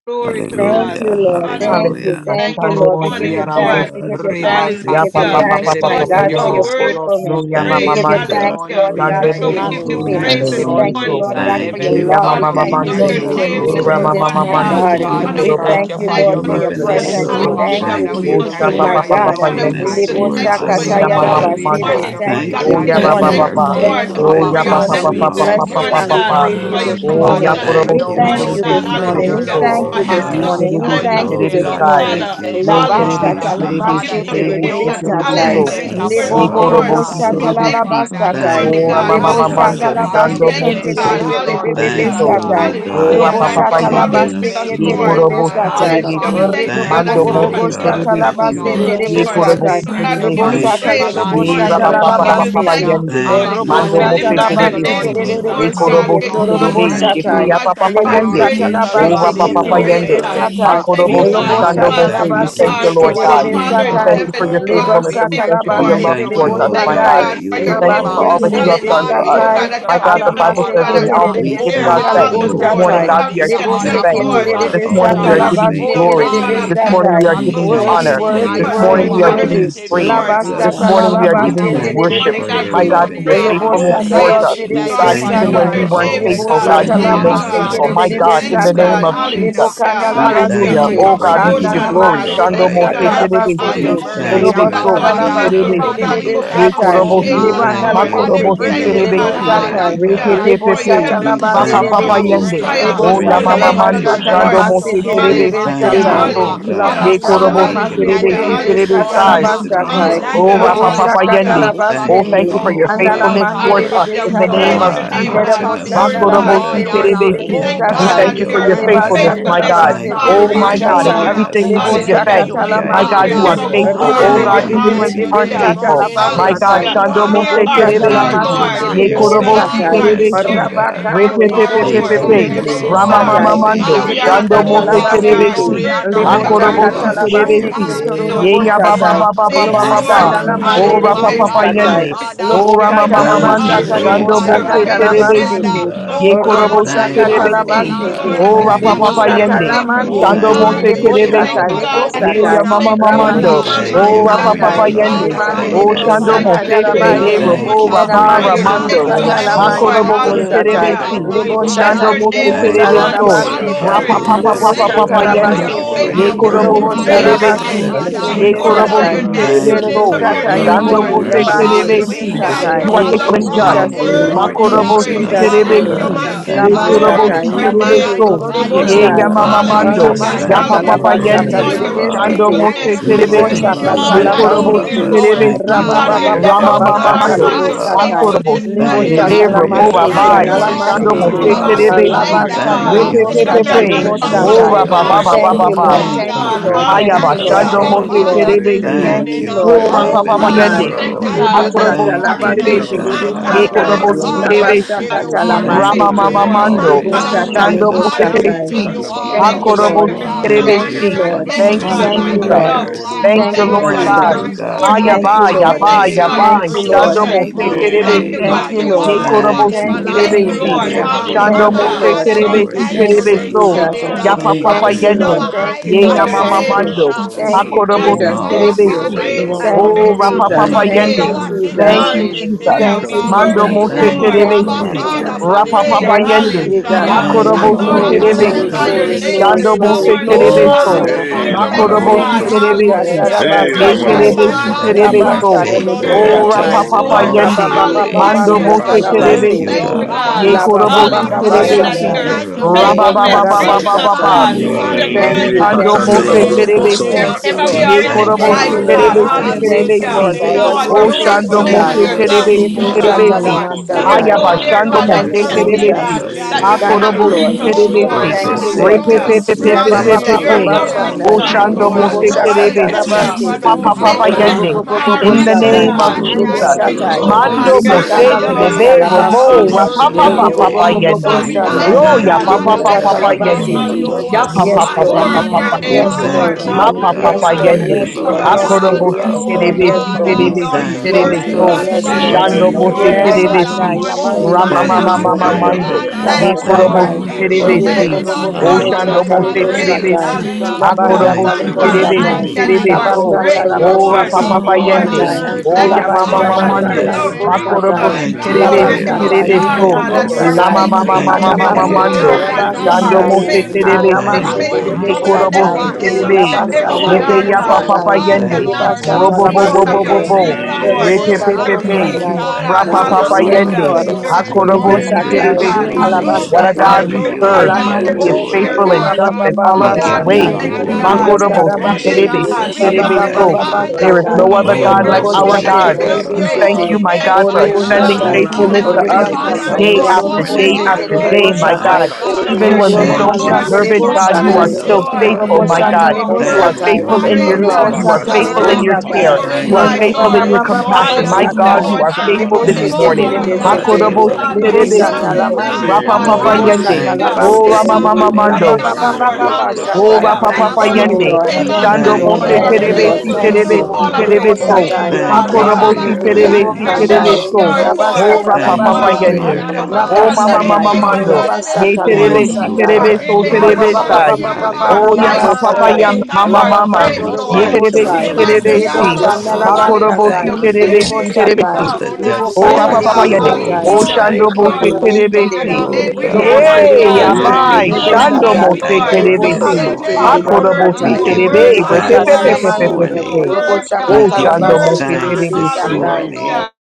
[SPEAKER 4] Glory to
[SPEAKER 5] Yea,
[SPEAKER 2] Thank
[SPEAKER 5] and
[SPEAKER 4] God.
[SPEAKER 5] the
[SPEAKER 2] you,
[SPEAKER 3] Hallelujah.
[SPEAKER 5] word
[SPEAKER 2] Lord.
[SPEAKER 5] of
[SPEAKER 4] Father, we
[SPEAKER 5] sin,
[SPEAKER 2] Thank
[SPEAKER 5] the
[SPEAKER 2] you.
[SPEAKER 5] key,
[SPEAKER 3] Hallelujah.
[SPEAKER 5] and
[SPEAKER 1] hallelujah.
[SPEAKER 5] the-
[SPEAKER 2] Thank
[SPEAKER 4] thank
[SPEAKER 5] the-
[SPEAKER 2] you,
[SPEAKER 4] this
[SPEAKER 5] the- other, and
[SPEAKER 1] Shando
[SPEAKER 2] Lord.
[SPEAKER 6] Torobo
[SPEAKER 2] We
[SPEAKER 5] the- you
[SPEAKER 1] mosi
[SPEAKER 2] give
[SPEAKER 4] morning,
[SPEAKER 5] know,
[SPEAKER 2] you
[SPEAKER 3] Thank
[SPEAKER 5] get
[SPEAKER 3] you,
[SPEAKER 5] eh.
[SPEAKER 6] Sierraba,
[SPEAKER 2] thanks.
[SPEAKER 4] Lord.
[SPEAKER 2] We
[SPEAKER 3] God,
[SPEAKER 1] kibesi.
[SPEAKER 2] give you
[SPEAKER 5] We
[SPEAKER 3] for your
[SPEAKER 6] Riba
[SPEAKER 5] thank you,
[SPEAKER 2] thanks. We
[SPEAKER 1] Ya
[SPEAKER 2] give
[SPEAKER 5] Father, in
[SPEAKER 1] pa
[SPEAKER 2] you
[SPEAKER 5] the
[SPEAKER 1] pa
[SPEAKER 4] Hallelujah.
[SPEAKER 5] name
[SPEAKER 1] pa
[SPEAKER 5] of
[SPEAKER 6] Casiente
[SPEAKER 3] faithfulness
[SPEAKER 2] thanks,
[SPEAKER 1] pa
[SPEAKER 6] de
[SPEAKER 1] pa
[SPEAKER 2] my
[SPEAKER 1] pa
[SPEAKER 4] Lord,
[SPEAKER 5] Jesus.
[SPEAKER 1] pa
[SPEAKER 4] you
[SPEAKER 5] Thank
[SPEAKER 2] God,
[SPEAKER 5] you.
[SPEAKER 2] for
[SPEAKER 3] towards
[SPEAKER 5] da-
[SPEAKER 4] are
[SPEAKER 2] your
[SPEAKER 5] da-
[SPEAKER 6] Besioro
[SPEAKER 3] us.
[SPEAKER 1] yendo.
[SPEAKER 5] da- da-
[SPEAKER 4] worthy of
[SPEAKER 5] da-
[SPEAKER 2] faithfulness.
[SPEAKER 10] back.
[SPEAKER 1] Ye ya
[SPEAKER 6] Soto.
[SPEAKER 5] da- da- da- da- da- da-
[SPEAKER 2] We
[SPEAKER 1] mama
[SPEAKER 4] praise.
[SPEAKER 3] Thank
[SPEAKER 2] give
[SPEAKER 5] da-
[SPEAKER 2] you
[SPEAKER 3] you,
[SPEAKER 1] mando.
[SPEAKER 6] This
[SPEAKER 5] da- da-
[SPEAKER 3] God,
[SPEAKER 2] thanks,
[SPEAKER 4] Hallelujah.
[SPEAKER 6] morning
[SPEAKER 2] Lord
[SPEAKER 5] da-
[SPEAKER 3] for
[SPEAKER 6] we
[SPEAKER 3] your
[SPEAKER 2] God,
[SPEAKER 1] Shando
[SPEAKER 4] And
[SPEAKER 10] So,
[SPEAKER 2] for
[SPEAKER 4] so
[SPEAKER 6] thank
[SPEAKER 2] your
[SPEAKER 4] we
[SPEAKER 1] mosi
[SPEAKER 4] give
[SPEAKER 6] you.
[SPEAKER 4] you
[SPEAKER 5] Yea,
[SPEAKER 8] Hallelujah,
[SPEAKER 2] keeping.
[SPEAKER 1] kibesi
[SPEAKER 5] and
[SPEAKER 6] Thank
[SPEAKER 4] praise
[SPEAKER 6] you,
[SPEAKER 8] Lord.
[SPEAKER 4] this
[SPEAKER 5] the
[SPEAKER 2] We
[SPEAKER 3] faithfulness.
[SPEAKER 10] there
[SPEAKER 5] key,
[SPEAKER 6] Lord
[SPEAKER 8] Thank
[SPEAKER 2] thank
[SPEAKER 10] I
[SPEAKER 4] morning.
[SPEAKER 2] you,
[SPEAKER 5] and
[SPEAKER 8] you.
[SPEAKER 1] kibeso.
[SPEAKER 5] the
[SPEAKER 2] Lord
[SPEAKER 6] Jesus.
[SPEAKER 2] God,
[SPEAKER 5] one,
[SPEAKER 10] was,
[SPEAKER 5] da-
[SPEAKER 2] for
[SPEAKER 3] Thank
[SPEAKER 5] da-
[SPEAKER 11] hallelujah.
[SPEAKER 2] your
[SPEAKER 1] Ye
[SPEAKER 6] Heavenly
[SPEAKER 10] and
[SPEAKER 5] da-
[SPEAKER 3] you
[SPEAKER 1] ya
[SPEAKER 2] love.
[SPEAKER 3] for
[SPEAKER 4] Lord,
[SPEAKER 2] We
[SPEAKER 5] da-
[SPEAKER 1] mama
[SPEAKER 8] Thank
[SPEAKER 6] Father,
[SPEAKER 8] you,
[SPEAKER 5] da- da-
[SPEAKER 1] mama
[SPEAKER 6] we
[SPEAKER 2] thank
[SPEAKER 3] being
[SPEAKER 11] we
[SPEAKER 4] we
[SPEAKER 2] you,
[SPEAKER 8] mighty
[SPEAKER 4] lift up
[SPEAKER 5] da- da-
[SPEAKER 1] mando.
[SPEAKER 6] thank
[SPEAKER 2] Lord,
[SPEAKER 4] your
[SPEAKER 6] you
[SPEAKER 2] for
[SPEAKER 8] God.
[SPEAKER 12] Thank
[SPEAKER 11] celebrate
[SPEAKER 6] for
[SPEAKER 2] your
[SPEAKER 5] da-
[SPEAKER 12] you,
[SPEAKER 4] name
[SPEAKER 6] your
[SPEAKER 3] faithful,
[SPEAKER 11] you,
[SPEAKER 1] Oh,
[SPEAKER 4] this
[SPEAKER 3] oh
[SPEAKER 11] Lord, of
[SPEAKER 1] rama
[SPEAKER 12] God.
[SPEAKER 3] God.
[SPEAKER 11] the
[SPEAKER 6] grace.
[SPEAKER 2] faithfulness,
[SPEAKER 4] morning,
[SPEAKER 1] mama
[SPEAKER 6] Uh,
[SPEAKER 2] my
[SPEAKER 12] Thank
[SPEAKER 11] common
[SPEAKER 8] Thank
[SPEAKER 4] God.
[SPEAKER 8] you,
[SPEAKER 1] mando.
[SPEAKER 6] Oh
[SPEAKER 3] Thank
[SPEAKER 2] God.
[SPEAKER 5] yeah,
[SPEAKER 1] Ye
[SPEAKER 6] God,
[SPEAKER 5] yeah,
[SPEAKER 3] you
[SPEAKER 5] yeah,
[SPEAKER 11] victim.
[SPEAKER 4] Father,
[SPEAKER 10] thankful,
[SPEAKER 12] you,
[SPEAKER 8] Heavenly
[SPEAKER 6] we
[SPEAKER 4] we
[SPEAKER 2] We
[SPEAKER 5] yeah,
[SPEAKER 3] for
[SPEAKER 6] thank
[SPEAKER 2] thank
[SPEAKER 5] no,
[SPEAKER 6] you
[SPEAKER 1] korobosi
[SPEAKER 8] Father.
[SPEAKER 2] you,
[SPEAKER 5] I
[SPEAKER 12] God.
[SPEAKER 6] for
[SPEAKER 4] thank
[SPEAKER 5] don't
[SPEAKER 2] Lord,
[SPEAKER 6] your
[SPEAKER 5] care,
[SPEAKER 4] you
[SPEAKER 2] for your
[SPEAKER 5] she-
[SPEAKER 1] kibesi
[SPEAKER 3] loving
[SPEAKER 4] for
[SPEAKER 3] us
[SPEAKER 5] yeah,
[SPEAKER 4] the
[SPEAKER 6] mercy.
[SPEAKER 5] yeah,
[SPEAKER 8] Thank
[SPEAKER 2] presence.
[SPEAKER 11] Hallelujah,
[SPEAKER 8] you,
[SPEAKER 4] talent
[SPEAKER 2] We
[SPEAKER 8] Lord
[SPEAKER 3] so.
[SPEAKER 1] kibeso.
[SPEAKER 5] yeah,
[SPEAKER 6] Abba
[SPEAKER 10] thankful
[SPEAKER 11] you
[SPEAKER 4] that
[SPEAKER 5] yeah.
[SPEAKER 2] thank
[SPEAKER 4] you
[SPEAKER 12] Thank
[SPEAKER 11] are
[SPEAKER 4] have
[SPEAKER 2] you
[SPEAKER 10] with
[SPEAKER 6] Father,
[SPEAKER 11] the
[SPEAKER 2] for
[SPEAKER 3] Thank
[SPEAKER 8] Jesus,
[SPEAKER 12] you.
[SPEAKER 6] we
[SPEAKER 8] for
[SPEAKER 1] Oh,
[SPEAKER 3] you
[SPEAKER 11] Lord,
[SPEAKER 4] given us,
[SPEAKER 8] your
[SPEAKER 11] you
[SPEAKER 5] Yes,
[SPEAKER 3] for
[SPEAKER 1] sa
[SPEAKER 6] thank
[SPEAKER 2] keeping,
[SPEAKER 6] you
[SPEAKER 1] pa
[SPEAKER 11] the
[SPEAKER 3] your
[SPEAKER 2] my
[SPEAKER 4] Lord.
[SPEAKER 6] for
[SPEAKER 1] pa
[SPEAKER 5] Lord.
[SPEAKER 1] pa
[SPEAKER 6] your
[SPEAKER 8] faithfulness.
[SPEAKER 10] creator,
[SPEAKER 1] pa
[SPEAKER 2] God.
[SPEAKER 11] King,
[SPEAKER 5] Yes,
[SPEAKER 1] pa
[SPEAKER 4] Father, we
[SPEAKER 6] loving
[SPEAKER 11] mercy,
[SPEAKER 5] Lord.
[SPEAKER 10] I was
[SPEAKER 1] yendo.
[SPEAKER 3] faithfulness
[SPEAKER 11] and
[SPEAKER 4] give
[SPEAKER 5] Yes,
[SPEAKER 4] you
[SPEAKER 10] thankful,
[SPEAKER 2] Libo
[SPEAKER 11] glory
[SPEAKER 8] Thank
[SPEAKER 6] kindness.
[SPEAKER 5] Lord.
[SPEAKER 11] of the
[SPEAKER 8] you,
[SPEAKER 4] thanks
[SPEAKER 6] Uh,
[SPEAKER 3] towards
[SPEAKER 12] Thank you,
[SPEAKER 5] Yes.
[SPEAKER 8] Father
[SPEAKER 2] shaka
[SPEAKER 4] for
[SPEAKER 1] Oh
[SPEAKER 3] us,
[SPEAKER 11] Lord,
[SPEAKER 4] your
[SPEAKER 11] of
[SPEAKER 3] oh
[SPEAKER 1] yeah,
[SPEAKER 12] Lord
[SPEAKER 6] Oh
[SPEAKER 8] God,
[SPEAKER 2] taya
[SPEAKER 11] the
[SPEAKER 5] We
[SPEAKER 4] love
[SPEAKER 8] for
[SPEAKER 11] Lord,
[SPEAKER 1] mama
[SPEAKER 4] this
[SPEAKER 6] God,
[SPEAKER 3] God.
[SPEAKER 5] thank
[SPEAKER 2] raba
[SPEAKER 8] who
[SPEAKER 5] you
[SPEAKER 6] we
[SPEAKER 8] you
[SPEAKER 5] for
[SPEAKER 12] God.
[SPEAKER 5] your
[SPEAKER 2] sete.
[SPEAKER 1] mando.
[SPEAKER 6] thank
[SPEAKER 4] morning.
[SPEAKER 6] you
[SPEAKER 8] are.
[SPEAKER 6] for
[SPEAKER 2] Thank you
[SPEAKER 6] your
[SPEAKER 5] faithfulness,
[SPEAKER 4] God,
[SPEAKER 3] Thank
[SPEAKER 11] The
[SPEAKER 2] this
[SPEAKER 1] Oh
[SPEAKER 3] you
[SPEAKER 4] we
[SPEAKER 1] yeah,
[SPEAKER 11] Lord
[SPEAKER 5] Lord.
[SPEAKER 12] Your
[SPEAKER 4] give
[SPEAKER 11] is
[SPEAKER 4] you
[SPEAKER 8] Thank
[SPEAKER 1] ba
[SPEAKER 3] that
[SPEAKER 8] you,
[SPEAKER 1] ba
[SPEAKER 11] God,
[SPEAKER 3] you
[SPEAKER 2] morning.
[SPEAKER 1] ba
[SPEAKER 4] thanks,
[SPEAKER 3] are
[SPEAKER 8] mighty
[SPEAKER 11] and
[SPEAKER 12] faithful
[SPEAKER 1] ba.
[SPEAKER 10] thankful
[SPEAKER 8] God,
[SPEAKER 11] the
[SPEAKER 5] Hallelujah.
[SPEAKER 6] consistency.
[SPEAKER 8] that
[SPEAKER 4] Lord,
[SPEAKER 8] you
[SPEAKER 2] Thank
[SPEAKER 8] are
[SPEAKER 12] love
[SPEAKER 2] you
[SPEAKER 3] faithful
[SPEAKER 1] Oh
[SPEAKER 2] this
[SPEAKER 6] Abba
[SPEAKER 3] and
[SPEAKER 4] for
[SPEAKER 1] yeah,
[SPEAKER 5] Hallelujah.
[SPEAKER 8] prayer
[SPEAKER 4] your
[SPEAKER 1] ba
[SPEAKER 11] Lord
[SPEAKER 1] ba
[SPEAKER 3] just
[SPEAKER 11] is
[SPEAKER 6] Father,
[SPEAKER 1] ba
[SPEAKER 4] blessings
[SPEAKER 11] the
[SPEAKER 2] morning.
[SPEAKER 3] in
[SPEAKER 2] We
[SPEAKER 1] ba
[SPEAKER 6] we
[SPEAKER 5] Hallelujah.
[SPEAKER 11] and the Lord
[SPEAKER 8] answering
[SPEAKER 1] ba
[SPEAKER 4] this
[SPEAKER 3] all
[SPEAKER 12] reaches,
[SPEAKER 1] ba
[SPEAKER 6] thank
[SPEAKER 3] of
[SPEAKER 8] God.
[SPEAKER 2] bless
[SPEAKER 1] ba
[SPEAKER 6] you
[SPEAKER 5] We
[SPEAKER 3] our-
[SPEAKER 2] you
[SPEAKER 1] ba
[SPEAKER 11] is
[SPEAKER 4] morning,
[SPEAKER 12] reaches
[SPEAKER 2] and
[SPEAKER 1] ba
[SPEAKER 5] thank
[SPEAKER 6] this
[SPEAKER 2] we
[SPEAKER 3] your
[SPEAKER 5] you
[SPEAKER 11] the
[SPEAKER 4] God,
[SPEAKER 11] Lord.
[SPEAKER 1] ba.
[SPEAKER 5] for
[SPEAKER 10] with
[SPEAKER 8] Thank
[SPEAKER 2] praise
[SPEAKER 8] you,
[SPEAKER 5] your
[SPEAKER 6] morning.
[SPEAKER 2] you
[SPEAKER 4] for
[SPEAKER 6] Uh,
[SPEAKER 8] Lord
[SPEAKER 3] ways.
[SPEAKER 4] your
[SPEAKER 2] this
[SPEAKER 1] Oh
[SPEAKER 12] high,
[SPEAKER 11] You
[SPEAKER 5] faithfulness,
[SPEAKER 8] Jesus,
[SPEAKER 2] morning.
[SPEAKER 6] Father,
[SPEAKER 1] yeah,
[SPEAKER 8] that you
[SPEAKER 4] promotion
[SPEAKER 5] Lord.
[SPEAKER 4] this
[SPEAKER 10] creator.
[SPEAKER 8] look
[SPEAKER 6] even
[SPEAKER 1] korobo
[SPEAKER 2] We
[SPEAKER 11] the
[SPEAKER 3] Thank
[SPEAKER 6] though
[SPEAKER 1] si
[SPEAKER 6] we
[SPEAKER 3] you
[SPEAKER 2] thank
[SPEAKER 4] morning,
[SPEAKER 11] kingdom of
[SPEAKER 3] for
[SPEAKER 5] Hallelujah.
[SPEAKER 8] beyond
[SPEAKER 12] reaches
[SPEAKER 2] you
[SPEAKER 6] don't
[SPEAKER 11] the
[SPEAKER 1] terebe
[SPEAKER 11] Lord,
[SPEAKER 4] God.
[SPEAKER 2] this
[SPEAKER 1] si
[SPEAKER 3] being
[SPEAKER 11] the
[SPEAKER 4] Hallelujah.
[SPEAKER 6] deserve
[SPEAKER 2] morning.
[SPEAKER 1] terebe
[SPEAKER 5] Yes,
[SPEAKER 6] your
[SPEAKER 2] We
[SPEAKER 8] our
[SPEAKER 12] high.
[SPEAKER 11] the
[SPEAKER 6] love,
[SPEAKER 5] Lord.
[SPEAKER 1] so.
[SPEAKER 3] faithful,
[SPEAKER 2] thank
[SPEAKER 5] Thank
[SPEAKER 6] oh
[SPEAKER 4] For
[SPEAKER 3] oh
[SPEAKER 2] you
[SPEAKER 11] Lord.
[SPEAKER 5] you,
[SPEAKER 8] faults and
[SPEAKER 2] this
[SPEAKER 4] helping
[SPEAKER 6] God.
[SPEAKER 12] Thank
[SPEAKER 1] Ye
[SPEAKER 8] you
[SPEAKER 3] God.
[SPEAKER 6] uh,
[SPEAKER 12] you,
[SPEAKER 4] us
[SPEAKER 8] see
[SPEAKER 2] morning.
[SPEAKER 5] Jesus.
[SPEAKER 11] And
[SPEAKER 12] Lord
[SPEAKER 4] in
[SPEAKER 2] We
[SPEAKER 1] terebe
[SPEAKER 8] our
[SPEAKER 4] times
[SPEAKER 6] but
[SPEAKER 1] si
[SPEAKER 10] Hallelujah,
[SPEAKER 6] you
[SPEAKER 4] of
[SPEAKER 2] thank
[SPEAKER 12] God.
[SPEAKER 2] you
[SPEAKER 3] Oh
[SPEAKER 5] Hallelujah.
[SPEAKER 11] in
[SPEAKER 6] still
[SPEAKER 1] terebe
[SPEAKER 2] this
[SPEAKER 8] needs.
[SPEAKER 11] the
[SPEAKER 10] Father,
[SPEAKER 4] need,
[SPEAKER 6] love
[SPEAKER 3] God,
[SPEAKER 11] times
[SPEAKER 1] sai.
[SPEAKER 6] us
[SPEAKER 11] of
[SPEAKER 2] morning.
[SPEAKER 6] the
[SPEAKER 10] we
[SPEAKER 5] Hallelujah.
[SPEAKER 4] Father.
[SPEAKER 3] thank
[SPEAKER 8] Thank
[SPEAKER 11] need,
[SPEAKER 10] are
[SPEAKER 3] you
[SPEAKER 8] you,
[SPEAKER 6] same,
[SPEAKER 12] Thank
[SPEAKER 1] Ye
[SPEAKER 3] for
[SPEAKER 6] oh
[SPEAKER 8] Father,
[SPEAKER 5] Yeah,
[SPEAKER 4] Hallelujah.
[SPEAKER 12] you,
[SPEAKER 11] you
[SPEAKER 5] yeah,
[SPEAKER 1] terebe
[SPEAKER 12] Lord
[SPEAKER 10] faithful.
[SPEAKER 6] God.
[SPEAKER 1] si
[SPEAKER 11] can
[SPEAKER 2] Labashata
[SPEAKER 3] always
[SPEAKER 6] Uh,
[SPEAKER 11] see
[SPEAKER 5] yeah,
[SPEAKER 11] the
[SPEAKER 5] yeah,
[SPEAKER 1] terebe
[SPEAKER 4] For
[SPEAKER 12] God.
[SPEAKER 3] making
[SPEAKER 8] that
[SPEAKER 4] giving
[SPEAKER 6] Father,
[SPEAKER 3] a
[SPEAKER 1] si
[SPEAKER 8] you've
[SPEAKER 4] us
[SPEAKER 11] Lord.
[SPEAKER 2] labasete
[SPEAKER 8] made a
[SPEAKER 10] Because
[SPEAKER 1] terebe
[SPEAKER 6] even
[SPEAKER 3] way.
[SPEAKER 4] gifts
[SPEAKER 1] si
[SPEAKER 8] way
[SPEAKER 6] though
[SPEAKER 4] and
[SPEAKER 8] out
[SPEAKER 12] How
[SPEAKER 6] you
[SPEAKER 8] of
[SPEAKER 1] terebe
[SPEAKER 6] know
[SPEAKER 2] dedebesatai.
[SPEAKER 4] talents
[SPEAKER 8] no
[SPEAKER 6] the
[SPEAKER 1] so.
[SPEAKER 4] and
[SPEAKER 3] Thank
[SPEAKER 6] depth
[SPEAKER 8] way.
[SPEAKER 3] you
[SPEAKER 6] of
[SPEAKER 12] priceless,
[SPEAKER 4] resources,
[SPEAKER 3] for
[SPEAKER 2] Lebo
[SPEAKER 1] Ye
[SPEAKER 6] our
[SPEAKER 12] how
[SPEAKER 2] bobo
[SPEAKER 8] Thank
[SPEAKER 3] loving
[SPEAKER 6] heart,
[SPEAKER 4] Lord.
[SPEAKER 8] you,
[SPEAKER 1] korobo
[SPEAKER 3] us
[SPEAKER 6] uh,
[SPEAKER 1] si
[SPEAKER 12] priceless
[SPEAKER 8] Father
[SPEAKER 2] bostata
[SPEAKER 4] We
[SPEAKER 8] God,
[SPEAKER 12] is your
[SPEAKER 3] so.
[SPEAKER 6] Abba,
[SPEAKER 1] terebe
[SPEAKER 4] thank
[SPEAKER 1] si.
[SPEAKER 8] that
[SPEAKER 6] Father,
[SPEAKER 8] you've
[SPEAKER 6] you
[SPEAKER 12] faithfulness,
[SPEAKER 2] lalabasatai.
[SPEAKER 12] how
[SPEAKER 4] morning,
[SPEAKER 3] Thank
[SPEAKER 8] healed
[SPEAKER 1] Oh
[SPEAKER 6] still
[SPEAKER 8] us
[SPEAKER 3] you,
[SPEAKER 4] God.
[SPEAKER 1] rama
[SPEAKER 8] and
[SPEAKER 6] love
[SPEAKER 3] oh
[SPEAKER 2] Lebo
[SPEAKER 1] mama
[SPEAKER 6] us.
[SPEAKER 10] he
[SPEAKER 6] uh.
[SPEAKER 8] kept
[SPEAKER 10] has
[SPEAKER 3] God,
[SPEAKER 2] shanda
[SPEAKER 12] priceless.
[SPEAKER 4] Hallelujah.
[SPEAKER 1] mando.
[SPEAKER 3] for
[SPEAKER 8] us.
[SPEAKER 12] Thank
[SPEAKER 10] never
[SPEAKER 4] We
[SPEAKER 6] Father,
[SPEAKER 12] you,
[SPEAKER 1] Shando
[SPEAKER 6] we
[SPEAKER 4] thank
[SPEAKER 10] found
[SPEAKER 1] mo
[SPEAKER 3] keeping
[SPEAKER 4] you,
[SPEAKER 6] say
[SPEAKER 2] labasekete
[SPEAKER 8] Thank
[SPEAKER 1] se
[SPEAKER 12] Jesus.
[SPEAKER 8] you,
[SPEAKER 3] us.
[SPEAKER 10] us.
[SPEAKER 4] God.
[SPEAKER 6] thank
[SPEAKER 1] terebe
[SPEAKER 6] you,
[SPEAKER 8] mighty
[SPEAKER 1] si
[SPEAKER 6] Lord
[SPEAKER 8] God,
[SPEAKER 1] terebe
[SPEAKER 8] for
[SPEAKER 4] Hallelujah.
[SPEAKER 3] Thank
[SPEAKER 6] Jesus.
[SPEAKER 3] you,
[SPEAKER 1] so.
[SPEAKER 12] Thank you,
[SPEAKER 6] uh.
[SPEAKER 8] who
[SPEAKER 2] dedebebebebebesatai.
[SPEAKER 3] oh
[SPEAKER 4] Hallelujah.
[SPEAKER 8] you
[SPEAKER 12] Lord
[SPEAKER 6] We
[SPEAKER 1] Oh
[SPEAKER 3] God,
[SPEAKER 1] wa
[SPEAKER 6] say
[SPEAKER 8] are.
[SPEAKER 2] Lobo
[SPEAKER 1] pa
[SPEAKER 12] God.
[SPEAKER 4] That
[SPEAKER 1] pa
[SPEAKER 3] for
[SPEAKER 6] thank
[SPEAKER 1] pa
[SPEAKER 6] you
[SPEAKER 4] you're
[SPEAKER 2] shata
[SPEAKER 6] for
[SPEAKER 1] yende.
[SPEAKER 4] always
[SPEAKER 3] taking
[SPEAKER 6] being
[SPEAKER 4] with
[SPEAKER 10] Hallelujah,
[SPEAKER 3] us
[SPEAKER 4] us,
[SPEAKER 12] Thank
[SPEAKER 2] labasekete
[SPEAKER 6] faithful,
[SPEAKER 1] Ye
[SPEAKER 10] God.
[SPEAKER 12] you.
[SPEAKER 3] through,
[SPEAKER 6] oh
[SPEAKER 4] Lord.
[SPEAKER 3] oh
[SPEAKER 1] korobo
[SPEAKER 6] God.
[SPEAKER 1] si
[SPEAKER 3] God.
[SPEAKER 6] uh.
[SPEAKER 2] dedebesatai.
[SPEAKER 4] Hallelujah.
[SPEAKER 1] terebe si.
[SPEAKER 4] We
[SPEAKER 6] Father,
[SPEAKER 4] thank
[SPEAKER 6] we
[SPEAKER 12] Thank
[SPEAKER 4] you,
[SPEAKER 2] Rebo
[SPEAKER 12] you,
[SPEAKER 4] God,
[SPEAKER 6] thank
[SPEAKER 3] Thank
[SPEAKER 12] Lord
[SPEAKER 2] bobo
[SPEAKER 4] that
[SPEAKER 10] It
[SPEAKER 6] you
[SPEAKER 1] Mando
[SPEAKER 8] Andarubokushototo.
[SPEAKER 4] you
[SPEAKER 3] you,
[SPEAKER 1] mo
[SPEAKER 6] for
[SPEAKER 2] bobo
[SPEAKER 3] oh
[SPEAKER 12] God.
[SPEAKER 4] never
[SPEAKER 1] se
[SPEAKER 10] is
[SPEAKER 6] being
[SPEAKER 4] leave us
[SPEAKER 2] bostata
[SPEAKER 3] God,
[SPEAKER 1] terebe
[SPEAKER 4] nor
[SPEAKER 3] that
[SPEAKER 1] si.
[SPEAKER 6] merciful.
[SPEAKER 8] We
[SPEAKER 6] uh.
[SPEAKER 3] you
[SPEAKER 4] forsake
[SPEAKER 2] labasete
[SPEAKER 4] us,
[SPEAKER 12] I
[SPEAKER 3] have
[SPEAKER 1] Ye
[SPEAKER 6] Oh
[SPEAKER 8] bless
[SPEAKER 12] guess
[SPEAKER 8] you,
[SPEAKER 12] we
[SPEAKER 4] Lord.
[SPEAKER 3] kept
[SPEAKER 10] a
[SPEAKER 6] God,
[SPEAKER 12] take
[SPEAKER 1] korobo
[SPEAKER 8] Lord.
[SPEAKER 2] dedebesatai.
[SPEAKER 6] we
[SPEAKER 1] si
[SPEAKER 3] us.
[SPEAKER 4] So,
[SPEAKER 6] thank
[SPEAKER 4] God,
[SPEAKER 6] you
[SPEAKER 10] wonderful
[SPEAKER 1] terebe
[SPEAKER 4] we
[SPEAKER 2] Lebo
[SPEAKER 4] give
[SPEAKER 6] for
[SPEAKER 1] si.
[SPEAKER 4] you
[SPEAKER 6] being
[SPEAKER 3] Thank
[SPEAKER 2] shata
[SPEAKER 12] refuge
[SPEAKER 3] you
[SPEAKER 4] praise this
[SPEAKER 3] for
[SPEAKER 8] bless
[SPEAKER 12] in
[SPEAKER 8] you
[SPEAKER 12] the
[SPEAKER 2] lelobo
[SPEAKER 8] and
[SPEAKER 3] being
[SPEAKER 10] Savior.
[SPEAKER 1] Ye
[SPEAKER 6] everlasting
[SPEAKER 4] morning.
[SPEAKER 8] honor
[SPEAKER 12] shadow
[SPEAKER 2] shata
[SPEAKER 6] to
[SPEAKER 8] you,
[SPEAKER 12] of
[SPEAKER 1] Rapa
[SPEAKER 12] your
[SPEAKER 1] Papa
[SPEAKER 4] We give
[SPEAKER 1] Papa
[SPEAKER 4] you
[SPEAKER 8] Jesus.
[SPEAKER 3] faithful.
[SPEAKER 1] Papa
[SPEAKER 12] wings,
[SPEAKER 6] everlasting.
[SPEAKER 4] thanks
[SPEAKER 2] lalabasete.
[SPEAKER 6] uh.
[SPEAKER 12] Lord
[SPEAKER 1] Yende,
[SPEAKER 4] this
[SPEAKER 10] Hallelujah.
[SPEAKER 3] Thank
[SPEAKER 4] morning.
[SPEAKER 6] Abba,
[SPEAKER 12] God.
[SPEAKER 8] We
[SPEAKER 2] Orobo
[SPEAKER 3] you
[SPEAKER 1] Mando
[SPEAKER 4] We
[SPEAKER 6] Father,
[SPEAKER 3] for
[SPEAKER 2] shata
[SPEAKER 4] lift
[SPEAKER 6] we
[SPEAKER 10] Help
[SPEAKER 1] Mose
[SPEAKER 3] being
[SPEAKER 4] up
[SPEAKER 8] glorify
[SPEAKER 4] your
[SPEAKER 6] thank
[SPEAKER 10] us
[SPEAKER 8] your
[SPEAKER 6] you,
[SPEAKER 12] Protect
[SPEAKER 10] to
[SPEAKER 4] name
[SPEAKER 2] labasete
[SPEAKER 12] us,
[SPEAKER 8] name,
[SPEAKER 4] this
[SPEAKER 6] Lord
[SPEAKER 3] faithful
[SPEAKER 1] Terebesi,
[SPEAKER 8] my
[SPEAKER 12] Lord
[SPEAKER 5] no,
[SPEAKER 10] remain
[SPEAKER 5] no,
[SPEAKER 3] to
[SPEAKER 5] no, no,
[SPEAKER 6] Jesus,
[SPEAKER 1] Ye
[SPEAKER 4] morning,
[SPEAKER 8] God.
[SPEAKER 5] no.
[SPEAKER 6] for
[SPEAKER 3] us,
[SPEAKER 4] God.
[SPEAKER 12] God.
[SPEAKER 6] being
[SPEAKER 3] oh
[SPEAKER 4] We
[SPEAKER 1] Korobosi
[SPEAKER 6] so
[SPEAKER 3] Lord.
[SPEAKER 10] faithful.
[SPEAKER 4] exalt
[SPEAKER 3] We
[SPEAKER 4] you,
[SPEAKER 2] dedebesekendororobo
[SPEAKER 1] Terebe,
[SPEAKER 8] Hallelujah.
[SPEAKER 3] thank
[SPEAKER 12] Thank
[SPEAKER 6] glorious.
[SPEAKER 1] Shepe
[SPEAKER 6] uh.
[SPEAKER 3] you
[SPEAKER 12] you.
[SPEAKER 4] God.
[SPEAKER 1] Yapa
[SPEAKER 4] You
[SPEAKER 5] Yeah,
[SPEAKER 1] Papa
[SPEAKER 6] Thank you,
[SPEAKER 4] are
[SPEAKER 3] that we
[SPEAKER 6] Lord
[SPEAKER 1] Yende,
[SPEAKER 4] great
[SPEAKER 2] Leboshata
[SPEAKER 3] can
[SPEAKER 4] and
[SPEAKER 12] Thank
[SPEAKER 6] Jesus,
[SPEAKER 12] you,
[SPEAKER 4] great
[SPEAKER 1] O
[SPEAKER 8] We
[SPEAKER 6] for
[SPEAKER 2] labaste
[SPEAKER 8] give
[SPEAKER 10] Faithful
[SPEAKER 3] trust
[SPEAKER 1] Rapa
[SPEAKER 8] you
[SPEAKER 12] Lord
[SPEAKER 6] being
[SPEAKER 1] Papa
[SPEAKER 3] you,
[SPEAKER 6] so
[SPEAKER 3] oh
[SPEAKER 2] keterere
[SPEAKER 8] thanks,
[SPEAKER 12] God.
[SPEAKER 4] praise,
[SPEAKER 1] Yende,
[SPEAKER 10] over
[SPEAKER 8] Lord.
[SPEAKER 3] God
[SPEAKER 4] God.
[SPEAKER 10] your
[SPEAKER 6] patient.
[SPEAKER 4] We
[SPEAKER 6] uh.
[SPEAKER 2] besatai.
[SPEAKER 12] Thank you
[SPEAKER 4] thank
[SPEAKER 8] We
[SPEAKER 3] we
[SPEAKER 12] for
[SPEAKER 4] you,
[SPEAKER 8] give
[SPEAKER 6] Oh
[SPEAKER 10] community.
[SPEAKER 8] you
[SPEAKER 1] Makorobosi
[SPEAKER 12] your
[SPEAKER 4] God,
[SPEAKER 3] thank
[SPEAKER 6] God,
[SPEAKER 1] Shando
[SPEAKER 3] you
[SPEAKER 6] we
[SPEAKER 2] Loboshata
[SPEAKER 8] praise,
[SPEAKER 4] because
[SPEAKER 3] that
[SPEAKER 8] God.
[SPEAKER 1] Mose,
[SPEAKER 6] thank
[SPEAKER 3] we
[SPEAKER 1] we
[SPEAKER 6] you
[SPEAKER 4] you
[SPEAKER 12] faithfulness.
[SPEAKER 2] labaste
[SPEAKER 6] for
[SPEAKER 1] thank
[SPEAKER 3] can
[SPEAKER 1] you,
[SPEAKER 4] are
[SPEAKER 6] being
[SPEAKER 10] They
[SPEAKER 1] Lord
[SPEAKER 6] our
[SPEAKER 2] keterere
[SPEAKER 3] trust
[SPEAKER 4] our
[SPEAKER 1] God.
[SPEAKER 3] you
[SPEAKER 10] community.
[SPEAKER 4] Father
[SPEAKER 3] with
[SPEAKER 4] in
[SPEAKER 1] We
[SPEAKER 12] Thank
[SPEAKER 8] Hallelujah,
[SPEAKER 12] you,
[SPEAKER 6] defender.
[SPEAKER 3] all
[SPEAKER 1] thank
[SPEAKER 2] besatai.
[SPEAKER 1] you
[SPEAKER 8] God.
[SPEAKER 3] of
[SPEAKER 1] for
[SPEAKER 4] heaven.
[SPEAKER 3] our
[SPEAKER 1] your
[SPEAKER 12] Lord
[SPEAKER 6] Oh
[SPEAKER 8] Thank
[SPEAKER 10] Help
[SPEAKER 4] Give us
[SPEAKER 10] us
[SPEAKER 8] you.
[SPEAKER 6] God,
[SPEAKER 1] faithfulness
[SPEAKER 4] good
[SPEAKER 12] God.
[SPEAKER 10] to
[SPEAKER 3] hearts.
[SPEAKER 6] we
[SPEAKER 1] and we
[SPEAKER 2] Leboshata
[SPEAKER 4] gifts,
[SPEAKER 1] thank
[SPEAKER 6] thank
[SPEAKER 1] you
[SPEAKER 6] you
[SPEAKER 1] for
[SPEAKER 10] remain
[SPEAKER 3] We
[SPEAKER 6] for
[SPEAKER 1] your
[SPEAKER 4] Lord.
[SPEAKER 2] labaste
[SPEAKER 1] love
[SPEAKER 6] being
[SPEAKER 8] Thank
[SPEAKER 3] thank
[SPEAKER 12] Thank
[SPEAKER 8] you,
[SPEAKER 6] our
[SPEAKER 1] towards
[SPEAKER 3] you,
[SPEAKER 12] you,
[SPEAKER 1] us,
[SPEAKER 3] O
[SPEAKER 12] Lord.
[SPEAKER 4] Thank
[SPEAKER 1] my
[SPEAKER 8] Lord,
[SPEAKER 4] you,
[SPEAKER 3] God,
[SPEAKER 10] faithful
[SPEAKER 1] God.
[SPEAKER 2] terebosandai.
[SPEAKER 3] that
[SPEAKER 6] security
[SPEAKER 4] God,
[SPEAKER 3] you
[SPEAKER 4] for
[SPEAKER 1] We
[SPEAKER 8] for
[SPEAKER 4] your
[SPEAKER 3] will
[SPEAKER 8] your
[SPEAKER 1] thank
[SPEAKER 6] system.
[SPEAKER 1] you
[SPEAKER 4] gifts
[SPEAKER 10] over
[SPEAKER 1] for
[SPEAKER 6] uh.
[SPEAKER 2] Labaste
[SPEAKER 10] your
[SPEAKER 1] all
[SPEAKER 4] and
[SPEAKER 1] that
[SPEAKER 3] always
[SPEAKER 1] you
[SPEAKER 2] terere
[SPEAKER 6] Oh
[SPEAKER 1] have
[SPEAKER 3] make
[SPEAKER 4] talents,
[SPEAKER 12] Thank
[SPEAKER 3] a
[SPEAKER 8] faithfulness.
[SPEAKER 1] done
[SPEAKER 10] community.
[SPEAKER 12] you,
[SPEAKER 6] God,
[SPEAKER 1] for
[SPEAKER 6] we
[SPEAKER 3] way
[SPEAKER 1] us.
[SPEAKER 4] oh
[SPEAKER 12] Lord.
[SPEAKER 2] besatai.
[SPEAKER 3] out
[SPEAKER 4] God,
[SPEAKER 6] thank
[SPEAKER 3] of
[SPEAKER 4] that
[SPEAKER 6] you
[SPEAKER 4] you
[SPEAKER 1] My
[SPEAKER 4] have
[SPEAKER 6] for
[SPEAKER 1] God,
[SPEAKER 3] no
[SPEAKER 4] given
[SPEAKER 1] the
[SPEAKER 8] Thank
[SPEAKER 6] being
[SPEAKER 4] us,
[SPEAKER 1] Bible
[SPEAKER 4] oh
[SPEAKER 3] way.
[SPEAKER 6] our
[SPEAKER 2] Alamaste
[SPEAKER 1] says
[SPEAKER 8] you,
[SPEAKER 4] God,
[SPEAKER 6] rock.
[SPEAKER 1] in
[SPEAKER 4] that
[SPEAKER 8] Lord,
[SPEAKER 10] Whether
[SPEAKER 1] all
[SPEAKER 6] uh.
[SPEAKER 4] we can
[SPEAKER 2] keterere
[SPEAKER 12] Thank
[SPEAKER 1] things
[SPEAKER 3] We
[SPEAKER 10] it
[SPEAKER 12] you,
[SPEAKER 1] give
[SPEAKER 10] will
[SPEAKER 6] Oh
[SPEAKER 12] Lord
[SPEAKER 4] share
[SPEAKER 10] be
[SPEAKER 1] God
[SPEAKER 4] with
[SPEAKER 2] besanda
[SPEAKER 10] in the relationship. There is a
[SPEAKER 3] thank
[SPEAKER 12] God,
[SPEAKER 8] for
[SPEAKER 6] God,
[SPEAKER 3] you,
[SPEAKER 10] fear
[SPEAKER 1] thanks.
[SPEAKER 12] for
[SPEAKER 1] So
[SPEAKER 5] we
[SPEAKER 8] who
[SPEAKER 4] others,
[SPEAKER 6] we
[SPEAKER 1] this
[SPEAKER 12] your
[SPEAKER 3] O
[SPEAKER 8] you
[SPEAKER 6] thank
[SPEAKER 4] Lord,
[SPEAKER 5] worship
[SPEAKER 6] you
[SPEAKER 1] morning,
[SPEAKER 8] are.
[SPEAKER 2] leboshatai.
[SPEAKER 3] God
[SPEAKER 6] for
[SPEAKER 5] you,
[SPEAKER 1] God,
[SPEAKER 10] that
[SPEAKER 4] that
[SPEAKER 1] we
[SPEAKER 6] being
[SPEAKER 5] adore
[SPEAKER 1] are
[SPEAKER 12] faithfulness.
[SPEAKER 6] the
[SPEAKER 5] you,
[SPEAKER 4] we can
[SPEAKER 1] giving you
[SPEAKER 6] honor
[SPEAKER 5] and
[SPEAKER 4] help,
[SPEAKER 3] that
[SPEAKER 2] Leboshe
[SPEAKER 12] Thank
[SPEAKER 5] love
[SPEAKER 1] thanks.
[SPEAKER 5] you,
[SPEAKER 6] for our
[SPEAKER 3] you
[SPEAKER 12] you.
[SPEAKER 4] Lord,
[SPEAKER 5] Lord.
[SPEAKER 2] keterere
[SPEAKER 3] are
[SPEAKER 1] This
[SPEAKER 4] to
[SPEAKER 5] Thank you,
[SPEAKER 1] morning we
[SPEAKER 4] build
[SPEAKER 2] besata
[SPEAKER 4] up
[SPEAKER 6] salvation.
[SPEAKER 1] are
[SPEAKER 5] Father,
[SPEAKER 8] Hallelujah.
[SPEAKER 6] uh.
[SPEAKER 5] in
[SPEAKER 4] your
[SPEAKER 3] always
[SPEAKER 10] Hallelujah.
[SPEAKER 5] the
[SPEAKER 1] giving
[SPEAKER 12] Thank
[SPEAKER 1] you
[SPEAKER 5] name
[SPEAKER 12] you.
[SPEAKER 5] of
[SPEAKER 2] labaste
[SPEAKER 10] Help
[SPEAKER 4] kingdom,
[SPEAKER 6] Oh
[SPEAKER 3] making a
[SPEAKER 4] oh
[SPEAKER 1] glory.
[SPEAKER 5] Jesus,
[SPEAKER 2] terere
[SPEAKER 5] for
[SPEAKER 6] God,
[SPEAKER 4] God,
[SPEAKER 10] you
[SPEAKER 5] your
[SPEAKER 4] our
[SPEAKER 6] we
[SPEAKER 1] This
[SPEAKER 3] way.
[SPEAKER 12] Thank
[SPEAKER 4] life,
[SPEAKER 6] thank
[SPEAKER 12] you.
[SPEAKER 1] morning
[SPEAKER 6] you
[SPEAKER 2] besatai.
[SPEAKER 5] faithfulness,
[SPEAKER 1] we are
[SPEAKER 6] for
[SPEAKER 5] Lord,
[SPEAKER 3] We
[SPEAKER 12] Thank
[SPEAKER 4] but
[SPEAKER 5] in
[SPEAKER 1] giving
[SPEAKER 5] the
[SPEAKER 6] being
[SPEAKER 12] you.
[SPEAKER 1] you
[SPEAKER 10] and
[SPEAKER 5] name
[SPEAKER 4] we
[SPEAKER 5] of
[SPEAKER 4] can
[SPEAKER 8] Thank
[SPEAKER 6] our
[SPEAKER 3] thank
[SPEAKER 8] you,
[SPEAKER 2] Worthy,
[SPEAKER 4] use
[SPEAKER 3] you
[SPEAKER 12] Just
[SPEAKER 1] honor.
[SPEAKER 5] Jesus.
[SPEAKER 8] Lord,
[SPEAKER 6] seeing
[SPEAKER 4] it,
[SPEAKER 3] for
[SPEAKER 8] for
[SPEAKER 12] thank
[SPEAKER 2] worthy,
[SPEAKER 1] This
[SPEAKER 3] your
[SPEAKER 12] you
[SPEAKER 6] eyes
[SPEAKER 4] Lord,
[SPEAKER 5] Thank
[SPEAKER 8] keeping
[SPEAKER 6] and
[SPEAKER 4] to
[SPEAKER 12] for
[SPEAKER 5] you
[SPEAKER 1] morning
[SPEAKER 5] that
[SPEAKER 4] bring
[SPEAKER 2] worthy,
[SPEAKER 10] to
[SPEAKER 1] we
[SPEAKER 6] our
[SPEAKER 12] it
[SPEAKER 1] are
[SPEAKER 5] what
[SPEAKER 8] us.
[SPEAKER 5] you
[SPEAKER 4] others to
[SPEAKER 1] giving
[SPEAKER 5] have,
[SPEAKER 2] worthy.
[SPEAKER 10] remain
[SPEAKER 1] you
[SPEAKER 5] you
[SPEAKER 3] faithfulness
[SPEAKER 12] all.
[SPEAKER 6] attentive
[SPEAKER 4] you,
[SPEAKER 5] give
[SPEAKER 1] praise.
[SPEAKER 6] ears.
[SPEAKER 5] us,
[SPEAKER 4] Lord.
[SPEAKER 10] faithful,
[SPEAKER 6] Jesus.
[SPEAKER 3] towards
[SPEAKER 8] We
[SPEAKER 5] Lord,
[SPEAKER 12] In
[SPEAKER 6] Uh,
[SPEAKER 5] in the
[SPEAKER 1] This
[SPEAKER 3] us.
[SPEAKER 2] Labashata
[SPEAKER 12] spite
[SPEAKER 10] Father.
[SPEAKER 5] name
[SPEAKER 2] la
[SPEAKER 8] bless
[SPEAKER 1] morning
[SPEAKER 5] of
[SPEAKER 12] of
[SPEAKER 6] Abba,
[SPEAKER 1] we
[SPEAKER 8] you,
[SPEAKER 1] are
[SPEAKER 3] We
[SPEAKER 5] Jesus.
[SPEAKER 1] giving
[SPEAKER 8] God.
[SPEAKER 6] Father,
[SPEAKER 2] labaste
[SPEAKER 1] you
[SPEAKER 6] we
[SPEAKER 12] anything,
[SPEAKER 5] Hallelujah.
[SPEAKER 3] thank
[SPEAKER 2] terere
[SPEAKER 3] you
[SPEAKER 12] Lord
[SPEAKER 6] thank
[SPEAKER 1] worship,
[SPEAKER 4] Morning,
[SPEAKER 6] you
[SPEAKER 3] for
[SPEAKER 4] God,
[SPEAKER 3] your
[SPEAKER 6] this
[SPEAKER 10] We
[SPEAKER 1] my
[SPEAKER 4] we give
[SPEAKER 5] Yes,
[SPEAKER 2] besete.
[SPEAKER 1] God,
[SPEAKER 4] you
[SPEAKER 12] God.
[SPEAKER 5] Lord,
[SPEAKER 1] for
[SPEAKER 5] in
[SPEAKER 3] loving
[SPEAKER 6] morning.
[SPEAKER 5] the
[SPEAKER 1] your
[SPEAKER 10] worship
[SPEAKER 6] Uh,
[SPEAKER 4] praise,
[SPEAKER 5] name
[SPEAKER 4] we
[SPEAKER 10] you.
[SPEAKER 5] of
[SPEAKER 4] give
[SPEAKER 1] faithfulness
[SPEAKER 6] oh,
[SPEAKER 4] you
[SPEAKER 5] Jesus,
[SPEAKER 2] Loboshata
[SPEAKER 3] kindness.
[SPEAKER 5] we
[SPEAKER 12] Thank
[SPEAKER 1] towards
[SPEAKER 12] you,
[SPEAKER 4] praise.
[SPEAKER 6] God,
[SPEAKER 2] lost
[SPEAKER 1] us.
[SPEAKER 6] we
[SPEAKER 5] worship
[SPEAKER 10] We
[SPEAKER 3] We
[SPEAKER 2] terere
[SPEAKER 5] you,
[SPEAKER 6] thank
[SPEAKER 5] we
[SPEAKER 4] Lord,
[SPEAKER 6] you
[SPEAKER 1] God,
[SPEAKER 12] Jesus.
[SPEAKER 8] Ambarikishitatai.
[SPEAKER 4] we
[SPEAKER 6] for
[SPEAKER 10] exalt
[SPEAKER 5] adore
[SPEAKER 3] thank
[SPEAKER 4] lift
[SPEAKER 1] even
[SPEAKER 5] you,
[SPEAKER 6] your
[SPEAKER 3] you
[SPEAKER 4] up
[SPEAKER 10] you.
[SPEAKER 1] when
[SPEAKER 12] Thank
[SPEAKER 2] besatai.
[SPEAKER 5] and
[SPEAKER 1] we
[SPEAKER 12] you,
[SPEAKER 4] your
[SPEAKER 3] for
[SPEAKER 1] weren't
[SPEAKER 4] name,
[SPEAKER 5] magnify
[SPEAKER 2] Lebo
[SPEAKER 5] you,
[SPEAKER 3] always
[SPEAKER 1] faithful,
[SPEAKER 12] Jesus.
[SPEAKER 5] Lord.
[SPEAKER 4] God.
[SPEAKER 10] Hallelujah.
[SPEAKER 6] consistency.
[SPEAKER 1] God,
[SPEAKER 2] sata
[SPEAKER 3] looking
[SPEAKER 1] you
[SPEAKER 2] la
[SPEAKER 4] Thank
[SPEAKER 12] Thank you,
[SPEAKER 4] you,
[SPEAKER 3] beyond
[SPEAKER 5] Thank
[SPEAKER 1] remained
[SPEAKER 6] Abba,
[SPEAKER 5] you,
[SPEAKER 3] our
[SPEAKER 4] God.
[SPEAKER 12] Jesus.
[SPEAKER 2] masete
[SPEAKER 1] faithful.
[SPEAKER 2] de
[SPEAKER 6] Father,
[SPEAKER 2] de
[SPEAKER 12] Give
[SPEAKER 1] My
[SPEAKER 5] Jesus.
[SPEAKER 3] faults
[SPEAKER 6] we
[SPEAKER 2] de
[SPEAKER 12] you
[SPEAKER 3] and
[SPEAKER 2] be
[SPEAKER 5] Thank
[SPEAKER 1] God,
[SPEAKER 5] you,
[SPEAKER 4] Thank
[SPEAKER 8] Yembarikishitamamai.
[SPEAKER 6] thank
[SPEAKER 4] you,
[SPEAKER 1] in
[SPEAKER 6] you
[SPEAKER 1] the
[SPEAKER 12] thanks
[SPEAKER 3] seeing
[SPEAKER 5] Lord.
[SPEAKER 10] Hallelujah.
[SPEAKER 6] this
[SPEAKER 1] name
[SPEAKER 2] sata.
[SPEAKER 3] our
[SPEAKER 4] God.
[SPEAKER 1] of
[SPEAKER 4] Hallelujah.
[SPEAKER 6] morning.
[SPEAKER 3] needs.
[SPEAKER 1] Jesus.
[SPEAKER 2] Lebo
[SPEAKER 6] Uh,
[SPEAKER 12] always.
[SPEAKER 5] Thank you,
[SPEAKER 2] kanda
[SPEAKER 6] we
[SPEAKER 5] Lord.
[SPEAKER 2] la
[SPEAKER 8] We
[SPEAKER 3] We
[SPEAKER 6] thank
[SPEAKER 5] Thank
[SPEAKER 6] you
[SPEAKER 4] Hallelujah.
[SPEAKER 8] thank
[SPEAKER 1] Hallelujah.
[SPEAKER 8] you,
[SPEAKER 3] thank
[SPEAKER 6] for
[SPEAKER 3] you
[SPEAKER 2] basete.
[SPEAKER 12] Thank
[SPEAKER 1] Oh
[SPEAKER 4] For
[SPEAKER 12] you,
[SPEAKER 6] your
[SPEAKER 3] for
[SPEAKER 1] God,
[SPEAKER 8] Lord.
[SPEAKER 1] we
[SPEAKER 6] grace,
[SPEAKER 5] you. Thank
[SPEAKER 1] give
[SPEAKER 5] you,
[SPEAKER 2] Anda
[SPEAKER 3] being
[SPEAKER 1] you
[SPEAKER 6] oh,
[SPEAKER 2] la
[SPEAKER 4] promotion,
[SPEAKER 5] Lord
[SPEAKER 3] our
[SPEAKER 12] Jesus.
[SPEAKER 1] glory.
[SPEAKER 4] God.
[SPEAKER 6] Lord.
[SPEAKER 2] mande
[SPEAKER 6] Uh,
[SPEAKER 10] Faithfully
[SPEAKER 5] Jesus.
[SPEAKER 2] lebo
[SPEAKER 4] Thank
[SPEAKER 1] Shando
[SPEAKER 4] you,
[SPEAKER 1] Mose
[SPEAKER 6] we
[SPEAKER 2] sata
[SPEAKER 3] provider.
[SPEAKER 12] My
[SPEAKER 2] la
[SPEAKER 4] God.
[SPEAKER 10] serve.
[SPEAKER 6] thank
[SPEAKER 5] Thank
[SPEAKER 6] you
[SPEAKER 5] you,
[SPEAKER 8] We
[SPEAKER 6] for
[SPEAKER 1] Terebesi,
[SPEAKER 6] your
[SPEAKER 5] Lord
[SPEAKER 3] We
[SPEAKER 2] basete.
[SPEAKER 10] As
[SPEAKER 8] thank you,
[SPEAKER 4] Hallelujah.
[SPEAKER 12] refrigerator
[SPEAKER 10] we
[SPEAKER 12] is
[SPEAKER 6] mercy,
[SPEAKER 5] Jesus.
[SPEAKER 8] Lord.
[SPEAKER 3] thank
[SPEAKER 2] Lobo
[SPEAKER 3] you
[SPEAKER 4] That,
[SPEAKER 6] Abba,
[SPEAKER 12] breaking
[SPEAKER 1] Terebeso,
[SPEAKER 3] for
[SPEAKER 2] sata
[SPEAKER 4] God,
[SPEAKER 12] down.
[SPEAKER 10] faithfully
[SPEAKER 2] la
[SPEAKER 5] Hallelujah.
[SPEAKER 12] I
[SPEAKER 4] you
[SPEAKER 3] being
[SPEAKER 4] help
[SPEAKER 6] Father.
[SPEAKER 4] us,
[SPEAKER 3] our
[SPEAKER 10] serve
[SPEAKER 2] basete
[SPEAKER 4] oh
[SPEAKER 5] Yes,
[SPEAKER 12] thank
[SPEAKER 2] de
[SPEAKER 6] Father,
[SPEAKER 1] Terebesi,
[SPEAKER 4] God,
[SPEAKER 2] de
[SPEAKER 12] you.
[SPEAKER 4] to
[SPEAKER 10] you,
[SPEAKER 2] be
[SPEAKER 6] we
[SPEAKER 5] Lord.
[SPEAKER 1] Ye
[SPEAKER 3] healer.
[SPEAKER 10] mighty
[SPEAKER 6] thank
[SPEAKER 4] overcome
[SPEAKER 8] We
[SPEAKER 6] you,
[SPEAKER 2] sata.
[SPEAKER 8] give
[SPEAKER 5] Hallelujah.
[SPEAKER 6] oh,
[SPEAKER 10] God.
[SPEAKER 12] Get
[SPEAKER 8] you
[SPEAKER 12] in
[SPEAKER 3] We
[SPEAKER 12] my
[SPEAKER 1] Korobosi,
[SPEAKER 2] Lebo
[SPEAKER 4] temptation,
[SPEAKER 6] God,
[SPEAKER 8] glory.
[SPEAKER 12] car
[SPEAKER 2] anda
[SPEAKER 6] uh,
[SPEAKER 12] is
[SPEAKER 3] thank
[SPEAKER 4] Lord.
[SPEAKER 10] Father,
[SPEAKER 5] Hallelujah.
[SPEAKER 2] lebe
[SPEAKER 3] you
[SPEAKER 6] for
[SPEAKER 10] we
[SPEAKER 12] breaking
[SPEAKER 6] the
[SPEAKER 3] for
[SPEAKER 12] down.
[SPEAKER 10] thank
[SPEAKER 1] Makorobosi
[SPEAKER 12] Lord
[SPEAKER 10] you
[SPEAKER 2] sekete
[SPEAKER 4] Thank
[SPEAKER 12] God,
[SPEAKER 2] de
[SPEAKER 10] for
[SPEAKER 3] being
[SPEAKER 4] you,
[SPEAKER 2] de
[SPEAKER 12] I
[SPEAKER 6] privilege,
[SPEAKER 8] We
[SPEAKER 2] be
[SPEAKER 4] God.
[SPEAKER 6] oh,
[SPEAKER 10] your
[SPEAKER 3] our
[SPEAKER 8] give
[SPEAKER 1] Terebesi,
[SPEAKER 8] you
[SPEAKER 6] God,
[SPEAKER 12] thank
[SPEAKER 8] honor,
[SPEAKER 2] sata.
[SPEAKER 6] that
[SPEAKER 3] daddy
[SPEAKER 11] You
[SPEAKER 6] we
[SPEAKER 12] you.
[SPEAKER 8] God.
[SPEAKER 10] faithfulness.
[SPEAKER 8] We
[SPEAKER 4] Hallelujah.
[SPEAKER 3] God.
[SPEAKER 8] give
[SPEAKER 6] can
[SPEAKER 8] you
[SPEAKER 2] Lebo
[SPEAKER 10] To
[SPEAKER 4] For
[SPEAKER 6] come
[SPEAKER 12] Even
[SPEAKER 4] you
[SPEAKER 11] can
[SPEAKER 8] praise.
[SPEAKER 1] Repepepepe,
[SPEAKER 2] sata
[SPEAKER 4] help
[SPEAKER 12] though
[SPEAKER 6] boldly
[SPEAKER 2] la
[SPEAKER 4] us
[SPEAKER 3] We
[SPEAKER 6] to
[SPEAKER 11] see
[SPEAKER 10] provide
[SPEAKER 6] the
[SPEAKER 2] bande
[SPEAKER 12] things
[SPEAKER 1] Rapa
[SPEAKER 2] de
[SPEAKER 3] thank
[SPEAKER 2] de
[SPEAKER 6] throne
[SPEAKER 3] you,
[SPEAKER 4] overcome
[SPEAKER 12] around
[SPEAKER 6] of
[SPEAKER 2] be.
[SPEAKER 3] O
[SPEAKER 11] the
[SPEAKER 10] for
[SPEAKER 12] just
[SPEAKER 10] us
[SPEAKER 1] Yende,
[SPEAKER 11] Lord.
[SPEAKER 6] grace.
[SPEAKER 12] not
[SPEAKER 8] Thank
[SPEAKER 3] God,
[SPEAKER 4] trials
[SPEAKER 8] you,
[SPEAKER 6] Uh,
[SPEAKER 2] Lebo
[SPEAKER 4] and
[SPEAKER 3] for
[SPEAKER 1] Oh
[SPEAKER 12] going
[SPEAKER 8] Lord,
[SPEAKER 6] to
[SPEAKER 3] your
[SPEAKER 2] sata
[SPEAKER 8] for
[SPEAKER 12] right,
[SPEAKER 2] la
[SPEAKER 6] lift
[SPEAKER 10] as
[SPEAKER 6] up
[SPEAKER 4] tribulations,
[SPEAKER 12] Lord
[SPEAKER 1] Yamamamando,
[SPEAKER 6] your
[SPEAKER 10] we
[SPEAKER 8] keeping
[SPEAKER 2] basata
[SPEAKER 12] God,
[SPEAKER 2] la
[SPEAKER 12] in
[SPEAKER 6] name
[SPEAKER 1] Shando
[SPEAKER 4] Lord.
[SPEAKER 12] my
[SPEAKER 3] provisions.
[SPEAKER 6] and to
[SPEAKER 10] faithfully
[SPEAKER 1] Mose
[SPEAKER 2] masete
[SPEAKER 12] sight.
[SPEAKER 8] us.
[SPEAKER 2] de de
[SPEAKER 10] give,
[SPEAKER 3] We
[SPEAKER 2] de
[SPEAKER 4] Hallelujah.
[SPEAKER 2] be
[SPEAKER 6] glorify
[SPEAKER 1] Terebesi
[SPEAKER 11] Hallelujah.
[SPEAKER 6] your
[SPEAKER 3] thank you,
[SPEAKER 12] Thank
[SPEAKER 2] sata.
[SPEAKER 12] you. I
[SPEAKER 10] hallelujah.
[SPEAKER 6] name.
[SPEAKER 1] Terebeso,
[SPEAKER 6] Uh,
[SPEAKER 3] O
[SPEAKER 12] give you
[SPEAKER 10] We
[SPEAKER 2] La
[SPEAKER 6] Abba
[SPEAKER 4] Hallelujah.
[SPEAKER 1] Ye
[SPEAKER 3] God,
[SPEAKER 10] thank
[SPEAKER 12] thanks,
[SPEAKER 3] for
[SPEAKER 2] basata
[SPEAKER 10] you,
[SPEAKER 12] Lord
[SPEAKER 2] la
[SPEAKER 6] Father,
[SPEAKER 8] Hamarubokushoyo.
[SPEAKER 1] Korobosi
[SPEAKER 4] Hallelujah.
[SPEAKER 10] mighty
[SPEAKER 6] we
[SPEAKER 3] making
[SPEAKER 12] God.
[SPEAKER 3] a
[SPEAKER 2] masete
[SPEAKER 6] thank
[SPEAKER 10] God.
[SPEAKER 2] de
[SPEAKER 6] you
[SPEAKER 2] de
[SPEAKER 1] Terebesi
[SPEAKER 3] way
[SPEAKER 2] be
[SPEAKER 3] where
[SPEAKER 6] this
[SPEAKER 3] there
[SPEAKER 2] sata
[SPEAKER 10] Your
[SPEAKER 12] I
[SPEAKER 2] la
[SPEAKER 4] Hallelujah.
[SPEAKER 6] morning.
[SPEAKER 1] Terebesai,
[SPEAKER 8] Thank
[SPEAKER 12] give
[SPEAKER 3] seems
[SPEAKER 8] you,
[SPEAKER 6] uh,
[SPEAKER 12] you
[SPEAKER 3] to be
[SPEAKER 6] We
[SPEAKER 12] thanks.
[SPEAKER 5] Yandara,
[SPEAKER 2] basata.
[SPEAKER 10] faithfulness,
[SPEAKER 12] I
[SPEAKER 8] God,
[SPEAKER 3] no
[SPEAKER 12] give
[SPEAKER 6] thank
[SPEAKER 1] Oh,
[SPEAKER 12] you
[SPEAKER 6] you,
[SPEAKER 10] they
[SPEAKER 4] Hallelujah.
[SPEAKER 5] Yandara,
[SPEAKER 2] Lobo
[SPEAKER 3] way.
[SPEAKER 1] Rapa
[SPEAKER 6] Abba
[SPEAKER 5] Tika,
[SPEAKER 12] thanks,
[SPEAKER 1] Papa
[SPEAKER 12] Lord
[SPEAKER 5] Tika,
[SPEAKER 2] shakata
[SPEAKER 4] Hallelujah.
[SPEAKER 8] for
[SPEAKER 3] We
[SPEAKER 1] Yende.
[SPEAKER 6] Father,
[SPEAKER 2] la
[SPEAKER 12] God,
[SPEAKER 10] multiply
[SPEAKER 5] Darshan,
[SPEAKER 12] because
[SPEAKER 8] making
[SPEAKER 10] us
[SPEAKER 6] for
[SPEAKER 8] a
[SPEAKER 12] you
[SPEAKER 5] Didi,
[SPEAKER 1] Oh,
[SPEAKER 3] thank
[SPEAKER 6] being
[SPEAKER 12] are
[SPEAKER 5] Yada,
[SPEAKER 10] from
[SPEAKER 1] thank
[SPEAKER 8] way
[SPEAKER 2] basende.
[SPEAKER 3] you,
[SPEAKER 5] da,
[SPEAKER 1] you for
[SPEAKER 6] so
[SPEAKER 5] da,
[SPEAKER 8] out
[SPEAKER 5] da,
[SPEAKER 1] your
[SPEAKER 8] of
[SPEAKER 3] O
[SPEAKER 5] da, da,
[SPEAKER 12] faithful,
[SPEAKER 10] victory.
[SPEAKER 2] Anda
[SPEAKER 5] da,
[SPEAKER 2] la
[SPEAKER 8] no
[SPEAKER 6] glorious,
[SPEAKER 5] da.
[SPEAKER 1] faithfulness
[SPEAKER 3] God,
[SPEAKER 12] God.
[SPEAKER 6] uh,
[SPEAKER 8] way.
[SPEAKER 2] mande
[SPEAKER 1] towards
[SPEAKER 2] de
[SPEAKER 4] Hallelujah.
[SPEAKER 2] de
[SPEAKER 3] for
[SPEAKER 6] for
[SPEAKER 1] us
[SPEAKER 2] be
[SPEAKER 4] We
[SPEAKER 6] being
[SPEAKER 10] And
[SPEAKER 1] in
[SPEAKER 5] Yes,
[SPEAKER 1] the
[SPEAKER 10] we
[SPEAKER 12] Oh,
[SPEAKER 6] so
[SPEAKER 2] sata.
[SPEAKER 5] Lord,
[SPEAKER 10] will
[SPEAKER 1] name
[SPEAKER 8] Thank
[SPEAKER 4] praise
[SPEAKER 10] be in
[SPEAKER 1] of
[SPEAKER 12] things
[SPEAKER 10] the
[SPEAKER 5] yes,
[SPEAKER 10] love
[SPEAKER 4] your
[SPEAKER 8] you,
[SPEAKER 12] are
[SPEAKER 3] ah
[SPEAKER 4] name,
[SPEAKER 6] mighty,
[SPEAKER 10] we
[SPEAKER 12] very
[SPEAKER 1] Jesus.
[SPEAKER 4] God.
[SPEAKER 10] need
[SPEAKER 4] We
[SPEAKER 8] Father,
[SPEAKER 3] helping
[SPEAKER 6] for
[SPEAKER 8] for
[SPEAKER 6] being
[SPEAKER 3] us
[SPEAKER 8] making
[SPEAKER 12] temporary
[SPEAKER 8] a
[SPEAKER 6] so
[SPEAKER 4] glorify
[SPEAKER 12] things
[SPEAKER 3] through
[SPEAKER 1] Makorobo
[SPEAKER 8] way
[SPEAKER 4] you,
[SPEAKER 12] that
[SPEAKER 1] si
[SPEAKER 8] out
[SPEAKER 3] the,
[SPEAKER 8] of
[SPEAKER 12] go
[SPEAKER 4] Lord.
[SPEAKER 6] loyal.
[SPEAKER 3] the,
[SPEAKER 6] uh.
[SPEAKER 10] in
[SPEAKER 12] wrong,
[SPEAKER 3] the,
[SPEAKER 4] We
[SPEAKER 10] you.
[SPEAKER 8] escape
[SPEAKER 12] and
[SPEAKER 1] terebesi.
[SPEAKER 3] the
[SPEAKER 4] thank you,
[SPEAKER 12] you
[SPEAKER 6] Oh
[SPEAKER 1] We
[SPEAKER 4] God,
[SPEAKER 5] Lord.
[SPEAKER 2] Anderaboshandalabasteterebesatai.
[SPEAKER 6] God,
[SPEAKER 1] thank
[SPEAKER 4] that
[SPEAKER 3] valley,
[SPEAKER 1] you
[SPEAKER 12] deserve
[SPEAKER 6] we
[SPEAKER 1] for
[SPEAKER 3] O
[SPEAKER 4] your
[SPEAKER 1] your
[SPEAKER 8] when
[SPEAKER 6] thank you,
[SPEAKER 3] God.
[SPEAKER 12] praises.
[SPEAKER 10] We
[SPEAKER 1] faithfulness,
[SPEAKER 5] Yanda
[SPEAKER 8] sin
[SPEAKER 6] Lord
[SPEAKER 8] and
[SPEAKER 12] You
[SPEAKER 4] faithfulness
[SPEAKER 1] my
[SPEAKER 4] is
[SPEAKER 10] give
[SPEAKER 1] God.
[SPEAKER 6] Jesus,
[SPEAKER 12] deserve
[SPEAKER 3] Thank
[SPEAKER 6] uh,
[SPEAKER 4] far
[SPEAKER 8] temptation
[SPEAKER 3] you
[SPEAKER 1] Oh,
[SPEAKER 8] reared
[SPEAKER 6] for
[SPEAKER 3] for
[SPEAKER 8] its
[SPEAKER 1] my
[SPEAKER 4] reaching,
[SPEAKER 6] you
[SPEAKER 10] you
[SPEAKER 8] ugly
[SPEAKER 1] God,
[SPEAKER 12] thanks
[SPEAKER 1] in
[SPEAKER 2] Alebasatalabasteterebesatai.
[SPEAKER 6] are
[SPEAKER 3] leading
[SPEAKER 4] Lord.
[SPEAKER 12] every
[SPEAKER 6] a
[SPEAKER 3] us.
[SPEAKER 12] day,
[SPEAKER 1] everything we
[SPEAKER 12] in
[SPEAKER 8] God, we
[SPEAKER 1] give
[SPEAKER 4] Hallelujah.
[SPEAKER 1] you
[SPEAKER 3] Thank
[SPEAKER 6] covenant
[SPEAKER 4] It
[SPEAKER 12] spite
[SPEAKER 3] you
[SPEAKER 8] thank
[SPEAKER 1] thanks.
[SPEAKER 12] of
[SPEAKER 3] for
[SPEAKER 8] you.
[SPEAKER 12] it.
[SPEAKER 4] reaches
[SPEAKER 6] keeping
[SPEAKER 12] You are
[SPEAKER 1] My
[SPEAKER 4] us
[SPEAKER 12] the
[SPEAKER 3] guiding
[SPEAKER 6] God.
[SPEAKER 1] God, you
[SPEAKER 2] Leboshakatalamaskete.
[SPEAKER 6] uh.
[SPEAKER 1] are
[SPEAKER 3] us.
[SPEAKER 4] wherever we
[SPEAKER 12] God,
[SPEAKER 6] Oh
[SPEAKER 1] faithful.
[SPEAKER 4] are,
[SPEAKER 1] Oh,
[SPEAKER 6] God,
[SPEAKER 3] Thank
[SPEAKER 1] God,
[SPEAKER 4] Lord.
[SPEAKER 8] Hallelujah.
[SPEAKER 6] we
[SPEAKER 3] you
[SPEAKER 1] even
[SPEAKER 3] for
[SPEAKER 1] when
[SPEAKER 6] thank
[SPEAKER 12] Almighty
[SPEAKER 1] we
[SPEAKER 6] you
[SPEAKER 3] being
[SPEAKER 1] aren't
[SPEAKER 6] this
[SPEAKER 4] Hallelujah.
[SPEAKER 12] God,
[SPEAKER 1] faithful.
[SPEAKER 3] faithful
[SPEAKER 6] morning.
[SPEAKER 3] to
[SPEAKER 6] uh,
[SPEAKER 1] My
[SPEAKER 8] Thank
[SPEAKER 3] us,
[SPEAKER 1] God,
[SPEAKER 6] for
[SPEAKER 2] Rebebebebebebebesatalabasatai.
[SPEAKER 8] you,
[SPEAKER 3] O
[SPEAKER 4] Hallelujah.
[SPEAKER 6] you
[SPEAKER 8] Lord.
[SPEAKER 1] Shando
[SPEAKER 3] God.
[SPEAKER 6] are
[SPEAKER 8] We
[SPEAKER 6] a
[SPEAKER 4] Near
[SPEAKER 1] Mose
[SPEAKER 12] the
[SPEAKER 4] or
[SPEAKER 8] thank
[SPEAKER 12] God that
[SPEAKER 6] patient
[SPEAKER 4] far,
[SPEAKER 8] you.
[SPEAKER 12] do
[SPEAKER 1] Terebesi.
[SPEAKER 3] Thank you
[SPEAKER 6] God.
[SPEAKER 12] things
[SPEAKER 4] Lord.
[SPEAKER 12] to
[SPEAKER 3] for
[SPEAKER 6] Uh,
[SPEAKER 1] Ye
[SPEAKER 12] help
[SPEAKER 3] your
[SPEAKER 12] us
[SPEAKER 6] Oh
[SPEAKER 12] get
[SPEAKER 1] Korobo
[SPEAKER 4] Whether
[SPEAKER 1] si
[SPEAKER 4] we
[SPEAKER 6] God,
[SPEAKER 2] Loboshatalamaseketerebesatai.
[SPEAKER 6] we
[SPEAKER 4] are
[SPEAKER 12] prone,
[SPEAKER 3] faithfulness,
[SPEAKER 10] praise.
[SPEAKER 6] lift
[SPEAKER 12] dear
[SPEAKER 3] O
[SPEAKER 6] up
[SPEAKER 1] terebesi.
[SPEAKER 4] near
[SPEAKER 6] your
[SPEAKER 12] Lord
[SPEAKER 3] God.
[SPEAKER 6] name
[SPEAKER 4] or
[SPEAKER 2] Rabakando
[SPEAKER 12] God.
[SPEAKER 6] and we
[SPEAKER 8] We
[SPEAKER 4] far,
[SPEAKER 8] thank
[SPEAKER 4] Lord.
[SPEAKER 6] glorify
[SPEAKER 8] you,
[SPEAKER 3] Faithful
[SPEAKER 12] Didn't
[SPEAKER 1] Repepepepepepe.
[SPEAKER 6] your
[SPEAKER 3] you
[SPEAKER 8] Lord.
[SPEAKER 4] Wherever we
[SPEAKER 8] We
[SPEAKER 6] name.
[SPEAKER 12] understand it
[SPEAKER 6] Uh,
[SPEAKER 1] Rama
[SPEAKER 3] call,
[SPEAKER 8] thank
[SPEAKER 3] and
[SPEAKER 4] are,
[SPEAKER 1] Mama
[SPEAKER 2] lobosheketerebesatai.
[SPEAKER 12] before,
[SPEAKER 8] you.
[SPEAKER 6] Oh
[SPEAKER 12] but
[SPEAKER 1] Mando.
[SPEAKER 4] whether
[SPEAKER 12] now
[SPEAKER 4] we
[SPEAKER 12] I
[SPEAKER 6] God,
[SPEAKER 3] faithful
[SPEAKER 4] are
[SPEAKER 6] we
[SPEAKER 3] you
[SPEAKER 4] at
[SPEAKER 12] think
[SPEAKER 1] Shando
[SPEAKER 12] I
[SPEAKER 6] give
[SPEAKER 3] will
[SPEAKER 4] home,
[SPEAKER 6] you
[SPEAKER 1] Mose
[SPEAKER 12] might
[SPEAKER 6] all
[SPEAKER 4] whether we
[SPEAKER 12] better
[SPEAKER 6] the
[SPEAKER 4] are
[SPEAKER 3] receive.
[SPEAKER 4] at
[SPEAKER 2] Leboshatalabastete.
[SPEAKER 12] understand
[SPEAKER 6] glory
[SPEAKER 1] Terebesi.
[SPEAKER 12] it
[SPEAKER 4] church,
[SPEAKER 6] and
[SPEAKER 4] or
[SPEAKER 12] now.
[SPEAKER 6] all the
[SPEAKER 12] You
[SPEAKER 4] whether
[SPEAKER 3] Thank
[SPEAKER 4] we are
[SPEAKER 12] give
[SPEAKER 4] in
[SPEAKER 3] you,
[SPEAKER 1] Akorobo
[SPEAKER 4] our
[SPEAKER 6] honor.
[SPEAKER 1] si
[SPEAKER 3] God,
[SPEAKER 12] us
[SPEAKER 3] for
[SPEAKER 6] Oh
[SPEAKER 12] the
[SPEAKER 3] your
[SPEAKER 8] Hamarubokushototo.
[SPEAKER 1] terebesi.
[SPEAKER 12] Holy
[SPEAKER 6] God,
[SPEAKER 4] in
[SPEAKER 6] this
[SPEAKER 12] Spirit,
[SPEAKER 4] our
[SPEAKER 1] Ye
[SPEAKER 12] Lord
[SPEAKER 4] city,
[SPEAKER 1] ya
[SPEAKER 4] in
[SPEAKER 1] ba
[SPEAKER 3] faithfulness.
[SPEAKER 6] morning
[SPEAKER 1] ba
[SPEAKER 2] Leboshakatalabasteketorobosatai.
[SPEAKER 4] our
[SPEAKER 6] uh,
[SPEAKER 12] God,
[SPEAKER 1] ba ba ba
[SPEAKER 4] state,
[SPEAKER 12] that
[SPEAKER 6] we
[SPEAKER 1] ba
[SPEAKER 12] this
[SPEAKER 1] ba
[SPEAKER 6] bow
[SPEAKER 12] is
[SPEAKER 3] Thank
[SPEAKER 12] the
[SPEAKER 4] Lord.
[SPEAKER 1] ba.
[SPEAKER 3] you
[SPEAKER 6] down
[SPEAKER 3] for
[SPEAKER 6] to
[SPEAKER 12] permanent
[SPEAKER 3] your
[SPEAKER 1] O
[SPEAKER 6] you,
[SPEAKER 8] Yemarabakashaya
[SPEAKER 1] rapa
[SPEAKER 4] Hallelujah.
[SPEAKER 6] my
[SPEAKER 3] loving
[SPEAKER 12] time.
[SPEAKER 1] papa
[SPEAKER 4] Your
[SPEAKER 6] God, my
[SPEAKER 2] Loboshandalamanderebesatai.
[SPEAKER 4] love
[SPEAKER 1] yende.
[SPEAKER 8] mamamandorobo.
[SPEAKER 4] reaches
[SPEAKER 3] kindness.
[SPEAKER 6] Father.
[SPEAKER 4] us
[SPEAKER 12] Thank
[SPEAKER 1] O
[SPEAKER 12] you,
[SPEAKER 1] rama
[SPEAKER 6] We
[SPEAKER 12] Lord
[SPEAKER 4] wherever we
[SPEAKER 1] mama
[SPEAKER 3] Thank
[SPEAKER 12] God.
[SPEAKER 3] you
[SPEAKER 4] are,
[SPEAKER 6] worship
[SPEAKER 1] mando.
[SPEAKER 2] Lobokatalabasata
[SPEAKER 3] for
[SPEAKER 4] Lord.
[SPEAKER 8] Yeshenda
[SPEAKER 6] you,
[SPEAKER 3] your
[SPEAKER 12] Thank
[SPEAKER 1] Shando
[SPEAKER 12] you,
[SPEAKER 6] my
[SPEAKER 4] Your
[SPEAKER 12] Lord
[SPEAKER 3] tender
[SPEAKER 10] Oh,
[SPEAKER 1] mose
[SPEAKER 12] God,
[SPEAKER 6] God,
[SPEAKER 8] rababa.
[SPEAKER 12] for
[SPEAKER 6] my
[SPEAKER 4] faithfulness
[SPEAKER 3] mercies,
[SPEAKER 10] hallelujah.
[SPEAKER 3] O
[SPEAKER 12] reminding
[SPEAKER 2] Lebosakatalabasete,
[SPEAKER 1] terebesi.
[SPEAKER 6] Father.
[SPEAKER 4] reaches
[SPEAKER 12] me,
[SPEAKER 3] God.
[SPEAKER 4] us,
[SPEAKER 1] Ye
[SPEAKER 6] Oh
[SPEAKER 12] Lord
[SPEAKER 4] Lord.
[SPEAKER 6] God,
[SPEAKER 8] Yenda
[SPEAKER 12] God.
[SPEAKER 11] Yes,
[SPEAKER 6] for
[SPEAKER 1] korobosi
[SPEAKER 4] You
[SPEAKER 6] you
[SPEAKER 3] Thank
[SPEAKER 4] are
[SPEAKER 3] you,
[SPEAKER 11] Lord,
[SPEAKER 6] are
[SPEAKER 3] O
[SPEAKER 1] terebesi.
[SPEAKER 11] yes,
[SPEAKER 8] robokushondo
[SPEAKER 4] faithful,
[SPEAKER 12] Thank
[SPEAKER 2] Roboshakatalabasete,
[SPEAKER 12] you,
[SPEAKER 3] God.
[SPEAKER 4] Lord,
[SPEAKER 6] everlasting
[SPEAKER 4] and
[SPEAKER 1] O
[SPEAKER 4] we
[SPEAKER 6] to
[SPEAKER 11] consider
[SPEAKER 8] raba.
[SPEAKER 1] rapa
[SPEAKER 4] thank
[SPEAKER 3] Thank
[SPEAKER 12] Lord.
[SPEAKER 11] them,
[SPEAKER 4] you
[SPEAKER 3] you,
[SPEAKER 1] papa
[SPEAKER 4] for
[SPEAKER 13] Rishala
[SPEAKER 3] O
[SPEAKER 4] your
[SPEAKER 2] Lebosata
[SPEAKER 6] everlasting.
[SPEAKER 11] consider
[SPEAKER 1] yende.
[SPEAKER 6] Uh,
[SPEAKER 13] baraha
[SPEAKER 3] God.
[SPEAKER 11] them.
[SPEAKER 4] faithfulness,
[SPEAKER 12] Thank
[SPEAKER 3] We
[SPEAKER 12] you,
[SPEAKER 6] Oh
[SPEAKER 2] Lamande,
[SPEAKER 13] kalamana
[SPEAKER 1] Shando
[SPEAKER 8] Yenda
[SPEAKER 3] thank
[SPEAKER 11] Oh,
[SPEAKER 4] Lord.
[SPEAKER 3] you
[SPEAKER 6] God,
[SPEAKER 1] mose
[SPEAKER 13] kavoho
[SPEAKER 12] Lord.
[SPEAKER 6] we
[SPEAKER 3] for
[SPEAKER 4] We
[SPEAKER 8] rekeshe
[SPEAKER 3] your
[SPEAKER 13] koto
[SPEAKER 6] lift
[SPEAKER 4] thank
[SPEAKER 6] up
[SPEAKER 2] Lebosata,
[SPEAKER 11] hallelujah,
[SPEAKER 4] you,
[SPEAKER 13] baraha
[SPEAKER 1] terebesi.
[SPEAKER 6] our
[SPEAKER 8] yababa.
[SPEAKER 4] God, that you
[SPEAKER 13] kavade
[SPEAKER 1] Ye
[SPEAKER 11] hallelujah.
[SPEAKER 4] are
[SPEAKER 3] faithfulness.
[SPEAKER 1] ya
[SPEAKER 6] thanksgiving
[SPEAKER 2] Lebosata,
[SPEAKER 6] of
[SPEAKER 1] mama
[SPEAKER 13] kete
[SPEAKER 1] mama
[SPEAKER 11] And
[SPEAKER 4] faithful.
[SPEAKER 11] I'm
[SPEAKER 6] praise.
[SPEAKER 3] We
[SPEAKER 13] kalamana
[SPEAKER 2] Lamande
[SPEAKER 1] mando,
[SPEAKER 6] uh.
[SPEAKER 11] actually
[SPEAKER 12] Thank you,
[SPEAKER 4] Hallelujah.
[SPEAKER 8] Yeshenda
[SPEAKER 3] thank
[SPEAKER 6] My
[SPEAKER 1] O
[SPEAKER 3] you
[SPEAKER 13] kalavosho
[SPEAKER 11] Jesus to
[SPEAKER 3] for
[SPEAKER 1] rapa
[SPEAKER 12] Lord.
[SPEAKER 6] God,
[SPEAKER 11] be
[SPEAKER 2] Lebesandai,
[SPEAKER 3] your
[SPEAKER 10] Thank
[SPEAKER 6] my
[SPEAKER 1] papa
[SPEAKER 13] shanda
[SPEAKER 4] Jesus,
[SPEAKER 11] faithful,
[SPEAKER 3] loving
[SPEAKER 6] Father,
[SPEAKER 4] and
[SPEAKER 1] yende.
[SPEAKER 12] Thank
[SPEAKER 11] Lord.
[SPEAKER 8] robokushototo.
[SPEAKER 12] you,
[SPEAKER 4] so
[SPEAKER 6] I
[SPEAKER 2] Lebande
[SPEAKER 13] bakalamana
[SPEAKER 11] God.
[SPEAKER 1] O
[SPEAKER 6] lift
[SPEAKER 4] we
[SPEAKER 6] up
[SPEAKER 11] And
[SPEAKER 12] Lord.
[SPEAKER 3] kindness.
[SPEAKER 11] I'm
[SPEAKER 6] our
[SPEAKER 1] shando
[SPEAKER 10] you,
[SPEAKER 13] kalavede
[SPEAKER 4] thank
[SPEAKER 2] Lebesata
[SPEAKER 4] and
[SPEAKER 13] vede
[SPEAKER 11] asking
[SPEAKER 1] mose
[SPEAKER 11] for the
[SPEAKER 4] praise
[SPEAKER 6] thanksgiving
[SPEAKER 3] We
[SPEAKER 13] kile
[SPEAKER 1] terebe
[SPEAKER 4] this
[SPEAKER 6] of
[SPEAKER 11] mercy,
[SPEAKER 8] Yenda
[SPEAKER 2] Darabide,
[SPEAKER 6] praise
[SPEAKER 3] thank
[SPEAKER 12] Thank
[SPEAKER 4] morning
[SPEAKER 13] kalarondo
[SPEAKER 1] robo
[SPEAKER 11] Lord.
[SPEAKER 3] you
[SPEAKER 12] you,
[SPEAKER 6] uh,
[SPEAKER 3] for
[SPEAKER 13] hosho
[SPEAKER 1] raba
[SPEAKER 4] for
[SPEAKER 8] rabakasha
[SPEAKER 3] your
[SPEAKER 2] Lenamande
[SPEAKER 12] Lord.
[SPEAKER 4] your
[SPEAKER 8] yaba.
[SPEAKER 6] because
[SPEAKER 3] tender
[SPEAKER 1] ramando.
[SPEAKER 11] God.
[SPEAKER 6] you
[SPEAKER 11] And
[SPEAKER 2] Lebosata
[SPEAKER 13] makatash
[SPEAKER 4] faithfulness,
[SPEAKER 12] Thank
[SPEAKER 5] Yandere
[SPEAKER 12] you,
[SPEAKER 1] Ha
[SPEAKER 11] I'm
[SPEAKER 3] mercies,
[SPEAKER 6] alone
[SPEAKER 4] Lord.
[SPEAKER 2] Lamande
[SPEAKER 3] O
[SPEAKER 6] are
[SPEAKER 11] asking for
[SPEAKER 13] kamahikete
[SPEAKER 12] Lord.
[SPEAKER 11] the
[SPEAKER 1] korobosi
[SPEAKER 3] God.
[SPEAKER 6] worthy,
[SPEAKER 3] We
[SPEAKER 8] Yenda
[SPEAKER 6] my
[SPEAKER 2] Lebosata,
[SPEAKER 11] mercy,
[SPEAKER 4] Hallelujah.
[SPEAKER 6] God,
[SPEAKER 3] thank
[SPEAKER 1] terebesi.
[SPEAKER 11] for
[SPEAKER 6] my
[SPEAKER 4] We
[SPEAKER 11] the
[SPEAKER 13] ikalarondo
[SPEAKER 3] you.
[SPEAKER 4] bless
[SPEAKER 12] Thank
[SPEAKER 13] hoso
[SPEAKER 2] Leboshata
[SPEAKER 1] Shando
[SPEAKER 6] Father.
[SPEAKER 4] your
[SPEAKER 12] you,
[SPEAKER 11] mercy.
[SPEAKER 8] robokushutu.
[SPEAKER 1] mose
[SPEAKER 4] name
[SPEAKER 12] Lord.
[SPEAKER 6] Oh
[SPEAKER 4] this
[SPEAKER 12] Give
[SPEAKER 13] manda
[SPEAKER 3] Thank
[SPEAKER 11] Yeah,
[SPEAKER 2] Lebosata
[SPEAKER 3] you
[SPEAKER 4] morning,
[SPEAKER 6] God,
[SPEAKER 13] bala
[SPEAKER 11] for
[SPEAKER 6] you
[SPEAKER 3] for
[SPEAKER 1] terebeso.
[SPEAKER 12] thanks
[SPEAKER 4] Holy
[SPEAKER 11] the
[SPEAKER 12] to
[SPEAKER 3] your
[SPEAKER 13] kabara
[SPEAKER 12] you. Give
[SPEAKER 6] alone
[SPEAKER 2] Labasete,
[SPEAKER 8] Yenda
[SPEAKER 4] Spirit.
[SPEAKER 1] Rapa
[SPEAKER 11] mercy.
[SPEAKER 6] are
[SPEAKER 13] katele
[SPEAKER 11] For
[SPEAKER 1] papa
[SPEAKER 12] thanks
[SPEAKER 3] faithfulness,
[SPEAKER 11] your
[SPEAKER 4] Thank
[SPEAKER 1] papa
[SPEAKER 12] to
[SPEAKER 3] oh
[SPEAKER 13] hekete
[SPEAKER 6] worthy.
[SPEAKER 11] soul,
[SPEAKER 8] rabakasha
[SPEAKER 2] Leboshata
[SPEAKER 1] papa
[SPEAKER 4] you,
[SPEAKER 12] you.
[SPEAKER 3] God.
[SPEAKER 4] God,
[SPEAKER 6] You
[SPEAKER 11] time for
[SPEAKER 4] for your
[SPEAKER 1] yende.
[SPEAKER 11] us,
[SPEAKER 3] Thank
[SPEAKER 8] yababa.
[SPEAKER 3] you
[SPEAKER 10] Lord,
[SPEAKER 11] and
[SPEAKER 3] for
[SPEAKER 6] alone
[SPEAKER 13] ikalamando
[SPEAKER 11] you
[SPEAKER 2] Labasete,
[SPEAKER 1] Ye
[SPEAKER 13] ho
[SPEAKER 3] your
[SPEAKER 4] faithfulness.
[SPEAKER 6] are
[SPEAKER 11] could
[SPEAKER 12] Thank
[SPEAKER 11] have
[SPEAKER 13] koso
[SPEAKER 12] you,
[SPEAKER 3] brand
[SPEAKER 6] worthy,
[SPEAKER 10] hallelujah,
[SPEAKER 3] new
[SPEAKER 1] korobosi
[SPEAKER 12] Lord
[SPEAKER 6] my
[SPEAKER 4] Praise
[SPEAKER 13] rakabara
[SPEAKER 12] God.
[SPEAKER 6] God,
[SPEAKER 4] your
[SPEAKER 8] Yenda
[SPEAKER 6] my
[SPEAKER 3] mercies
[SPEAKER 13] kata
[SPEAKER 4] name.
[SPEAKER 1] terebesi.
[SPEAKER 10] for
[SPEAKER 2] Lobosharabasete
[SPEAKER 11] And
[SPEAKER 12] Thank
[SPEAKER 3] every
[SPEAKER 12] you
[SPEAKER 10] your
[SPEAKER 11] I'm
[SPEAKER 12] for
[SPEAKER 4] We
[SPEAKER 6] Father.
[SPEAKER 1] Ye
[SPEAKER 12] your
[SPEAKER 13] shanda
[SPEAKER 8] robokushondo
[SPEAKER 3] morning.
[SPEAKER 13] la
[SPEAKER 11] asking
[SPEAKER 6] Father,
[SPEAKER 1] korobo
[SPEAKER 4] glorify
[SPEAKER 11] for
[SPEAKER 8] raba.
[SPEAKER 11] the
[SPEAKER 6] we
[SPEAKER 2] Lebesata,
[SPEAKER 1] si
[SPEAKER 4] your
[SPEAKER 10] faithfulness.
[SPEAKER 13] barakara
[SPEAKER 4] name.
[SPEAKER 11] mercy,
[SPEAKER 6] thank
[SPEAKER 1] terebe
[SPEAKER 12] faithfulness.
[SPEAKER 6] you
[SPEAKER 3] Thank
[SPEAKER 13] sedede
[SPEAKER 3] you
[SPEAKER 6] this
[SPEAKER 4] Lift
[SPEAKER 3] for
[SPEAKER 1] so.
[SPEAKER 13] dosh
[SPEAKER 4] up
[SPEAKER 3] your
[SPEAKER 4] your
[SPEAKER 11] and
[SPEAKER 2] Elebesatai,
[SPEAKER 6] morning
[SPEAKER 4] name,
[SPEAKER 11] I'm
[SPEAKER 3] brand
[SPEAKER 8] Yeshenda
[SPEAKER 12] Thank
[SPEAKER 6] for
[SPEAKER 1] Shando
[SPEAKER 12] you
[SPEAKER 3] new
[SPEAKER 4] Lord.
[SPEAKER 12] for
[SPEAKER 6] your
[SPEAKER 2] Yebondi,
[SPEAKER 1] mo
[SPEAKER 13] kamahavadese
[SPEAKER 11] asking
[SPEAKER 12] your
[SPEAKER 1] se
[SPEAKER 11] for the
[SPEAKER 6] blood.
[SPEAKER 8] rekeshe
[SPEAKER 6] uh.
[SPEAKER 2] Lebandi,
[SPEAKER 3] mercies
[SPEAKER 8] yai.
[SPEAKER 10] Hallelujah.
[SPEAKER 1] terebe
[SPEAKER 11] mercy,
[SPEAKER 3] this
[SPEAKER 6] We
[SPEAKER 1] si.
[SPEAKER 11] for
[SPEAKER 4] Hallelujah.
[SPEAKER 13] isha
[SPEAKER 12] faithfulness.
[SPEAKER 6] thank
[SPEAKER 11] the
[SPEAKER 2] Lebesatai,
[SPEAKER 6] you
[SPEAKER 1] You
[SPEAKER 3] morning.
[SPEAKER 1] are
[SPEAKER 6] for
[SPEAKER 12] Thank
[SPEAKER 13] malaboro
[SPEAKER 4] God,
[SPEAKER 6] the
[SPEAKER 1] faithful
[SPEAKER 2] in
[SPEAKER 11] mercy.
[SPEAKER 1] and
[SPEAKER 8] Yeshenda
[SPEAKER 12] you.
[SPEAKER 1] just.
[SPEAKER 6] cross
[SPEAKER 13] koto
[SPEAKER 4] our
[SPEAKER 2] Jesus'
[SPEAKER 3] Thank
[SPEAKER 6] this
[SPEAKER 3] you
[SPEAKER 4] word
[SPEAKER 2] name,
[SPEAKER 1] Ma
[SPEAKER 3] for
[SPEAKER 8] robokushondo
[SPEAKER 13] rabaka
[SPEAKER 6] morning.
[SPEAKER 11] Hallelujah.
[SPEAKER 2] in
[SPEAKER 6] uh.
[SPEAKER 1] korobo
[SPEAKER 12] Thank
[SPEAKER 8] rabo.
[SPEAKER 12] you,
[SPEAKER 3] keeping
[SPEAKER 1] si
[SPEAKER 11] And
[SPEAKER 13] shatala
[SPEAKER 4] praise.
[SPEAKER 11] I'm
[SPEAKER 12] Lord
[SPEAKER 3] us,
[SPEAKER 6] We
[SPEAKER 2] Jesus'
[SPEAKER 3] oh
[SPEAKER 11] asking
[SPEAKER 1] terebe
[SPEAKER 11] for
[SPEAKER 6] thank
[SPEAKER 11] the
[SPEAKER 10] Hallelujah.
[SPEAKER 6] you,
[SPEAKER 2] name.
[SPEAKER 12] God.
[SPEAKER 3] God.
[SPEAKER 1] si.
[SPEAKER 13] mahakabarete
[SPEAKER 4] Hallelujah.
[SPEAKER 11] mercy,
[SPEAKER 6] mighty
[SPEAKER 11] for
[SPEAKER 8] Yekenda
[SPEAKER 1] Ye
[SPEAKER 11] the
[SPEAKER 3] Thank
[SPEAKER 6] God,
[SPEAKER 3] you
[SPEAKER 4] Glory
[SPEAKER 6] for
[SPEAKER 1] korobo
[SPEAKER 3] for
[SPEAKER 13] e
[SPEAKER 11] mercy.
[SPEAKER 6] the
[SPEAKER 1] si
[SPEAKER 2] Lamasatai,
[SPEAKER 8] rababa.
[SPEAKER 4] to your
[SPEAKER 12] Thank you,
[SPEAKER 3] keeping
[SPEAKER 1] terebe
[SPEAKER 13] kalamana
[SPEAKER 4] name,
[SPEAKER 3] us.
[SPEAKER 2] Yamandi,
[SPEAKER 6] 39
[SPEAKER 11] Yes,
[SPEAKER 1] so.
[SPEAKER 12] Lord
[SPEAKER 6] stripes.
[SPEAKER 13] hakalavoto
[SPEAKER 4] Jesus.
[SPEAKER 12] God.
[SPEAKER 1] Ye
[SPEAKER 6] uh.
[SPEAKER 3] Oh
[SPEAKER 2] Dodoroboshai,
[SPEAKER 8] Yekenda
[SPEAKER 12] You are
[SPEAKER 1] yamama
[SPEAKER 3] God,
[SPEAKER 4] Hallelujah.
[SPEAKER 6] Father,
[SPEAKER 3] we
[SPEAKER 12] holy,
[SPEAKER 6] we
[SPEAKER 1] mando.
[SPEAKER 10] Great
[SPEAKER 8] rababa.
[SPEAKER 3] just
[SPEAKER 12] you
[SPEAKER 13] Shashahida
[SPEAKER 12] are
[SPEAKER 6] thank
[SPEAKER 1] Ya
[SPEAKER 6] you
[SPEAKER 10] is
[SPEAKER 3] thank
[SPEAKER 12] worthy,
[SPEAKER 2] Lamasata,
[SPEAKER 4] Hallelujah.
[SPEAKER 6] this
[SPEAKER 3] you
[SPEAKER 1] papa
[SPEAKER 12] you are
[SPEAKER 10] your
[SPEAKER 3] for
[SPEAKER 13] Makalamadehe
[SPEAKER 8] Yen
[SPEAKER 3] who
[SPEAKER 2] Labasata,
[SPEAKER 13] Se
[SPEAKER 6] morning.
[SPEAKER 1] yende.
[SPEAKER 4] Lord,
[SPEAKER 6] uh,
[SPEAKER 3] you
[SPEAKER 12] faithful,
[SPEAKER 4] your
[SPEAKER 10] faithfulness.
[SPEAKER 12] Lord
[SPEAKER 3] are.
[SPEAKER 6] we
[SPEAKER 1] Shando
[SPEAKER 12] God.
[SPEAKER 2] Lebesete,
[SPEAKER 1] mo
[SPEAKER 6] thank
[SPEAKER 13] Mikalabokoto
[SPEAKER 4] faithfulness
[SPEAKER 1] se
[SPEAKER 6] you
[SPEAKER 8] rabababakushoto.
[SPEAKER 3] We
[SPEAKER 6] for
[SPEAKER 1] terebe
[SPEAKER 11] Lord,
[SPEAKER 13] Randa
[SPEAKER 4] reaches
[SPEAKER 11] we
[SPEAKER 1] si.
[SPEAKER 12] Your are
[SPEAKER 6] sending
[SPEAKER 3] thank
[SPEAKER 2] Leboshaka,
[SPEAKER 6] your
[SPEAKER 3] you
[SPEAKER 11] bless
[SPEAKER 4] far
[SPEAKER 1] Ye
[SPEAKER 6] one
[SPEAKER 3] that
[SPEAKER 13] Barakata
[SPEAKER 11] you.
[SPEAKER 4] and
[SPEAKER 6] and
[SPEAKER 12] faithful,
[SPEAKER 8] Yen
[SPEAKER 3] you
[SPEAKER 10] Hallelujah.
[SPEAKER 11] Lord,
[SPEAKER 1] korobo
[SPEAKER 12] your
[SPEAKER 6] only
[SPEAKER 3] love
[SPEAKER 1] si
[SPEAKER 4] near,
[SPEAKER 11] we
[SPEAKER 2] Talabasete,
[SPEAKER 12] word,
[SPEAKER 3] us.
[SPEAKER 6] Son,
[SPEAKER 4] Lord.
[SPEAKER 12] your
[SPEAKER 1] terebe
[SPEAKER 6] oh
[SPEAKER 11] thank
[SPEAKER 3] Thank
[SPEAKER 11] you,
[SPEAKER 3] you
[SPEAKER 1] si.
[SPEAKER 6] God,
[SPEAKER 11] Lord,
[SPEAKER 8] rabakashayabai.
[SPEAKER 4] God,
[SPEAKER 3] for
[SPEAKER 12] word.
[SPEAKER 6] uh,
[SPEAKER 11] we
[SPEAKER 3] your
[SPEAKER 4] wherever
[SPEAKER 1] Rama
[SPEAKER 6] to
[SPEAKER 4] we
[SPEAKER 11] exalt
[SPEAKER 1] mama
[SPEAKER 11] you.
[SPEAKER 4] are,
[SPEAKER 2] Rabababababasata,
[SPEAKER 1] mando.
[SPEAKER 4] God,
[SPEAKER 3] everlasting
[SPEAKER 4] your
[SPEAKER 6] sacrifice
[SPEAKER 11] Hallelujah.
[SPEAKER 1] Ha
[SPEAKER 3] love.
[SPEAKER 6] for
[SPEAKER 12] So
[SPEAKER 2] Lebosatai,
[SPEAKER 6] us
[SPEAKER 12] true,
[SPEAKER 1] korobo
[SPEAKER 4] faithfulness
[SPEAKER 6] this
[SPEAKER 12] your
[SPEAKER 1] si
[SPEAKER 4] finds
[SPEAKER 3] Thank
[SPEAKER 6] morning.
[SPEAKER 12] word.
[SPEAKER 4] us
[SPEAKER 3] you
[SPEAKER 1] terebe
[SPEAKER 6] uh.
[SPEAKER 2] Lebochata,
[SPEAKER 4] and
[SPEAKER 3] for
[SPEAKER 12] Speak
[SPEAKER 1] robo
[SPEAKER 12] words
[SPEAKER 3] your
[SPEAKER 6] we
[SPEAKER 12] of
[SPEAKER 8] Yekundurubu.
[SPEAKER 13] El
[SPEAKER 4] keeps us,
[SPEAKER 2] Lamasete,
[SPEAKER 10] Hallelujah.
[SPEAKER 6] thank
[SPEAKER 2] and
[SPEAKER 1] rabai.
[SPEAKER 6] you,
[SPEAKER 11] Hallelujah.
[SPEAKER 4] Lord.
[SPEAKER 12] truth,
[SPEAKER 13] Elyon
[SPEAKER 6] Lord
[SPEAKER 1] Shando
[SPEAKER 12] words
[SPEAKER 1] mo
[SPEAKER 12] of
[SPEAKER 3] unconditional
[SPEAKER 4] So
[SPEAKER 2] Alamasete,
[SPEAKER 1] se
[SPEAKER 6] Jesus,
[SPEAKER 13] Shashahida,
[SPEAKER 3] love.
[SPEAKER 4] God,
[SPEAKER 6] oh
[SPEAKER 4] we
[SPEAKER 11] Kuranamasti,
[SPEAKER 1] terebe
[SPEAKER 12] wisdom.
[SPEAKER 13] your
[SPEAKER 4] thank
[SPEAKER 1] si.
[SPEAKER 6] God,
[SPEAKER 12] Lord
[SPEAKER 11] Anandi,
[SPEAKER 6] uh,
[SPEAKER 8] Andarikeshetatai.
[SPEAKER 12] God,
[SPEAKER 2] Alabasata,
[SPEAKER 13] faithfulness,
[SPEAKER 4] God
[SPEAKER 3] Thank
[SPEAKER 12] you
[SPEAKER 6] for
[SPEAKER 12] are
[SPEAKER 1] Repe pepe
[SPEAKER 12] the
[SPEAKER 3] you
[SPEAKER 11] Kuranamasti,
[SPEAKER 13] Lord,
[SPEAKER 1] pe
[SPEAKER 3] for
[SPEAKER 4] that
[SPEAKER 1] pe pe.
[SPEAKER 6] paying
[SPEAKER 11] Kuranamasti,
[SPEAKER 4] we
[SPEAKER 12] God
[SPEAKER 2] Lebosata,
[SPEAKER 4] are
[SPEAKER 6] a
[SPEAKER 13] your
[SPEAKER 8] We
[SPEAKER 4] not
[SPEAKER 1] pe.
[SPEAKER 12] above
[SPEAKER 6] debt
[SPEAKER 3] keeping
[SPEAKER 8] bless
[SPEAKER 6] that
[SPEAKER 8] you,
[SPEAKER 3] us,
[SPEAKER 13] faithfulness,
[SPEAKER 6] you
[SPEAKER 4] forgotten,
[SPEAKER 1] Oh,
[SPEAKER 3] oh
[SPEAKER 12] all.
[SPEAKER 11] Kuranamasti,
[SPEAKER 8] God.
[SPEAKER 2] Lebosatai.
[SPEAKER 10] Great
[SPEAKER 6] did
[SPEAKER 8] We
[SPEAKER 1] rabba,
[SPEAKER 10] is
[SPEAKER 6] not
[SPEAKER 1] ba,
[SPEAKER 3] God.
[SPEAKER 4] Lord.
[SPEAKER 1] ba,
[SPEAKER 8] bless
[SPEAKER 10] your
[SPEAKER 1] ba,
[SPEAKER 6] owe,
[SPEAKER 8] you,
[SPEAKER 2] Thank
[SPEAKER 13] Rashamalabara
[SPEAKER 1] ba,
[SPEAKER 2] you,
[SPEAKER 6] oh
[SPEAKER 12] Thank you,
[SPEAKER 1] ba.
[SPEAKER 2] Lord.
[SPEAKER 4] Thank
[SPEAKER 6] God.
[SPEAKER 10] faithfulness.
[SPEAKER 12] Lord
[SPEAKER 3] Thank
[SPEAKER 11] Kuranamasti,
[SPEAKER 2] Thank
[SPEAKER 6] uh.
[SPEAKER 3] you
[SPEAKER 2] you,
[SPEAKER 13] Kalabokoto,
[SPEAKER 8] God.
[SPEAKER 4] God.
[SPEAKER 3] for
[SPEAKER 12] God.
[SPEAKER 2] Lord.
[SPEAKER 8] We
[SPEAKER 6] we
[SPEAKER 8] give
[SPEAKER 11] Kuranamasti.
[SPEAKER 1] Haya
[SPEAKER 2] Thank
[SPEAKER 8] you
[SPEAKER 3] loving
[SPEAKER 2] you,
[SPEAKER 6] thank
[SPEAKER 3] us
[SPEAKER 6] you,
[SPEAKER 12] Thank
[SPEAKER 2] Lord.
[SPEAKER 12] you
[SPEAKER 4] Hallelujah.
[SPEAKER 1] bashando
[SPEAKER 12] for
[SPEAKER 8] thanks.
[SPEAKER 6] Abba
[SPEAKER 2] Thank
[SPEAKER 13] Ishalabaraha
[SPEAKER 8] We
[SPEAKER 12] your
[SPEAKER 3] so.
[SPEAKER 2] you,
[SPEAKER 1] mose
[SPEAKER 8] give you
[SPEAKER 2] Lord.
[SPEAKER 6] Father, this
[SPEAKER 11] Hallelujah.
[SPEAKER 8] praise.
[SPEAKER 1] terebesi.
[SPEAKER 13] Kalavarekete,
[SPEAKER 2] Thank
[SPEAKER 3] Thank
[SPEAKER 2] you,
[SPEAKER 6] morning.
[SPEAKER 12] faithfulness.
[SPEAKER 3] you
[SPEAKER 6] uh.
[SPEAKER 2] Lord.
[SPEAKER 1] O
[SPEAKER 3] for
[SPEAKER 2] Thank
[SPEAKER 1] rapa
[SPEAKER 6] oh
[SPEAKER 3] loving
[SPEAKER 2] you,
[SPEAKER 1] papa
[SPEAKER 11] Hallelujah.
[SPEAKER 10] Great
[SPEAKER 3] us
[SPEAKER 12] Thank
[SPEAKER 8] Hallelujah.
[SPEAKER 4] We
[SPEAKER 6] Father,
[SPEAKER 12] you,
[SPEAKER 2] Lord.
[SPEAKER 1] yende.
[SPEAKER 6] we
[SPEAKER 4] thank
[SPEAKER 12] Lord
[SPEAKER 10] is
[SPEAKER 13] Enamanakala
[SPEAKER 4] you,
[SPEAKER 3] so.
[SPEAKER 6] thank you
[SPEAKER 2] Lebo
[SPEAKER 4] God,
[SPEAKER 11] Hallelujah.
[SPEAKER 4] that
[SPEAKER 12] God,
[SPEAKER 6] this
[SPEAKER 1] Hakorobo
[SPEAKER 2] shata
[SPEAKER 13] Rodokoso,
[SPEAKER 1] si
[SPEAKER 4] you
[SPEAKER 3] Thank
[SPEAKER 12] for
[SPEAKER 4] are
[SPEAKER 6] morning.
[SPEAKER 3] you
[SPEAKER 12] giving
[SPEAKER 10] your
[SPEAKER 6] uh.
[SPEAKER 3] for
[SPEAKER 12] us
[SPEAKER 2] labasete,
[SPEAKER 1] terebesi.
[SPEAKER 4] faithful.
[SPEAKER 12] your
[SPEAKER 11] Hallelujah.
[SPEAKER 3] dying
[SPEAKER 2] lebo
[SPEAKER 6] my
[SPEAKER 3] on
[SPEAKER 1] Ye
[SPEAKER 4] Lord,
[SPEAKER 3] the
[SPEAKER 12] word,
[SPEAKER 6] God,
[SPEAKER 4] help
[SPEAKER 2] shatai,
[SPEAKER 13] Ikalamandahasa
[SPEAKER 12] Lord
[SPEAKER 6] my
[SPEAKER 4] us to
[SPEAKER 1] korobo
[SPEAKER 11] Thank
[SPEAKER 3] cross
[SPEAKER 1] si
[SPEAKER 3] for
[SPEAKER 8] Hallelujah,
[SPEAKER 11] you.
[SPEAKER 12] God.
[SPEAKER 4] be
[SPEAKER 6] Father,
[SPEAKER 4] faithful
[SPEAKER 6] we
[SPEAKER 13] Rakadabaka
[SPEAKER 3] us.
[SPEAKER 1] terebesi.
[SPEAKER 8] Jesus.
[SPEAKER 6] give
[SPEAKER 4] as
[SPEAKER 6] you
[SPEAKER 13] Okoto,
[SPEAKER 2] labasakata
[SPEAKER 4] you
[SPEAKER 6] all
[SPEAKER 4] are
[SPEAKER 6] the
[SPEAKER 12] Thank
[SPEAKER 3] Thank
[SPEAKER 12] you,
[SPEAKER 1] Rama
[SPEAKER 3] you
[SPEAKER 12] how
[SPEAKER 4] faithful,
[SPEAKER 2] lamasete,
[SPEAKER 1] mama
[SPEAKER 6] glory.
[SPEAKER 3] for
[SPEAKER 13] Vikalabegrehe
[SPEAKER 4] Lord.
[SPEAKER 13] Se
[SPEAKER 6] My
[SPEAKER 8] We
[SPEAKER 12] faithful
[SPEAKER 1] mando.
[SPEAKER 2] lebo
[SPEAKER 3] always
[SPEAKER 4] Father, we
[SPEAKER 12] you
[SPEAKER 6] God,
[SPEAKER 8] bless
[SPEAKER 12] are
[SPEAKER 8] you,
[SPEAKER 2] shata,
[SPEAKER 6] my
[SPEAKER 12] as
[SPEAKER 8] Lord.
[SPEAKER 3] forgiving
[SPEAKER 1] Shando
[SPEAKER 12] you
[SPEAKER 2] lebo
[SPEAKER 13] Ikalamonokoto,
[SPEAKER 3] us
[SPEAKER 4] are
[SPEAKER 1] mose
[SPEAKER 3] when
[SPEAKER 6] Father,
[SPEAKER 12] test
[SPEAKER 4] every
[SPEAKER 3] we
[SPEAKER 6] we
[SPEAKER 2] shatai.
[SPEAKER 4] gift.
[SPEAKER 6] give
[SPEAKER 3] come
[SPEAKER 1] terebesi.
[SPEAKER 6] you
[SPEAKER 12] us
[SPEAKER 3] to
[SPEAKER 12] from
[SPEAKER 6] all
[SPEAKER 13] Sandabalaka
[SPEAKER 8] We
[SPEAKER 2] Thank
[SPEAKER 4] Thank
[SPEAKER 6] the
[SPEAKER 3] you.
[SPEAKER 10] faithfulness.
[SPEAKER 4] you,
[SPEAKER 2] you,
[SPEAKER 12] age
[SPEAKER 8] bless
[SPEAKER 4] God,
[SPEAKER 8] you,
[SPEAKER 12] to
[SPEAKER 1] Hakorobo
[SPEAKER 4] for
[SPEAKER 2] Lord.
[SPEAKER 6] praise.
[SPEAKER 4] every
[SPEAKER 1] si
[SPEAKER 8] Lord.
[SPEAKER 6] uh,
[SPEAKER 13] Rodokomanaha
[SPEAKER 4] talent.
[SPEAKER 3] Thank
[SPEAKER 12] age.
[SPEAKER 2] Thank
[SPEAKER 3] you
[SPEAKER 2] you,
[SPEAKER 6] honor
[SPEAKER 1] terebesi.
[SPEAKER 3] for
[SPEAKER 13] Kalavadese,
[SPEAKER 6] and
[SPEAKER 2] Lord.
[SPEAKER 4] Thank you,
[SPEAKER 1] Thank
[SPEAKER 12] You are
[SPEAKER 6] glory
[SPEAKER 3] answering
[SPEAKER 1] you,
[SPEAKER 4] God,
[SPEAKER 3] our
[SPEAKER 12] still
[SPEAKER 2] Thank
[SPEAKER 4] for
[SPEAKER 2] you,
[SPEAKER 6] belongs
[SPEAKER 1] Jesus.
[SPEAKER 4] your
[SPEAKER 8] Hallelujah.
[SPEAKER 13] Ikalabaraha
[SPEAKER 6] to
[SPEAKER 2] Lord.
[SPEAKER 12] faithful
[SPEAKER 4] love.
[SPEAKER 6] you,
[SPEAKER 12] to
[SPEAKER 3] prayers.
[SPEAKER 6] my
[SPEAKER 1] Thank
[SPEAKER 2] Thank
[SPEAKER 6] heart,
[SPEAKER 12] us.
[SPEAKER 1] you,
[SPEAKER 13] Kalavadokoso
[SPEAKER 4] Thank you,
[SPEAKER 2] you,
[SPEAKER 6] my
[SPEAKER 12] You are
[SPEAKER 1] Lord
[SPEAKER 4] God,
[SPEAKER 8] We
[SPEAKER 3] Thank
[SPEAKER 4] for
[SPEAKER 6] God,
[SPEAKER 2] Jesus.
[SPEAKER 4] your
[SPEAKER 1] God.
[SPEAKER 3] you,
[SPEAKER 6] my
[SPEAKER 12] still
[SPEAKER 8] thank
[SPEAKER 13] Makavarasa.
[SPEAKER 8] you.
[SPEAKER 3] God, for
[SPEAKER 12] doing
[SPEAKER 6] Father.
[SPEAKER 4] resources.
[SPEAKER 2] Thank you,
[SPEAKER 1] Ayaba,
[SPEAKER 12] things
[SPEAKER 3] making
[SPEAKER 6] And
[SPEAKER 12] for
[SPEAKER 3] a
[SPEAKER 2] Lord.
[SPEAKER 6] we
[SPEAKER 12] us.
[SPEAKER 4] Thank
[SPEAKER 12] in
[SPEAKER 1] yaba,
[SPEAKER 4] you,
[SPEAKER 6] give it
[SPEAKER 3] way
[SPEAKER 4] God,
[SPEAKER 3] where
[SPEAKER 6] all
[SPEAKER 12] spite
[SPEAKER 1] yaba,
[SPEAKER 2] Thank
[SPEAKER 3] there
[SPEAKER 12] of
[SPEAKER 6] to
[SPEAKER 2] you,
[SPEAKER 4] for
[SPEAKER 12] our
[SPEAKER 6] you
[SPEAKER 2] Lord.
[SPEAKER 3] seems to
[SPEAKER 1] shando
[SPEAKER 4] promotion.
[SPEAKER 3] be
[SPEAKER 6] this
[SPEAKER 2] Thank
[SPEAKER 1] mose
[SPEAKER 12] downfalls
[SPEAKER 2] you.
[SPEAKER 3] no
[SPEAKER 6] morning.
[SPEAKER 12] for the
[SPEAKER 6] uh,
[SPEAKER 4] Thank
[SPEAKER 13] Hey,
[SPEAKER 4] you,
[SPEAKER 3] way.
[SPEAKER 1] terebesi,
[SPEAKER 12] love
[SPEAKER 2] Thank
[SPEAKER 4] God,
[SPEAKER 6] for
[SPEAKER 2] you,
[SPEAKER 12] that
[SPEAKER 4] for
[SPEAKER 6] you
[SPEAKER 12] you
[SPEAKER 4] your
[SPEAKER 8] Hallelujah.
[SPEAKER 1] ye
[SPEAKER 2] Lord.
[SPEAKER 12] have
[SPEAKER 6] are
[SPEAKER 4] peace.
[SPEAKER 6] our
[SPEAKER 12] for
[SPEAKER 3] Thank
[SPEAKER 12] us.
[SPEAKER 1] korobosi
[SPEAKER 12] And
[SPEAKER 2] Thank
[SPEAKER 3] you,
[SPEAKER 12] I'm
[SPEAKER 2] you,
[SPEAKER 4] Thank you,
[SPEAKER 3] God,
[SPEAKER 6] everlasting
[SPEAKER 3] for
[SPEAKER 1] terebesi,
[SPEAKER 2] Jesus.
[SPEAKER 12] thankful,
[SPEAKER 4] Lord.
[SPEAKER 6] King.
[SPEAKER 3] your
[SPEAKER 8] Hallelujah,
[SPEAKER 13] Eka
[SPEAKER 12] Lord
[SPEAKER 6] uh,
[SPEAKER 8] God.
[SPEAKER 4] Hallelujah.
[SPEAKER 8] We
[SPEAKER 12] God.
[SPEAKER 1] shando
[SPEAKER 13] Balaha
[SPEAKER 2] Thank
[SPEAKER 6] Abba,
[SPEAKER 2] you,
[SPEAKER 4] Lord,
[SPEAKER 1] mose
[SPEAKER 8] glorify
[SPEAKER 2] Lord.
[SPEAKER 3] faithfulness
[SPEAKER 6] Father,
[SPEAKER 8] you.
[SPEAKER 12] Give
[SPEAKER 13] Vokoto,
[SPEAKER 6] we
[SPEAKER 2] Thank
[SPEAKER 12] you
[SPEAKER 2] you.
[SPEAKER 1] terebesi
[SPEAKER 3] towards your
[SPEAKER 6] thank
[SPEAKER 4] bless
[SPEAKER 2] Thank
[SPEAKER 6] you
[SPEAKER 12] thanks,
[SPEAKER 2] you,
[SPEAKER 12] Lord
[SPEAKER 13] Renda
[SPEAKER 6] this
[SPEAKER 3] saints.
[SPEAKER 12] God.
[SPEAKER 1] terebeso,
[SPEAKER 8] We
[SPEAKER 4] you.
[SPEAKER 12] I
[SPEAKER 2] Jesus.
[SPEAKER 12] give
[SPEAKER 6] morning
[SPEAKER 13] Balaha
[SPEAKER 12] you
[SPEAKER 8] exalt
[SPEAKER 4] hallelujah.
[SPEAKER 6] uh,
[SPEAKER 8] your
[SPEAKER 13] Lavada
[SPEAKER 1] yapa
[SPEAKER 8] name,
[SPEAKER 6] for
[SPEAKER 3] Thank
[SPEAKER 1] papa
[SPEAKER 2] Thank
[SPEAKER 13] Kate,
[SPEAKER 3] you,
[SPEAKER 12] thanks.
[SPEAKER 2] you,
[SPEAKER 6] being our
[SPEAKER 4] Lord,
[SPEAKER 2] Lord.
[SPEAKER 8] Jesus.
[SPEAKER 1] yende,
[SPEAKER 3] God,
[SPEAKER 12] Give you
[SPEAKER 3] that
[SPEAKER 2] Thank
[SPEAKER 6] eyes
[SPEAKER 2] you,
[SPEAKER 3] you
[SPEAKER 1] ye
[SPEAKER 3] are
[SPEAKER 4] by
[SPEAKER 6] and
[SPEAKER 2] Lord.
[SPEAKER 4] your
[SPEAKER 13] Eda
[SPEAKER 6] our
[SPEAKER 12] thanks.
[SPEAKER 1] yamama
[SPEAKER 2] Thank
[SPEAKER 4] name,
[SPEAKER 8] Lord,
[SPEAKER 3] faithful
[SPEAKER 2] you.
[SPEAKER 6] ears.
[SPEAKER 13] Balaha
[SPEAKER 1] mando,
[SPEAKER 3] and
[SPEAKER 12] I'm
[SPEAKER 6] uh.
[SPEAKER 2] Thank
[SPEAKER 3] just
[SPEAKER 12] faithful,
[SPEAKER 13] Kororosha,
[SPEAKER 8] hallelujah,
[SPEAKER 2] you,
[SPEAKER 6] we
[SPEAKER 4] God,
[SPEAKER 3] in
[SPEAKER 8] God.
[SPEAKER 6] thank
[SPEAKER 4] your
[SPEAKER 11] Lord,
[SPEAKER 1] hakorobosi
[SPEAKER 11] we
[SPEAKER 6] you,
[SPEAKER 2] Jesus.
[SPEAKER 3] all
[SPEAKER 12] Lord.
[SPEAKER 11] bless
[SPEAKER 4] name
[SPEAKER 3] of
[SPEAKER 6] Abba,
[SPEAKER 2] Thank
[SPEAKER 4] is
[SPEAKER 11] you,
[SPEAKER 3] your
[SPEAKER 2] you.
[SPEAKER 1] terebesi,
[SPEAKER 6] Father,
[SPEAKER 11] Lord,
[SPEAKER 13] Shanda
[SPEAKER 4] great
[SPEAKER 8] You
[SPEAKER 11] and
[SPEAKER 6] this
[SPEAKER 8] are
[SPEAKER 11] we are
[SPEAKER 3] ways.
[SPEAKER 4] and
[SPEAKER 12] You
[SPEAKER 2] Thank
[SPEAKER 13] Balaha
[SPEAKER 11] about
[SPEAKER 2] you,
[SPEAKER 4] great
[SPEAKER 11] to
[SPEAKER 1] oh
[SPEAKER 12] are
[SPEAKER 6] morning
[SPEAKER 8] worthy.
[SPEAKER 11] go
[SPEAKER 6] uh,
[SPEAKER 12] so
[SPEAKER 1] rapa
[SPEAKER 11] to
[SPEAKER 13] Kalavados
[SPEAKER 2] Jesus.
[SPEAKER 11] the
[SPEAKER 1] papa
[SPEAKER 6] to
[SPEAKER 3] Thank
[SPEAKER 13] Kalamana
[SPEAKER 11] Lord,
[SPEAKER 3] you,
[SPEAKER 6] being
[SPEAKER 2] Thank
[SPEAKER 12] faithful,
[SPEAKER 11] and
[SPEAKER 4] praise.
[SPEAKER 1] yende.
[SPEAKER 2] you,
[SPEAKER 11] we
[SPEAKER 6] our
[SPEAKER 3] God,
[SPEAKER 12] Lord
[SPEAKER 3] for
[SPEAKER 11] thank
[SPEAKER 13] Kalavadese,
[SPEAKER 8] You
[SPEAKER 3] your
[SPEAKER 12] God.
[SPEAKER 11] you,
[SPEAKER 1] Thank
[SPEAKER 8] are
[SPEAKER 2] Jesus.
[SPEAKER 11] Lord,
[SPEAKER 1] you,
[SPEAKER 4] Hallelujah.
[SPEAKER 6] security
[SPEAKER 11] and we
[SPEAKER 8] worthy.
[SPEAKER 1] Jesus.
[SPEAKER 12] You
[SPEAKER 13] E
[SPEAKER 11] thank
[SPEAKER 12] are
[SPEAKER 2] Thank
[SPEAKER 6] system.
[SPEAKER 3] faithfulness.
[SPEAKER 4] We
[SPEAKER 2] you,
[SPEAKER 6] uh.
[SPEAKER 11] you.
[SPEAKER 13] Kalamana
[SPEAKER 1] Mando
[SPEAKER 4] worship
[SPEAKER 2] Jesus.
[SPEAKER 6] We
[SPEAKER 13] Halavoro
[SPEAKER 1] mose
[SPEAKER 11] Lord,
[SPEAKER 4] you,
[SPEAKER 11] I must
[SPEAKER 6] thank
[SPEAKER 3] Thank
[SPEAKER 12] faithful.
[SPEAKER 4] Lord.
[SPEAKER 11] be,
[SPEAKER 3] you
[SPEAKER 6] you,
[SPEAKER 13] Koso
[SPEAKER 2] Thank
[SPEAKER 3] for
[SPEAKER 12] You
[SPEAKER 6] Abba
[SPEAKER 12] are
[SPEAKER 2] you,
[SPEAKER 3] your
[SPEAKER 1] terebesi,
[SPEAKER 4] We give you
[SPEAKER 6] Father,
[SPEAKER 2] Jesus.
[SPEAKER 11] I
[SPEAKER 8] Rababai.
[SPEAKER 3] loving
[SPEAKER 13] Kalavarakata,
[SPEAKER 6] for the
[SPEAKER 1] rapa
[SPEAKER 6] edge
[SPEAKER 12] faithful.
[SPEAKER 4] praise.
[SPEAKER 3] kindness.
[SPEAKER 1] papa
[SPEAKER 6] of
[SPEAKER 2] Thank you,
[SPEAKER 1] yende,
[SPEAKER 6] protection
[SPEAKER 2] Jesus.
[SPEAKER 8] Yeke
[SPEAKER 6] uh,
[SPEAKER 4] Hallelujah.
[SPEAKER 12] Lord,
[SPEAKER 3] Thank you
[SPEAKER 6] that
[SPEAKER 13] Rakasata
[SPEAKER 1] hakorobosi
[SPEAKER 3] for
[SPEAKER 6] you
[SPEAKER 4] Lord,
[SPEAKER 12] Lord,
[SPEAKER 4] we
[SPEAKER 6] have
[SPEAKER 2] Glory,
[SPEAKER 3] your
[SPEAKER 13] Lamana
[SPEAKER 8] Marabakasata.
[SPEAKER 12] Lord,
[SPEAKER 11] must
[SPEAKER 12] your
[SPEAKER 6] around
[SPEAKER 2] glory,
[SPEAKER 3] tender
[SPEAKER 1] terebesi,
[SPEAKER 4] glorify
[SPEAKER 6] us
[SPEAKER 4] your
[SPEAKER 2] glory,
[SPEAKER 13] Hakalavadese,
[SPEAKER 6] this
[SPEAKER 4] name
[SPEAKER 2] glory,
[SPEAKER 4] this
[SPEAKER 1] shando
[SPEAKER 3] mercies.
[SPEAKER 6] morning.
[SPEAKER 11] be,
[SPEAKER 6] uh.
[SPEAKER 12] faithfulness
[SPEAKER 2] glory,
[SPEAKER 11] there's
[SPEAKER 1] mose
[SPEAKER 4] morning,
[SPEAKER 11] none
[SPEAKER 6] Oh
[SPEAKER 11] like
[SPEAKER 12] reaches
[SPEAKER 3] Thank
[SPEAKER 11] you,
[SPEAKER 4] Father.
[SPEAKER 12] to
[SPEAKER 1] terebeso,
[SPEAKER 6] God,
[SPEAKER 3] you,
[SPEAKER 12] the
[SPEAKER 6] the
[SPEAKER 2] glory.
[SPEAKER 3] O
[SPEAKER 11] Lord
[SPEAKER 6] fact
[SPEAKER 11] God.
[SPEAKER 13] Hey
[SPEAKER 4] We
[SPEAKER 3] God,
[SPEAKER 12] heaven,
[SPEAKER 6] that
[SPEAKER 4] thank
[SPEAKER 12] your
[SPEAKER 8] Rababai.
[SPEAKER 3] for
[SPEAKER 6] we
[SPEAKER 11] I
[SPEAKER 13] Lamana
[SPEAKER 6] are
[SPEAKER 3] your
[SPEAKER 1] Makorobo
[SPEAKER 11] must
[SPEAKER 2] Thank
[SPEAKER 1] si
[SPEAKER 6] here
[SPEAKER 4] God.
[SPEAKER 2] you,
[SPEAKER 11] be,
[SPEAKER 13] Vorosha,
[SPEAKER 6] this
[SPEAKER 12] faithfulness
[SPEAKER 2] Jesus.
[SPEAKER 3] faithfulness.
[SPEAKER 6] morning.
[SPEAKER 1] terebesi.
[SPEAKER 11] Father
[SPEAKER 12] reaches
[SPEAKER 6] uh,
[SPEAKER 4] Hallelujah.
[SPEAKER 12] to the
[SPEAKER 11] God,
[SPEAKER 13] Hey
[SPEAKER 11] I
[SPEAKER 6] My
[SPEAKER 4] That
[SPEAKER 1] Ye
[SPEAKER 4] you
[SPEAKER 13] Lamana
[SPEAKER 4] are the
[SPEAKER 6] God,
[SPEAKER 12] clouds.
[SPEAKER 2] Arabastatai.
[SPEAKER 3] Thank
[SPEAKER 6] my
[SPEAKER 11] must
[SPEAKER 3] you
[SPEAKER 1] terebesi
[SPEAKER 4] God
[SPEAKER 13] Vorosha,
[SPEAKER 4] who
[SPEAKER 3] that
[SPEAKER 6] Father,
[SPEAKER 4] gives
[SPEAKER 3] you
[SPEAKER 6] you
[SPEAKER 3] are
[SPEAKER 11] be,
[SPEAKER 6] have
[SPEAKER 12] Thank
[SPEAKER 11] I
[SPEAKER 12] you,
[SPEAKER 1] terebeso.
[SPEAKER 2] Labasta
[SPEAKER 4] gifts
[SPEAKER 2] de
[SPEAKER 6] shown
[SPEAKER 12] Lord
[SPEAKER 4] to
[SPEAKER 6] us
[SPEAKER 1] O
[SPEAKER 4] your
[SPEAKER 3] faithful
[SPEAKER 11] must
[SPEAKER 13] Hey
[SPEAKER 12] God.
[SPEAKER 3] and
[SPEAKER 11] be.
[SPEAKER 13] Lavana
[SPEAKER 6] mercy.
[SPEAKER 12] And
[SPEAKER 4] children,
[SPEAKER 2] lebostatai.
[SPEAKER 3] just in
[SPEAKER 1] rapapapa
[SPEAKER 11] And I
[SPEAKER 4] Lord.
[SPEAKER 6] Oh
[SPEAKER 3] all
[SPEAKER 13] Vorosha,
[SPEAKER 11] must
[SPEAKER 3] of
[SPEAKER 1] yende.
[SPEAKER 6] God,
[SPEAKER 11] see
[SPEAKER 3] your
[SPEAKER 11] your
[SPEAKER 6] we
[SPEAKER 4] Hallelujah.
[SPEAKER 6] thank
[SPEAKER 3] ways.
[SPEAKER 1] Mando
[SPEAKER 8] We
[SPEAKER 12] yeah,
[SPEAKER 6] you
[SPEAKER 11] faithfulness
[SPEAKER 6] for
[SPEAKER 2] Lababababastata
[SPEAKER 1] bose
[SPEAKER 13] Kanda
[SPEAKER 8] bless you.
[SPEAKER 6] your
[SPEAKER 4] Jesus.
[SPEAKER 11] endure
[SPEAKER 13] Balara
[SPEAKER 3] Thank you,
[SPEAKER 6] mercy,
[SPEAKER 4] Thank
[SPEAKER 1] terebesi.
[SPEAKER 2] labastete.
[SPEAKER 6] oh
[SPEAKER 13] Koto
[SPEAKER 11] forever,
[SPEAKER 12] how
[SPEAKER 4] you,
[SPEAKER 3] God,
[SPEAKER 11] and I
[SPEAKER 6] God.
[SPEAKER 4] God.
[SPEAKER 1] Ye
[SPEAKER 6] uh.
[SPEAKER 11] must
[SPEAKER 12] priceless,
[SPEAKER 3] that
[SPEAKER 11] be.
[SPEAKER 1] korobo
[SPEAKER 12] how
[SPEAKER 3] you
[SPEAKER 13] Makalavarakata,
[SPEAKER 4] Hallelujah.
[SPEAKER 1] si
[SPEAKER 8] We
[SPEAKER 6] Abba
[SPEAKER 3] are
[SPEAKER 8] honor your
[SPEAKER 11] Father
[SPEAKER 6] Father,
[SPEAKER 4] That
[SPEAKER 8] name,
[SPEAKER 12] priceless
[SPEAKER 6] we
[SPEAKER 12] your
[SPEAKER 3] faithful.
[SPEAKER 1] terebesi.
[SPEAKER 11] God,
[SPEAKER 2] Lababababastandai.
[SPEAKER 8] Jesus.
[SPEAKER 4] your
[SPEAKER 11] let
[SPEAKER 3] You're
[SPEAKER 6] thank
[SPEAKER 3] a
[SPEAKER 12] faithful
[SPEAKER 6] you
[SPEAKER 11] your
[SPEAKER 6] for
[SPEAKER 12] love
[SPEAKER 11] love
[SPEAKER 6] the
[SPEAKER 11] be
[SPEAKER 3] faithful
[SPEAKER 4] faithfulness
[SPEAKER 11] for me,
[SPEAKER 12] is.
[SPEAKER 6] mercy.
[SPEAKER 3] God.
[SPEAKER 11] Lord,
[SPEAKER 4] reaches
[SPEAKER 11] this
[SPEAKER 4] us,
[SPEAKER 1] Rabababababababa.
[SPEAKER 2] Lebostarabastatai.
[SPEAKER 6] Father,
[SPEAKER 4] God.
[SPEAKER 3] You
[SPEAKER 6] you
[SPEAKER 12] Thank
[SPEAKER 11] day,
[SPEAKER 3] are
[SPEAKER 4] We
[SPEAKER 6] have
[SPEAKER 12] you,
[SPEAKER 3] a
[SPEAKER 4] are never
[SPEAKER 2] Thank
[SPEAKER 12] Lord
[SPEAKER 6] showed
[SPEAKER 3] loving
[SPEAKER 13] Hey
[SPEAKER 2] you.
[SPEAKER 3] and
[SPEAKER 6] us
[SPEAKER 3] a
[SPEAKER 12] God.
[SPEAKER 11] Father,
[SPEAKER 1] Rikando
[SPEAKER 2] Thank
[SPEAKER 11] we
[SPEAKER 13] Kasanda
[SPEAKER 8] We
[SPEAKER 2] you,
[SPEAKER 11] are
[SPEAKER 6] mercy
[SPEAKER 1] Mose
[SPEAKER 3] kind
[SPEAKER 2] Lord.
[SPEAKER 6] this
[SPEAKER 8] thank you,
[SPEAKER 13] Labaroko
[SPEAKER 11] made
[SPEAKER 3] God.
[SPEAKER 12] Thank
[SPEAKER 8] God.
[SPEAKER 13] So
[SPEAKER 12] you,
[SPEAKER 6] morning.
[SPEAKER 11] in
[SPEAKER 1] Terebesi.
[SPEAKER 6] uh.
[SPEAKER 2] Thank you,
[SPEAKER 12] His
[SPEAKER 11] your
[SPEAKER 4] Wherever we
[SPEAKER 3] We
[SPEAKER 2] Lord.
[SPEAKER 6] We
[SPEAKER 13] Rakasata
[SPEAKER 4] are
[SPEAKER 1] Ye
[SPEAKER 4] in this
[SPEAKER 6] thank
[SPEAKER 11] image,
[SPEAKER 3] thank
[SPEAKER 13] Balaha
[SPEAKER 8] We
[SPEAKER 6] you,
[SPEAKER 12] faithfulness. Your
[SPEAKER 2] Thank
[SPEAKER 3] you,
[SPEAKER 4] life,
[SPEAKER 1] Korobosi
[SPEAKER 2] you,
[SPEAKER 3] O
[SPEAKER 6] Lord
[SPEAKER 2] Lord.
[SPEAKER 4] God,
[SPEAKER 13] Kalavadese,
[SPEAKER 3] God,
[SPEAKER 8] glorify
[SPEAKER 1] Terebesi
[SPEAKER 3] that
[SPEAKER 8] you,
[SPEAKER 6] Jesus,
[SPEAKER 12] faithfulness is
[SPEAKER 2] Thank
[SPEAKER 3] you
[SPEAKER 6] this
[SPEAKER 2] you,
[SPEAKER 8] Father.
[SPEAKER 3] you're
[SPEAKER 4] hallelujah.
[SPEAKER 1] Terebesi.
[SPEAKER 2] Lord.
[SPEAKER 6] morning.
[SPEAKER 2] We
[SPEAKER 6] uh.
[SPEAKER 2] are
[SPEAKER 4] Lord,
[SPEAKER 2] you
[SPEAKER 12] priceless,
[SPEAKER 3] faithful
[SPEAKER 2] are
[SPEAKER 4] your
[SPEAKER 1] O
[SPEAKER 6] You
[SPEAKER 3] never
[SPEAKER 6] have
[SPEAKER 1] Shando
[SPEAKER 2] faithful,
[SPEAKER 12] Lord.
[SPEAKER 3] to
[SPEAKER 8] We
[SPEAKER 4] faithfulness
[SPEAKER 6] showed
[SPEAKER 2] God.
[SPEAKER 4] and
[SPEAKER 1] Mose
[SPEAKER 3] leave
[SPEAKER 6] us
[SPEAKER 4] your
[SPEAKER 8] exalt
[SPEAKER 3] us,
[SPEAKER 8] you,
[SPEAKER 4] love
[SPEAKER 3] O
[SPEAKER 8] King
[SPEAKER 6] mercy,
[SPEAKER 1] Terebesi
[SPEAKER 2] Libo
[SPEAKER 13] Mi
[SPEAKER 6] O
[SPEAKER 11] and
[SPEAKER 4] for
[SPEAKER 11] in
[SPEAKER 3] God.
[SPEAKER 12] Thank
[SPEAKER 4] us,
[SPEAKER 12] you,
[SPEAKER 13] kalamono
[SPEAKER 2] Sata
[SPEAKER 11] your
[SPEAKER 6] God,
[SPEAKER 8] Jesus.
[SPEAKER 1] Terebesi.
[SPEAKER 6] uh,
[SPEAKER 4] Lord.
[SPEAKER 2] Lama
[SPEAKER 11] likeness,
[SPEAKER 12] Lord.
[SPEAKER 11] and in
[SPEAKER 13] koto la
[SPEAKER 11] your
[SPEAKER 4] There's
[SPEAKER 6] like
[SPEAKER 3] O
[SPEAKER 6] you
[SPEAKER 2] Satai.
[SPEAKER 1] Hayaba
[SPEAKER 11] likeness,
[SPEAKER 8] We
[SPEAKER 6] have
[SPEAKER 8] give
[SPEAKER 3] God,
[SPEAKER 4] nowhere,
[SPEAKER 11] and
[SPEAKER 8] you
[SPEAKER 1] Shando
[SPEAKER 13] barakata.
[SPEAKER 6] showed
[SPEAKER 4] God, that
[SPEAKER 11] in
[SPEAKER 6] us
[SPEAKER 2] Thank
[SPEAKER 3] never
[SPEAKER 11] your
[SPEAKER 1] Mose
[SPEAKER 6] a
[SPEAKER 4] we
[SPEAKER 8] thanks,
[SPEAKER 2] you,
[SPEAKER 4] can
[SPEAKER 3] to
[SPEAKER 8] Lord.
[SPEAKER 11] likeness.
[SPEAKER 8] We
[SPEAKER 4] be,
[SPEAKER 8] give
[SPEAKER 12] Thank
[SPEAKER 3] leave
[SPEAKER 8] you
[SPEAKER 1] Terebesi.
[SPEAKER 12] you.
[SPEAKER 2] Jesus.
[SPEAKER 4] God,
[SPEAKER 3] us,
[SPEAKER 11] We
[SPEAKER 6] Syrophoenician
[SPEAKER 4] that
[SPEAKER 1] Ha
[SPEAKER 3] O
[SPEAKER 4] you
[SPEAKER 8] praise.
[SPEAKER 11] thank
[SPEAKER 2] Thank
[SPEAKER 6] woman.
[SPEAKER 11] you
[SPEAKER 13] E
[SPEAKER 11] for
[SPEAKER 3] God,
[SPEAKER 2] you,
[SPEAKER 4] cannot
[SPEAKER 6] uh.
[SPEAKER 11] the
[SPEAKER 1] Korobosi
[SPEAKER 4] reach
[SPEAKER 2] Lord.
[SPEAKER 11] gift
[SPEAKER 4] us,
[SPEAKER 13] kalahende hende
[SPEAKER 12] Thank
[SPEAKER 11] of
[SPEAKER 8] Thank
[SPEAKER 6] Oh
[SPEAKER 12] you,
[SPEAKER 8] you,
[SPEAKER 11] the
[SPEAKER 12] you
[SPEAKER 8] Lord,
[SPEAKER 3] or
[SPEAKER 1] Terebesi.
[SPEAKER 4] Lord.
[SPEAKER 12] are
[SPEAKER 6] God,
[SPEAKER 8] for
[SPEAKER 2] Thank
[SPEAKER 12] so
[SPEAKER 6] you
[SPEAKER 8] your
[SPEAKER 13] berekese.
[SPEAKER 2] you,
[SPEAKER 6] have
[SPEAKER 11] Spirit,
[SPEAKER 2] Lord.
[SPEAKER 3] forsake
[SPEAKER 11] for
[SPEAKER 6] showed
[SPEAKER 11] the
[SPEAKER 4] Hallelujah.
[SPEAKER 12] wonderful,
[SPEAKER 6] us
[SPEAKER 3] us.
[SPEAKER 8] faithfulness.
[SPEAKER 12] so
[SPEAKER 3] We
[SPEAKER 2] Ya
[SPEAKER 11] grace
[SPEAKER 2] ba
[SPEAKER 11] that
[SPEAKER 6] mercy
[SPEAKER 2] ba
[SPEAKER 11] has
[SPEAKER 13] Randa
[SPEAKER 3] thank
[SPEAKER 12] merciful,
[SPEAKER 6] this
[SPEAKER 4] Hallelujah.
[SPEAKER 2] ba
[SPEAKER 11] been
[SPEAKER 3] you,
[SPEAKER 2] ba
[SPEAKER 4] Your
[SPEAKER 11] given
[SPEAKER 3] O
[SPEAKER 11] to
[SPEAKER 2] ba
[SPEAKER 1] Repepepepepepepe.
[SPEAKER 12] and
[SPEAKER 8] Thank
[SPEAKER 4] love
[SPEAKER 6] morning,
[SPEAKER 11] us.
[SPEAKER 13] barakata
[SPEAKER 12] so
[SPEAKER 6] uh,
[SPEAKER 13] la
[SPEAKER 4] reaches
[SPEAKER 3] God,
[SPEAKER 1] O
[SPEAKER 11] We
[SPEAKER 3] that
[SPEAKER 8] you,
[SPEAKER 2] shanai.
[SPEAKER 4] us,
[SPEAKER 13] bereke
[SPEAKER 6] like
[SPEAKER 13] la
[SPEAKER 3] you're
[SPEAKER 8] Lord,
[SPEAKER 3] a
[SPEAKER 1] Shando
[SPEAKER 11] are
[SPEAKER 6] you
[SPEAKER 8] for
[SPEAKER 4] Lord.
[SPEAKER 13] mono
[SPEAKER 6] have
[SPEAKER 8] who
[SPEAKER 3] God
[SPEAKER 2] Libo
[SPEAKER 1] Mose
[SPEAKER 12] faithful.
[SPEAKER 8] you
[SPEAKER 3] that
[SPEAKER 11] not
[SPEAKER 13] koto.
[SPEAKER 6] showed
[SPEAKER 11] to
[SPEAKER 6] the
[SPEAKER 8] are.
[SPEAKER 4] Hallelujah.
[SPEAKER 2] shakata
[SPEAKER 11] be
[SPEAKER 2] la
[SPEAKER 3] sticketh
[SPEAKER 6] ten
[SPEAKER 11] like
[SPEAKER 2] ba
[SPEAKER 1] Terebesi.
[SPEAKER 4] Your
[SPEAKER 3] closer
[SPEAKER 6] leopard,
[SPEAKER 12] Thank
[SPEAKER 11] Jesus,
[SPEAKER 12] you,
[SPEAKER 3] than a
[SPEAKER 1] Papa
[SPEAKER 6] oh
[SPEAKER 11] but to
[SPEAKER 13] Pana
[SPEAKER 12] Lord
[SPEAKER 1] Papa
[SPEAKER 6] God.
[SPEAKER 11] be
[SPEAKER 13] bala
[SPEAKER 3] brother.
[SPEAKER 6] uh.
[SPEAKER 4] faithfulness is
[SPEAKER 2] Ribo
[SPEAKER 11] like
[SPEAKER 1] Yende.
[SPEAKER 2] bo
[SPEAKER 13] hata
[SPEAKER 12] God.
[SPEAKER 2] bo
[SPEAKER 13] bala
[SPEAKER 6] My
[SPEAKER 2] bo
[SPEAKER 12] You'll
[SPEAKER 4] far
[SPEAKER 2] bo
[SPEAKER 11] Jesus.
[SPEAKER 1] In
[SPEAKER 3] We
[SPEAKER 4] reach,
[SPEAKER 1] the
[SPEAKER 6] God,
[SPEAKER 12] never
[SPEAKER 13] hekete
[SPEAKER 6] my
[SPEAKER 8] Amarikeshatata.
[SPEAKER 13] i
[SPEAKER 12] leave
[SPEAKER 1] name
[SPEAKER 2] shatai.
[SPEAKER 3] thank
[SPEAKER 8] We
[SPEAKER 12] us
[SPEAKER 1] of
[SPEAKER 4] God.
[SPEAKER 3] you,
[SPEAKER 6] Father,
[SPEAKER 12] nor
[SPEAKER 11] Almighty
[SPEAKER 13] kalamanda manda
[SPEAKER 3] O
[SPEAKER 2] Libo
[SPEAKER 6] I
[SPEAKER 1] Jesus.
[SPEAKER 3] God,
[SPEAKER 13] hoso.
[SPEAKER 11] God,
[SPEAKER 4] Speak
[SPEAKER 6] thank
[SPEAKER 8] bless
[SPEAKER 3] for
[SPEAKER 11] come
[SPEAKER 4] to
[SPEAKER 2] shatai.
[SPEAKER 11] and
[SPEAKER 12] forsake
[SPEAKER 8] you,
[SPEAKER 4] us,
[SPEAKER 6] you.
[SPEAKER 11] help us
[SPEAKER 6] uh.
[SPEAKER 8] God.
[SPEAKER 4] God,
[SPEAKER 1] Mando
[SPEAKER 8] We
[SPEAKER 11] to
[SPEAKER 3] always
[SPEAKER 11] be
[SPEAKER 12] us.
[SPEAKER 2] Libo
[SPEAKER 8] bless
[SPEAKER 6] My
[SPEAKER 4] wherever
[SPEAKER 8] you.
[SPEAKER 3] making
[SPEAKER 1] Mose
[SPEAKER 2] kana
[SPEAKER 3] a
[SPEAKER 4] we
[SPEAKER 11] like
[SPEAKER 12] You're
[SPEAKER 6] God,
[SPEAKER 2] libo
[SPEAKER 4] are,
[SPEAKER 3] way
[SPEAKER 6] my
[SPEAKER 1] Terebe
[SPEAKER 4] Lord
[SPEAKER 3] where
[SPEAKER 2] shana
[SPEAKER 11] Jesus.
[SPEAKER 2] ba
[SPEAKER 3] there
[SPEAKER 4] God.
[SPEAKER 6] Father,
[SPEAKER 11] Let
[SPEAKER 12] faithful,
[SPEAKER 11] us
[SPEAKER 6] we
[SPEAKER 1] Robo
[SPEAKER 2] se.
[SPEAKER 3] seems
[SPEAKER 12] you
[SPEAKER 11] have
[SPEAKER 3] to
[SPEAKER 12] are
[SPEAKER 13] Masha
[SPEAKER 3] be
[SPEAKER 11] your
[SPEAKER 2] Bo
[SPEAKER 1] Rapapa
[SPEAKER 8] Lord,
[SPEAKER 6] worship
[SPEAKER 4] Hallelujah.
[SPEAKER 8] we
[SPEAKER 3] no
[SPEAKER 2] bo
[SPEAKER 13] raboho
[SPEAKER 2] bo
[SPEAKER 11] power
[SPEAKER 12] faithful,
[SPEAKER 6] you.
[SPEAKER 2] bo
[SPEAKER 11] to
[SPEAKER 1] Papa
[SPEAKER 8] thank
[SPEAKER 6] uh.
[SPEAKER 4] And
[SPEAKER 2] bo
[SPEAKER 3] way.
[SPEAKER 12] you
[SPEAKER 13] koto.
[SPEAKER 12] are
[SPEAKER 11] be
[SPEAKER 8] you.
[SPEAKER 2] bo
[SPEAKER 4] so,
[SPEAKER 2] bo
[SPEAKER 1] Yende.
[SPEAKER 4] God,
[SPEAKER 11] like
[SPEAKER 6] My
[SPEAKER 4] we
[SPEAKER 13] Mi
[SPEAKER 3] We
[SPEAKER 11] Christ,
[SPEAKER 4] thank
[SPEAKER 12] faithful,
[SPEAKER 8] for
[SPEAKER 6] God,
[SPEAKER 11] and
[SPEAKER 4] you,
[SPEAKER 2] shanai.
[SPEAKER 8] your
[SPEAKER 6] my
[SPEAKER 12] Lord
[SPEAKER 13] kalabende
[SPEAKER 1] Loya
[SPEAKER 3] thank
[SPEAKER 11] we
[SPEAKER 13] bende
[SPEAKER 4] God.
[SPEAKER 11] are
[SPEAKER 3] you,
[SPEAKER 2] Libo
[SPEAKER 6] Father,
[SPEAKER 1] Papa
[SPEAKER 12] God.
[SPEAKER 13] hese.
[SPEAKER 4] We
[SPEAKER 3] O
[SPEAKER 11] like
[SPEAKER 8] faithfulness.
[SPEAKER 4] bless
[SPEAKER 6] we
[SPEAKER 2] shata
[SPEAKER 8] We
[SPEAKER 4] your
[SPEAKER 1] Papa
[SPEAKER 2] la
[SPEAKER 6] bow
[SPEAKER 11] Jesus
[SPEAKER 3] God,
[SPEAKER 13] Sanda
[SPEAKER 2] ba
[SPEAKER 8] thank
[SPEAKER 4] name.
[SPEAKER 3] that
[SPEAKER 6] down
[SPEAKER 13] bala
[SPEAKER 8] you,
[SPEAKER 1] Yende.
[SPEAKER 3] you
[SPEAKER 6] to
[SPEAKER 11] into
[SPEAKER 12] Thank
[SPEAKER 6] you.
[SPEAKER 3] love
[SPEAKER 12] you,
[SPEAKER 1] Ya
[SPEAKER 6] uh.
[SPEAKER 3] us
[SPEAKER 4] Hallelujah.
[SPEAKER 11] righteousness
[SPEAKER 13] hakorobosa.
[SPEAKER 8] Lord,
[SPEAKER 1] papa
[SPEAKER 11] and
[SPEAKER 12] Lord.
[SPEAKER 2] Yes,
[SPEAKER 8] for
[SPEAKER 6] My
[SPEAKER 3] so.
[SPEAKER 1] papa
[SPEAKER 8] who
[SPEAKER 2] Lord.
[SPEAKER 4] Glory
[SPEAKER 13] Randa
[SPEAKER 11] holiness
[SPEAKER 4] to
[SPEAKER 8] you
[SPEAKER 6] God,
[SPEAKER 11] to
[SPEAKER 4] your
[SPEAKER 1] papa
[SPEAKER 6] my
[SPEAKER 12] Thank
[SPEAKER 8] are.
[SPEAKER 13] bakala
[SPEAKER 12] you,
[SPEAKER 3] We
[SPEAKER 4] name,
[SPEAKER 11] promote
[SPEAKER 2] Yes,
[SPEAKER 1] yende.
[SPEAKER 11] one
[SPEAKER 12] Lord.
[SPEAKER 6] Father,
[SPEAKER 4] Lord.
[SPEAKER 2] Lord.
[SPEAKER 3] thank
[SPEAKER 13] barakata.
[SPEAKER 6] this
[SPEAKER 3] you,
[SPEAKER 1] Ma
[SPEAKER 4] Hallelujah.
[SPEAKER 11] another
[SPEAKER 3] O
[SPEAKER 13] Le
[SPEAKER 1] papa
[SPEAKER 3] God,
[SPEAKER 11] in
[SPEAKER 13] kala
[SPEAKER 6] morning.
[SPEAKER 2] Yes,
[SPEAKER 1] papa
[SPEAKER 3] for
[SPEAKER 6] uh,
[SPEAKER 8] Hallelujah.
[SPEAKER 4] God,
[SPEAKER 2] Lord.
[SPEAKER 3] your
[SPEAKER 8] Thank
[SPEAKER 13] berese
[SPEAKER 11] greater
[SPEAKER 1] yende.
[SPEAKER 8] you,
[SPEAKER 13] i
[SPEAKER 2] Yes,
[SPEAKER 6] we
[SPEAKER 12] Thank you,
[SPEAKER 11] things
[SPEAKER 2] Lord.
[SPEAKER 6] give
[SPEAKER 8] Lord.
[SPEAKER 13] kala
[SPEAKER 11] of
[SPEAKER 6] it
[SPEAKER 11] the
[SPEAKER 12] Lord.
[SPEAKER 2] Yes,
[SPEAKER 6] all
[SPEAKER 3] everlasting
[SPEAKER 13] boroso.
[SPEAKER 2] Lord.
[SPEAKER 1] Akorobo
[SPEAKER 11] Spirit
[SPEAKER 6] to
[SPEAKER 1] si
[SPEAKER 2] Yes,
[SPEAKER 3] love.
[SPEAKER 6] you,
[SPEAKER 11] of one
[SPEAKER 6] oh
[SPEAKER 2] Lord.
[SPEAKER 13] Sanda
[SPEAKER 12] Thank
[SPEAKER 1] terebe
[SPEAKER 12] you,
[SPEAKER 2] Yes,
[SPEAKER 11] another,
[SPEAKER 1] si
[SPEAKER 6] God.
[SPEAKER 13] bakala
[SPEAKER 2] Lord.
[SPEAKER 6] Uh,
[SPEAKER 3] We
[SPEAKER 8] Hallelujah.
[SPEAKER 12] Lord.
[SPEAKER 1] terebe
[SPEAKER 11] faithfulness
[SPEAKER 1] si
[SPEAKER 11] be
[SPEAKER 8] Thank
[SPEAKER 6] We
[SPEAKER 13] barakata.
[SPEAKER 3] thank
[SPEAKER 8] you.
[SPEAKER 11] firm
[SPEAKER 2] Yes,
[SPEAKER 3] you,
[SPEAKER 4] worship,
[SPEAKER 1] terebe
[SPEAKER 11] and
[SPEAKER 12] You are
[SPEAKER 6] surrender
[SPEAKER 2] Lord.
[SPEAKER 1] so.
[SPEAKER 3] God,
[SPEAKER 6] it
[SPEAKER 2] Yes,
[SPEAKER 3] for
[SPEAKER 11] manifest
[SPEAKER 8] We
[SPEAKER 11] in
[SPEAKER 4] worship,
[SPEAKER 6] all
[SPEAKER 3] your
[SPEAKER 2] Lord.
[SPEAKER 12] faithful,
[SPEAKER 11] our
[SPEAKER 6] to
[SPEAKER 8] love
[SPEAKER 1] Shando
[SPEAKER 12] you
[SPEAKER 8] you,
[SPEAKER 6] you,
[SPEAKER 1] bo
[SPEAKER 12] are
[SPEAKER 3] tender
[SPEAKER 11] life
[SPEAKER 1] se
[SPEAKER 6] oh
[SPEAKER 11] and
[SPEAKER 4] worship,
[SPEAKER 11] in
[SPEAKER 13] E
[SPEAKER 8] Lord.
[SPEAKER 2] Yeah,
[SPEAKER 11] our life,
[SPEAKER 6] God.
[SPEAKER 1] terebe
[SPEAKER 12] faithful,
[SPEAKER 3] mercies.
[SPEAKER 13] kashara
[SPEAKER 6] Uh,
[SPEAKER 2] kanda
[SPEAKER 12] you
[SPEAKER 1] si.
[SPEAKER 12] are
[SPEAKER 4] Lord.
[SPEAKER 13] borosha.
[SPEAKER 8] We
[SPEAKER 6] Oh
[SPEAKER 11] unto
[SPEAKER 2] yamande
[SPEAKER 1] Rama
[SPEAKER 6] my
[SPEAKER 11] your
[SPEAKER 8] love
[SPEAKER 4] Hallelujah.
[SPEAKER 8] you,
[SPEAKER 2] dodobo
[SPEAKER 3] Thank
[SPEAKER 1] mama
[SPEAKER 12] faithful.
[SPEAKER 6] God,
[SPEAKER 3] you
[SPEAKER 11] glory,
[SPEAKER 1] mama
[SPEAKER 8] Lord.
[SPEAKER 4] We
[SPEAKER 3] for
[SPEAKER 6] my
[SPEAKER 8] We
[SPEAKER 2] satai.
[SPEAKER 4] give
[SPEAKER 11] unto
[SPEAKER 3] loving
[SPEAKER 1] mando.
[SPEAKER 8] love
[SPEAKER 11] your
[SPEAKER 4] you
[SPEAKER 6] Father,
[SPEAKER 8] you.
[SPEAKER 3] us.
[SPEAKER 2] Laba
[SPEAKER 4] thanks,
[SPEAKER 13] E
[SPEAKER 1] Ye
[SPEAKER 12] Thank
[SPEAKER 11] honor,
[SPEAKER 6] Lord.
[SPEAKER 12] you,
[SPEAKER 11] and in
[SPEAKER 6] Uh,
[SPEAKER 3] Thank
[SPEAKER 1] korobo
[SPEAKER 11] our
[SPEAKER 13] kashana
[SPEAKER 4] Lord.
[SPEAKER 2] satai.
[SPEAKER 3] you
[SPEAKER 1] si
[SPEAKER 8] Thank
[SPEAKER 12] Lord.
[SPEAKER 4] We give
[SPEAKER 8] you,
[SPEAKER 6] Let
[SPEAKER 3] for
[SPEAKER 11] people
[SPEAKER 13] bolosha.
[SPEAKER 4] you
[SPEAKER 11] the
[SPEAKER 6] your
[SPEAKER 1] terebe
[SPEAKER 11] God
[SPEAKER 3] loving
[SPEAKER 8] Jesus,
[SPEAKER 6] will
[SPEAKER 2] Oribo
[SPEAKER 11] of
[SPEAKER 4] thanks.
[SPEAKER 12] Thank
[SPEAKER 8] for
[SPEAKER 1] si.
[SPEAKER 2] bo
[SPEAKER 6] be
[SPEAKER 12] you,
[SPEAKER 2] bo
[SPEAKER 3] us.
[SPEAKER 8] loving
[SPEAKER 2] bo
[SPEAKER 6] done in
[SPEAKER 1] O
[SPEAKER 2] bo
[SPEAKER 12] Lord.
[SPEAKER 11] peace
[SPEAKER 4] Lord,
[SPEAKER 2] bo
[SPEAKER 8] us.
[SPEAKER 11] So
[SPEAKER 6] our
[SPEAKER 3] Thank
[SPEAKER 11] we
[SPEAKER 13] Randavara
[SPEAKER 1] shando
[SPEAKER 3] you
[SPEAKER 4] we
[SPEAKER 6] life
[SPEAKER 11] give
[SPEAKER 4] give
[SPEAKER 2] satai.
[SPEAKER 3] for
[SPEAKER 1] bo
[SPEAKER 4] you
[SPEAKER 11] you
[SPEAKER 6] as
[SPEAKER 1] se
[SPEAKER 2] Libo
[SPEAKER 6] it
[SPEAKER 11] thanks
[SPEAKER 13] Karaheshe,
[SPEAKER 8] Thank
[SPEAKER 3] loving
[SPEAKER 6] is
[SPEAKER 11] and
[SPEAKER 8] you,
[SPEAKER 4] praise.
[SPEAKER 1] terebe
[SPEAKER 11] we
[SPEAKER 6] in
[SPEAKER 2] satai.
[SPEAKER 3] us.
[SPEAKER 11] give you
[SPEAKER 1] si.
[SPEAKER 8] mighty
[SPEAKER 6] heaven.
[SPEAKER 8] God,
[SPEAKER 6] Uh,
[SPEAKER 12] Thank
[SPEAKER 11] praise
[SPEAKER 12] you,
[SPEAKER 8] for
[SPEAKER 2] Laba
[SPEAKER 11] for your
[SPEAKER 4] Hallelujah.
[SPEAKER 12] Lord
[SPEAKER 6] Oh
[SPEAKER 1] Akorobo
[SPEAKER 2] satai.
[SPEAKER 3] Thank
[SPEAKER 8] keeping
[SPEAKER 1] si
[SPEAKER 6] my
[SPEAKER 4] You
[SPEAKER 13] in
[SPEAKER 12] God.
[SPEAKER 3] you,
[SPEAKER 2] Libo
[SPEAKER 13] the
[SPEAKER 11] faithfulness
[SPEAKER 4] are
[SPEAKER 11] this
[SPEAKER 3] God,
[SPEAKER 6] God,
[SPEAKER 8] us.
[SPEAKER 1] terebe
[SPEAKER 3] for
[SPEAKER 12] You're
[SPEAKER 4] mighty
[SPEAKER 13] name
[SPEAKER 6] my
[SPEAKER 1] si
[SPEAKER 2] satai.
[SPEAKER 13] of
[SPEAKER 4] and
[SPEAKER 11] morning.
[SPEAKER 3] being
[SPEAKER 4] you
[SPEAKER 1] terebe
[SPEAKER 8] Thank
[SPEAKER 13] Jesus,
[SPEAKER 4] are
[SPEAKER 2] Laba
[SPEAKER 6] Father.
[SPEAKER 8] you,
[SPEAKER 11] Father
[SPEAKER 3] faithful
[SPEAKER 1] so.
[SPEAKER 12] faithful.
[SPEAKER 8] Lord,
[SPEAKER 4] great,
[SPEAKER 2] satai.
[SPEAKER 11] God,
[SPEAKER 8] for
[SPEAKER 6] Let your
[SPEAKER 2] Laba
[SPEAKER 3] towards
[SPEAKER 1] O
[SPEAKER 8] loving
[SPEAKER 11] continue
[SPEAKER 4] Lord.
[SPEAKER 1] rapa
[SPEAKER 2] sete.
[SPEAKER 8] us
[SPEAKER 11] my
[SPEAKER 3] us.
[SPEAKER 6] kingdom
[SPEAKER 1] papa
[SPEAKER 12] You're
[SPEAKER 2] Libo
[SPEAKER 13] Likalavara
[SPEAKER 4] Lord,
[SPEAKER 6] come
[SPEAKER 11] faithfulness,
[SPEAKER 8] with
[SPEAKER 1] yende.
[SPEAKER 6] on
[SPEAKER 8] an
[SPEAKER 2] satai.
[SPEAKER 3] Thank you
[SPEAKER 6] earth
[SPEAKER 13] Hokoromonosha,
[SPEAKER 3] for
[SPEAKER 1] O
[SPEAKER 4] Thank
[SPEAKER 6] uh,
[SPEAKER 12] merciful.
[SPEAKER 3] your
[SPEAKER 2] Laba
[SPEAKER 11] for
[SPEAKER 1] yama
[SPEAKER 4] you,
[SPEAKER 6] as
[SPEAKER 4] Lord,
[SPEAKER 1] mama
[SPEAKER 8] everlasting
[SPEAKER 6] it
[SPEAKER 2] isaba
[SPEAKER 4] that
[SPEAKER 6] is
[SPEAKER 8] love.
[SPEAKER 5] Yeah,
[SPEAKER 12] Thank
[SPEAKER 11] my
[SPEAKER 6] in
[SPEAKER 4] your
[SPEAKER 1] mando.
[SPEAKER 2] sanda.
[SPEAKER 12] you,
[SPEAKER 4] love
[SPEAKER 11] faithfulness,
[SPEAKER 3] faithfulness.
[SPEAKER 13] Shandavakala
[SPEAKER 6] heaven.
[SPEAKER 2] Libo
[SPEAKER 12] Lord.
[SPEAKER 13] Rada
[SPEAKER 4] reaches
[SPEAKER 6] Uh,
[SPEAKER 1] Makorobo
[SPEAKER 4] us.
[SPEAKER 2] satai.
[SPEAKER 6] My
[SPEAKER 1] si
[SPEAKER 3] Thank
[SPEAKER 13] Karavarese,
[SPEAKER 3] you
[SPEAKER 6] God,
[SPEAKER 3] for
[SPEAKER 12] Thank
[SPEAKER 4] Lord,
[SPEAKER 1] terebe
[SPEAKER 2] Laba
[SPEAKER 11] Lord,
[SPEAKER 12] you
[SPEAKER 11] and
[SPEAKER 6] my
[SPEAKER 8] Handarabakushu.
[SPEAKER 3] your
[SPEAKER 12] for
[SPEAKER 1] si
[SPEAKER 4] wherever
[SPEAKER 12] your
[SPEAKER 4] we
[SPEAKER 2] satai.
[SPEAKER 3] loving
[SPEAKER 1] terebe
[SPEAKER 6] Father,
[SPEAKER 4] are,
[SPEAKER 2] Libo
[SPEAKER 6] this
[SPEAKER 1] so.
[SPEAKER 2] bo
[SPEAKER 8] We
[SPEAKER 4] God,
[SPEAKER 2] bo
[SPEAKER 13] Ikalamanda
[SPEAKER 8] give
[SPEAKER 4] that
[SPEAKER 8] you
[SPEAKER 11] deliver
[SPEAKER 4] you
[SPEAKER 3] kindness.
[SPEAKER 6] morning.
[SPEAKER 12] faithfulness.
[SPEAKER 4] are
[SPEAKER 11] your
[SPEAKER 6] Uh,
[SPEAKER 2] satai.
[SPEAKER 13] Holobosa
[SPEAKER 1] Lama
[SPEAKER 8] praise,
[SPEAKER 11] speakers.
[SPEAKER 1] mama
[SPEAKER 4] faithful.
[SPEAKER 6] we
[SPEAKER 12] Thank
[SPEAKER 3] Thank
[SPEAKER 13] Kavarata,
[SPEAKER 1] mama
[SPEAKER 8] Lord.
[SPEAKER 3] you
[SPEAKER 12] you,
[SPEAKER 6] lift
[SPEAKER 3] for
[SPEAKER 11] Yes,
[SPEAKER 6] up
[SPEAKER 1] mama
[SPEAKER 12] Lord.
[SPEAKER 6] our
[SPEAKER 4] Wherever
[SPEAKER 3] your
[SPEAKER 10] Infinite
[SPEAKER 4] we
[SPEAKER 2] Anamasende
[SPEAKER 1] mando.
[SPEAKER 4] are,
[SPEAKER 11] Lord.
[SPEAKER 3] tender
[SPEAKER 4] God,
[SPEAKER 8] We
[SPEAKER 4] you
[SPEAKER 10] economic
[SPEAKER 6] eyes
[SPEAKER 2] laba
[SPEAKER 11] Thank
[SPEAKER 8] give
[SPEAKER 11] you,
[SPEAKER 8] you
[SPEAKER 6] unto
[SPEAKER 4] are
[SPEAKER 1] Dando
[SPEAKER 6] the
[SPEAKER 12] Thank
[SPEAKER 13] Enamanaka
[SPEAKER 2] sandai.
[SPEAKER 3] mercies.
[SPEAKER 11] thank
[SPEAKER 1] Mose
[SPEAKER 12] you.
[SPEAKER 6] hills,
[SPEAKER 10] employment
[SPEAKER 8] glory.
[SPEAKER 12] Lord.
[SPEAKER 4] faithful.
[SPEAKER 13] Vihese,
[SPEAKER 6] uh,
[SPEAKER 11] Lord.
[SPEAKER 4] Your
[SPEAKER 1] Terebesi,
[SPEAKER 3] Thank
[SPEAKER 6] from
[SPEAKER 12] Thank
[SPEAKER 3] you
[SPEAKER 2] Anamasende
[SPEAKER 13] Ikalamonosa,
[SPEAKER 3] for
[SPEAKER 11] Yes,
[SPEAKER 4] faithful
[SPEAKER 2] de
[SPEAKER 12] you.
[SPEAKER 6] whence
[SPEAKER 2] de
[SPEAKER 3] your
[SPEAKER 11] Lord. Thank
[SPEAKER 6] cometh
[SPEAKER 10] will
[SPEAKER 3] tender
[SPEAKER 4] reaches
[SPEAKER 8] Hallelujah.
[SPEAKER 2] satai.
[SPEAKER 1] Yekorobosi
[SPEAKER 6] our
[SPEAKER 10] assist
[SPEAKER 11] you, Lord.
[SPEAKER 10] with
[SPEAKER 4] us
[SPEAKER 6] help.
[SPEAKER 13] Shandalavara
[SPEAKER 3] mercies.
[SPEAKER 1] Terebe,
[SPEAKER 6] uh.
[SPEAKER 2] Laba
[SPEAKER 10] reducing
[SPEAKER 11] Thank
[SPEAKER 13] Kata,
[SPEAKER 8] We
[SPEAKER 12] Thank
[SPEAKER 11] you,
[SPEAKER 12] you.
[SPEAKER 4] wherever
[SPEAKER 6] Our
[SPEAKER 2] satai.
[SPEAKER 4] we
[SPEAKER 1] Shepe
[SPEAKER 12] Lord.
[SPEAKER 11] Lord.
[SPEAKER 4] are,
[SPEAKER 2] Libo
[SPEAKER 6] help
[SPEAKER 3] Hallelujah.
[SPEAKER 8] glorify
[SPEAKER 13] Ikalamende
[SPEAKER 1] Yapa
[SPEAKER 4] God.
[SPEAKER 8] you,
[SPEAKER 6] comes
[SPEAKER 11] Thank
[SPEAKER 1] Papa
[SPEAKER 8] God.
[SPEAKER 13] Hese,
[SPEAKER 2] satai.
[SPEAKER 4] We
[SPEAKER 11] you, Lord.
[SPEAKER 6] from
[SPEAKER 10] inefficiencies
[SPEAKER 6] the
[SPEAKER 1] Yende,
[SPEAKER 3] Thank
[SPEAKER 4] cannot
[SPEAKER 3] you,
[SPEAKER 2] Liba
[SPEAKER 6] Lord, uh,
[SPEAKER 11] We
[SPEAKER 2] satai.
[SPEAKER 1] Robo
[SPEAKER 11] praise
[SPEAKER 4] be
[SPEAKER 2] Laba
[SPEAKER 3] Jesus,
[SPEAKER 6] the
[SPEAKER 8] Thank
[SPEAKER 1] Bobo
[SPEAKER 4] out
[SPEAKER 8] you,
[SPEAKER 3] for
[SPEAKER 11] you,
[SPEAKER 4] of
[SPEAKER 3] your
[SPEAKER 8] Lord
[SPEAKER 1] Bobo
[SPEAKER 11] Thank
[SPEAKER 4] your
[SPEAKER 2] soto.
[SPEAKER 11] you
[SPEAKER 8] God,
[SPEAKER 11] for
[SPEAKER 4] reach,
[SPEAKER 10] and
[SPEAKER 1] Bo,
[SPEAKER 8] for
[SPEAKER 6] creator
[SPEAKER 3] tender
[SPEAKER 11] all
[SPEAKER 8] your
[SPEAKER 2] The
[SPEAKER 11] the
[SPEAKER 6] of
[SPEAKER 4] Lord.
[SPEAKER 2] Rebo
[SPEAKER 11] leaders
[SPEAKER 1] Repe
[SPEAKER 3] mercies.
[SPEAKER 6] heavens
[SPEAKER 8] faithfulness.
[SPEAKER 3] Oh
[SPEAKER 1] Pepe
[SPEAKER 6] and
[SPEAKER 2] Sadabo
[SPEAKER 11] of
[SPEAKER 4] Your
[SPEAKER 6] the
[SPEAKER 11] the
[SPEAKER 3] God,
[SPEAKER 1] Pe,
[SPEAKER 4] reach,
[SPEAKER 13] Ikalaborokoso,
[SPEAKER 12] Thank
[SPEAKER 6] earth.
[SPEAKER 3] we
[SPEAKER 11] Bible.
[SPEAKER 12] you.
[SPEAKER 2] Sandai.
[SPEAKER 4] oh
[SPEAKER 6] uh.
[SPEAKER 8] Thank
[SPEAKER 3] thank
[SPEAKER 4] God,
[SPEAKER 8] you,
[SPEAKER 12] That's
[SPEAKER 3] you
[SPEAKER 11] Lord,
[SPEAKER 1] Rapa
[SPEAKER 6] We
[SPEAKER 12] the
[SPEAKER 11] we
[SPEAKER 8] Lord
[SPEAKER 1] Papa
[SPEAKER 6] bow
[SPEAKER 3] this
[SPEAKER 11] are
[SPEAKER 8] God,
[SPEAKER 2] Yes,
[SPEAKER 13] Lambara
[SPEAKER 8] for
[SPEAKER 6] down
[SPEAKER 10] parallel
[SPEAKER 4] hallelujah.
[SPEAKER 1] Yende,
[SPEAKER 6] to
[SPEAKER 8] who
[SPEAKER 3] morning.
[SPEAKER 2] Lord.
[SPEAKER 11] grateful
[SPEAKER 8] you
[SPEAKER 11] to
[SPEAKER 13] Hasa,
[SPEAKER 4] Your
[SPEAKER 6] you
[SPEAKER 4] reach
[SPEAKER 12] faithfulness of
[SPEAKER 8] are.
[SPEAKER 6] this
[SPEAKER 11] you
[SPEAKER 4] is
[SPEAKER 11] for
[SPEAKER 3] We
[SPEAKER 6] morning
[SPEAKER 12] you.
[SPEAKER 1] Hakorobosi
[SPEAKER 11] our
[SPEAKER 13] Sikabahede,
[SPEAKER 6] uh,
[SPEAKER 4] everywhere,
[SPEAKER 11] mighty
[SPEAKER 8] We
[SPEAKER 2] Riboshatai,
[SPEAKER 3] praise
[SPEAKER 6] and
[SPEAKER 4] God,
[SPEAKER 3] you.
[SPEAKER 6] we
[SPEAKER 11] grace
[SPEAKER 1] Terebesi.
[SPEAKER 8] bless
[SPEAKER 4] hallelujah.
[SPEAKER 11] and
[SPEAKER 8] you,
[SPEAKER 3] We
[SPEAKER 13] Ikamanokoto,
[SPEAKER 12] Yes,
[SPEAKER 1] What
[SPEAKER 11] your
[SPEAKER 12] oh
[SPEAKER 1] a
[SPEAKER 8] Jesus.
[SPEAKER 4] You
[SPEAKER 11] love
[SPEAKER 6] glorify
[SPEAKER 4] are
[SPEAKER 1] God
[SPEAKER 3] honor
[SPEAKER 2] alabastatai,
[SPEAKER 11] and
[SPEAKER 12] God.
[SPEAKER 1] we
[SPEAKER 6] your
[SPEAKER 3] you.
[SPEAKER 4] there
[SPEAKER 1] serve.
[SPEAKER 6] name.
[SPEAKER 13] Rakabahasa
[SPEAKER 4] and
[SPEAKER 3] We
[SPEAKER 6] uh.
[SPEAKER 8] We
[SPEAKER 10] Therefore,
[SPEAKER 11] your
[SPEAKER 2] alamandi,
[SPEAKER 12] Thank
[SPEAKER 1] He is
[SPEAKER 11] Lord,
[SPEAKER 6] Oh
[SPEAKER 3] adore
[SPEAKER 8] worship
[SPEAKER 12] you.
[SPEAKER 13] Kamanehese,
[SPEAKER 6] my
[SPEAKER 4] everywhere,
[SPEAKER 1] faithful
[SPEAKER 8] you,
[SPEAKER 12] Thank
[SPEAKER 11] Lord,
[SPEAKER 1] and
[SPEAKER 3] you.
[SPEAKER 4] Lord.
[SPEAKER 6] God,
[SPEAKER 8] Lord.
[SPEAKER 11] you
[SPEAKER 1] just
[SPEAKER 6] my
[SPEAKER 11] are
[SPEAKER 1] in
[SPEAKER 10] you
[SPEAKER 11] the
[SPEAKER 1] all
[SPEAKER 12] you.
[SPEAKER 1] of
[SPEAKER 4] So
[SPEAKER 3] We
[SPEAKER 1] his
[SPEAKER 4] God,
[SPEAKER 6] Father,
[SPEAKER 3] give you
[SPEAKER 8] We
[SPEAKER 1] ways.
[SPEAKER 2] ribababababashatai,
[SPEAKER 6] we
[SPEAKER 4] thank
[SPEAKER 8] honor
[SPEAKER 4] you,
[SPEAKER 8] your
[SPEAKER 11] God.
[SPEAKER 6] honor
[SPEAKER 8] name,
[SPEAKER 4] God.
[SPEAKER 6] you
[SPEAKER 3] glory,
[SPEAKER 12] Thank you,
[SPEAKER 6] this
[SPEAKER 8] Father
[SPEAKER 3] Lord
[SPEAKER 1] Makorobosi
[SPEAKER 12] Lord
[SPEAKER 8] God.
[SPEAKER 13] Hey,
[SPEAKER 12] God.
[SPEAKER 4] Thank
[SPEAKER 6] morning.
[SPEAKER 4] you,
[SPEAKER 2] libosharabastiti,
[SPEAKER 6] uh.
[SPEAKER 1] Terebesi
[SPEAKER 4] God,
[SPEAKER 3] Jesus.
[SPEAKER 4] for
[SPEAKER 6] We
[SPEAKER 3] We
[SPEAKER 4] your
[SPEAKER 12] Thank
[SPEAKER 1] Terebeso.
[SPEAKER 4] blessing.
[SPEAKER 3] thank
[SPEAKER 12] you.
[SPEAKER 8] Hallelujah.
[SPEAKER 6] magnify
[SPEAKER 3] you.
[SPEAKER 4] Thank
[SPEAKER 1] There
[SPEAKER 6] your
[SPEAKER 1] is
[SPEAKER 4] you
[SPEAKER 1] no
[SPEAKER 2] ribabababababastatai,
[SPEAKER 6] holy
[SPEAKER 12] Thank
[SPEAKER 1] other
[SPEAKER 4] for your
[SPEAKER 6] name.
[SPEAKER 3] Oh,
[SPEAKER 1] God
[SPEAKER 12] you.
[SPEAKER 6] uh.
[SPEAKER 13] Balaloko
[SPEAKER 1] like
[SPEAKER 8] Glory
[SPEAKER 3] Robo
[SPEAKER 4] mercy.
[SPEAKER 1] our
[SPEAKER 13] Soma
[SPEAKER 8] be
[SPEAKER 6] We
[SPEAKER 4] Thank
[SPEAKER 8] to
[SPEAKER 4] you
[SPEAKER 1] God.
[SPEAKER 4] for
[SPEAKER 6] lift
[SPEAKER 4] your
[SPEAKER 3] Shekeke,
[SPEAKER 6] up
[SPEAKER 13] Kavadese.
[SPEAKER 8] God.
[SPEAKER 3] ra
[SPEAKER 1] We
[SPEAKER 6] your
[SPEAKER 3] ba
[SPEAKER 4] grace.
[SPEAKER 3] ba
[SPEAKER 1] thank
[SPEAKER 2] riboshatiribibisiti,
[SPEAKER 3] ba
[SPEAKER 1] you,
[SPEAKER 6] holy
[SPEAKER 3] ba ba
[SPEAKER 1] my
[SPEAKER 12] Thank you
[SPEAKER 3] ba
[SPEAKER 4] Thank
[SPEAKER 6] name,
[SPEAKER 1] God,
[SPEAKER 12] for
[SPEAKER 4] you
[SPEAKER 3] ba
[SPEAKER 1] for
[SPEAKER 4] for
[SPEAKER 6] my
[SPEAKER 3] ba
[SPEAKER 4] your
[SPEAKER 3] ba
[SPEAKER 12] giving
[SPEAKER 5] we
[SPEAKER 3] ba.
[SPEAKER 6] God,
[SPEAKER 8] Glory
[SPEAKER 5] can
[SPEAKER 12] us
[SPEAKER 4] love.
[SPEAKER 1] extending
[SPEAKER 6] my
[SPEAKER 12] your
[SPEAKER 5] do
[SPEAKER 8] be
[SPEAKER 2] oroboshatai,
[SPEAKER 5] she
[SPEAKER 8] to
[SPEAKER 3] thank
[SPEAKER 5] and
[SPEAKER 3] you
[SPEAKER 8] your
[SPEAKER 5] the
[SPEAKER 1] faithfulness
[SPEAKER 4] Thank
[SPEAKER 3] for
[SPEAKER 4] you
[SPEAKER 6] Father.
[SPEAKER 1] to
[SPEAKER 12] word.
[SPEAKER 8] name.
[SPEAKER 13] Shikalamanakavo
[SPEAKER 4] for
[SPEAKER 5] one
[SPEAKER 1] us
[SPEAKER 4] your
[SPEAKER 12] Thank
[SPEAKER 5] that
[SPEAKER 3] waking
[SPEAKER 5] over
[SPEAKER 12] you for
[SPEAKER 4] gift,
[SPEAKER 3] us
[SPEAKER 5] the
[SPEAKER 6] Father,
[SPEAKER 2] ribashatai,
[SPEAKER 12] giving
[SPEAKER 3] up
[SPEAKER 6] if
[SPEAKER 1] day
[SPEAKER 5] other.
[SPEAKER 12] us
[SPEAKER 6] it
[SPEAKER 12] your
[SPEAKER 4] Lord.
[SPEAKER 3] this
[SPEAKER 13] somanakarasa.
[SPEAKER 1] after
[SPEAKER 6] wasn't
[SPEAKER 4] Bless
[SPEAKER 3] morning
[SPEAKER 1] day
[SPEAKER 8] Glory
[SPEAKER 12] little
[SPEAKER 3] in
[SPEAKER 4] your
[SPEAKER 6] for
[SPEAKER 5] I
[SPEAKER 8] be
[SPEAKER 3] our
[SPEAKER 1] after
[SPEAKER 8] to
[SPEAKER 4] name,
[SPEAKER 6] your
[SPEAKER 8] your
[SPEAKER 1] day,
[SPEAKER 3] right
[SPEAKER 5] worship
[SPEAKER 1] my
[SPEAKER 5] you
[SPEAKER 6] grace,
[SPEAKER 12] words.
[SPEAKER 5] and
[SPEAKER 4] Lord.
[SPEAKER 8] name.
[SPEAKER 1] God
[SPEAKER 2] elorobositiririboshatai,
[SPEAKER 5] all
[SPEAKER 6] oh
[SPEAKER 3] mind.
[SPEAKER 13] Mika
[SPEAKER 5] the
[SPEAKER 4] Lift
[SPEAKER 5] men.
[SPEAKER 6] God,
[SPEAKER 4] up
[SPEAKER 6] uh,
[SPEAKER 1] even
[SPEAKER 12] For
[SPEAKER 4] your
[SPEAKER 13] tayamana
[SPEAKER 5] I
[SPEAKER 1] when we
[SPEAKER 4] name,
[SPEAKER 5] love
[SPEAKER 6] what
[SPEAKER 3] Thank
[SPEAKER 1] don't
[SPEAKER 6] would
[SPEAKER 12] showing
[SPEAKER 3] you
[SPEAKER 4] Lord.
[SPEAKER 5] you.
[SPEAKER 6] have
[SPEAKER 13] halabokoto.
[SPEAKER 3] for
[SPEAKER 1] deserve
[SPEAKER 12] us,
[SPEAKER 1] it,
[SPEAKER 8] Hallelujah.
[SPEAKER 6] become
[SPEAKER 12] even
[SPEAKER 1] God,
[SPEAKER 6] of
[SPEAKER 4] Glorify
[SPEAKER 3] keeping
[SPEAKER 1] you
[SPEAKER 4] you,
[SPEAKER 1] are
[SPEAKER 12] telling
[SPEAKER 6] us
[SPEAKER 2] yuroroboshamperiboshatai,
[SPEAKER 12] us
[SPEAKER 3] us,
[SPEAKER 12] how
[SPEAKER 6] this
[SPEAKER 1] still
[SPEAKER 3] oh
[SPEAKER 13] Sandavala
[SPEAKER 8] We
[SPEAKER 4] Lord.
[SPEAKER 12] faithful
[SPEAKER 3] God.
[SPEAKER 1] faithful,
[SPEAKER 6] morning?
[SPEAKER 13] kavade
[SPEAKER 12] you've
[SPEAKER 6] uh?
[SPEAKER 1] my
[SPEAKER 8] thank
[SPEAKER 4] Lord,
[SPEAKER 13] kele
[SPEAKER 1] God.
[SPEAKER 4] you
[SPEAKER 8] you.
[SPEAKER 4] are
[SPEAKER 6] if
[SPEAKER 12] been.
[SPEAKER 6] it
[SPEAKER 1] You
[SPEAKER 4] worthy.
[SPEAKER 1] are
[SPEAKER 3] Thank
[SPEAKER 5] Together,
[SPEAKER 6] wasn't
[SPEAKER 2] roboshataliboshatai,
[SPEAKER 3] you
[SPEAKER 1] faithful
[SPEAKER 13] ikalavodoso.
[SPEAKER 6] for
[SPEAKER 5] kids,
[SPEAKER 3] for
[SPEAKER 12] Time
[SPEAKER 1] in
[SPEAKER 6] your
[SPEAKER 1] your
[SPEAKER 4] Praise
[SPEAKER 12] after
[SPEAKER 3] loving
[SPEAKER 8] Hallelujah.
[SPEAKER 6] love,
[SPEAKER 1] love.
[SPEAKER 4] God.
[SPEAKER 5] together.
[SPEAKER 8] For
[SPEAKER 3] us
[SPEAKER 1] You
[SPEAKER 12] time
[SPEAKER 6] oh
[SPEAKER 1] are
[SPEAKER 13] Maka
[SPEAKER 12] after
[SPEAKER 4] You
[SPEAKER 8] looking
[SPEAKER 4] are
[SPEAKER 3] so.
[SPEAKER 1] faithful
[SPEAKER 6] God,
[SPEAKER 13] shata
[SPEAKER 1] in
[SPEAKER 4] worthy
[SPEAKER 6] uh,
[SPEAKER 12] time,
[SPEAKER 1] your
[SPEAKER 13] mana
[SPEAKER 8] beyond
[SPEAKER 4] to
[SPEAKER 12] and
[SPEAKER 4] be
[SPEAKER 12] you've been
[SPEAKER 2] roboshataliboshatai,
[SPEAKER 1] care.
[SPEAKER 6] where would
[SPEAKER 8] our
[SPEAKER 1] You
[SPEAKER 13] halavedese.
[SPEAKER 3] Thank
[SPEAKER 1] are
[SPEAKER 6] we
[SPEAKER 3] you
[SPEAKER 4] glorified,
[SPEAKER 5] Yonder,
[SPEAKER 3] for
[SPEAKER 1] faithful
[SPEAKER 6] be
[SPEAKER 8] faults,
[SPEAKER 1] in
[SPEAKER 4] Lord.
[SPEAKER 12] faithful.
[SPEAKER 1] your
[SPEAKER 6] this
[SPEAKER 3] loving
[SPEAKER 8] God,
[SPEAKER 3] us
[SPEAKER 6] morning?
[SPEAKER 1] compassion.
[SPEAKER 4] Hallelujah,
[SPEAKER 12] You've
[SPEAKER 6] uh?
[SPEAKER 1] My
[SPEAKER 8] and
[SPEAKER 3] so.
[SPEAKER 12] given
[SPEAKER 13] Ikalamodoso.
[SPEAKER 1] God,
[SPEAKER 2] orebababababashatai,
[SPEAKER 12] us
[SPEAKER 6] Oh
[SPEAKER 8] seeing
[SPEAKER 1] you
[SPEAKER 4] Lord.
[SPEAKER 12] your
[SPEAKER 1] are
[SPEAKER 4] You are
[SPEAKER 8] our
[SPEAKER 4] excellent
[SPEAKER 6] God,
[SPEAKER 1] faithful
[SPEAKER 12] word,
[SPEAKER 2] Lebo
[SPEAKER 6] this
[SPEAKER 1] this
[SPEAKER 12] and you
[SPEAKER 4] in
[SPEAKER 8] needs,
[SPEAKER 3] Thank
[SPEAKER 2] sete
[SPEAKER 13] Sharabarakasa.
[SPEAKER 3] you,
[SPEAKER 1] morning.
[SPEAKER 4] all
[SPEAKER 6] morning
[SPEAKER 8] God.
[SPEAKER 12] stand
[SPEAKER 3] O
[SPEAKER 4] of
[SPEAKER 2] terebe
[SPEAKER 6] we
[SPEAKER 12] all
[SPEAKER 4] your
[SPEAKER 3] God,
[SPEAKER 6] honor
[SPEAKER 12] that,
[SPEAKER 13] Ikalamende
[SPEAKER 2] sete.
[SPEAKER 4] ways,
[SPEAKER 3] for
[SPEAKER 12] Lord
[SPEAKER 6] you.
[SPEAKER 13] hese.
[SPEAKER 1] Hakorobosi
[SPEAKER 12] God.
[SPEAKER 3] loving
[SPEAKER 12] And
[SPEAKER 4] Father.
[SPEAKER 8] Thank
[SPEAKER 2] Lebo
[SPEAKER 12] I
[SPEAKER 3] us
[SPEAKER 6] We
[SPEAKER 12] just
[SPEAKER 4] And
[SPEAKER 2] shana
[SPEAKER 8] you.
[SPEAKER 1] terebesi.
[SPEAKER 4] we
[SPEAKER 2] la
[SPEAKER 3] so.
[SPEAKER 14] Thank
[SPEAKER 13] In
[SPEAKER 4] thank
[SPEAKER 13] the
[SPEAKER 12] thank you
[SPEAKER 6] glorify
[SPEAKER 2] mandi.
[SPEAKER 5] brother,
[SPEAKER 12] for
[SPEAKER 4] you,
[SPEAKER 6] you,
[SPEAKER 1] Rapa
[SPEAKER 13] name
[SPEAKER 4] God.
[SPEAKER 13] of
[SPEAKER 6] oh
[SPEAKER 3] Lord,
[SPEAKER 1] Papa
[SPEAKER 2] Lebo
[SPEAKER 12] knowing
[SPEAKER 3] we
[SPEAKER 8] Thank
[SPEAKER 6] God,
[SPEAKER 13] Jesus.
[SPEAKER 1] Yende.
[SPEAKER 2] shata
[SPEAKER 12] how
[SPEAKER 6] this
[SPEAKER 3] thank
[SPEAKER 4] Hallelujah.
[SPEAKER 2] laba
[SPEAKER 8] you.
[SPEAKER 3] you
[SPEAKER 1] Oh
[SPEAKER 4] That you
[SPEAKER 6] morning.
[SPEAKER 3] this
[SPEAKER 1] Rama
[SPEAKER 12] consistent
[SPEAKER 2] sete.
[SPEAKER 6] Ah,
[SPEAKER 12] you
[SPEAKER 4] your
[SPEAKER 1] Mama
[SPEAKER 3] morning
[SPEAKER 2] Laba
[SPEAKER 1] Mando.
[SPEAKER 12] are.
[SPEAKER 8] Thank
[SPEAKER 4] goodness,
[SPEAKER 2] ba
[SPEAKER 6] Reba
[SPEAKER 3] because
[SPEAKER 2] ba
[SPEAKER 3] you're a
[SPEAKER 13] Randa
[SPEAKER 2] ba
[SPEAKER 11] Thank
[SPEAKER 4] Lord.
[SPEAKER 2] ba
[SPEAKER 8] you.
[SPEAKER 11] you
[SPEAKER 5] together.
[SPEAKER 13] vala
[SPEAKER 3] good,
[SPEAKER 2] ba
[SPEAKER 6] basion
[SPEAKER 13] vala
[SPEAKER 3] good
[SPEAKER 13] kora
[SPEAKER 1] O
[SPEAKER 6] torobos
[SPEAKER 2] shatai.
[SPEAKER 4] Hallelujah.
[SPEAKER 1] Rapa
[SPEAKER 13] manaka
[SPEAKER 11] morning
[SPEAKER 3] Father.
[SPEAKER 8] Thank
[SPEAKER 11] you
[SPEAKER 1] Papa
[SPEAKER 5] Yonder,
[SPEAKER 11] can
[SPEAKER 5] yonder,
[SPEAKER 12] There's
[SPEAKER 8] you,
[SPEAKER 4] Lord,
[SPEAKER 2] Thank
[SPEAKER 6] yaraba.
[SPEAKER 11] cry
[SPEAKER 12] no
[SPEAKER 2] you,
[SPEAKER 4] your
[SPEAKER 13] lavedese.
[SPEAKER 11] out
[SPEAKER 12] other
[SPEAKER 11] of
[SPEAKER 8] Lord.
[SPEAKER 1] Yende,
[SPEAKER 2] Lord.
[SPEAKER 3] We
[SPEAKER 12] God
[SPEAKER 11] water.
[SPEAKER 6] Reba
[SPEAKER 2] Thank
[SPEAKER 12] like
[SPEAKER 2] you,
[SPEAKER 4] faithfulness,
[SPEAKER 1] Shando
[SPEAKER 12] you,
[SPEAKER 11] So
[SPEAKER 3] thank
[SPEAKER 2] Lord.
[SPEAKER 13] Ikalamanda
[SPEAKER 4] Lord,
[SPEAKER 1] Mose
[SPEAKER 3] you
[SPEAKER 4] you
[SPEAKER 12] Lord
[SPEAKER 11] God,
[SPEAKER 8] Honor
[SPEAKER 4] are
[SPEAKER 2] Thank
[SPEAKER 8] the
[SPEAKER 6] casiente
[SPEAKER 3] for
[SPEAKER 2] you,
[SPEAKER 13] voloho
[SPEAKER 1] Terebe
[SPEAKER 12] God.
[SPEAKER 2] Lord.
[SPEAKER 6] rebe
[SPEAKER 11] thank
[SPEAKER 1] Si
[SPEAKER 13] kola
[SPEAKER 11] you
[SPEAKER 3] loving
[SPEAKER 4] faithful
[SPEAKER 2] Thank
[SPEAKER 12] You
[SPEAKER 8] Robokusho.
[SPEAKER 3] us,
[SPEAKER 11] this
[SPEAKER 1] Terebe
[SPEAKER 12] are
[SPEAKER 2] you.
[SPEAKER 6] sioro
[SPEAKER 3] O
[SPEAKER 12] the
[SPEAKER 13] manakata.
[SPEAKER 1] Si
[SPEAKER 11] morning
[SPEAKER 4] all
[SPEAKER 11] for
[SPEAKER 4] of
[SPEAKER 6] cone
[SPEAKER 11] the
[SPEAKER 3] God.
[SPEAKER 12] rock,
[SPEAKER 1] Terebe
[SPEAKER 2] Lebo
[SPEAKER 8] Thank
[SPEAKER 4] your
[SPEAKER 11] Lord
[SPEAKER 8] you,
[SPEAKER 12] Lord
[SPEAKER 4] ways,
[SPEAKER 1] So,
[SPEAKER 13] Sandala
[SPEAKER 2] shatai.
[SPEAKER 6] sierebe.
[SPEAKER 12] God.
[SPEAKER 11] Jesus.
[SPEAKER 13] vala
[SPEAKER 12] You
[SPEAKER 4] God.
[SPEAKER 3] Thank
[SPEAKER 8] Jesus.
[SPEAKER 3] you
[SPEAKER 12] are the
[SPEAKER 2] Laba
[SPEAKER 6] Reba
[SPEAKER 3] for
[SPEAKER 13] kalavoro
[SPEAKER 1] Hakorobo
[SPEAKER 4] Hallelujah.
[SPEAKER 1] Si
[SPEAKER 3] your
[SPEAKER 11] Come
[SPEAKER 12] rock,
[SPEAKER 2] sete.
[SPEAKER 13] koso.
[SPEAKER 12] you
[SPEAKER 1] Terebe
[SPEAKER 6] basian
[SPEAKER 12] are
[SPEAKER 2] Lebo
[SPEAKER 11] over
[SPEAKER 12] the
[SPEAKER 1] Si
[SPEAKER 11] toward
[SPEAKER 8] Thank
[SPEAKER 11] the
[SPEAKER 8] you,
[SPEAKER 6] taraba.
[SPEAKER 4] Wherever
[SPEAKER 1] Terebe
[SPEAKER 2] kandai.
[SPEAKER 3] unconditional
[SPEAKER 11] throne of
[SPEAKER 4] we
[SPEAKER 1] So,
[SPEAKER 4] are,
[SPEAKER 12] cornerstone.
[SPEAKER 3] love.
[SPEAKER 11] grace
[SPEAKER 2] Laba
[SPEAKER 6] Robo
[SPEAKER 11] and we
[SPEAKER 4] Lord,
[SPEAKER 1] O
[SPEAKER 8] Jesus.
[SPEAKER 2] shata
[SPEAKER 11] find
[SPEAKER 6] coso
[SPEAKER 1] Rapa
[SPEAKER 2] laba
[SPEAKER 3] Thank
[SPEAKER 1] Papa
[SPEAKER 3] you
[SPEAKER 4] uh,
[SPEAKER 12] Thank
[SPEAKER 11] mercy
[SPEAKER 3] for
[SPEAKER 6] torobos
[SPEAKER 11] in
[SPEAKER 12] you,
[SPEAKER 2] sete.
[SPEAKER 3] your
[SPEAKER 1] Yende,
[SPEAKER 11] our
[SPEAKER 12] Lord.
[SPEAKER 8] Hallelujah,
[SPEAKER 6] yarama.
[SPEAKER 2] Laba
[SPEAKER 1] O
[SPEAKER 11] time.
[SPEAKER 4] whatever
[SPEAKER 8] God.
[SPEAKER 1] Mama
[SPEAKER 4] level
[SPEAKER 12] Thank
[SPEAKER 2] shandai.
[SPEAKER 3] everlasting
[SPEAKER 12] you,
[SPEAKER 1] Mama
[SPEAKER 4] we
[SPEAKER 6] Rebe
[SPEAKER 11] Thank
[SPEAKER 3] love.
[SPEAKER 4] are,
[SPEAKER 1] Mando,
[SPEAKER 12] Lord.
[SPEAKER 4] God,
[SPEAKER 2] Laba
[SPEAKER 6] sierebe
[SPEAKER 1] Ye
[SPEAKER 2] shata
[SPEAKER 4] Lord,
[SPEAKER 2] lebo
[SPEAKER 8] Hallelujah.
[SPEAKER 1] Terebe
[SPEAKER 3] Thank
[SPEAKER 1] Si
[SPEAKER 6] sionto.
[SPEAKER 3] you,
[SPEAKER 2] shatai.
[SPEAKER 12] Thank you,
[SPEAKER 4] are
[SPEAKER 1] Terebe
[SPEAKER 3] God.
[SPEAKER 1] So
[SPEAKER 4] faithful,
[SPEAKER 2] Leba
[SPEAKER 12] Lord.
[SPEAKER 8] We
[SPEAKER 2] ba
[SPEAKER 1] Terebe
[SPEAKER 3] Praise
[SPEAKER 2] ba
[SPEAKER 6] Shekaraba
[SPEAKER 2] ba
[SPEAKER 8] thank
[SPEAKER 4] Lord.
[SPEAKER 2] ba
[SPEAKER 1] Sai,
[SPEAKER 3] you.
[SPEAKER 8] you,
[SPEAKER 2] ba ba ba
[SPEAKER 4] You
[SPEAKER 8] Lord.
[SPEAKER 4] are
[SPEAKER 2] la
[SPEAKER 1] O Ya
[SPEAKER 4] mighty,
[SPEAKER 2] laba
[SPEAKER 3] Hallelujah.
[SPEAKER 6] Siarabasiana,
[SPEAKER 1] Papa
[SPEAKER 12] Yes,
[SPEAKER 1] Papa
[SPEAKER 8] We
[SPEAKER 4] God.
[SPEAKER 2] shatai.
[SPEAKER 1] Ya
[SPEAKER 8] thank
[SPEAKER 4] You
[SPEAKER 1] Mama
[SPEAKER 5] yonder,
[SPEAKER 8] you.
[SPEAKER 4] are
[SPEAKER 6] Netanio
[SPEAKER 2] Laba
[SPEAKER 1] Mama,
[SPEAKER 4] great,
[SPEAKER 2] kando
[SPEAKER 5] yonder,
[SPEAKER 3] We
[SPEAKER 2] do do
[SPEAKER 1] Ye
[SPEAKER 2] do
[SPEAKER 4] Lord.
[SPEAKER 6] Sotorobo,
[SPEAKER 2] bo
[SPEAKER 3] thank
[SPEAKER 1] Terebe
[SPEAKER 3] you
[SPEAKER 4] We
[SPEAKER 1] Si
[SPEAKER 2] shai.
[SPEAKER 3] from the
[SPEAKER 6] Reba
[SPEAKER 4] thank
[SPEAKER 12] thank
[SPEAKER 4] you,
[SPEAKER 1] Terebe
[SPEAKER 3] depths
[SPEAKER 2] Lebo
[SPEAKER 3] of
[SPEAKER 1] Si,
[SPEAKER 3] our
[SPEAKER 6] Siaraba
[SPEAKER 4] Father.
[SPEAKER 2] shana
[SPEAKER 8] Meant
[SPEAKER 3] soul.
[SPEAKER 2] laba
[SPEAKER 8] to
[SPEAKER 3] We
[SPEAKER 4] Hallelujah.
[SPEAKER 1] Makorobo
[SPEAKER 8] us,
[SPEAKER 6] Casata,
[SPEAKER 2] shatai.
[SPEAKER 1] Si
[SPEAKER 4] We
[SPEAKER 3] thank
[SPEAKER 8] God.
[SPEAKER 12] you,
[SPEAKER 3] you.
[SPEAKER 4] thank
[SPEAKER 1] Terebe
[SPEAKER 2] Lebo
[SPEAKER 8] Thank
[SPEAKER 12] God.
[SPEAKER 1] Si
[SPEAKER 4] you for
[SPEAKER 6] Sherebe
[SPEAKER 4] your
[SPEAKER 1] Terebe
[SPEAKER 8] you.
[SPEAKER 2] shatai.
[SPEAKER 1] Si,
[SPEAKER 3] From
[SPEAKER 4] love.
[SPEAKER 3] the
[SPEAKER 6] Siorokona
[SPEAKER 2] Libo
[SPEAKER 12] Thank
[SPEAKER 3] depths
[SPEAKER 12] you,
[SPEAKER 1] O
[SPEAKER 4] Thank
[SPEAKER 3] of
[SPEAKER 2] kanda
[SPEAKER 8] Eh,
[SPEAKER 4] you,
[SPEAKER 1] Rapa
[SPEAKER 3] her
[SPEAKER 12] thank
[SPEAKER 8] ya
[SPEAKER 1] Papa
[SPEAKER 8] ba
[SPEAKER 6] Siaraba.
[SPEAKER 4] God.
[SPEAKER 2] libo
[SPEAKER 8] ba ba
[SPEAKER 1] Yende.
[SPEAKER 8] ba ba
[SPEAKER 3] soul,
[SPEAKER 6] We
[SPEAKER 2] satai.
[SPEAKER 3] we
[SPEAKER 1] O
[SPEAKER 8] kusho
[SPEAKER 4] Hallelujah.
[SPEAKER 8] tu.
[SPEAKER 1] Shando
[SPEAKER 3] thank
[SPEAKER 6] glorify
[SPEAKER 2] Yekonde
[SPEAKER 4] Lord, we
[SPEAKER 1] Bose
[SPEAKER 6] you,
[SPEAKER 3] you.
[SPEAKER 12] thank
[SPEAKER 6] O
[SPEAKER 4] lift
[SPEAKER 2] yekende.
[SPEAKER 4] your
[SPEAKER 6] God.
[SPEAKER 1] Terebesi.
[SPEAKER 8] Never
[SPEAKER 3] Oh
[SPEAKER 4] name this
[SPEAKER 6] We
[SPEAKER 8] leaving
[SPEAKER 12] you,
[SPEAKER 2] Lobo
[SPEAKER 3] God, with
[SPEAKER 6] honor
[SPEAKER 8] us,
[SPEAKER 4] morning,
[SPEAKER 2] sede
[SPEAKER 1] Yay,
[SPEAKER 2] debe
[SPEAKER 6] you,
[SPEAKER 4] God.
[SPEAKER 3] everything
[SPEAKER 8] for
[SPEAKER 3] that
[SPEAKER 6] Abba
[SPEAKER 2] seke
[SPEAKER 4] We
[SPEAKER 3] we
[SPEAKER 1] Abai,
[SPEAKER 13] Hey.
[SPEAKER 2] debe
[SPEAKER 12] thank
[SPEAKER 8] never
[SPEAKER 12] you,
[SPEAKER 3] have,
[SPEAKER 6] Father.
[SPEAKER 1] Shando
[SPEAKER 4] glorify
[SPEAKER 3] we
[SPEAKER 4] you,
[SPEAKER 12] Jesus.
[SPEAKER 2] satai.
[SPEAKER 6] We
[SPEAKER 1] Mose
[SPEAKER 8] forsaking
[SPEAKER 3] thank
[SPEAKER 4] Lord.
[SPEAKER 12] God,
[SPEAKER 3] you
[SPEAKER 6] lift
[SPEAKER 2] Libo
[SPEAKER 13] Randa
[SPEAKER 8] us.
[SPEAKER 6] up
[SPEAKER 12] Thank
[SPEAKER 3] this
[SPEAKER 4] Father,
[SPEAKER 1] Terebesi.
[SPEAKER 2] seke
[SPEAKER 6] your
[SPEAKER 4] you
[SPEAKER 13] bakoto
[SPEAKER 2] tede
[SPEAKER 12] you,
[SPEAKER 4] are
[SPEAKER 3] morning.
[SPEAKER 6] name,
[SPEAKER 8] Thank
[SPEAKER 2] deba
[SPEAKER 13] makala
[SPEAKER 5] yonder,
[SPEAKER 1] Akoda
[SPEAKER 6] O
[SPEAKER 4] worthy. You
[SPEAKER 8] you.
[SPEAKER 1] Bose
[SPEAKER 3] We
[SPEAKER 2] satai.
[SPEAKER 6] God.
[SPEAKER 4] are
[SPEAKER 3] give
[SPEAKER 12] Lord.
[SPEAKER 3] you
[SPEAKER 4] worthy.
[SPEAKER 1] Terebe.
[SPEAKER 13] barakasa
[SPEAKER 6] For
[SPEAKER 2] Libo
[SPEAKER 5] yonder,
[SPEAKER 6] you
[SPEAKER 5] yonder,
[SPEAKER 4] of
[SPEAKER 3] thanks
[SPEAKER 2] sana
[SPEAKER 6] are
[SPEAKER 4] Praise.
[SPEAKER 3] this
[SPEAKER 8] Hallelujah.
[SPEAKER 2] lamani.
[SPEAKER 4] You
[SPEAKER 6] glorious,
[SPEAKER 4] are
[SPEAKER 3] morning.
[SPEAKER 1] Repepepepepepepe.
[SPEAKER 12] Thank
[SPEAKER 2] Lobo
[SPEAKER 6] Abba
[SPEAKER 4] worthy,
[SPEAKER 8] Thank you
[SPEAKER 3] We
[SPEAKER 4] God.
[SPEAKER 1] O
[SPEAKER 12] you,
[SPEAKER 8] for
[SPEAKER 2] sakata
[SPEAKER 4] You
[SPEAKER 6] Father.
[SPEAKER 4] are
[SPEAKER 3] give
[SPEAKER 12] Lord.
[SPEAKER 8] your
[SPEAKER 2] laba
[SPEAKER 1] Shando
[SPEAKER 3] you
[SPEAKER 4] worthy.
[SPEAKER 6] O
[SPEAKER 2] sete
[SPEAKER 1] Mose
[SPEAKER 6] God,
[SPEAKER 3] thanks
[SPEAKER 2] debe
[SPEAKER 8] forgiveness.
[SPEAKER 6] we
[SPEAKER 3] this
[SPEAKER 4] Hallelujah.
[SPEAKER 1] Terebesi.
[SPEAKER 6] honor
[SPEAKER 2] satai.
[SPEAKER 3] morning.
[SPEAKER 6] you.
[SPEAKER 13] Rumba.
[SPEAKER 8] Thank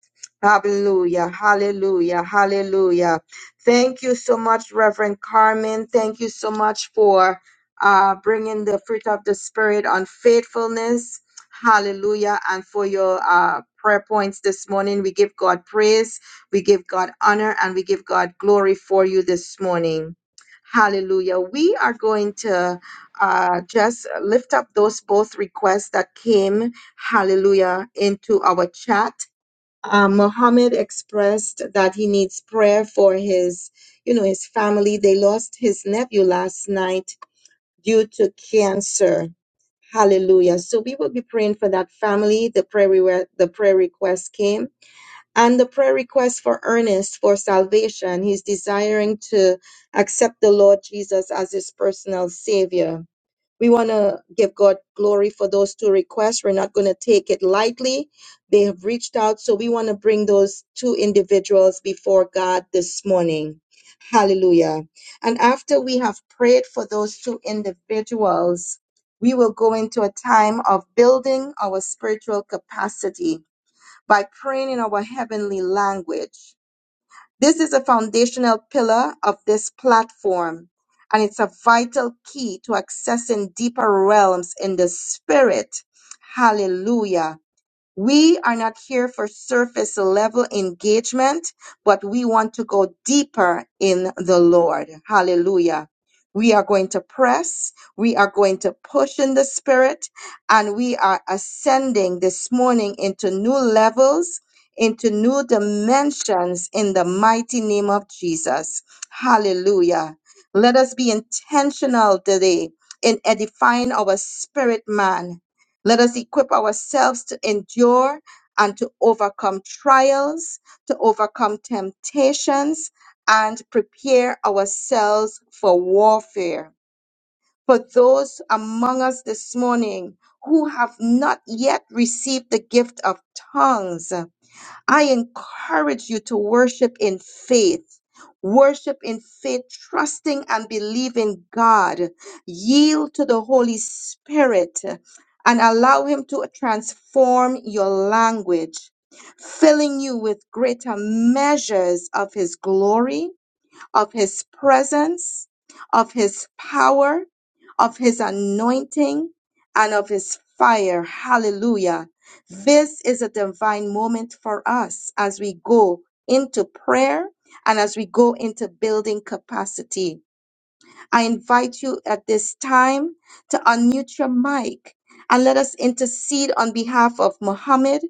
[SPEAKER 2] Hallelujah, hallelujah, hallelujah. Thank you so much, Reverend Carmen. Thank you so much for uh, bringing the fruit of the Spirit on faithfulness. Hallelujah. And for your uh, prayer points this morning, we give God praise, we give God honor, and we give God glory for you this morning. Hallelujah. We are going to uh, just lift up those both requests that came, hallelujah, into our chat uh, Muhammad expressed that he needs prayer for his, you know, his family. They lost his nephew last night due to cancer. Hallelujah. So we will be praying for that family. The prayer re- the prayer request came. And the prayer request for Ernest for salvation. He's desiring to accept the Lord Jesus as his personal savior. We want to give God glory for those two requests. We're not going to take it lightly. They have reached out. So we want to bring those two individuals before God this morning. Hallelujah. And after we have prayed for those two individuals, we will go into a time of building our spiritual capacity by praying in our heavenly language. This is a foundational pillar of this platform, and it's a vital key to accessing deeper realms in the spirit. Hallelujah. We are not here for surface level engagement, but we want to go deeper in the Lord. Hallelujah. We are going to press, we are going to push in the spirit, and we are ascending this morning into new levels, into new dimensions in the mighty name of Jesus. Hallelujah. Let us be intentional today in edifying our spirit man let us equip ourselves to endure and to overcome trials, to overcome temptations, and prepare ourselves for warfare. For those among us this morning who have not yet received the gift of tongues, I encourage you to worship in faith. Worship in faith, trusting and believing God. Yield to the Holy Spirit and allow Him to transform your language, filling you with greater measures of His glory of his presence, of his power, of his anointing, and of his fire. Hallelujah. This is a divine moment for us as we go into prayer and as we go into building capacity. I invite you at this time to unmute your mic and let us intercede on behalf of Muhammad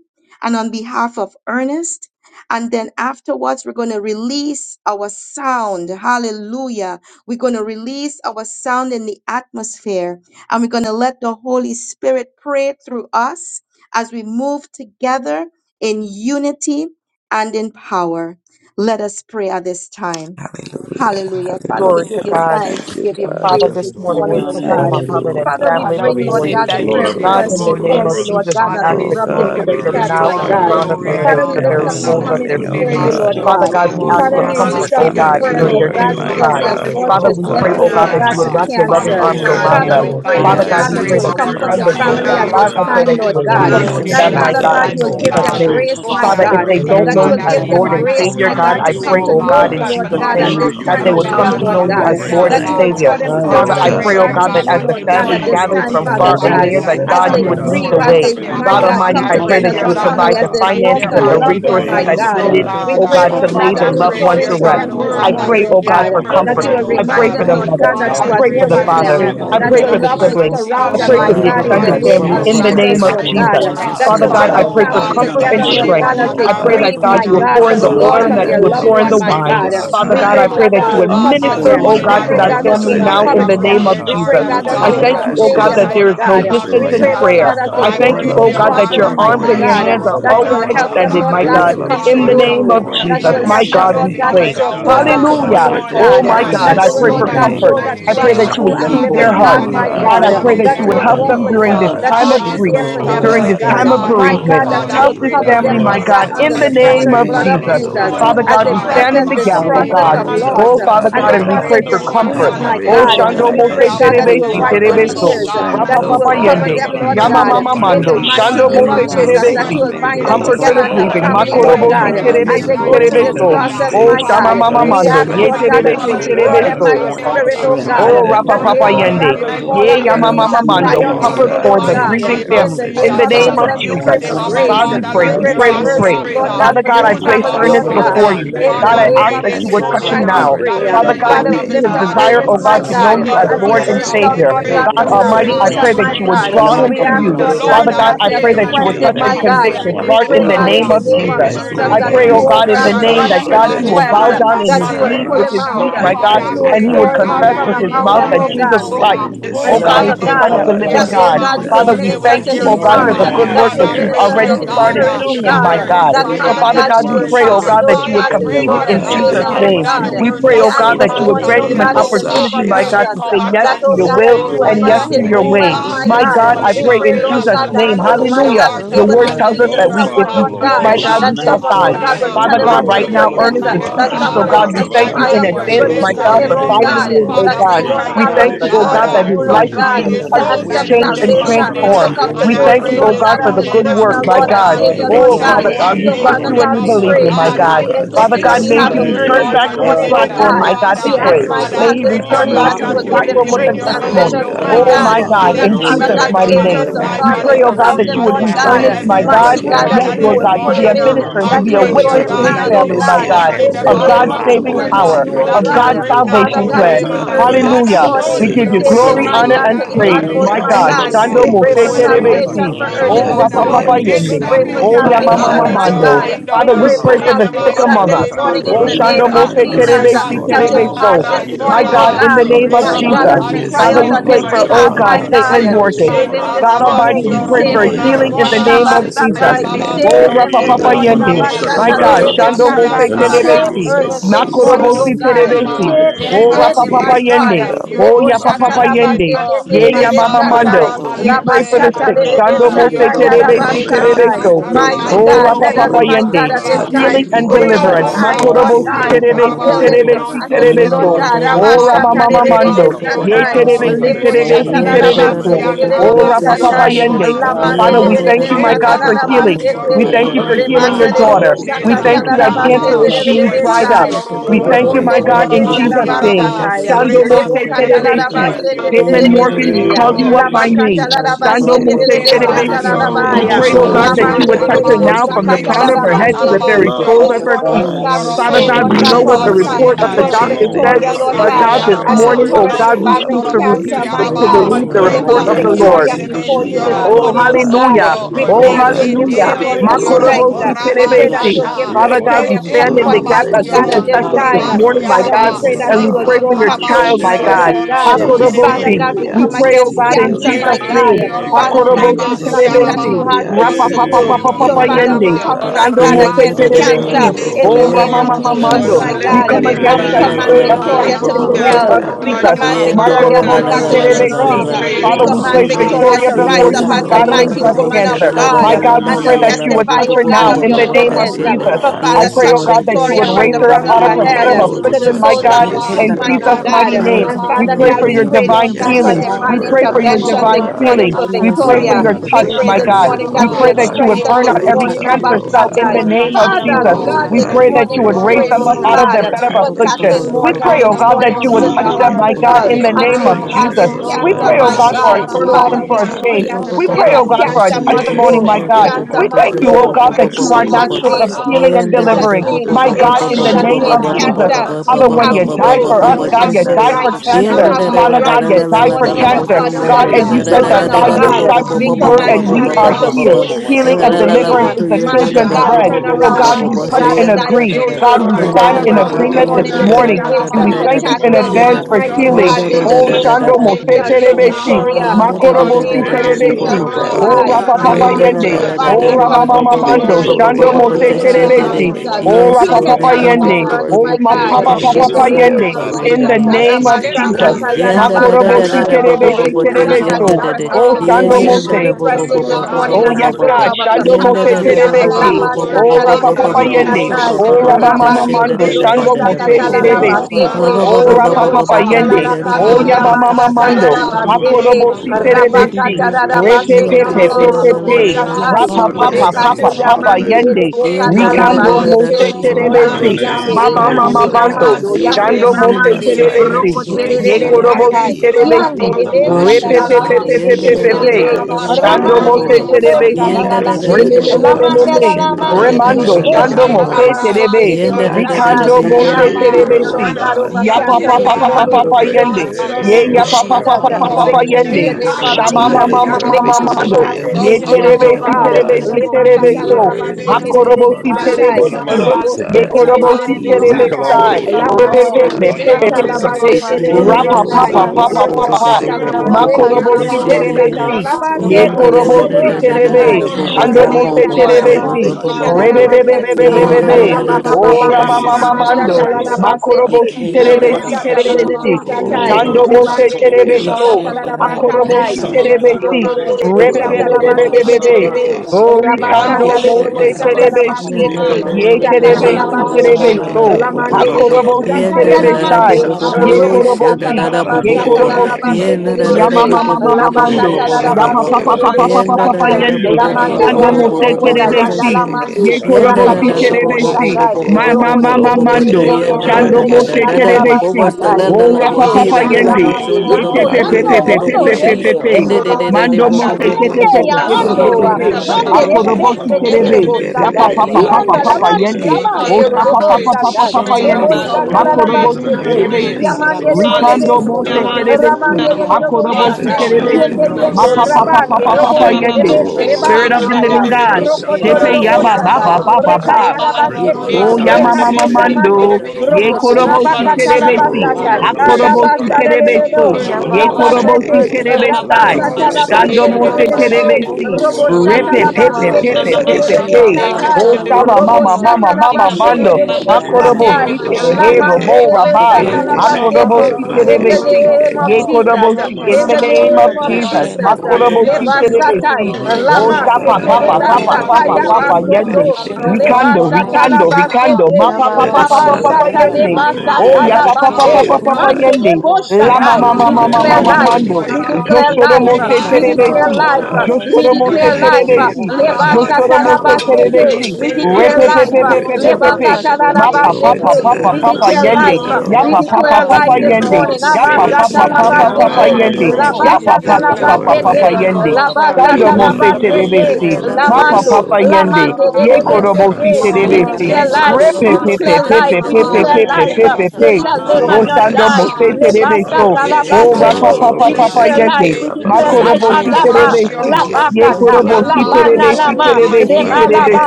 [SPEAKER 2] and on behalf of Ernest. And then afterwards, we're going to release our sound. Hallelujah. We're going to release our sound in the atmosphere and we're going to let the Holy Spirit pray through us as we move together in unity and in power. Let us pray at this time.
[SPEAKER 3] Hallelujah.
[SPEAKER 2] Hallelujah. Father, we
[SPEAKER 1] Glory
[SPEAKER 2] give
[SPEAKER 1] to
[SPEAKER 3] Hallelujah.
[SPEAKER 2] you
[SPEAKER 3] We
[SPEAKER 1] God.
[SPEAKER 2] thanks.
[SPEAKER 3] thank
[SPEAKER 2] We
[SPEAKER 3] you,
[SPEAKER 2] give you
[SPEAKER 3] God.
[SPEAKER 1] Father,
[SPEAKER 2] praise
[SPEAKER 1] this
[SPEAKER 11] you.
[SPEAKER 5] Yes,
[SPEAKER 2] this
[SPEAKER 5] Lord, in
[SPEAKER 8] God,
[SPEAKER 1] morning
[SPEAKER 8] we
[SPEAKER 1] we
[SPEAKER 5] the
[SPEAKER 3] We
[SPEAKER 2] morning,
[SPEAKER 5] name
[SPEAKER 2] oh
[SPEAKER 8] honor
[SPEAKER 5] of
[SPEAKER 1] present
[SPEAKER 2] God.
[SPEAKER 8] you.
[SPEAKER 3] thank
[SPEAKER 2] And
[SPEAKER 3] you,
[SPEAKER 5] Jesus,
[SPEAKER 1] Muhammad
[SPEAKER 3] oh
[SPEAKER 5] hallelujah.
[SPEAKER 1] and
[SPEAKER 11] Hallelujah.
[SPEAKER 2] Father,
[SPEAKER 5] We
[SPEAKER 2] we
[SPEAKER 3] God,
[SPEAKER 1] family
[SPEAKER 5] thank you
[SPEAKER 6] Father,
[SPEAKER 5] for
[SPEAKER 2] bring,
[SPEAKER 3] for
[SPEAKER 6] we
[SPEAKER 5] this
[SPEAKER 8] We
[SPEAKER 2] Lord
[SPEAKER 1] before
[SPEAKER 6] say
[SPEAKER 8] give
[SPEAKER 11] Hallelujah.
[SPEAKER 3] being
[SPEAKER 8] you
[SPEAKER 2] God,
[SPEAKER 1] you.
[SPEAKER 2] the
[SPEAKER 6] thank
[SPEAKER 5] opportunity
[SPEAKER 13] Lord,
[SPEAKER 2] prayer
[SPEAKER 6] you
[SPEAKER 8] praise,
[SPEAKER 13] I
[SPEAKER 5] to
[SPEAKER 3] faithful
[SPEAKER 13] pray
[SPEAKER 5] pray
[SPEAKER 1] God,
[SPEAKER 6] this
[SPEAKER 8] glory,
[SPEAKER 11] Hallelujah.
[SPEAKER 13] for
[SPEAKER 8] and
[SPEAKER 2] request
[SPEAKER 5] for
[SPEAKER 1] in the
[SPEAKER 13] both
[SPEAKER 3] unto
[SPEAKER 13] of
[SPEAKER 8] honor,
[SPEAKER 13] my
[SPEAKER 1] name
[SPEAKER 2] before
[SPEAKER 5] Muhammad.
[SPEAKER 6] morning.
[SPEAKER 1] of
[SPEAKER 2] you,
[SPEAKER 8] Jesus.
[SPEAKER 3] us.
[SPEAKER 2] Lord
[SPEAKER 1] Jesus,
[SPEAKER 13] brothers.
[SPEAKER 5] We
[SPEAKER 11] Hallelujah.
[SPEAKER 2] God,
[SPEAKER 1] we
[SPEAKER 5] hope
[SPEAKER 2] that
[SPEAKER 6] Father,
[SPEAKER 1] ask
[SPEAKER 5] that
[SPEAKER 2] was
[SPEAKER 3] Oh
[SPEAKER 1] that
[SPEAKER 5] we
[SPEAKER 6] this
[SPEAKER 1] you
[SPEAKER 2] dropped
[SPEAKER 13] My
[SPEAKER 11] Shukuriya
[SPEAKER 1] would
[SPEAKER 5] we
[SPEAKER 2] into
[SPEAKER 3] God,
[SPEAKER 6] morning
[SPEAKER 1] touch
[SPEAKER 13] brother
[SPEAKER 2] the
[SPEAKER 6] we
[SPEAKER 3] we
[SPEAKER 5] pray that
[SPEAKER 1] them
[SPEAKER 6] give
[SPEAKER 2] chat,
[SPEAKER 5] he
[SPEAKER 11] Bhakti.
[SPEAKER 13] Ernest
[SPEAKER 3] lift
[SPEAKER 13] for
[SPEAKER 6] you
[SPEAKER 1] now
[SPEAKER 5] would
[SPEAKER 8] Father
[SPEAKER 3] up
[SPEAKER 2] my
[SPEAKER 4] Father,
[SPEAKER 6] all
[SPEAKER 1] from
[SPEAKER 4] we
[SPEAKER 3] our
[SPEAKER 1] the
[SPEAKER 6] the
[SPEAKER 2] God.
[SPEAKER 4] worship
[SPEAKER 1] crown
[SPEAKER 5] feel
[SPEAKER 3] brother
[SPEAKER 8] God,
[SPEAKER 1] of
[SPEAKER 13] salvation.
[SPEAKER 5] your
[SPEAKER 6] glory
[SPEAKER 1] their
[SPEAKER 11] Father
[SPEAKER 6] and
[SPEAKER 1] heads
[SPEAKER 5] love,
[SPEAKER 2] Father,
[SPEAKER 1] to
[SPEAKER 2] we
[SPEAKER 6] all
[SPEAKER 8] we
[SPEAKER 1] the
[SPEAKER 6] the
[SPEAKER 3] Muhammad
[SPEAKER 5] Lord,
[SPEAKER 2] lift
[SPEAKER 5] in
[SPEAKER 11] God,
[SPEAKER 5] the
[SPEAKER 1] very
[SPEAKER 2] up
[SPEAKER 13] My
[SPEAKER 11] and
[SPEAKER 3] this
[SPEAKER 5] name
[SPEAKER 4] God.
[SPEAKER 11] I'm
[SPEAKER 6] honor.
[SPEAKER 5] of
[SPEAKER 1] soles
[SPEAKER 4] We
[SPEAKER 8] pray
[SPEAKER 1] of
[SPEAKER 13] brother
[SPEAKER 2] Muhammad
[SPEAKER 13] for
[SPEAKER 1] their
[SPEAKER 11] asking
[SPEAKER 3] morning,
[SPEAKER 5] Jesus,
[SPEAKER 1] feet.
[SPEAKER 3] oh
[SPEAKER 2] before
[SPEAKER 13] losing
[SPEAKER 2] you,
[SPEAKER 8] and
[SPEAKER 11] you,
[SPEAKER 4] praise
[SPEAKER 5] hallelujah.
[SPEAKER 13] his
[SPEAKER 3] God.
[SPEAKER 8] lift
[SPEAKER 2] Lord
[SPEAKER 5] As
[SPEAKER 4] you.
[SPEAKER 11] God,
[SPEAKER 8] up
[SPEAKER 5] we
[SPEAKER 6] Rebasion
[SPEAKER 1] Father
[SPEAKER 11] like
[SPEAKER 2] God.
[SPEAKER 5] pray
[SPEAKER 13] nephew
[SPEAKER 1] God,
[SPEAKER 11] to
[SPEAKER 4] praise
[SPEAKER 5] for
[SPEAKER 8] before
[SPEAKER 1] we
[SPEAKER 11] be
[SPEAKER 6] torobo
[SPEAKER 5] him.
[SPEAKER 1] ask
[SPEAKER 8] you,
[SPEAKER 3] who
[SPEAKER 1] for
[SPEAKER 2] Father, he
[SPEAKER 3] lost
[SPEAKER 8] Father.
[SPEAKER 3] a
[SPEAKER 11] amazing.
[SPEAKER 2] reached
[SPEAKER 1] comfort,
[SPEAKER 5] his
[SPEAKER 13] to
[SPEAKER 2] out
[SPEAKER 1] oh
[SPEAKER 2] for
[SPEAKER 4] Hallelujah.
[SPEAKER 5] nephew
[SPEAKER 1] God,
[SPEAKER 3] family
[SPEAKER 6] siarabasete.
[SPEAKER 13] cancer.
[SPEAKER 2] prayer,
[SPEAKER 5] who
[SPEAKER 4] Father, we
[SPEAKER 1] during
[SPEAKER 2] Lord
[SPEAKER 1] their
[SPEAKER 5] died
[SPEAKER 11] Really,
[SPEAKER 13] Lord,
[SPEAKER 4] come
[SPEAKER 3] member.
[SPEAKER 2] God,
[SPEAKER 13] heal
[SPEAKER 5] last
[SPEAKER 11] Father
[SPEAKER 1] grieving
[SPEAKER 4] before
[SPEAKER 3] My
[SPEAKER 4] your
[SPEAKER 13] them,
[SPEAKER 11] God,
[SPEAKER 2] because
[SPEAKER 5] night,
[SPEAKER 2] he
[SPEAKER 11] I
[SPEAKER 13] heal
[SPEAKER 5] Lord,
[SPEAKER 1] time.
[SPEAKER 2] has
[SPEAKER 4] presence
[SPEAKER 5] in
[SPEAKER 13] their
[SPEAKER 5] the
[SPEAKER 3] God,
[SPEAKER 11] bless
[SPEAKER 5] name
[SPEAKER 2] lost
[SPEAKER 11] you
[SPEAKER 13] hearts,
[SPEAKER 5] of
[SPEAKER 1] Father,
[SPEAKER 2] his
[SPEAKER 3] oh
[SPEAKER 11] this
[SPEAKER 1] we
[SPEAKER 13] Lord.
[SPEAKER 4] on
[SPEAKER 8] Father,
[SPEAKER 1] pray,
[SPEAKER 5] Jesus,
[SPEAKER 3] God,
[SPEAKER 1] oh
[SPEAKER 2] nephew,
[SPEAKER 8] right
[SPEAKER 11] morning.
[SPEAKER 1] God,
[SPEAKER 2] Lord
[SPEAKER 3] we
[SPEAKER 4] God,
[SPEAKER 8] now,
[SPEAKER 1] that
[SPEAKER 5] hallelujah.
[SPEAKER 1] you
[SPEAKER 2] God,
[SPEAKER 3] ask
[SPEAKER 1] would
[SPEAKER 2] to
[SPEAKER 6] Nekarabasiorokonasiaraba.
[SPEAKER 3] you
[SPEAKER 4] and
[SPEAKER 8] Tatlin
[SPEAKER 1] wrap
[SPEAKER 4] we
[SPEAKER 11] Hallelujah.
[SPEAKER 8] is
[SPEAKER 1] your
[SPEAKER 3] for
[SPEAKER 5] That
[SPEAKER 8] in the
[SPEAKER 13] Bring
[SPEAKER 5] you
[SPEAKER 4] come,
[SPEAKER 1] loving
[SPEAKER 13] them
[SPEAKER 6] Father,
[SPEAKER 2] cancer.
[SPEAKER 5] would
[SPEAKER 4] oh
[SPEAKER 1] arms
[SPEAKER 6] this
[SPEAKER 11] Oh
[SPEAKER 5] help
[SPEAKER 13] closer
[SPEAKER 4] God,
[SPEAKER 3] comfort.
[SPEAKER 5] him
[SPEAKER 13] to
[SPEAKER 8] hospital
[SPEAKER 1] around
[SPEAKER 13] the
[SPEAKER 2] Father,
[SPEAKER 6] morning,
[SPEAKER 5] to
[SPEAKER 4] and we
[SPEAKER 1] them.
[SPEAKER 2] we
[SPEAKER 6] oh
[SPEAKER 5] know,
[SPEAKER 11] God, I
[SPEAKER 13] Lord.
[SPEAKER 4] join
[SPEAKER 2] pray,
[SPEAKER 6] God,
[SPEAKER 5] Lord,
[SPEAKER 3] We
[SPEAKER 5] in
[SPEAKER 11] thank
[SPEAKER 1] Father
[SPEAKER 6] as
[SPEAKER 2] Lord
[SPEAKER 5] the
[SPEAKER 6] we
[SPEAKER 1] God,
[SPEAKER 8] battling.
[SPEAKER 3] ask
[SPEAKER 2] God,
[SPEAKER 11] you
[SPEAKER 5] name
[SPEAKER 1] we
[SPEAKER 4] together,
[SPEAKER 5] of
[SPEAKER 2] that
[SPEAKER 11] for
[SPEAKER 3] you
[SPEAKER 6] pray
[SPEAKER 2] you
[SPEAKER 1] pray
[SPEAKER 11] the
[SPEAKER 6] for
[SPEAKER 2] will
[SPEAKER 1] that
[SPEAKER 3] to
[SPEAKER 5] Jesus,
[SPEAKER 11] next
[SPEAKER 1] you
[SPEAKER 4] Lord,
[SPEAKER 6] our
[SPEAKER 1] would
[SPEAKER 5] that
[SPEAKER 2] comfort
[SPEAKER 13] Greater
[SPEAKER 5] you
[SPEAKER 11] day,
[SPEAKER 2] the
[SPEAKER 5] are
[SPEAKER 8] Father
[SPEAKER 13] is
[SPEAKER 6] brother
[SPEAKER 3] comfort
[SPEAKER 4] on
[SPEAKER 11] for
[SPEAKER 8] God,
[SPEAKER 13] he
[SPEAKER 5] his
[SPEAKER 11] the
[SPEAKER 1] undergird
[SPEAKER 13] that
[SPEAKER 2] family
[SPEAKER 3] them,
[SPEAKER 13] is
[SPEAKER 1] them.
[SPEAKER 11] night.
[SPEAKER 4] behalf
[SPEAKER 6] family,
[SPEAKER 2] at
[SPEAKER 13] in
[SPEAKER 3] oh
[SPEAKER 5] comforter,
[SPEAKER 6] oh
[SPEAKER 1] God,
[SPEAKER 4] of
[SPEAKER 2] this
[SPEAKER 1] I
[SPEAKER 13] them
[SPEAKER 5] Lord,
[SPEAKER 1] pray
[SPEAKER 5] in
[SPEAKER 13] than
[SPEAKER 3] God.
[SPEAKER 6] God,
[SPEAKER 1] that
[SPEAKER 2] time,
[SPEAKER 5] the
[SPEAKER 13] he
[SPEAKER 6] uh,
[SPEAKER 1] you
[SPEAKER 4] Muhammad
[SPEAKER 2] Lord
[SPEAKER 5] name
[SPEAKER 13] that
[SPEAKER 1] would
[SPEAKER 5] of
[SPEAKER 13] is in
[SPEAKER 8] we
[SPEAKER 13] the
[SPEAKER 6] that
[SPEAKER 2] God.
[SPEAKER 3] We
[SPEAKER 8] pray,
[SPEAKER 4] last
[SPEAKER 5] Jesus,
[SPEAKER 11] Hallelujah,
[SPEAKER 13] world,
[SPEAKER 8] Lord
[SPEAKER 1] strengthen
[SPEAKER 6] morning
[SPEAKER 11] that
[SPEAKER 3] ask
[SPEAKER 2] That,
[SPEAKER 4] Lord,
[SPEAKER 13] Lord.
[SPEAKER 3] you,
[SPEAKER 1] them,
[SPEAKER 6] in
[SPEAKER 4] of
[SPEAKER 3] oh
[SPEAKER 11] you
[SPEAKER 1] my
[SPEAKER 11] are
[SPEAKER 2] Father
[SPEAKER 6] this
[SPEAKER 5] hallelujah.
[SPEAKER 1] God,
[SPEAKER 8] Jesus,
[SPEAKER 3] God,
[SPEAKER 4] thank
[SPEAKER 2] God,
[SPEAKER 11] good
[SPEAKER 2] you
[SPEAKER 6] time,
[SPEAKER 1] in
[SPEAKER 3] to
[SPEAKER 2] will
[SPEAKER 6] oh
[SPEAKER 4] you,
[SPEAKER 13] We
[SPEAKER 3] give
[SPEAKER 2] give
[SPEAKER 5] In
[SPEAKER 11] God.
[SPEAKER 1] Jesus'
[SPEAKER 5] the
[SPEAKER 13] have
[SPEAKER 2] them
[SPEAKER 8] that
[SPEAKER 6] God,
[SPEAKER 4] Father.
[SPEAKER 8] you
[SPEAKER 3] them
[SPEAKER 5] name
[SPEAKER 6] uh,
[SPEAKER 8] would
[SPEAKER 1] name.
[SPEAKER 5] of
[SPEAKER 13] faith.
[SPEAKER 2] grace,
[SPEAKER 11] Hallelujah.
[SPEAKER 4] Oh
[SPEAKER 8] touch
[SPEAKER 5] Jesus,
[SPEAKER 2] my
[SPEAKER 8] their
[SPEAKER 6] Father,
[SPEAKER 4] God,
[SPEAKER 3] peace,
[SPEAKER 1] Father,
[SPEAKER 6] I
[SPEAKER 5] bring
[SPEAKER 13] We
[SPEAKER 1] if
[SPEAKER 3] oh
[SPEAKER 2] God
[SPEAKER 5] him
[SPEAKER 8] body.
[SPEAKER 13] have
[SPEAKER 1] they
[SPEAKER 6] pray,
[SPEAKER 4] we pray for
[SPEAKER 5] through
[SPEAKER 4] the
[SPEAKER 3] God.
[SPEAKER 6] dear
[SPEAKER 1] don't
[SPEAKER 13] hope.
[SPEAKER 2] that
[SPEAKER 5] this,
[SPEAKER 2] you
[SPEAKER 1] know
[SPEAKER 11] Hallelujah,
[SPEAKER 6] God,
[SPEAKER 1] you
[SPEAKER 2] will
[SPEAKER 5] Lord,
[SPEAKER 4] family
[SPEAKER 1] as
[SPEAKER 6] that
[SPEAKER 5] in
[SPEAKER 4] at
[SPEAKER 2] give
[SPEAKER 5] the
[SPEAKER 6] he
[SPEAKER 8] Father
[SPEAKER 5] name
[SPEAKER 2] them
[SPEAKER 3] Oh
[SPEAKER 1] Lord
[SPEAKER 8] God,
[SPEAKER 4] this
[SPEAKER 5] of
[SPEAKER 1] and
[SPEAKER 8] we
[SPEAKER 11] hallelujah,
[SPEAKER 6] find
[SPEAKER 4] time,
[SPEAKER 3] God,
[SPEAKER 2] grace,
[SPEAKER 5] Jesus,
[SPEAKER 13] Only
[SPEAKER 1] Savior,
[SPEAKER 8] pray
[SPEAKER 5] help
[SPEAKER 2] my
[SPEAKER 13] you,
[SPEAKER 3] we
[SPEAKER 4] Father.
[SPEAKER 5] him
[SPEAKER 6] comfort
[SPEAKER 4] We
[SPEAKER 8] in
[SPEAKER 1] God,
[SPEAKER 5] to
[SPEAKER 8] your
[SPEAKER 2] God,
[SPEAKER 11] hallelujah,
[SPEAKER 6] in
[SPEAKER 1] I
[SPEAKER 2] to
[SPEAKER 8] name,
[SPEAKER 6] you,
[SPEAKER 3] ask
[SPEAKER 5] reach
[SPEAKER 4] pray,
[SPEAKER 2] come
[SPEAKER 1] pray,
[SPEAKER 13] Yahshua,
[SPEAKER 5] out
[SPEAKER 6] oh
[SPEAKER 2] to
[SPEAKER 8] Father
[SPEAKER 13] can
[SPEAKER 5] to
[SPEAKER 3] you,
[SPEAKER 1] oh
[SPEAKER 3] oh
[SPEAKER 5] you,
[SPEAKER 2] know
[SPEAKER 8] God,
[SPEAKER 1] God,
[SPEAKER 4] oh
[SPEAKER 13] fill
[SPEAKER 6] God.
[SPEAKER 11] hallelujah.
[SPEAKER 5] Lord,
[SPEAKER 2] you,
[SPEAKER 3] God,
[SPEAKER 1] in
[SPEAKER 6] uh,
[SPEAKER 5] in
[SPEAKER 4] God,
[SPEAKER 13] that
[SPEAKER 3] to
[SPEAKER 5] the
[SPEAKER 2] Lord
[SPEAKER 4] for
[SPEAKER 1] Jesus'
[SPEAKER 3] be
[SPEAKER 2] God,
[SPEAKER 5] name of
[SPEAKER 13] void.
[SPEAKER 6] Father,
[SPEAKER 3] their
[SPEAKER 2] at
[SPEAKER 8] that
[SPEAKER 1] name,
[SPEAKER 8] your
[SPEAKER 2] this
[SPEAKER 13] Only
[SPEAKER 11] Really,
[SPEAKER 6] wrap
[SPEAKER 13] you,
[SPEAKER 5] Jesus.
[SPEAKER 6] your
[SPEAKER 1] that
[SPEAKER 4] the
[SPEAKER 2] time
[SPEAKER 1] they
[SPEAKER 2] as
[SPEAKER 1] would
[SPEAKER 3] comforter
[SPEAKER 6] loving
[SPEAKER 8] healing
[SPEAKER 5] We
[SPEAKER 11] hallelujah,
[SPEAKER 1] come
[SPEAKER 13] Yahshua,
[SPEAKER 2] well,
[SPEAKER 4] Father,
[SPEAKER 1] to
[SPEAKER 6] arms
[SPEAKER 5] thank you
[SPEAKER 2] Lord
[SPEAKER 1] know
[SPEAKER 5] for
[SPEAKER 3] during
[SPEAKER 8] hand
[SPEAKER 1] you
[SPEAKER 13] can
[SPEAKER 11] Shukuriya
[SPEAKER 1] as
[SPEAKER 6] around
[SPEAKER 5] his
[SPEAKER 2] God.
[SPEAKER 3] this
[SPEAKER 6] them,
[SPEAKER 13] bring
[SPEAKER 4] hallelujah.
[SPEAKER 1] Lord
[SPEAKER 6] oh
[SPEAKER 8] would
[SPEAKER 11] Bhakti.
[SPEAKER 2] That
[SPEAKER 1] and
[SPEAKER 8] be
[SPEAKER 2] you
[SPEAKER 3] time.
[SPEAKER 5] faithfulness,
[SPEAKER 2] will
[SPEAKER 6] God.
[SPEAKER 4] Oh
[SPEAKER 5] for
[SPEAKER 8] upon
[SPEAKER 1] Savior.
[SPEAKER 2] draw
[SPEAKER 6] uh,
[SPEAKER 4] God,
[SPEAKER 8] Tatlin,
[SPEAKER 5] his
[SPEAKER 4] in
[SPEAKER 2] them
[SPEAKER 4] the
[SPEAKER 11] God, I
[SPEAKER 4] mighty
[SPEAKER 5] asking
[SPEAKER 6] Father,
[SPEAKER 3] Oh
[SPEAKER 1] Father,
[SPEAKER 6] I
[SPEAKER 5] for
[SPEAKER 8] Father
[SPEAKER 2] closer,
[SPEAKER 1] I
[SPEAKER 13] redemption
[SPEAKER 11] can
[SPEAKER 4] name
[SPEAKER 13] and
[SPEAKER 2] Lord
[SPEAKER 6] pray,
[SPEAKER 4] of
[SPEAKER 5] prayer,
[SPEAKER 1] pray,
[SPEAKER 3] God,
[SPEAKER 11] ask
[SPEAKER 8] God,
[SPEAKER 1] oh
[SPEAKER 2] God,
[SPEAKER 6] dear
[SPEAKER 11] you
[SPEAKER 3] we
[SPEAKER 5] for
[SPEAKER 1] God,
[SPEAKER 2] to
[SPEAKER 11] for
[SPEAKER 1] that
[SPEAKER 11] the
[SPEAKER 6] God,
[SPEAKER 8] in
[SPEAKER 2] you,
[SPEAKER 3] lift
[SPEAKER 13] salvation.
[SPEAKER 1] as
[SPEAKER 6] that
[SPEAKER 1] the
[SPEAKER 8] the
[SPEAKER 3] up
[SPEAKER 2] Lord
[SPEAKER 6] you
[SPEAKER 8] name
[SPEAKER 3] the
[SPEAKER 11] next
[SPEAKER 4] the
[SPEAKER 8] of
[SPEAKER 2] God,
[SPEAKER 11] day.
[SPEAKER 4] Lord,
[SPEAKER 1] family
[SPEAKER 2] at
[SPEAKER 4] that
[SPEAKER 6] bestow
[SPEAKER 13] Ye
[SPEAKER 2] this
[SPEAKER 5] and
[SPEAKER 6] your
[SPEAKER 8] Jesus.
[SPEAKER 3] family
[SPEAKER 1] gathers
[SPEAKER 4] will,
[SPEAKER 2] time,
[SPEAKER 3] to
[SPEAKER 1] from
[SPEAKER 6] peace
[SPEAKER 5] for
[SPEAKER 13] kamado
[SPEAKER 2] Father
[SPEAKER 1] far
[SPEAKER 3] you
[SPEAKER 6] upon
[SPEAKER 1] and
[SPEAKER 13] koso.
[SPEAKER 11] Hallelujah.
[SPEAKER 8] Father
[SPEAKER 2] God.
[SPEAKER 6] them
[SPEAKER 1] near,
[SPEAKER 11] We
[SPEAKER 3] this
[SPEAKER 8] God,
[SPEAKER 4] oh
[SPEAKER 1] that
[SPEAKER 6] like
[SPEAKER 8] there
[SPEAKER 5] his
[SPEAKER 11] bless
[SPEAKER 2] As
[SPEAKER 8] is
[SPEAKER 1] God,
[SPEAKER 6] never
[SPEAKER 11] you,
[SPEAKER 4] God,
[SPEAKER 2] they
[SPEAKER 1] you
[SPEAKER 3] morning,
[SPEAKER 11] God,
[SPEAKER 1] would
[SPEAKER 8] nothing
[SPEAKER 9] Yes,
[SPEAKER 5] family,
[SPEAKER 11] and
[SPEAKER 13] Makaradaha
[SPEAKER 1] lead
[SPEAKER 4] in the
[SPEAKER 8] too
[SPEAKER 2] grieve,
[SPEAKER 1] the
[SPEAKER 6] before.
[SPEAKER 11] thank
[SPEAKER 5] Lord,
[SPEAKER 2] as
[SPEAKER 4] midst
[SPEAKER 6] uh,
[SPEAKER 8] hard
[SPEAKER 13] mahala
[SPEAKER 1] way.
[SPEAKER 4] of
[SPEAKER 2] they,
[SPEAKER 3] Muhammad's
[SPEAKER 5] and
[SPEAKER 8] for
[SPEAKER 4] their
[SPEAKER 11] you
[SPEAKER 5] for
[SPEAKER 8] you.
[SPEAKER 2] my
[SPEAKER 11] for
[SPEAKER 6] Abba,
[SPEAKER 1] God
[SPEAKER 5] his
[SPEAKER 13] vedekile
[SPEAKER 3] family
[SPEAKER 4] lost
[SPEAKER 2] God,
[SPEAKER 3] to
[SPEAKER 6] Father,
[SPEAKER 11] everything
[SPEAKER 1] Almighty,
[SPEAKER 2] come
[SPEAKER 6] I
[SPEAKER 1] I
[SPEAKER 11] that
[SPEAKER 4] Lord,
[SPEAKER 3] you,
[SPEAKER 1] pray
[SPEAKER 6] pray,
[SPEAKER 8] Mighty
[SPEAKER 13] muhukoto.
[SPEAKER 2] together
[SPEAKER 11] you
[SPEAKER 1] that
[SPEAKER 5] nephew's
[SPEAKER 2] as
[SPEAKER 11] do
[SPEAKER 1] you
[SPEAKER 6] dear
[SPEAKER 2] a
[SPEAKER 8] God,
[SPEAKER 1] would
[SPEAKER 8] there
[SPEAKER 4] Father,
[SPEAKER 3] Father
[SPEAKER 8] is
[SPEAKER 6] God,
[SPEAKER 11] in
[SPEAKER 4] that
[SPEAKER 11] our
[SPEAKER 5] passing,
[SPEAKER 2] family,
[SPEAKER 11] lives.
[SPEAKER 1] provide
[SPEAKER 6] that
[SPEAKER 3] God.
[SPEAKER 2] as
[SPEAKER 1] the
[SPEAKER 5] Lord,
[SPEAKER 6] you
[SPEAKER 5] in
[SPEAKER 13] Kasabalaha.
[SPEAKER 5] the
[SPEAKER 4] you
[SPEAKER 2] they've
[SPEAKER 4] will
[SPEAKER 8] nothing
[SPEAKER 6] take
[SPEAKER 5] name
[SPEAKER 2] lost
[SPEAKER 5] of
[SPEAKER 13] Ye
[SPEAKER 1] finances
[SPEAKER 6] their
[SPEAKER 2] a
[SPEAKER 11] The
[SPEAKER 1] and
[SPEAKER 3] And
[SPEAKER 4] alongside,
[SPEAKER 1] the
[SPEAKER 5] Jesus.
[SPEAKER 11] Lord
[SPEAKER 3] we
[SPEAKER 5] So
[SPEAKER 6] heart
[SPEAKER 11] of
[SPEAKER 2] loved
[SPEAKER 6] in
[SPEAKER 5] we
[SPEAKER 13] kalavanda
[SPEAKER 4] oh
[SPEAKER 8] impossible
[SPEAKER 2] one,
[SPEAKER 5] pray
[SPEAKER 6] this
[SPEAKER 1] resources
[SPEAKER 2] my
[SPEAKER 4] God,
[SPEAKER 11] God,
[SPEAKER 3] pray,
[SPEAKER 5] for
[SPEAKER 1] that's
[SPEAKER 3] oh
[SPEAKER 11] we
[SPEAKER 13] barahazo
[SPEAKER 6] season,
[SPEAKER 8] for
[SPEAKER 2] God.
[SPEAKER 4] I
[SPEAKER 6] oh
[SPEAKER 11] pray,
[SPEAKER 1] needed
[SPEAKER 8] you.
[SPEAKER 3] God,
[SPEAKER 13] koto.
[SPEAKER 11] come
[SPEAKER 2] We
[SPEAKER 5] earnest
[SPEAKER 6] God.
[SPEAKER 11] in
[SPEAKER 1] oh
[SPEAKER 6] uh,
[SPEAKER 2] pray,
[SPEAKER 11] amongst
[SPEAKER 1] God,
[SPEAKER 3] that
[SPEAKER 13] Shanda
[SPEAKER 1] to
[SPEAKER 2] Lord
[SPEAKER 8] Father
[SPEAKER 3] you
[SPEAKER 11] you, the
[SPEAKER 1] lay
[SPEAKER 2] God,
[SPEAKER 8] God,
[SPEAKER 6] Father,
[SPEAKER 2] that
[SPEAKER 3] would
[SPEAKER 8] by
[SPEAKER 1] their
[SPEAKER 6] I
[SPEAKER 13] bakala
[SPEAKER 2] you
[SPEAKER 11] mighty name of
[SPEAKER 8] your
[SPEAKER 2] will
[SPEAKER 11] prayer
[SPEAKER 1] loved
[SPEAKER 6] pray,
[SPEAKER 4] Lord,
[SPEAKER 2] pour
[SPEAKER 1] ones
[SPEAKER 13] redeke
[SPEAKER 11] request
[SPEAKER 6] dear
[SPEAKER 1] to
[SPEAKER 4] may
[SPEAKER 2] into
[SPEAKER 11] that
[SPEAKER 3] comfort
[SPEAKER 4] your
[SPEAKER 8] stripes
[SPEAKER 11] I
[SPEAKER 1] rest.
[SPEAKER 8] we
[SPEAKER 6] God,
[SPEAKER 2] them
[SPEAKER 3] them,
[SPEAKER 5] to
[SPEAKER 13] sebi
[SPEAKER 6] oh
[SPEAKER 11] come
[SPEAKER 8] are
[SPEAKER 11] up
[SPEAKER 3] oh
[SPEAKER 2] this
[SPEAKER 4] word
[SPEAKER 5] come
[SPEAKER 1] I
[SPEAKER 6] God,
[SPEAKER 4] give
[SPEAKER 11] before
[SPEAKER 6] that
[SPEAKER 2] morning,
[SPEAKER 8] healed.
[SPEAKER 4] them
[SPEAKER 1] pray,
[SPEAKER 5] closer
[SPEAKER 3] God.
[SPEAKER 6] you
[SPEAKER 11] you.
[SPEAKER 2] Lord
[SPEAKER 1] oh
[SPEAKER 13] kalaboroso.
[SPEAKER 5] to
[SPEAKER 6] give
[SPEAKER 1] God,
[SPEAKER 5] you,
[SPEAKER 2] God.
[SPEAKER 6] them
[SPEAKER 1] for
[SPEAKER 13] I
[SPEAKER 3] We
[SPEAKER 5] Lord,
[SPEAKER 4] comfort,
[SPEAKER 5] in
[SPEAKER 13] pray
[SPEAKER 5] the
[SPEAKER 11] Father
[SPEAKER 8] Father
[SPEAKER 2] That
[SPEAKER 13] for
[SPEAKER 1] comfort.
[SPEAKER 2] you
[SPEAKER 13] the
[SPEAKER 3] pray,
[SPEAKER 11] God,
[SPEAKER 5] name
[SPEAKER 4] Lord.
[SPEAKER 6] comfort,
[SPEAKER 8] God,
[SPEAKER 2] will
[SPEAKER 5] of
[SPEAKER 3] oh
[SPEAKER 11] for
[SPEAKER 8] we
[SPEAKER 6] oh
[SPEAKER 1] I
[SPEAKER 11] the
[SPEAKER 8] pray,
[SPEAKER 5] Jesus,
[SPEAKER 13] blessings
[SPEAKER 1] pray
[SPEAKER 2] remind
[SPEAKER 3] God,
[SPEAKER 5] to
[SPEAKER 13] of
[SPEAKER 6] God.
[SPEAKER 1] for
[SPEAKER 13] the
[SPEAKER 2] them,
[SPEAKER 1] the
[SPEAKER 3] that
[SPEAKER 6] Uh,
[SPEAKER 11] family
[SPEAKER 4] Holy
[SPEAKER 2] Lord
[SPEAKER 11] that
[SPEAKER 13] gift
[SPEAKER 8] Father,
[SPEAKER 5] receive
[SPEAKER 3] you
[SPEAKER 13] of
[SPEAKER 11] have
[SPEAKER 5] your
[SPEAKER 1] mother.
[SPEAKER 2] God,
[SPEAKER 3] would
[SPEAKER 2] that
[SPEAKER 6] Father,
[SPEAKER 5] Holy
[SPEAKER 1] I
[SPEAKER 8] for
[SPEAKER 4] presence,
[SPEAKER 6] I
[SPEAKER 2] you
[SPEAKER 11] lost
[SPEAKER 8] Talent.
[SPEAKER 2] are
[SPEAKER 3] wipe
[SPEAKER 13] tongues
[SPEAKER 1] pray
[SPEAKER 11] you,
[SPEAKER 3] the
[SPEAKER 6] pray,
[SPEAKER 5] Spirit,
[SPEAKER 1] for
[SPEAKER 2] there
[SPEAKER 1] the
[SPEAKER 11] no,
[SPEAKER 4] God.
[SPEAKER 2] with
[SPEAKER 6] dear
[SPEAKER 5] Lord,
[SPEAKER 13] to
[SPEAKER 5] in
[SPEAKER 11] we
[SPEAKER 8] We
[SPEAKER 5] the
[SPEAKER 13] my
[SPEAKER 3] tears
[SPEAKER 2] them.
[SPEAKER 1] father.
[SPEAKER 8] pray,
[SPEAKER 11] come
[SPEAKER 6] God,
[SPEAKER 5] name
[SPEAKER 11] and
[SPEAKER 3] from
[SPEAKER 5] of
[SPEAKER 13] brothers
[SPEAKER 1] I
[SPEAKER 6] uh,
[SPEAKER 13] in
[SPEAKER 8] Father
[SPEAKER 13] the
[SPEAKER 2] That
[SPEAKER 11] we
[SPEAKER 1] pray
[SPEAKER 14] you.
[SPEAKER 8] God,
[SPEAKER 3] their
[SPEAKER 2] your
[SPEAKER 5] Jesus,
[SPEAKER 11] to
[SPEAKER 1] for
[SPEAKER 13] name
[SPEAKER 6] that
[SPEAKER 1] the
[SPEAKER 13] of
[SPEAKER 8] that
[SPEAKER 2] love
[SPEAKER 8] you
[SPEAKER 6] you
[SPEAKER 4] Lord.
[SPEAKER 11] come.
[SPEAKER 3] eyes.
[SPEAKER 2] will
[SPEAKER 8] would
[SPEAKER 11] them.
[SPEAKER 1] siblings.
[SPEAKER 5] hallelujah.
[SPEAKER 8] work
[SPEAKER 13] Jesus.
[SPEAKER 8] a
[SPEAKER 6] continue,
[SPEAKER 4] Ah,
[SPEAKER 2] surround
[SPEAKER 1] I
[SPEAKER 6] oh
[SPEAKER 3] Oh
[SPEAKER 4] God,
[SPEAKER 2] them,
[SPEAKER 1] pray
[SPEAKER 5] Work
[SPEAKER 2] my
[SPEAKER 1] for
[SPEAKER 13] Shanda
[SPEAKER 6] God,
[SPEAKER 5] through
[SPEAKER 1] the
[SPEAKER 11] Father
[SPEAKER 8] miracle
[SPEAKER 6] to
[SPEAKER 3] God,
[SPEAKER 2] God,
[SPEAKER 5] him,
[SPEAKER 2] in
[SPEAKER 3] we
[SPEAKER 6] draw
[SPEAKER 2] the
[SPEAKER 4] comfort
[SPEAKER 5] Lord,
[SPEAKER 1] extended
[SPEAKER 11] God,
[SPEAKER 8] in
[SPEAKER 5] in
[SPEAKER 6] them
[SPEAKER 5] the
[SPEAKER 3] ask
[SPEAKER 2] name
[SPEAKER 11] how
[SPEAKER 13] kalaboroso.
[SPEAKER 6] to
[SPEAKER 3] you
[SPEAKER 1] family
[SPEAKER 5] name
[SPEAKER 2] of
[SPEAKER 14] Thank
[SPEAKER 4] God,
[SPEAKER 6] you
[SPEAKER 11] much
[SPEAKER 5] of
[SPEAKER 3] to
[SPEAKER 1] in
[SPEAKER 8] Talon's
[SPEAKER 1] the
[SPEAKER 11] we
[SPEAKER 6] like
[SPEAKER 5] Jesus,
[SPEAKER 3] mend
[SPEAKER 1] name
[SPEAKER 11] could
[SPEAKER 2] Jesus,
[SPEAKER 1] of
[SPEAKER 8] life.
[SPEAKER 6] never
[SPEAKER 11] have
[SPEAKER 3] their
[SPEAKER 13] Ikata
[SPEAKER 4] I
[SPEAKER 2] Lord
[SPEAKER 4] have
[SPEAKER 2] God
[SPEAKER 1] Jesus.
[SPEAKER 8] We
[SPEAKER 11] done.
[SPEAKER 6] before.
[SPEAKER 3] broken
[SPEAKER 5] hallelujah.
[SPEAKER 8] pray,
[SPEAKER 4] lost,
[SPEAKER 13] boruso.
[SPEAKER 6] uh.
[SPEAKER 2] that
[SPEAKER 1] Father
[SPEAKER 8] Father
[SPEAKER 2] you'll
[SPEAKER 5] We
[SPEAKER 11] It's
[SPEAKER 8] God,
[SPEAKER 3] hearts,
[SPEAKER 1] God,
[SPEAKER 4] Lord.
[SPEAKER 2] bring
[SPEAKER 8] that
[SPEAKER 6] Father,
[SPEAKER 1] I
[SPEAKER 2] the
[SPEAKER 8] the
[SPEAKER 3] oh
[SPEAKER 13] Ukunaha.
[SPEAKER 11] God
[SPEAKER 6] oh
[SPEAKER 1] pray
[SPEAKER 5] worship
[SPEAKER 11] that
[SPEAKER 1] for
[SPEAKER 11] you
[SPEAKER 5] you,
[SPEAKER 2] family
[SPEAKER 3] God.
[SPEAKER 6] God,
[SPEAKER 11] see,
[SPEAKER 5] Lord,
[SPEAKER 8] doctors
[SPEAKER 5] in
[SPEAKER 1] comfort
[SPEAKER 11] you
[SPEAKER 13] Ikala
[SPEAKER 5] the
[SPEAKER 4] Hallelujah.
[SPEAKER 1] and
[SPEAKER 2] together,
[SPEAKER 11] come
[SPEAKER 5] name
[SPEAKER 6] remember
[SPEAKER 8] will
[SPEAKER 4] May
[SPEAKER 5] of
[SPEAKER 6] the
[SPEAKER 2] Lord
[SPEAKER 11] amongst
[SPEAKER 8] be
[SPEAKER 3] Comfort
[SPEAKER 4] they
[SPEAKER 13] hende,
[SPEAKER 1] strength.
[SPEAKER 2] God,
[SPEAKER 6] one
[SPEAKER 5] Jesus.
[SPEAKER 11] you,
[SPEAKER 3] them,
[SPEAKER 4] hold
[SPEAKER 2] as
[SPEAKER 11] the
[SPEAKER 5] We
[SPEAKER 6] that
[SPEAKER 3] oh
[SPEAKER 4] on
[SPEAKER 2] they
[SPEAKER 1] I
[SPEAKER 4] to
[SPEAKER 13] ikala
[SPEAKER 5] thank
[SPEAKER 6] are
[SPEAKER 8] amazed.
[SPEAKER 1] pray
[SPEAKER 5] you,
[SPEAKER 4] your
[SPEAKER 1] that
[SPEAKER 3] God
[SPEAKER 2] grieve,
[SPEAKER 5] Father,
[SPEAKER 1] God,
[SPEAKER 8] We
[SPEAKER 4] name
[SPEAKER 2] my
[SPEAKER 5] in
[SPEAKER 6] weeping.
[SPEAKER 11] Lord.
[SPEAKER 1] you
[SPEAKER 13] borokoto,
[SPEAKER 5] the
[SPEAKER 6] uh.
[SPEAKER 1] will
[SPEAKER 8] pray,
[SPEAKER 5] name
[SPEAKER 2] God,
[SPEAKER 5] of
[SPEAKER 1] pour in
[SPEAKER 2] for
[SPEAKER 8] Father
[SPEAKER 4] and
[SPEAKER 1] the
[SPEAKER 6] Oh
[SPEAKER 2] the
[SPEAKER 8] God,
[SPEAKER 5] Jesus,
[SPEAKER 13] ikasala
[SPEAKER 8] that
[SPEAKER 2] loss
[SPEAKER 1] oil
[SPEAKER 6] God,
[SPEAKER 11] Almighty
[SPEAKER 4] that
[SPEAKER 1] and
[SPEAKER 3] comfort
[SPEAKER 2] of
[SPEAKER 1] that
[SPEAKER 13] hondo
[SPEAKER 8] Talon
[SPEAKER 6] this
[SPEAKER 2] their
[SPEAKER 1] you
[SPEAKER 3] them,
[SPEAKER 5] hallelujah.
[SPEAKER 8] will
[SPEAKER 11] God, and
[SPEAKER 1] would
[SPEAKER 2] loved
[SPEAKER 8] go
[SPEAKER 11] we
[SPEAKER 6] morning
[SPEAKER 13] hoso,
[SPEAKER 1] pour
[SPEAKER 3] help
[SPEAKER 1] in
[SPEAKER 6] I
[SPEAKER 2] one,
[SPEAKER 1] the
[SPEAKER 8] into
[SPEAKER 5] As
[SPEAKER 3] them
[SPEAKER 11] just
[SPEAKER 2] my
[SPEAKER 5] we
[SPEAKER 6] pray
[SPEAKER 3] through
[SPEAKER 5] pray
[SPEAKER 11] thank
[SPEAKER 1] wine.
[SPEAKER 6] for
[SPEAKER 8] remission.
[SPEAKER 5] for
[SPEAKER 2] God.
[SPEAKER 11] you,
[SPEAKER 5] your
[SPEAKER 11] God,
[SPEAKER 3] this
[SPEAKER 1] Father
[SPEAKER 2] We
[SPEAKER 8] We
[SPEAKER 4] time,
[SPEAKER 5] people,
[SPEAKER 6] comfort.
[SPEAKER 13] rakabarakata,
[SPEAKER 1] God,
[SPEAKER 8] pray,
[SPEAKER 1] I
[SPEAKER 2] pray,
[SPEAKER 6] uh.
[SPEAKER 11] Almighty
[SPEAKER 5] Lord,
[SPEAKER 3] time
[SPEAKER 4] oh
[SPEAKER 1] pray
[SPEAKER 8] Father
[SPEAKER 2] God,
[SPEAKER 5] in
[SPEAKER 13] ikala
[SPEAKER 11] God.
[SPEAKER 1] that
[SPEAKER 5] the
[SPEAKER 2] that
[SPEAKER 8] God,
[SPEAKER 1] you
[SPEAKER 6] Oh
[SPEAKER 2] you
[SPEAKER 4] God.
[SPEAKER 5] name
[SPEAKER 8] that
[SPEAKER 1] would
[SPEAKER 2] will
[SPEAKER 5] of
[SPEAKER 3] of
[SPEAKER 8] that
[SPEAKER 11] I
[SPEAKER 6] God,
[SPEAKER 5] Jesus,
[SPEAKER 13] vendehese,
[SPEAKER 2] comfort
[SPEAKER 11] pray
[SPEAKER 5] for
[SPEAKER 6] this
[SPEAKER 8] cancer
[SPEAKER 11] in
[SPEAKER 1] minister,
[SPEAKER 11] the
[SPEAKER 8] will
[SPEAKER 2] them.
[SPEAKER 5] their
[SPEAKER 1] oh
[SPEAKER 3] mourning,
[SPEAKER 6] morning
[SPEAKER 11] mighty
[SPEAKER 2] We
[SPEAKER 4] Hallelujah,
[SPEAKER 1] God,
[SPEAKER 3] oh
[SPEAKER 8] dry
[SPEAKER 5] needs,
[SPEAKER 6] I
[SPEAKER 13] sandala
[SPEAKER 1] to
[SPEAKER 2] pray,
[SPEAKER 5] Lord,
[SPEAKER 8] up
[SPEAKER 11] name
[SPEAKER 1] that
[SPEAKER 5] in
[SPEAKER 6] pray
[SPEAKER 3] God.
[SPEAKER 2] God,
[SPEAKER 5] the
[SPEAKER 11] of
[SPEAKER 13] raha
[SPEAKER 3] You
[SPEAKER 2] that
[SPEAKER 6] for
[SPEAKER 5] name of
[SPEAKER 6] the
[SPEAKER 2] you
[SPEAKER 1] family
[SPEAKER 2] will
[SPEAKER 8] in
[SPEAKER 3] said
[SPEAKER 8] the
[SPEAKER 4] Jesus.
[SPEAKER 13] karados
[SPEAKER 6] one
[SPEAKER 1] now
[SPEAKER 5] Jesus,
[SPEAKER 3] that
[SPEAKER 6] with
[SPEAKER 5] it
[SPEAKER 11] Jesus'
[SPEAKER 1] in
[SPEAKER 2] encourage
[SPEAKER 8] name
[SPEAKER 6] a
[SPEAKER 3] you
[SPEAKER 1] the
[SPEAKER 5] will
[SPEAKER 8] of
[SPEAKER 5] be
[SPEAKER 3] would
[SPEAKER 1] name
[SPEAKER 2] them.
[SPEAKER 5] done
[SPEAKER 1] of
[SPEAKER 11] name.
[SPEAKER 5] in
[SPEAKER 3] give
[SPEAKER 6] broken
[SPEAKER 13] kalabarahaka,
[SPEAKER 2] We
[SPEAKER 5] their
[SPEAKER 3] us
[SPEAKER 2] pray,
[SPEAKER 8] Jesus.
[SPEAKER 6] heart,
[SPEAKER 1] Jesus.
[SPEAKER 4] Hallelujah,
[SPEAKER 2] God,
[SPEAKER 6] oh
[SPEAKER 5] lives,
[SPEAKER 2] that
[SPEAKER 4] Lord.
[SPEAKER 3] beauty
[SPEAKER 11] Come
[SPEAKER 5] Lord,
[SPEAKER 1] I
[SPEAKER 2] you
[SPEAKER 4] May
[SPEAKER 5] in
[SPEAKER 13] zandabala
[SPEAKER 8] Father
[SPEAKER 6] God.
[SPEAKER 2] will
[SPEAKER 5] the
[SPEAKER 8] God,
[SPEAKER 3] for
[SPEAKER 11] amongst
[SPEAKER 1] thank
[SPEAKER 6] uh.
[SPEAKER 5] name
[SPEAKER 1] you,
[SPEAKER 11] you,
[SPEAKER 5] of
[SPEAKER 1] oh
[SPEAKER 11] could
[SPEAKER 2] sustain
[SPEAKER 13] havados
[SPEAKER 1] God,
[SPEAKER 11] have
[SPEAKER 2] them,
[SPEAKER 5] Jesus.
[SPEAKER 3] ashes,
[SPEAKER 4] you
[SPEAKER 1] that
[SPEAKER 6] Father, in
[SPEAKER 2] Lord
[SPEAKER 1] there
[SPEAKER 6] the
[SPEAKER 1] is
[SPEAKER 11] done.
[SPEAKER 1] no
[SPEAKER 3] the
[SPEAKER 13] kalamanahaka
[SPEAKER 2] God.
[SPEAKER 6] name
[SPEAKER 4] point,
[SPEAKER 5] Bless
[SPEAKER 6] of
[SPEAKER 8] short of
[SPEAKER 2] We
[SPEAKER 1] distance
[SPEAKER 5] them,
[SPEAKER 3] joy
[SPEAKER 1] in
[SPEAKER 2] pray,
[SPEAKER 13] lavenese,
[SPEAKER 5] Lord,
[SPEAKER 3] of
[SPEAKER 5] in
[SPEAKER 6] Jesus,
[SPEAKER 4] Father.
[SPEAKER 5] the
[SPEAKER 2] Lord
[SPEAKER 6] uh,
[SPEAKER 3] the
[SPEAKER 1] prayer.
[SPEAKER 2] God,
[SPEAKER 5] name
[SPEAKER 8] miracles.
[SPEAKER 2] as
[SPEAKER 5] of
[SPEAKER 13] ikala
[SPEAKER 3] uh,
[SPEAKER 2] they
[SPEAKER 1] I
[SPEAKER 4] Hallelujah.
[SPEAKER 6] I
[SPEAKER 11] Oh,
[SPEAKER 2] go
[SPEAKER 5] Jesus.
[SPEAKER 1] thank
[SPEAKER 13] vonda
[SPEAKER 3] oil
[SPEAKER 1] you,
[SPEAKER 6] pray,
[SPEAKER 2] through
[SPEAKER 8] Mighty
[SPEAKER 2] this
[SPEAKER 3] of
[SPEAKER 1] oh
[SPEAKER 4] May you
[SPEAKER 6] dear
[SPEAKER 1] God,
[SPEAKER 3] joy
[SPEAKER 8] God,
[SPEAKER 5] Hallelujah.
[SPEAKER 1] that
[SPEAKER 13] bohokoto
[SPEAKER 4] touch
[SPEAKER 6] God,
[SPEAKER 8] we
[SPEAKER 3] for
[SPEAKER 1] your
[SPEAKER 2] process,
[SPEAKER 6] that you
[SPEAKER 1] arms
[SPEAKER 4] my
[SPEAKER 5] Bless
[SPEAKER 2] mighty
[SPEAKER 1] and
[SPEAKER 8] desire
[SPEAKER 4] life,
[SPEAKER 6] mend
[SPEAKER 5] them,
[SPEAKER 1] your
[SPEAKER 8] a
[SPEAKER 3] mourning,
[SPEAKER 9] Thank
[SPEAKER 2] God,
[SPEAKER 13] rakabarasa,
[SPEAKER 5] Lord,
[SPEAKER 6] that
[SPEAKER 1] hands
[SPEAKER 5] in
[SPEAKER 3] oh
[SPEAKER 5] the
[SPEAKER 1] are
[SPEAKER 5] name
[SPEAKER 8] miracle
[SPEAKER 2] that
[SPEAKER 5] of
[SPEAKER 6] broken
[SPEAKER 2] you
[SPEAKER 4] Lord,
[SPEAKER 1] always
[SPEAKER 3] God.
[SPEAKER 2] will
[SPEAKER 6] heart,
[SPEAKER 5] Jesus.
[SPEAKER 8] on
[SPEAKER 4] Holy
[SPEAKER 2] help
[SPEAKER 3] Give
[SPEAKER 6] oh
[SPEAKER 2] them,
[SPEAKER 5] In
[SPEAKER 8] behalf
[SPEAKER 3] them
[SPEAKER 13] lakabarahasa
[SPEAKER 1] extended,
[SPEAKER 8] of
[SPEAKER 3] the
[SPEAKER 1] my
[SPEAKER 2] Lord
[SPEAKER 6] God.
[SPEAKER 5] the
[SPEAKER 4] Spirit.
[SPEAKER 6] Uh,
[SPEAKER 2] God,
[SPEAKER 1] God
[SPEAKER 5] name
[SPEAKER 2] to
[SPEAKER 3] oil
[SPEAKER 5] of
[SPEAKER 8] Talon
[SPEAKER 4] May
[SPEAKER 11] Holy
[SPEAKER 3] of
[SPEAKER 4] you
[SPEAKER 13] katehe,
[SPEAKER 2] come to
[SPEAKER 5] Jesus.
[SPEAKER 1] in
[SPEAKER 3] joy
[SPEAKER 1] the
[SPEAKER 8] right
[SPEAKER 6] Father,
[SPEAKER 8] now
[SPEAKER 11] Spirit,
[SPEAKER 2] know
[SPEAKER 4] them the
[SPEAKER 11] I
[SPEAKER 3] for
[SPEAKER 13] ikala
[SPEAKER 6] wrap
[SPEAKER 1] name
[SPEAKER 5] Help
[SPEAKER 1] of
[SPEAKER 2] you.
[SPEAKER 6] them
[SPEAKER 11] forgive.
[SPEAKER 5] them
[SPEAKER 8] in
[SPEAKER 5] to
[SPEAKER 8] the
[SPEAKER 4] minister,
[SPEAKER 6] round
[SPEAKER 2] That
[SPEAKER 5] feel
[SPEAKER 1] Jesus.
[SPEAKER 6] your
[SPEAKER 3] mourning
[SPEAKER 2] you
[SPEAKER 8] name
[SPEAKER 4] God
[SPEAKER 6] lo-
[SPEAKER 13] radohoso,
[SPEAKER 2] will
[SPEAKER 4] that
[SPEAKER 8] of
[SPEAKER 1] My
[SPEAKER 5] your
[SPEAKER 2] help
[SPEAKER 3] this
[SPEAKER 6] with your
[SPEAKER 2] them,
[SPEAKER 1] God,
[SPEAKER 11] Oh,
[SPEAKER 4] passes
[SPEAKER 1] we
[SPEAKER 2] Lord
[SPEAKER 8] Jesus
[SPEAKER 5] own
[SPEAKER 11] my
[SPEAKER 6] loving
[SPEAKER 4] all
[SPEAKER 3] morning.
[SPEAKER 2] God,
[SPEAKER 8] and
[SPEAKER 2] to
[SPEAKER 1] pray.
[SPEAKER 8] his
[SPEAKER 11] God.
[SPEAKER 6] feather,
[SPEAKER 2] draw
[SPEAKER 5] presence,
[SPEAKER 11] Oh,
[SPEAKER 6] oh
[SPEAKER 13] Makadas
[SPEAKER 5] Lord,
[SPEAKER 8] family.
[SPEAKER 5] in
[SPEAKER 4] understanding,
[SPEAKER 2] closer
[SPEAKER 3] God,
[SPEAKER 5] the
[SPEAKER 11] God,
[SPEAKER 2] to
[SPEAKER 11] God,
[SPEAKER 6] God.
[SPEAKER 5] name
[SPEAKER 13] Kalibara
[SPEAKER 11] God.
[SPEAKER 2] you,
[SPEAKER 6] Uh,
[SPEAKER 5] of
[SPEAKER 8] Lord
[SPEAKER 1] Hallelujah.
[SPEAKER 8] God,
[SPEAKER 2] Lord
[SPEAKER 3] comfort
[SPEAKER 4] Lord,
[SPEAKER 5] Jesus.
[SPEAKER 3] their
[SPEAKER 13] Hendese,
[SPEAKER 1] Oh
[SPEAKER 6] cover
[SPEAKER 2] God.
[SPEAKER 8] touch their
[SPEAKER 6] them
[SPEAKER 1] my
[SPEAKER 5] Hallelujah.
[SPEAKER 11] And
[SPEAKER 4] Lord.
[SPEAKER 11] I'm
[SPEAKER 3] hearts
[SPEAKER 8] body
[SPEAKER 6] under
[SPEAKER 1] God,
[SPEAKER 11] not
[SPEAKER 2] That
[SPEAKER 1] I
[SPEAKER 2] they
[SPEAKER 3] this
[SPEAKER 6] your
[SPEAKER 2] will,
[SPEAKER 1] pray
[SPEAKER 11] seeing
[SPEAKER 13] Ikalavonda
[SPEAKER 4] Oh
[SPEAKER 8] from
[SPEAKER 2] Lord
[SPEAKER 11] you,
[SPEAKER 1] for
[SPEAKER 8] the
[SPEAKER 6] wing
[SPEAKER 5] Breathe
[SPEAKER 4] God, in
[SPEAKER 2] God,
[SPEAKER 5] on
[SPEAKER 8] crown
[SPEAKER 6] this
[SPEAKER 11] I'm
[SPEAKER 3] morning.
[SPEAKER 1] comfort.
[SPEAKER 8] of
[SPEAKER 2] know
[SPEAKER 5] them,
[SPEAKER 13] Bohosho,
[SPEAKER 11] not
[SPEAKER 8] their
[SPEAKER 4] my
[SPEAKER 2] that
[SPEAKER 1] I
[SPEAKER 6] morning,
[SPEAKER 2] you
[SPEAKER 5] Lord,
[SPEAKER 8] head
[SPEAKER 11] seeing you.
[SPEAKER 5] in
[SPEAKER 6] uh,
[SPEAKER 2] are
[SPEAKER 1] pray
[SPEAKER 5] the
[SPEAKER 4] name
[SPEAKER 2] the
[SPEAKER 1] that
[SPEAKER 4] of Jesus.
[SPEAKER 3] God,
[SPEAKER 5] name
[SPEAKER 1] you
[SPEAKER 8] to
[SPEAKER 2] true
[SPEAKER 1] would
[SPEAKER 6] oh
[SPEAKER 5] of
[SPEAKER 11] And
[SPEAKER 8] the
[SPEAKER 2] and
[SPEAKER 13] Shashahida,
[SPEAKER 11] then
[SPEAKER 1] soothe
[SPEAKER 6] God,
[SPEAKER 3] keep
[SPEAKER 5] Jesus.
[SPEAKER 4] Lord,
[SPEAKER 8] sole
[SPEAKER 1] their
[SPEAKER 11] hope
[SPEAKER 2] living
[SPEAKER 6] and
[SPEAKER 8] of
[SPEAKER 3] them,
[SPEAKER 5] Breathe
[SPEAKER 11] in
[SPEAKER 1] hearts.
[SPEAKER 6] draw
[SPEAKER 2] God,
[SPEAKER 3] oh
[SPEAKER 4] we
[SPEAKER 5] on
[SPEAKER 8] their
[SPEAKER 6] them
[SPEAKER 11] you,
[SPEAKER 13] Makavaha
[SPEAKER 2] my
[SPEAKER 4] come
[SPEAKER 6] in
[SPEAKER 11] oh,
[SPEAKER 8] feet,
[SPEAKER 3] God.
[SPEAKER 1] God,
[SPEAKER 6] your
[SPEAKER 5] Muhammad.
[SPEAKER 2] God.
[SPEAKER 1] I
[SPEAKER 11] God,
[SPEAKER 1] pray
[SPEAKER 5] Breathe
[SPEAKER 8] Father,
[SPEAKER 11] that
[SPEAKER 13] Katavoho
[SPEAKER 1] that
[SPEAKER 8] in
[SPEAKER 5] on
[SPEAKER 8] the
[SPEAKER 1] you
[SPEAKER 2] That
[SPEAKER 6] pavilion
[SPEAKER 2] you
[SPEAKER 1] would
[SPEAKER 4] before
[SPEAKER 3] Comfort
[SPEAKER 4] you,
[SPEAKER 6] of
[SPEAKER 2] will
[SPEAKER 5] Ernest,
[SPEAKER 1] help
[SPEAKER 11] I'm
[SPEAKER 13] Kolomana
[SPEAKER 3] them,
[SPEAKER 11] not
[SPEAKER 5] Lord,
[SPEAKER 2] walk
[SPEAKER 8] name
[SPEAKER 1] them
[SPEAKER 5] in
[SPEAKER 3] oh
[SPEAKER 2] with
[SPEAKER 5] the
[SPEAKER 11] supposed
[SPEAKER 6] peace
[SPEAKER 1] during
[SPEAKER 4] Lord
[SPEAKER 5] name
[SPEAKER 2] them.
[SPEAKER 11] to.
[SPEAKER 5] of
[SPEAKER 1] this
[SPEAKER 6] uh,
[SPEAKER 8] of
[SPEAKER 13] Kalavorosho,
[SPEAKER 3] God.
[SPEAKER 2] That
[SPEAKER 5] Jesus.
[SPEAKER 4] God.
[SPEAKER 2] you
[SPEAKER 1] time
[SPEAKER 6] by
[SPEAKER 2] will
[SPEAKER 1] of
[SPEAKER 6] the
[SPEAKER 4] Hallelujah.
[SPEAKER 11] Please,
[SPEAKER 2] be
[SPEAKER 13] Shida
[SPEAKER 5] Hallelujah.
[SPEAKER 1] grief,
[SPEAKER 2] there
[SPEAKER 11] my
[SPEAKER 8] Jesus.
[SPEAKER 2] for
[SPEAKER 6] Spirit
[SPEAKER 3] Oh
[SPEAKER 2] them,
[SPEAKER 8] Holy
[SPEAKER 6] of
[SPEAKER 11] God,
[SPEAKER 6] the
[SPEAKER 9] you.
[SPEAKER 4] We
[SPEAKER 1] during
[SPEAKER 2] Lord
[SPEAKER 13] Vakalavade
[SPEAKER 1] this
[SPEAKER 3] God,
[SPEAKER 11] and
[SPEAKER 5] Lift
[SPEAKER 6] living
[SPEAKER 3] I
[SPEAKER 8] Spirit,
[SPEAKER 2] God.
[SPEAKER 11] I'm
[SPEAKER 1] time
[SPEAKER 13] Kese
[SPEAKER 5] him
[SPEAKER 1] of
[SPEAKER 11] not
[SPEAKER 5] up,
[SPEAKER 6] God.
[SPEAKER 3] pray,
[SPEAKER 2] My
[SPEAKER 6] uh.
[SPEAKER 11] seeing
[SPEAKER 5] Lord,
[SPEAKER 3] oh
[SPEAKER 8] touch,
[SPEAKER 5] in the
[SPEAKER 1] bereavement.
[SPEAKER 2] God,
[SPEAKER 5] name
[SPEAKER 3] God,
[SPEAKER 2] that
[SPEAKER 11] you,
[SPEAKER 13] Mahalavorosa,
[SPEAKER 5] of
[SPEAKER 6] Father,
[SPEAKER 2] you
[SPEAKER 6] I
[SPEAKER 3] that
[SPEAKER 1] Help
[SPEAKER 8] heal,
[SPEAKER 2] will
[SPEAKER 14] you.
[SPEAKER 3] you
[SPEAKER 1] this
[SPEAKER 5] Jesus.
[SPEAKER 6] pray
[SPEAKER 2] cover
[SPEAKER 3] would
[SPEAKER 6] this
[SPEAKER 4] Lord
[SPEAKER 8] and
[SPEAKER 1] family,
[SPEAKER 2] them,
[SPEAKER 11] I'm
[SPEAKER 3] work
[SPEAKER 11] not
[SPEAKER 1] my
[SPEAKER 8] deliver.
[SPEAKER 2] Lord
[SPEAKER 13] Andavara
[SPEAKER 6] morning
[SPEAKER 5] Hallelujah.
[SPEAKER 1] God,
[SPEAKER 3] out
[SPEAKER 6] for
[SPEAKER 2] God,
[SPEAKER 11] seeing
[SPEAKER 5] In
[SPEAKER 6] my
[SPEAKER 5] the
[SPEAKER 3] any
[SPEAKER 1] in
[SPEAKER 2] under
[SPEAKER 14] Thank
[SPEAKER 13] Katala
[SPEAKER 1] the
[SPEAKER 5] name
[SPEAKER 2] the
[SPEAKER 6] next
[SPEAKER 5] of
[SPEAKER 11] you. And
[SPEAKER 8] Talon,
[SPEAKER 11] the
[SPEAKER 1] name
[SPEAKER 2] precious
[SPEAKER 8] we
[SPEAKER 5] Jesus,
[SPEAKER 6] brother
[SPEAKER 13] Hikale
[SPEAKER 1] of
[SPEAKER 2] blood
[SPEAKER 11] name
[SPEAKER 8] pray
[SPEAKER 2] of
[SPEAKER 11] that
[SPEAKER 1] Jesus.
[SPEAKER 3] situations,
[SPEAKER 5] undergird
[SPEAKER 11] I'm
[SPEAKER 3] oh
[SPEAKER 5] him,
[SPEAKER 11] not
[SPEAKER 8] in
[SPEAKER 2] Jesus
[SPEAKER 8] the
[SPEAKER 6] salvation.
[SPEAKER 4] morning,
[SPEAKER 5] Lord,
[SPEAKER 6] uh.
[SPEAKER 13] Hikalavorosho,
[SPEAKER 11] seeing
[SPEAKER 8] name
[SPEAKER 1] Father
[SPEAKER 3] God,
[SPEAKER 5] in the
[SPEAKER 4] oh
[SPEAKER 8] of
[SPEAKER 2] as
[SPEAKER 1] God,
[SPEAKER 2] they
[SPEAKER 5] name
[SPEAKER 1] we
[SPEAKER 5] of
[SPEAKER 11] you.
[SPEAKER 4] God.
[SPEAKER 6] Father,
[SPEAKER 8] Jesus.
[SPEAKER 6] in
[SPEAKER 3] that
[SPEAKER 5] Jesus.
[SPEAKER 1] stand
[SPEAKER 6] the
[SPEAKER 13] Amanaha
[SPEAKER 1] in
[SPEAKER 2] process
[SPEAKER 1] the
[SPEAKER 3] needs
[SPEAKER 2] this
[SPEAKER 3] to
[SPEAKER 1] gap,
[SPEAKER 6] mighty
[SPEAKER 5] Put
[SPEAKER 1] oh
[SPEAKER 13] Katala
[SPEAKER 5] your
[SPEAKER 3] be
[SPEAKER 8] Lord,
[SPEAKER 6] name
[SPEAKER 8] we
[SPEAKER 2] process
[SPEAKER 11] I'm
[SPEAKER 1] God.
[SPEAKER 6] of
[SPEAKER 4] Hallelujah,
[SPEAKER 2] of
[SPEAKER 11] not
[SPEAKER 13] Barako
[SPEAKER 8] pray
[SPEAKER 3] worked
[SPEAKER 5] hyper
[SPEAKER 11] seeing
[SPEAKER 8] for
[SPEAKER 2] loss,
[SPEAKER 6] Jesus,
[SPEAKER 3] out,
[SPEAKER 1] Oh
[SPEAKER 2] uh,
[SPEAKER 13] Hosho,
[SPEAKER 4] hallelujah.
[SPEAKER 6] uh,
[SPEAKER 5] protection
[SPEAKER 8] Muhammad
[SPEAKER 1] Father
[SPEAKER 2] as
[SPEAKER 3] Father
[SPEAKER 1] God,
[SPEAKER 5] around
[SPEAKER 4] Touch
[SPEAKER 2] they
[SPEAKER 6] I
[SPEAKER 1] and
[SPEAKER 5] him,
[SPEAKER 1] we
[SPEAKER 4] them
[SPEAKER 13] Mikala
[SPEAKER 3] God.
[SPEAKER 6] pray,
[SPEAKER 5] Lord,
[SPEAKER 1] pray
[SPEAKER 4] this
[SPEAKER 2] process
[SPEAKER 5] in
[SPEAKER 13] Handa
[SPEAKER 2] the
[SPEAKER 1] for
[SPEAKER 8] pray,
[SPEAKER 5] the
[SPEAKER 6] dear
[SPEAKER 5] name
[SPEAKER 4] morning,
[SPEAKER 5] of
[SPEAKER 6] God,
[SPEAKER 13] Boroka
[SPEAKER 11] you,
[SPEAKER 8] Father
[SPEAKER 3] I
[SPEAKER 2] grief,
[SPEAKER 11] I'm
[SPEAKER 1] comfort.
[SPEAKER 6] that
[SPEAKER 4] God,
[SPEAKER 6] you
[SPEAKER 11] not
[SPEAKER 4] that
[SPEAKER 2] my
[SPEAKER 8] God,
[SPEAKER 5] Jesus.
[SPEAKER 4] they
[SPEAKER 8] for
[SPEAKER 4] will
[SPEAKER 3] pray,
[SPEAKER 1] Oh
[SPEAKER 6] pour
[SPEAKER 13] Lavaraka
[SPEAKER 8] his
[SPEAKER 2] God.
[SPEAKER 3] oh
[SPEAKER 11] seeing you.
[SPEAKER 6] out
[SPEAKER 5] Hallelujah.
[SPEAKER 6] the
[SPEAKER 9] Yes,
[SPEAKER 11] I'm
[SPEAKER 1] Shando
[SPEAKER 11] not
[SPEAKER 8] family.
[SPEAKER 3] God,
[SPEAKER 2] We
[SPEAKER 1] Mose
[SPEAKER 9] Lord,
[SPEAKER 6] spirit
[SPEAKER 9] I
[SPEAKER 2] pray,
[SPEAKER 3] that
[SPEAKER 5] Give
[SPEAKER 13] Lekasi,
[SPEAKER 6] of
[SPEAKER 8] We
[SPEAKER 3] you
[SPEAKER 2] God,
[SPEAKER 9] beg
[SPEAKER 5] him
[SPEAKER 11] seeing
[SPEAKER 9] of
[SPEAKER 2] that
[SPEAKER 11] you.
[SPEAKER 2] you
[SPEAKER 8] pray,
[SPEAKER 3] would
[SPEAKER 9] you,
[SPEAKER 2] will
[SPEAKER 6] boldness
[SPEAKER 1] Terebesi
[SPEAKER 5] comfort,
[SPEAKER 3] give
[SPEAKER 2] wipe
[SPEAKER 8] Father
[SPEAKER 9] Baba,
[SPEAKER 5] Lord, in
[SPEAKER 2] their
[SPEAKER 3] them
[SPEAKER 9] Baba,
[SPEAKER 6] upon
[SPEAKER 11] Oh,
[SPEAKER 5] the
[SPEAKER 8] God,
[SPEAKER 6] him,
[SPEAKER 3] the
[SPEAKER 4] not
[SPEAKER 8] that
[SPEAKER 6] oh
[SPEAKER 1] Terebeso.
[SPEAKER 5] name
[SPEAKER 8] you
[SPEAKER 11] Holy
[SPEAKER 13] Ikatohosho.
[SPEAKER 5] of
[SPEAKER 2] tears,
[SPEAKER 9] Baba.
[SPEAKER 8] would
[SPEAKER 2] uh,
[SPEAKER 4] storm
[SPEAKER 6] God.
[SPEAKER 11] Spirit,
[SPEAKER 5] Jesus.
[SPEAKER 6] uh.
[SPEAKER 4] and
[SPEAKER 11] I
[SPEAKER 3] strength,
[SPEAKER 2] that
[SPEAKER 1] Rapa
[SPEAKER 4] so
[SPEAKER 2] you
[SPEAKER 3] oh
[SPEAKER 9] Yes,
[SPEAKER 8] comfort
[SPEAKER 1] Papa
[SPEAKER 11] ask
[SPEAKER 2] will
[SPEAKER 8] them
[SPEAKER 5] Hallelujah.
[SPEAKER 9] Lord,
[SPEAKER 6] Father,
[SPEAKER 9] we
[SPEAKER 2] cover
[SPEAKER 11] I
[SPEAKER 6] in
[SPEAKER 13] Randa
[SPEAKER 3] God,
[SPEAKER 1] Yende.
[SPEAKER 9] pray
[SPEAKER 6] the
[SPEAKER 5] That
[SPEAKER 2] them,
[SPEAKER 8] in
[SPEAKER 9] for
[SPEAKER 11] shall
[SPEAKER 8] their
[SPEAKER 5] we
[SPEAKER 2] Lord
[SPEAKER 6] name
[SPEAKER 5] know
[SPEAKER 3] to
[SPEAKER 4] words
[SPEAKER 13] Baraka,
[SPEAKER 1] Yama
[SPEAKER 11] pray
[SPEAKER 5] that
[SPEAKER 6] of
[SPEAKER 8] time
[SPEAKER 4] for
[SPEAKER 2] God,
[SPEAKER 5] you
[SPEAKER 11] this
[SPEAKER 3] go
[SPEAKER 9] comfort,
[SPEAKER 2] uh,
[SPEAKER 1] Mama
[SPEAKER 6] Jesus,
[SPEAKER 8] of
[SPEAKER 9] my
[SPEAKER 5] comfort
[SPEAKER 3] through
[SPEAKER 2] in
[SPEAKER 11] morning
[SPEAKER 13] Banda
[SPEAKER 2] the
[SPEAKER 1] Mando.
[SPEAKER 9] God.
[SPEAKER 13] da
[SPEAKER 5] those
[SPEAKER 6] uh,
[SPEAKER 13] da
[SPEAKER 11] in
[SPEAKER 8] grieving
[SPEAKER 5] who
[SPEAKER 11] the
[SPEAKER 13] da
[SPEAKER 4] joy
[SPEAKER 2] mighty
[SPEAKER 13] da
[SPEAKER 3] these
[SPEAKER 1] Shando
[SPEAKER 11] mighty
[SPEAKER 13] da
[SPEAKER 4] will
[SPEAKER 6] oh
[SPEAKER 5] grieve,
[SPEAKER 8] as
[SPEAKER 13] da
[SPEAKER 2] name
[SPEAKER 3] th-
[SPEAKER 8] they've
[SPEAKER 13] da
[SPEAKER 5] Lord,
[SPEAKER 2] of
[SPEAKER 1] Mose
[SPEAKER 9] You,
[SPEAKER 3] th-
[SPEAKER 5] in
[SPEAKER 6] God,
[SPEAKER 11] name
[SPEAKER 9] God,
[SPEAKER 5] the
[SPEAKER 6] I
[SPEAKER 8] lost
[SPEAKER 9] we
[SPEAKER 2] Jesus,
[SPEAKER 5] name
[SPEAKER 8] a
[SPEAKER 3] these
[SPEAKER 6] pray
[SPEAKER 5] of
[SPEAKER 2] that
[SPEAKER 4] burn,
[SPEAKER 6] you
[SPEAKER 9] pray
[SPEAKER 1] Terebesi
[SPEAKER 2] you
[SPEAKER 8] loved
[SPEAKER 9] for
[SPEAKER 2] will
[SPEAKER 5] Jesus.
[SPEAKER 3] coming
[SPEAKER 6] strengthen
[SPEAKER 8] one.
[SPEAKER 2] bind
[SPEAKER 6] him,
[SPEAKER 2] them
[SPEAKER 6] oh
[SPEAKER 4] Father.
[SPEAKER 9] comfort.
[SPEAKER 11] of
[SPEAKER 1] comfort
[SPEAKER 5] Hallelujah.
[SPEAKER 3] days,
[SPEAKER 1] for
[SPEAKER 13] Banda
[SPEAKER 8] Lord
[SPEAKER 1] the
[SPEAKER 3] oh
[SPEAKER 2] together
[SPEAKER 13] da
[SPEAKER 6] God,
[SPEAKER 2] as
[SPEAKER 4] Oh
[SPEAKER 2] a
[SPEAKER 13] da
[SPEAKER 8] God,
[SPEAKER 6] uh,
[SPEAKER 9] Lord,
[SPEAKER 5] That
[SPEAKER 4] God,
[SPEAKER 9] I
[SPEAKER 1] grieving.
[SPEAKER 5] you
[SPEAKER 13] da da
[SPEAKER 9] beg
[SPEAKER 5] are
[SPEAKER 3] God.
[SPEAKER 13] da
[SPEAKER 9] of
[SPEAKER 6] in
[SPEAKER 8] touch
[SPEAKER 2] family,
[SPEAKER 13] da
[SPEAKER 8] the
[SPEAKER 5] with
[SPEAKER 4] the
[SPEAKER 13] da
[SPEAKER 11] Father
[SPEAKER 9] you,
[SPEAKER 4] joy
[SPEAKER 2] Lord
[SPEAKER 4] of the
[SPEAKER 9] Lord,
[SPEAKER 1] Makorobo
[SPEAKER 6] every
[SPEAKER 5] those
[SPEAKER 9] I
[SPEAKER 2] God,
[SPEAKER 1] si
[SPEAKER 3] Help
[SPEAKER 6] area
[SPEAKER 2] uh,
[SPEAKER 9] just
[SPEAKER 8] family
[SPEAKER 11] God,
[SPEAKER 4] Lord
[SPEAKER 6] of
[SPEAKER 4] is
[SPEAKER 3] them
[SPEAKER 11] it's
[SPEAKER 2] as
[SPEAKER 9] pray
[SPEAKER 5] who
[SPEAKER 1] terebe
[SPEAKER 6] his
[SPEAKER 3] to
[SPEAKER 11] not
[SPEAKER 2] they
[SPEAKER 9] for
[SPEAKER 1] si
[SPEAKER 5] have
[SPEAKER 2] go
[SPEAKER 8] in
[SPEAKER 11] left
[SPEAKER 3] go
[SPEAKER 6] life,
[SPEAKER 8] the
[SPEAKER 2] through
[SPEAKER 1] terebe
[SPEAKER 9] Christ,
[SPEAKER 5] broken
[SPEAKER 6] our
[SPEAKER 9] I
[SPEAKER 8] name
[SPEAKER 2] this
[SPEAKER 3] through
[SPEAKER 13] Banda
[SPEAKER 11] them
[SPEAKER 8] of
[SPEAKER 13] da
[SPEAKER 9] pray
[SPEAKER 1] so.
[SPEAKER 11] on the
[SPEAKER 13] da
[SPEAKER 4] your strength,
[SPEAKER 3] these
[SPEAKER 13] da
[SPEAKER 9] for
[SPEAKER 11] left
[SPEAKER 6] Father.
[SPEAKER 13] da
[SPEAKER 2] process,
[SPEAKER 9] the
[SPEAKER 5] hearts,
[SPEAKER 13] da
[SPEAKER 1] Oh,
[SPEAKER 8] Jesus
[SPEAKER 13] da
[SPEAKER 2] my
[SPEAKER 9] Lord,
[SPEAKER 11] hand.
[SPEAKER 5] Lord,
[SPEAKER 13] da
[SPEAKER 3] days,
[SPEAKER 8] during
[SPEAKER 9] I
[SPEAKER 5] in
[SPEAKER 6] Father,
[SPEAKER 1] shama
[SPEAKER 3] oh
[SPEAKER 8] their
[SPEAKER 2] God.
[SPEAKER 6] I
[SPEAKER 5] the
[SPEAKER 9] pray
[SPEAKER 11] They
[SPEAKER 5] name
[SPEAKER 1] mama
[SPEAKER 6] pray,
[SPEAKER 9] for
[SPEAKER 3] God.
[SPEAKER 5] of
[SPEAKER 11] will
[SPEAKER 8] time
[SPEAKER 9] the
[SPEAKER 2] We
[SPEAKER 6] dear
[SPEAKER 1] mando.
[SPEAKER 4] God,
[SPEAKER 2] ask,
[SPEAKER 11] open
[SPEAKER 5] Jesus.
[SPEAKER 4] that
[SPEAKER 1] Ye
[SPEAKER 6] God,
[SPEAKER 8] of
[SPEAKER 2] Lord
[SPEAKER 4] has
[SPEAKER 11] your
[SPEAKER 6] that
[SPEAKER 3] Strengthen
[SPEAKER 11] mouth
[SPEAKER 2] God,
[SPEAKER 6] you
[SPEAKER 1] terebe
[SPEAKER 5] Hallelujah.
[SPEAKER 11] and
[SPEAKER 2] that
[SPEAKER 3] them,
[SPEAKER 2] you
[SPEAKER 1] si
[SPEAKER 6] give
[SPEAKER 11] say,
[SPEAKER 2] will
[SPEAKER 4] fallen
[SPEAKER 8] grief
[SPEAKER 13] Banda
[SPEAKER 3] oh
[SPEAKER 6] him
[SPEAKER 13] da
[SPEAKER 11] the
[SPEAKER 6] the
[SPEAKER 9] Lord.
[SPEAKER 13] da
[SPEAKER 2] draw
[SPEAKER 1] terebe
[SPEAKER 13] da
[SPEAKER 5] Mend
[SPEAKER 3] God.
[SPEAKER 4] and
[SPEAKER 13] da
[SPEAKER 2] them
[SPEAKER 5] his
[SPEAKER 6] shoes
[SPEAKER 11] sinners
[SPEAKER 8] and
[SPEAKER 2] by
[SPEAKER 13] da
[SPEAKER 1] so.
[SPEAKER 2] your
[SPEAKER 11] pray,
[SPEAKER 13] da
[SPEAKER 6] of
[SPEAKER 5] heart,
[SPEAKER 4] there is
[SPEAKER 5] Lord,
[SPEAKER 8] mourning,
[SPEAKER 11] Father,
[SPEAKER 5] in
[SPEAKER 2] spirit,
[SPEAKER 5] the
[SPEAKER 2] oh
[SPEAKER 5] name
[SPEAKER 8] Father
[SPEAKER 5] of
[SPEAKER 11] forgive
[SPEAKER 6] salvation,
[SPEAKER 11] me
[SPEAKER 4] morning,
[SPEAKER 2] God,
[SPEAKER 11] of
[SPEAKER 3] Strengthen
[SPEAKER 6] uh,
[SPEAKER 13] Rabakasata,
[SPEAKER 1] Oh,
[SPEAKER 2] uh,
[SPEAKER 8] God
[SPEAKER 5] Jesus.
[SPEAKER 11] my
[SPEAKER 9] Lord, I
[SPEAKER 4] my
[SPEAKER 5] So,
[SPEAKER 3] them,
[SPEAKER 9] beg
[SPEAKER 1] Rapa
[SPEAKER 2] that
[SPEAKER 9] of
[SPEAKER 3] oh
[SPEAKER 6] oh
[SPEAKER 5] To
[SPEAKER 4] God.
[SPEAKER 2] they,
[SPEAKER 11] sins
[SPEAKER 1] Papa
[SPEAKER 9] you,
[SPEAKER 13] Randa
[SPEAKER 5] feel
[SPEAKER 11] in the
[SPEAKER 6] God,
[SPEAKER 2] Lord
[SPEAKER 9] Lord,
[SPEAKER 5] your
[SPEAKER 13] Bara
[SPEAKER 3] God,
[SPEAKER 6] and
[SPEAKER 11] name of
[SPEAKER 13] da
[SPEAKER 1] Yende.
[SPEAKER 2] God,
[SPEAKER 5] love,
[SPEAKER 13] da
[SPEAKER 6] give
[SPEAKER 2] will
[SPEAKER 8] pray,
[SPEAKER 3] and
[SPEAKER 13] da
[SPEAKER 4] I
[SPEAKER 5] Lord,
[SPEAKER 6] him
[SPEAKER 9] that
[SPEAKER 5] in
[SPEAKER 8] Lord
[SPEAKER 2] fall
[SPEAKER 11] Jesus.
[SPEAKER 1] Yea,
[SPEAKER 9] you
[SPEAKER 5] the
[SPEAKER 2] on
[SPEAKER 4] name
[SPEAKER 8] God,
[SPEAKER 3] help
[SPEAKER 4] of
[SPEAKER 2] their
[SPEAKER 5] name
[SPEAKER 11] And
[SPEAKER 9] can
[SPEAKER 5] of
[SPEAKER 1] Yama
[SPEAKER 11] I
[SPEAKER 6] boldness,
[SPEAKER 8] that
[SPEAKER 3] them.
[SPEAKER 2] knees
[SPEAKER 9] put
[SPEAKER 8] they
[SPEAKER 1] Mama,
[SPEAKER 6] uh,
[SPEAKER 11] must
[SPEAKER 13] Kaburokoso,
[SPEAKER 2] and
[SPEAKER 5] Jesus.
[SPEAKER 11] be
[SPEAKER 9] them
[SPEAKER 8] know
[SPEAKER 4] the
[SPEAKER 2] cry
[SPEAKER 11] made
[SPEAKER 1] Mando.
[SPEAKER 8] you
[SPEAKER 6] oh
[SPEAKER 11] me
[SPEAKER 9] in
[SPEAKER 2] out
[SPEAKER 5] Hallelujah.
[SPEAKER 13] Bima
[SPEAKER 3] Oh
[SPEAKER 2] to
[SPEAKER 8] as
[SPEAKER 11] one
[SPEAKER 9] this
[SPEAKER 6] God,
[SPEAKER 8] their
[SPEAKER 1] Comfort
[SPEAKER 11] of
[SPEAKER 2] you,
[SPEAKER 6] in the
[SPEAKER 3] God,
[SPEAKER 1] for
[SPEAKER 13] Hakata,
[SPEAKER 2] Lord
[SPEAKER 8] Lord
[SPEAKER 5] Give
[SPEAKER 9] struggle.
[SPEAKER 1] the
[SPEAKER 11] your
[SPEAKER 3] take
[SPEAKER 6] mighty
[SPEAKER 5] us
[SPEAKER 2] God.
[SPEAKER 5] the
[SPEAKER 1] grieving
[SPEAKER 4] knowledge,
[SPEAKER 8] and
[SPEAKER 6] name
[SPEAKER 9] In
[SPEAKER 3] care
[SPEAKER 13] Rahukoto,
[SPEAKER 6] of
[SPEAKER 2] In
[SPEAKER 3] of
[SPEAKER 8] as
[SPEAKER 5] strength
[SPEAKER 9] this
[SPEAKER 2] the
[SPEAKER 5] to
[SPEAKER 1] families.
[SPEAKER 8] their
[SPEAKER 3] it,
[SPEAKER 4] I
[SPEAKER 1] In
[SPEAKER 2] name
[SPEAKER 9] life,
[SPEAKER 3] it-
[SPEAKER 1] the
[SPEAKER 6] Jesus.
[SPEAKER 5] use,
[SPEAKER 2] of
[SPEAKER 9] in
[SPEAKER 6] uh,
[SPEAKER 3] the-
[SPEAKER 1] name
[SPEAKER 8] Savior
[SPEAKER 5] Lord,
[SPEAKER 9] this
[SPEAKER 1] of
[SPEAKER 11] Father
[SPEAKER 2] Jesus,
[SPEAKER 13] Makasata,
[SPEAKER 9] kingdom.
[SPEAKER 3] all
[SPEAKER 5] in
[SPEAKER 2] we
[SPEAKER 5] the
[SPEAKER 3] of
[SPEAKER 8] and
[SPEAKER 5] name
[SPEAKER 11] God,
[SPEAKER 1] Jesus.
[SPEAKER 6] Use
[SPEAKER 2] pray
[SPEAKER 5] of
[SPEAKER 8] can
[SPEAKER 11] and
[SPEAKER 3] his
[SPEAKER 6] him,
[SPEAKER 2] for
[SPEAKER 11] I
[SPEAKER 9] Lord,
[SPEAKER 13] Ikala
[SPEAKER 9] I pray
[SPEAKER 5] Jesus,
[SPEAKER 8] rest
[SPEAKER 6] Abba
[SPEAKER 9] for
[SPEAKER 11] must
[SPEAKER 8] in
[SPEAKER 2] grace.
[SPEAKER 13] Vende
[SPEAKER 1] God,
[SPEAKER 3] friends
[SPEAKER 11] be,
[SPEAKER 1] we
[SPEAKER 8] you
[SPEAKER 6] Father,
[SPEAKER 3] and
[SPEAKER 11] he
[SPEAKER 5] hallelujah,
[SPEAKER 13] Hese,
[SPEAKER 1] pray.
[SPEAKER 2] We
[SPEAKER 1] We
[SPEAKER 6] like
[SPEAKER 2] pray
[SPEAKER 11] has
[SPEAKER 6] your
[SPEAKER 11] the
[SPEAKER 8] and
[SPEAKER 1] pray.
[SPEAKER 2] for
[SPEAKER 4] God,
[SPEAKER 5] and
[SPEAKER 9] comfort.
[SPEAKER 1] We
[SPEAKER 5] the
[SPEAKER 9] me,
[SPEAKER 13] Ikala
[SPEAKER 3] relatives,
[SPEAKER 11] earnest
[SPEAKER 3] oh
[SPEAKER 8] trust
[SPEAKER 1] pray.
[SPEAKER 2] mercies,
[SPEAKER 11] in
[SPEAKER 4] praise,
[SPEAKER 6] backlocks.
[SPEAKER 8] in
[SPEAKER 2] Lord
[SPEAKER 11] the
[SPEAKER 3] God.
[SPEAKER 6] Uh,
[SPEAKER 5] supernatural
[SPEAKER 2] God,
[SPEAKER 13] Radokoto,
[SPEAKER 8] you.
[SPEAKER 1] Father
[SPEAKER 11] left
[SPEAKER 2] for
[SPEAKER 9] Comfort
[SPEAKER 1] God,
[SPEAKER 2] this
[SPEAKER 1] I
[SPEAKER 9] them,
[SPEAKER 11] hand.
[SPEAKER 4] praise,
[SPEAKER 6] use
[SPEAKER 9] my
[SPEAKER 3] We
[SPEAKER 1] place
[SPEAKER 6] him,
[SPEAKER 8] Father
[SPEAKER 5] abilities,
[SPEAKER 2] family,
[SPEAKER 9] God,
[SPEAKER 8] God,
[SPEAKER 11] Oh,
[SPEAKER 13] Makatala
[SPEAKER 5] Lord,
[SPEAKER 6] Abba
[SPEAKER 3] ask
[SPEAKER 8] we
[SPEAKER 9] in
[SPEAKER 1] Ernest
[SPEAKER 2] Lord
[SPEAKER 5] in
[SPEAKER 3] you
[SPEAKER 9] this
[SPEAKER 5] the
[SPEAKER 8] pray
[SPEAKER 3] to
[SPEAKER 11] Korea,
[SPEAKER 8] for
[SPEAKER 5] name
[SPEAKER 2] God.
[SPEAKER 13] Manahala
[SPEAKER 1] before
[SPEAKER 5] of
[SPEAKER 6] Father.
[SPEAKER 11] you
[SPEAKER 1] you.
[SPEAKER 11] are
[SPEAKER 3] keep
[SPEAKER 9] moment,
[SPEAKER 13] Vende
[SPEAKER 8] families
[SPEAKER 5] Jesus,
[SPEAKER 4] praise,
[SPEAKER 11] done,
[SPEAKER 8] that
[SPEAKER 2] In
[SPEAKER 8] are
[SPEAKER 6] Father,
[SPEAKER 5] in
[SPEAKER 2] the
[SPEAKER 1] God,
[SPEAKER 4] Lord.
[SPEAKER 11] and
[SPEAKER 5] your
[SPEAKER 3] them
[SPEAKER 6] I
[SPEAKER 1] I
[SPEAKER 11] I
[SPEAKER 13] Hekala
[SPEAKER 9] Lord.
[SPEAKER 2] name
[SPEAKER 1] ask
[SPEAKER 6] pray
[SPEAKER 13] Rede
[SPEAKER 11] must
[SPEAKER 2] of
[SPEAKER 1] that
[SPEAKER 8] grieving.
[SPEAKER 5] will,
[SPEAKER 1] you
[SPEAKER 11] be
[SPEAKER 3] and
[SPEAKER 6] this
[SPEAKER 13] Hese
[SPEAKER 4] praise.
[SPEAKER 1] would
[SPEAKER 3] to
[SPEAKER 5] Lord,
[SPEAKER 11] good
[SPEAKER 5] in
[SPEAKER 2] Jesus
[SPEAKER 5] the
[SPEAKER 1] touch
[SPEAKER 9] Yes, Lord. Yes,
[SPEAKER 11] about
[SPEAKER 1] him
[SPEAKER 6] morning.
[SPEAKER 8] Father
[SPEAKER 2] Christ,
[SPEAKER 5] name
[SPEAKER 6] Uh,
[SPEAKER 4] God,
[SPEAKER 2] we
[SPEAKER 13] Kabarosha,
[SPEAKER 11] you.
[SPEAKER 8] God,
[SPEAKER 5] of
[SPEAKER 1] now.
[SPEAKER 3] comfort
[SPEAKER 8] we
[SPEAKER 6] that
[SPEAKER 2] pray.
[SPEAKER 5] Jesus,
[SPEAKER 3] them
[SPEAKER 1] Father
[SPEAKER 6] every
[SPEAKER 11] I
[SPEAKER 8] pray
[SPEAKER 3] in
[SPEAKER 4] glorify
[SPEAKER 3] the
[SPEAKER 1] God,
[SPEAKER 5] hallelujah, in
[SPEAKER 4] your
[SPEAKER 8] for
[SPEAKER 6] part
[SPEAKER 1] you
[SPEAKER 11] pray,
[SPEAKER 2] Father,
[SPEAKER 4] name,
[SPEAKER 2] we
[SPEAKER 5] the
[SPEAKER 6] of
[SPEAKER 1] see
[SPEAKER 2] lift
[SPEAKER 6] his
[SPEAKER 3] name
[SPEAKER 1] his
[SPEAKER 8] the
[SPEAKER 4] God.
[SPEAKER 2] up
[SPEAKER 5] name
[SPEAKER 3] of
[SPEAKER 5] of
[SPEAKER 11] Jesus,
[SPEAKER 1] desire,
[SPEAKER 6] body
[SPEAKER 13] Riva
[SPEAKER 2] Ernest,
[SPEAKER 8] victims
[SPEAKER 1] oh
[SPEAKER 11] and
[SPEAKER 8] of
[SPEAKER 5] Jesus,
[SPEAKER 1] God,
[SPEAKER 2] my
[SPEAKER 6] would
[SPEAKER 11] I
[SPEAKER 4] Hallelujah.
[SPEAKER 1] to
[SPEAKER 13] Hasala
[SPEAKER 3] Jesus,
[SPEAKER 6] be
[SPEAKER 11] must
[SPEAKER 8] war
[SPEAKER 6] an
[SPEAKER 3] oh
[SPEAKER 2] God,
[SPEAKER 1] know
[SPEAKER 11] be
[SPEAKER 1] you
[SPEAKER 5] that
[SPEAKER 13] Manaha
[SPEAKER 4] God,
[SPEAKER 1] as
[SPEAKER 5] we
[SPEAKER 11] good
[SPEAKER 2] as
[SPEAKER 11] about
[SPEAKER 3] God.
[SPEAKER 8] violence,
[SPEAKER 4] your
[SPEAKER 11] you,
[SPEAKER 2] he's
[SPEAKER 1] Lord
[SPEAKER 5] will
[SPEAKER 6] instrument
[SPEAKER 11] about
[SPEAKER 8] Father
[SPEAKER 1] and
[SPEAKER 4] word is
[SPEAKER 13] Kavahete,
[SPEAKER 5] come
[SPEAKER 11] you,
[SPEAKER 2] reached
[SPEAKER 6] of
[SPEAKER 8] God,
[SPEAKER 2] out,
[SPEAKER 3] Lord, if
[SPEAKER 1] Savior.
[SPEAKER 11] good
[SPEAKER 5] live
[SPEAKER 2] Lord
[SPEAKER 6] heaven.
[SPEAKER 3] there
[SPEAKER 8] who
[SPEAKER 11] about
[SPEAKER 4] praise.
[SPEAKER 6] uh.
[SPEAKER 3] are
[SPEAKER 8] have
[SPEAKER 2] God,
[SPEAKER 1] God
[SPEAKER 2] for
[SPEAKER 5] deeper
[SPEAKER 4] Your
[SPEAKER 3] any
[SPEAKER 11] you,
[SPEAKER 5] in
[SPEAKER 6] Oh
[SPEAKER 5] you,
[SPEAKER 8] lost
[SPEAKER 4] word,
[SPEAKER 1] Almighty,
[SPEAKER 11] good
[SPEAKER 1] I
[SPEAKER 5] Lord,
[SPEAKER 6] God,
[SPEAKER 11] about
[SPEAKER 5] in
[SPEAKER 4] your
[SPEAKER 2] salvation,
[SPEAKER 1] pray
[SPEAKER 5] the
[SPEAKER 6] I
[SPEAKER 13] Ila
[SPEAKER 1] that
[SPEAKER 8] family
[SPEAKER 4] word,
[SPEAKER 2] my
[SPEAKER 3] financial
[SPEAKER 5] name
[SPEAKER 11] you.
[SPEAKER 1] you
[SPEAKER 5] of
[SPEAKER 6] pray
[SPEAKER 1] would
[SPEAKER 6] this
[SPEAKER 4] God.
[SPEAKER 2] God.
[SPEAKER 8] members
[SPEAKER 11] And
[SPEAKER 5] Jesus,
[SPEAKER 11] I
[SPEAKER 1] draw
[SPEAKER 3] issues
[SPEAKER 13] Manaboroso
[SPEAKER 1] him
[SPEAKER 11] must
[SPEAKER 2] We
[SPEAKER 1] to
[SPEAKER 8] and
[SPEAKER 6] morning.
[SPEAKER 11] be
[SPEAKER 2] ask,
[SPEAKER 5] hallelujah.
[SPEAKER 6] uh,
[SPEAKER 3] regarding
[SPEAKER 1] you.
[SPEAKER 11] good
[SPEAKER 4] Hallelujah.
[SPEAKER 2] Lord
[SPEAKER 8] loved
[SPEAKER 3] this
[SPEAKER 13] Kabarata,
[SPEAKER 11] about
[SPEAKER 2] God,
[SPEAKER 6] Lord,
[SPEAKER 1] Father
[SPEAKER 11] you,
[SPEAKER 8] ones.
[SPEAKER 2] even
[SPEAKER 6] I
[SPEAKER 4] God,
[SPEAKER 1] God,
[SPEAKER 4] the
[SPEAKER 11] about
[SPEAKER 5] Yes,
[SPEAKER 2] as
[SPEAKER 8] Lord
[SPEAKER 1] I
[SPEAKER 2] he
[SPEAKER 6] pray
[SPEAKER 3] ongoing,
[SPEAKER 2] has
[SPEAKER 5] Lord,
[SPEAKER 1] pray
[SPEAKER 8] Jesus,
[SPEAKER 5] in
[SPEAKER 3] I
[SPEAKER 6] this
[SPEAKER 1] that
[SPEAKER 5] the
[SPEAKER 4] God
[SPEAKER 11] you,
[SPEAKER 1] you would
[SPEAKER 11] good
[SPEAKER 5] name
[SPEAKER 3] pray
[SPEAKER 5] of
[SPEAKER 13] Shakia,
[SPEAKER 6] morning
[SPEAKER 1] touch
[SPEAKER 2] requested,
[SPEAKER 3] that
[SPEAKER 11] about
[SPEAKER 1] and
[SPEAKER 2] my
[SPEAKER 6] that
[SPEAKER 4] yesterday,
[SPEAKER 11] you.
[SPEAKER 5] Jesus,
[SPEAKER 3] you
[SPEAKER 6] you
[SPEAKER 4] today,
[SPEAKER 2] God,
[SPEAKER 1] convict
[SPEAKER 4] and
[SPEAKER 3] would
[SPEAKER 8] comfort
[SPEAKER 1] his
[SPEAKER 13] Manohushu,
[SPEAKER 6] strengthen
[SPEAKER 8] them,
[SPEAKER 6] him,
[SPEAKER 2] we
[SPEAKER 5] hallelujah.
[SPEAKER 3] work
[SPEAKER 1] heart
[SPEAKER 6] oh
[SPEAKER 3] it
[SPEAKER 1] in
[SPEAKER 2] pray,
[SPEAKER 11] Oh,
[SPEAKER 1] the
[SPEAKER 2] God,
[SPEAKER 5] Wrap
[SPEAKER 4] God, I
[SPEAKER 6] God,
[SPEAKER 3] out.
[SPEAKER 2] in
[SPEAKER 1] name
[SPEAKER 5] your
[SPEAKER 8] Holy
[SPEAKER 6] uh,
[SPEAKER 11] chapter
[SPEAKER 2] the
[SPEAKER 1] of
[SPEAKER 5] loving
[SPEAKER 11] eight
[SPEAKER 2] name
[SPEAKER 13] Manaradasa,
[SPEAKER 4] praise
[SPEAKER 2] of
[SPEAKER 11] in
[SPEAKER 1] Jesus.
[SPEAKER 5] arms
[SPEAKER 4] that
[SPEAKER 8] Spirit,
[SPEAKER 3] I
[SPEAKER 11] this
[SPEAKER 5] around
[SPEAKER 8] in
[SPEAKER 3] pray
[SPEAKER 8] the
[SPEAKER 2] Jesus,
[SPEAKER 1] I
[SPEAKER 13] Nakola
[SPEAKER 5] him,
[SPEAKER 6] internally
[SPEAKER 2] that
[SPEAKER 11] morning,
[SPEAKER 3] that
[SPEAKER 5] Lord,
[SPEAKER 1] pray,
[SPEAKER 6] and
[SPEAKER 4] Lord.
[SPEAKER 2] you,
[SPEAKER 11] and
[SPEAKER 1] oh
[SPEAKER 5] in
[SPEAKER 3] you
[SPEAKER 8] name
[SPEAKER 5] the
[SPEAKER 13] Barosa,
[SPEAKER 2] oh
[SPEAKER 11] I'm
[SPEAKER 1] God,
[SPEAKER 3] would
[SPEAKER 5] name
[SPEAKER 1] in
[SPEAKER 4] God,
[SPEAKER 5] of
[SPEAKER 1] the
[SPEAKER 11] be
[SPEAKER 2] God,
[SPEAKER 13] Kashi
[SPEAKER 2] will
[SPEAKER 8] of
[SPEAKER 1] name
[SPEAKER 5] Jesus,
[SPEAKER 6] externally
[SPEAKER 3] provide
[SPEAKER 11] counted
[SPEAKER 1] that
[SPEAKER 2] honor
[SPEAKER 11] the
[SPEAKER 3] for
[SPEAKER 13] Kala,
[SPEAKER 2] his
[SPEAKER 4] comfort,
[SPEAKER 1] God,
[SPEAKER 11] old
[SPEAKER 6] by
[SPEAKER 1] he
[SPEAKER 5] hallelujah.
[SPEAKER 3] them
[SPEAKER 4] oh
[SPEAKER 11] of
[SPEAKER 8] Jesus.
[SPEAKER 6] the
[SPEAKER 1] will
[SPEAKER 11] each
[SPEAKER 2] request,
[SPEAKER 1] bow
[SPEAKER 11] mother
[SPEAKER 4] God.
[SPEAKER 6] Spirit
[SPEAKER 3] during
[SPEAKER 13] Kotokoto,
[SPEAKER 1] down
[SPEAKER 6] of
[SPEAKER 5] Yes,
[SPEAKER 1] in
[SPEAKER 11] to
[SPEAKER 8] Father
[SPEAKER 6] the
[SPEAKER 2] that
[SPEAKER 3] this
[SPEAKER 1] his
[SPEAKER 11] that
[SPEAKER 5] Lord,
[SPEAKER 2] you
[SPEAKER 8] God,
[SPEAKER 5] wrap
[SPEAKER 2] will
[SPEAKER 6] living
[SPEAKER 8] as
[SPEAKER 1] knees
[SPEAKER 11] part.
[SPEAKER 5] your
[SPEAKER 2] pull
[SPEAKER 1] with
[SPEAKER 3] time.
[SPEAKER 4] Hallelujah.
[SPEAKER 8] they
[SPEAKER 2] him
[SPEAKER 1] his
[SPEAKER 6] God.
[SPEAKER 13] Makadarash,
[SPEAKER 5] loving
[SPEAKER 6] uh.
[SPEAKER 2] out,
[SPEAKER 4] Comfort
[SPEAKER 1] knees,
[SPEAKER 11] Help
[SPEAKER 13] Kila
[SPEAKER 5] arms
[SPEAKER 2] that
[SPEAKER 1] my
[SPEAKER 11] and
[SPEAKER 3] I
[SPEAKER 8] cry,
[SPEAKER 4] this
[SPEAKER 5] around
[SPEAKER 1] God
[SPEAKER 6] Father,
[SPEAKER 3] pray,
[SPEAKER 6] I
[SPEAKER 11] defend
[SPEAKER 2] you
[SPEAKER 11] the
[SPEAKER 13] Hamadesi,
[SPEAKER 3] oh
[SPEAKER 2] will
[SPEAKER 1] and
[SPEAKER 8] as
[SPEAKER 6] pray,
[SPEAKER 1] he
[SPEAKER 5] Mr.
[SPEAKER 8] they
[SPEAKER 3] God,
[SPEAKER 1] would
[SPEAKER 11] spirit,
[SPEAKER 6] dear
[SPEAKER 2] draw
[SPEAKER 3] that
[SPEAKER 2] him
[SPEAKER 11] and I'm
[SPEAKER 6] God,
[SPEAKER 3] you
[SPEAKER 2] out
[SPEAKER 5] Muhammad,
[SPEAKER 1] confess
[SPEAKER 11] not
[SPEAKER 13] E
[SPEAKER 6] that
[SPEAKER 8] mourn,
[SPEAKER 2] from
[SPEAKER 5] Lord,
[SPEAKER 3] would
[SPEAKER 1] with
[SPEAKER 4] morning,
[SPEAKER 5] in
[SPEAKER 6] when
[SPEAKER 1] his
[SPEAKER 11] to
[SPEAKER 6] he
[SPEAKER 5] the
[SPEAKER 3] meet
[SPEAKER 2] among
[SPEAKER 5] name
[SPEAKER 11] put
[SPEAKER 1] mouth
[SPEAKER 5] of
[SPEAKER 3] their
[SPEAKER 2] them,
[SPEAKER 11] your
[SPEAKER 6] open
[SPEAKER 1] that
[SPEAKER 8] as
[SPEAKER 4] Father.
[SPEAKER 13] Radavaraho
[SPEAKER 2] oh
[SPEAKER 11] back
[SPEAKER 8] they
[SPEAKER 6] his
[SPEAKER 5] Jesus,
[SPEAKER 11] to
[SPEAKER 1] Jesus
[SPEAKER 5] in
[SPEAKER 2] God.
[SPEAKER 3] needs
[SPEAKER 5] their
[SPEAKER 13] Koto,
[SPEAKER 4] Oh
[SPEAKER 6] mouth,
[SPEAKER 4] God,
[SPEAKER 1] Christ,
[SPEAKER 5] time
[SPEAKER 6] uh,
[SPEAKER 11] something.
[SPEAKER 5] of
[SPEAKER 3] during
[SPEAKER 8] grieve.
[SPEAKER 4] in
[SPEAKER 5] need,
[SPEAKER 4] my
[SPEAKER 2] And
[SPEAKER 6] oh
[SPEAKER 3] this
[SPEAKER 1] oh
[SPEAKER 11] And
[SPEAKER 5] Lord,
[SPEAKER 11] I
[SPEAKER 1] God,
[SPEAKER 5] in
[SPEAKER 4] name
[SPEAKER 11] must
[SPEAKER 1] is
[SPEAKER 2] Father
[SPEAKER 5] the
[SPEAKER 3] time,
[SPEAKER 6] God,
[SPEAKER 8] Father
[SPEAKER 5] name
[SPEAKER 13] Mandavaraka
[SPEAKER 1] the
[SPEAKER 4] of
[SPEAKER 6] they
[SPEAKER 3] oh
[SPEAKER 11] be
[SPEAKER 5] of
[SPEAKER 1] Son
[SPEAKER 2] God,
[SPEAKER 11] for
[SPEAKER 1] of
[SPEAKER 2] uh,
[SPEAKER 8] God,
[SPEAKER 6] won't
[SPEAKER 1] the
[SPEAKER 11] the
[SPEAKER 5] Jesus,
[SPEAKER 8] I
[SPEAKER 3] God.
[SPEAKER 13] Lavaraka
[SPEAKER 6] hear
[SPEAKER 1] living
[SPEAKER 2] that,
[SPEAKER 11] God,
[SPEAKER 4] Jesus.
[SPEAKER 8] pray
[SPEAKER 3] Just
[SPEAKER 11] and
[SPEAKER 2] oh
[SPEAKER 6] him,
[SPEAKER 5] hallelujah.
[SPEAKER 1] God.
[SPEAKER 11] I'm
[SPEAKER 6] uh,
[SPEAKER 3] keep
[SPEAKER 2] God,
[SPEAKER 11] not
[SPEAKER 4] Comfort
[SPEAKER 2] you
[SPEAKER 8] that
[SPEAKER 2] will
[SPEAKER 8] you
[SPEAKER 13] Sedehishi,
[SPEAKER 3] them,
[SPEAKER 1] Father,
[SPEAKER 11] to
[SPEAKER 4] your
[SPEAKER 6] but
[SPEAKER 8] would
[SPEAKER 1] we
[SPEAKER 6] they
[SPEAKER 11] go.
[SPEAKER 2] minister
[SPEAKER 5] Whatever
[SPEAKER 6] will
[SPEAKER 5] it
[SPEAKER 4] people
[SPEAKER 1] thank
[SPEAKER 8] wrap
[SPEAKER 2] to
[SPEAKER 5] is
[SPEAKER 4] this
[SPEAKER 1] you,
[SPEAKER 6] hear
[SPEAKER 5] that
[SPEAKER 2] his
[SPEAKER 1] oh
[SPEAKER 5] they
[SPEAKER 3] keep
[SPEAKER 1] God,
[SPEAKER 13] in
[SPEAKER 6] you.
[SPEAKER 11] Father
[SPEAKER 1] for
[SPEAKER 3] them
[SPEAKER 5] need,
[SPEAKER 13] the
[SPEAKER 4] morning,
[SPEAKER 2] heart,
[SPEAKER 8] your
[SPEAKER 1] the
[SPEAKER 6] uh.
[SPEAKER 3] in
[SPEAKER 2] uh,
[SPEAKER 5] Lord,
[SPEAKER 11] God,
[SPEAKER 1] good
[SPEAKER 5] in
[SPEAKER 4] God.
[SPEAKER 3] your
[SPEAKER 5] the
[SPEAKER 2] that
[SPEAKER 1] work
[SPEAKER 6] Father,
[SPEAKER 8] arms
[SPEAKER 13] name
[SPEAKER 2] you
[SPEAKER 11] and
[SPEAKER 5] name
[SPEAKER 1] that
[SPEAKER 2] will
[SPEAKER 13] of
[SPEAKER 11] I
[SPEAKER 6] Father,
[SPEAKER 5] of
[SPEAKER 4] May
[SPEAKER 6] I
[SPEAKER 3] care,
[SPEAKER 1] you've
[SPEAKER 11] must
[SPEAKER 4] they
[SPEAKER 6] pray,
[SPEAKER 5] Jesus,
[SPEAKER 2] minister
[SPEAKER 8] around
[SPEAKER 5] that
[SPEAKER 4] find
[SPEAKER 2] to
[SPEAKER 11] be
[SPEAKER 13] Yahshua
[SPEAKER 6] dear
[SPEAKER 1] already
[SPEAKER 8] them
[SPEAKER 2] his
[SPEAKER 11] for
[SPEAKER 5] is
[SPEAKER 3] comfort
[SPEAKER 5] in
[SPEAKER 11] your
[SPEAKER 5] your
[SPEAKER 6] God,
[SPEAKER 1] started
[SPEAKER 3] them,
[SPEAKER 11] back
[SPEAKER 8] and
[SPEAKER 13] HaMashiach.
[SPEAKER 2] spirit,
[SPEAKER 6] uh,
[SPEAKER 3] and
[SPEAKER 5] will,
[SPEAKER 11] to
[SPEAKER 2] oh
[SPEAKER 5] we
[SPEAKER 1] in
[SPEAKER 8] that
[SPEAKER 4] your
[SPEAKER 8] you
[SPEAKER 5] pray
[SPEAKER 1] him,
[SPEAKER 8] would
[SPEAKER 3] keep
[SPEAKER 6] that
[SPEAKER 11] put
[SPEAKER 2] God,
[SPEAKER 5] that
[SPEAKER 1] my
[SPEAKER 6] you
[SPEAKER 5] you
[SPEAKER 2] uh,
[SPEAKER 3] them
[SPEAKER 4] word.
[SPEAKER 5] would
[SPEAKER 6] put
[SPEAKER 3] in
[SPEAKER 1] God.
[SPEAKER 11] I
[SPEAKER 5] give
[SPEAKER 3] the
[SPEAKER 2] that
[SPEAKER 5] it
[SPEAKER 8] comfort
[SPEAKER 4] May
[SPEAKER 6] fire
[SPEAKER 5] to
[SPEAKER 11] didn't
[SPEAKER 1] So,
[SPEAKER 4] they
[SPEAKER 2] Father
[SPEAKER 8] them
[SPEAKER 3] name
[SPEAKER 6] on
[SPEAKER 5] them,
[SPEAKER 1] Father
[SPEAKER 3] of
[SPEAKER 4] find
[SPEAKER 11] leave,
[SPEAKER 6] his
[SPEAKER 2] God,
[SPEAKER 5] Lord.
[SPEAKER 1] God,
[SPEAKER 2] he
[SPEAKER 1] we
[SPEAKER 8] and
[SPEAKER 11] and
[SPEAKER 2] will
[SPEAKER 11] I
[SPEAKER 6] words.
[SPEAKER 1] pray,
[SPEAKER 2] come
[SPEAKER 5] Give
[SPEAKER 1] oh
[SPEAKER 6] Uh,
[SPEAKER 11] must
[SPEAKER 2] to
[SPEAKER 4] your
[SPEAKER 11] be
[SPEAKER 5] them
[SPEAKER 1] God,
[SPEAKER 2] know
[SPEAKER 5] the
[SPEAKER 11] for
[SPEAKER 1] that
[SPEAKER 3] Jesus.
[SPEAKER 11] the
[SPEAKER 2] you
[SPEAKER 1] you
[SPEAKER 6] Father,
[SPEAKER 8] strengthen
[SPEAKER 4] name.
[SPEAKER 1] would
[SPEAKER 6] I
[SPEAKER 2] as
[SPEAKER 5] grace,
[SPEAKER 8] them
[SPEAKER 11] day
[SPEAKER 2] his
[SPEAKER 6] pray,
[SPEAKER 11] of
[SPEAKER 5] Lord,
[SPEAKER 1] complete it
[SPEAKER 3] Lord
[SPEAKER 2] Lord
[SPEAKER 11] the
[SPEAKER 6] dear
[SPEAKER 5] give
[SPEAKER 4] Hallelujah.
[SPEAKER 2] and
[SPEAKER 8] in
[SPEAKER 1] in
[SPEAKER 11] dust
[SPEAKER 3] God,
[SPEAKER 8] their
[SPEAKER 6] God,
[SPEAKER 11] in
[SPEAKER 5] Muhammad
[SPEAKER 3] I
[SPEAKER 1] Jesus'
[SPEAKER 2] Savior,
[SPEAKER 11] the
[SPEAKER 6] uh,
[SPEAKER 5] the
[SPEAKER 2] Lord
[SPEAKER 8] time
[SPEAKER 3] pray
[SPEAKER 1] name.
[SPEAKER 8] of
[SPEAKER 6] that
[SPEAKER 11] family,
[SPEAKER 5] grace
[SPEAKER 2] God.
[SPEAKER 3] for
[SPEAKER 6] the
[SPEAKER 2] Uh,
[SPEAKER 1] We
[SPEAKER 11] in
[SPEAKER 6] words
[SPEAKER 8] grief
[SPEAKER 1] pray,
[SPEAKER 2] We
[SPEAKER 5] to,
[SPEAKER 6] that
[SPEAKER 11] this
[SPEAKER 1] oh
[SPEAKER 3] Ernest,
[SPEAKER 6] will
[SPEAKER 2] ask
[SPEAKER 1] God,
[SPEAKER 3] oh
[SPEAKER 8] in
[SPEAKER 1] that
[SPEAKER 2] this
[SPEAKER 11] friends,
[SPEAKER 6] come
[SPEAKER 8] the
[SPEAKER 1] you
[SPEAKER 4] Hallelujah.
[SPEAKER 11] in
[SPEAKER 5] to
[SPEAKER 6] out
[SPEAKER 1] would
[SPEAKER 3] God,
[SPEAKER 11] this
[SPEAKER 2] morning,
[SPEAKER 6] of
[SPEAKER 1] grant
[SPEAKER 2] oh
[SPEAKER 5] move
[SPEAKER 14] you.
[SPEAKER 1] him
[SPEAKER 6] his
[SPEAKER 3] for
[SPEAKER 8] name
[SPEAKER 5] through
[SPEAKER 1] an
[SPEAKER 2] God,
[SPEAKER 5] this,
[SPEAKER 3] his
[SPEAKER 2] in
[SPEAKER 11] community,
[SPEAKER 8] of
[SPEAKER 2] the
[SPEAKER 6] mouth
[SPEAKER 11] in
[SPEAKER 5] the
[SPEAKER 11] this
[SPEAKER 6] uh,
[SPEAKER 2] name
[SPEAKER 1] opportunity,
[SPEAKER 2] of
[SPEAKER 1] my
[SPEAKER 6] will
[SPEAKER 4] yeah,
[SPEAKER 1] God,
[SPEAKER 3] salvation,
[SPEAKER 11] Almighty
[SPEAKER 1] to
[SPEAKER 2] Jesus,
[SPEAKER 8] Jesus.
[SPEAKER 3] oh
[SPEAKER 2] uh,
[SPEAKER 6] become
[SPEAKER 11] God.
[SPEAKER 1] say
[SPEAKER 4] Hallelujah.
[SPEAKER 6] a
[SPEAKER 1] yes
[SPEAKER 2] that,
[SPEAKER 3] God.
[SPEAKER 1] to
[SPEAKER 2] oh
[SPEAKER 1] your
[SPEAKER 11] Help
[SPEAKER 8] Mighty
[SPEAKER 2] God,
[SPEAKER 5] stages
[SPEAKER 11] to
[SPEAKER 2] that
[SPEAKER 1] will
[SPEAKER 5] of
[SPEAKER 6] consuming
[SPEAKER 2] you
[SPEAKER 4] glory
[SPEAKER 11] your
[SPEAKER 4] to
[SPEAKER 8] God,
[SPEAKER 14] Thank
[SPEAKER 2] will
[SPEAKER 3] Lord,
[SPEAKER 1] and
[SPEAKER 5] grief,
[SPEAKER 3] it
[SPEAKER 4] your
[SPEAKER 1] yes
[SPEAKER 11] Almighty
[SPEAKER 2] honor
[SPEAKER 6] fire.
[SPEAKER 3] is
[SPEAKER 5] Lord,
[SPEAKER 8] we
[SPEAKER 1] to
[SPEAKER 5] in
[SPEAKER 2] his
[SPEAKER 11] God,
[SPEAKER 3] not
[SPEAKER 5] the
[SPEAKER 11] and
[SPEAKER 1] your
[SPEAKER 5] name
[SPEAKER 8] pray
[SPEAKER 6] Oh
[SPEAKER 3] your
[SPEAKER 5] of
[SPEAKER 1] way.
[SPEAKER 2] request,
[SPEAKER 8] and
[SPEAKER 4] Father.
[SPEAKER 2] my
[SPEAKER 3] wish
[SPEAKER 6] God,
[SPEAKER 8] lift
[SPEAKER 5] Jesus,
[SPEAKER 1] My
[SPEAKER 11] I'm
[SPEAKER 8] up
[SPEAKER 3] that
[SPEAKER 6] this
[SPEAKER 11] not
[SPEAKER 1] God,
[SPEAKER 2] God.
[SPEAKER 8] before
[SPEAKER 3] any
[SPEAKER 4] God,
[SPEAKER 11] to
[SPEAKER 1] I
[SPEAKER 5] without
[SPEAKER 2] We
[SPEAKER 6] morning,
[SPEAKER 8] you
[SPEAKER 5] getting
[SPEAKER 1] pray
[SPEAKER 3] should
[SPEAKER 6] uh,
[SPEAKER 2] pray,
[SPEAKER 1] in
[SPEAKER 4] praise
[SPEAKER 5] stuck
[SPEAKER 2] Lord
[SPEAKER 5] in
[SPEAKER 11] O
[SPEAKER 6] that
[SPEAKER 3] perish,
[SPEAKER 1] Jesus'
[SPEAKER 8] Ernest.
[SPEAKER 5] any
[SPEAKER 6] will
[SPEAKER 2] God,
[SPEAKER 3] but
[SPEAKER 4] you,
[SPEAKER 11] Father,
[SPEAKER 5] of
[SPEAKER 2] that
[SPEAKER 1] name.
[SPEAKER 3] that
[SPEAKER 2] he
[SPEAKER 11] God,
[SPEAKER 5] those
[SPEAKER 2] will,
[SPEAKER 3] all
[SPEAKER 8] Father
[SPEAKER 4] oh
[SPEAKER 6] consume
[SPEAKER 2] my
[SPEAKER 6] the
[SPEAKER 11] the are
[SPEAKER 5] stages,
[SPEAKER 4] God,
[SPEAKER 8] God,
[SPEAKER 3] should
[SPEAKER 1] Hallelujah.
[SPEAKER 2] God,
[SPEAKER 3] come
[SPEAKER 5] Lord,
[SPEAKER 2] be
[SPEAKER 6] heart
[SPEAKER 5] in
[SPEAKER 11] looking
[SPEAKER 1] Your
[SPEAKER 3] to
[SPEAKER 6] of
[SPEAKER 2] able
[SPEAKER 8] Ernest,
[SPEAKER 5] the
[SPEAKER 11] to
[SPEAKER 1] word
[SPEAKER 2] to
[SPEAKER 5] name
[SPEAKER 11] life
[SPEAKER 5] of
[SPEAKER 1] tells
[SPEAKER 2] speak
[SPEAKER 11] and
[SPEAKER 1] us
[SPEAKER 2] to
[SPEAKER 5] Jesus.
[SPEAKER 11] the
[SPEAKER 1] that
[SPEAKER 13] Oh
[SPEAKER 11] last
[SPEAKER 3] repentance
[SPEAKER 8] he
[SPEAKER 1] we,
[SPEAKER 6] unbelievers.
[SPEAKER 2] someone,
[SPEAKER 1] if
[SPEAKER 13] Father, oh
[SPEAKER 6] uh.
[SPEAKER 5] Give
[SPEAKER 8] wants
[SPEAKER 1] we
[SPEAKER 2] Lord
[SPEAKER 11] victory.
[SPEAKER 5] them
[SPEAKER 1] seek,
[SPEAKER 5] a
[SPEAKER 13] Lord,
[SPEAKER 2] God,
[SPEAKER 6] oh
[SPEAKER 1] my
[SPEAKER 3] all
[SPEAKER 11] That is
[SPEAKER 1] God,
[SPEAKER 8] salvation.
[SPEAKER 3] shall
[SPEAKER 2] that
[SPEAKER 1] we
[SPEAKER 5] healthy,
[SPEAKER 6] God,
[SPEAKER 11] night
[SPEAKER 1] shall
[SPEAKER 3] come
[SPEAKER 6] this
[SPEAKER 2] someone,
[SPEAKER 11] and
[SPEAKER 5] healthy
[SPEAKER 3] to
[SPEAKER 8] Father,
[SPEAKER 2] oh
[SPEAKER 1] find.
[SPEAKER 11] the
[SPEAKER 3] a
[SPEAKER 8] we
[SPEAKER 6] morning,
[SPEAKER 2] God,
[SPEAKER 11] last
[SPEAKER 2] will
[SPEAKER 8] pray
[SPEAKER 3] true
[SPEAKER 6] uh,
[SPEAKER 2] tell
[SPEAKER 8] for
[SPEAKER 1] Father
[SPEAKER 13] oh
[SPEAKER 2] him
[SPEAKER 11] victory
[SPEAKER 6] I
[SPEAKER 11] of
[SPEAKER 2] of
[SPEAKER 1] God,
[SPEAKER 3] knowledge
[SPEAKER 5] healthy,
[SPEAKER 8] Ernest
[SPEAKER 13] Father,
[SPEAKER 1] right
[SPEAKER 2] your
[SPEAKER 6] pray
[SPEAKER 11] the
[SPEAKER 3] of
[SPEAKER 13] oh
[SPEAKER 6] you
[SPEAKER 1] now,
[SPEAKER 11] love
[SPEAKER 8] now,
[SPEAKER 3] who
[SPEAKER 11] of
[SPEAKER 2] goodness,
[SPEAKER 8] God,
[SPEAKER 6] use
[SPEAKER 5] a
[SPEAKER 13] Lord,
[SPEAKER 1] Ernest
[SPEAKER 2] uh,
[SPEAKER 6] him,
[SPEAKER 1] is
[SPEAKER 3] you
[SPEAKER 4] desire
[SPEAKER 5] healthy
[SPEAKER 6] oh
[SPEAKER 4] to
[SPEAKER 11] Jesus
[SPEAKER 2] that
[SPEAKER 4] have
[SPEAKER 11] and
[SPEAKER 3] are.
[SPEAKER 8] that
[SPEAKER 1] speaking.
[SPEAKER 8] you
[SPEAKER 1] So,
[SPEAKER 6] God,
[SPEAKER 2] someone
[SPEAKER 11] the
[SPEAKER 8] would
[SPEAKER 2] will
[SPEAKER 11] last
[SPEAKER 6] uh,
[SPEAKER 5] experience
[SPEAKER 1] God,
[SPEAKER 5] with
[SPEAKER 1] we
[SPEAKER 3] So,
[SPEAKER 8] reach
[SPEAKER 1] thank
[SPEAKER 6] like
[SPEAKER 5] grief,
[SPEAKER 13] Radavaraka
[SPEAKER 4] salvation,
[SPEAKER 1] you
[SPEAKER 11] victory
[SPEAKER 8] him,
[SPEAKER 3] God,
[SPEAKER 2] testify
[SPEAKER 1] in
[SPEAKER 6] an
[SPEAKER 2] of
[SPEAKER 5] Lord,
[SPEAKER 3] we
[SPEAKER 5] in
[SPEAKER 2] your
[SPEAKER 4] Lord.
[SPEAKER 5] the
[SPEAKER 11] for
[SPEAKER 8] that
[SPEAKER 13] Raboro
[SPEAKER 8] you
[SPEAKER 1] advance,
[SPEAKER 5] name
[SPEAKER 3] pray
[SPEAKER 8] will
[SPEAKER 5] of
[SPEAKER 2] goodness
[SPEAKER 11] those
[SPEAKER 1] my
[SPEAKER 6] instrument
[SPEAKER 3] for
[SPEAKER 13] Koso
[SPEAKER 2] to
[SPEAKER 8] reach
[SPEAKER 6] of
[SPEAKER 5] Jesus.
[SPEAKER 1] God,
[SPEAKER 8] him
[SPEAKER 2] him,
[SPEAKER 1] for
[SPEAKER 5] Help
[SPEAKER 8] where
[SPEAKER 5] them
[SPEAKER 2] oh
[SPEAKER 11] surrounding
[SPEAKER 6] heaven.
[SPEAKER 5] to
[SPEAKER 3] Ernest
[SPEAKER 8] he
[SPEAKER 6] uh,
[SPEAKER 11] them
[SPEAKER 1] finding
[SPEAKER 3] this
[SPEAKER 4] Hallelujah.
[SPEAKER 2] God,
[SPEAKER 13] Kavarakata,
[SPEAKER 11] and
[SPEAKER 5] move
[SPEAKER 1] him,
[SPEAKER 8] is.
[SPEAKER 11] the
[SPEAKER 1] oh
[SPEAKER 2] that
[SPEAKER 5] on,
[SPEAKER 6] Father,
[SPEAKER 3] morning.
[SPEAKER 11] last
[SPEAKER 2] he,
[SPEAKER 1] God.
[SPEAKER 6] we
[SPEAKER 5] Lord,
[SPEAKER 4] Oh
[SPEAKER 11] victory.
[SPEAKER 13] E
[SPEAKER 5] in
[SPEAKER 2] Lord
[SPEAKER 8] Father
[SPEAKER 4] God,
[SPEAKER 6] thank
[SPEAKER 5] the
[SPEAKER 1] We
[SPEAKER 6] you,
[SPEAKER 2] God,
[SPEAKER 5] name
[SPEAKER 8] God,
[SPEAKER 4] hallelujah,
[SPEAKER 2] will
[SPEAKER 5] of
[SPEAKER 1] thank
[SPEAKER 6] oh
[SPEAKER 2] be
[SPEAKER 8] that
[SPEAKER 1] you,
[SPEAKER 11] Father
[SPEAKER 8] you
[SPEAKER 1] oh
[SPEAKER 8] will
[SPEAKER 5] Jesus,
[SPEAKER 13] Kalamandehese
[SPEAKER 6] God,
[SPEAKER 11] God,
[SPEAKER 2] drawn
[SPEAKER 1] God,
[SPEAKER 11] I
[SPEAKER 2] to
[SPEAKER 6] uh,
[SPEAKER 1] that
[SPEAKER 2] you,
[SPEAKER 11] just
[SPEAKER 1] his
[SPEAKER 5] through
[SPEAKER 6] for
[SPEAKER 8] arrest
[SPEAKER 1] life
[SPEAKER 2] Lord
[SPEAKER 11] thank
[SPEAKER 5] life,
[SPEAKER 4] hallelujah.
[SPEAKER 8] him,
[SPEAKER 1] is
[SPEAKER 13] Kalaborosho,
[SPEAKER 11] you for
[SPEAKER 3] Pray,
[SPEAKER 6] drawing
[SPEAKER 2] God,
[SPEAKER 11] the
[SPEAKER 1] being
[SPEAKER 3] oh
[SPEAKER 8] Father,
[SPEAKER 5] Lord,
[SPEAKER 6] this
[SPEAKER 2] to
[SPEAKER 11] love
[SPEAKER 5] in the
[SPEAKER 3] God,
[SPEAKER 1] touched,
[SPEAKER 11] of
[SPEAKER 6] soul
[SPEAKER 3] that
[SPEAKER 5] name
[SPEAKER 11] this
[SPEAKER 6] to
[SPEAKER 5] of
[SPEAKER 8] where
[SPEAKER 4] Died
[SPEAKER 2] accept
[SPEAKER 3] you
[SPEAKER 4] on
[SPEAKER 6] you
[SPEAKER 3] would
[SPEAKER 4] the
[SPEAKER 8] he
[SPEAKER 1] changed,
[SPEAKER 5] Jesus,
[SPEAKER 11] spirit
[SPEAKER 1] and
[SPEAKER 5] and
[SPEAKER 6] this
[SPEAKER 3] draw
[SPEAKER 8] is,
[SPEAKER 5] do
[SPEAKER 4] cross,
[SPEAKER 5] what
[SPEAKER 2] salvation,
[SPEAKER 3] him
[SPEAKER 11] and
[SPEAKER 13] Andavaraka
[SPEAKER 5] it
[SPEAKER 8] my
[SPEAKER 4] Lord,
[SPEAKER 11] my
[SPEAKER 6] morning.
[SPEAKER 5] is
[SPEAKER 4] that
[SPEAKER 2] to
[SPEAKER 3] into
[SPEAKER 6] uh,
[SPEAKER 1] transformed.
[SPEAKER 13] Laboro
[SPEAKER 5] that
[SPEAKER 4] we
[SPEAKER 5] you
[SPEAKER 8] God,
[SPEAKER 3] your
[SPEAKER 4] have
[SPEAKER 2] come
[SPEAKER 11] joy
[SPEAKER 5] would
[SPEAKER 2] to
[SPEAKER 6] and
[SPEAKER 1] We
[SPEAKER 13] Koso
[SPEAKER 6] I
[SPEAKER 5] have
[SPEAKER 2] know
[SPEAKER 4] died
[SPEAKER 11] and
[SPEAKER 5] him
[SPEAKER 8] that
[SPEAKER 1] thank
[SPEAKER 2] you,
[SPEAKER 5] to
[SPEAKER 1] you,
[SPEAKER 11] the
[SPEAKER 6] pray
[SPEAKER 8] you
[SPEAKER 3] kingdom.
[SPEAKER 4] and
[SPEAKER 1] oh
[SPEAKER 2] Lord
[SPEAKER 8] will
[SPEAKER 9] Lord.
[SPEAKER 5] do.
[SPEAKER 11] last
[SPEAKER 1] God,
[SPEAKER 6] this
[SPEAKER 2] God,
[SPEAKER 5] Your
[SPEAKER 1] for
[SPEAKER 4] have
[SPEAKER 2] as
[SPEAKER 1] the
[SPEAKER 5] will
[SPEAKER 13] Kalabarakata,
[SPEAKER 2] his
[SPEAKER 11] sinners
[SPEAKER 8] touch
[SPEAKER 4] borne,
[SPEAKER 5] be
[SPEAKER 6] morning,
[SPEAKER 1] good
[SPEAKER 8] him,
[SPEAKER 5] done
[SPEAKER 11] unto
[SPEAKER 6] uh,
[SPEAKER 8] O
[SPEAKER 1] work,
[SPEAKER 5] in
[SPEAKER 2] personal
[SPEAKER 11] you.
[SPEAKER 5] his
[SPEAKER 1] my
[SPEAKER 6] oh
[SPEAKER 2] Lord
[SPEAKER 4] Lord,
[SPEAKER 5] life,
[SPEAKER 2] and
[SPEAKER 8] Lord,
[SPEAKER 9] Yes.
[SPEAKER 1] God.
[SPEAKER 6] God,
[SPEAKER 3] Draw
[SPEAKER 5] Lord, in
[SPEAKER 6] we
[SPEAKER 11] Father,
[SPEAKER 2] Savior,
[SPEAKER 3] him
[SPEAKER 5] the
[SPEAKER 8] that
[SPEAKER 11] we
[SPEAKER 6] know
[SPEAKER 2] Lord
[SPEAKER 1] Oh,
[SPEAKER 11] are
[SPEAKER 5] name
[SPEAKER 8] he
[SPEAKER 3] into
[SPEAKER 5] of
[SPEAKER 13] in
[SPEAKER 8] will
[SPEAKER 6] that
[SPEAKER 13] the
[SPEAKER 2] God.
[SPEAKER 3] your
[SPEAKER 8] be
[SPEAKER 1] Father
[SPEAKER 6] you
[SPEAKER 11] all
[SPEAKER 5] Jesus.
[SPEAKER 6] are
[SPEAKER 1] God, we
[SPEAKER 2] So,
[SPEAKER 11] sinners
[SPEAKER 3] kingdom.
[SPEAKER 13] name
[SPEAKER 8] changed
[SPEAKER 1] trust
[SPEAKER 13] of
[SPEAKER 5] Your
[SPEAKER 11] born
[SPEAKER 2] Father
[SPEAKER 3] Open
[SPEAKER 6] faithful
[SPEAKER 8] and
[SPEAKER 1] you
[SPEAKER 5] will
[SPEAKER 11] and
[SPEAKER 1] and
[SPEAKER 3] up
[SPEAKER 5] be
[SPEAKER 2] God,
[SPEAKER 1] we
[SPEAKER 13] Jesus.
[SPEAKER 2] we
[SPEAKER 6] enough,
[SPEAKER 3] his
[SPEAKER 5] done
[SPEAKER 11] sinners
[SPEAKER 5] in
[SPEAKER 1] believe
[SPEAKER 8] renewed
[SPEAKER 6] oh
[SPEAKER 1] you,
[SPEAKER 2] pray.
[SPEAKER 11] shaken
[SPEAKER 8] in
[SPEAKER 3] heart,
[SPEAKER 1] my
[SPEAKER 2] uh,
[SPEAKER 11] and
[SPEAKER 6] God,
[SPEAKER 3] oh
[SPEAKER 5] Ernest's
[SPEAKER 8] you,
[SPEAKER 1] God.
[SPEAKER 6] uh,
[SPEAKER 2] We
[SPEAKER 5] life,
[SPEAKER 11] iniquity.
[SPEAKER 3] God,
[SPEAKER 6] to
[SPEAKER 8] that
[SPEAKER 5] Lord,
[SPEAKER 3] to
[SPEAKER 1] Father
[SPEAKER 5] in
[SPEAKER 8] he
[SPEAKER 2] intercede
[SPEAKER 5] the
[SPEAKER 2] on
[SPEAKER 1] God,
[SPEAKER 8] would
[SPEAKER 9] Yes,
[SPEAKER 11] But
[SPEAKER 6] finish
[SPEAKER 5] name
[SPEAKER 13] In
[SPEAKER 1] may
[SPEAKER 5] of
[SPEAKER 13] the
[SPEAKER 2] behalf
[SPEAKER 1] he
[SPEAKER 6] what
[SPEAKER 3] receive
[SPEAKER 2] of
[SPEAKER 6] you
[SPEAKER 11] because
[SPEAKER 8] receive
[SPEAKER 11] the
[SPEAKER 5] Jesus.
[SPEAKER 11] love
[SPEAKER 3] you.
[SPEAKER 1] return
[SPEAKER 2] Ernest
[SPEAKER 4] Hallelujah,
[SPEAKER 8] you
[SPEAKER 11] of
[SPEAKER 2] this
[SPEAKER 13] name
[SPEAKER 1] back to
[SPEAKER 6] started
[SPEAKER 13] of
[SPEAKER 1] this
[SPEAKER 5] Hallelujah.
[SPEAKER 8] as
[SPEAKER 2] morning,
[SPEAKER 11] God
[SPEAKER 6] within
[SPEAKER 8] his
[SPEAKER 2] oh
[SPEAKER 6] him,
[SPEAKER 11] and
[SPEAKER 13] Jesus.
[SPEAKER 4] hallelujah.
[SPEAKER 6] oh
[SPEAKER 11] the
[SPEAKER 1] platform,
[SPEAKER 3] Open
[SPEAKER 2] God.
[SPEAKER 5] Help
[SPEAKER 11] last
[SPEAKER 1] my
[SPEAKER 8] Lord
[SPEAKER 2] Uh,
[SPEAKER 5] them
[SPEAKER 3] up
[SPEAKER 6] God.
[SPEAKER 5] to
[SPEAKER 1] God,
[SPEAKER 4] Come,
[SPEAKER 3] his
[SPEAKER 1] to
[SPEAKER 6] uh.
[SPEAKER 2] We
[SPEAKER 8] and
[SPEAKER 5] grow
[SPEAKER 11] victory
[SPEAKER 2] ask,
[SPEAKER 5] in
[SPEAKER 8] as
[SPEAKER 1] pray.
[SPEAKER 9] Lord.
[SPEAKER 8] his
[SPEAKER 3] heart,
[SPEAKER 2] my
[SPEAKER 4] God,
[SPEAKER 6] Father,
[SPEAKER 5] grace,
[SPEAKER 3] oh
[SPEAKER 6] I
[SPEAKER 1] May
[SPEAKER 2] God,
[SPEAKER 1] he
[SPEAKER 5] Lord,
[SPEAKER 2] this
[SPEAKER 6] pray,
[SPEAKER 5] in
[SPEAKER 8] Savior.
[SPEAKER 3] God,
[SPEAKER 5] the
[SPEAKER 11] I
[SPEAKER 6] dear
[SPEAKER 1] return
[SPEAKER 3] to
[SPEAKER 13] Oh,
[SPEAKER 2] morning
[SPEAKER 5] name
[SPEAKER 11] pray
[SPEAKER 9] Thank
[SPEAKER 5] of
[SPEAKER 1] back
[SPEAKER 2] that
[SPEAKER 6] God,
[SPEAKER 1] to
[SPEAKER 8] Father,
[SPEAKER 9] you,
[SPEAKER 2] you
[SPEAKER 13] Lord,
[SPEAKER 3] hear
[SPEAKER 4] to
[SPEAKER 11] such
[SPEAKER 1] this
[SPEAKER 4] be
[SPEAKER 6] that
[SPEAKER 8] we
[SPEAKER 13] when
[SPEAKER 2] will
[SPEAKER 6] you
[SPEAKER 9] Lord,
[SPEAKER 5] Jesus.
[SPEAKER 13] we
[SPEAKER 2] give
[SPEAKER 11] grace
[SPEAKER 8] pray
[SPEAKER 9] for
[SPEAKER 2] him
[SPEAKER 6] lead
[SPEAKER 1] platform
[SPEAKER 3] you.
[SPEAKER 13] give
[SPEAKER 8] that
[SPEAKER 11] and
[SPEAKER 8] he
[SPEAKER 6] him
[SPEAKER 1] with a
[SPEAKER 6] in
[SPEAKER 11] honor
[SPEAKER 8] will
[SPEAKER 2] dreams
[SPEAKER 9] able
[SPEAKER 5] Hallelujah.
[SPEAKER 6] your
[SPEAKER 11] my
[SPEAKER 5] As
[SPEAKER 2] and
[SPEAKER 13] ourselves
[SPEAKER 4] one,
[SPEAKER 13] to
[SPEAKER 6] will
[SPEAKER 5] they
[SPEAKER 8] find
[SPEAKER 9] servant
[SPEAKER 6] and
[SPEAKER 3] Oh
[SPEAKER 13] you,
[SPEAKER 1] testimony.
[SPEAKER 11] feet,
[SPEAKER 2] visions,
[SPEAKER 6] your
[SPEAKER 5] worship
[SPEAKER 8] a
[SPEAKER 13] Lord,
[SPEAKER 9] in
[SPEAKER 2] my
[SPEAKER 11] pity
[SPEAKER 5] you,
[SPEAKER 3] God,
[SPEAKER 6] way,
[SPEAKER 9] this
[SPEAKER 4] God.
[SPEAKER 1] Oh,
[SPEAKER 8] good
[SPEAKER 6] uh,
[SPEAKER 11] about
[SPEAKER 5] Lord,
[SPEAKER 2] God.
[SPEAKER 1] my
[SPEAKER 5] in
[SPEAKER 2] Uh,
[SPEAKER 3] draw
[SPEAKER 9] moment,
[SPEAKER 5] the
[SPEAKER 11] this
[SPEAKER 1] God,
[SPEAKER 11] day,
[SPEAKER 6] and
[SPEAKER 8] church
[SPEAKER 9] Lord
[SPEAKER 4] Hallelujah.
[SPEAKER 5] name
[SPEAKER 3] him
[SPEAKER 5] of
[SPEAKER 13] we
[SPEAKER 2] That,
[SPEAKER 11] not
[SPEAKER 1] in
[SPEAKER 6] let
[SPEAKER 8] home.
[SPEAKER 9] God.
[SPEAKER 13] are
[SPEAKER 6] your
[SPEAKER 11] only
[SPEAKER 3] into
[SPEAKER 2] Father
[SPEAKER 5] Jesus.
[SPEAKER 11] for
[SPEAKER 6] will
[SPEAKER 1] Jesus'
[SPEAKER 3] your
[SPEAKER 2] God,
[SPEAKER 6] be
[SPEAKER 8] We
[SPEAKER 11] that
[SPEAKER 9] Lord
[SPEAKER 2] the
[SPEAKER 13] reborn.
[SPEAKER 6] done
[SPEAKER 1] mighty
[SPEAKER 8] pray,
[SPEAKER 9] God,
[SPEAKER 5] Hallelujah.
[SPEAKER 6] in
[SPEAKER 4] God,
[SPEAKER 9] I
[SPEAKER 11] person, but
[SPEAKER 1] name.
[SPEAKER 2] angels
[SPEAKER 8] Father
[SPEAKER 6] his
[SPEAKER 3] kingdom,
[SPEAKER 2] of
[SPEAKER 9] pray,
[SPEAKER 5] As
[SPEAKER 9] O
[SPEAKER 11] also
[SPEAKER 8] God,
[SPEAKER 3] oh
[SPEAKER 6] life
[SPEAKER 1] We
[SPEAKER 5] they
[SPEAKER 2] God
[SPEAKER 9] God,
[SPEAKER 11] for
[SPEAKER 4] praise
[SPEAKER 6] and
[SPEAKER 1] pray,
[SPEAKER 8] he
[SPEAKER 2] will
[SPEAKER 11] his
[SPEAKER 9] that
[SPEAKER 13] It
[SPEAKER 6] as
[SPEAKER 1] oh
[SPEAKER 3] God.
[SPEAKER 13] is
[SPEAKER 8] will
[SPEAKER 9] the
[SPEAKER 6] it
[SPEAKER 13] a
[SPEAKER 5] submit
[SPEAKER 1] God,
[SPEAKER 6] is
[SPEAKER 2] surround
[SPEAKER 1] that
[SPEAKER 5] their
[SPEAKER 8] open
[SPEAKER 2] him,
[SPEAKER 11] family.
[SPEAKER 1] you
[SPEAKER 9] same
[SPEAKER 6] as
[SPEAKER 8] his
[SPEAKER 1] would
[SPEAKER 2] Lord
[SPEAKER 13] rebirth.
[SPEAKER 6] it
[SPEAKER 1] use
[SPEAKER 5] requests to
[SPEAKER 4] God,
[SPEAKER 9] labors
[SPEAKER 11] family.
[SPEAKER 6] is
[SPEAKER 8] Bible
[SPEAKER 5] you,
[SPEAKER 9] in
[SPEAKER 6] in
[SPEAKER 3] Draw
[SPEAKER 2] God.
[SPEAKER 1] Ernest,
[SPEAKER 2] Uh,
[SPEAKER 8] and
[SPEAKER 9] this
[SPEAKER 5] Lord,
[SPEAKER 3] him
[SPEAKER 1] my
[SPEAKER 5] in
[SPEAKER 8] seek
[SPEAKER 6] heaven.
[SPEAKER 5] the
[SPEAKER 13] It
[SPEAKER 9] kind
[SPEAKER 6] uh.
[SPEAKER 13] is
[SPEAKER 8] your
[SPEAKER 11] Father
[SPEAKER 1] God.
[SPEAKER 5] name
[SPEAKER 3] into
[SPEAKER 2] Mighty
[SPEAKER 4] praise
[SPEAKER 9] that
[SPEAKER 13] a
[SPEAKER 5] of
[SPEAKER 9] we
[SPEAKER 2] God,
[SPEAKER 3] your
[SPEAKER 11] God,
[SPEAKER 8] face
[SPEAKER 2] that
[SPEAKER 1] Yes,
[SPEAKER 5] Jesus.
[SPEAKER 11] for
[SPEAKER 6] Father,
[SPEAKER 2] you
[SPEAKER 13] funeral.
[SPEAKER 11] their
[SPEAKER 1] Lord
[SPEAKER 6] this
[SPEAKER 2] will
[SPEAKER 8] and
[SPEAKER 9] minister
[SPEAKER 5] Hallelujah
[SPEAKER 1] God,
[SPEAKER 3] kingdom.
[SPEAKER 2] pull
[SPEAKER 1] to
[SPEAKER 9] to
[SPEAKER 8] read
[SPEAKER 1] be
[SPEAKER 2] him
[SPEAKER 4] God,
[SPEAKER 1] a
[SPEAKER 8] your
[SPEAKER 6] morning,
[SPEAKER 9] him,
[SPEAKER 11] children
[SPEAKER 6] uh,
[SPEAKER 5] and
[SPEAKER 2] in, uh,
[SPEAKER 5] we
[SPEAKER 1] minister
[SPEAKER 11] and my
[SPEAKER 8] word
[SPEAKER 1] and to
[SPEAKER 6] I
[SPEAKER 13] Ramba
[SPEAKER 2] that
[SPEAKER 3] Pull
[SPEAKER 9] that
[SPEAKER 5] thank
[SPEAKER 1] be
[SPEAKER 2] you
[SPEAKER 5] you,
[SPEAKER 1] a
[SPEAKER 9] they
[SPEAKER 3] him
[SPEAKER 11] feet,
[SPEAKER 2] will
[SPEAKER 6] pray,
[SPEAKER 8] and
[SPEAKER 11] their
[SPEAKER 9] are
[SPEAKER 8] be
[SPEAKER 5] Father,
[SPEAKER 3] out
[SPEAKER 2] draw
[SPEAKER 9] the
[SPEAKER 6] dear
[SPEAKER 4] as
[SPEAKER 1] witness
[SPEAKER 4] we
[SPEAKER 3] of
[SPEAKER 5] for
[SPEAKER 2] him
[SPEAKER 1] to
[SPEAKER 9] good
[SPEAKER 13] kashata,
[SPEAKER 5] their
[SPEAKER 6] God,
[SPEAKER 1] his
[SPEAKER 3] the
[SPEAKER 11] relatives,
[SPEAKER 2] nigh,
[SPEAKER 6] that
[SPEAKER 11] their
[SPEAKER 4] praise
[SPEAKER 8] renewed
[SPEAKER 2] oh
[SPEAKER 6] he
[SPEAKER 9] news
[SPEAKER 1] family,
[SPEAKER 11] loved
[SPEAKER 3] enemy's
[SPEAKER 6] will
[SPEAKER 5] faithfulness,
[SPEAKER 1] my
[SPEAKER 9] of
[SPEAKER 2] God,
[SPEAKER 11] ones,
[SPEAKER 8] and
[SPEAKER 2] Uh,
[SPEAKER 9] the
[SPEAKER 5] Lord,
[SPEAKER 3] camp,
[SPEAKER 6] walk
[SPEAKER 1] God,
[SPEAKER 4] God,
[SPEAKER 5] in the
[SPEAKER 9] faith
[SPEAKER 6] in
[SPEAKER 3] O
[SPEAKER 2] in
[SPEAKER 6] the
[SPEAKER 9] of
[SPEAKER 11] and
[SPEAKER 5] name
[SPEAKER 2] the
[SPEAKER 11] their
[SPEAKER 1] of
[SPEAKER 5] of
[SPEAKER 13] liva
[SPEAKER 9] God,
[SPEAKER 3] God,
[SPEAKER 2] name
[SPEAKER 8] transformed,
[SPEAKER 9] the
[SPEAKER 6] volume
[SPEAKER 1] God's
[SPEAKER 2] of
[SPEAKER 3] and
[SPEAKER 9] Son
[SPEAKER 6] of
[SPEAKER 5] Jesus.
[SPEAKER 6] the
[SPEAKER 13] halabo
[SPEAKER 3] pull
[SPEAKER 8] Father,
[SPEAKER 11] co-workers,
[SPEAKER 1] saving
[SPEAKER 3] him
[SPEAKER 6] book.
[SPEAKER 4] Lord.
[SPEAKER 2] Jesus to
[SPEAKER 6] Uh,
[SPEAKER 5] Hallelujah.
[SPEAKER 13] koto.
[SPEAKER 8] by
[SPEAKER 3] into
[SPEAKER 11] and
[SPEAKER 1] power,
[SPEAKER 8] the
[SPEAKER 2] you,
[SPEAKER 11] my,
[SPEAKER 3] your
[SPEAKER 2] oh
[SPEAKER 1] of
[SPEAKER 6] that
[SPEAKER 11] their
[SPEAKER 8] renewing
[SPEAKER 2] God.
[SPEAKER 6] is
[SPEAKER 8] of
[SPEAKER 1] God's
[SPEAKER 3] camp.
[SPEAKER 9] of
[SPEAKER 4] Hallelujah.
[SPEAKER 8] his
[SPEAKER 11] neighbors,
[SPEAKER 6] written
[SPEAKER 9] God,
[SPEAKER 13] Old
[SPEAKER 5] Hallelujah.
[SPEAKER 11] and
[SPEAKER 2] Father
[SPEAKER 8] mind,
[SPEAKER 9] the
[SPEAKER 1] salvation
[SPEAKER 13] things
[SPEAKER 11] their
[SPEAKER 6] about
[SPEAKER 8] Lord
[SPEAKER 5] Thank
[SPEAKER 2] God,
[SPEAKER 4] Savior,
[SPEAKER 3] O
[SPEAKER 13] have
[SPEAKER 5] you,
[SPEAKER 1] plan.
[SPEAKER 9] King
[SPEAKER 6] him.
[SPEAKER 2] save
[SPEAKER 9] of
[SPEAKER 6] uh.
[SPEAKER 8] Jesus
[SPEAKER 13] passed
[SPEAKER 5] Lord,
[SPEAKER 4] God
[SPEAKER 3] God,
[SPEAKER 5] in the
[SPEAKER 9] us.
[SPEAKER 11] communities,
[SPEAKER 3] we
[SPEAKER 4] as
[SPEAKER 2] Ernest
[SPEAKER 13] away.
[SPEAKER 11] their
[SPEAKER 5] name
[SPEAKER 2] this
[SPEAKER 5] of
[SPEAKER 3] ask
[SPEAKER 6] Father,
[SPEAKER 3] you
[SPEAKER 1] Hallelujah.
[SPEAKER 8] touch
[SPEAKER 11] cities,
[SPEAKER 3] to
[SPEAKER 13] All
[SPEAKER 11] and
[SPEAKER 5] Jesus.
[SPEAKER 6] show
[SPEAKER 2] morning.
[SPEAKER 1] We
[SPEAKER 11] under
[SPEAKER 6] him
[SPEAKER 5] In
[SPEAKER 8] Ernest.
[SPEAKER 13] things
[SPEAKER 1] give
[SPEAKER 11] my
[SPEAKER 3] save
[SPEAKER 5] the
[SPEAKER 1] you
[SPEAKER 13] have
[SPEAKER 6] your
[SPEAKER 3] his
[SPEAKER 2] Save
[SPEAKER 11] feet,
[SPEAKER 5] day,
[SPEAKER 6] way,
[SPEAKER 4] God
[SPEAKER 11] their
[SPEAKER 2] him,
[SPEAKER 5] yeah,
[SPEAKER 13] become
[SPEAKER 4] as
[SPEAKER 1] glory,
[SPEAKER 6] oh
[SPEAKER 5] no,
[SPEAKER 2] my
[SPEAKER 13] new.
[SPEAKER 8] Save
[SPEAKER 5] no,
[SPEAKER 3] soul.
[SPEAKER 1] honor,
[SPEAKER 11] state.
[SPEAKER 5] go,
[SPEAKER 6] God,
[SPEAKER 2] God,
[SPEAKER 8] him,
[SPEAKER 3] O
[SPEAKER 5] da,
[SPEAKER 1] and
[SPEAKER 2] to
[SPEAKER 6] and
[SPEAKER 2] the
[SPEAKER 8] God.
[SPEAKER 6] lead
[SPEAKER 3] God,
[SPEAKER 1] praise,
[SPEAKER 6] him
[SPEAKER 9] Lord,
[SPEAKER 4] Lord,
[SPEAKER 13] Shanda
[SPEAKER 9] we
[SPEAKER 5] yeah,
[SPEAKER 3] we
[SPEAKER 6] in
[SPEAKER 8] We
[SPEAKER 2] utmost,
[SPEAKER 11] Almighty
[SPEAKER 1] my
[SPEAKER 6] your
[SPEAKER 2] my
[SPEAKER 9] come
[SPEAKER 4] as
[SPEAKER 13] bakala
[SPEAKER 3] ask you
[SPEAKER 1] God.
[SPEAKER 11] God, I
[SPEAKER 8] thank
[SPEAKER 9] with
[SPEAKER 3] to
[SPEAKER 2] God.
[SPEAKER 6] path.
[SPEAKER 8] you,
[SPEAKER 11] am
[SPEAKER 9] you,
[SPEAKER 13] boroko
[SPEAKER 1] Shando
[SPEAKER 6] uh.
[SPEAKER 2] We
[SPEAKER 5] We
[SPEAKER 8] Lord,
[SPEAKER 13] so
[SPEAKER 3] save
[SPEAKER 11] holy
[SPEAKER 1] mo
[SPEAKER 2] pray
[SPEAKER 5] give
[SPEAKER 11] this
[SPEAKER 5] you
[SPEAKER 3] his
[SPEAKER 4] Lord
[SPEAKER 1] se
[SPEAKER 6] Show
[SPEAKER 8] in
[SPEAKER 2] for
[SPEAKER 9] and
[SPEAKER 5] glory
[SPEAKER 9] we
[SPEAKER 4] as
[SPEAKER 8] the
[SPEAKER 6] him
[SPEAKER 13] makavara
[SPEAKER 6] your
[SPEAKER 4] Lord,
[SPEAKER 11] morning,
[SPEAKER 5] and
[SPEAKER 3] soul.
[SPEAKER 9] pray
[SPEAKER 11] and
[SPEAKER 8] mighty
[SPEAKER 2] salvation
[SPEAKER 9] this
[SPEAKER 5] praise.
[SPEAKER 11] under
[SPEAKER 1] terebesi.
[SPEAKER 6] truth,
[SPEAKER 5] We
[SPEAKER 11] my
[SPEAKER 2] for
[SPEAKER 8] name of
[SPEAKER 5] lift
[SPEAKER 6] Abba
[SPEAKER 11] feet,
[SPEAKER 5] you
[SPEAKER 13] kavarete.
[SPEAKER 2] Ernest
[SPEAKER 4] Savior,
[SPEAKER 11] it
[SPEAKER 5] up.
[SPEAKER 1] Oh,
[SPEAKER 5] We
[SPEAKER 2] this
[SPEAKER 11] is
[SPEAKER 8] Jesus,
[SPEAKER 1] rapa
[SPEAKER 3] Remember
[SPEAKER 6] Father.
[SPEAKER 9] through
[SPEAKER 4] Holy
[SPEAKER 8] Lord.
[SPEAKER 1] papa
[SPEAKER 5] magnify
[SPEAKER 9] this
[SPEAKER 3] him
[SPEAKER 2] morning.
[SPEAKER 5] you,
[SPEAKER 2] We
[SPEAKER 3] this
[SPEAKER 4] Spirit,
[SPEAKER 9] moment,
[SPEAKER 8] We
[SPEAKER 5] Lord.
[SPEAKER 1] yende.
[SPEAKER 4] I
[SPEAKER 11] contributing.
[SPEAKER 2] pray
[SPEAKER 5] Thank
[SPEAKER 9] Lord
[SPEAKER 4] pray
[SPEAKER 5] you,
[SPEAKER 2] for
[SPEAKER 6] Establish
[SPEAKER 3] morning,
[SPEAKER 1] Oh,
[SPEAKER 6] him,
[SPEAKER 5] Lord.
[SPEAKER 9] God.
[SPEAKER 13] Shikatoya
[SPEAKER 8] glorify
[SPEAKER 3] O
[SPEAKER 6] oh
[SPEAKER 4] God
[SPEAKER 11] Father
[SPEAKER 8] you,
[SPEAKER 1] yamama
[SPEAKER 2] salvation,
[SPEAKER 3] God,
[SPEAKER 6] God,
[SPEAKER 11] God,
[SPEAKER 8] Lord,
[SPEAKER 4] that
[SPEAKER 6] in
[SPEAKER 5] Thank you,
[SPEAKER 9] We
[SPEAKER 11] for
[SPEAKER 3] as
[SPEAKER 2] my
[SPEAKER 6] your
[SPEAKER 11] your
[SPEAKER 5] Lord,
[SPEAKER 1] mamando.
[SPEAKER 2] God.
[SPEAKER 3] while
[SPEAKER 13] makavarasa.
[SPEAKER 5] in
[SPEAKER 4] guide
[SPEAKER 5] the
[SPEAKER 3] on
[SPEAKER 5] name
[SPEAKER 11] mercy,
[SPEAKER 2] We
[SPEAKER 1] Father,
[SPEAKER 6] kingdom.
[SPEAKER 5] of
[SPEAKER 4] Lord
[SPEAKER 11] pity
[SPEAKER 1] we
[SPEAKER 13] Liva
[SPEAKER 6] uh.
[SPEAKER 2] pray
[SPEAKER 3] others
[SPEAKER 2] for
[SPEAKER 1] pray
[SPEAKER 5] Jesus.
[SPEAKER 3] you
[SPEAKER 4] God,
[SPEAKER 11] about
[SPEAKER 4] I
[SPEAKER 1] for
[SPEAKER 3] are
[SPEAKER 5] And
[SPEAKER 9] thank
[SPEAKER 6] In
[SPEAKER 5] the
[SPEAKER 1] the
[SPEAKER 6] the
[SPEAKER 11] us,
[SPEAKER 5] day,
[SPEAKER 4] pray
[SPEAKER 1] sick
[SPEAKER 13] halamonoko
[SPEAKER 5] yada
[SPEAKER 2] salvation
[SPEAKER 9] you
[SPEAKER 6] mighty
[SPEAKER 4] God,
[SPEAKER 5] da
[SPEAKER 3] calling.
[SPEAKER 11] as
[SPEAKER 1] among
[SPEAKER 5] da
[SPEAKER 2] this
[SPEAKER 11] it
[SPEAKER 1] us.
[SPEAKER 6] name
[SPEAKER 5] yada
[SPEAKER 13] kashanda
[SPEAKER 6] of
[SPEAKER 5] da
[SPEAKER 11] says,
[SPEAKER 2] morning
[SPEAKER 5] da da
[SPEAKER 2] in
[SPEAKER 1] Oh,
[SPEAKER 2] the
[SPEAKER 6] Jesus,
[SPEAKER 4] hallelujah,
[SPEAKER 5] da
[SPEAKER 11] rise
[SPEAKER 2] name
[SPEAKER 11] up
[SPEAKER 1] shando
[SPEAKER 13] varakata
[SPEAKER 5] da
[SPEAKER 3] Remember
[SPEAKER 4] that
[SPEAKER 9] for
[SPEAKER 11] and
[SPEAKER 1] mo
[SPEAKER 2] of
[SPEAKER 6] uh,
[SPEAKER 9] this.
[SPEAKER 1] se
[SPEAKER 13] hikala
[SPEAKER 4] in
[SPEAKER 11] shine
[SPEAKER 3] Ernest
[SPEAKER 2] Jesus.
[SPEAKER 11] this
[SPEAKER 4] others
[SPEAKER 5] yonder
[SPEAKER 3] this
[SPEAKER 6] rebas
[SPEAKER 1] terebesi
[SPEAKER 13] redehese.
[SPEAKER 11] morning,
[SPEAKER 5] wada
[SPEAKER 4] God
[SPEAKER 2] Touch
[SPEAKER 5] da
[SPEAKER 11] and
[SPEAKER 2] his
[SPEAKER 3] morning,
[SPEAKER 8] God,
[SPEAKER 11] I
[SPEAKER 6] Sioro
[SPEAKER 3] O
[SPEAKER 5] yada da
[SPEAKER 2] heart
[SPEAKER 11] must
[SPEAKER 1] terebeso.
[SPEAKER 11] be
[SPEAKER 2] this
[SPEAKER 4] alongside
[SPEAKER 5] yada
[SPEAKER 3] God.
[SPEAKER 4] His
[SPEAKER 11] put
[SPEAKER 5] da
[SPEAKER 8] for
[SPEAKER 13] Shashahira
[SPEAKER 1] My
[SPEAKER 5] da
[SPEAKER 11] on
[SPEAKER 2] morning,
[SPEAKER 5] da
[SPEAKER 11] that
[SPEAKER 8] what
[SPEAKER 2] oh
[SPEAKER 1] God,
[SPEAKER 5] da
[SPEAKER 3] Let
[SPEAKER 4] Father,
[SPEAKER 8] you're
[SPEAKER 6] Conasiaraba,
[SPEAKER 3] him
[SPEAKER 1] in
[SPEAKER 11] shoes.
[SPEAKER 1] the
[SPEAKER 5] yonder
[SPEAKER 2] God.
[SPEAKER 1] name
[SPEAKER 8] doing
[SPEAKER 5] wada
[SPEAKER 3] come
[SPEAKER 8] in
[SPEAKER 1] of
[SPEAKER 4] help
[SPEAKER 5] da
[SPEAKER 8] the
[SPEAKER 2] My
[SPEAKER 3] to
[SPEAKER 13] Lamba
[SPEAKER 11] Father
[SPEAKER 6] Rebaba
[SPEAKER 2] God,
[SPEAKER 1] Jesus.
[SPEAKER 2] as
[SPEAKER 9] In
[SPEAKER 5] ye
[SPEAKER 11] God,
[SPEAKER 3] you
[SPEAKER 8] lives
[SPEAKER 2] we
[SPEAKER 4] strengthen
[SPEAKER 9] the
[SPEAKER 13] Bokoto,
[SPEAKER 11] must
[SPEAKER 5] yonder
[SPEAKER 2] cry
[SPEAKER 3] this
[SPEAKER 1] Father,
[SPEAKER 11] my
[SPEAKER 2] out
[SPEAKER 5] da
[SPEAKER 4] Him,
[SPEAKER 1] we
[SPEAKER 8] of
[SPEAKER 11] us,
[SPEAKER 6] Santioro
[SPEAKER 5] ke
[SPEAKER 2] on
[SPEAKER 11] be
[SPEAKER 2] his
[SPEAKER 1] pray
[SPEAKER 8] your
[SPEAKER 3] morning.
[SPEAKER 13] Makavade
[SPEAKER 4] Lord,
[SPEAKER 1] for,
[SPEAKER 5] hoshin
[SPEAKER 11] saved,
[SPEAKER 6] Correba
[SPEAKER 5] da
[SPEAKER 1] oh
[SPEAKER 2] behalf,
[SPEAKER 3] Draw
[SPEAKER 11] and
[SPEAKER 5] da
[SPEAKER 11] I
[SPEAKER 3] him
[SPEAKER 1] God,
[SPEAKER 2] my
[SPEAKER 5] yada
[SPEAKER 8] people.
[SPEAKER 11] must
[SPEAKER 3] into
[SPEAKER 5] da
[SPEAKER 13] Kalamanakata,
[SPEAKER 2] God,
[SPEAKER 11] be
[SPEAKER 1] Caitlin
[SPEAKER 4] Word
[SPEAKER 5] da
[SPEAKER 2] uh,
[SPEAKER 6] Siente,
[SPEAKER 5] da
[SPEAKER 4] of
[SPEAKER 3] your
[SPEAKER 11] put
[SPEAKER 5] da
[SPEAKER 11] on
[SPEAKER 5] da
[SPEAKER 13] Shinda
[SPEAKER 1] Morgan.
[SPEAKER 2] save
[SPEAKER 5] da
[SPEAKER 4] God,
[SPEAKER 11] my shoes.
[SPEAKER 2] him
[SPEAKER 13] Makara
[SPEAKER 3] kingdom.
[SPEAKER 2] this
[SPEAKER 1] God
[SPEAKER 5] ye
[SPEAKER 4] hallelujah,
[SPEAKER 11] But
[SPEAKER 6] Shekaraba
[SPEAKER 13] Rodoko,
[SPEAKER 5] yana
[SPEAKER 1] Almighty,
[SPEAKER 11] God
[SPEAKER 2] morning.
[SPEAKER 11] is
[SPEAKER 1] we
[SPEAKER 4] fill
[SPEAKER 5] nan
[SPEAKER 13] Soma
[SPEAKER 5] da
[SPEAKER 3] In
[SPEAKER 8] In
[SPEAKER 11] not
[SPEAKER 8] the
[SPEAKER 3] the
[SPEAKER 1] pray
[SPEAKER 6] Sioro
[SPEAKER 5] wada
[SPEAKER 4] up,
[SPEAKER 2] Save
[SPEAKER 1] for
[SPEAKER 5] da
[SPEAKER 2] him
[SPEAKER 11] dead,
[SPEAKER 5] ke
[SPEAKER 2] this
[SPEAKER 3] name
[SPEAKER 8] name
[SPEAKER 4] Lord,
[SPEAKER 5] da
[SPEAKER 11] and I
[SPEAKER 5] da,
[SPEAKER 1] healing
[SPEAKER 8] of
[SPEAKER 3] of
[SPEAKER 1] in the
[SPEAKER 5] yada
[SPEAKER 2] morning,
[SPEAKER 11] must
[SPEAKER 5] da
[SPEAKER 4] oh
[SPEAKER 11] be
[SPEAKER 5] da
[SPEAKER 1] name
[SPEAKER 4] God,
[SPEAKER 6] Conasiaraba,
[SPEAKER 5] da
[SPEAKER 1] of
[SPEAKER 4] in
[SPEAKER 5] da
[SPEAKER 8] Jesus,
[SPEAKER 4] the
[SPEAKER 3] Jesus,
[SPEAKER 11] put
[SPEAKER 5] da
[SPEAKER 11] on
[SPEAKER 4] mighty
[SPEAKER 1] Jesus.
[SPEAKER 3] pull
[SPEAKER 11] my
[SPEAKER 5] yada
[SPEAKER 2] Abasatai.
[SPEAKER 5] da da
[SPEAKER 3] him
[SPEAKER 4] name
[SPEAKER 3] in,
[SPEAKER 5] da
[SPEAKER 6] Rebaba
[SPEAKER 11] fire
[SPEAKER 5] da
[SPEAKER 9] name
[SPEAKER 1] Oh,
[SPEAKER 2] Save
[SPEAKER 11] in
[SPEAKER 5] da.
[SPEAKER 3] Lord.
[SPEAKER 6] Sion
[SPEAKER 2] him
[SPEAKER 11] this
[SPEAKER 1] Rapa
[SPEAKER 8] we
[SPEAKER 2] this
[SPEAKER 13] E
[SPEAKER 3] Pull
[SPEAKER 11] way.
[SPEAKER 4] of
[SPEAKER 1] Papa
[SPEAKER 5] ye
[SPEAKER 6] Torobo
[SPEAKER 3] him
[SPEAKER 2] morning,
[SPEAKER 3] in.
[SPEAKER 13] Kalambada
[SPEAKER 5] yanda
[SPEAKER 1] Yende.
[SPEAKER 8] glorify
[SPEAKER 5] da
[SPEAKER 11] Father
[SPEAKER 4] God,
[SPEAKER 5] da
[SPEAKER 8] you,
[SPEAKER 6] Siere,
[SPEAKER 11] God, I
[SPEAKER 5] da
[SPEAKER 1] My
[SPEAKER 8] Lord.
[SPEAKER 11] pray
[SPEAKER 8] We
[SPEAKER 5] yada
[SPEAKER 1] God,
[SPEAKER 4] start
[SPEAKER 11] that
[SPEAKER 13] Hoshakabarata,
[SPEAKER 5] da
[SPEAKER 3] Oh,
[SPEAKER 5] da
[SPEAKER 11] you'll
[SPEAKER 1] Shando
[SPEAKER 11] be
[SPEAKER 5] yada
[SPEAKER 11] of
[SPEAKER 4] burn
[SPEAKER 5] wada
[SPEAKER 2] Abashatalelebesatai.
[SPEAKER 11] might
[SPEAKER 1] Mose
[SPEAKER 13] in
[SPEAKER 5] da
[SPEAKER 13] the
[SPEAKER 11] to
[SPEAKER 5] yanda
[SPEAKER 8] give
[SPEAKER 4] God,
[SPEAKER 5] da
[SPEAKER 8] you
[SPEAKER 3] Jesus,
[SPEAKER 11] you,
[SPEAKER 5] da
[SPEAKER 2] Save
[SPEAKER 4] hallelujah,
[SPEAKER 13] name
[SPEAKER 6] Recasiantaraba,
[SPEAKER 5] da
[SPEAKER 13] of
[SPEAKER 5] da
[SPEAKER 1] Terebesi.
[SPEAKER 8] praise,
[SPEAKER 11] Jehovah,
[SPEAKER 6] no
[SPEAKER 5] yada
[SPEAKER 2] Ernest
[SPEAKER 3] Jesus,
[SPEAKER 11] and
[SPEAKER 5] da
[SPEAKER 2] this
[SPEAKER 8] God.
[SPEAKER 11] make
[SPEAKER 13] Jesus,
[SPEAKER 11] the
[SPEAKER 2] morning,
[SPEAKER 6] sotorobo
[SPEAKER 11] needs
[SPEAKER 3] Jesus,
[SPEAKER 2] oh
[SPEAKER 1] Makorobosi
[SPEAKER 5] wanda da
[SPEAKER 8] We
[SPEAKER 11] and
[SPEAKER 5] ke
[SPEAKER 2] God.
[SPEAKER 4] hallelujah,
[SPEAKER 11] the
[SPEAKER 8] give
[SPEAKER 13] in the
[SPEAKER 5] da
[SPEAKER 8] you
[SPEAKER 5] da
[SPEAKER 6] siaraba,
[SPEAKER 1] Terebesi.
[SPEAKER 11] mighty of
[SPEAKER 8] honor,
[SPEAKER 2] Save
[SPEAKER 5] yada da
[SPEAKER 2] him,
[SPEAKER 3] come
[SPEAKER 5] da
[SPEAKER 1] Oh,
[SPEAKER 13] name
[SPEAKER 5] da
[SPEAKER 4] burn
[SPEAKER 6] reba
[SPEAKER 2] save
[SPEAKER 8] Jesus.
[SPEAKER 13] of
[SPEAKER 1] Rapa
[SPEAKER 11] salvation,
[SPEAKER 3] into
[SPEAKER 2] him,
[SPEAKER 5] yada
[SPEAKER 11] and
[SPEAKER 5] da
[SPEAKER 2] my
[SPEAKER 1] Papa
[SPEAKER 11] I'm
[SPEAKER 3] your
[SPEAKER 5] da
[SPEAKER 11] a
[SPEAKER 13] Jesus,
[SPEAKER 5] da
[SPEAKER 6] siente
[SPEAKER 4] God,
[SPEAKER 6] de
[SPEAKER 11] for
[SPEAKER 2] God.
[SPEAKER 5] da
[SPEAKER 1] Yende.
[SPEAKER 4] uh,
[SPEAKER 3] kingdom.
[SPEAKER 1] Oh,
[SPEAKER 5] I
[SPEAKER 6] besioro
[SPEAKER 11] Father,
[SPEAKER 1] Yapa
[SPEAKER 5] worship
[SPEAKER 13] Landa
[SPEAKER 8] Magnify
[SPEAKER 1] Papa
[SPEAKER 5] you,
[SPEAKER 6] conesiento.
[SPEAKER 8] your name.
[SPEAKER 5] adore
[SPEAKER 8] We
[SPEAKER 5] you,
[SPEAKER 1] Yende.
[SPEAKER 5] I
[SPEAKER 13] Kolosha,
[SPEAKER 4] God
[SPEAKER 6] siento,
[SPEAKER 11] not
[SPEAKER 1] Ye
[SPEAKER 5] magnify
[SPEAKER 6] ne
[SPEAKER 4] Christ,
[SPEAKER 5] you,
[SPEAKER 11] much
[SPEAKER 5] I
[SPEAKER 11] You
[SPEAKER 1] Yamama
[SPEAKER 5] lift
[SPEAKER 13] Sikata,
[SPEAKER 11] put
[SPEAKER 4] Lord,
[SPEAKER 5] you
[SPEAKER 11] it
[SPEAKER 8] Pray
[SPEAKER 5] up.
[SPEAKER 9] of
[SPEAKER 1] Mando.
[SPEAKER 2] Leboshatalabasekendelebesatai.
[SPEAKER 8] for
[SPEAKER 11] this
[SPEAKER 6] sataraba
[SPEAKER 13] Lahovaro
[SPEAKER 11] way.
[SPEAKER 8] those
[SPEAKER 1] We
[SPEAKER 8] that
[SPEAKER 4] hallelujah,
[SPEAKER 8] are
[SPEAKER 13] Hosha,
[SPEAKER 1] pray
[SPEAKER 5] Na
[SPEAKER 1] for
[SPEAKER 5] na
[SPEAKER 6] siente,
[SPEAKER 8] sick.
[SPEAKER 1] the
[SPEAKER 11] Father
[SPEAKER 5] na
[SPEAKER 13] Randa
[SPEAKER 1] sick.
[SPEAKER 4] hallelujah,
[SPEAKER 5] na na
[SPEAKER 9] Jesus,
[SPEAKER 11] God,
[SPEAKER 5] na
[SPEAKER 8] We
[SPEAKER 5] na
[SPEAKER 13] Bakara
[SPEAKER 1] Shando
[SPEAKER 6] reba
[SPEAKER 11] God
[SPEAKER 8] pray
[SPEAKER 5] yada
[SPEAKER 11] is
[SPEAKER 8] for
[SPEAKER 1] Mose
[SPEAKER 5] da
[SPEAKER 2] Labashatalelebesatai,
[SPEAKER 9] yeah,
[SPEAKER 5] da
[SPEAKER 11] in
[SPEAKER 13] Rakasa,
[SPEAKER 8] those
[SPEAKER 5] da,
[SPEAKER 6] sioro,
[SPEAKER 8] that
[SPEAKER 4] some
[SPEAKER 11] our
[SPEAKER 5] da,
[SPEAKER 8] are
[SPEAKER 3] Oh
[SPEAKER 1] Terebesi
[SPEAKER 6] ne
[SPEAKER 11] hand.
[SPEAKER 8] shut
[SPEAKER 13] Hikalavade
[SPEAKER 3] God,
[SPEAKER 8] in.
[SPEAKER 2] Yarabasatai.
[SPEAKER 3] we
[SPEAKER 13] Kese,
[SPEAKER 1] Terebeso.
[SPEAKER 11] God is
[SPEAKER 5] da,
[SPEAKER 3] pray,
[SPEAKER 11] in
[SPEAKER 5] yada da da da
[SPEAKER 2] Mighty
[SPEAKER 4] life
[SPEAKER 5] da.
[SPEAKER 6] casataraba,
[SPEAKER 3] oh
[SPEAKER 13] Shanda
[SPEAKER 1] Oh,
[SPEAKER 11] our
[SPEAKER 2] God,
[SPEAKER 3] God,
[SPEAKER 6] no
[SPEAKER 1] Rapa
[SPEAKER 13] Bakora
[SPEAKER 2] let
[SPEAKER 4] based
[SPEAKER 2] us,
[SPEAKER 1] Papa
[SPEAKER 8] Pray
[SPEAKER 3] for
[SPEAKER 2] my
[SPEAKER 11] community.
[SPEAKER 13] Borosha
[SPEAKER 6] corobo
[SPEAKER 11] is
[SPEAKER 2] God,
[SPEAKER 1] Yende.
[SPEAKER 2] at
[SPEAKER 11] coming
[SPEAKER 2] this
[SPEAKER 4] Father,
[SPEAKER 13] Kavarata,
[SPEAKER 8] God, that
[SPEAKER 11] out
[SPEAKER 1] Healing
[SPEAKER 2] time
[SPEAKER 6] siente,
[SPEAKER 3] Tatlin
[SPEAKER 8] you
[SPEAKER 11] to me.
[SPEAKER 8] would
[SPEAKER 1] and
[SPEAKER 2] go
[SPEAKER 4] oh
[SPEAKER 2] into
[SPEAKER 8] touch
[SPEAKER 6] nio
[SPEAKER 4] God,
[SPEAKER 3] Morgan
[SPEAKER 13] Enda
[SPEAKER 2] a
[SPEAKER 8] their
[SPEAKER 11] God
[SPEAKER 1] deliverance.
[SPEAKER 11] must be.
[SPEAKER 3] this
[SPEAKER 11] Father
[SPEAKER 2] time,
[SPEAKER 6] corra
[SPEAKER 11] God,
[SPEAKER 13] Rakaboro
[SPEAKER 4] hallelujah,
[SPEAKER 2] Lord
[SPEAKER 3] morning,
[SPEAKER 8] bodies.
[SPEAKER 11] we
[SPEAKER 5] da.
[SPEAKER 1] Makorobosi
[SPEAKER 13] Koto
[SPEAKER 2] God
[SPEAKER 11] put
[SPEAKER 3] oh
[SPEAKER 11] up
[SPEAKER 5] Yonder,
[SPEAKER 11] our
[SPEAKER 2] of
[SPEAKER 8] We
[SPEAKER 3] God.
[SPEAKER 1] Terebesi
[SPEAKER 6] casiantaraba,
[SPEAKER 11] Father
[SPEAKER 8] pray,
[SPEAKER 2] building
[SPEAKER 11] with
[SPEAKER 13] Kabarahasele,
[SPEAKER 11] the
[SPEAKER 6] no
[SPEAKER 8] Father
[SPEAKER 3] Lord,
[SPEAKER 1] Terebesi
[SPEAKER 11] powers
[SPEAKER 3] you
[SPEAKER 8] God,
[SPEAKER 2] capacity,
[SPEAKER 11] of
[SPEAKER 3] know
[SPEAKER 8] that they
[SPEAKER 2] Lord
[SPEAKER 6] Sotorobo
[SPEAKER 1] Terebeso.
[SPEAKER 8] will
[SPEAKER 3] that
[SPEAKER 11] men.
[SPEAKER 2] God.
[SPEAKER 8] know
[SPEAKER 11] Father
[SPEAKER 4] oh
[SPEAKER 8] that
[SPEAKER 13] Isavarosha,
[SPEAKER 3] you
[SPEAKER 1] Oh,
[SPEAKER 2] Abba,
[SPEAKER 8] they
[SPEAKER 11] must
[SPEAKER 3] are
[SPEAKER 8] are
[SPEAKER 3] the
[SPEAKER 5] da,
[SPEAKER 6] Torobosiaraba,
[SPEAKER 1] Rapa
[SPEAKER 11] be.
[SPEAKER 8] not
[SPEAKER 2] shata, re,
[SPEAKER 1] Mama
[SPEAKER 5] yonder,
[SPEAKER 3] Lord
[SPEAKER 2] re,
[SPEAKER 3] thy
[SPEAKER 2] re,
[SPEAKER 11] This
[SPEAKER 2] be,
[SPEAKER 1] Mando.
[SPEAKER 3] God,
[SPEAKER 8] forgotten.
[SPEAKER 4] God,
[SPEAKER 11] reason
[SPEAKER 3] thy
[SPEAKER 11] is
[SPEAKER 6] Rebasion
[SPEAKER 11] the
[SPEAKER 1] Ye
[SPEAKER 2] satai.
[SPEAKER 4] our
[SPEAKER 13] Manakabakata,
[SPEAKER 11] desire
[SPEAKER 8] In
[SPEAKER 3] healer.
[SPEAKER 11] of
[SPEAKER 8] the
[SPEAKER 1] Terebesi
[SPEAKER 11] the
[SPEAKER 2] Lebo,
[SPEAKER 6] Torobosiere,
[SPEAKER 13] Bakadedos,
[SPEAKER 11] Father.
[SPEAKER 3] Oh
[SPEAKER 2] shata,
[SPEAKER 8] name
[SPEAKER 1] Terebesi
[SPEAKER 2] la,
[SPEAKER 8] of
[SPEAKER 11] Father
[SPEAKER 2] la,
[SPEAKER 3] God,
[SPEAKER 4] greatest
[SPEAKER 3] we
[SPEAKER 2] ba,
[SPEAKER 11] must
[SPEAKER 2] se,
[SPEAKER 1] Terebeso.
[SPEAKER 3] pray
[SPEAKER 2] te,
[SPEAKER 11] be.
[SPEAKER 8] Jesus,
[SPEAKER 6] Necasian
[SPEAKER 2] re,
[SPEAKER 3] for
[SPEAKER 4] son,
[SPEAKER 2] re, re,
[SPEAKER 13] Ikalamanehese,
[SPEAKER 5] Yep.
[SPEAKER 11] The
[SPEAKER 1] Oh,
[SPEAKER 2] be,
[SPEAKER 4] God,
[SPEAKER 1] Rapa
[SPEAKER 3] Janice's
[SPEAKER 11] place
[SPEAKER 1] Papa
[SPEAKER 4] that
[SPEAKER 11] the
[SPEAKER 6] Tarabasioro
[SPEAKER 2] satai.
[SPEAKER 8] touch,
[SPEAKER 11] love
[SPEAKER 3] cousin
[SPEAKER 11] of
[SPEAKER 8] Lord.
[SPEAKER 4] Lord,
[SPEAKER 1] Yende.
[SPEAKER 4] you
[SPEAKER 2] La,
[SPEAKER 13] In the
[SPEAKER 11] God
[SPEAKER 4] said,
[SPEAKER 2] man,
[SPEAKER 3] Tatlin
[SPEAKER 1] Father,
[SPEAKER 11] and
[SPEAKER 2] re,
[SPEAKER 11] it
[SPEAKER 13] name
[SPEAKER 6] Conasata,
[SPEAKER 1] we
[SPEAKER 2] re,
[SPEAKER 4] give
[SPEAKER 3] this
[SPEAKER 11] is
[SPEAKER 2] re,
[SPEAKER 13] of
[SPEAKER 1] thank
[SPEAKER 11] the
[SPEAKER 2] be,
[SPEAKER 1] you, my
[SPEAKER 13] Jesus.
[SPEAKER 3] morning,
[SPEAKER 11] desire
[SPEAKER 2] sata,
[SPEAKER 4] alongside
[SPEAKER 1] God,
[SPEAKER 2] la,
[SPEAKER 4] him,
[SPEAKER 1] for
[SPEAKER 11] and
[SPEAKER 2] la,
[SPEAKER 11] it's the
[SPEAKER 4] God,
[SPEAKER 2] ba,
[SPEAKER 1] healing.
[SPEAKER 4] that
[SPEAKER 3] Tatlin
[SPEAKER 2] se,
[SPEAKER 11] command
[SPEAKER 2] te.
[SPEAKER 11] and
[SPEAKER 1] We
[SPEAKER 6] Shekarabasioro
[SPEAKER 11] man
[SPEAKER 3] Morgan.
[SPEAKER 1] thank
[SPEAKER 8] Heal
[SPEAKER 1] you
[SPEAKER 11] and
[SPEAKER 4] cover
[SPEAKER 8] and
[SPEAKER 1] for
[SPEAKER 11] it
[SPEAKER 4] him,
[SPEAKER 11] is the
[SPEAKER 1] healing
[SPEAKER 8] deliver,
[SPEAKER 4] God,
[SPEAKER 13] Eh,
[SPEAKER 2] Rebande,
[SPEAKER 3] Oh
[SPEAKER 1] your
[SPEAKER 11] spirit
[SPEAKER 2] le,
[SPEAKER 11] of
[SPEAKER 2] re,
[SPEAKER 6] Conosiorobo,
[SPEAKER 8] Father.
[SPEAKER 2] bo,
[SPEAKER 3] God,
[SPEAKER 1] daughter.
[SPEAKER 11] men,
[SPEAKER 3] we
[SPEAKER 13] Kalabosha,
[SPEAKER 1] We
[SPEAKER 2] shaka,
[SPEAKER 4] hallelujah,
[SPEAKER 3] pray
[SPEAKER 8] In
[SPEAKER 11] Jesus.
[SPEAKER 2] ta,
[SPEAKER 8] the
[SPEAKER 1] thank
[SPEAKER 3] for
[SPEAKER 2] la,
[SPEAKER 1] you
[SPEAKER 4] that
[SPEAKER 2] la,
[SPEAKER 1] that
[SPEAKER 2] ba,
[SPEAKER 11] And then
[SPEAKER 8] name
[SPEAKER 2] se,
[SPEAKER 3] healing
[SPEAKER 4] bless the
[SPEAKER 1] cancer
[SPEAKER 8] of
[SPEAKER 2] te,
[SPEAKER 6] Nesatiaraba,
[SPEAKER 11] I'm
[SPEAKER 1] is
[SPEAKER 2] re,
[SPEAKER 3] from
[SPEAKER 11] out
[SPEAKER 2] re,
[SPEAKER 11] with
[SPEAKER 2] re,
[SPEAKER 1] being
[SPEAKER 4] Lord,
[SPEAKER 2] be,
[SPEAKER 8] Jesus,
[SPEAKER 4] hall-
[SPEAKER 1] dried
[SPEAKER 3] cancer.
[SPEAKER 8] we
[SPEAKER 1] up.
[SPEAKER 2] sai.
[SPEAKER 9] I
[SPEAKER 11] hatred
[SPEAKER 13] Lambada
[SPEAKER 9] thank you
[SPEAKER 11] and
[SPEAKER 6] Rebasioro
[SPEAKER 9] also,
[SPEAKER 1] We
[SPEAKER 3] We
[SPEAKER 1] thank
[SPEAKER 11] God
[SPEAKER 1] you,
[SPEAKER 13] Koraborosha
[SPEAKER 9] God,
[SPEAKER 11] and
[SPEAKER 3] pray
[SPEAKER 2] Robonde,
[SPEAKER 1] my
[SPEAKER 2] re,
[SPEAKER 3] for
[SPEAKER 1] God,
[SPEAKER 2] re, be,
[SPEAKER 1] in
[SPEAKER 11] anger
[SPEAKER 13] Kabarata.
[SPEAKER 6] Conosotorobo
[SPEAKER 8] give
[SPEAKER 2] nda,
[SPEAKER 4] hallelujah,
[SPEAKER 8] you
[SPEAKER 2] la,
[SPEAKER 11] and
[SPEAKER 3] healing
[SPEAKER 1] Jesus'
[SPEAKER 2] ba,
[SPEAKER 11] my
[SPEAKER 8] glory,
[SPEAKER 3] from
[SPEAKER 4] God,
[SPEAKER 1] name.
[SPEAKER 4] that
[SPEAKER 6] Siaraba,
[SPEAKER 8] Lord.
[SPEAKER 2] satai.
[SPEAKER 11] vengeance
[SPEAKER 3] cancer
[SPEAKER 4] you
[SPEAKER 11] and
[SPEAKER 1] Shando Mose
[SPEAKER 3] this
[SPEAKER 11] mighty
[SPEAKER 4] and
[SPEAKER 2] Lebo,
[SPEAKER 11] God.
[SPEAKER 3] morning,
[SPEAKER 6] Rebasien
[SPEAKER 2] kata,
[SPEAKER 4] guide
[SPEAKER 2] la,
[SPEAKER 3] oh
[SPEAKER 4] him,
[SPEAKER 8] We
[SPEAKER 2] la, ba,
[SPEAKER 8] give
[SPEAKER 1] Terebesi.
[SPEAKER 4] Lord,
[SPEAKER 8] you
[SPEAKER 3] God.
[SPEAKER 11] Father
[SPEAKER 2] se, te,
[SPEAKER 11] God,
[SPEAKER 2] re,
[SPEAKER 11] in
[SPEAKER 8] glory.
[SPEAKER 2] re,
[SPEAKER 6] Terebesioro
[SPEAKER 2] re,
[SPEAKER 11] the
[SPEAKER 1] Caitlin
[SPEAKER 4] hallelujah,
[SPEAKER 3] We
[SPEAKER 13] In
[SPEAKER 2] be,
[SPEAKER 13] the
[SPEAKER 11] mighty
[SPEAKER 1] Morgan,
[SPEAKER 3] pray
[SPEAKER 1] we
[SPEAKER 2] sei.
[SPEAKER 3] that
[SPEAKER 11] name
[SPEAKER 1] call
[SPEAKER 4] send
[SPEAKER 11] of
[SPEAKER 13] name
[SPEAKER 1] you
[SPEAKER 4] your
[SPEAKER 6] Conosoto,
[SPEAKER 13] of
[SPEAKER 1] up
[SPEAKER 3] whatever
[SPEAKER 2] La, ba,
[SPEAKER 1] by
[SPEAKER 4] name,
[SPEAKER 11] Jesus,
[SPEAKER 13] Jesus.
[SPEAKER 1] name.
[SPEAKER 2] kata,
[SPEAKER 11] we
[SPEAKER 8] We give you
[SPEAKER 2] la,
[SPEAKER 3] treatment
[SPEAKER 11] are
[SPEAKER 2] la, ba,
[SPEAKER 3] she's
[SPEAKER 8] glory.
[SPEAKER 1] Shando
[SPEAKER 2] se, te,
[SPEAKER 11] stronger,
[SPEAKER 2] re,
[SPEAKER 1] Mose
[SPEAKER 3] getting,
[SPEAKER 2] re,
[SPEAKER 11] we
[SPEAKER 2] be,
[SPEAKER 3] oh
[SPEAKER 11] are
[SPEAKER 4] God,
[SPEAKER 3] God,
[SPEAKER 13] Ye
[SPEAKER 2] sata, la,
[SPEAKER 3] we
[SPEAKER 11] bigger
[SPEAKER 1] Terebesi.
[SPEAKER 2] la,
[SPEAKER 11] And the
[SPEAKER 6] Kirabasioro
[SPEAKER 2] ba,
[SPEAKER 3] pray,
[SPEAKER 1] We
[SPEAKER 4] hallelujah,
[SPEAKER 11] mighty
[SPEAKER 3] oh
[SPEAKER 2] ya.
[SPEAKER 13] Kalarodoho
[SPEAKER 8] We
[SPEAKER 1] pray,
[SPEAKER 11] we
[SPEAKER 1] oh
[SPEAKER 8] give
[SPEAKER 3] God,
[SPEAKER 11] are
[SPEAKER 1] God,
[SPEAKER 2] La,
[SPEAKER 8] you
[SPEAKER 4] hallelujah,
[SPEAKER 1] that
[SPEAKER 13] Sokoto.
[SPEAKER 1] you
[SPEAKER 2] man,
[SPEAKER 6] korabasian
[SPEAKER 8] glory,
[SPEAKER 1] would
[SPEAKER 2] re,
[SPEAKER 11] greater
[SPEAKER 3] that
[SPEAKER 1] touch
[SPEAKER 2] re,
[SPEAKER 11] than
[SPEAKER 2] re,
[SPEAKER 3] it
[SPEAKER 8] Lord.
[SPEAKER 1] her
[SPEAKER 2] bo,
[SPEAKER 6] taraba,
[SPEAKER 3] will
[SPEAKER 11] the
[SPEAKER 1] now from
[SPEAKER 2] shaka,
[SPEAKER 11] form
[SPEAKER 1] the
[SPEAKER 3] begin
[SPEAKER 4] praise
[SPEAKER 11] of
[SPEAKER 2] ta,
[SPEAKER 11] honesty. The
[SPEAKER 3] to
[SPEAKER 4] this
[SPEAKER 2] la,
[SPEAKER 1] crown of
[SPEAKER 2] la,
[SPEAKER 11] Holy
[SPEAKER 1] her
[SPEAKER 2] ba,
[SPEAKER 6] ribasa
[SPEAKER 4] morning,
[SPEAKER 1] head
[SPEAKER 3] work
[SPEAKER 1] to
[SPEAKER 11] Spirit.
[SPEAKER 2] se,
[SPEAKER 9] for
[SPEAKER 1] the
[SPEAKER 4] Holy
[SPEAKER 3] through
[SPEAKER 2] te.
[SPEAKER 3] her
[SPEAKER 1] very
[SPEAKER 11] The
[SPEAKER 9] healing.
[SPEAKER 4] Spirit,
[SPEAKER 1] soles
[SPEAKER 2] This
[SPEAKER 3] body,
[SPEAKER 6] tarabasioro
[SPEAKER 1] of
[SPEAKER 13] Love,
[SPEAKER 11] Father
[SPEAKER 1] her
[SPEAKER 3] oh
[SPEAKER 2] morning,
[SPEAKER 4] God,
[SPEAKER 1] feet.
[SPEAKER 9] Dear
[SPEAKER 11] God,
[SPEAKER 2] oh
[SPEAKER 3] God.
[SPEAKER 11] I
[SPEAKER 2] God,
[SPEAKER 11] pray
[SPEAKER 2] we
[SPEAKER 9] Lord,
[SPEAKER 13] peace,
[SPEAKER 9] so
[SPEAKER 1] Father
[SPEAKER 9] I
[SPEAKER 4] your
[SPEAKER 2] pray,
[SPEAKER 11] this
[SPEAKER 6] konosiorobo,
[SPEAKER 1] God,
[SPEAKER 3] Lord,
[SPEAKER 2] Lord
[SPEAKER 1] we
[SPEAKER 3] we
[SPEAKER 9] thank
[SPEAKER 8] Yeshena
[SPEAKER 2] God,
[SPEAKER 1] know
[SPEAKER 9] you,
[SPEAKER 2] for
[SPEAKER 1] what
[SPEAKER 3] ask
[SPEAKER 11] morning,
[SPEAKER 2] our
[SPEAKER 1] the
[SPEAKER 3] you
[SPEAKER 9] God, for
[SPEAKER 13] faithfulness.
[SPEAKER 4] name,
[SPEAKER 3] to
[SPEAKER 2] child,
[SPEAKER 9] the
[SPEAKER 1] report
[SPEAKER 6] ribasien
[SPEAKER 1] of
[SPEAKER 9] good
[SPEAKER 4] God,
[SPEAKER 3] heal
[SPEAKER 1] the
[SPEAKER 11] Hanamashi,
[SPEAKER 2] for
[SPEAKER 11] that
[SPEAKER 8] rabakatatatai.
[SPEAKER 11] the
[SPEAKER 9] report
[SPEAKER 6] terebe,
[SPEAKER 1] doctor
[SPEAKER 9] I
[SPEAKER 13] Shalom,
[SPEAKER 3] Tatlin
[SPEAKER 9] will
[SPEAKER 1] says.
[SPEAKER 11] Spirit
[SPEAKER 2] Victoria,
[SPEAKER 11] of
[SPEAKER 3] from the
[SPEAKER 13] Makara
[SPEAKER 2] Lord
[SPEAKER 11] the
[SPEAKER 4] your
[SPEAKER 9] receive
[SPEAKER 1] But
[SPEAKER 4] name,
[SPEAKER 2] God,
[SPEAKER 11] living
[SPEAKER 3] crown
[SPEAKER 1] God,
[SPEAKER 13] Dehesi,
[SPEAKER 3] of
[SPEAKER 9] tomorrow
[SPEAKER 4] God,
[SPEAKER 1] this
[SPEAKER 11] God,
[SPEAKER 3] her
[SPEAKER 5] Yonder,
[SPEAKER 2] as
[SPEAKER 8] Yeshena
[SPEAKER 9] when I
[SPEAKER 2] she's
[SPEAKER 6] rekasiaraba,
[SPEAKER 13] Makura
[SPEAKER 3] head
[SPEAKER 1] morning,
[SPEAKER 11] it
[SPEAKER 3] to
[SPEAKER 9] go
[SPEAKER 1] oh
[SPEAKER 11] is
[SPEAKER 3] the
[SPEAKER 4] glorify
[SPEAKER 9] to
[SPEAKER 13] Barata.
[SPEAKER 2] currently
[SPEAKER 4] your
[SPEAKER 9] the,
[SPEAKER 1] God,
[SPEAKER 8] rabakoto.
[SPEAKER 1] we
[SPEAKER 3] soles
[SPEAKER 11] attained
[SPEAKER 4] name,
[SPEAKER 11] to
[SPEAKER 3] of
[SPEAKER 1] choose
[SPEAKER 2] battling
[SPEAKER 4] Holy
[SPEAKER 11] the
[SPEAKER 3] her
[SPEAKER 1] to
[SPEAKER 9] the
[SPEAKER 6] nosotorobo
[SPEAKER 1] believe,
[SPEAKER 11] words
[SPEAKER 3] feet.
[SPEAKER 9] doctor
[SPEAKER 2] cancer,
[SPEAKER 11] of
[SPEAKER 4] Spirit,
[SPEAKER 13] Ye
[SPEAKER 9] for
[SPEAKER 11] the
[SPEAKER 2] my
[SPEAKER 9] my
[SPEAKER 1] to
[SPEAKER 13] Kalavada
[SPEAKER 6] siaraba,
[SPEAKER 11] enemy
[SPEAKER 2] God.
[SPEAKER 4] God,
[SPEAKER 3] Oh
[SPEAKER 9] test,
[SPEAKER 1] believe the
[SPEAKER 11] in
[SPEAKER 2] We
[SPEAKER 4] you
[SPEAKER 9] Lord.
[SPEAKER 11] the
[SPEAKER 13] Barosha.
[SPEAKER 9] I
[SPEAKER 4] are
[SPEAKER 3] God,
[SPEAKER 2] lift
[SPEAKER 1] report
[SPEAKER 2] up
[SPEAKER 3] we
[SPEAKER 11] mighty
[SPEAKER 1] of
[SPEAKER 9] thank
[SPEAKER 4] word,
[SPEAKER 9] you,
[SPEAKER 1] the
[SPEAKER 8] Yanda
[SPEAKER 3] ask
[SPEAKER 11] name of
[SPEAKER 6] ribasien
[SPEAKER 4] God,
[SPEAKER 3] you
[SPEAKER 9] Father
[SPEAKER 1] Lord.
[SPEAKER 2] Victoria
[SPEAKER 3] to
[SPEAKER 9] God,
[SPEAKER 11] Jesus,
[SPEAKER 9] that
[SPEAKER 6] terebe
[SPEAKER 2] before
[SPEAKER 8] rabakasha
[SPEAKER 13] Sikate,
[SPEAKER 2] you
[SPEAKER 3] heal
[SPEAKER 9] every
[SPEAKER 11] to
[SPEAKER 2] this
[SPEAKER 3] her,
[SPEAKER 6] sioro
[SPEAKER 4] God,
[SPEAKER 11] keep
[SPEAKER 9] organ
[SPEAKER 1] Oh,
[SPEAKER 3] oh
[SPEAKER 9] and
[SPEAKER 11] you
[SPEAKER 2] morning,
[SPEAKER 8] yamamamando.
[SPEAKER 13] Maharavosha.
[SPEAKER 2] oh
[SPEAKER 9] every
[SPEAKER 3] God.
[SPEAKER 4] thank
[SPEAKER 2] God.
[SPEAKER 9] piece
[SPEAKER 1] hallelujah.
[SPEAKER 4] you,
[SPEAKER 6] konosoto,
[SPEAKER 11] separated
[SPEAKER 9] and
[SPEAKER 2] We
[SPEAKER 4] Lord,
[SPEAKER 9] every
[SPEAKER 2] pray
[SPEAKER 1] Oh,
[SPEAKER 11] from
[SPEAKER 3] Oh
[SPEAKER 11] the
[SPEAKER 9] cell
[SPEAKER 2] that
[SPEAKER 8] Yekeya
[SPEAKER 9] in
[SPEAKER 13] Rakadash,
[SPEAKER 11] love
[SPEAKER 3] God,
[SPEAKER 2] you'll
[SPEAKER 6] nese
[SPEAKER 11] of
[SPEAKER 9] my
[SPEAKER 8] mama
[SPEAKER 3] you
[SPEAKER 2] give
[SPEAKER 13] Ikala
[SPEAKER 11] God.
[SPEAKER 1] hallelujah.
[SPEAKER 9] body
[SPEAKER 3] said
[SPEAKER 4] hallelujah,
[SPEAKER 8] mama
[SPEAKER 9] is
[SPEAKER 6] terebe
[SPEAKER 3] that
[SPEAKER 2] Victoria
[SPEAKER 3] you
[SPEAKER 11] Oh,
[SPEAKER 3] are
[SPEAKER 9] functioning
[SPEAKER 4] hallelujah.
[SPEAKER 6] sioro
[SPEAKER 8] rubu
[SPEAKER 13] Mendehesi.
[SPEAKER 9] to
[SPEAKER 3] the
[SPEAKER 11] Father,
[SPEAKER 2] strength.
[SPEAKER 11] I
[SPEAKER 1] Makoroboshi
[SPEAKER 3] Lord
[SPEAKER 11] pray
[SPEAKER 3] thy
[SPEAKER 2] We
[SPEAKER 9] perfection.
[SPEAKER 11] to
[SPEAKER 2] pray
[SPEAKER 3] God
[SPEAKER 11] you,
[SPEAKER 9] in
[SPEAKER 2] that
[SPEAKER 11] there.
[SPEAKER 3] that
[SPEAKER 1] terebesi.
[SPEAKER 2] you'll give
[SPEAKER 9] you.
[SPEAKER 6] korabasata,
[SPEAKER 8] yeshanda
[SPEAKER 13] Ila
[SPEAKER 1] Father
[SPEAKER 3] healeth.
[SPEAKER 11] a
[SPEAKER 1] God,
[SPEAKER 11] and
[SPEAKER 2] Victoria
[SPEAKER 11] it's
[SPEAKER 13] Varaha
[SPEAKER 1] we
[SPEAKER 9] Thank
[SPEAKER 6] nese
[SPEAKER 11] in
[SPEAKER 1] stand
[SPEAKER 9] you,
[SPEAKER 13] Sokola
[SPEAKER 8] rapakataya
[SPEAKER 1] in
[SPEAKER 3] Lord,
[SPEAKER 2] comfort,
[SPEAKER 11] the
[SPEAKER 1] the
[SPEAKER 9] God,
[SPEAKER 3] you
[SPEAKER 9] that
[SPEAKER 1] gap
[SPEAKER 3] said
[SPEAKER 13] Borosho.
[SPEAKER 2] mighty
[SPEAKER 1] of
[SPEAKER 11] and
[SPEAKER 3] you
[SPEAKER 2] God,
[SPEAKER 9] this
[SPEAKER 3] would
[SPEAKER 11] step
[SPEAKER 2] at
[SPEAKER 6] tarabasioro
[SPEAKER 2] this
[SPEAKER 11] in
[SPEAKER 3] heal
[SPEAKER 1] intercessions
[SPEAKER 3] of
[SPEAKER 1] this
[SPEAKER 8] yakanda
[SPEAKER 2] time.
[SPEAKER 3] all
[SPEAKER 13] Renda
[SPEAKER 3] of
[SPEAKER 11] Jesus,
[SPEAKER 3] our
[SPEAKER 1] morning, my
[SPEAKER 13] Valaha
[SPEAKER 2] Father,
[SPEAKER 11] to
[SPEAKER 1] God,
[SPEAKER 2] we
[SPEAKER 11] the
[SPEAKER 6] korebasiaraba,
[SPEAKER 2] pray
[SPEAKER 9] Jesus
[SPEAKER 11] Lord,
[SPEAKER 3] sicknesses
[SPEAKER 2] that
[SPEAKER 11] and
[SPEAKER 8] rabakushututu
[SPEAKER 1] and
[SPEAKER 3] and
[SPEAKER 9] Lord,
[SPEAKER 2] you
[SPEAKER 1] we
[SPEAKER 2] will
[SPEAKER 3] all
[SPEAKER 13] Korabarakate.
[SPEAKER 1] pray
[SPEAKER 11] pray.
[SPEAKER 6] nasa
[SPEAKER 3] of
[SPEAKER 1] for
[SPEAKER 2] draw
[SPEAKER 3] our
[SPEAKER 1] your
[SPEAKER 2] her close
[SPEAKER 11] Father
[SPEAKER 1] child,
[SPEAKER 9] thank
[SPEAKER 2] to
[SPEAKER 9] you.
[SPEAKER 1] my
[SPEAKER 8] yeshanda
[SPEAKER 2] you,
[SPEAKER 6] tarabasioro
[SPEAKER 11] God,
[SPEAKER 3] diseases.
[SPEAKER 1] God.
[SPEAKER 2] Lord
[SPEAKER 11] we
[SPEAKER 13] E
[SPEAKER 2] God.
[SPEAKER 11] pray
[SPEAKER 3] So
[SPEAKER 5] I worship
[SPEAKER 8] rekeshia
[SPEAKER 11] for
[SPEAKER 3] this
[SPEAKER 9] Lord.
[SPEAKER 11] the
[SPEAKER 13] kasanda
[SPEAKER 2] Father
[SPEAKER 6] konosierebe,
[SPEAKER 1] Hakoroboshi.
[SPEAKER 8] mamandu
[SPEAKER 3] morning
[SPEAKER 13] lavoro
[SPEAKER 2] God,
[SPEAKER 11] strength
[SPEAKER 3] we
[SPEAKER 11] of
[SPEAKER 2] we
[SPEAKER 1] We
[SPEAKER 2] come
[SPEAKER 11] your
[SPEAKER 3] ask
[SPEAKER 13] coso.
[SPEAKER 1] pray,
[SPEAKER 11] heart,
[SPEAKER 3] you
[SPEAKER 5] you,
[SPEAKER 1] oh
[SPEAKER 11] the
[SPEAKER 3] to
[SPEAKER 2] against
[SPEAKER 1] God,
[SPEAKER 11] strength
[SPEAKER 1] in
[SPEAKER 11] of
[SPEAKER 3] heal
[SPEAKER 2] cancer,
[SPEAKER 11] for
[SPEAKER 2] my
[SPEAKER 11] heart,
[SPEAKER 1] Jesus' name.
[SPEAKER 3] Tatlin
[SPEAKER 2] God.
[SPEAKER 11] the strength
[SPEAKER 13] E
[SPEAKER 11] of
[SPEAKER 6] Nesetioro
[SPEAKER 3] Morgan.
[SPEAKER 2] Father
[SPEAKER 11] strength of
[SPEAKER 13] calavara
[SPEAKER 2] God,
[SPEAKER 11] your
[SPEAKER 2] there
[SPEAKER 1] Hakoroboshi
[SPEAKER 6] correba
[SPEAKER 2] is
[SPEAKER 11] heart.
[SPEAKER 13] casa.
[SPEAKER 3] This
[SPEAKER 2] nothing that's
[SPEAKER 3] morning
[SPEAKER 1] terebesi.
[SPEAKER 2] too
[SPEAKER 6] siaraba,
[SPEAKER 3] we
[SPEAKER 2] hard
[SPEAKER 11] We
[SPEAKER 9] la
[SPEAKER 2] for
[SPEAKER 11] pray
[SPEAKER 2] you
[SPEAKER 3] ask
[SPEAKER 11] that
[SPEAKER 1] Rapa
[SPEAKER 2] to
[SPEAKER 3] you
[SPEAKER 11] you
[SPEAKER 1] Papa
[SPEAKER 11] will
[SPEAKER 3] to
[SPEAKER 2] do.
[SPEAKER 13] E
[SPEAKER 11] have
[SPEAKER 1] papa
[SPEAKER 13] la
[SPEAKER 6] nosotorobo
[SPEAKER 2] So,
[SPEAKER 1] papa
[SPEAKER 11] strength
[SPEAKER 3] heal
[SPEAKER 11] of
[SPEAKER 4] Hallelujah,
[SPEAKER 3] her,
[SPEAKER 2] Father,
[SPEAKER 11] your
[SPEAKER 2] we
[SPEAKER 1] yende.
[SPEAKER 13] vorosha.
[SPEAKER 3] oh
[SPEAKER 6] siaraba,
[SPEAKER 2] come,
[SPEAKER 4] Lord,
[SPEAKER 11] heart,
[SPEAKER 2] my
[SPEAKER 11] the
[SPEAKER 3] God.
[SPEAKER 1] Chando
[SPEAKER 2] God,
[SPEAKER 11] strength of
[SPEAKER 4] worship,
[SPEAKER 11] your
[SPEAKER 6] reba
[SPEAKER 1] mose
[SPEAKER 11] heart, the
[SPEAKER 2] against
[SPEAKER 3] Oh
[SPEAKER 4] worship,
[SPEAKER 11] strength
[SPEAKER 13] Landava
[SPEAKER 2] cancer
[SPEAKER 1] terebesi.
[SPEAKER 11] of
[SPEAKER 3] God,
[SPEAKER 4] you,
[SPEAKER 6] sienterebe
[SPEAKER 3] oh
[SPEAKER 2] in the
[SPEAKER 11] your
[SPEAKER 13] cororosha
[SPEAKER 1] Oh,
[SPEAKER 11] heart,
[SPEAKER 6] sioro
[SPEAKER 3] God.
[SPEAKER 2] name
[SPEAKER 1] rama
[SPEAKER 11] the strength of your
[SPEAKER 4] worship,
[SPEAKER 2] of
[SPEAKER 1] Mama
[SPEAKER 13] cavarata.
[SPEAKER 6] como
[SPEAKER 11] heart.
[SPEAKER 4] you,
[SPEAKER 3] You
[SPEAKER 2] Jesus,
[SPEAKER 4] Lord.
[SPEAKER 8] yeshanda
[SPEAKER 1] Mando,
[SPEAKER 4] We
[SPEAKER 2] my
[SPEAKER 3] said
[SPEAKER 6] siorobo,
[SPEAKER 4] bless
[SPEAKER 1] We
[SPEAKER 11] You
[SPEAKER 3] that
[SPEAKER 2] God.
[SPEAKER 4] your
[SPEAKER 1] come
[SPEAKER 11] that
[SPEAKER 3] you
[SPEAKER 11] are
[SPEAKER 4] name,
[SPEAKER 8] rabababaya
[SPEAKER 11] the
[SPEAKER 3] would
[SPEAKER 2] And
[SPEAKER 1] against
[SPEAKER 2] we
[SPEAKER 11] son
[SPEAKER 9] la
[SPEAKER 1] that
[SPEAKER 6] reba
[SPEAKER 4] Father.
[SPEAKER 11] of
[SPEAKER 3] heal
[SPEAKER 9] la
[SPEAKER 11] the
[SPEAKER 2] command
[SPEAKER 3] all
[SPEAKER 1] spirit
[SPEAKER 13] E
[SPEAKER 1] of
[SPEAKER 3] of
[SPEAKER 11] strength
[SPEAKER 3] you
[SPEAKER 11] of
[SPEAKER 3] are
[SPEAKER 2] Victoria
[SPEAKER 4] Hallelujah.
[SPEAKER 1] cancer
[SPEAKER 3] the
[SPEAKER 2] to
[SPEAKER 13] calavedo
[SPEAKER 11] your
[SPEAKER 1] in
[SPEAKER 2] be
[SPEAKER 6] siantaraba,
[SPEAKER 1] the
[SPEAKER 11] heart,
[SPEAKER 3] Lord
[SPEAKER 13] coso
[SPEAKER 11] the
[SPEAKER 8] yakunda
[SPEAKER 3] thy
[SPEAKER 1] name
[SPEAKER 2] well.
[SPEAKER 13] mala
[SPEAKER 1] of
[SPEAKER 11] strength of
[SPEAKER 3] God
[SPEAKER 2] We
[SPEAKER 4] God,
[SPEAKER 3] that
[SPEAKER 11] your
[SPEAKER 1] Jesus.
[SPEAKER 6] rabasa
[SPEAKER 4] you
[SPEAKER 2] command
[SPEAKER 8] rabakiata
[SPEAKER 11] the
[SPEAKER 4] are
[SPEAKER 3] healeth
[SPEAKER 6] taraba
[SPEAKER 4] worthy.
[SPEAKER 11] strength
[SPEAKER 2] Victoria,
[SPEAKER 3] all
[SPEAKER 11] of
[SPEAKER 3] of
[SPEAKER 11] your
[SPEAKER 2] Lord
[SPEAKER 6] sioro
[SPEAKER 4] God.
[SPEAKER 3] our
[SPEAKER 4] You
[SPEAKER 11] heart,
[SPEAKER 2] God,
[SPEAKER 1] Makorobosi
[SPEAKER 4] are
[SPEAKER 2] to
[SPEAKER 9] la
[SPEAKER 2] be
[SPEAKER 11] the
[SPEAKER 9] la
[SPEAKER 4] worthy.
[SPEAKER 11] strength
[SPEAKER 6] cola
[SPEAKER 8] yeshanda
[SPEAKER 11] of your heart.
[SPEAKER 13] In
[SPEAKER 1] terebesi.
[SPEAKER 9] the
[SPEAKER 13] the
[SPEAKER 2] strong.
[SPEAKER 3] sicknesses
[SPEAKER 9] doors
[SPEAKER 11] May
[SPEAKER 4] praise.
[SPEAKER 2] We
[SPEAKER 8] rekeshia
[SPEAKER 1] Father,
[SPEAKER 11] the
[SPEAKER 3] and
[SPEAKER 13] name
[SPEAKER 1] we
[SPEAKER 13] of
[SPEAKER 3] all
[SPEAKER 6] siaraba,
[SPEAKER 11] Lord
[SPEAKER 2] command
[SPEAKER 9] and
[SPEAKER 1] place
[SPEAKER 8] babaya
[SPEAKER 3] of our
[SPEAKER 11] the
[SPEAKER 9] stagnants.
[SPEAKER 4] Hallelujah.
[SPEAKER 6] reba
[SPEAKER 2] Victoria
[SPEAKER 1] Victoria
[SPEAKER 13] Jesus.
[SPEAKER 2] to
[SPEAKER 11] strength of
[SPEAKER 2] rise
[SPEAKER 1] before
[SPEAKER 11] your
[SPEAKER 1] you
[SPEAKER 2] up
[SPEAKER 9] Yes,
[SPEAKER 3] diseases,
[SPEAKER 1] who's
[SPEAKER 2] as
[SPEAKER 11] the
[SPEAKER 9] Lord,
[SPEAKER 3] O
[SPEAKER 2] the
[SPEAKER 9] I
[SPEAKER 6] sienterebe
[SPEAKER 11] strength of
[SPEAKER 8] yakunda
[SPEAKER 1] battling
[SPEAKER 11] your
[SPEAKER 9] thank
[SPEAKER 4] God,
[SPEAKER 3] God.
[SPEAKER 2] mighty
[SPEAKER 9] you,
[SPEAKER 1] breast
[SPEAKER 11] the
[SPEAKER 6] sioro
[SPEAKER 3] Make
[SPEAKER 2] woman
[SPEAKER 9] Lord.
[SPEAKER 2] of
[SPEAKER 11] strength of your
[SPEAKER 9] la
[SPEAKER 1] cancer.
[SPEAKER 5] I
[SPEAKER 3] Kathleen
[SPEAKER 8] rabakushunda
[SPEAKER 9] la
[SPEAKER 6] cola
[SPEAKER 2] God
[SPEAKER 1] My
[SPEAKER 9] la la
[SPEAKER 5] adore you,
[SPEAKER 13] In
[SPEAKER 9] la
[SPEAKER 3] whole
[SPEAKER 11] the
[SPEAKER 1] God,
[SPEAKER 13] the
[SPEAKER 11] strength
[SPEAKER 5] I
[SPEAKER 1] we
[SPEAKER 9] la
[SPEAKER 2] and
[SPEAKER 5] magnify you. I
[SPEAKER 6] siaraba,
[SPEAKER 9] la
[SPEAKER 2] to
[SPEAKER 11] of
[SPEAKER 1] pray
[SPEAKER 3] this
[SPEAKER 5] lift
[SPEAKER 8] rekitete
[SPEAKER 9] la
[SPEAKER 1] that
[SPEAKER 9] la.
[SPEAKER 13] name
[SPEAKER 1] you
[SPEAKER 9] la
[SPEAKER 1] would
[SPEAKER 13] of
[SPEAKER 3] morning.
[SPEAKER 9] bo
[SPEAKER 2] testify,
[SPEAKER 5] you
[SPEAKER 1] touch
[SPEAKER 5] up.
[SPEAKER 6] rebe
[SPEAKER 9] bo
[SPEAKER 2] oh
[SPEAKER 1] her
[SPEAKER 9] bo
[SPEAKER 13] Jesus.
[SPEAKER 2] God,
[SPEAKER 9] bo
[SPEAKER 11] I
[SPEAKER 1] now
[SPEAKER 2] of
[SPEAKER 9] bo
[SPEAKER 3] Heal
[SPEAKER 1] in
[SPEAKER 2] your
[SPEAKER 11] will
[SPEAKER 9] bo
[SPEAKER 1] the
[SPEAKER 3] her
[SPEAKER 6] sioro
[SPEAKER 9] bo
[SPEAKER 11] speak
[SPEAKER 1] name
[SPEAKER 8] yeshanda
[SPEAKER 9] ta
[SPEAKER 11] to
[SPEAKER 1] of
[SPEAKER 2] goodness.
[SPEAKER 11] you,
[SPEAKER 3] body,
[SPEAKER 11] I
[SPEAKER 9] shinde.
[SPEAKER 3] O
[SPEAKER 1] Jesus.
[SPEAKER 2] For
[SPEAKER 6] cola
[SPEAKER 5] Thank
[SPEAKER 13] Rendavala
[SPEAKER 5] you, Lord Jesus. Thank
[SPEAKER 3] God.
[SPEAKER 8] rabababaya
[SPEAKER 5] you,
[SPEAKER 1] I
[SPEAKER 4] worship,
[SPEAKER 2] Father,
[SPEAKER 6] soto,
[SPEAKER 9] Yes,
[SPEAKER 1] pray,
[SPEAKER 5] Lord
[SPEAKER 1] oh
[SPEAKER 2] touch
[SPEAKER 3] Touch
[SPEAKER 9] Lord,
[SPEAKER 13] cororosha.
[SPEAKER 3] her
[SPEAKER 1] God,
[SPEAKER 9] I
[SPEAKER 1] that
[SPEAKER 5] Jesus.
[SPEAKER 1] you
[SPEAKER 9] thank
[SPEAKER 3] this
[SPEAKER 2] Victoria
[SPEAKER 1] would
[SPEAKER 6] nesetiorebe
[SPEAKER 9] you,
[SPEAKER 2] from
[SPEAKER 6] sioro
[SPEAKER 1] raise
[SPEAKER 5] Thank
[SPEAKER 2] the
[SPEAKER 8] yeshanda
[SPEAKER 9] Lord,
[SPEAKER 1] her
[SPEAKER 9] in
[SPEAKER 1] up
[SPEAKER 3] morning.
[SPEAKER 2] crown
[SPEAKER 9] the
[SPEAKER 2] of
[SPEAKER 11] Thank
[SPEAKER 1] out of
[SPEAKER 13] E
[SPEAKER 2] her
[SPEAKER 9] name
[SPEAKER 1] her
[SPEAKER 4] hallelujah.
[SPEAKER 9] of
[SPEAKER 1] bed of
[SPEAKER 2] head
[SPEAKER 13] calavanda
[SPEAKER 8] rakutututu
[SPEAKER 9] Jesus.
[SPEAKER 3] Oh,
[SPEAKER 2] to
[SPEAKER 5] you,
[SPEAKER 9] It
[SPEAKER 2] the
[SPEAKER 1] affliction,
[SPEAKER 13] voroco
[SPEAKER 6] corraba
[SPEAKER 1] my
[SPEAKER 3] touch
[SPEAKER 2] soles
[SPEAKER 3] her
[SPEAKER 13] lavara
[SPEAKER 2] of
[SPEAKER 1] God,
[SPEAKER 2] our
[SPEAKER 5] Lord
[SPEAKER 3] this
[SPEAKER 2] feet,
[SPEAKER 6] siaraba,
[SPEAKER 9] is
[SPEAKER 8] yekenda
[SPEAKER 1] in
[SPEAKER 2] mighty
[SPEAKER 1] Jesus'
[SPEAKER 3] morning,
[SPEAKER 4] Oh,
[SPEAKER 5] Jesus.
[SPEAKER 3] O
[SPEAKER 2] God.
[SPEAKER 1] mighty
[SPEAKER 6] Rabakata
[SPEAKER 9] Yeah,
[SPEAKER 8] rabakashaya
[SPEAKER 3] God.
[SPEAKER 13] Sanda
[SPEAKER 1] name.
[SPEAKER 2] And
[SPEAKER 9] thank
[SPEAKER 1] We
[SPEAKER 8] babaya
[SPEAKER 9] you,
[SPEAKER 2] Father
[SPEAKER 13] colavoro
[SPEAKER 4] praise
[SPEAKER 9] Lord,
[SPEAKER 1] pray
[SPEAKER 2] God,
[SPEAKER 5] Yeah.
[SPEAKER 1] for
[SPEAKER 6] Rabakata
[SPEAKER 9] God,
[SPEAKER 2] we
[SPEAKER 1] your
[SPEAKER 9] for
[SPEAKER 3] Remove
[SPEAKER 2] pray,
[SPEAKER 9] all
[SPEAKER 3] the
[SPEAKER 2] Lord
[SPEAKER 1] divine
[SPEAKER 9] this.
[SPEAKER 13] E
[SPEAKER 2] God,
[SPEAKER 4] God,
[SPEAKER 2] for
[SPEAKER 3] cancer
[SPEAKER 1] healing.
[SPEAKER 13] calavende
[SPEAKER 3] from
[SPEAKER 1] We
[SPEAKER 8] yokunda
[SPEAKER 2] divine
[SPEAKER 3] her
[SPEAKER 1] pray
[SPEAKER 9] For
[SPEAKER 1] for
[SPEAKER 13] hese.
[SPEAKER 9] that,
[SPEAKER 1] your
[SPEAKER 9] oh
[SPEAKER 3] body,
[SPEAKER 9] God.
[SPEAKER 3] O
[SPEAKER 2] intervention
[SPEAKER 8] rekishia
[SPEAKER 2] this
[SPEAKER 1] divine
[SPEAKER 3] God.
[SPEAKER 8] mamaya
[SPEAKER 2] morning
[SPEAKER 1] healing.
[SPEAKER 2] for
[SPEAKER 1] We
[SPEAKER 13] Makadosh.
[SPEAKER 9] Yes,
[SPEAKER 1] pray
[SPEAKER 4] God,
[SPEAKER 1] for
[SPEAKER 9] Lord,
[SPEAKER 2] Victoria.
[SPEAKER 9] I
[SPEAKER 1] your
[SPEAKER 9] thank
[SPEAKER 3] Remove
[SPEAKER 13] Manavarasa
[SPEAKER 2] We
[SPEAKER 3] the
[SPEAKER 1] touch,
[SPEAKER 8] Yeah,
[SPEAKER 2] pray
[SPEAKER 1] my
[SPEAKER 8] the
[SPEAKER 2] this
[SPEAKER 1] God.
[SPEAKER 3] cancer
[SPEAKER 13] kalahese.
[SPEAKER 2] morning
[SPEAKER 1] We
[SPEAKER 2] that
[SPEAKER 3] from
[SPEAKER 2] you
[SPEAKER 3] her
[SPEAKER 1] pray
[SPEAKER 8] Robokusho
[SPEAKER 2] will
[SPEAKER 1] that you
[SPEAKER 8] Yabubu.
[SPEAKER 3] body.
[SPEAKER 1] would
[SPEAKER 4] glory,
[SPEAKER 2] strengthen
[SPEAKER 1] burn
[SPEAKER 2] this
[SPEAKER 1] out
[SPEAKER 3] Dry
[SPEAKER 1] every
[SPEAKER 3] it
[SPEAKER 4] God.
[SPEAKER 2] morning,
[SPEAKER 3] up,
[SPEAKER 1] cancer
[SPEAKER 2] Abba
[SPEAKER 3] O
[SPEAKER 1] cell in
[SPEAKER 3] God.
[SPEAKER 2] Satai.
[SPEAKER 1] the name of
[SPEAKER 2] Father
[SPEAKER 13] Hey.
[SPEAKER 1] Jesus.
[SPEAKER 4] Oh,
[SPEAKER 3] Oh
[SPEAKER 2] God,
[SPEAKER 1] We
[SPEAKER 2] this
[SPEAKER 4] bless,
[SPEAKER 3] God,
[SPEAKER 1] pray
[SPEAKER 3] we
[SPEAKER 1] that you
[SPEAKER 2] morning
[SPEAKER 3] pray
[SPEAKER 1] would
[SPEAKER 2] we
[SPEAKER 3] for
[SPEAKER 1] raise
[SPEAKER 2] pray,
[SPEAKER 1] them
[SPEAKER 2] Lord
[SPEAKER 1] up out
[SPEAKER 3] healing
[SPEAKER 13] We
[SPEAKER 1] of
[SPEAKER 2] God,
[SPEAKER 1] their
[SPEAKER 3] for
[SPEAKER 13] pray
[SPEAKER 1] bed of
[SPEAKER 13] for
[SPEAKER 2] for
[SPEAKER 3] Tatlin
[SPEAKER 1] affliction.
[SPEAKER 2] Tatlin
[SPEAKER 3] this
[SPEAKER 1] We
[SPEAKER 2] Morgan
[SPEAKER 1] pray,
[SPEAKER 3] morning.
[SPEAKER 1] oh
[SPEAKER 2] this
[SPEAKER 14] you.
[SPEAKER 4] hallelujah,
[SPEAKER 1] God, that
[SPEAKER 2] morning,
[SPEAKER 1] you
[SPEAKER 13] cancer
[SPEAKER 2] who's
[SPEAKER 1] would
[SPEAKER 2] in
[SPEAKER 13] to
[SPEAKER 1] touch
[SPEAKER 2] the
[SPEAKER 3] Healing
[SPEAKER 14] We
[SPEAKER 1] them,
[SPEAKER 4] hallelujah.
[SPEAKER 14] are
[SPEAKER 13] be
[SPEAKER 3] in
[SPEAKER 1] my
[SPEAKER 3] the
[SPEAKER 1] God,
[SPEAKER 2] hospital
[SPEAKER 14] grateful
[SPEAKER 1] in
[SPEAKER 3] name
[SPEAKER 1] the
[SPEAKER 14] just
[SPEAKER 3] of
[SPEAKER 2] and
[SPEAKER 14] for
[SPEAKER 2] she
[SPEAKER 1] name
[SPEAKER 4] Thank
[SPEAKER 2] is
[SPEAKER 1] of
[SPEAKER 14] the
[SPEAKER 8] Yeah,
[SPEAKER 13] eradicated
[SPEAKER 14] prayer
[SPEAKER 1] Jesus.
[SPEAKER 8] the
[SPEAKER 3] Jesus.
[SPEAKER 2] battling
[SPEAKER 13] in the
[SPEAKER 14] you
[SPEAKER 3] Oh
[SPEAKER 9] you
[SPEAKER 14] have
[SPEAKER 1] We
[SPEAKER 3] God,
[SPEAKER 2] cancer,
[SPEAKER 14] been
[SPEAKER 1] pray, oh
[SPEAKER 4] God,
[SPEAKER 2] my
[SPEAKER 3] we
[SPEAKER 13] bloodline,
[SPEAKER 1] God,
[SPEAKER 8] Robokusho
[SPEAKER 3] ask
[SPEAKER 14] singing.
[SPEAKER 13] severed
[SPEAKER 1] for
[SPEAKER 4] worship,
[SPEAKER 3] you
[SPEAKER 1] a
[SPEAKER 2] God.
[SPEAKER 13] at the
[SPEAKER 3] to
[SPEAKER 8] Yabubu.
[SPEAKER 9] for
[SPEAKER 13] root
[SPEAKER 1] turnaround
[SPEAKER 9] the
[SPEAKER 13] in
[SPEAKER 1] and
[SPEAKER 14] For
[SPEAKER 2] Father,
[SPEAKER 13] the
[SPEAKER 3] heal
[SPEAKER 1] for
[SPEAKER 14] the
[SPEAKER 2] we
[SPEAKER 1] a
[SPEAKER 4] Lord.
[SPEAKER 13] name
[SPEAKER 14] whole
[SPEAKER 13] of
[SPEAKER 1] change.
[SPEAKER 2] decree and
[SPEAKER 3] Tatlin.
[SPEAKER 1] We
[SPEAKER 13] Jesus.
[SPEAKER 14] and
[SPEAKER 2] declare
[SPEAKER 1] pray, oh
[SPEAKER 2] that
[SPEAKER 3] In
[SPEAKER 1] God,
[SPEAKER 14] princess and
[SPEAKER 1] for a
[SPEAKER 2] cancer must
[SPEAKER 14] princess
[SPEAKER 1] testimony,
[SPEAKER 3] Jesus'
[SPEAKER 13] Eh,
[SPEAKER 2] go.
[SPEAKER 1] my
[SPEAKER 14] and
[SPEAKER 3] name,
[SPEAKER 14] the
[SPEAKER 1] God.
[SPEAKER 3] give the
[SPEAKER 2] Cancer
[SPEAKER 1] We
[SPEAKER 13] Makomba,
[SPEAKER 14] different
[SPEAKER 2] must
[SPEAKER 1] thank you,
[SPEAKER 3] doctors
[SPEAKER 1] oh
[SPEAKER 13] Takida
[SPEAKER 14] issues
[SPEAKER 2] go
[SPEAKER 3] and the
[SPEAKER 1] God, that
[SPEAKER 2] in
[SPEAKER 13] Bahasa,
[SPEAKER 1] you
[SPEAKER 6] Rabba,
[SPEAKER 1] are
[SPEAKER 3] nurses
[SPEAKER 1] not
[SPEAKER 2] Jesus'
[SPEAKER 1] short of
[SPEAKER 2] name,
[SPEAKER 13] Lordukosa
[SPEAKER 3] wisdom.
[SPEAKER 6] Rabasata,
[SPEAKER 1] healing
[SPEAKER 2] in
[SPEAKER 14] to.
[SPEAKER 1] and
[SPEAKER 13] Makarese,
[SPEAKER 2] Jesus'
[SPEAKER 3] Give
[SPEAKER 11] you.
[SPEAKER 1] delivering.
[SPEAKER 3] them the
[SPEAKER 2] name,
[SPEAKER 14] And
[SPEAKER 1] My
[SPEAKER 14] we
[SPEAKER 3] right
[SPEAKER 2] in
[SPEAKER 1] God, in
[SPEAKER 11] You
[SPEAKER 1] the
[SPEAKER 2] Jesus'
[SPEAKER 1] name
[SPEAKER 8] Yeshenda
[SPEAKER 13] Nakatosh,
[SPEAKER 2] name.
[SPEAKER 1] of
[SPEAKER 3] treatment,
[SPEAKER 6] Rosotorobosiaraba,
[SPEAKER 3] oh
[SPEAKER 1] Jesus.
[SPEAKER 2] Cancer,
[SPEAKER 14] and
[SPEAKER 3] God.
[SPEAKER 13] Ibaravasa,
[SPEAKER 1] Father,
[SPEAKER 14] mercy
[SPEAKER 2] you
[SPEAKER 8] Rabakatatai.
[SPEAKER 1] when
[SPEAKER 2] have
[SPEAKER 1] you
[SPEAKER 11] know,
[SPEAKER 3] Oh
[SPEAKER 14] and
[SPEAKER 1] died
[SPEAKER 14] your
[SPEAKER 13] Kavalohosto
[SPEAKER 2] no,
[SPEAKER 1] for
[SPEAKER 3] God,
[SPEAKER 1] us,
[SPEAKER 3] we
[SPEAKER 2] you
[SPEAKER 14] and your and your
[SPEAKER 1] God,
[SPEAKER 2] have
[SPEAKER 13] Kumanete,
[SPEAKER 1] you
[SPEAKER 3] just
[SPEAKER 11] you
[SPEAKER 2] no
[SPEAKER 8] Yekenda
[SPEAKER 1] died
[SPEAKER 3] ask
[SPEAKER 1] for
[SPEAKER 3] you
[SPEAKER 2] right.
[SPEAKER 3] for
[SPEAKER 2] You
[SPEAKER 1] cancer.
[SPEAKER 2] have
[SPEAKER 8] Robokusho.
[SPEAKER 13] Shikata,
[SPEAKER 2] no
[SPEAKER 6] Rebasiaraba,
[SPEAKER 3] healing,
[SPEAKER 1] Father God,
[SPEAKER 2] right
[SPEAKER 1] you
[SPEAKER 11] know,
[SPEAKER 2] this
[SPEAKER 1] died
[SPEAKER 13] Lahakate,
[SPEAKER 1] for
[SPEAKER 2] morning in
[SPEAKER 3] healing
[SPEAKER 2] the
[SPEAKER 3] and
[SPEAKER 1] cancer.
[SPEAKER 14] and
[SPEAKER 2] bodies
[SPEAKER 1] God,
[SPEAKER 2] of
[SPEAKER 8] Yababababanda
[SPEAKER 1] and
[SPEAKER 2] the
[SPEAKER 13] Eh,
[SPEAKER 6] Nosotorobosiaraba,
[SPEAKER 1] you
[SPEAKER 14] princess,
[SPEAKER 13] La
[SPEAKER 3] restoration
[SPEAKER 1] said
[SPEAKER 3] in
[SPEAKER 1] that
[SPEAKER 2] children
[SPEAKER 3] her
[SPEAKER 8] Rakatatai.
[SPEAKER 2] of
[SPEAKER 1] by
[SPEAKER 4] Worship,
[SPEAKER 13] Korarasha.
[SPEAKER 1] your
[SPEAKER 11] you
[SPEAKER 2] God.
[SPEAKER 3] body.
[SPEAKER 1] stripes
[SPEAKER 2] We
[SPEAKER 1] we
[SPEAKER 3] In
[SPEAKER 1] were
[SPEAKER 3] the
[SPEAKER 6] Nasatarabasioro
[SPEAKER 2] command
[SPEAKER 1] and
[SPEAKER 14] and
[SPEAKER 6] for
[SPEAKER 4] worship,
[SPEAKER 11] know.
[SPEAKER 8] Yekenda
[SPEAKER 1] we
[SPEAKER 3] name
[SPEAKER 1] are
[SPEAKER 2] cancer
[SPEAKER 3] of
[SPEAKER 4] God.
[SPEAKER 14] princess
[SPEAKER 2] to
[SPEAKER 14] and
[SPEAKER 1] healed.
[SPEAKER 14] the
[SPEAKER 2] go
[SPEAKER 13] Mandavaro
[SPEAKER 2] in
[SPEAKER 4] Praise,
[SPEAKER 3] Jesus,
[SPEAKER 1] Healing
[SPEAKER 13] Komanahara
[SPEAKER 8] Rabakashatatai.
[SPEAKER 6] Rebasioro,
[SPEAKER 1] and
[SPEAKER 2] Jesus'
[SPEAKER 3] heal
[SPEAKER 14] and
[SPEAKER 13] Varasa,
[SPEAKER 5] Thank
[SPEAKER 2] name.
[SPEAKER 3] her,
[SPEAKER 1] deliverance
[SPEAKER 4] hallelujah,
[SPEAKER 6] Messi,
[SPEAKER 1] is the
[SPEAKER 2] Mighty
[SPEAKER 1] children's
[SPEAKER 13] Shikala
[SPEAKER 2] God,
[SPEAKER 3] heal
[SPEAKER 4] hallelujah.
[SPEAKER 8] Yakanda
[SPEAKER 1] bread.
[SPEAKER 3] her,
[SPEAKER 6] Rebesioro
[SPEAKER 2] turn
[SPEAKER 13] Bendehe
[SPEAKER 6] for
[SPEAKER 1] So
[SPEAKER 3] Lord
[SPEAKER 2] around,
[SPEAKER 1] God,
[SPEAKER 8] Robokusho
[SPEAKER 1] we
[SPEAKER 2] mighty
[SPEAKER 1] touch
[SPEAKER 2] God,
[SPEAKER 13] Sekamaroso,
[SPEAKER 4] Glory
[SPEAKER 3] Jesus.
[SPEAKER 6] nosoto
[SPEAKER 1] and
[SPEAKER 2] the
[SPEAKER 8] Ndobo.
[SPEAKER 4] to
[SPEAKER 1] agree.
[SPEAKER 4] your name,
[SPEAKER 2] diagnosis.
[SPEAKER 1] God,
[SPEAKER 13] Shandavara
[SPEAKER 1] we
[SPEAKER 4] Lord,
[SPEAKER 2] Turn
[SPEAKER 1] stand
[SPEAKER 13] Kavado
[SPEAKER 4] hallelujah.
[SPEAKER 1] in
[SPEAKER 8] Yekenda
[SPEAKER 2] around this
[SPEAKER 13] Kosova
[SPEAKER 1] agreement this
[SPEAKER 2] morning the
[SPEAKER 14] thank you
[SPEAKER 3] Hallelujah.
[SPEAKER 4] God,
[SPEAKER 13] Havarese,
[SPEAKER 8] Rabakashai.
[SPEAKER 1] morning
[SPEAKER 6] Rabba,
[SPEAKER 1] and we
[SPEAKER 2] situation for
[SPEAKER 1] thank
[SPEAKER 13] Ekala
[SPEAKER 1] you in
[SPEAKER 13] Manamono
[SPEAKER 2] Tatlin.
[SPEAKER 1] advance for
[SPEAKER 13] e
[SPEAKER 2] Mighty
[SPEAKER 6] Rabasioro
[SPEAKER 3] Oh,
[SPEAKER 1] healing.
[SPEAKER 8] Yeyababababanda
[SPEAKER 2] God,
[SPEAKER 13] Lahara
[SPEAKER 2] in the
[SPEAKER 1] Oh,
[SPEAKER 13] Varasa,
[SPEAKER 8] Robo.
[SPEAKER 2] name
[SPEAKER 3] Jesus.
[SPEAKER 2] of
[SPEAKER 1] Shando
[SPEAKER 9] yeah,
[SPEAKER 1] Mose
[SPEAKER 2] Jesus, for
[SPEAKER 13] Ekala
[SPEAKER 14] Thank
[SPEAKER 1] Terebesi.
[SPEAKER 6] conosoto,
[SPEAKER 8] Yeshenda
[SPEAKER 2] Victoria,
[SPEAKER 13] Vandavaroso,
[SPEAKER 9] Yanda da
[SPEAKER 2] in
[SPEAKER 6] Rabasio
[SPEAKER 9] da
[SPEAKER 2] the
[SPEAKER 9] da
[SPEAKER 1] Makorobosi
[SPEAKER 9] da
[SPEAKER 2] name
[SPEAKER 8] Rabakashaya
[SPEAKER 9] da
[SPEAKER 2] of
[SPEAKER 9] bo
[SPEAKER 8] Baba.
[SPEAKER 9] bo
[SPEAKER 13] Ekala
[SPEAKER 9] bo
[SPEAKER 2] Jesus,
[SPEAKER 3] Oh,
[SPEAKER 1] Terebesi.
[SPEAKER 9] bo bo
[SPEAKER 2] my
[SPEAKER 9] bo
[SPEAKER 3] God,
[SPEAKER 13] Rendehese,
[SPEAKER 6] Conasiaba,
[SPEAKER 9] bo.
[SPEAKER 1] Oh,
[SPEAKER 2] God.
[SPEAKER 3] we
[SPEAKER 1] Rapa
[SPEAKER 2] And
[SPEAKER 1] Papa
[SPEAKER 2] we
[SPEAKER 8] Yena
[SPEAKER 3] pray,
[SPEAKER 9] Yanda
[SPEAKER 2] pray
[SPEAKER 3] oh,
[SPEAKER 9] da
[SPEAKER 2] for
[SPEAKER 6] Rabasio
[SPEAKER 1] Yende.
[SPEAKER 9] da da
[SPEAKER 4] hallelujah.
[SPEAKER 3] God,
[SPEAKER 9] da
[SPEAKER 2] divine
[SPEAKER 9] da
[SPEAKER 1] Oh,
[SPEAKER 2] and
[SPEAKER 3] for
[SPEAKER 9] bo
[SPEAKER 1] Rama
[SPEAKER 9] bo
[SPEAKER 4] God,
[SPEAKER 9] bo
[SPEAKER 8] Rabakiyashoto.
[SPEAKER 2] complete
[SPEAKER 4] you
[SPEAKER 1] Mama
[SPEAKER 9] bo
[SPEAKER 4] are
[SPEAKER 9] bo
[SPEAKER 13] Andavara
[SPEAKER 9] bo
[SPEAKER 1] Mando.
[SPEAKER 2] healing
[SPEAKER 6] Conasanto,
[SPEAKER 4] word,
[SPEAKER 9] bo
[SPEAKER 2] this
[SPEAKER 9] bo
[SPEAKER 4] you
[SPEAKER 9] bo
[SPEAKER 1] Shando
[SPEAKER 4] are
[SPEAKER 9] bo
[SPEAKER 3] Victoria,
[SPEAKER 13] Karavoroso,
[SPEAKER 2] morning
[SPEAKER 9] bo.
[SPEAKER 4] word,
[SPEAKER 1] Mose
[SPEAKER 2] in the
[SPEAKER 3] God,
[SPEAKER 9] Touch
[SPEAKER 4] God,
[SPEAKER 9] it
[SPEAKER 2] name
[SPEAKER 3] as
[SPEAKER 2] of
[SPEAKER 3] we
[SPEAKER 4] hallelujah.
[SPEAKER 9] today.
[SPEAKER 1] Terebesi.
[SPEAKER 3] pray
[SPEAKER 6] Rabasio
[SPEAKER 2] Jesus
[SPEAKER 8] Yekedrabakia
[SPEAKER 1] Oh,
[SPEAKER 13] Bandava
[SPEAKER 4] Hallelujah,
[SPEAKER 3] for
[SPEAKER 9] Yes,
[SPEAKER 1] Rapa
[SPEAKER 2] healing
[SPEAKER 8] dorobo.
[SPEAKER 9] Lord, I
[SPEAKER 1] Papa
[SPEAKER 2] and
[SPEAKER 13] Kalarasa,
[SPEAKER 9] thank you
[SPEAKER 3] Tatlin,
[SPEAKER 1] Yende.
[SPEAKER 9] for the
[SPEAKER 6] Conasiaba,
[SPEAKER 3] Lord,
[SPEAKER 2] deliverance,
[SPEAKER 9] good
[SPEAKER 3] we
[SPEAKER 1] Oh,
[SPEAKER 2] my
[SPEAKER 1] Ma
[SPEAKER 3] pray
[SPEAKER 9] report
[SPEAKER 2] God.
[SPEAKER 3] for
[SPEAKER 9] that I
[SPEAKER 1] Papa
[SPEAKER 13] Likala
[SPEAKER 1] Papa
[SPEAKER 2] In the
[SPEAKER 1] Papa
[SPEAKER 6] Rabasio
[SPEAKER 3] Victoria.
[SPEAKER 2] name
[SPEAKER 9] received,
[SPEAKER 8] Yeshedrababa.
[SPEAKER 1] Yende.
[SPEAKER 2] of
[SPEAKER 9] Baba,
[SPEAKER 13] Vendeverekese,
[SPEAKER 3] Father
[SPEAKER 9] in
[SPEAKER 1] In
[SPEAKER 9] the
[SPEAKER 3] God,
[SPEAKER 1] the
[SPEAKER 2] Jesus,
[SPEAKER 9] name
[SPEAKER 3] we
[SPEAKER 6] Conasanto,
[SPEAKER 9] of
[SPEAKER 1] name
[SPEAKER 3] ask
[SPEAKER 9] Jesus.
[SPEAKER 1] of
[SPEAKER 3] you to
[SPEAKER 13] in the
[SPEAKER 1] Jesus.
[SPEAKER 5] you.
[SPEAKER 3] heal
[SPEAKER 2] Adabashakata
[SPEAKER 13] name
[SPEAKER 6] Sherabasio
[SPEAKER 9] Yanda
[SPEAKER 13] of
[SPEAKER 9] da da
[SPEAKER 3] Victoria
[SPEAKER 9] da
[SPEAKER 3] from
[SPEAKER 9] da
[SPEAKER 1] Makorobosi
[SPEAKER 13] Jesus,
[SPEAKER 2] Yarabasatai.
[SPEAKER 9] da bo
[SPEAKER 8] Yekandarabakia
[SPEAKER 9] bo
[SPEAKER 6] Terebesioro,
[SPEAKER 9] bo
[SPEAKER 3] cancer
[SPEAKER 1] Terebesi
[SPEAKER 9] bo
[SPEAKER 3] this
[SPEAKER 9] ta
[SPEAKER 8] shotototo.
[SPEAKER 2] Lebosatai,
[SPEAKER 3] morning.
[SPEAKER 2] we
[SPEAKER 9] yanda
[SPEAKER 1] Terebeso.
[SPEAKER 9] da
[SPEAKER 13] Vikata
[SPEAKER 2] press
[SPEAKER 9] da
[SPEAKER 2] in
[SPEAKER 1] Oh,
[SPEAKER 2] this
[SPEAKER 6] Nanasinata,
[SPEAKER 3] Heal
[SPEAKER 1] Shando
[SPEAKER 14] you.
[SPEAKER 9] yes
[SPEAKER 3] her
[SPEAKER 13] Mahalaboso,
[SPEAKER 6] In the
[SPEAKER 2] morning.
[SPEAKER 9] yanda
[SPEAKER 1] Mose.
[SPEAKER 9] da
[SPEAKER 2] We
[SPEAKER 9] bo
[SPEAKER 6] mighty
[SPEAKER 3] breast
[SPEAKER 2] press
[SPEAKER 9] bo bo
[SPEAKER 6] name
[SPEAKER 2] in
[SPEAKER 9] bo
[SPEAKER 2] this
[SPEAKER 6] of
[SPEAKER 8] Yeshenrekeshia
[SPEAKER 9] bo
[SPEAKER 13] Shandavakata
[SPEAKER 3] cancer
[SPEAKER 9] bo
[SPEAKER 11] Thank
[SPEAKER 2] morning
[SPEAKER 1] Oh,
[SPEAKER 9] bo
[SPEAKER 2] as
[SPEAKER 11] you.
[SPEAKER 2] we
[SPEAKER 3] this
[SPEAKER 1] yes,
[SPEAKER 9] bo
[SPEAKER 6] Jesus,
[SPEAKER 9] bo
[SPEAKER 8] mamabai.
[SPEAKER 2] build
[SPEAKER 6] uh,
[SPEAKER 1] God.
[SPEAKER 9] bo
[SPEAKER 11] Thank
[SPEAKER 13] Rehevarese,
[SPEAKER 2] our
[SPEAKER 3] morning,
[SPEAKER 4] hallelujah.
[SPEAKER 3] oh,
[SPEAKER 1] Shando Mose
[SPEAKER 9] yanda
[SPEAKER 6] Rita
[SPEAKER 3] God.
[SPEAKER 9] da da
[SPEAKER 2] capacity.
[SPEAKER 9] da bo bo
[SPEAKER 4] God,
[SPEAKER 1] Terebesi.
[SPEAKER 9] bo
[SPEAKER 6] Siaraba,
[SPEAKER 9] bo
[SPEAKER 3] Touch
[SPEAKER 4] word,
[SPEAKER 8] Yekandarabo.
[SPEAKER 9] bo bo
[SPEAKER 1] Oh,
[SPEAKER 2] Labashata
[SPEAKER 9] bo
[SPEAKER 6] Reba
[SPEAKER 1] Rapa
[SPEAKER 9] bo bo
[SPEAKER 4] God,
[SPEAKER 9] bo
[SPEAKER 3] Victoria's
[SPEAKER 1] Papa
[SPEAKER 13] Landa
[SPEAKER 9] bo bo
[SPEAKER 6] Sioro
[SPEAKER 9] bo
[SPEAKER 4] bless
[SPEAKER 1] Yende.
[SPEAKER 3] breast
[SPEAKER 13] Hosta
[SPEAKER 4] your
[SPEAKER 6] Cono
[SPEAKER 4] name,
[SPEAKER 9] bo
[SPEAKER 2] Ledebesatai.
[SPEAKER 3] this
[SPEAKER 9] bo
[SPEAKER 1] Oh,
[SPEAKER 9] bo
[SPEAKER 13] Kamarata
[SPEAKER 9] bo
[SPEAKER 1] Rapa
[SPEAKER 3] morning,
[SPEAKER 9] ta
[SPEAKER 1] Mama
[SPEAKER 3] oh,
[SPEAKER 8] Yekeshendrababai.
[SPEAKER 6] Siorobo,
[SPEAKER 4] Spirit.
[SPEAKER 13] Levehese,
[SPEAKER 9] yanda
[SPEAKER 1] Mando.
[SPEAKER 3] God.
[SPEAKER 9] da da da
[SPEAKER 4] God,
[SPEAKER 1] Shando
[SPEAKER 9] da da bo
[SPEAKER 1] Mose
[SPEAKER 2] Rabanedodoboshakata
[SPEAKER 9] bo
[SPEAKER 3] Touch
[SPEAKER 5] Thank
[SPEAKER 4] your
[SPEAKER 9] bo
[SPEAKER 4] name,
[SPEAKER 3] them,
[SPEAKER 9] bo
[SPEAKER 3] oh
[SPEAKER 13] Ikalarodoko so
[SPEAKER 1] Terebesi.
[SPEAKER 9] ba
[SPEAKER 3] God,
[SPEAKER 8] Yokodorabakia
[SPEAKER 2] Lalabasete.
[SPEAKER 9] ba
[SPEAKER 4] Father.
[SPEAKER 3] and
[SPEAKER 9] ba
[SPEAKER 1] Oh,
[SPEAKER 9] ba ba ba
[SPEAKER 13] makabarasa.
[SPEAKER 1] Rapa
[SPEAKER 9] ba
[SPEAKER 8] shatata.
[SPEAKER 4] God,
[SPEAKER 3] remove
[SPEAKER 9] ba
[SPEAKER 3] the
[SPEAKER 4] you
[SPEAKER 1] Papa
[SPEAKER 9] ba
[SPEAKER 4] are
[SPEAKER 2] Loboshata
[SPEAKER 1] Yende.
[SPEAKER 4] word,
[SPEAKER 9] yanda da
[SPEAKER 3] cancer
[SPEAKER 9] da da da
[SPEAKER 4] God,
[SPEAKER 1] Oh,
[SPEAKER 3] from
[SPEAKER 9] da
[SPEAKER 3] her
[SPEAKER 2] Lalakandoria
[SPEAKER 1] Yaba Mama
[SPEAKER 3] breast,
[SPEAKER 9] da
[SPEAKER 2] Basata
[SPEAKER 8] Yekenrakatata
[SPEAKER 3] oh
[SPEAKER 4] hallelujah.
[SPEAKER 1] Mando.
[SPEAKER 13] Me
[SPEAKER 3] God.
[SPEAKER 14] Thank
[SPEAKER 8] titidio.
[SPEAKER 13] talavanda
[SPEAKER 2] Yarabasete.
[SPEAKER 9] family
[SPEAKER 3] Oh
[SPEAKER 9] Lord
[SPEAKER 1] Makorobosi
[SPEAKER 13] borosha.
[SPEAKER 9] thank
[SPEAKER 4] Hallelujah,
[SPEAKER 3] God,
[SPEAKER 9] you
[SPEAKER 3] we
[SPEAKER 9] Lord
[SPEAKER 1] Terebesi.
[SPEAKER 3] pray
[SPEAKER 2] Rabakata
[SPEAKER 8] Yedidia
[SPEAKER 3] for
[SPEAKER 1] Repe
[SPEAKER 8] kishia
[SPEAKER 2] Rabaseke
[SPEAKER 9] yanda
[SPEAKER 1] Pepe
[SPEAKER 3] Victoria
[SPEAKER 13] Shikata
[SPEAKER 9] sa
[SPEAKER 8] mamai.
[SPEAKER 13] la
[SPEAKER 9] la
[SPEAKER 1] Pepe
[SPEAKER 3] this
[SPEAKER 9] la la
[SPEAKER 13] bohosha.
[SPEAKER 9] la
[SPEAKER 1] Pe.
[SPEAKER 3] morning.
[SPEAKER 9] la la
[SPEAKER 2] Tododoboshatai.
[SPEAKER 1] Rapa
[SPEAKER 3] We
[SPEAKER 11] you.
[SPEAKER 1] Papa
[SPEAKER 3] ask
[SPEAKER 13] Makaradas
[SPEAKER 3] you
[SPEAKER 9] this
[SPEAKER 1] Papa
[SPEAKER 3] to
[SPEAKER 2] Brekatoria
[SPEAKER 9] morning oh
[SPEAKER 1] Papa
[SPEAKER 9] God
[SPEAKER 8] Yakandorabokushototo.
[SPEAKER 2] Mande
[SPEAKER 3] heal
[SPEAKER 13] kamahalavese.
[SPEAKER 11] Thank
[SPEAKER 3] her
[SPEAKER 1] Yende.
[SPEAKER 2] Dedebokata
[SPEAKER 3] body,
[SPEAKER 9] yanda da
[SPEAKER 3] oh
[SPEAKER 9] da da
[SPEAKER 1] Rikando
[SPEAKER 9] da
[SPEAKER 8] Yekendidia
[SPEAKER 3] God.
[SPEAKER 9] da
[SPEAKER 2] Labasete.
[SPEAKER 1] Mose
[SPEAKER 9] touch
[SPEAKER 6] Shekarabasioro
[SPEAKER 8] kishia
[SPEAKER 9] me
[SPEAKER 3] Lord,
[SPEAKER 8] mama.
[SPEAKER 13] In
[SPEAKER 3] by
[SPEAKER 2] Yando
[SPEAKER 13] the
[SPEAKER 9] Lord
[SPEAKER 1] Terebesi.
[SPEAKER 3] your
[SPEAKER 2] yande
[SPEAKER 9] Jesus
[SPEAKER 13] name
[SPEAKER 2] re
[SPEAKER 13] of
[SPEAKER 9] in
[SPEAKER 1] Baba
[SPEAKER 9] the
[SPEAKER 6] konasiaraba,
[SPEAKER 3] stripes,
[SPEAKER 1] Mama
[SPEAKER 9] name
[SPEAKER 2] yande
[SPEAKER 3] oh
[SPEAKER 9] of
[SPEAKER 13] Jesus.
[SPEAKER 1] Mando.
[SPEAKER 3] God,
[SPEAKER 2] yamando
[SPEAKER 9] Jesus
[SPEAKER 3] your
[SPEAKER 6] rebasion
[SPEAKER 2] yande
[SPEAKER 3] word
[SPEAKER 1] Shando
[SPEAKER 5] you.
[SPEAKER 9] reveal
[SPEAKER 3] said
[SPEAKER 13] In the
[SPEAKER 1] Mose
[SPEAKER 8] Yokodorabakashandorokoto.
[SPEAKER 3] that
[SPEAKER 2] ramande
[SPEAKER 3] by
[SPEAKER 9] yourself
[SPEAKER 3] your
[SPEAKER 6] torgosiere,
[SPEAKER 1] Terebesi.
[SPEAKER 9] mightily
[SPEAKER 13] manakalavosha
[SPEAKER 2] rokotere
[SPEAKER 9] to
[SPEAKER 3] stripes
[SPEAKER 2] rebe
[SPEAKER 3] we
[SPEAKER 13] kavarata.
[SPEAKER 3] are
[SPEAKER 2] satai
[SPEAKER 1] Yekorobosi
[SPEAKER 3] healed.
[SPEAKER 8] Yekidarabakatata.
[SPEAKER 6] neseterebesioro
[SPEAKER 2] yande
[SPEAKER 1] Terebesi.
[SPEAKER 3] So
[SPEAKER 13] Lavara
[SPEAKER 2] rebe
[SPEAKER 3] by
[SPEAKER 1] Repe
[SPEAKER 9] me.
[SPEAKER 3] your
[SPEAKER 2] satala
[SPEAKER 1] Pepe
[SPEAKER 6] konamasiara,
[SPEAKER 2] baste
[SPEAKER 1] Pepe
[SPEAKER 3] stripes,
[SPEAKER 9] Yenda
[SPEAKER 8] Yeshedorobokusho.
[SPEAKER 1] Pepe
[SPEAKER 9] da
[SPEAKER 2] ketere
[SPEAKER 9] da da
[SPEAKER 1] Pepe.
[SPEAKER 3] Victoria
[SPEAKER 9] bo
[SPEAKER 13] Sikata
[SPEAKER 2] rebe
[SPEAKER 9] bo
[SPEAKER 13] la
[SPEAKER 3] is
[SPEAKER 9] bo bo bo
[SPEAKER 1] Shando
[SPEAKER 6] nesatarabasioro
[SPEAKER 9] bo
[SPEAKER 3] healed.
[SPEAKER 2] ramande
[SPEAKER 9] bo
[SPEAKER 13] hakaradese.
[SPEAKER 1] Mose
[SPEAKER 2] re
[SPEAKER 8] Yeyababababa.
[SPEAKER 9] bo.
[SPEAKER 2] robo
[SPEAKER 3] God, we
[SPEAKER 1] Terebesi.
[SPEAKER 2] sadala
[SPEAKER 9] Yenda
[SPEAKER 6] konosoto.
[SPEAKER 9] da
[SPEAKER 3] ask
[SPEAKER 13] Makadosh
[SPEAKER 9] da da
[SPEAKER 2] lande
[SPEAKER 3] you,
[SPEAKER 9] da
[SPEAKER 3] oh
[SPEAKER 13] kalimana
[SPEAKER 9] bo bo
[SPEAKER 3] God,
[SPEAKER 9] bo.
[SPEAKER 3] to
[SPEAKER 2] lamande
[SPEAKER 8] Yekeshedoraba.
[SPEAKER 2] la
[SPEAKER 1] Rememememememe.
[SPEAKER 9] Tashin
[SPEAKER 3] remove
[SPEAKER 9] da da
[SPEAKER 3] the
[SPEAKER 2] lamande
[SPEAKER 9] da
[SPEAKER 2] re
[SPEAKER 9] da da
[SPEAKER 1] Remando
[SPEAKER 3] cancer
[SPEAKER 2] robo
[SPEAKER 13] Shilavarahala
[SPEAKER 9] da da
[SPEAKER 3] from
[SPEAKER 9] da
[SPEAKER 1] Shando
[SPEAKER 3] her
[SPEAKER 9] da
[SPEAKER 4] hallelujah.
[SPEAKER 9] bo
[SPEAKER 13] kilamana
[SPEAKER 2] satala
[SPEAKER 1] Mose
[SPEAKER 8] Yeshedarababai.
[SPEAKER 9] bo.
[SPEAKER 3] breast.
[SPEAKER 2] baste tere
[SPEAKER 1] Terebe.
[SPEAKER 3] We
[SPEAKER 2] rebe
[SPEAKER 4] God,
[SPEAKER 9] Yenda
[SPEAKER 6] Shikarabasioro
[SPEAKER 9] da da
[SPEAKER 3] ask
[SPEAKER 4] Lord
[SPEAKER 9] da
[SPEAKER 8] Yokono
[SPEAKER 3] you
[SPEAKER 9] da
[SPEAKER 2] satai
[SPEAKER 1] Rikando
[SPEAKER 3] to
[SPEAKER 2] we have
[SPEAKER 1] Mose
[SPEAKER 9] labor.
[SPEAKER 3] heal
[SPEAKER 6] konasiaraba,
[SPEAKER 8] Rekeshiata
[SPEAKER 13] E
[SPEAKER 3] her,
[SPEAKER 2] victory O
[SPEAKER 8] Raba.
[SPEAKER 3] oh
[SPEAKER 2] Lord
[SPEAKER 1] Terebesi.
[SPEAKER 13] kashanda la
[SPEAKER 2] God
[SPEAKER 3] God.
[SPEAKER 2] over
[SPEAKER 5] Jesus,
[SPEAKER 4] God.
[SPEAKER 1] Yapa
[SPEAKER 2] cancer
[SPEAKER 3] From
[SPEAKER 1] papa
[SPEAKER 6] nanasienterebe,
[SPEAKER 2] this
[SPEAKER 3] the
[SPEAKER 8] Yekena
[SPEAKER 1] papa
[SPEAKER 2] morning
[SPEAKER 3] crown
[SPEAKER 4] Hallelujah,
[SPEAKER 1] papa
[SPEAKER 3] of her
[SPEAKER 8] rabakatutu.
[SPEAKER 3] head
[SPEAKER 1] yende.
[SPEAKER 2] victory
[SPEAKER 3] to
[SPEAKER 2] in
[SPEAKER 3] the
[SPEAKER 2] the
[SPEAKER 4] hallelujah.
[SPEAKER 6] rebasioro
[SPEAKER 1] Ye
[SPEAKER 13] E
[SPEAKER 2] name of
[SPEAKER 3] sole
[SPEAKER 1] yapa
[SPEAKER 3] of
[SPEAKER 8] Yeshia
[SPEAKER 3] her
[SPEAKER 1] papa
[SPEAKER 2] Jesus
[SPEAKER 9] Yeah,
[SPEAKER 1] papa
[SPEAKER 6] konosoto,
[SPEAKER 8] mamaman
[SPEAKER 13] rabakashata.
[SPEAKER 9] la
[SPEAKER 3] feet,
[SPEAKER 1] papa
[SPEAKER 4] Glory
[SPEAKER 9] la
[SPEAKER 4] to
[SPEAKER 9] la
[SPEAKER 2] victory
[SPEAKER 8] robo.
[SPEAKER 4] your
[SPEAKER 9] la
[SPEAKER 2] in
[SPEAKER 3] we
[SPEAKER 9] la
[SPEAKER 1] yende.
[SPEAKER 2] the
[SPEAKER 9] bo
[SPEAKER 3] ask
[SPEAKER 2] name
[SPEAKER 9] bo
[SPEAKER 3] for
[SPEAKER 2] of
[SPEAKER 9] bo bo
[SPEAKER 1] Shama
[SPEAKER 9] bo
[SPEAKER 2] Jesus
[SPEAKER 9] bo
[SPEAKER 1] mama
[SPEAKER 3] healing
[SPEAKER 9] bo
[SPEAKER 1] mama
[SPEAKER 8] Yekena
[SPEAKER 13] Likalavendehese.
[SPEAKER 14] you.
[SPEAKER 3] for
[SPEAKER 9] bo
[SPEAKER 6] shikarabasiaraba,
[SPEAKER 9] bo bo
[SPEAKER 1] mama
[SPEAKER 2] victory for
[SPEAKER 9] bo
[SPEAKER 1] mando.
[SPEAKER 9] bo
[SPEAKER 3] Victoria
[SPEAKER 8] rabakashata.
[SPEAKER 9] bo
[SPEAKER 14] Thank
[SPEAKER 2] Chaplin
[SPEAKER 9] bo.
[SPEAKER 1] Ye
[SPEAKER 3] this
[SPEAKER 2] this
[SPEAKER 13] Rikadosh,
[SPEAKER 9] Lay
[SPEAKER 2] morning
[SPEAKER 4] name, yes,
[SPEAKER 9] under
[SPEAKER 2] O
[SPEAKER 3] morning,
[SPEAKER 9] the
[SPEAKER 1] terebesi
[SPEAKER 3] oh
[SPEAKER 4] Lord.
[SPEAKER 6] nosotorobosie,
[SPEAKER 9] prayer
[SPEAKER 2] God
[SPEAKER 9] of
[SPEAKER 3] God.
[SPEAKER 9] God
[SPEAKER 13] Makarabarasa,
[SPEAKER 1] terebesi
[SPEAKER 9] that
[SPEAKER 3] Heal
[SPEAKER 9] earnestly
[SPEAKER 2] Lebakatala
[SPEAKER 1] terebeso.
[SPEAKER 9] have
[SPEAKER 3] her
[SPEAKER 11] you.
[SPEAKER 9] the
[SPEAKER 6] nesenterebe
[SPEAKER 3] in
[SPEAKER 2] rabase
[SPEAKER 3] the
[SPEAKER 2] tere
[SPEAKER 9] mask of
[SPEAKER 6] sioro
[SPEAKER 3] name
[SPEAKER 2] rebe
[SPEAKER 1] Hakorobosi
[SPEAKER 3] of
[SPEAKER 9] Lord
[SPEAKER 4] Hallelujah,
[SPEAKER 11] Thank
[SPEAKER 2] satai
[SPEAKER 9] experience.
[SPEAKER 3] Jesus,
[SPEAKER 1] terebesi.
[SPEAKER 6] konasiaraba,
[SPEAKER 13] Manamana
[SPEAKER 3] oh
[SPEAKER 4] hallelujah,
[SPEAKER 1] Ye
[SPEAKER 2] Robose
[SPEAKER 3] God.
[SPEAKER 9] Thank
[SPEAKER 13] Sekete,
[SPEAKER 9] you,
[SPEAKER 6] Rabba,
[SPEAKER 4] hallelujah.
[SPEAKER 1] korobosi
[SPEAKER 9] different
[SPEAKER 3] Heal
[SPEAKER 9] God, you
[SPEAKER 2] Teterebesatai,
[SPEAKER 1] terebesai.
[SPEAKER 4] Ba,
[SPEAKER 3] Victoria,
[SPEAKER 13] Zikalaborosho,
[SPEAKER 4] ba,
[SPEAKER 9] different
[SPEAKER 4] ba,
[SPEAKER 2] Lamande
[SPEAKER 3] Lord
[SPEAKER 4] ba.
[SPEAKER 9] in the
[SPEAKER 3] God.
[SPEAKER 1] Repepepe
[SPEAKER 9] name
[SPEAKER 4] Thank
[SPEAKER 9] of
[SPEAKER 2] Rebesata
[SPEAKER 3] Heal
[SPEAKER 4] you, thank
[SPEAKER 13] Landabarasa
[SPEAKER 3] her.
[SPEAKER 9] Jesus.
[SPEAKER 4] you,
[SPEAKER 1] pepepepe.
[SPEAKER 2] Labaste
[SPEAKER 4] thank you, thank
[SPEAKER 13] Kise,
[SPEAKER 4] you.
[SPEAKER 9] He
[SPEAKER 3] Heal
[SPEAKER 9] ended
[SPEAKER 1] Rapa
[SPEAKER 9] that da
[SPEAKER 13] Himanohoso,
[SPEAKER 3] those
[SPEAKER 2] Terebesai,
[SPEAKER 1] papa
[SPEAKER 9] bo
[SPEAKER 4] God,
[SPEAKER 3] of
[SPEAKER 9] bo
[SPEAKER 3] us
[SPEAKER 9] bo
[SPEAKER 1] papa
[SPEAKER 4] first,
[SPEAKER 9] bo
[SPEAKER 3] who are
[SPEAKER 9] bo
[SPEAKER 13] Wawawakata,
[SPEAKER 9] bo
[SPEAKER 1] papa.
[SPEAKER 9] bo
[SPEAKER 2] Leboshata
[SPEAKER 3] sick
[SPEAKER 9] bo
[SPEAKER 4] first,
[SPEAKER 9] bo bo
[SPEAKER 3] among
[SPEAKER 2] Labaste
[SPEAKER 9] bo
[SPEAKER 13] Kalavodokoso,
[SPEAKER 3] you
[SPEAKER 9] bo
[SPEAKER 4] first.
[SPEAKER 9] to
[SPEAKER 3] this
[SPEAKER 1] Makorobosi
[SPEAKER 9] shin de
[SPEAKER 13] Imanate,
[SPEAKER 9] de
[SPEAKER 2] Keterebesata
[SPEAKER 3] morning.
[SPEAKER 9] de.
[SPEAKER 1] terebesi.
[SPEAKER 4] Hallelujah,
[SPEAKER 13] Imanate,
[SPEAKER 2] Labaste
[SPEAKER 3] Oh
[SPEAKER 9] He
[SPEAKER 1] Ye
[SPEAKER 9] da
[SPEAKER 3] God,
[SPEAKER 9] da
[SPEAKER 13] Imanate,
[SPEAKER 9] da
[SPEAKER 1] korobo
[SPEAKER 3] send
[SPEAKER 9] da
[SPEAKER 1] si
[SPEAKER 3] your
[SPEAKER 9] da
[SPEAKER 4] hallelujah.
[SPEAKER 9] da
[SPEAKER 13] Imanate,
[SPEAKER 9] da da
[SPEAKER 3] healing
[SPEAKER 1] terebe.
[SPEAKER 2] Terebesatai.
[SPEAKER 9] da
[SPEAKER 4] Glory to
[SPEAKER 9] bo bo
[SPEAKER 8] Lekena
[SPEAKER 1] Shando
[SPEAKER 9] bo
[SPEAKER 3] power.
[SPEAKER 4] your
[SPEAKER 13] Imanate,
[SPEAKER 9] bo
[SPEAKER 4] name,
[SPEAKER 9] bo
[SPEAKER 1] mose
[SPEAKER 9] bo
[SPEAKER 2] Leboshata
[SPEAKER 9] bo
[SPEAKER 4] Lord.
[SPEAKER 9] bo
[SPEAKER 1] terebe
[SPEAKER 8] rabakata.
[SPEAKER 9] bo
[SPEAKER 3] Send the
[SPEAKER 1] si.
[SPEAKER 2] Labaste
[SPEAKER 9] bo
[SPEAKER 4] Hallelujah. ba
[SPEAKER 9] bo bo
[SPEAKER 13] Kishalahokasha,
[SPEAKER 9] bo
[SPEAKER 3] healing
[SPEAKER 9] bo.
[SPEAKER 3] oil
[SPEAKER 2] Ketarabaste
[SPEAKER 3] of
[SPEAKER 2] Te,
[SPEAKER 9] He da
[SPEAKER 8] Yena
[SPEAKER 9] da
[SPEAKER 1] Rebebebebebebebe.
[SPEAKER 9] da
[SPEAKER 3] Gilead
[SPEAKER 9] da da
[SPEAKER 3] into
[SPEAKER 9] bo
[SPEAKER 3] the
[SPEAKER 1] O
[SPEAKER 9] bo
[SPEAKER 8] rabakusho
[SPEAKER 9] bo.
[SPEAKER 1] rama
[SPEAKER 8] yo
[SPEAKER 3] bodies,
[SPEAKER 1] mama
[SPEAKER 13] Hey,
[SPEAKER 3] our
[SPEAKER 13] Shah
[SPEAKER 8] momomomo.
[SPEAKER 2] Rabababababababasata
[SPEAKER 1] mando.
[SPEAKER 3] bodies,
[SPEAKER 13] Shahida,
[SPEAKER 3] oh
[SPEAKER 2] Labaste
[SPEAKER 3] God,
[SPEAKER 2] Te,
[SPEAKER 1] Makorobo
[SPEAKER 3] and
[SPEAKER 1] si
[SPEAKER 8] Yekena
[SPEAKER 3] heal
[SPEAKER 1] terebe si
[SPEAKER 3] us.
[SPEAKER 2] Leboshata
[SPEAKER 13] Shahila,
[SPEAKER 1] terebe
[SPEAKER 8] rabakashana
[SPEAKER 1] si.
[SPEAKER 4] Praise
[SPEAKER 2] Lerebesatai,
[SPEAKER 13] Mama
[SPEAKER 1] Shando
[SPEAKER 4] the
[SPEAKER 8] reketete.
[SPEAKER 13] Mama
[SPEAKER 3] Orogo
[SPEAKER 1] mose
[SPEAKER 2] Lebande
[SPEAKER 1] terebe
[SPEAKER 3] shekeke
[SPEAKER 13] Katolahosha,
[SPEAKER 3] la
[SPEAKER 6] Rebus,
[SPEAKER 3] ba
[SPEAKER 1] so.
[SPEAKER 2] Rebesata
[SPEAKER 3] ba
[SPEAKER 8] Yeshena
[SPEAKER 3] ba ba ba ba ba
[SPEAKER 1] Makorobo
[SPEAKER 3] ba
[SPEAKER 2] Labakandai,
[SPEAKER 1] si
[SPEAKER 13] Visa
[SPEAKER 3] ba
[SPEAKER 8] rabakashaya
[SPEAKER 1] terebe
[SPEAKER 13] Malaha
[SPEAKER 8] mama.
[SPEAKER 2] Lebokondo
[SPEAKER 1] si.
[SPEAKER 3] shakeke.
[SPEAKER 13] Kabarete,
[SPEAKER 2] Roboshata
[SPEAKER 8] Yokona
[SPEAKER 2] Labaste
[SPEAKER 3] Mulambrogo
[SPEAKER 1] Rebebebebebebebe.
[SPEAKER 2] Terebe,
[SPEAKER 13] Balahalalaka
[SPEAKER 3] shekeke.
[SPEAKER 8] rakatatata.
[SPEAKER 1] O
[SPEAKER 13] soto,
[SPEAKER 14] you.
[SPEAKER 3] Brange
[SPEAKER 1] rikando
[SPEAKER 2] Rabakanda
[SPEAKER 3] de de
[SPEAKER 13] makarabasa,
[SPEAKER 8] Yeshenda
[SPEAKER 1] mose
[SPEAKER 3] de
[SPEAKER 14] Thank you.
[SPEAKER 2] Lebosata
[SPEAKER 4] Lord.
[SPEAKER 11] you.
[SPEAKER 13] isate,
[SPEAKER 1] terebe
[SPEAKER 3] bronke
[SPEAKER 1] si.
[SPEAKER 9] Yenda
[SPEAKER 11] Thank
[SPEAKER 3] shekeke.
[SPEAKER 2] Labaste
[SPEAKER 4] Hallelujah.
[SPEAKER 8] rakatatationdo.
[SPEAKER 1] Ye terebe
[SPEAKER 13] mikalarodokoso,
[SPEAKER 8] Ye
[SPEAKER 4] Hallelujah.
[SPEAKER 1] si
[SPEAKER 3] Orogo
[SPEAKER 13] sa
[SPEAKER 1] terebe
[SPEAKER 2] Sakatalabasete,
[SPEAKER 8] kamamamamando
[SPEAKER 1] so.
[SPEAKER 13] shahida,
[SPEAKER 3] shekeke.
[SPEAKER 8] robo
[SPEAKER 3] Rage
[SPEAKER 2] Lamande de
[SPEAKER 3] de de
[SPEAKER 8] kusho.
[SPEAKER 3] de
[SPEAKER 1] Hakorobo
[SPEAKER 3] de
[SPEAKER 1] si
[SPEAKER 3] la
[SPEAKER 2] Robosata
[SPEAKER 3] ba ba
[SPEAKER 1] terebe
[SPEAKER 3] ba
[SPEAKER 13] makalaborokoso,
[SPEAKER 3] ba
[SPEAKER 1] sai.
[SPEAKER 2] Yalamande,
[SPEAKER 13] sa
[SPEAKER 3] ba
[SPEAKER 8] Iyamamamamando
[SPEAKER 1] Ye
[SPEAKER 3] ba.
[SPEAKER 4] Praise
[SPEAKER 13] shahida,
[SPEAKER 8] robo.
[SPEAKER 1] korobo
[SPEAKER 2] Robosata
[SPEAKER 1] si.
[SPEAKER 4] the
[SPEAKER 1] Ye
[SPEAKER 13] likalavanda
[SPEAKER 3] Range
[SPEAKER 8] Yekenda
[SPEAKER 2] Lalabasata
[SPEAKER 3] de de
[SPEAKER 1] korobo
[SPEAKER 4] Lord.
[SPEAKER 3] de
[SPEAKER 8] rieke
[SPEAKER 1] si.
[SPEAKER 13] varakato,
[SPEAKER 2] Lalabasete
[SPEAKER 3] branque
[SPEAKER 8] shianda
[SPEAKER 3] se
[SPEAKER 13] sa
[SPEAKER 4] Hallelujah.
[SPEAKER 8] ra.
[SPEAKER 3] que
[SPEAKER 1] Yama
[SPEAKER 2] Rebe,
[SPEAKER 3] que
[SPEAKER 1] mama
[SPEAKER 13] shahida,
[SPEAKER 1] mama mando.
[SPEAKER 3] loco
[SPEAKER 2] Labakata
[SPEAKER 13] e
[SPEAKER 8] Yeshenda
[SPEAKER 13] la
[SPEAKER 3] se
[SPEAKER 1] Ya
[SPEAKER 4] Hallelujah.
[SPEAKER 8] rapa
[SPEAKER 13] handa
[SPEAKER 3] que
[SPEAKER 1] pa pa
[SPEAKER 3] que
[SPEAKER 11] you.
[SPEAKER 1] pa
[SPEAKER 2] Lalabasete
[SPEAKER 13] vorosha,
[SPEAKER 1] pa
[SPEAKER 8] katata
[SPEAKER 4] God,
[SPEAKER 1] pa
[SPEAKER 3] range
[SPEAKER 1] pa
[SPEAKER 3] se
[SPEAKER 1] pa
[SPEAKER 8] robo.
[SPEAKER 1] pa
[SPEAKER 4] our
[SPEAKER 3] que
[SPEAKER 1] pa
[SPEAKER 2] Rebosatai,
[SPEAKER 3] que
[SPEAKER 4] word,
[SPEAKER 13] e la
[SPEAKER 1] yende.
[SPEAKER 4] God,
[SPEAKER 3] rapa
[SPEAKER 13] varaha
[SPEAKER 2] Lamande
[SPEAKER 8] Yekenda
[SPEAKER 3] pa
[SPEAKER 1] Shando
[SPEAKER 3] pa
[SPEAKER 1] mo
[SPEAKER 4] word,
[SPEAKER 3] pa
[SPEAKER 13] sokoro
[SPEAKER 8] rapa
[SPEAKER 2] Yande
[SPEAKER 3] pa
[SPEAKER 1] se
[SPEAKER 3] pa pa pa
[SPEAKER 4] our
[SPEAKER 13] varakala
[SPEAKER 2] Robonda
[SPEAKER 8] katanda
[SPEAKER 1] terebe
[SPEAKER 3] pa
[SPEAKER 4] word.
[SPEAKER 2] Yanda
[SPEAKER 3] sa
[SPEAKER 1] si.
[SPEAKER 13] redese,
[SPEAKER 3] que
[SPEAKER 8] rokoto.
[SPEAKER 3] que
[SPEAKER 2] Lamande,
[SPEAKER 1] Ye
[SPEAKER 13] shanda
[SPEAKER 1] korobo
[SPEAKER 4] ba
[SPEAKER 3] ram
[SPEAKER 1] si
[SPEAKER 13] valakala
[SPEAKER 2] Rakatere
[SPEAKER 4] ba
[SPEAKER 8] Yekeshenda
[SPEAKER 3] broco
[SPEAKER 1] terebe
[SPEAKER 3] se
[SPEAKER 1] si.
[SPEAKER 13] vorokoso
[SPEAKER 3] que
[SPEAKER 2] Rebosatai,
[SPEAKER 3] que
[SPEAKER 8] rakatatata
[SPEAKER 1] Ma ma
[SPEAKER 13] kavalakala
[SPEAKER 8] robo.
[SPEAKER 1] ma
[SPEAKER 13] sa,
[SPEAKER 1] ma
[SPEAKER 2] Brokotere
[SPEAKER 3] bronque de
[SPEAKER 1] mando.
[SPEAKER 3] de de
[SPEAKER 13] ikala
[SPEAKER 2] Rebesete
[SPEAKER 6] Yaraba,
[SPEAKER 1] Shando
[SPEAKER 13] redehe
[SPEAKER 3] branque
[SPEAKER 1] mo
[SPEAKER 13] kile
[SPEAKER 8] Yeyamamamamando
[SPEAKER 3] se
[SPEAKER 1] se
[SPEAKER 3] que
[SPEAKER 2] Rebesata
[SPEAKER 8] robo
[SPEAKER 3] que
[SPEAKER 13] varosho,
[SPEAKER 1] terebe si.
[SPEAKER 8] kushoto.
[SPEAKER 2] Labasatai,
[SPEAKER 1] O
[SPEAKER 3] oh
[SPEAKER 1] ra pa
[SPEAKER 2] Yando
[SPEAKER 1] pa
[SPEAKER 3] loco
[SPEAKER 1] pa
[SPEAKER 11] Thank
[SPEAKER 3] se
[SPEAKER 8] Yeshenda
[SPEAKER 2] Yande
[SPEAKER 3] que
[SPEAKER 1] yende.
[SPEAKER 3] que
[SPEAKER 2] Lamande,
[SPEAKER 1] Ye te
[SPEAKER 2] Yando
[SPEAKER 1] pe
[SPEAKER 13] e
[SPEAKER 8] rakatatatiando.
[SPEAKER 1] pe
[SPEAKER 3] range
[SPEAKER 2] Yando
[SPEAKER 3] de
[SPEAKER 1] pe
[SPEAKER 3] de
[SPEAKER 1] pe
[SPEAKER 3] de
[SPEAKER 1] pe pe
[SPEAKER 2] Yondo
[SPEAKER 1] pe
[SPEAKER 3] rapa
[SPEAKER 1] pe
[SPEAKER 3] pa
[SPEAKER 2] Yende
[SPEAKER 8] Yekina
[SPEAKER 3] pa
[SPEAKER 13] Lika
[SPEAKER 1] pe.
[SPEAKER 3] pa pa pa
[SPEAKER 2] Yende
[SPEAKER 8] raba
[SPEAKER 13] Sata,
[SPEAKER 4] Hallelujah.
[SPEAKER 3] pa pa pa
[SPEAKER 1] Mando
[SPEAKER 8] kiato
[SPEAKER 3] pa
[SPEAKER 1] mo
[SPEAKER 2] Rebosata,
[SPEAKER 3] sa
[SPEAKER 13] Laka
[SPEAKER 1] se
[SPEAKER 3] que
[SPEAKER 8] robo.
[SPEAKER 1] te te
[SPEAKER 3] que
[SPEAKER 1] te
[SPEAKER 2] Yende
[SPEAKER 13] Bohoso,
[SPEAKER 1] te
[SPEAKER 4] Hallelujah.
[SPEAKER 1] te te
[SPEAKER 3] ram
[SPEAKER 1] te te
[SPEAKER 8] Yekenda
[SPEAKER 2] Yamando,
[SPEAKER 1] te.
[SPEAKER 3] broco
[SPEAKER 8] raba
[SPEAKER 13] Makadesh,
[SPEAKER 4] ba
[SPEAKER 3] se
[SPEAKER 1] A
[SPEAKER 2] Mande
[SPEAKER 8] bababa
[SPEAKER 3] que
[SPEAKER 2] de
[SPEAKER 4] ba
[SPEAKER 2] de
[SPEAKER 3] que
[SPEAKER 13] Ikalamana
[SPEAKER 1] korobo si
[SPEAKER 2] beste
[SPEAKER 8] kiashato
[SPEAKER 2] te de
[SPEAKER 8] robo.
[SPEAKER 2] de
[SPEAKER 13] Halawosha,
[SPEAKER 1] terebe.
[SPEAKER 2] bo
[SPEAKER 3] range de
[SPEAKER 1] Ya
[SPEAKER 3] de
[SPEAKER 1] pa
[SPEAKER 2] satai.
[SPEAKER 3] de
[SPEAKER 1] pa
[SPEAKER 13] Rika
[SPEAKER 1] pa pa pa
[SPEAKER 8] Iando
[SPEAKER 2] Yanda
[SPEAKER 13] Lavanda
[SPEAKER 3] branque
[SPEAKER 1] pa
[SPEAKER 2] la
[SPEAKER 3] se
[SPEAKER 1] pa
[SPEAKER 8] robo
[SPEAKER 3] que
[SPEAKER 9] Thank
[SPEAKER 2] manchi
[SPEAKER 3] que
[SPEAKER 1] yende.
[SPEAKER 2] la
[SPEAKER 13] Halavadesa.
[SPEAKER 3] oh
[SPEAKER 4] Lord,
[SPEAKER 8] kushoto.
[SPEAKER 1] O
[SPEAKER 2] basho
[SPEAKER 6] Ya
[SPEAKER 3] God
[SPEAKER 2] do
[SPEAKER 1] sa
[SPEAKER 2] do
[SPEAKER 1] pa
[SPEAKER 2] bo
[SPEAKER 1] pa
[SPEAKER 3] come
[SPEAKER 1] pa
[SPEAKER 4] praise,
[SPEAKER 3] to
[SPEAKER 1] pa pa
[SPEAKER 2] satai.
[SPEAKER 1] pa
[SPEAKER 3] son
[SPEAKER 8] Eshed
[SPEAKER 1] pa
[SPEAKER 13] God
[SPEAKER 2] Le
[SPEAKER 4] praise,
[SPEAKER 13] bless
[SPEAKER 2] bo
[SPEAKER 3] today
[SPEAKER 1] yende.
[SPEAKER 8] baraka
[SPEAKER 4] God,
[SPEAKER 13] both
[SPEAKER 3] Lord
[SPEAKER 13] of
[SPEAKER 2] sata
[SPEAKER 1] Ma
[SPEAKER 13] my
[SPEAKER 2] la
[SPEAKER 14] Thank
[SPEAKER 2] la
[SPEAKER 8] tatai.
[SPEAKER 4] praise,
[SPEAKER 13] brothers
[SPEAKER 1] korobo
[SPEAKER 13] in the
[SPEAKER 1] si
[SPEAKER 2] basete.
[SPEAKER 13] name
[SPEAKER 3] Cover
[SPEAKER 13] of
[SPEAKER 1] terebe
[SPEAKER 4] praise.
[SPEAKER 3] him
[SPEAKER 8] Yeke
[SPEAKER 3] as
[SPEAKER 1] si.
[SPEAKER 3] he
[SPEAKER 13] Jesus.
[SPEAKER 2] Yamande
[SPEAKER 8] maraba
[SPEAKER 3] goes
[SPEAKER 2] de de de
[SPEAKER 3] back
[SPEAKER 4] Hallelujah,
[SPEAKER 8] katon
[SPEAKER 3] to
[SPEAKER 1] Rikando
[SPEAKER 3] New
[SPEAKER 1] mo
[SPEAKER 2] bestoto.
[SPEAKER 1] se
[SPEAKER 8] robo.
[SPEAKER 13] God
[SPEAKER 3] York,
[SPEAKER 13] bless
[SPEAKER 1] terebe
[SPEAKER 3] oh
[SPEAKER 13] both of
[SPEAKER 1] si.
[SPEAKER 2] Ramande
[SPEAKER 13] my
[SPEAKER 4] hallelujah.
[SPEAKER 3] God.
[SPEAKER 2] de
[SPEAKER 8] Kia
[SPEAKER 2] de
[SPEAKER 1] Ha
[SPEAKER 2] de
[SPEAKER 13] brothers
[SPEAKER 8] mama
[SPEAKER 2] bo
[SPEAKER 13] and
[SPEAKER 1] korobo
[SPEAKER 4] Lord, you
[SPEAKER 13] their
[SPEAKER 3] Give
[SPEAKER 8] mama
[SPEAKER 1] si
[SPEAKER 3] him
[SPEAKER 2] satai.
[SPEAKER 8] mama
[SPEAKER 4] are
[SPEAKER 13] families
[SPEAKER 1] terebe
[SPEAKER 8] mama
[SPEAKER 4] worthy,
[SPEAKER 1] si.
[SPEAKER 3] traveling
[SPEAKER 2] Yende
[SPEAKER 13] and
[SPEAKER 4] you
[SPEAKER 13] their
[SPEAKER 4] are
[SPEAKER 1] Ma
[SPEAKER 2] yendo
[SPEAKER 8] robo.
[SPEAKER 1] pa
[SPEAKER 4] worthy.
[SPEAKER 3] mercies,
[SPEAKER 1] pa
[SPEAKER 3] oh
[SPEAKER 1] pa
[SPEAKER 13] bloodlines
[SPEAKER 1] pa
[SPEAKER 9] you.
[SPEAKER 2] rabande
[SPEAKER 1] pa
[SPEAKER 13] in
[SPEAKER 3] God.
[SPEAKER 1] pa
[SPEAKER 13] the
[SPEAKER 1] pa
[SPEAKER 8] Yeshen
[SPEAKER 13] name
[SPEAKER 2] robonde de
[SPEAKER 13] of
[SPEAKER 1] yende.
[SPEAKER 8] baraka
[SPEAKER 9] Yes,
[SPEAKER 2] bende de
[SPEAKER 3] Oh,
[SPEAKER 13] Jesus.
[SPEAKER 3] Robo
[SPEAKER 1] Spirit of
[SPEAKER 8] tatai.
[SPEAKER 1] the
[SPEAKER 2] basataya.
[SPEAKER 1] living
[SPEAKER 3] Shakeke,
[SPEAKER 1] God.
[SPEAKER 3] go
[SPEAKER 8] Yeke
[SPEAKER 13] Rakashata
[SPEAKER 3] before
[SPEAKER 2] Brokotoro
[SPEAKER 1] Shepe
[SPEAKER 2] do
[SPEAKER 3] him
[SPEAKER 2] bo
[SPEAKER 8] roba
[SPEAKER 1] yaba
[SPEAKER 3] even
[SPEAKER 1] ba
[SPEAKER 3] now,
[SPEAKER 2] satai.
[SPEAKER 1] ba ba
[SPEAKER 3] oh
[SPEAKER 13] Likabahana
[SPEAKER 1] ba
[SPEAKER 8] kushototo.
[SPEAKER 3] God.
[SPEAKER 1] ba.
[SPEAKER 13] Moso
[SPEAKER 2] Brekata la
[SPEAKER 3] Make the
[SPEAKER 2] basete.
[SPEAKER 8] Yekin
[SPEAKER 3] rough
[SPEAKER 1] O
[SPEAKER 13] Renamanaka
[SPEAKER 3] edges
[SPEAKER 8] rapa
[SPEAKER 1] Yamama
[SPEAKER 2] Brekato
[SPEAKER 13] Zekete
[SPEAKER 3] smooth
[SPEAKER 8] katun
[SPEAKER 3] and the
[SPEAKER 8] ra.
[SPEAKER 2] yamande.
[SPEAKER 1] Mando,
[SPEAKER 3] crooked
[SPEAKER 13] Kalaboro
[SPEAKER 1] Ye
[SPEAKER 3] path
[SPEAKER 2] Brokote
[SPEAKER 3] straight.
[SPEAKER 1] Korobosi
[SPEAKER 4] God,
[SPEAKER 8] Yeshen
[SPEAKER 2] rabakata la
[SPEAKER 4] worship,
[SPEAKER 8] rapa
[SPEAKER 1] Terebesi,
[SPEAKER 13] Kashikabe
[SPEAKER 4] you,
[SPEAKER 3] Oh,
[SPEAKER 2] basatai.
[SPEAKER 8] babai.
[SPEAKER 3] Robo
[SPEAKER 4] Spirit,
[SPEAKER 13] Imanamosa
[SPEAKER 11] you.
[SPEAKER 1] Hakorobosi
[SPEAKER 4] worship,
[SPEAKER 2] Adabasha
[SPEAKER 3] Shakeke,
[SPEAKER 2] le le le
[SPEAKER 13] Karadasa
[SPEAKER 8] Yakun
[SPEAKER 11] Thank
[SPEAKER 2] do.
[SPEAKER 1] Terebeso,
[SPEAKER 8] raba
[SPEAKER 4] you,
[SPEAKER 13] Savala
[SPEAKER 1] Ye
[SPEAKER 3] Lambrogo
[SPEAKER 6] baba
[SPEAKER 4] Lord.
[SPEAKER 13] Halado
[SPEAKER 8] katan
[SPEAKER 1] Korobosi
[SPEAKER 6] baba
[SPEAKER 2] Rabashete.
[SPEAKER 3] Shakeke,
[SPEAKER 6] sınıf
[SPEAKER 8] rikishiti.
[SPEAKER 1] Terebesai,
[SPEAKER 3] Bring
[SPEAKER 2] Rabakata
[SPEAKER 3] de
[SPEAKER 6] okudu.
[SPEAKER 3] de
[SPEAKER 2] la
[SPEAKER 3] de de,
[SPEAKER 1] Stando
[SPEAKER 2] basete
[SPEAKER 8] Yeshen
[SPEAKER 1] Mose
[SPEAKER 2] de
[SPEAKER 6] Yeraboko
[SPEAKER 3] Brage
[SPEAKER 2] de
[SPEAKER 13] Kaverekete
[SPEAKER 8] raba
[SPEAKER 2] de.
[SPEAKER 6] Saraboko
[SPEAKER 3] Shakeke,
[SPEAKER 1] Terebesi,
[SPEAKER 8] babakun
[SPEAKER 2] Robo
[SPEAKER 13] Ivala
[SPEAKER 8] robo
[SPEAKER 6] Saraboko
[SPEAKER 13] Moro
[SPEAKER 2] shaka
[SPEAKER 1] Repe
[SPEAKER 3] Rogo
[SPEAKER 2] la
[SPEAKER 3] de
[SPEAKER 8] kusho.
[SPEAKER 6] Saraba
[SPEAKER 3] de
[SPEAKER 1] Pepe
[SPEAKER 2] baste
[SPEAKER 3] de
[SPEAKER 2] ke
[SPEAKER 3] de,
[SPEAKER 1] Pepe
[SPEAKER 3] Rage
[SPEAKER 1] Pepe
[SPEAKER 2] tererere
[SPEAKER 8] Yekia
[SPEAKER 1] Pe,
[SPEAKER 8] mama
[SPEAKER 6] Rababa
[SPEAKER 3] Shakeke, La
[SPEAKER 8] mama
[SPEAKER 3] ba
[SPEAKER 2] besatai.
[SPEAKER 1] O
[SPEAKER 3] ba
[SPEAKER 8] mama
[SPEAKER 3] ba ba
[SPEAKER 1] Sama
[SPEAKER 6] Saraboko
[SPEAKER 3] ba
[SPEAKER 2] Robo
[SPEAKER 3] ba
[SPEAKER 8] robo.
[SPEAKER 1] Mama
[SPEAKER 6] Rababa
[SPEAKER 1] Mama
[SPEAKER 3] ba,
[SPEAKER 2] shaka la
[SPEAKER 1] Mama
[SPEAKER 13] Rakatosh,
[SPEAKER 2] baste
[SPEAKER 3] Shakeke,
[SPEAKER 1] Mando,
[SPEAKER 2] tererere
[SPEAKER 13] Iman
[SPEAKER 8] Yekeshe na
[SPEAKER 13] Vahesi,
[SPEAKER 8] raba
[SPEAKER 2] besatai.
[SPEAKER 1] Hakorobosi
[SPEAKER 13] Bava
[SPEAKER 3] Lambrogo
[SPEAKER 2] La
[SPEAKER 8] kashiando.
[SPEAKER 13] Kalahona
[SPEAKER 1] Terebe,
[SPEAKER 3] Shakeke.
[SPEAKER 13] Manaha
[SPEAKER 1] Robo
[SPEAKER 2] mandere
[SPEAKER 1] Rabai,
[SPEAKER 13] Zakata,
[SPEAKER 8] Yeke
[SPEAKER 2] besata
[SPEAKER 8] na
[SPEAKER 2] la
[SPEAKER 8] raba
[SPEAKER 13] Hey
[SPEAKER 3] Blageshekeke,
[SPEAKER 2] bastete.
[SPEAKER 8] babaka
[SPEAKER 6] Saraboko
[SPEAKER 1] Hakorobosi
[SPEAKER 13] Kasanda
[SPEAKER 8] na
[SPEAKER 2] In
[SPEAKER 8] raba
[SPEAKER 2] the
[SPEAKER 13] Valarodo
[SPEAKER 1] Terebesi,
[SPEAKER 2] name
[SPEAKER 8] kushoto.
[SPEAKER 3] blageshekeke,
[SPEAKER 13] Koso,
[SPEAKER 2] of
[SPEAKER 1] Ye
[SPEAKER 3] blood cover
[SPEAKER 13] Hey
[SPEAKER 2] Jesus.
[SPEAKER 3] me
[SPEAKER 1] Korobosi,
[SPEAKER 14] you.
[SPEAKER 6] Yerabaka
[SPEAKER 1] in
[SPEAKER 3] this
[SPEAKER 2] In
[SPEAKER 13] Lamanaha
[SPEAKER 1] the
[SPEAKER 2] the
[SPEAKER 3] morning,
[SPEAKER 1] name
[SPEAKER 3] oh
[SPEAKER 1] of
[SPEAKER 2] name
[SPEAKER 13] Kalavede
[SPEAKER 2] of
[SPEAKER 6] Sarabakata
[SPEAKER 3] God,
[SPEAKER 4] God,
[SPEAKER 1] Jesus,
[SPEAKER 13] Kete,
[SPEAKER 3] as I
[SPEAKER 8] Yeshenda
[SPEAKER 4] worship,
[SPEAKER 2] Jesus.
[SPEAKER 3] go get
[SPEAKER 13] Hey
[SPEAKER 8] roku.
[SPEAKER 14] Thank
[SPEAKER 2] Le
[SPEAKER 6] Boko
[SPEAKER 3] my
[SPEAKER 4] God,
[SPEAKER 1] Makorobosi
[SPEAKER 3] hair
[SPEAKER 13] Kashanda Valo
[SPEAKER 3] done.
[SPEAKER 2] basatai.
[SPEAKER 1] Terebesi,
[SPEAKER 6] Saraboko
[SPEAKER 13] Kalarada
[SPEAKER 9] yeah,
[SPEAKER 4] worship,
[SPEAKER 2] La
[SPEAKER 8] Yekenda
[SPEAKER 1] O
[SPEAKER 3] Oh
[SPEAKER 1] Shapa
[SPEAKER 3] God,
[SPEAKER 2] mastete
[SPEAKER 8] rabababa
[SPEAKER 2] de
[SPEAKER 3] I
[SPEAKER 1] Papa
[SPEAKER 13] Mikata
[SPEAKER 3] pray
[SPEAKER 6] Rababa
[SPEAKER 1] Papa
[SPEAKER 3] that
[SPEAKER 2] basatai
[SPEAKER 3] you
[SPEAKER 1] Papa
[SPEAKER 8] katarababa.
[SPEAKER 2] ya
[SPEAKER 3] would
[SPEAKER 13] Manavrosa
[SPEAKER 1] Papa
[SPEAKER 3] remove
[SPEAKER 1] Yende,
[SPEAKER 13] Kavarete,
[SPEAKER 2] basoto.
[SPEAKER 4] God,
[SPEAKER 3] anything
[SPEAKER 8] Yeshenda
[SPEAKER 3] out
[SPEAKER 2] Le
[SPEAKER 13] in
[SPEAKER 3] of
[SPEAKER 13] the
[SPEAKER 3] that
[SPEAKER 6] Sarabakata
[SPEAKER 1] Rikando,
[SPEAKER 13] name of
[SPEAKER 2] basata
[SPEAKER 8] rakatatanda
[SPEAKER 3] home,
[SPEAKER 2] la
[SPEAKER 1] Rikando,
[SPEAKER 3] oh
[SPEAKER 13] Jesus,
[SPEAKER 3] God,
[SPEAKER 8] rokosho.
[SPEAKER 1] Rikando, ma
[SPEAKER 2] bastete.
[SPEAKER 6] Rababa
[SPEAKER 1] pa pa
[SPEAKER 3] that
[SPEAKER 1] pa
[SPEAKER 2] La
[SPEAKER 1] pa
[SPEAKER 3] is
[SPEAKER 1] pa
[SPEAKER 6] Baba
[SPEAKER 3] not
[SPEAKER 1] pa
[SPEAKER 8] Yeshenda
[SPEAKER 1] pa
[SPEAKER 11] you.
[SPEAKER 3] of
[SPEAKER 2] bashata le
[SPEAKER 13] in
[SPEAKER 1] yende.
[SPEAKER 3] you,
[SPEAKER 13] the
[SPEAKER 8] rabababa.
[SPEAKER 3] oh
[SPEAKER 6] Saraboko
[SPEAKER 1] Oh
[SPEAKER 11] Thank
[SPEAKER 2] basata
[SPEAKER 3] God.
[SPEAKER 1] ya
[SPEAKER 13] name
[SPEAKER 2] la
[SPEAKER 1] pa
[SPEAKER 3] I
[SPEAKER 13] of
[SPEAKER 1] pa pa
[SPEAKER 8] Yekenda
[SPEAKER 1] pa
[SPEAKER 13] Jesus,
[SPEAKER 3] pray,
[SPEAKER 2] bate.
[SPEAKER 1] pa
[SPEAKER 3] oh
[SPEAKER 1] pa pa
[SPEAKER 3] God,
[SPEAKER 2] Mande
[SPEAKER 8] rakatatanda
[SPEAKER 2] de
[SPEAKER 1] yende.
[SPEAKER 6] Yeraboko
[SPEAKER 8] ro.
[SPEAKER 3] that
[SPEAKER 1] La ma
[SPEAKER 2] boshatai.
[SPEAKER 3] you
[SPEAKER 1] ma
[SPEAKER 13] in
[SPEAKER 1] ma
[SPEAKER 3] would
[SPEAKER 13] the
[SPEAKER 2] We
[SPEAKER 5] Life
[SPEAKER 1] ma
[SPEAKER 8] Iya
[SPEAKER 5] is
[SPEAKER 1] ma
[SPEAKER 5] the
[SPEAKER 1] ma
[SPEAKER 2] declare
[SPEAKER 1] ma
[SPEAKER 13] name
[SPEAKER 6] Saraboko
[SPEAKER 3] remove
[SPEAKER 8] noraba
[SPEAKER 13] of
[SPEAKER 2] life.
[SPEAKER 1] mando.
[SPEAKER 13] Jesus,
[SPEAKER 2] We
[SPEAKER 3] anything
[SPEAKER 8] kushoto.
[SPEAKER 3] out of
[SPEAKER 6] Rababa
[SPEAKER 2] declare
[SPEAKER 3] that
[SPEAKER 6] Rabba,
[SPEAKER 1] Joshoro
[SPEAKER 2] life.
[SPEAKER 1] mo
[SPEAKER 2] uh,
[SPEAKER 3] home
[SPEAKER 1] se
[SPEAKER 8] Yekenda
[SPEAKER 2] We
[SPEAKER 3] right now,
[SPEAKER 2] declare
[SPEAKER 1] terebesi.
[SPEAKER 3] oh
[SPEAKER 2] life.
[SPEAKER 8] rabababa.
[SPEAKER 13] in
[SPEAKER 2] uh,
[SPEAKER 13] the
[SPEAKER 3] God.
[SPEAKER 2] We
[SPEAKER 1] Joshoro mo
[SPEAKER 13] name of
[SPEAKER 1] se
[SPEAKER 3] And
[SPEAKER 2] declare
[SPEAKER 3] I
[SPEAKER 8] Yeshenda
[SPEAKER 2] life. uh,
[SPEAKER 3] pray,
[SPEAKER 13] Jesus,
[SPEAKER 8] robo
[SPEAKER 1] terebesi.
[SPEAKER 3] oh God,
[SPEAKER 2] Leba
[SPEAKER 3] that
[SPEAKER 8] kushonda ra.
[SPEAKER 1] Joshoro mo
[SPEAKER 3] everything
[SPEAKER 1] se
[SPEAKER 3] will be
[SPEAKER 2] satalabasete.
[SPEAKER 13] in
[SPEAKER 3] well.
[SPEAKER 1] terebesi.
[SPEAKER 13] the
[SPEAKER 2] We
[SPEAKER 3] Send
[SPEAKER 11] you.
[SPEAKER 3] your
[SPEAKER 8] Yeketititiyo
[SPEAKER 13] name
[SPEAKER 2] declare
[SPEAKER 3] Holy
[SPEAKER 1] Repe
[SPEAKER 13] of
[SPEAKER 1] pe
[SPEAKER 8] kunda
[SPEAKER 2] life.
[SPEAKER 1] pe
[SPEAKER 11] Thank
[SPEAKER 2] uh,
[SPEAKER 1] pe
[SPEAKER 8] raba.
[SPEAKER 1] pe
[SPEAKER 3] Spirit,
[SPEAKER 13] Jesus,
[SPEAKER 1] pe
[SPEAKER 3] oh
[SPEAKER 1] pe
[SPEAKER 2] Leba
[SPEAKER 1] pe.
[SPEAKER 3] God,
[SPEAKER 8] Yeshenda
[SPEAKER 1] Ma
[SPEAKER 3] to
[SPEAKER 1] pa
[SPEAKER 3] go
[SPEAKER 1] pa pa
[SPEAKER 2] catalabasete.
[SPEAKER 3] into
[SPEAKER 1] pa
[SPEAKER 3] that
[SPEAKER 1] pa
[SPEAKER 8] rekeshetitiyo.
[SPEAKER 2] We
[SPEAKER 1] pa
[SPEAKER 13] in the
[SPEAKER 1] pa
[SPEAKER 3] house
[SPEAKER 2] declare
[SPEAKER 3] right
[SPEAKER 1] yende.
[SPEAKER 2] life. uh,
[SPEAKER 13] name of
[SPEAKER 8] Yekenda
[SPEAKER 3] now.
[SPEAKER 1] Ya
[SPEAKER 2] We
[SPEAKER 1] pa pa pa
[SPEAKER 2] declare
[SPEAKER 13] Jesus,
[SPEAKER 8] rabababa
[SPEAKER 1] pa pa
[SPEAKER 3] Send
[SPEAKER 2] life
[SPEAKER 3] your
[SPEAKER 2] this
[SPEAKER 8] ndorobo.
[SPEAKER 1] yende.
[SPEAKER 3] Holy
[SPEAKER 2] morning.
[SPEAKER 1] Ya pa
[SPEAKER 3] Spirit
[SPEAKER 1] pa
[SPEAKER 3] to
[SPEAKER 9] Yes,
[SPEAKER 1] pa
[SPEAKER 8] Ekia
[SPEAKER 1] pa
[SPEAKER 9] under
[SPEAKER 13] in
[SPEAKER 9] the
[SPEAKER 1] pa
[SPEAKER 8] mama
[SPEAKER 13] the
[SPEAKER 3] encamp
[SPEAKER 1] pa
[SPEAKER 8] mama
[SPEAKER 1] pa
[SPEAKER 3] round
[SPEAKER 2] Amashatalabasete.
[SPEAKER 9] bundle
[SPEAKER 8] mama
[SPEAKER 9] of the
[SPEAKER 13] name
[SPEAKER 1] yende.
[SPEAKER 8] mama
[SPEAKER 13] of
[SPEAKER 3] about
[SPEAKER 8] mama.
[SPEAKER 9] bottle,
[SPEAKER 1] Ya pa
[SPEAKER 13] Jesus.
[SPEAKER 9] yonder
[SPEAKER 1] pa
[SPEAKER 9] the
[SPEAKER 3] that
[SPEAKER 1] pa pa
[SPEAKER 8] Yea,
[SPEAKER 3] door
[SPEAKER 1] pa
[SPEAKER 9] baba
[SPEAKER 1] pa pa
[SPEAKER 8] Ababa,
[SPEAKER 3] right
[SPEAKER 2] Labashatalabasete.
[SPEAKER 9] baba baba baba
[SPEAKER 1] yende.
[SPEAKER 8] Kusho,
[SPEAKER 3] now.
[SPEAKER 9] baba
[SPEAKER 8] Yobobo,
[SPEAKER 1] Sando
[SPEAKER 3] Camp
[SPEAKER 1] mo
[SPEAKER 9] baba.
[SPEAKER 13] In
[SPEAKER 1] se
[SPEAKER 3] round
[SPEAKER 13] the
[SPEAKER 3] about
[SPEAKER 9] Thank
[SPEAKER 8] Ye,
[SPEAKER 13] name
[SPEAKER 2] Labashatalabasete.
[SPEAKER 3] that
[SPEAKER 13] of
[SPEAKER 1] terebesi.
[SPEAKER 9] you,
[SPEAKER 13] Jesus.
[SPEAKER 1] Ma pa
[SPEAKER 8] Anarabakia,
[SPEAKER 3] doorpost,
[SPEAKER 1] pa
[SPEAKER 2] Lamando.
[SPEAKER 3] oh
[SPEAKER 1] pa
[SPEAKER 9] Lord.
[SPEAKER 14] you.
[SPEAKER 3] God.
[SPEAKER 1] yende.
[SPEAKER 8] Rokosho,
[SPEAKER 2] Lamande.
[SPEAKER 6] Rebasioro
[SPEAKER 1] Ye
[SPEAKER 8] Toto,
[SPEAKER 14] Thank
[SPEAKER 3] Oh
[SPEAKER 1] korobo si
[SPEAKER 3] God,
[SPEAKER 2] Dedebesete.
[SPEAKER 3] send
[SPEAKER 2] We
[SPEAKER 6] con
[SPEAKER 8] Yeke,
[SPEAKER 3] your
[SPEAKER 1] terebesi.
[SPEAKER 2] declare
[SPEAKER 8] Naraba,
[SPEAKER 2] life.
[SPEAKER 13] Ribakashatalakotobosha.
[SPEAKER 6] nosotros,
[SPEAKER 3] angels to
[SPEAKER 1] Repe
[SPEAKER 2] We
[SPEAKER 1] pepe
[SPEAKER 8] Kashiando,
[SPEAKER 2] declare
[SPEAKER 3] encamp round
[SPEAKER 2] life.
[SPEAKER 1] pepe
[SPEAKER 2] We
[SPEAKER 13] In the
[SPEAKER 3] about
[SPEAKER 1] pepe
[SPEAKER 2] declare
[SPEAKER 3] that
[SPEAKER 8] Yababa,
[SPEAKER 1] pepe
[SPEAKER 2] life.
[SPEAKER 3] home,
[SPEAKER 13] name
[SPEAKER 2] uh,
[SPEAKER 1] pepe
[SPEAKER 13] of
[SPEAKER 2] They
[SPEAKER 1] pe.
[SPEAKER 8] Kusho,
[SPEAKER 13] Jesus.
[SPEAKER 2] shall
[SPEAKER 3] to
[SPEAKER 2] live
[SPEAKER 3] be
[SPEAKER 8] Naraba,
[SPEAKER 2] and
[SPEAKER 3] on
[SPEAKER 2] not
[SPEAKER 3] that
[SPEAKER 1] Oshando
[SPEAKER 5] match,
[SPEAKER 2] die.
[SPEAKER 8] Kutoto,
[SPEAKER 1] mose
[SPEAKER 5] and
[SPEAKER 3] street, oh God.
[SPEAKER 2] Lebasa
[SPEAKER 1] terebeso.
[SPEAKER 6] Nesiete de
[SPEAKER 8] Yeke,
[SPEAKER 1] O
[SPEAKER 13] Lambarabokoso
[SPEAKER 1] rapa
[SPEAKER 8] Naraba,
[SPEAKER 6] Besioro
[SPEAKER 2] talabasete.
[SPEAKER 1] papa
[SPEAKER 6] con
[SPEAKER 2] We
[SPEAKER 3] Orobo
[SPEAKER 8] Kusho,
[SPEAKER 1] papa
[SPEAKER 13] makarabarese.
[SPEAKER 2] declare
[SPEAKER 8] Narabo,
[SPEAKER 2] life.
[SPEAKER 1] yende.
[SPEAKER 3] shekeke
[SPEAKER 2] We
[SPEAKER 13] In the
[SPEAKER 2] declare life.
[SPEAKER 1] Makorobo
[SPEAKER 13] name
[SPEAKER 8] Yeke,
[SPEAKER 1] si
[SPEAKER 13] of
[SPEAKER 3] rababababababa
[SPEAKER 2] Adaba.
[SPEAKER 8] Naraba,
[SPEAKER 1] terebesi.
[SPEAKER 13] Jesus.
[SPEAKER 3] shakeke.
[SPEAKER 8] Babakian,
[SPEAKER 1] Ye
[SPEAKER 2] Labakata.
[SPEAKER 1] korobo
[SPEAKER 8] Rokosho,
[SPEAKER 1] si
[SPEAKER 5] also
[SPEAKER 3] Rambrogo
[SPEAKER 2] Labana
[SPEAKER 1] terebesi
[SPEAKER 13] Bikatala
[SPEAKER 2] lama.
[SPEAKER 3] shekeke
[SPEAKER 8] Yeke
[SPEAKER 1] terebesi
[SPEAKER 13] hokoto.
[SPEAKER 3] brange
[SPEAKER 11] you.
[SPEAKER 8] naraba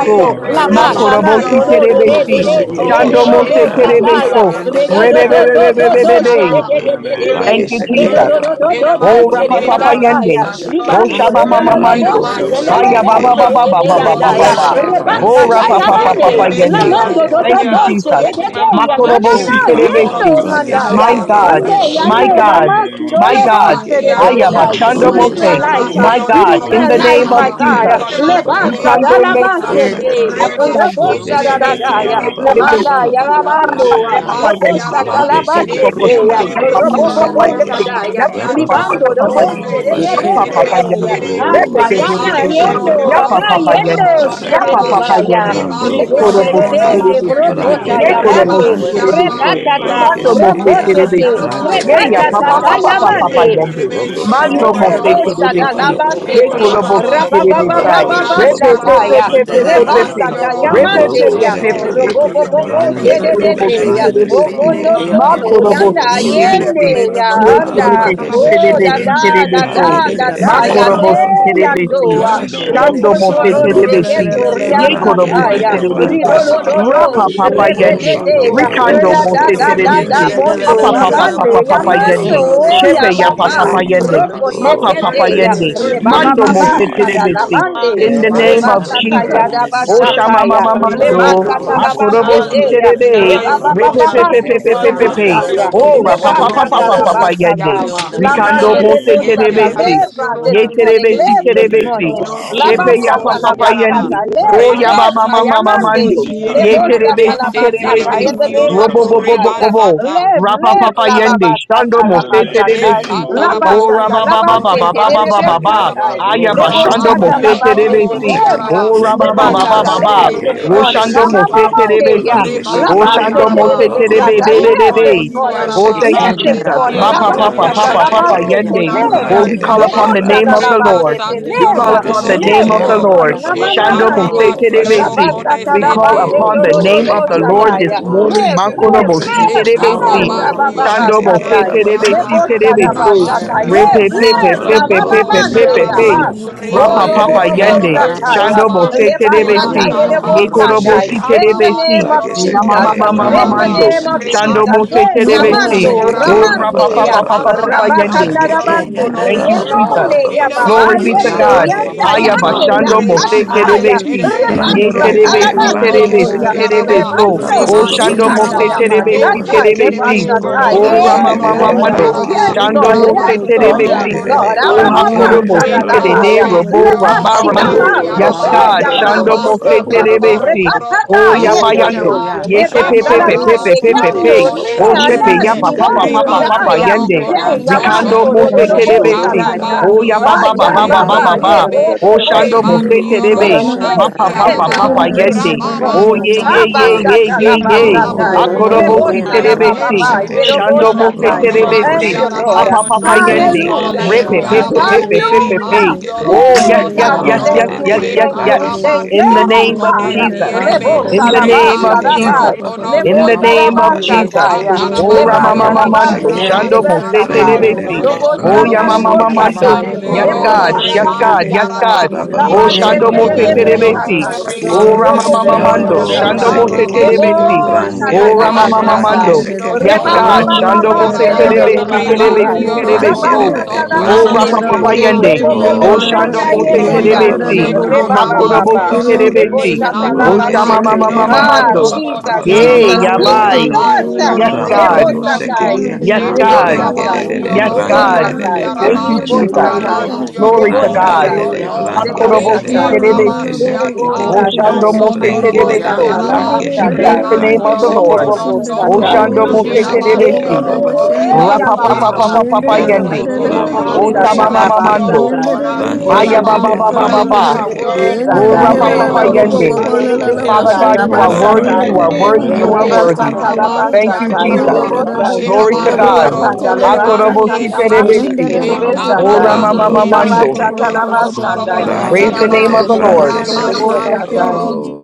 [SPEAKER 8] papa
[SPEAKER 5] Yandere,
[SPEAKER 8] kon
[SPEAKER 11] Thank
[SPEAKER 13] Maradash
[SPEAKER 3] brange
[SPEAKER 2] Lama.
[SPEAKER 1] Makorobo
[SPEAKER 2] Nana.
[SPEAKER 13] kalavaha
[SPEAKER 8] rokushu.
[SPEAKER 1] si
[SPEAKER 2] No
[SPEAKER 3] shekeke.
[SPEAKER 2] do. De de
[SPEAKER 13] kalabarese.
[SPEAKER 3] Rogo
[SPEAKER 2] de
[SPEAKER 1] terebesi.
[SPEAKER 2] de. Se de
[SPEAKER 3] shekeke,
[SPEAKER 2] de
[SPEAKER 1] Shando
[SPEAKER 8] Ikimrirekeshi
[SPEAKER 13] Vira
[SPEAKER 2] do
[SPEAKER 3] Lord
[SPEAKER 1] mose
[SPEAKER 2] do.
[SPEAKER 3] God,
[SPEAKER 8] anaraba.
[SPEAKER 13] hamonoto.
[SPEAKER 4] Hallelujah,
[SPEAKER 2] Sadaya.
[SPEAKER 1] terebeso.
[SPEAKER 2] Le
[SPEAKER 8] Yeke
[SPEAKER 2] do
[SPEAKER 1] Rebe
[SPEAKER 2] do
[SPEAKER 1] rebe
[SPEAKER 4] hallelujah.
[SPEAKER 2] do do
[SPEAKER 1] rebe
[SPEAKER 2] do
[SPEAKER 1] rebe
[SPEAKER 2] do.
[SPEAKER 3] rababababababababaka
[SPEAKER 13] Shabalavarakata.
[SPEAKER 2] Se de
[SPEAKER 1] rebe.
[SPEAKER 8] narakatatatatatata
[SPEAKER 2] de
[SPEAKER 13] In
[SPEAKER 3] shakeke.
[SPEAKER 2] de
[SPEAKER 13] the
[SPEAKER 2] de
[SPEAKER 8] naraba.
[SPEAKER 2] de
[SPEAKER 4] Worship,
[SPEAKER 13] name
[SPEAKER 2] de.
[SPEAKER 13] of
[SPEAKER 1] Thank
[SPEAKER 3] Rage
[SPEAKER 1] you
[SPEAKER 2] Le
[SPEAKER 8] Ye
[SPEAKER 13] Jesus.
[SPEAKER 2] do
[SPEAKER 1] Jesus.
[SPEAKER 3] shekeke
[SPEAKER 9] Yanda
[SPEAKER 4] worship,
[SPEAKER 2] do
[SPEAKER 8] yama
[SPEAKER 2] do do
[SPEAKER 6] in
[SPEAKER 8] mama
[SPEAKER 2] do
[SPEAKER 6] the
[SPEAKER 2] do.
[SPEAKER 1] Oh,
[SPEAKER 8] yamamamamama
[SPEAKER 9] yeah,
[SPEAKER 2] Se
[SPEAKER 6] mighty
[SPEAKER 1] Rapa
[SPEAKER 2] de da
[SPEAKER 6] name
[SPEAKER 8] nrobo.
[SPEAKER 1] Papa
[SPEAKER 2] da
[SPEAKER 6] of
[SPEAKER 4] Father.
[SPEAKER 2] da ya.
[SPEAKER 1] Yende.
[SPEAKER 3] rabababababababababa
[SPEAKER 6] Jesus.
[SPEAKER 8] Yeke
[SPEAKER 4] God,
[SPEAKER 1] Oh,
[SPEAKER 4] you
[SPEAKER 6] In
[SPEAKER 2] Libando
[SPEAKER 3] shakeke.
[SPEAKER 8] dan
[SPEAKER 4] are
[SPEAKER 1] Shaba
[SPEAKER 2] de de
[SPEAKER 1] Mama
[SPEAKER 2] lo
[SPEAKER 4] worthy.
[SPEAKER 2] lo bo.
[SPEAKER 6] the
[SPEAKER 1] Mando.
[SPEAKER 8] rakatatan
[SPEAKER 2] Se
[SPEAKER 3] Rambrogo
[SPEAKER 2] de le
[SPEAKER 13] Radavaha
[SPEAKER 2] le
[SPEAKER 1] Haya
[SPEAKER 6] Masioro
[SPEAKER 2] be.
[SPEAKER 1] Baba
[SPEAKER 3] shekeke.
[SPEAKER 6] Kono
[SPEAKER 2] Se
[SPEAKER 8] rokutu.
[SPEAKER 4] Hallelujah.
[SPEAKER 2] de
[SPEAKER 13] kavarosha.
[SPEAKER 1] Baba
[SPEAKER 2] de
[SPEAKER 1] Baba
[SPEAKER 2] de
[SPEAKER 6] Sotorobo
[SPEAKER 1] Baba
[SPEAKER 3] Rogo
[SPEAKER 2] yandaya.
[SPEAKER 1] Baba.
[SPEAKER 8] Yeshe
[SPEAKER 3] nerede
[SPEAKER 6] Siaraba.
[SPEAKER 13] Sikataya.
[SPEAKER 1] Oh,
[SPEAKER 3] brange
[SPEAKER 2] Rebakata
[SPEAKER 1] Rapa
[SPEAKER 13] Le
[SPEAKER 8] narapakatai.
[SPEAKER 1] Papa
[SPEAKER 6] Nese
[SPEAKER 3] shekeke.
[SPEAKER 14] Thank
[SPEAKER 4] Hallelujah,
[SPEAKER 1] Papa
[SPEAKER 2] yamane.
[SPEAKER 13] kavara
[SPEAKER 6] Terebe
[SPEAKER 2] La
[SPEAKER 3] Brange
[SPEAKER 1] Yende.
[SPEAKER 8] Yeke
[SPEAKER 6] Sioro
[SPEAKER 2] mando
[SPEAKER 3] nerede
[SPEAKER 2] do
[SPEAKER 13] halavorosha.
[SPEAKER 2] do
[SPEAKER 1] Thank you,
[SPEAKER 4] hallelujah.
[SPEAKER 6] Koreba
[SPEAKER 2] dolce
[SPEAKER 1] Jesus.
[SPEAKER 2] de
[SPEAKER 8] narakatatai.
[SPEAKER 2] de de
[SPEAKER 6] Siente.
[SPEAKER 4] Mama,
[SPEAKER 2] ya na
[SPEAKER 4] mama,
[SPEAKER 3] rababababababababa
[SPEAKER 2] na
[SPEAKER 6] Neo
[SPEAKER 2] na
[SPEAKER 1] Makorobosi
[SPEAKER 8] Yokon
[SPEAKER 3] shakeke.
[SPEAKER 4] shubo,
[SPEAKER 6] Sotorobo
[SPEAKER 1] Terebesi.
[SPEAKER 2] yendo
[SPEAKER 13] Sikalavara
[SPEAKER 8] rakatatiyana.
[SPEAKER 2] mandaya
[SPEAKER 1] My
[SPEAKER 6] Siaraba.
[SPEAKER 4] shabba,
[SPEAKER 3] Rakeshakeke,
[SPEAKER 1] God.
[SPEAKER 2] mande
[SPEAKER 13] In
[SPEAKER 8] Yeshen
[SPEAKER 1] My
[SPEAKER 2] yando
[SPEAKER 13] the
[SPEAKER 11] you.
[SPEAKER 2] mama
[SPEAKER 1] God.
[SPEAKER 13] name of
[SPEAKER 1] My
[SPEAKER 2] sirolo
[SPEAKER 8] rokutututu.
[SPEAKER 13] Jesus.
[SPEAKER 6] Nesa
[SPEAKER 1] God.
[SPEAKER 2] bolse
[SPEAKER 3] Rabababababababababashakeke,
[SPEAKER 2] de de
[SPEAKER 11] Thank
[SPEAKER 2] de
[SPEAKER 1] Haya
[SPEAKER 6] Tiaraba.
[SPEAKER 8] Yekia
[SPEAKER 2] dai.
[SPEAKER 1] Bashando
[SPEAKER 2] We
[SPEAKER 3] Rambrogo
[SPEAKER 8] mamamama
[SPEAKER 2] declare
[SPEAKER 1] Mose.
[SPEAKER 2] life,
[SPEAKER 8] ndrobo.
[SPEAKER 13] Makadosh,
[SPEAKER 2] uh,
[SPEAKER 1] My
[SPEAKER 3] Shakeke,
[SPEAKER 6] Rekaramasion
[SPEAKER 2] we
[SPEAKER 1] God.
[SPEAKER 13] Iwala
[SPEAKER 1] In
[SPEAKER 6] Torobo
[SPEAKER 2] declare
[SPEAKER 1] the
[SPEAKER 2] life,
[SPEAKER 1] name of
[SPEAKER 8] Yekan
[SPEAKER 2] my
[SPEAKER 13] Malakase,
[SPEAKER 6] Siaraba.
[SPEAKER 3] Rakeshakeke,
[SPEAKER 2] God.
[SPEAKER 1] Jesus.
[SPEAKER 6] In the mighty
[SPEAKER 8] rakashatatai.
[SPEAKER 2] Lebasta
[SPEAKER 6] name
[SPEAKER 2] da
[SPEAKER 6] of
[SPEAKER 1] Mikando
[SPEAKER 2] la
[SPEAKER 13] Shikalabarakoso,
[SPEAKER 1] Mose.
[SPEAKER 4] Father,
[SPEAKER 6] Jesus.
[SPEAKER 8] Yen
[SPEAKER 2] basete.
[SPEAKER 3] Rababababababababashakeke,
[SPEAKER 13] Randabarasha,
[SPEAKER 1] Nabi
[SPEAKER 4] praise,
[SPEAKER 6] Reba
[SPEAKER 8] rokusho
[SPEAKER 1] Yando.
[SPEAKER 6] Siente
[SPEAKER 2] Robosha
[SPEAKER 13] in the
[SPEAKER 2] da
[SPEAKER 4] praise.
[SPEAKER 2] da
[SPEAKER 6] Terebe
[SPEAKER 8] yomomomo.
[SPEAKER 1] Shando
[SPEAKER 2] da
[SPEAKER 3] Rogeshakeke,
[SPEAKER 2] ya
[SPEAKER 13] name
[SPEAKER 1] Mose
[SPEAKER 6] Sioro
[SPEAKER 13] of
[SPEAKER 6] Kono
[SPEAKER 13] Jesus.
[SPEAKER 2] lebanda
[SPEAKER 1] Terebesi.
[SPEAKER 8] Yeshian
[SPEAKER 2] ya
[SPEAKER 4] Shabba,
[SPEAKER 6] Sotorobo.
[SPEAKER 1] Papa
[SPEAKER 4] shabba,
[SPEAKER 2] lamando
[SPEAKER 13] Eh,
[SPEAKER 1] Papa Papa
[SPEAKER 8] rakatatatai.
[SPEAKER 3] Rabababababababashakeke,
[SPEAKER 1] Yende.
[SPEAKER 2] lebosta
[SPEAKER 13] Mandohoso,
[SPEAKER 6] Reba
[SPEAKER 13] Madikis,
[SPEAKER 8] Yeken
[SPEAKER 1] Mando
[SPEAKER 2] talabasete
[SPEAKER 3] Rakeshakeke,
[SPEAKER 2] ya
[SPEAKER 8] rokusho
[SPEAKER 13] Ilavarasa,
[SPEAKER 3] Rambrogo
[SPEAKER 6] Neseterebesioro
[SPEAKER 8] totototorobo.
[SPEAKER 2] robobobosta
[SPEAKER 3] Shakeke,
[SPEAKER 2] da ya
[SPEAKER 13] Shikataya,
[SPEAKER 6] korabasianta.
[SPEAKER 2] libando
[SPEAKER 6] Oro
[SPEAKER 2] roboche
[SPEAKER 4] praise,
[SPEAKER 2] de de
[SPEAKER 13] Ramanaborosha,
[SPEAKER 8] Yeken
[SPEAKER 4] praise.
[SPEAKER 3] Rabababababababashakeke,
[SPEAKER 2] besete
[SPEAKER 13] Kibalaha
[SPEAKER 2] ya
[SPEAKER 8] rabababa.
[SPEAKER 6] sienterebesiere.
[SPEAKER 4] Mama,
[SPEAKER 3] Oh,
[SPEAKER 13] Kalaverese,
[SPEAKER 2] anna
[SPEAKER 3] Rogo
[SPEAKER 13] Dandala
[SPEAKER 2] yana
[SPEAKER 3] Shakeke,
[SPEAKER 8] Yekeshan
[SPEAKER 6] Rebasioro
[SPEAKER 13] Mahakoto,
[SPEAKER 9] Mira,
[SPEAKER 2] yendo
[SPEAKER 11] you.
[SPEAKER 2] baba
[SPEAKER 8] rokutun
[SPEAKER 2] yendo
[SPEAKER 13] Rakasha,
[SPEAKER 8] raba.
[SPEAKER 6] konosotorobo
[SPEAKER 2] sere
[SPEAKER 13] Shahikele,
[SPEAKER 2] de
[SPEAKER 3] Rababababababashakeke,
[SPEAKER 8] Yeshen
[SPEAKER 2] baya
[SPEAKER 13] Rakatia,
[SPEAKER 3] Rambrogo
[SPEAKER 2] Ribode
[SPEAKER 6] Rebasioro
[SPEAKER 8] rakititirobo.
[SPEAKER 3] Shakeke,
[SPEAKER 2] rebende
[SPEAKER 4] hallelujah.
[SPEAKER 13] Makavohoso,
[SPEAKER 3] but I
[SPEAKER 6] konosierebe.
[SPEAKER 2] brokota
[SPEAKER 3] get
[SPEAKER 8] Yeken
[SPEAKER 13] Ikalamanda
[SPEAKER 3] it in it, but
[SPEAKER 2] yabande
[SPEAKER 3] I get it
[SPEAKER 13] Varasa,
[SPEAKER 8] rabakashahi.
[SPEAKER 13] in the
[SPEAKER 6] Rebasiaraba.
[SPEAKER 3] keke, but I
[SPEAKER 2] brekatata
[SPEAKER 13] name
[SPEAKER 3] get
[SPEAKER 13] of
[SPEAKER 3] it
[SPEAKER 4] hallelujah.
[SPEAKER 8] Yokon
[SPEAKER 3] keke,
[SPEAKER 6] Nosotorobo
[SPEAKER 13] Jesus.
[SPEAKER 2] brokotete
[SPEAKER 3] but I
[SPEAKER 6] siaraba.
[SPEAKER 8] rakatatamba
[SPEAKER 3] get it in
[SPEAKER 8] mama.
[SPEAKER 3] it, but I
[SPEAKER 2] brekatata
[SPEAKER 3] get it
[SPEAKER 6] Netaraba
[SPEAKER 13] Reba
[SPEAKER 2] yamande
[SPEAKER 3] keke,
[SPEAKER 13] be
[SPEAKER 8] Yokon
[SPEAKER 13] be
[SPEAKER 3] logo se
[SPEAKER 8] rokushoto.
[SPEAKER 13] kavala
[SPEAKER 6] sienterebesioro
[SPEAKER 1] mo
[SPEAKER 3] keke,
[SPEAKER 1] se
[SPEAKER 2] Irobobo
[SPEAKER 3] rapa ba
[SPEAKER 13] hokorodosa.
[SPEAKER 3] ba
[SPEAKER 2] shada
[SPEAKER 3] ba
[SPEAKER 6] konosoto.
[SPEAKER 1] terebesi,
[SPEAKER 3] ba ba
[SPEAKER 8] Yeken
[SPEAKER 3] ba
[SPEAKER 14] you.
[SPEAKER 3] ba
[SPEAKER 1] ye
[SPEAKER 13] Reba
[SPEAKER 3] ba
[SPEAKER 13] ba
[SPEAKER 2] Iroboboshagalabasete,
[SPEAKER 13] ba
[SPEAKER 1] korobo
[SPEAKER 13] ba
[SPEAKER 1] si
[SPEAKER 8] rakashandra.
[SPEAKER 14] Thank
[SPEAKER 6] Shekarabasioro
[SPEAKER 1] terebesai,
[SPEAKER 13] kavare
[SPEAKER 3] rapa ba
[SPEAKER 13] hesi.
[SPEAKER 8] Yeshen
[SPEAKER 1] repe pe pe
[SPEAKER 6] konasiaraba.
[SPEAKER 2] rababababababashataya,
[SPEAKER 1] pe
[SPEAKER 8] rokushon
[SPEAKER 13] Zika
[SPEAKER 1] pe
[SPEAKER 13] la
[SPEAKER 1] pe pe
[SPEAKER 8] robo.
[SPEAKER 3] keke,
[SPEAKER 1] pe,
[SPEAKER 13] manona
[SPEAKER 6] Rabasioro
[SPEAKER 2] rebasataya
[SPEAKER 13] kalavoro
[SPEAKER 1] repe
[SPEAKER 8] Yeken
[SPEAKER 1] pe
[SPEAKER 3] rambrogo
[SPEAKER 13] koso.
[SPEAKER 1] pe
[SPEAKER 2] mandeya,
[SPEAKER 3] se
[SPEAKER 1] pe pe
[SPEAKER 6] konosoto.
[SPEAKER 8] rabababa.
[SPEAKER 1] pe
[SPEAKER 3] keke,
[SPEAKER 1] pe pe,
[SPEAKER 13] Rakavara
[SPEAKER 1] ye
[SPEAKER 8] Yeken
[SPEAKER 3] brange de
[SPEAKER 13] kasa
[SPEAKER 3] de
[SPEAKER 1] korobo
[SPEAKER 3] de
[SPEAKER 13] kale
[SPEAKER 1] si
[SPEAKER 2] robobobobosededeteya,
[SPEAKER 13] hesi
[SPEAKER 8] rikeshetete.
[SPEAKER 3] brange
[SPEAKER 13] vili
[SPEAKER 3] se
[SPEAKER 1] terebesi,
[SPEAKER 3] keke,
[SPEAKER 8] Yeya
[SPEAKER 13] kalavorosha.
[SPEAKER 8] mama
[SPEAKER 2] okonosondo
[SPEAKER 8] mama
[SPEAKER 3] oh
[SPEAKER 1] Makorobo
[SPEAKER 8] Yeyamamamamaman
[SPEAKER 2] yanda
[SPEAKER 3] logo se
[SPEAKER 8] robo.
[SPEAKER 13] Ramba
[SPEAKER 2] yende
[SPEAKER 1] Sitelebesi.
[SPEAKER 3] keke,
[SPEAKER 2] ya
[SPEAKER 13] kararasha.
[SPEAKER 1] Ye
[SPEAKER 3] ah
[SPEAKER 2] anda,
[SPEAKER 8] Yekenda
[SPEAKER 3] ba
[SPEAKER 2] o
[SPEAKER 1] Telebesi
[SPEAKER 2] da
[SPEAKER 13] In
[SPEAKER 8] rakashayi.
[SPEAKER 1] Telebesi
[SPEAKER 13] the
[SPEAKER 2] da da
[SPEAKER 3] rage
[SPEAKER 13] name
[SPEAKER 1] Telebeso.
[SPEAKER 13] of
[SPEAKER 2] da
[SPEAKER 3] de
[SPEAKER 2] da
[SPEAKER 3] de
[SPEAKER 8] Yekenda
[SPEAKER 3] de
[SPEAKER 13] Jesus.
[SPEAKER 2] da
[SPEAKER 3] de
[SPEAKER 9] La
[SPEAKER 3] de
[SPEAKER 9] la la
[SPEAKER 2] yane
[SPEAKER 3] rapa
[SPEAKER 1] Makorobo
[SPEAKER 9] la,
[SPEAKER 8] rabababa.
[SPEAKER 3] ba
[SPEAKER 9] La
[SPEAKER 3] ba
[SPEAKER 9] la
[SPEAKER 3] ba
[SPEAKER 4] God,
[SPEAKER 3] ba
[SPEAKER 1] Sitelebesi.
[SPEAKER 2] yandoa,
[SPEAKER 8] Yan
[SPEAKER 13] Lambda
[SPEAKER 1] Shando
[SPEAKER 3] keke,
[SPEAKER 8] roko
[SPEAKER 13] holokosa.
[SPEAKER 1] Mose
[SPEAKER 9] la
[SPEAKER 8] shototo.
[SPEAKER 3] logo
[SPEAKER 4] worship,
[SPEAKER 9] la
[SPEAKER 3] se
[SPEAKER 1] Telebesi.
[SPEAKER 9] la
[SPEAKER 2] rokontoroseketo
[SPEAKER 9] la la la, La la
[SPEAKER 11] Thank
[SPEAKER 9] la
[SPEAKER 3] keke,
[SPEAKER 4] worship,
[SPEAKER 1] Ye
[SPEAKER 9] la la la bo
[SPEAKER 3] brange
[SPEAKER 11] you.
[SPEAKER 1] Korobo
[SPEAKER 9] bo bo bo,
[SPEAKER 3] de
[SPEAKER 8] Yekenda
[SPEAKER 3] de
[SPEAKER 4] Lord.
[SPEAKER 2] riasataya,
[SPEAKER 3] de
[SPEAKER 9] bo bo bo
[SPEAKER 11] Thank
[SPEAKER 13] Likavara
[SPEAKER 3] brange
[SPEAKER 1] Sitelebesa.
[SPEAKER 4] God,
[SPEAKER 13] kasa
[SPEAKER 3] se
[SPEAKER 8] rakatatai.
[SPEAKER 2] rirolododo,
[SPEAKER 9] to
[SPEAKER 1] Rapa
[SPEAKER 13] alavorosha.
[SPEAKER 1] Papa
[SPEAKER 9] yinde de
[SPEAKER 3] Roko
[SPEAKER 9] bo
[SPEAKER 3] ke
[SPEAKER 1] Yende.
[SPEAKER 3] ke
[SPEAKER 9] to
[SPEAKER 8] Yokosho
[SPEAKER 3] ke
[SPEAKER 2] rebededeya,
[SPEAKER 13] Lakavara
[SPEAKER 9] undo
[SPEAKER 8] yomomo.
[SPEAKER 9] ro bo
[SPEAKER 1] Rikando
[SPEAKER 2] rela
[SPEAKER 13] kasa
[SPEAKER 2] da
[SPEAKER 1] Mose
[SPEAKER 2] da da
[SPEAKER 9] de
[SPEAKER 3] roko
[SPEAKER 13] ikalamende
[SPEAKER 8] Yekenda
[SPEAKER 2] da
[SPEAKER 9] de. de,
[SPEAKER 3] she
[SPEAKER 1] Telebesi.
[SPEAKER 9] de
[SPEAKER 3] ke
[SPEAKER 9] de
[SPEAKER 13] hesi.
[SPEAKER 3] ke ke
[SPEAKER 2] mondo,
[SPEAKER 1] Papa
[SPEAKER 3] ke
[SPEAKER 8] rabakasha.
[SPEAKER 3] ra
[SPEAKER 1] Papa
[SPEAKER 3] ba ba
[SPEAKER 2] amande,
[SPEAKER 9] to to to
[SPEAKER 1] Papa
[SPEAKER 9] to
[SPEAKER 3] ba
[SPEAKER 9] to
[SPEAKER 13] Rikato
[SPEAKER 3] ba
[SPEAKER 1] Papa
[SPEAKER 3] ba ba
[SPEAKER 9] Yes,
[SPEAKER 2] amando,
[SPEAKER 1] Yende.
[SPEAKER 8] Yekenda
[SPEAKER 9] Lord,
[SPEAKER 13] makavarasa
[SPEAKER 9] yes,
[SPEAKER 5] Thank
[SPEAKER 8] roku
[SPEAKER 5] you.
[SPEAKER 2] ya
[SPEAKER 1] Shepe
[SPEAKER 9] Lord,
[SPEAKER 1] Yapa
[SPEAKER 8] shondo
[SPEAKER 2] baba,
[SPEAKER 13] kavalekete
[SPEAKER 1] Papa
[SPEAKER 9] yes, Lord,
[SPEAKER 1] Yende.
[SPEAKER 9] I
[SPEAKER 13] imana
[SPEAKER 8] rababaki.
[SPEAKER 9] believe,
[SPEAKER 1] Mapa
[SPEAKER 9] I
[SPEAKER 3] Oh,
[SPEAKER 13] hasalohosha.
[SPEAKER 4] worship,
[SPEAKER 1] Papa
[SPEAKER 3] heaven
[SPEAKER 2] Ropoteteteya,
[SPEAKER 9] believe,
[SPEAKER 1] Yende.
[SPEAKER 9] I
[SPEAKER 8] Yenda
[SPEAKER 4] worship,
[SPEAKER 3] touching
[SPEAKER 9] believe,
[SPEAKER 3] earth
[SPEAKER 1] Mando
[SPEAKER 9] I
[SPEAKER 8] roku
[SPEAKER 3] this
[SPEAKER 4] worship,
[SPEAKER 1] Mose
[SPEAKER 9] believe.
[SPEAKER 2] rebabababasta da
[SPEAKER 3] morning.
[SPEAKER 13] Eh,
[SPEAKER 8] shototo.
[SPEAKER 9] I believe,
[SPEAKER 1] Telebesi.
[SPEAKER 13] Radavaro
[SPEAKER 9] I
[SPEAKER 2] labande,
[SPEAKER 4] hallelujah.
[SPEAKER 1] In
[SPEAKER 13] kosa
[SPEAKER 1] the
[SPEAKER 3] Heaven
[SPEAKER 1] name
[SPEAKER 9] believe,
[SPEAKER 8] Yekanda
[SPEAKER 6] Rabas,
[SPEAKER 1] of
[SPEAKER 9] Lord
[SPEAKER 3] touching
[SPEAKER 4] Jesus,
[SPEAKER 9] God, in
[SPEAKER 1] Jesus.
[SPEAKER 2] rebasataya
[SPEAKER 9] the
[SPEAKER 3] earth
[SPEAKER 2] da
[SPEAKER 8] rakatatai.
[SPEAKER 9] name
[SPEAKER 3] this
[SPEAKER 9] of
[SPEAKER 1] O
[SPEAKER 6] Torobosiana,
[SPEAKER 9] Jesus.
[SPEAKER 3] morning.
[SPEAKER 4] Worship,
[SPEAKER 1] Shama
[SPEAKER 13] Bemba
[SPEAKER 2] bashataya,
[SPEAKER 1] Mama
[SPEAKER 13] baba baba
[SPEAKER 9] Yes.
[SPEAKER 13] baba
[SPEAKER 6] Meke
[SPEAKER 1] Mando.
[SPEAKER 14] you.
[SPEAKER 4] worship,
[SPEAKER 13] kabaro kosa
[SPEAKER 1] Akorobo
[SPEAKER 6] Rabasiana,
[SPEAKER 4] hallelujah,
[SPEAKER 2] lebasatalabaseteya,
[SPEAKER 14] Thank
[SPEAKER 1] Sitelebe.
[SPEAKER 4] hallelujah.
[SPEAKER 13] manabara
[SPEAKER 6] Minesion
[SPEAKER 4] God,
[SPEAKER 13] kasala
[SPEAKER 2] rebababababasu
[SPEAKER 13] hikete
[SPEAKER 6] Torobosiana,
[SPEAKER 4] bless
[SPEAKER 1] Repepepepepepepe.
[SPEAKER 4] your name,
[SPEAKER 13] ikalauru
[SPEAKER 2] dodobosaya,
[SPEAKER 1] Oh,
[SPEAKER 6] Casepe,
[SPEAKER 13] hukuso
[SPEAKER 1] rapa
[SPEAKER 4] bless
[SPEAKER 1] papa
[SPEAKER 4] your
[SPEAKER 6] No
[SPEAKER 4] name,
[SPEAKER 1] papa papa yende.
[SPEAKER 2] lebashatalabasatai,
[SPEAKER 6] Corobosiana,
[SPEAKER 13] in the
[SPEAKER 1] Rikando
[SPEAKER 2] lamande
[SPEAKER 4] hallelujah,
[SPEAKER 1] mose
[SPEAKER 13] name of
[SPEAKER 6] Reminesiente
[SPEAKER 2] lebosata,
[SPEAKER 6] de
[SPEAKER 4] hallelujah.
[SPEAKER 1] terebesi.
[SPEAKER 13] Jesus.
[SPEAKER 2] leva
[SPEAKER 6] Besioro,
[SPEAKER 2] this
[SPEAKER 1] Ye
[SPEAKER 4] Worship,
[SPEAKER 2] morning,
[SPEAKER 1] terebesi
[SPEAKER 2] live this
[SPEAKER 6] Rebesiere,
[SPEAKER 1] terebesi.
[SPEAKER 2] morning,
[SPEAKER 6] No
[SPEAKER 13] Lekaba
[SPEAKER 1] Shepe
[SPEAKER 13] alkora
[SPEAKER 1] ya papa
[SPEAKER 13] manase
[SPEAKER 1] papa
[SPEAKER 4] worship,
[SPEAKER 6] Sotorobosiana,
[SPEAKER 1] yende.
[SPEAKER 2] labashatalabasata,
[SPEAKER 1] Oh,
[SPEAKER 2] live,
[SPEAKER 4] hallelujah.
[SPEAKER 1] ya
[SPEAKER 11] you.
[SPEAKER 2] live,
[SPEAKER 13] zarabarosha
[SPEAKER 6] Recasion
[SPEAKER 2] mayamande,
[SPEAKER 11] In
[SPEAKER 1] yabamamamamamando.
[SPEAKER 11] the middle
[SPEAKER 1] Ye
[SPEAKER 6] Torobosiere,
[SPEAKER 11] of
[SPEAKER 13] zikataya
[SPEAKER 1] terebesi
[SPEAKER 11] the
[SPEAKER 6] Nesete
[SPEAKER 11] city,
[SPEAKER 6] de
[SPEAKER 2] leboshatalabasata,
[SPEAKER 1] terebesi.
[SPEAKER 2] in the
[SPEAKER 13] manakate
[SPEAKER 2] name
[SPEAKER 6] Besioro,
[SPEAKER 2] of
[SPEAKER 1] Robo bo bo bo
[SPEAKER 2] Jesus,
[SPEAKER 1] bo
[SPEAKER 13] ikalarodokose
[SPEAKER 1] bo.
[SPEAKER 6] Correbasata,
[SPEAKER 2] Live,
[SPEAKER 1] Rapa
[SPEAKER 2] live,
[SPEAKER 1] papa
[SPEAKER 2] la
[SPEAKER 4] Hallelujah,
[SPEAKER 1] yende. Shando
[SPEAKER 2] babasata,
[SPEAKER 13] in
[SPEAKER 2] la
[SPEAKER 13] the
[SPEAKER 1] mose
[SPEAKER 4] hallelujah.
[SPEAKER 2] basatai,
[SPEAKER 3] Oh,
[SPEAKER 13] name
[SPEAKER 1] terebesi.
[SPEAKER 13] of
[SPEAKER 2] la
[SPEAKER 4] God,
[SPEAKER 13] Jesus.
[SPEAKER 1] Oh,
[SPEAKER 3] Oh,
[SPEAKER 2] basata,
[SPEAKER 1] raba
[SPEAKER 2] la
[SPEAKER 6] Nesatarabasioro
[SPEAKER 1] ba ba ba ba
[SPEAKER 2] basete,
[SPEAKER 1] ba ba ba
[SPEAKER 10] can
[SPEAKER 1] ba
[SPEAKER 10] you.
[SPEAKER 6] koribasian
[SPEAKER 1] ba.
[SPEAKER 2] rebesatai,
[SPEAKER 6] taraba.
[SPEAKER 4] bless
[SPEAKER 1] Aya ba
[SPEAKER 8] Yenda
[SPEAKER 13] Labaraborokoso
[SPEAKER 1] shando
[SPEAKER 4] God,
[SPEAKER 2] lebosata, la
[SPEAKER 1] mose
[SPEAKER 6] Rabasion
[SPEAKER 8] rabakasha
[SPEAKER 13] kabarakata
[SPEAKER 4] God,
[SPEAKER 6] torobo
[SPEAKER 2] basete,
[SPEAKER 1] terebesi.
[SPEAKER 8] yamama.
[SPEAKER 4] glorify her,
[SPEAKER 2] live,
[SPEAKER 1] Oh,
[SPEAKER 6] siaraba.
[SPEAKER 1] raba
[SPEAKER 4] God.
[SPEAKER 1] ba
[SPEAKER 4] bless
[SPEAKER 1] ba ba
[SPEAKER 13] lekarataya
[SPEAKER 2] lebasata,
[SPEAKER 1] ba
[SPEAKER 8] Yakanda
[SPEAKER 1] ba.
[SPEAKER 2] live
[SPEAKER 4] her,
[SPEAKER 2] this
[SPEAKER 1] Oh
[SPEAKER 8] roku
[SPEAKER 2] morning,
[SPEAKER 1] shando
[SPEAKER 13] mikalavedese
[SPEAKER 6] Ribasierentenasion
[SPEAKER 1] mose
[SPEAKER 8] shototo.
[SPEAKER 6] torobo.
[SPEAKER 2] amamamande,
[SPEAKER 4] God,
[SPEAKER 2] ya,
[SPEAKER 1] terebesi.
[SPEAKER 2] la
[SPEAKER 13] mandadosho
[SPEAKER 1] Oh,
[SPEAKER 6] Ribasa
[SPEAKER 1] Shando
[SPEAKER 2] basete,
[SPEAKER 4] bless
[SPEAKER 11] not
[SPEAKER 1] Mose
[SPEAKER 6] taraba.
[SPEAKER 8] Yeyamamamaman
[SPEAKER 13] makabahasa
[SPEAKER 1] Terebe,
[SPEAKER 8] roku
[SPEAKER 2] rebesata,
[SPEAKER 6] Noso
[SPEAKER 1] Bebe,
[SPEAKER 2] live
[SPEAKER 13] vadekese
[SPEAKER 4] morning,
[SPEAKER 8] shototo.
[SPEAKER 6] torobo
[SPEAKER 2] this
[SPEAKER 1] Bebe.
[SPEAKER 9] Yeah,
[SPEAKER 2] morning,
[SPEAKER 4] Lord.
[SPEAKER 1] Oh,
[SPEAKER 6] siaraba.
[SPEAKER 1] thank you,
[SPEAKER 2] live
[SPEAKER 8] Yeken
[SPEAKER 2] this
[SPEAKER 1] Jesus.
[SPEAKER 2] morning,
[SPEAKER 4] Hallelujah.
[SPEAKER 2] la
[SPEAKER 1] Papa,
[SPEAKER 8] rakashaya
[SPEAKER 13] in
[SPEAKER 4] Ika
[SPEAKER 13] the
[SPEAKER 1] Papa,
[SPEAKER 8] babai.
[SPEAKER 4] ba
[SPEAKER 2] basata,
[SPEAKER 4] ba
[SPEAKER 1] Papa,
[SPEAKER 2] la
[SPEAKER 4] ba
[SPEAKER 1] Papa,
[SPEAKER 13] name
[SPEAKER 6] Ribasienterebesioro
[SPEAKER 13] of
[SPEAKER 2] basete,
[SPEAKER 1] Yende.
[SPEAKER 13] Jesus.
[SPEAKER 8] Yakan
[SPEAKER 2] live,
[SPEAKER 4] shango
[SPEAKER 1] Oh,
[SPEAKER 6] konasian
[SPEAKER 1] we
[SPEAKER 14] you.
[SPEAKER 1] call
[SPEAKER 6] taraba.
[SPEAKER 8] rukusho
[SPEAKER 1] upon the
[SPEAKER 4] ba
[SPEAKER 1] name
[SPEAKER 2] lebosata,
[SPEAKER 1] of
[SPEAKER 2] la
[SPEAKER 1] the
[SPEAKER 8] totorobo.
[SPEAKER 14] Thank
[SPEAKER 1] Lord.
[SPEAKER 4] eke
[SPEAKER 2] basete,
[SPEAKER 4] be
[SPEAKER 1] We
[SPEAKER 2] live,
[SPEAKER 6] Ribasatioro
[SPEAKER 1] call upon the
[SPEAKER 2] live
[SPEAKER 1] name of
[SPEAKER 6] konosoto.
[SPEAKER 2] this
[SPEAKER 1] the
[SPEAKER 8] Yetan
[SPEAKER 13] Rembakashata.
[SPEAKER 1] Lord.
[SPEAKER 2] morning,
[SPEAKER 1] Shando
[SPEAKER 8] rakashaya
[SPEAKER 1] Mose
[SPEAKER 2] amamamande,
[SPEAKER 8] babai.
[SPEAKER 4] eke
[SPEAKER 2] la
[SPEAKER 1] Terebe,
[SPEAKER 6] Shekarabasioro
[SPEAKER 1] Si.
[SPEAKER 2] basata,
[SPEAKER 1] We
[SPEAKER 2] la
[SPEAKER 8] Yan
[SPEAKER 1] call
[SPEAKER 4] do
[SPEAKER 6] konesete.
[SPEAKER 2] basete,
[SPEAKER 1] upon
[SPEAKER 8] robo
[SPEAKER 1] the name
[SPEAKER 3] glory,
[SPEAKER 1] of
[SPEAKER 8] kushon
[SPEAKER 2] rododo,
[SPEAKER 1] the
[SPEAKER 4] ba
[SPEAKER 1] Lord
[SPEAKER 3] glory,
[SPEAKER 1] this
[SPEAKER 2] shadaya,
[SPEAKER 11] you.
[SPEAKER 8] rikitetai.
[SPEAKER 10] Thank
[SPEAKER 3] glory,
[SPEAKER 1] morning.
[SPEAKER 2] live,
[SPEAKER 11] I'm
[SPEAKER 1] Makoro
[SPEAKER 11] not
[SPEAKER 1] Mose
[SPEAKER 11] going
[SPEAKER 2] live,
[SPEAKER 11] to
[SPEAKER 3] glory.
[SPEAKER 2] live,
[SPEAKER 1] Terebe,
[SPEAKER 11] be
[SPEAKER 8] Yapapan
[SPEAKER 1] Si.
[SPEAKER 2] live,
[SPEAKER 3] Oh,
[SPEAKER 8] roba
[SPEAKER 3] logo
[SPEAKER 8] kusho
[SPEAKER 6] Shekarabasioro
[SPEAKER 1] Shando
[SPEAKER 3] shekeke,
[SPEAKER 1] Mose
[SPEAKER 2] Abababastandai.
[SPEAKER 3] la
[SPEAKER 8] torobo.
[SPEAKER 3] ba ba
[SPEAKER 1] Terebe,
[SPEAKER 3] ba
[SPEAKER 1] Si
[SPEAKER 3] ba
[SPEAKER 5] Thank
[SPEAKER 6] konasiaraba,
[SPEAKER 3] ba ba ba
[SPEAKER 1] Terebe,
[SPEAKER 3] ba ba
[SPEAKER 1] So.
[SPEAKER 8] Yeshen
[SPEAKER 2] Lebostadabastatai.
[SPEAKER 6] rabasioro
[SPEAKER 3] shakeke,
[SPEAKER 2] Live,
[SPEAKER 1] Repe, Pepe,
[SPEAKER 2] live,
[SPEAKER 1] Pepe,
[SPEAKER 8] rabababakun
[SPEAKER 3] ram
[SPEAKER 1] Pepe,
[SPEAKER 6] konosotorobo
[SPEAKER 3] logo
[SPEAKER 13] Anda
[SPEAKER 1] Pepe,
[SPEAKER 8] rokusho
[SPEAKER 2] Dabamamande,
[SPEAKER 3] shekeke,
[SPEAKER 6] siaraba,
[SPEAKER 1] Pepe.
[SPEAKER 2] Abas.
[SPEAKER 8] tototo.
[SPEAKER 13] Kalabarasha.
[SPEAKER 3] logo
[SPEAKER 1] Rapa,
[SPEAKER 3] de
[SPEAKER 1] Papa,
[SPEAKER 3] de
[SPEAKER 6] rebasion
[SPEAKER 4] God,
[SPEAKER 8] Yeken
[SPEAKER 3] de,
[SPEAKER 1] Yende.
[SPEAKER 6] torobo
[SPEAKER 3] rage
[SPEAKER 4] worship,
[SPEAKER 2] Orobobobostataya.
[SPEAKER 1] Shando
[SPEAKER 8] rababai.
[SPEAKER 6] siaraba,
[SPEAKER 4] worship
[SPEAKER 1] Mose
[SPEAKER 3] shekeke,
[SPEAKER 4] the
[SPEAKER 3] la
[SPEAKER 1] Terebe,
[SPEAKER 4] Lord.
[SPEAKER 3] ba ba
[SPEAKER 5] you.
[SPEAKER 1] Si.
[SPEAKER 4] Ika
[SPEAKER 3] ba
[SPEAKER 2] Lebastataya
[SPEAKER 4] ba ba
[SPEAKER 3] ba ba
[SPEAKER 8] Yakan
[SPEAKER 3] ba
[SPEAKER 6] rebasata,
[SPEAKER 3] ba ba
[SPEAKER 1] Yekoro
[SPEAKER 5] Yonder
[SPEAKER 2] Lebostandai.
[SPEAKER 10] you.
[SPEAKER 1] Mose
[SPEAKER 3] shakeke,
[SPEAKER 8] rokushoto.
[SPEAKER 2] In the
[SPEAKER 1] Terebe, Si.
[SPEAKER 2] name of
[SPEAKER 3] rage
[SPEAKER 6] shekarabasioro
[SPEAKER 2] Jesus,
[SPEAKER 1] Mama
[SPEAKER 8] Yeken
[SPEAKER 4] ba
[SPEAKER 3] shekeke, ram
[SPEAKER 1] mama
[SPEAKER 2] in the
[SPEAKER 13] In
[SPEAKER 4] eke
[SPEAKER 6] konasiaraba,
[SPEAKER 3] logo
[SPEAKER 1] mando.
[SPEAKER 2] name
[SPEAKER 8] rakashaya
[SPEAKER 2] of
[SPEAKER 8] babai.
[SPEAKER 3] shekeke.
[SPEAKER 1] Shando
[SPEAKER 2] Jesus,
[SPEAKER 1] mose
[SPEAKER 9] [LAUGHS]
[SPEAKER 2] Eh,
[SPEAKER 6] rebasion
[SPEAKER 9] Jesus.
[SPEAKER 6] torobo
[SPEAKER 3] Rogo
[SPEAKER 1] terebesi.
[SPEAKER 8] Yeken
[SPEAKER 2] Yamando,
[SPEAKER 1] Oh
[SPEAKER 3] shakeke,
[SPEAKER 6] siaraba,
[SPEAKER 3] raba
[SPEAKER 1] rapa
[SPEAKER 3] ba
[SPEAKER 8] rokusho
[SPEAKER 3] ba
[SPEAKER 2] Ramandeya,
[SPEAKER 1] papa
[SPEAKER 3] ba ba ba
[SPEAKER 1] papa
[SPEAKER 8] toto.
[SPEAKER 3] ba ba
[SPEAKER 1] papa
[SPEAKER 3] ba
[SPEAKER 1] yende.
[SPEAKER 11] able to
[SPEAKER 3] shakeke,
[SPEAKER 6] shekarabasatioro
[SPEAKER 8] Yeken
[SPEAKER 11] do
[SPEAKER 2] Rabakatarabasete,
[SPEAKER 4] God,
[SPEAKER 1] Thank you
[SPEAKER 3] raba
[SPEAKER 11] that.
[SPEAKER 3] ba
[SPEAKER 4] worship
[SPEAKER 8] rakashaya
[SPEAKER 3] ba
[SPEAKER 1] Jesus.
[SPEAKER 6] konosoto,
[SPEAKER 3] ba
[SPEAKER 2] Yemonde
[SPEAKER 3] ba
[SPEAKER 8] babai.
[SPEAKER 3] ba
[SPEAKER 6] in the
[SPEAKER 3] ba
[SPEAKER 14] you.
[SPEAKER 4] on
[SPEAKER 3] ba
[SPEAKER 2] Baba,
[SPEAKER 3] ba
[SPEAKER 1] Glory
[SPEAKER 6] mighty
[SPEAKER 3] ba
[SPEAKER 1] be to
[SPEAKER 6] name
[SPEAKER 2] Yendo,
[SPEAKER 8] Yama
[SPEAKER 1] God.
[SPEAKER 6] of
[SPEAKER 14] Thank
[SPEAKER 8] mama
[SPEAKER 3] shakeke,
[SPEAKER 2] Yanda,
[SPEAKER 8] man
[SPEAKER 1] Haya
[SPEAKER 6] Jesus, uh,
[SPEAKER 8] robo
[SPEAKER 2] Yandeya,
[SPEAKER 1] bashando
[SPEAKER 3] rambrogo
[SPEAKER 1] mose
[SPEAKER 8] kushototo.
[SPEAKER 6] rebasien
[SPEAKER 2] Ataya,
[SPEAKER 3] shakeke,
[SPEAKER 1] terebesi.
[SPEAKER 6] terebe,
[SPEAKER 1] Ye
[SPEAKER 3] branke
[SPEAKER 2] Rebasta,
[SPEAKER 3] de
[SPEAKER 8] Yeken
[SPEAKER 3] de de,
[SPEAKER 1] terebesi
[SPEAKER 6] rokoso
[SPEAKER 3] branke
[SPEAKER 6] torobo
[SPEAKER 1] terebesi
[SPEAKER 2] Talabasete,
[SPEAKER 8] rakashatai.
[SPEAKER 3] shakeke,
[SPEAKER 6] siaraba,
[SPEAKER 4] the
[SPEAKER 1] terebeso.
[SPEAKER 2] Rebando,
[SPEAKER 3] raba
[SPEAKER 4] God.
[SPEAKER 1] O
[SPEAKER 3] ba ba
[SPEAKER 8] Yam
[SPEAKER 3] ba
[SPEAKER 1] shando
[SPEAKER 3] ba ba ba
[SPEAKER 1] mose
[SPEAKER 3] ba
[SPEAKER 6] rebasiaraba,
[SPEAKER 4] Bless
[SPEAKER 3] ba
[SPEAKER 11] O
[SPEAKER 8] rekeshetando
[SPEAKER 3] ba
[SPEAKER 1] terebesi
[SPEAKER 2] Ikandayamasata,
[SPEAKER 8] robo
[SPEAKER 4] our
[SPEAKER 3] shakeke,
[SPEAKER 11] kororobyo
[SPEAKER 1] terebesi.
[SPEAKER 6] Neseterebe,
[SPEAKER 8] kushoto.
[SPEAKER 2] yebashata.
[SPEAKER 11] baba
[SPEAKER 4] worship,
[SPEAKER 11] baba
[SPEAKER 1] O
[SPEAKER 3] branke
[SPEAKER 4] God.
[SPEAKER 3] de
[SPEAKER 2] Yes,
[SPEAKER 3] de
[SPEAKER 11] shina
[SPEAKER 6] nosotorobo
[SPEAKER 3] de,
[SPEAKER 1] ramamama
[SPEAKER 11] na
[SPEAKER 2] Lord.
[SPEAKER 8] Yama
[SPEAKER 11] na na
[SPEAKER 1] mando.
[SPEAKER 4] Praise.
[SPEAKER 8] mama
[SPEAKER 3] branke
[SPEAKER 8] man
[SPEAKER 2] Yes,
[SPEAKER 6] siaraba,
[SPEAKER 11] bashed
[SPEAKER 1] Shando
[SPEAKER 2] Lord.
[SPEAKER 11] ye
[SPEAKER 3] shakeke,
[SPEAKER 8] roku
[SPEAKER 11] la
[SPEAKER 2] Yes,
[SPEAKER 1] mose
[SPEAKER 2] Lord.
[SPEAKER 11] kahante
[SPEAKER 8] shototo.
[SPEAKER 6] rabasioro
[SPEAKER 3] bronke
[SPEAKER 2] Yes,
[SPEAKER 4] Hallelujah.
[SPEAKER 3] de
[SPEAKER 1] terebesi.
[SPEAKER 11] ye
[SPEAKER 3] de
[SPEAKER 2] Lord.
[SPEAKER 3] de,
[SPEAKER 4] God,
[SPEAKER 1] O
[SPEAKER 11] bakun
[SPEAKER 3] branke
[SPEAKER 2] Abababa,
[SPEAKER 11] sise
[SPEAKER 6] konosoto,
[SPEAKER 3] de
[SPEAKER 4] our
[SPEAKER 3] de
[SPEAKER 8] Yeken
[SPEAKER 1] hakorobo
[SPEAKER 3] de,
[SPEAKER 1] si
[SPEAKER 4] word,
[SPEAKER 11] o
[SPEAKER 3] branke
[SPEAKER 11] lo
[SPEAKER 1] terebe
[SPEAKER 2] sadalabaya.
[SPEAKER 4] praise.
[SPEAKER 3] shakeke,
[SPEAKER 1] robo
[SPEAKER 11] ye
[SPEAKER 6] shekarabasioro
[SPEAKER 8] rapakashatatata.
[SPEAKER 2] Lebashi,
[SPEAKER 4] Our
[SPEAKER 1] rabaramando.
[SPEAKER 4] word,
[SPEAKER 3] oh
[SPEAKER 11] bakororo
[SPEAKER 3] rogo
[SPEAKER 1] Yes,
[SPEAKER 4] our
[SPEAKER 8] Yama
[SPEAKER 2] rabasoto,
[SPEAKER 11] bashe
[SPEAKER 8] mama
[SPEAKER 6] konasiaraba,
[SPEAKER 4] word,
[SPEAKER 1] God.
[SPEAKER 8] man
[SPEAKER 3] shakeke,
[SPEAKER 11] korara
[SPEAKER 4] God.
[SPEAKER 11] la
[SPEAKER 1] Shando
[SPEAKER 3] raba
[SPEAKER 8] roku
[SPEAKER 11] bashe
[SPEAKER 3] ba
[SPEAKER 1] mose
[SPEAKER 3] ba ba
[SPEAKER 4] Glorify
[SPEAKER 2] yabaseteya.
[SPEAKER 5] Yonder,
[SPEAKER 11] kororo
[SPEAKER 3] ba ba ba
[SPEAKER 8] shototo.
[SPEAKER 3] ba
[SPEAKER 1] terebesi.
[SPEAKER 11] bahante
[SPEAKER 6] rabasatarabasioro
[SPEAKER 3] ba ba
[SPEAKER 2] Repatata,
[SPEAKER 1] O
[SPEAKER 3] ba
[SPEAKER 11] o
[SPEAKER 4] Hallelujah.
[SPEAKER 11] ye
[SPEAKER 3] shakeke.
[SPEAKER 1] yabayando.
[SPEAKER 11] deri
[SPEAKER 2] yekondo.
[SPEAKER 6] konasianta,
[SPEAKER 11] ye
[SPEAKER 1] Ye
[SPEAKER 8] Eketitiriata
[SPEAKER 1] te
[SPEAKER 4] Up,
[SPEAKER 11] bakish
[SPEAKER 1] pepe
[SPEAKER 3] My
[SPEAKER 4] Lord.
[SPEAKER 11] ye
[SPEAKER 8] rababai.
[SPEAKER 1] pepe
[SPEAKER 11] na
[SPEAKER 3] niece
[SPEAKER 2] Nebakalalane,
[SPEAKER 1] pepe
[SPEAKER 11] pani
[SPEAKER 4] Hallelujah.
[SPEAKER 3] Pinky,
[SPEAKER 11] teri
[SPEAKER 6] shekarabasioro
[SPEAKER 3] as
[SPEAKER 2] yando,
[SPEAKER 11] ye
[SPEAKER 1] pepe.
[SPEAKER 3] she
[SPEAKER 1] O
[SPEAKER 2] nea,
[SPEAKER 8] Yashan
[SPEAKER 11] bakuru
[SPEAKER 3] travels
[SPEAKER 1] shepe
[SPEAKER 3] back to
[SPEAKER 11] kusi
[SPEAKER 6] konesierebe,
[SPEAKER 1] yapa
[SPEAKER 8] roko
[SPEAKER 2] nasiro,
[SPEAKER 1] papa
[SPEAKER 11] teri
[SPEAKER 3] Canada,
[SPEAKER 8] shoto.
[SPEAKER 1] papa
[SPEAKER 3] oh
[SPEAKER 1] papa
[SPEAKER 3] God,
[SPEAKER 2] siraya.
[SPEAKER 6] rebasioro
[SPEAKER 11] ye
[SPEAKER 1] yende.
[SPEAKER 4] Praise,
[SPEAKER 11] bakuru
[SPEAKER 2] Hey,
[SPEAKER 3] grant
[SPEAKER 8] Yam
[SPEAKER 11] ye
[SPEAKER 3] her
[SPEAKER 9] Yeah,
[SPEAKER 1] Ricando
[SPEAKER 4] praise.
[SPEAKER 2] yabaso,
[SPEAKER 6] konosoto,
[SPEAKER 3] traveling
[SPEAKER 1] mose
[SPEAKER 2] rororo,
[SPEAKER 11] Thank
[SPEAKER 8] rekeshetando
[SPEAKER 3] mercies,
[SPEAKER 1] terebesi.
[SPEAKER 3] oh
[SPEAKER 2] bosaraya.
[SPEAKER 3] God.
[SPEAKER 8] rababai.
[SPEAKER 1] Oh
[SPEAKER 3] Go
[SPEAKER 1] ya ba
[SPEAKER 6] shekarabasioro
[SPEAKER 1] ba
[SPEAKER 3] before
[SPEAKER 1] ba
[SPEAKER 2] Aya,
[SPEAKER 1] ba
[SPEAKER 10] Oh,
[SPEAKER 3] her,
[SPEAKER 1] ba
[SPEAKER 10] oh,
[SPEAKER 1] ba
[SPEAKER 3] oh
[SPEAKER 8] Yakan
[SPEAKER 1] ba
[SPEAKER 2] baba,
[SPEAKER 10] oh,
[SPEAKER 2] ye
[SPEAKER 1] ba.
[SPEAKER 3] God.
[SPEAKER 10] oh,
[SPEAKER 2] bo
[SPEAKER 8] roko
[SPEAKER 6] koneseterebe,
[SPEAKER 14] you.
[SPEAKER 1] Oh
[SPEAKER 2] bo yebo,
[SPEAKER 10] oh.
[SPEAKER 3] Cover
[SPEAKER 1] shando
[SPEAKER 8] shoto.
[SPEAKER 3] her,
[SPEAKER 1] mose
[SPEAKER 2] bobo,
[SPEAKER 3] oh
[SPEAKER 6] rebasioro
[SPEAKER 3] God.
[SPEAKER 1] terebe.
[SPEAKER 2] Grace,
[SPEAKER 8] Yeshen
[SPEAKER 1] Ma
[SPEAKER 2] grace,
[SPEAKER 1] Papa
[SPEAKER 2] grace,
[SPEAKER 3] Carry
[SPEAKER 1] papa
[SPEAKER 6] konasiaraba,
[SPEAKER 2] and
[SPEAKER 1] pa
[SPEAKER 3] her
[SPEAKER 2] more
[SPEAKER 14] Thank
[SPEAKER 3] and
[SPEAKER 8] rakatatai.
[SPEAKER 2] grace
[SPEAKER 3] Alyssa
[SPEAKER 2] this
[SPEAKER 1] yende.
[SPEAKER 4] Hallelujah.
[SPEAKER 14] you.
[SPEAKER 3] Marie
[SPEAKER 1] Oh
[SPEAKER 2] morning.
[SPEAKER 3] home
[SPEAKER 1] ye ye
[SPEAKER 2] Abba
[SPEAKER 1] ye
[SPEAKER 6] Rababasianta,
[SPEAKER 8] Yokon
[SPEAKER 3] safely.
[SPEAKER 1] ye
[SPEAKER 2] Shatta,
[SPEAKER 1] ye
[SPEAKER 2] Labba
[SPEAKER 13] the
[SPEAKER 8] rukiato.
[SPEAKER 1] ye.
[SPEAKER 2] shatta,
[SPEAKER 3] Oh, lo-
[SPEAKER 4] Word,
[SPEAKER 3] bu- bu- bu-
[SPEAKER 1] Akorobo
[SPEAKER 2] Lebo
[SPEAKER 6] Shekarabasioro,
[SPEAKER 3] bu-
[SPEAKER 1] si
[SPEAKER 3] bu-
[SPEAKER 8] Yeken
[SPEAKER 3] bu-
[SPEAKER 4] um,
[SPEAKER 2] Shatta,
[SPEAKER 3] bu-
[SPEAKER 1] terebe
[SPEAKER 3] bu-
[SPEAKER 4] Lord.
[SPEAKER 2] Baba,
[SPEAKER 3] bu-
[SPEAKER 1] si.
[SPEAKER 4] You
[SPEAKER 2] Ba,
[SPEAKER 4] are
[SPEAKER 8] rabababai.
[SPEAKER 4] worthy,
[SPEAKER 3] shekeke.
[SPEAKER 2] Yerobo
[SPEAKER 1] Shando
[SPEAKER 4] God, of
[SPEAKER 6] Neseterebesioro,
[SPEAKER 1] mose
[SPEAKER 2] shatta.
[SPEAKER 4] all
[SPEAKER 8] Yeken
[SPEAKER 4] the
[SPEAKER 1] terebe
[SPEAKER 3] Blambrogo
[SPEAKER 2] Thank
[SPEAKER 1] si.
[SPEAKER 2] you,
[SPEAKER 4] praise.
[SPEAKER 1] Pa
[SPEAKER 6] Korebasiaraba,
[SPEAKER 2] Lord.
[SPEAKER 3] shekeke.
[SPEAKER 1] Papa
[SPEAKER 8] rabababai.
[SPEAKER 4] Lord.
[SPEAKER 1] pa yende.
[SPEAKER 2] Hallelujah,
[SPEAKER 4] Hallelujah.
[SPEAKER 3] Blangedede,
[SPEAKER 1] Repe
[SPEAKER 8] Yoshon
[SPEAKER 4] To
[SPEAKER 2] Jesus.
[SPEAKER 1] pepe
[SPEAKER 3] blanke
[SPEAKER 11] you.
[SPEAKER 4] Your
[SPEAKER 6] Nosotorobosiaraba,
[SPEAKER 1] pepe pepe
[SPEAKER 4] name.
[SPEAKER 1] pe
[SPEAKER 3] shekeke,
[SPEAKER 1] pe.
[SPEAKER 2] Hallelujah.
[SPEAKER 8] rokushototo.
[SPEAKER 6] Ribasioro,
[SPEAKER 1] Oh
[SPEAKER 3] blangedede,
[SPEAKER 1] yes
[SPEAKER 2] Hey,
[SPEAKER 11] Hallelujah,
[SPEAKER 1] yes
[SPEAKER 4] Ba,
[SPEAKER 2] God,
[SPEAKER 4] ba,
[SPEAKER 2] we
[SPEAKER 4] ba,
[SPEAKER 1] yes
[SPEAKER 4] ba,
[SPEAKER 6] Konosoto,
[SPEAKER 11] Jesus.
[SPEAKER 2] thank
[SPEAKER 1] yes
[SPEAKER 11] If
[SPEAKER 2] you,
[SPEAKER 11] you
[SPEAKER 8] Yamamamaman
[SPEAKER 1] yes
[SPEAKER 2] we
[SPEAKER 11] let
[SPEAKER 3] blangedede,
[SPEAKER 1] yes
[SPEAKER 2] thank
[SPEAKER 11] it
[SPEAKER 2] you,
[SPEAKER 1] yes.
[SPEAKER 2] we
[SPEAKER 3] blake
[SPEAKER 11] be,
[SPEAKER 2] thank
[SPEAKER 8] rokushoto.
[SPEAKER 2] you,
[SPEAKER 1] In
[SPEAKER 11] and
[SPEAKER 1] the
[SPEAKER 3] shekeke.
[SPEAKER 11] in
[SPEAKER 6] Shekarabasioro,
[SPEAKER 2] Hey,
[SPEAKER 11] my
[SPEAKER 1] name of
[SPEAKER 2] God.
[SPEAKER 11] spirit, and
[SPEAKER 1] Jesus
[SPEAKER 11] let
[SPEAKER 8] Yakan
[SPEAKER 11] us see.
[SPEAKER 6] Konesierebe,
[SPEAKER 2] Lebo
[SPEAKER 1] in
[SPEAKER 3] Oh,
[SPEAKER 1] the
[SPEAKER 4] ba,
[SPEAKER 3] logo
[SPEAKER 11] Yes,
[SPEAKER 2] Saraba,
[SPEAKER 1] name
[SPEAKER 11] Lord,
[SPEAKER 1] of
[SPEAKER 8] rikishitai.
[SPEAKER 3] shakeke,
[SPEAKER 11] let
[SPEAKER 6] Ribasioro,
[SPEAKER 2] Saraba.
[SPEAKER 11] us
[SPEAKER 1] Jesus,
[SPEAKER 4] ba.
[SPEAKER 3] raba
[SPEAKER 11] be
[SPEAKER 3] ba ba ba ba
[SPEAKER 11] filled.
[SPEAKER 1] in
[SPEAKER 2] Lebo
[SPEAKER 3] ba
[SPEAKER 1] the
[SPEAKER 3] ba
[SPEAKER 6] Konosoto,
[SPEAKER 3] ba
[SPEAKER 1] name
[SPEAKER 2] Saraba
[SPEAKER 1] of
[SPEAKER 8] Yamamamaman
[SPEAKER 11] In
[SPEAKER 3] ba
[SPEAKER 11] the last
[SPEAKER 1] Jesus.
[SPEAKER 4] Ba, ba,
[SPEAKER 11] two
[SPEAKER 2] Sattai.
[SPEAKER 4] ba,
[SPEAKER 3] shakeke,
[SPEAKER 11] quarters
[SPEAKER 4] ba.
[SPEAKER 11] of
[SPEAKER 1] Oh
[SPEAKER 11] our
[SPEAKER 8] robokushoto.
[SPEAKER 2] Leba
[SPEAKER 11] prayer,
[SPEAKER 6] Nesatarabasioro,
[SPEAKER 3] rambrogo
[SPEAKER 2] Yaraba
[SPEAKER 1] Ramamamamando,
[SPEAKER 11] let us
[SPEAKER 2] Sete,
[SPEAKER 4] Worship
[SPEAKER 8] Yen
[SPEAKER 3] shakeke,
[SPEAKER 1] Shando
[SPEAKER 11] see.
[SPEAKER 2] Leba
[SPEAKER 1] Mosete
[SPEAKER 6] Korabasiaraba,
[SPEAKER 11] In
[SPEAKER 4] God.
[SPEAKER 2] shatta,
[SPEAKER 11] the
[SPEAKER 3] brenge de
[SPEAKER 8] rakashayama
[SPEAKER 11] name
[SPEAKER 3] de
[SPEAKER 1] Debesi,
[SPEAKER 11] of
[SPEAKER 4] Praise.
[SPEAKER 3] de,
[SPEAKER 8] mama.
[SPEAKER 2] Lobo
[SPEAKER 11] Jesus,
[SPEAKER 9] Bo
[SPEAKER 1] Oh
[SPEAKER 11] let
[SPEAKER 9] bo
[SPEAKER 4] Ba, ba, ba, ba. Ba, ba, ba, ba. Ba, ba, ba, ba.
[SPEAKER 2] Shana,
[SPEAKER 11] it
[SPEAKER 3] brange
[SPEAKER 9] bo
[SPEAKER 11] be
[SPEAKER 6] Nosotorobo,
[SPEAKER 9] bo
[SPEAKER 11] about
[SPEAKER 2] Lebo
[SPEAKER 11] us.
[SPEAKER 3] shakeke,
[SPEAKER 11] Let it
[SPEAKER 1] Yamamamamando,
[SPEAKER 2] shatta,
[SPEAKER 9] choshin de
[SPEAKER 11] be
[SPEAKER 8] Yamamamaman
[SPEAKER 11] about
[SPEAKER 1] yes
[SPEAKER 9] de de
[SPEAKER 11] the
[SPEAKER 9] de
[SPEAKER 6] Nesatioro,
[SPEAKER 2] Lebo
[SPEAKER 3] oh
[SPEAKER 9] de
[SPEAKER 11] quarter
[SPEAKER 1] God,
[SPEAKER 9] de
[SPEAKER 11] of
[SPEAKER 3] logo
[SPEAKER 9] de
[SPEAKER 2] Shana,
[SPEAKER 11] our
[SPEAKER 1] yes
[SPEAKER 9] bo bo
[SPEAKER 2] Labba
[SPEAKER 11] prayer.
[SPEAKER 8] rokushototo.
[SPEAKER 1] God,
[SPEAKER 9] bo
[SPEAKER 3] shakeke,
[SPEAKER 1] yes
[SPEAKER 9] bo
[SPEAKER 2] shatta.
[SPEAKER 9] bo
[SPEAKER 11] Yes,
[SPEAKER 1] God,
[SPEAKER 6] Korebasiaraba,
[SPEAKER 11] Lord,
[SPEAKER 3] raba
[SPEAKER 9] choshin
[SPEAKER 3] ba
[SPEAKER 9] de
[SPEAKER 11] let
[SPEAKER 1] Oh
[SPEAKER 3] ba
[SPEAKER 11] it
[SPEAKER 9] de
[SPEAKER 11] be
[SPEAKER 3] ba
[SPEAKER 9] de
[SPEAKER 3] ba
[SPEAKER 1] Shando
[SPEAKER 3] ba
[SPEAKER 8] Yeken
[SPEAKER 9] bo
[SPEAKER 11] about
[SPEAKER 3] ba
[SPEAKER 11] God,
[SPEAKER 9] bo
[SPEAKER 3] ba
[SPEAKER 9] bo
[SPEAKER 11] let
[SPEAKER 1] Mosete
[SPEAKER 11] it
[SPEAKER 9] bo
[SPEAKER 11] be
[SPEAKER 3] ba
[SPEAKER 13] name
[SPEAKER 11] about
[SPEAKER 3] ba
[SPEAKER 13] of
[SPEAKER 3] ba
[SPEAKER 6] Neseterebesioro
[SPEAKER 11] us.
[SPEAKER 9] choshin
[SPEAKER 3] ba
[SPEAKER 1] Debesi,
[SPEAKER 13] Jesus.
[SPEAKER 8] rakashatai.
[SPEAKER 2] Labacheterebesatai,
[SPEAKER 11] Let it be about
[SPEAKER 9] ye
[SPEAKER 1] Oh
[SPEAKER 11] us.
[SPEAKER 3] shakeke,
[SPEAKER 9] de de
[SPEAKER 11] Let
[SPEAKER 9] de
[SPEAKER 11] it
[SPEAKER 9] de
[SPEAKER 6] korebasiente,
[SPEAKER 11] be
[SPEAKER 9] de
[SPEAKER 1] Ramamamamando,
[SPEAKER 9] de
[SPEAKER 11] about
[SPEAKER 3] rambrogo
[SPEAKER 1] Shando
[SPEAKER 11] us.
[SPEAKER 9] bo
[SPEAKER 2] Robobobosatai,
[SPEAKER 8] Yamamamaman
[SPEAKER 1] Mosete
[SPEAKER 9] bo bo bo bo
[SPEAKER 13] Sikabarata
[SPEAKER 9] bo
[SPEAKER 3] shakeke,
[SPEAKER 9] bo
[SPEAKER 11] In
[SPEAKER 2] Lebo
[SPEAKER 8] robo.
[SPEAKER 11] the name
[SPEAKER 1] Debesi,
[SPEAKER 11] of
[SPEAKER 6] shekarabasioro,
[SPEAKER 9] bo
[SPEAKER 13] Sarakasa.
[SPEAKER 9] bo
[SPEAKER 11] Jesus,
[SPEAKER 3] brange
[SPEAKER 1] Oh
[SPEAKER 9] bo
[SPEAKER 3] de
[SPEAKER 11] let
[SPEAKER 3] de
[SPEAKER 11] it
[SPEAKER 9] bo
[SPEAKER 11] be
[SPEAKER 9] bo
[SPEAKER 3] de,
[SPEAKER 11] about
[SPEAKER 8] Yeshen
[SPEAKER 11] us.
[SPEAKER 3] brange
[SPEAKER 9] choshin
[SPEAKER 6] desataraba,
[SPEAKER 2] Sadalabasatai,
[SPEAKER 1] Ramamamamando,
[SPEAKER 9] de de
[SPEAKER 11] Let it
[SPEAKER 9] de
[SPEAKER 11] be
[SPEAKER 1] yes
[SPEAKER 3] shakeke,
[SPEAKER 11] about
[SPEAKER 8] rikitikia.
[SPEAKER 11] us.
[SPEAKER 3] raba
[SPEAKER 1] God,
[SPEAKER 9] ye
[SPEAKER 3] ba
[SPEAKER 13] Yikalababa
[SPEAKER 3] ba
[SPEAKER 9] de
[SPEAKER 3] ba ba
[SPEAKER 9] de
[SPEAKER 3] ba
[SPEAKER 1] Shando
[SPEAKER 9] de
[SPEAKER 3] ba
[SPEAKER 9] de
[SPEAKER 11] Yes,
[SPEAKER 3] ba
[SPEAKER 9] de
[SPEAKER 4] Ba,
[SPEAKER 1] Mosete
[SPEAKER 3] ba
[SPEAKER 6] nosotorobosiaraba,
[SPEAKER 11] Lord,
[SPEAKER 13] Kalaborososo.
[SPEAKER 3] ba
[SPEAKER 4] ba,
[SPEAKER 11] let
[SPEAKER 9] bo
[SPEAKER 11] it
[SPEAKER 4] ba,
[SPEAKER 11] be
[SPEAKER 4] ba,
[SPEAKER 9] bo
[SPEAKER 1] Debesi,
[SPEAKER 8] Yamamama
[SPEAKER 4] ba.
[SPEAKER 9] bo
[SPEAKER 3] shakeke,
[SPEAKER 9] bo bo
[SPEAKER 8] drobo
[SPEAKER 2] Rebababababaserebesatai,
[SPEAKER 1] Debesi,
[SPEAKER 9] bo bo
[SPEAKER 6] rebasioro
[SPEAKER 4] Worship
[SPEAKER 3] brange
[SPEAKER 13] Relakashata
[SPEAKER 9] choshin
[SPEAKER 3] de
[SPEAKER 8] shokoto.
[SPEAKER 1] Debeso,
[SPEAKER 9] de
[SPEAKER 3] de de,
[SPEAKER 4] God.
[SPEAKER 9] ye
[SPEAKER 4] Ma,
[SPEAKER 13] Lahalamana
[SPEAKER 1] Oh
[SPEAKER 4] ma,
[SPEAKER 3] brange
[SPEAKER 9] shan
[SPEAKER 4] ma.
[SPEAKER 9] de
[SPEAKER 1] Rapa Papa
[SPEAKER 2] Labasatalamasete,
[SPEAKER 9] bo
[SPEAKER 13] Kalaberese.
[SPEAKER 4] Ba,
[SPEAKER 9] bo
[SPEAKER 3] shakeke,
[SPEAKER 6] konosotorobosiaraba,
[SPEAKER 9] bo
[SPEAKER 1] Yende,
[SPEAKER 4] ba, ba, ba.
[SPEAKER 2] Lobobobo
[SPEAKER 1] Oh
[SPEAKER 3] oh
[SPEAKER 8] Yekendra
[SPEAKER 3] logo
[SPEAKER 1] Shando
[SPEAKER 13] Yikalaboroko
[SPEAKER 14] And I
[SPEAKER 2] Shandaye
[SPEAKER 13] Sota
[SPEAKER 4] God,
[SPEAKER 3] shakeke,
[SPEAKER 1] Mosete
[SPEAKER 14] Thank
[SPEAKER 11] Hallelujah,
[SPEAKER 14] you.
[SPEAKER 6] rebasienterebe,
[SPEAKER 3] raba
[SPEAKER 4] worship
[SPEAKER 2] Mondai,
[SPEAKER 3] ba
[SPEAKER 14] Jesus,
[SPEAKER 3] ba
[SPEAKER 1] Debesi,
[SPEAKER 13] Malakarasa.
[SPEAKER 3] ba
[SPEAKER 9] bo
[SPEAKER 14] for
[SPEAKER 4] God.
[SPEAKER 3] ba
[SPEAKER 9] bo
[SPEAKER 11] hallelujah,
[SPEAKER 14] being
[SPEAKER 3] ba
[SPEAKER 8] kendri.
[SPEAKER 9] bo
[SPEAKER 3] ba ba ba
[SPEAKER 14] with
[SPEAKER 3] ba
[SPEAKER 4] Lord.
[SPEAKER 2] Rebabababa,
[SPEAKER 3] ba
[SPEAKER 1] Makorobosi
[SPEAKER 11] hallelujah,
[SPEAKER 9] the
[SPEAKER 13] Ilavada
[SPEAKER 14] me
[SPEAKER 6] shekarabasioro,
[SPEAKER 3] shakeke.
[SPEAKER 9] Lord
[SPEAKER 2] Lebo
[SPEAKER 14] in
[SPEAKER 9] is
[SPEAKER 1] Debesi,
[SPEAKER 13] Karabese.
[SPEAKER 14] so
[SPEAKER 9] with
[SPEAKER 11] hallelujah,
[SPEAKER 9] me
[SPEAKER 14] many
[SPEAKER 9] de
[SPEAKER 3] Roge
[SPEAKER 8] Yamamama
[SPEAKER 6] nesataraba,
[SPEAKER 9] de
[SPEAKER 11] hallelujah,
[SPEAKER 1] Oshama
[SPEAKER 9] de de
[SPEAKER 2] Satalabasete.
[SPEAKER 1] mama
[SPEAKER 8] drobo.
[SPEAKER 14] Jesus
[SPEAKER 9] bo
[SPEAKER 3] sekeke
[SPEAKER 9] bo
[SPEAKER 1] mama
[SPEAKER 11] hallelujah,
[SPEAKER 3] raba
[SPEAKER 2] Ah,
[SPEAKER 14] Christ.
[SPEAKER 9] bo
[SPEAKER 3] ba
[SPEAKER 1] mando.
[SPEAKER 9] bo
[SPEAKER 3] ba ba
[SPEAKER 6] Nosotorobo
[SPEAKER 3] ba ba
[SPEAKER 2] Jesus,
[SPEAKER 3] ba ba
[SPEAKER 9] and
[SPEAKER 3] ba
[SPEAKER 13] Shanda
[SPEAKER 14] I
[SPEAKER 1] Yay,
[SPEAKER 9] that
[SPEAKER 11] hallelujah,
[SPEAKER 2] Jesus,
[SPEAKER 6] siaraba
[SPEAKER 9] I
[SPEAKER 3] ba
[SPEAKER 14] thank
[SPEAKER 8] Yakan
[SPEAKER 13] Koya
[SPEAKER 9] walk
[SPEAKER 14] the
[SPEAKER 9] in the
[SPEAKER 13] Manaka
[SPEAKER 14] Lord
[SPEAKER 1] yabai.
[SPEAKER 8] roko
[SPEAKER 11] hallelujah,
[SPEAKER 3] shakeke,
[SPEAKER 14] for
[SPEAKER 9] power
[SPEAKER 13] Veki
[SPEAKER 9] and
[SPEAKER 2] Jesus!
[SPEAKER 9] the
[SPEAKER 8] shoto.
[SPEAKER 1] Yes,
[SPEAKER 6] rabasioro
[SPEAKER 9] might
[SPEAKER 11] hallelujah,
[SPEAKER 9] of
[SPEAKER 1] God.
[SPEAKER 2] Lebo
[SPEAKER 13] Mamokoto.
[SPEAKER 4] Praise
[SPEAKER 3] rambrogo
[SPEAKER 14] the
[SPEAKER 9] Almighty
[SPEAKER 14] joy
[SPEAKER 2] Satai,
[SPEAKER 6] konosoto
[SPEAKER 3] sekeke
[SPEAKER 9] God
[SPEAKER 1] Yes,
[SPEAKER 9] and
[SPEAKER 14] and
[SPEAKER 9] know
[SPEAKER 14] the
[SPEAKER 8] Yakan
[SPEAKER 2] Lebo
[SPEAKER 9] that the
[SPEAKER 1] God.
[SPEAKER 13] Rikata
[SPEAKER 3] brenge
[SPEAKER 11] hallelujah,
[SPEAKER 14] willingness
[SPEAKER 9] Lord
[SPEAKER 8] roku
[SPEAKER 3] de
[SPEAKER 2] Satai,
[SPEAKER 9] is
[SPEAKER 14] to
[SPEAKER 3] de
[SPEAKER 13] Halaboho
[SPEAKER 9] with
[SPEAKER 8] shoto
[SPEAKER 3] de,
[SPEAKER 1] Yes,
[SPEAKER 9] you.
[SPEAKER 6] shikarabasioro
[SPEAKER 11] hallelujah,
[SPEAKER 2] Lebo
[SPEAKER 14] fulfill
[SPEAKER 9] Fear
[SPEAKER 8] toto.
[SPEAKER 3] brange
[SPEAKER 14] the
[SPEAKER 3] de
[SPEAKER 1] God.
[SPEAKER 13] Shakabarete.
[SPEAKER 14] will
[SPEAKER 9] not,
[SPEAKER 3] de
[SPEAKER 14] of
[SPEAKER 2] Satai,
[SPEAKER 3] de,
[SPEAKER 9] because
[SPEAKER 14] the
[SPEAKER 4] God.
[SPEAKER 9] the
[SPEAKER 1] Thank
[SPEAKER 6] konasiaraba
[SPEAKER 1] you,
[SPEAKER 3] brange
[SPEAKER 14] Lord
[SPEAKER 9] Lord
[SPEAKER 2] Lebo
[SPEAKER 9] is
[SPEAKER 14] in
[SPEAKER 1] Jesus.
[SPEAKER 9] with
[SPEAKER 4] God.
[SPEAKER 13] Shanda
[SPEAKER 3] sekeke
[SPEAKER 9] you.
[SPEAKER 14] Jesus
[SPEAKER 2] Satai,
[SPEAKER 11] hallelujah.
[SPEAKER 9] Thank
[SPEAKER 8] Yamamamamai.
[SPEAKER 9] you,
[SPEAKER 13] Vakoto
[SPEAKER 1] Glory
[SPEAKER 6] rabasioro
[SPEAKER 14] Christ.
[SPEAKER 2] Lebo
[SPEAKER 1] to
[SPEAKER 11] Thank
[SPEAKER 9] Jesus.
[SPEAKER 11] you,
[SPEAKER 3] brange de
[SPEAKER 1] God.
[SPEAKER 13] Mahalavada
[SPEAKER 2] Satai.
[SPEAKER 3] de
[SPEAKER 11] Lord.
[SPEAKER 3] de,
[SPEAKER 8] Yan
[SPEAKER 6] konosoto
[SPEAKER 14] Hallelujah.
[SPEAKER 11] Thank you,
[SPEAKER 3] brange
[SPEAKER 5] the
[SPEAKER 13] Saikata
[SPEAKER 3] de
[SPEAKER 11] Lord.
[SPEAKER 8] roko
[SPEAKER 11] Thank you, thank
[SPEAKER 3] de
[SPEAKER 11] you,
[SPEAKER 3] de,
[SPEAKER 9] Thank
[SPEAKER 1] Hakorobosi
[SPEAKER 11] thank
[SPEAKER 8] shoto
[SPEAKER 9] you,
[SPEAKER 2] Lebosatai.
[SPEAKER 13] Halabosha.
[SPEAKER 11] you.
[SPEAKER 14] In
[SPEAKER 8] to.
[SPEAKER 14] the
[SPEAKER 3] bronke
[SPEAKER 9] Lord.
[SPEAKER 14] name
[SPEAKER 1] terebesi.
[SPEAKER 10] Hallelujah.
[SPEAKER 14] of
[SPEAKER 9] Thank
[SPEAKER 11] Thank
[SPEAKER 4] Praise
[SPEAKER 11] you,
[SPEAKER 3] sekeke
[SPEAKER 14] Jesus,
[SPEAKER 6] shikirabasianta
[SPEAKER 11] Father,
[SPEAKER 3] keke,
[SPEAKER 14] we will
[SPEAKER 11] Father,
[SPEAKER 2] Lebosatai.
[SPEAKER 1] Oshando
[SPEAKER 14] be
[SPEAKER 11] Father,
[SPEAKER 4] God.
[SPEAKER 1] mose
[SPEAKER 3] brenge
[SPEAKER 14] thankful,
[SPEAKER 6] Nosotorobo
[SPEAKER 3] de
[SPEAKER 4] God.
[SPEAKER 14] Lord,
[SPEAKER 3] de de,
[SPEAKER 14] and
[SPEAKER 8] Yan
[SPEAKER 1] terebeso.
[SPEAKER 2] Lebosatai.
[SPEAKER 11] Father.
[SPEAKER 14] we
[SPEAKER 6] siaraba
[SPEAKER 3] brange
[SPEAKER 14] declare
[SPEAKER 3] de
[SPEAKER 1] We
[SPEAKER 3] de
[SPEAKER 8] rekeshen
[SPEAKER 1] bless
[SPEAKER 14] life,
[SPEAKER 3] de,
[SPEAKER 2] Labasatai.
[SPEAKER 11] Thank
[SPEAKER 1] the
[SPEAKER 11] you,
[SPEAKER 1] name
[SPEAKER 3] brange
[SPEAKER 1] of
[SPEAKER 8] rababai.
[SPEAKER 1] the
[SPEAKER 11] Father,
[SPEAKER 14] we
[SPEAKER 6] rebasioro
[SPEAKER 3] sekeke
[SPEAKER 1] Lord.
[SPEAKER 11] Father,
[SPEAKER 14] declare
[SPEAKER 11] Father.
[SPEAKER 14] life,
[SPEAKER 3] o
[SPEAKER 9] you,
[SPEAKER 2] Lobobobosatai.
[SPEAKER 6] konosoto
[SPEAKER 11] Thank
[SPEAKER 1] Oshando
[SPEAKER 11] you,
[SPEAKER 9] Lord.
[SPEAKER 3] rogo
[SPEAKER 1] mose
[SPEAKER 11] Lord.
[SPEAKER 14] we
[SPEAKER 8] Yamamamamama
[SPEAKER 3] sekeke
[SPEAKER 11] Thank you,
[SPEAKER 14] declare
[SPEAKER 1] terebesi.
[SPEAKER 6] shirabasioro
[SPEAKER 3] raba
[SPEAKER 11] thank
[SPEAKER 8] drobo
[SPEAKER 3] ba
[SPEAKER 14] life,
[SPEAKER 3] ba
[SPEAKER 11] you,
[SPEAKER 3] ba ba
[SPEAKER 8] kusho.
[SPEAKER 2] Hey,
[SPEAKER 11] thank
[SPEAKER 3] ba
[SPEAKER 11] you,
[SPEAKER 3] ba
[SPEAKER 1] Rapa
[SPEAKER 3] ba ba
[SPEAKER 11] thank
[SPEAKER 1] papa
[SPEAKER 14] we
[SPEAKER 3] ba
[SPEAKER 11] you.
[SPEAKER 2] yabamamama.
[SPEAKER 6] korebasiaraba
[SPEAKER 1] papa
[SPEAKER 14] declare life
[SPEAKER 1] papa
[SPEAKER 3] shakeke,
[SPEAKER 11] And I'm
[SPEAKER 14] in
[SPEAKER 1] yende.
[SPEAKER 14] the
[SPEAKER 8] Yababababa
[SPEAKER 14] name
[SPEAKER 11] asking,
[SPEAKER 14] of
[SPEAKER 6] neseterebe
[SPEAKER 2] Rebobobo
[SPEAKER 4] Hallelujah.
[SPEAKER 3] rambrogo
[SPEAKER 11] Corona,
[SPEAKER 8] kashata.
[SPEAKER 14] Jesus,
[SPEAKER 1] Osama
[SPEAKER 14] that
[SPEAKER 1] mama
[SPEAKER 14] we
[SPEAKER 2] Satanaba
[SPEAKER 14] are
[SPEAKER 3] sekeke
[SPEAKER 14] thankful
[SPEAKER 1] mando.
[SPEAKER 6] rebasioro
[SPEAKER 14] for
[SPEAKER 9] Thank
[SPEAKER 2] Satai.
[SPEAKER 8] Yan
[SPEAKER 14] Jesus,
[SPEAKER 11] Thank
[SPEAKER 14] that
[SPEAKER 11] you,
[SPEAKER 14] we
[SPEAKER 3] brange
[SPEAKER 2] Or
[SPEAKER 3] de
[SPEAKER 1] Haya
[SPEAKER 14] are
[SPEAKER 3] de
[SPEAKER 1] ba
[SPEAKER 14] thankful
[SPEAKER 6] konasiaraba
[SPEAKER 3] de,
[SPEAKER 1] ba
[SPEAKER 14] for Jesus,
[SPEAKER 1] ba
[SPEAKER 9] you,
[SPEAKER 4] God,
[SPEAKER 8] rekeshetatai.
[SPEAKER 3] brange
[SPEAKER 4] you are
[SPEAKER 11] Jesus.
[SPEAKER 14] that we
[SPEAKER 3] sekeke
[SPEAKER 2] Rebebebebebebebebe
[SPEAKER 6] rabasioro
[SPEAKER 4] worthy
[SPEAKER 14] are
[SPEAKER 4] of
[SPEAKER 1] Oh,
[SPEAKER 14] thankful
[SPEAKER 11] Thank
[SPEAKER 2] Satai.
[SPEAKER 1] rapa
[SPEAKER 11] you,
[SPEAKER 3] o
[SPEAKER 4] praise.
[SPEAKER 8] Yamamamamama
[SPEAKER 1] papa
[SPEAKER 2] Or Rebebebebebebe Saraba Satai. O
[SPEAKER 3] rogo
[SPEAKER 11] glory
[SPEAKER 2] rebe
[SPEAKER 6] konosotorobo
[SPEAKER 11] to
[SPEAKER 14] for
[SPEAKER 8] drobo
[SPEAKER 1] yende.
[SPEAKER 2] bebe
[SPEAKER 14] Jesus.
[SPEAKER 3] sekeke
[SPEAKER 11] God.
[SPEAKER 2] bebe
[SPEAKER 8] kusho.
[SPEAKER 2] bebe
[SPEAKER 3] keke.
[SPEAKER 4] Hallelujah.
[SPEAKER 1] Father
[SPEAKER 11] Hallelujah.
[SPEAKER 1] God,
[SPEAKER 2] sala
[SPEAKER 1] you are
[SPEAKER 11] Glory
[SPEAKER 4] Glory
[SPEAKER 14] Thank
[SPEAKER 3] Branke
[SPEAKER 1] worthy,
[SPEAKER 13] Mendakaya
[SPEAKER 11] to
[SPEAKER 4] to
[SPEAKER 3] de
[SPEAKER 4] your
[SPEAKER 2] basatai.
[SPEAKER 1] you
[SPEAKER 11] the
[SPEAKER 3] de
[SPEAKER 1] are
[SPEAKER 3] de
[SPEAKER 13] Manaka
[SPEAKER 4] name,
[SPEAKER 11] Lamb of
[SPEAKER 1] worthy,
[SPEAKER 11] the
[SPEAKER 2] O
[SPEAKER 1] you
[SPEAKER 8] Yeken
[SPEAKER 13] Vese.
[SPEAKER 1] are
[SPEAKER 3] branke
[SPEAKER 11] King,
[SPEAKER 2] Reba
[SPEAKER 4] Jesus.
[SPEAKER 11] for the
[SPEAKER 1] worthy.
[SPEAKER 11] God
[SPEAKER 3] sekeke.
[SPEAKER 11] of our
[SPEAKER 8] rababai.
[SPEAKER 4] God,
[SPEAKER 2] Satalaba
[SPEAKER 1] Thank
[SPEAKER 11] King.
[SPEAKER 1] you,
[SPEAKER 4] bless
[SPEAKER 2] Satai.
[SPEAKER 4] your
[SPEAKER 3] oh
[SPEAKER 1] Jesus.
[SPEAKER 6] Shekarabasiantaraba.
[SPEAKER 4] name.
[SPEAKER 11] Glory,
[SPEAKER 3] logo
[SPEAKER 11] hallelujah.
[SPEAKER 2] Yerobotai.
[SPEAKER 1] Glory
[SPEAKER 3] sekeke
[SPEAKER 1] to
[SPEAKER 4] Hallelujah.
[SPEAKER 8] Yanda
[SPEAKER 3] ra
[SPEAKER 11] Thank
[SPEAKER 2] Reba
[SPEAKER 3] pa
[SPEAKER 11] you,
[SPEAKER 1] God.
[SPEAKER 6] Erabasioro
[SPEAKER 3] pa
[SPEAKER 8] robo
[SPEAKER 3] pa pa pa
[SPEAKER 4] Glory
[SPEAKER 2] Sandaleba
[SPEAKER 3] pa
[SPEAKER 11] Lord.
[SPEAKER 4] to
[SPEAKER 3] pa
[SPEAKER 8] kushototo.
[SPEAKER 4] your
[SPEAKER 3] pa
[SPEAKER 2] Satai
[SPEAKER 4] name.
[SPEAKER 3] pa
[SPEAKER 11] Glory,
[SPEAKER 3] pa
[SPEAKER 6] correbasiente.
[SPEAKER 15] Hallelujah.
[SPEAKER 3] pa
[SPEAKER 11] Lord. We
[SPEAKER 2] Yamasete.
[SPEAKER 1] Akorobositerebesi.
[SPEAKER 3] sekeke.
[SPEAKER 11] Thank
[SPEAKER 2] Rebe
[SPEAKER 11] you.
[SPEAKER 4] Hallelujah.
[SPEAKER 11] We
[SPEAKER 1] O
[SPEAKER 2] Satai.
[SPEAKER 8] yamamamamando
[SPEAKER 11] praise
[SPEAKER 3] Ram
[SPEAKER 11] you.
[SPEAKER 8] robo
[SPEAKER 11] Glory to
[SPEAKER 3] logo
[SPEAKER 11] the
[SPEAKER 6] Shekarabasiere.
[SPEAKER 2] Laba
[SPEAKER 8] kushoto.
[SPEAKER 1] Ramamamamando.
[SPEAKER 11] King, for the
[SPEAKER 3] sekeke.
[SPEAKER 11] God of
[SPEAKER 4] Hallelujah.
[SPEAKER 2] Chatalaba
[SPEAKER 11] our King.
[SPEAKER 2] Sandai.
[SPEAKER 4] Hallelujah.
[SPEAKER 2] Thank
[SPEAKER 3] Brake
[SPEAKER 11] Yes,
[SPEAKER 8] Yanda
[SPEAKER 1] Praise
[SPEAKER 2] you,
[SPEAKER 3] de
[SPEAKER 1] the
[SPEAKER 9] Lord.
[SPEAKER 3] de
[SPEAKER 11] Lord.
[SPEAKER 2] thank
[SPEAKER 1] name
[SPEAKER 6] Nosotorobosiaraba.
[SPEAKER 3] de
[SPEAKER 8] reke
[SPEAKER 1] of
[SPEAKER 2] you,
[SPEAKER 1] the
[SPEAKER 2] thank
[SPEAKER 3] branke
[SPEAKER 1] Lord.
[SPEAKER 2] you,
[SPEAKER 8] shatatata.
[SPEAKER 4] Hallelujah.
[SPEAKER 2] Lord
[SPEAKER 3] sekeke.
[SPEAKER 2] Satai.
[SPEAKER 9] Thank
[SPEAKER 11] Hallelujah.
[SPEAKER 6] Rabasatioro.
[SPEAKER 9] you,
[SPEAKER 14] you.
[SPEAKER 3] Oh,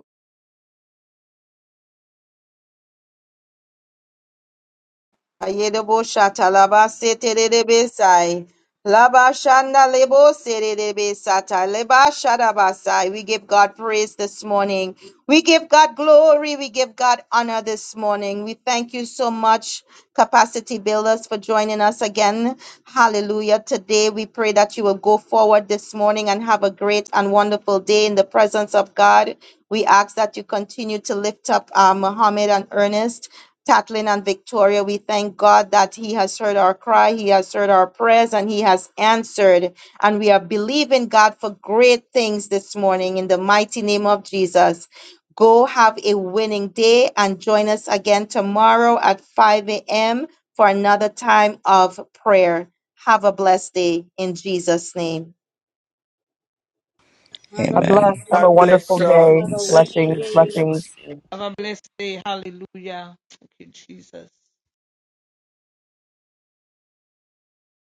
[SPEAKER 2] Ayedebo shata laba seterebe sai. Laba shanda lebo serebe sata leba shadaba We give God praise this morning. We give God glory. We give God honor this morning. We thank you so much, Capacity Builders, for joining us again. Hallelujah. Today we pray that you will go forward this morning and have a great and wonderful day in the presence of God. We ask that you continue to lift up uh, Muhammad and Ernest. Tatlin and Victoria. We thank God that He has heard our cry, He has heard our prayers, and He has answered. And we are believing God for great things this morning in the mighty name of Jesus. Go have a winning day and join us again tomorrow at 5 a.m. for another time of prayer. Have a blessed day in Jesus' name.
[SPEAKER 10] Have a
[SPEAKER 1] A
[SPEAKER 3] amen.
[SPEAKER 10] blessed
[SPEAKER 1] blessed, have a
[SPEAKER 6] God
[SPEAKER 10] day.
[SPEAKER 6] bless
[SPEAKER 1] wonderful
[SPEAKER 6] you. all.
[SPEAKER 1] day.
[SPEAKER 10] Have a
[SPEAKER 3] Yes.
[SPEAKER 6] Thank you,
[SPEAKER 10] winning
[SPEAKER 1] Blessings,
[SPEAKER 8] Amen.
[SPEAKER 10] day.
[SPEAKER 6] Jesus.
[SPEAKER 1] blessings.
[SPEAKER 4] Have a blessed day. Hallelujah. Thank you, Jesus.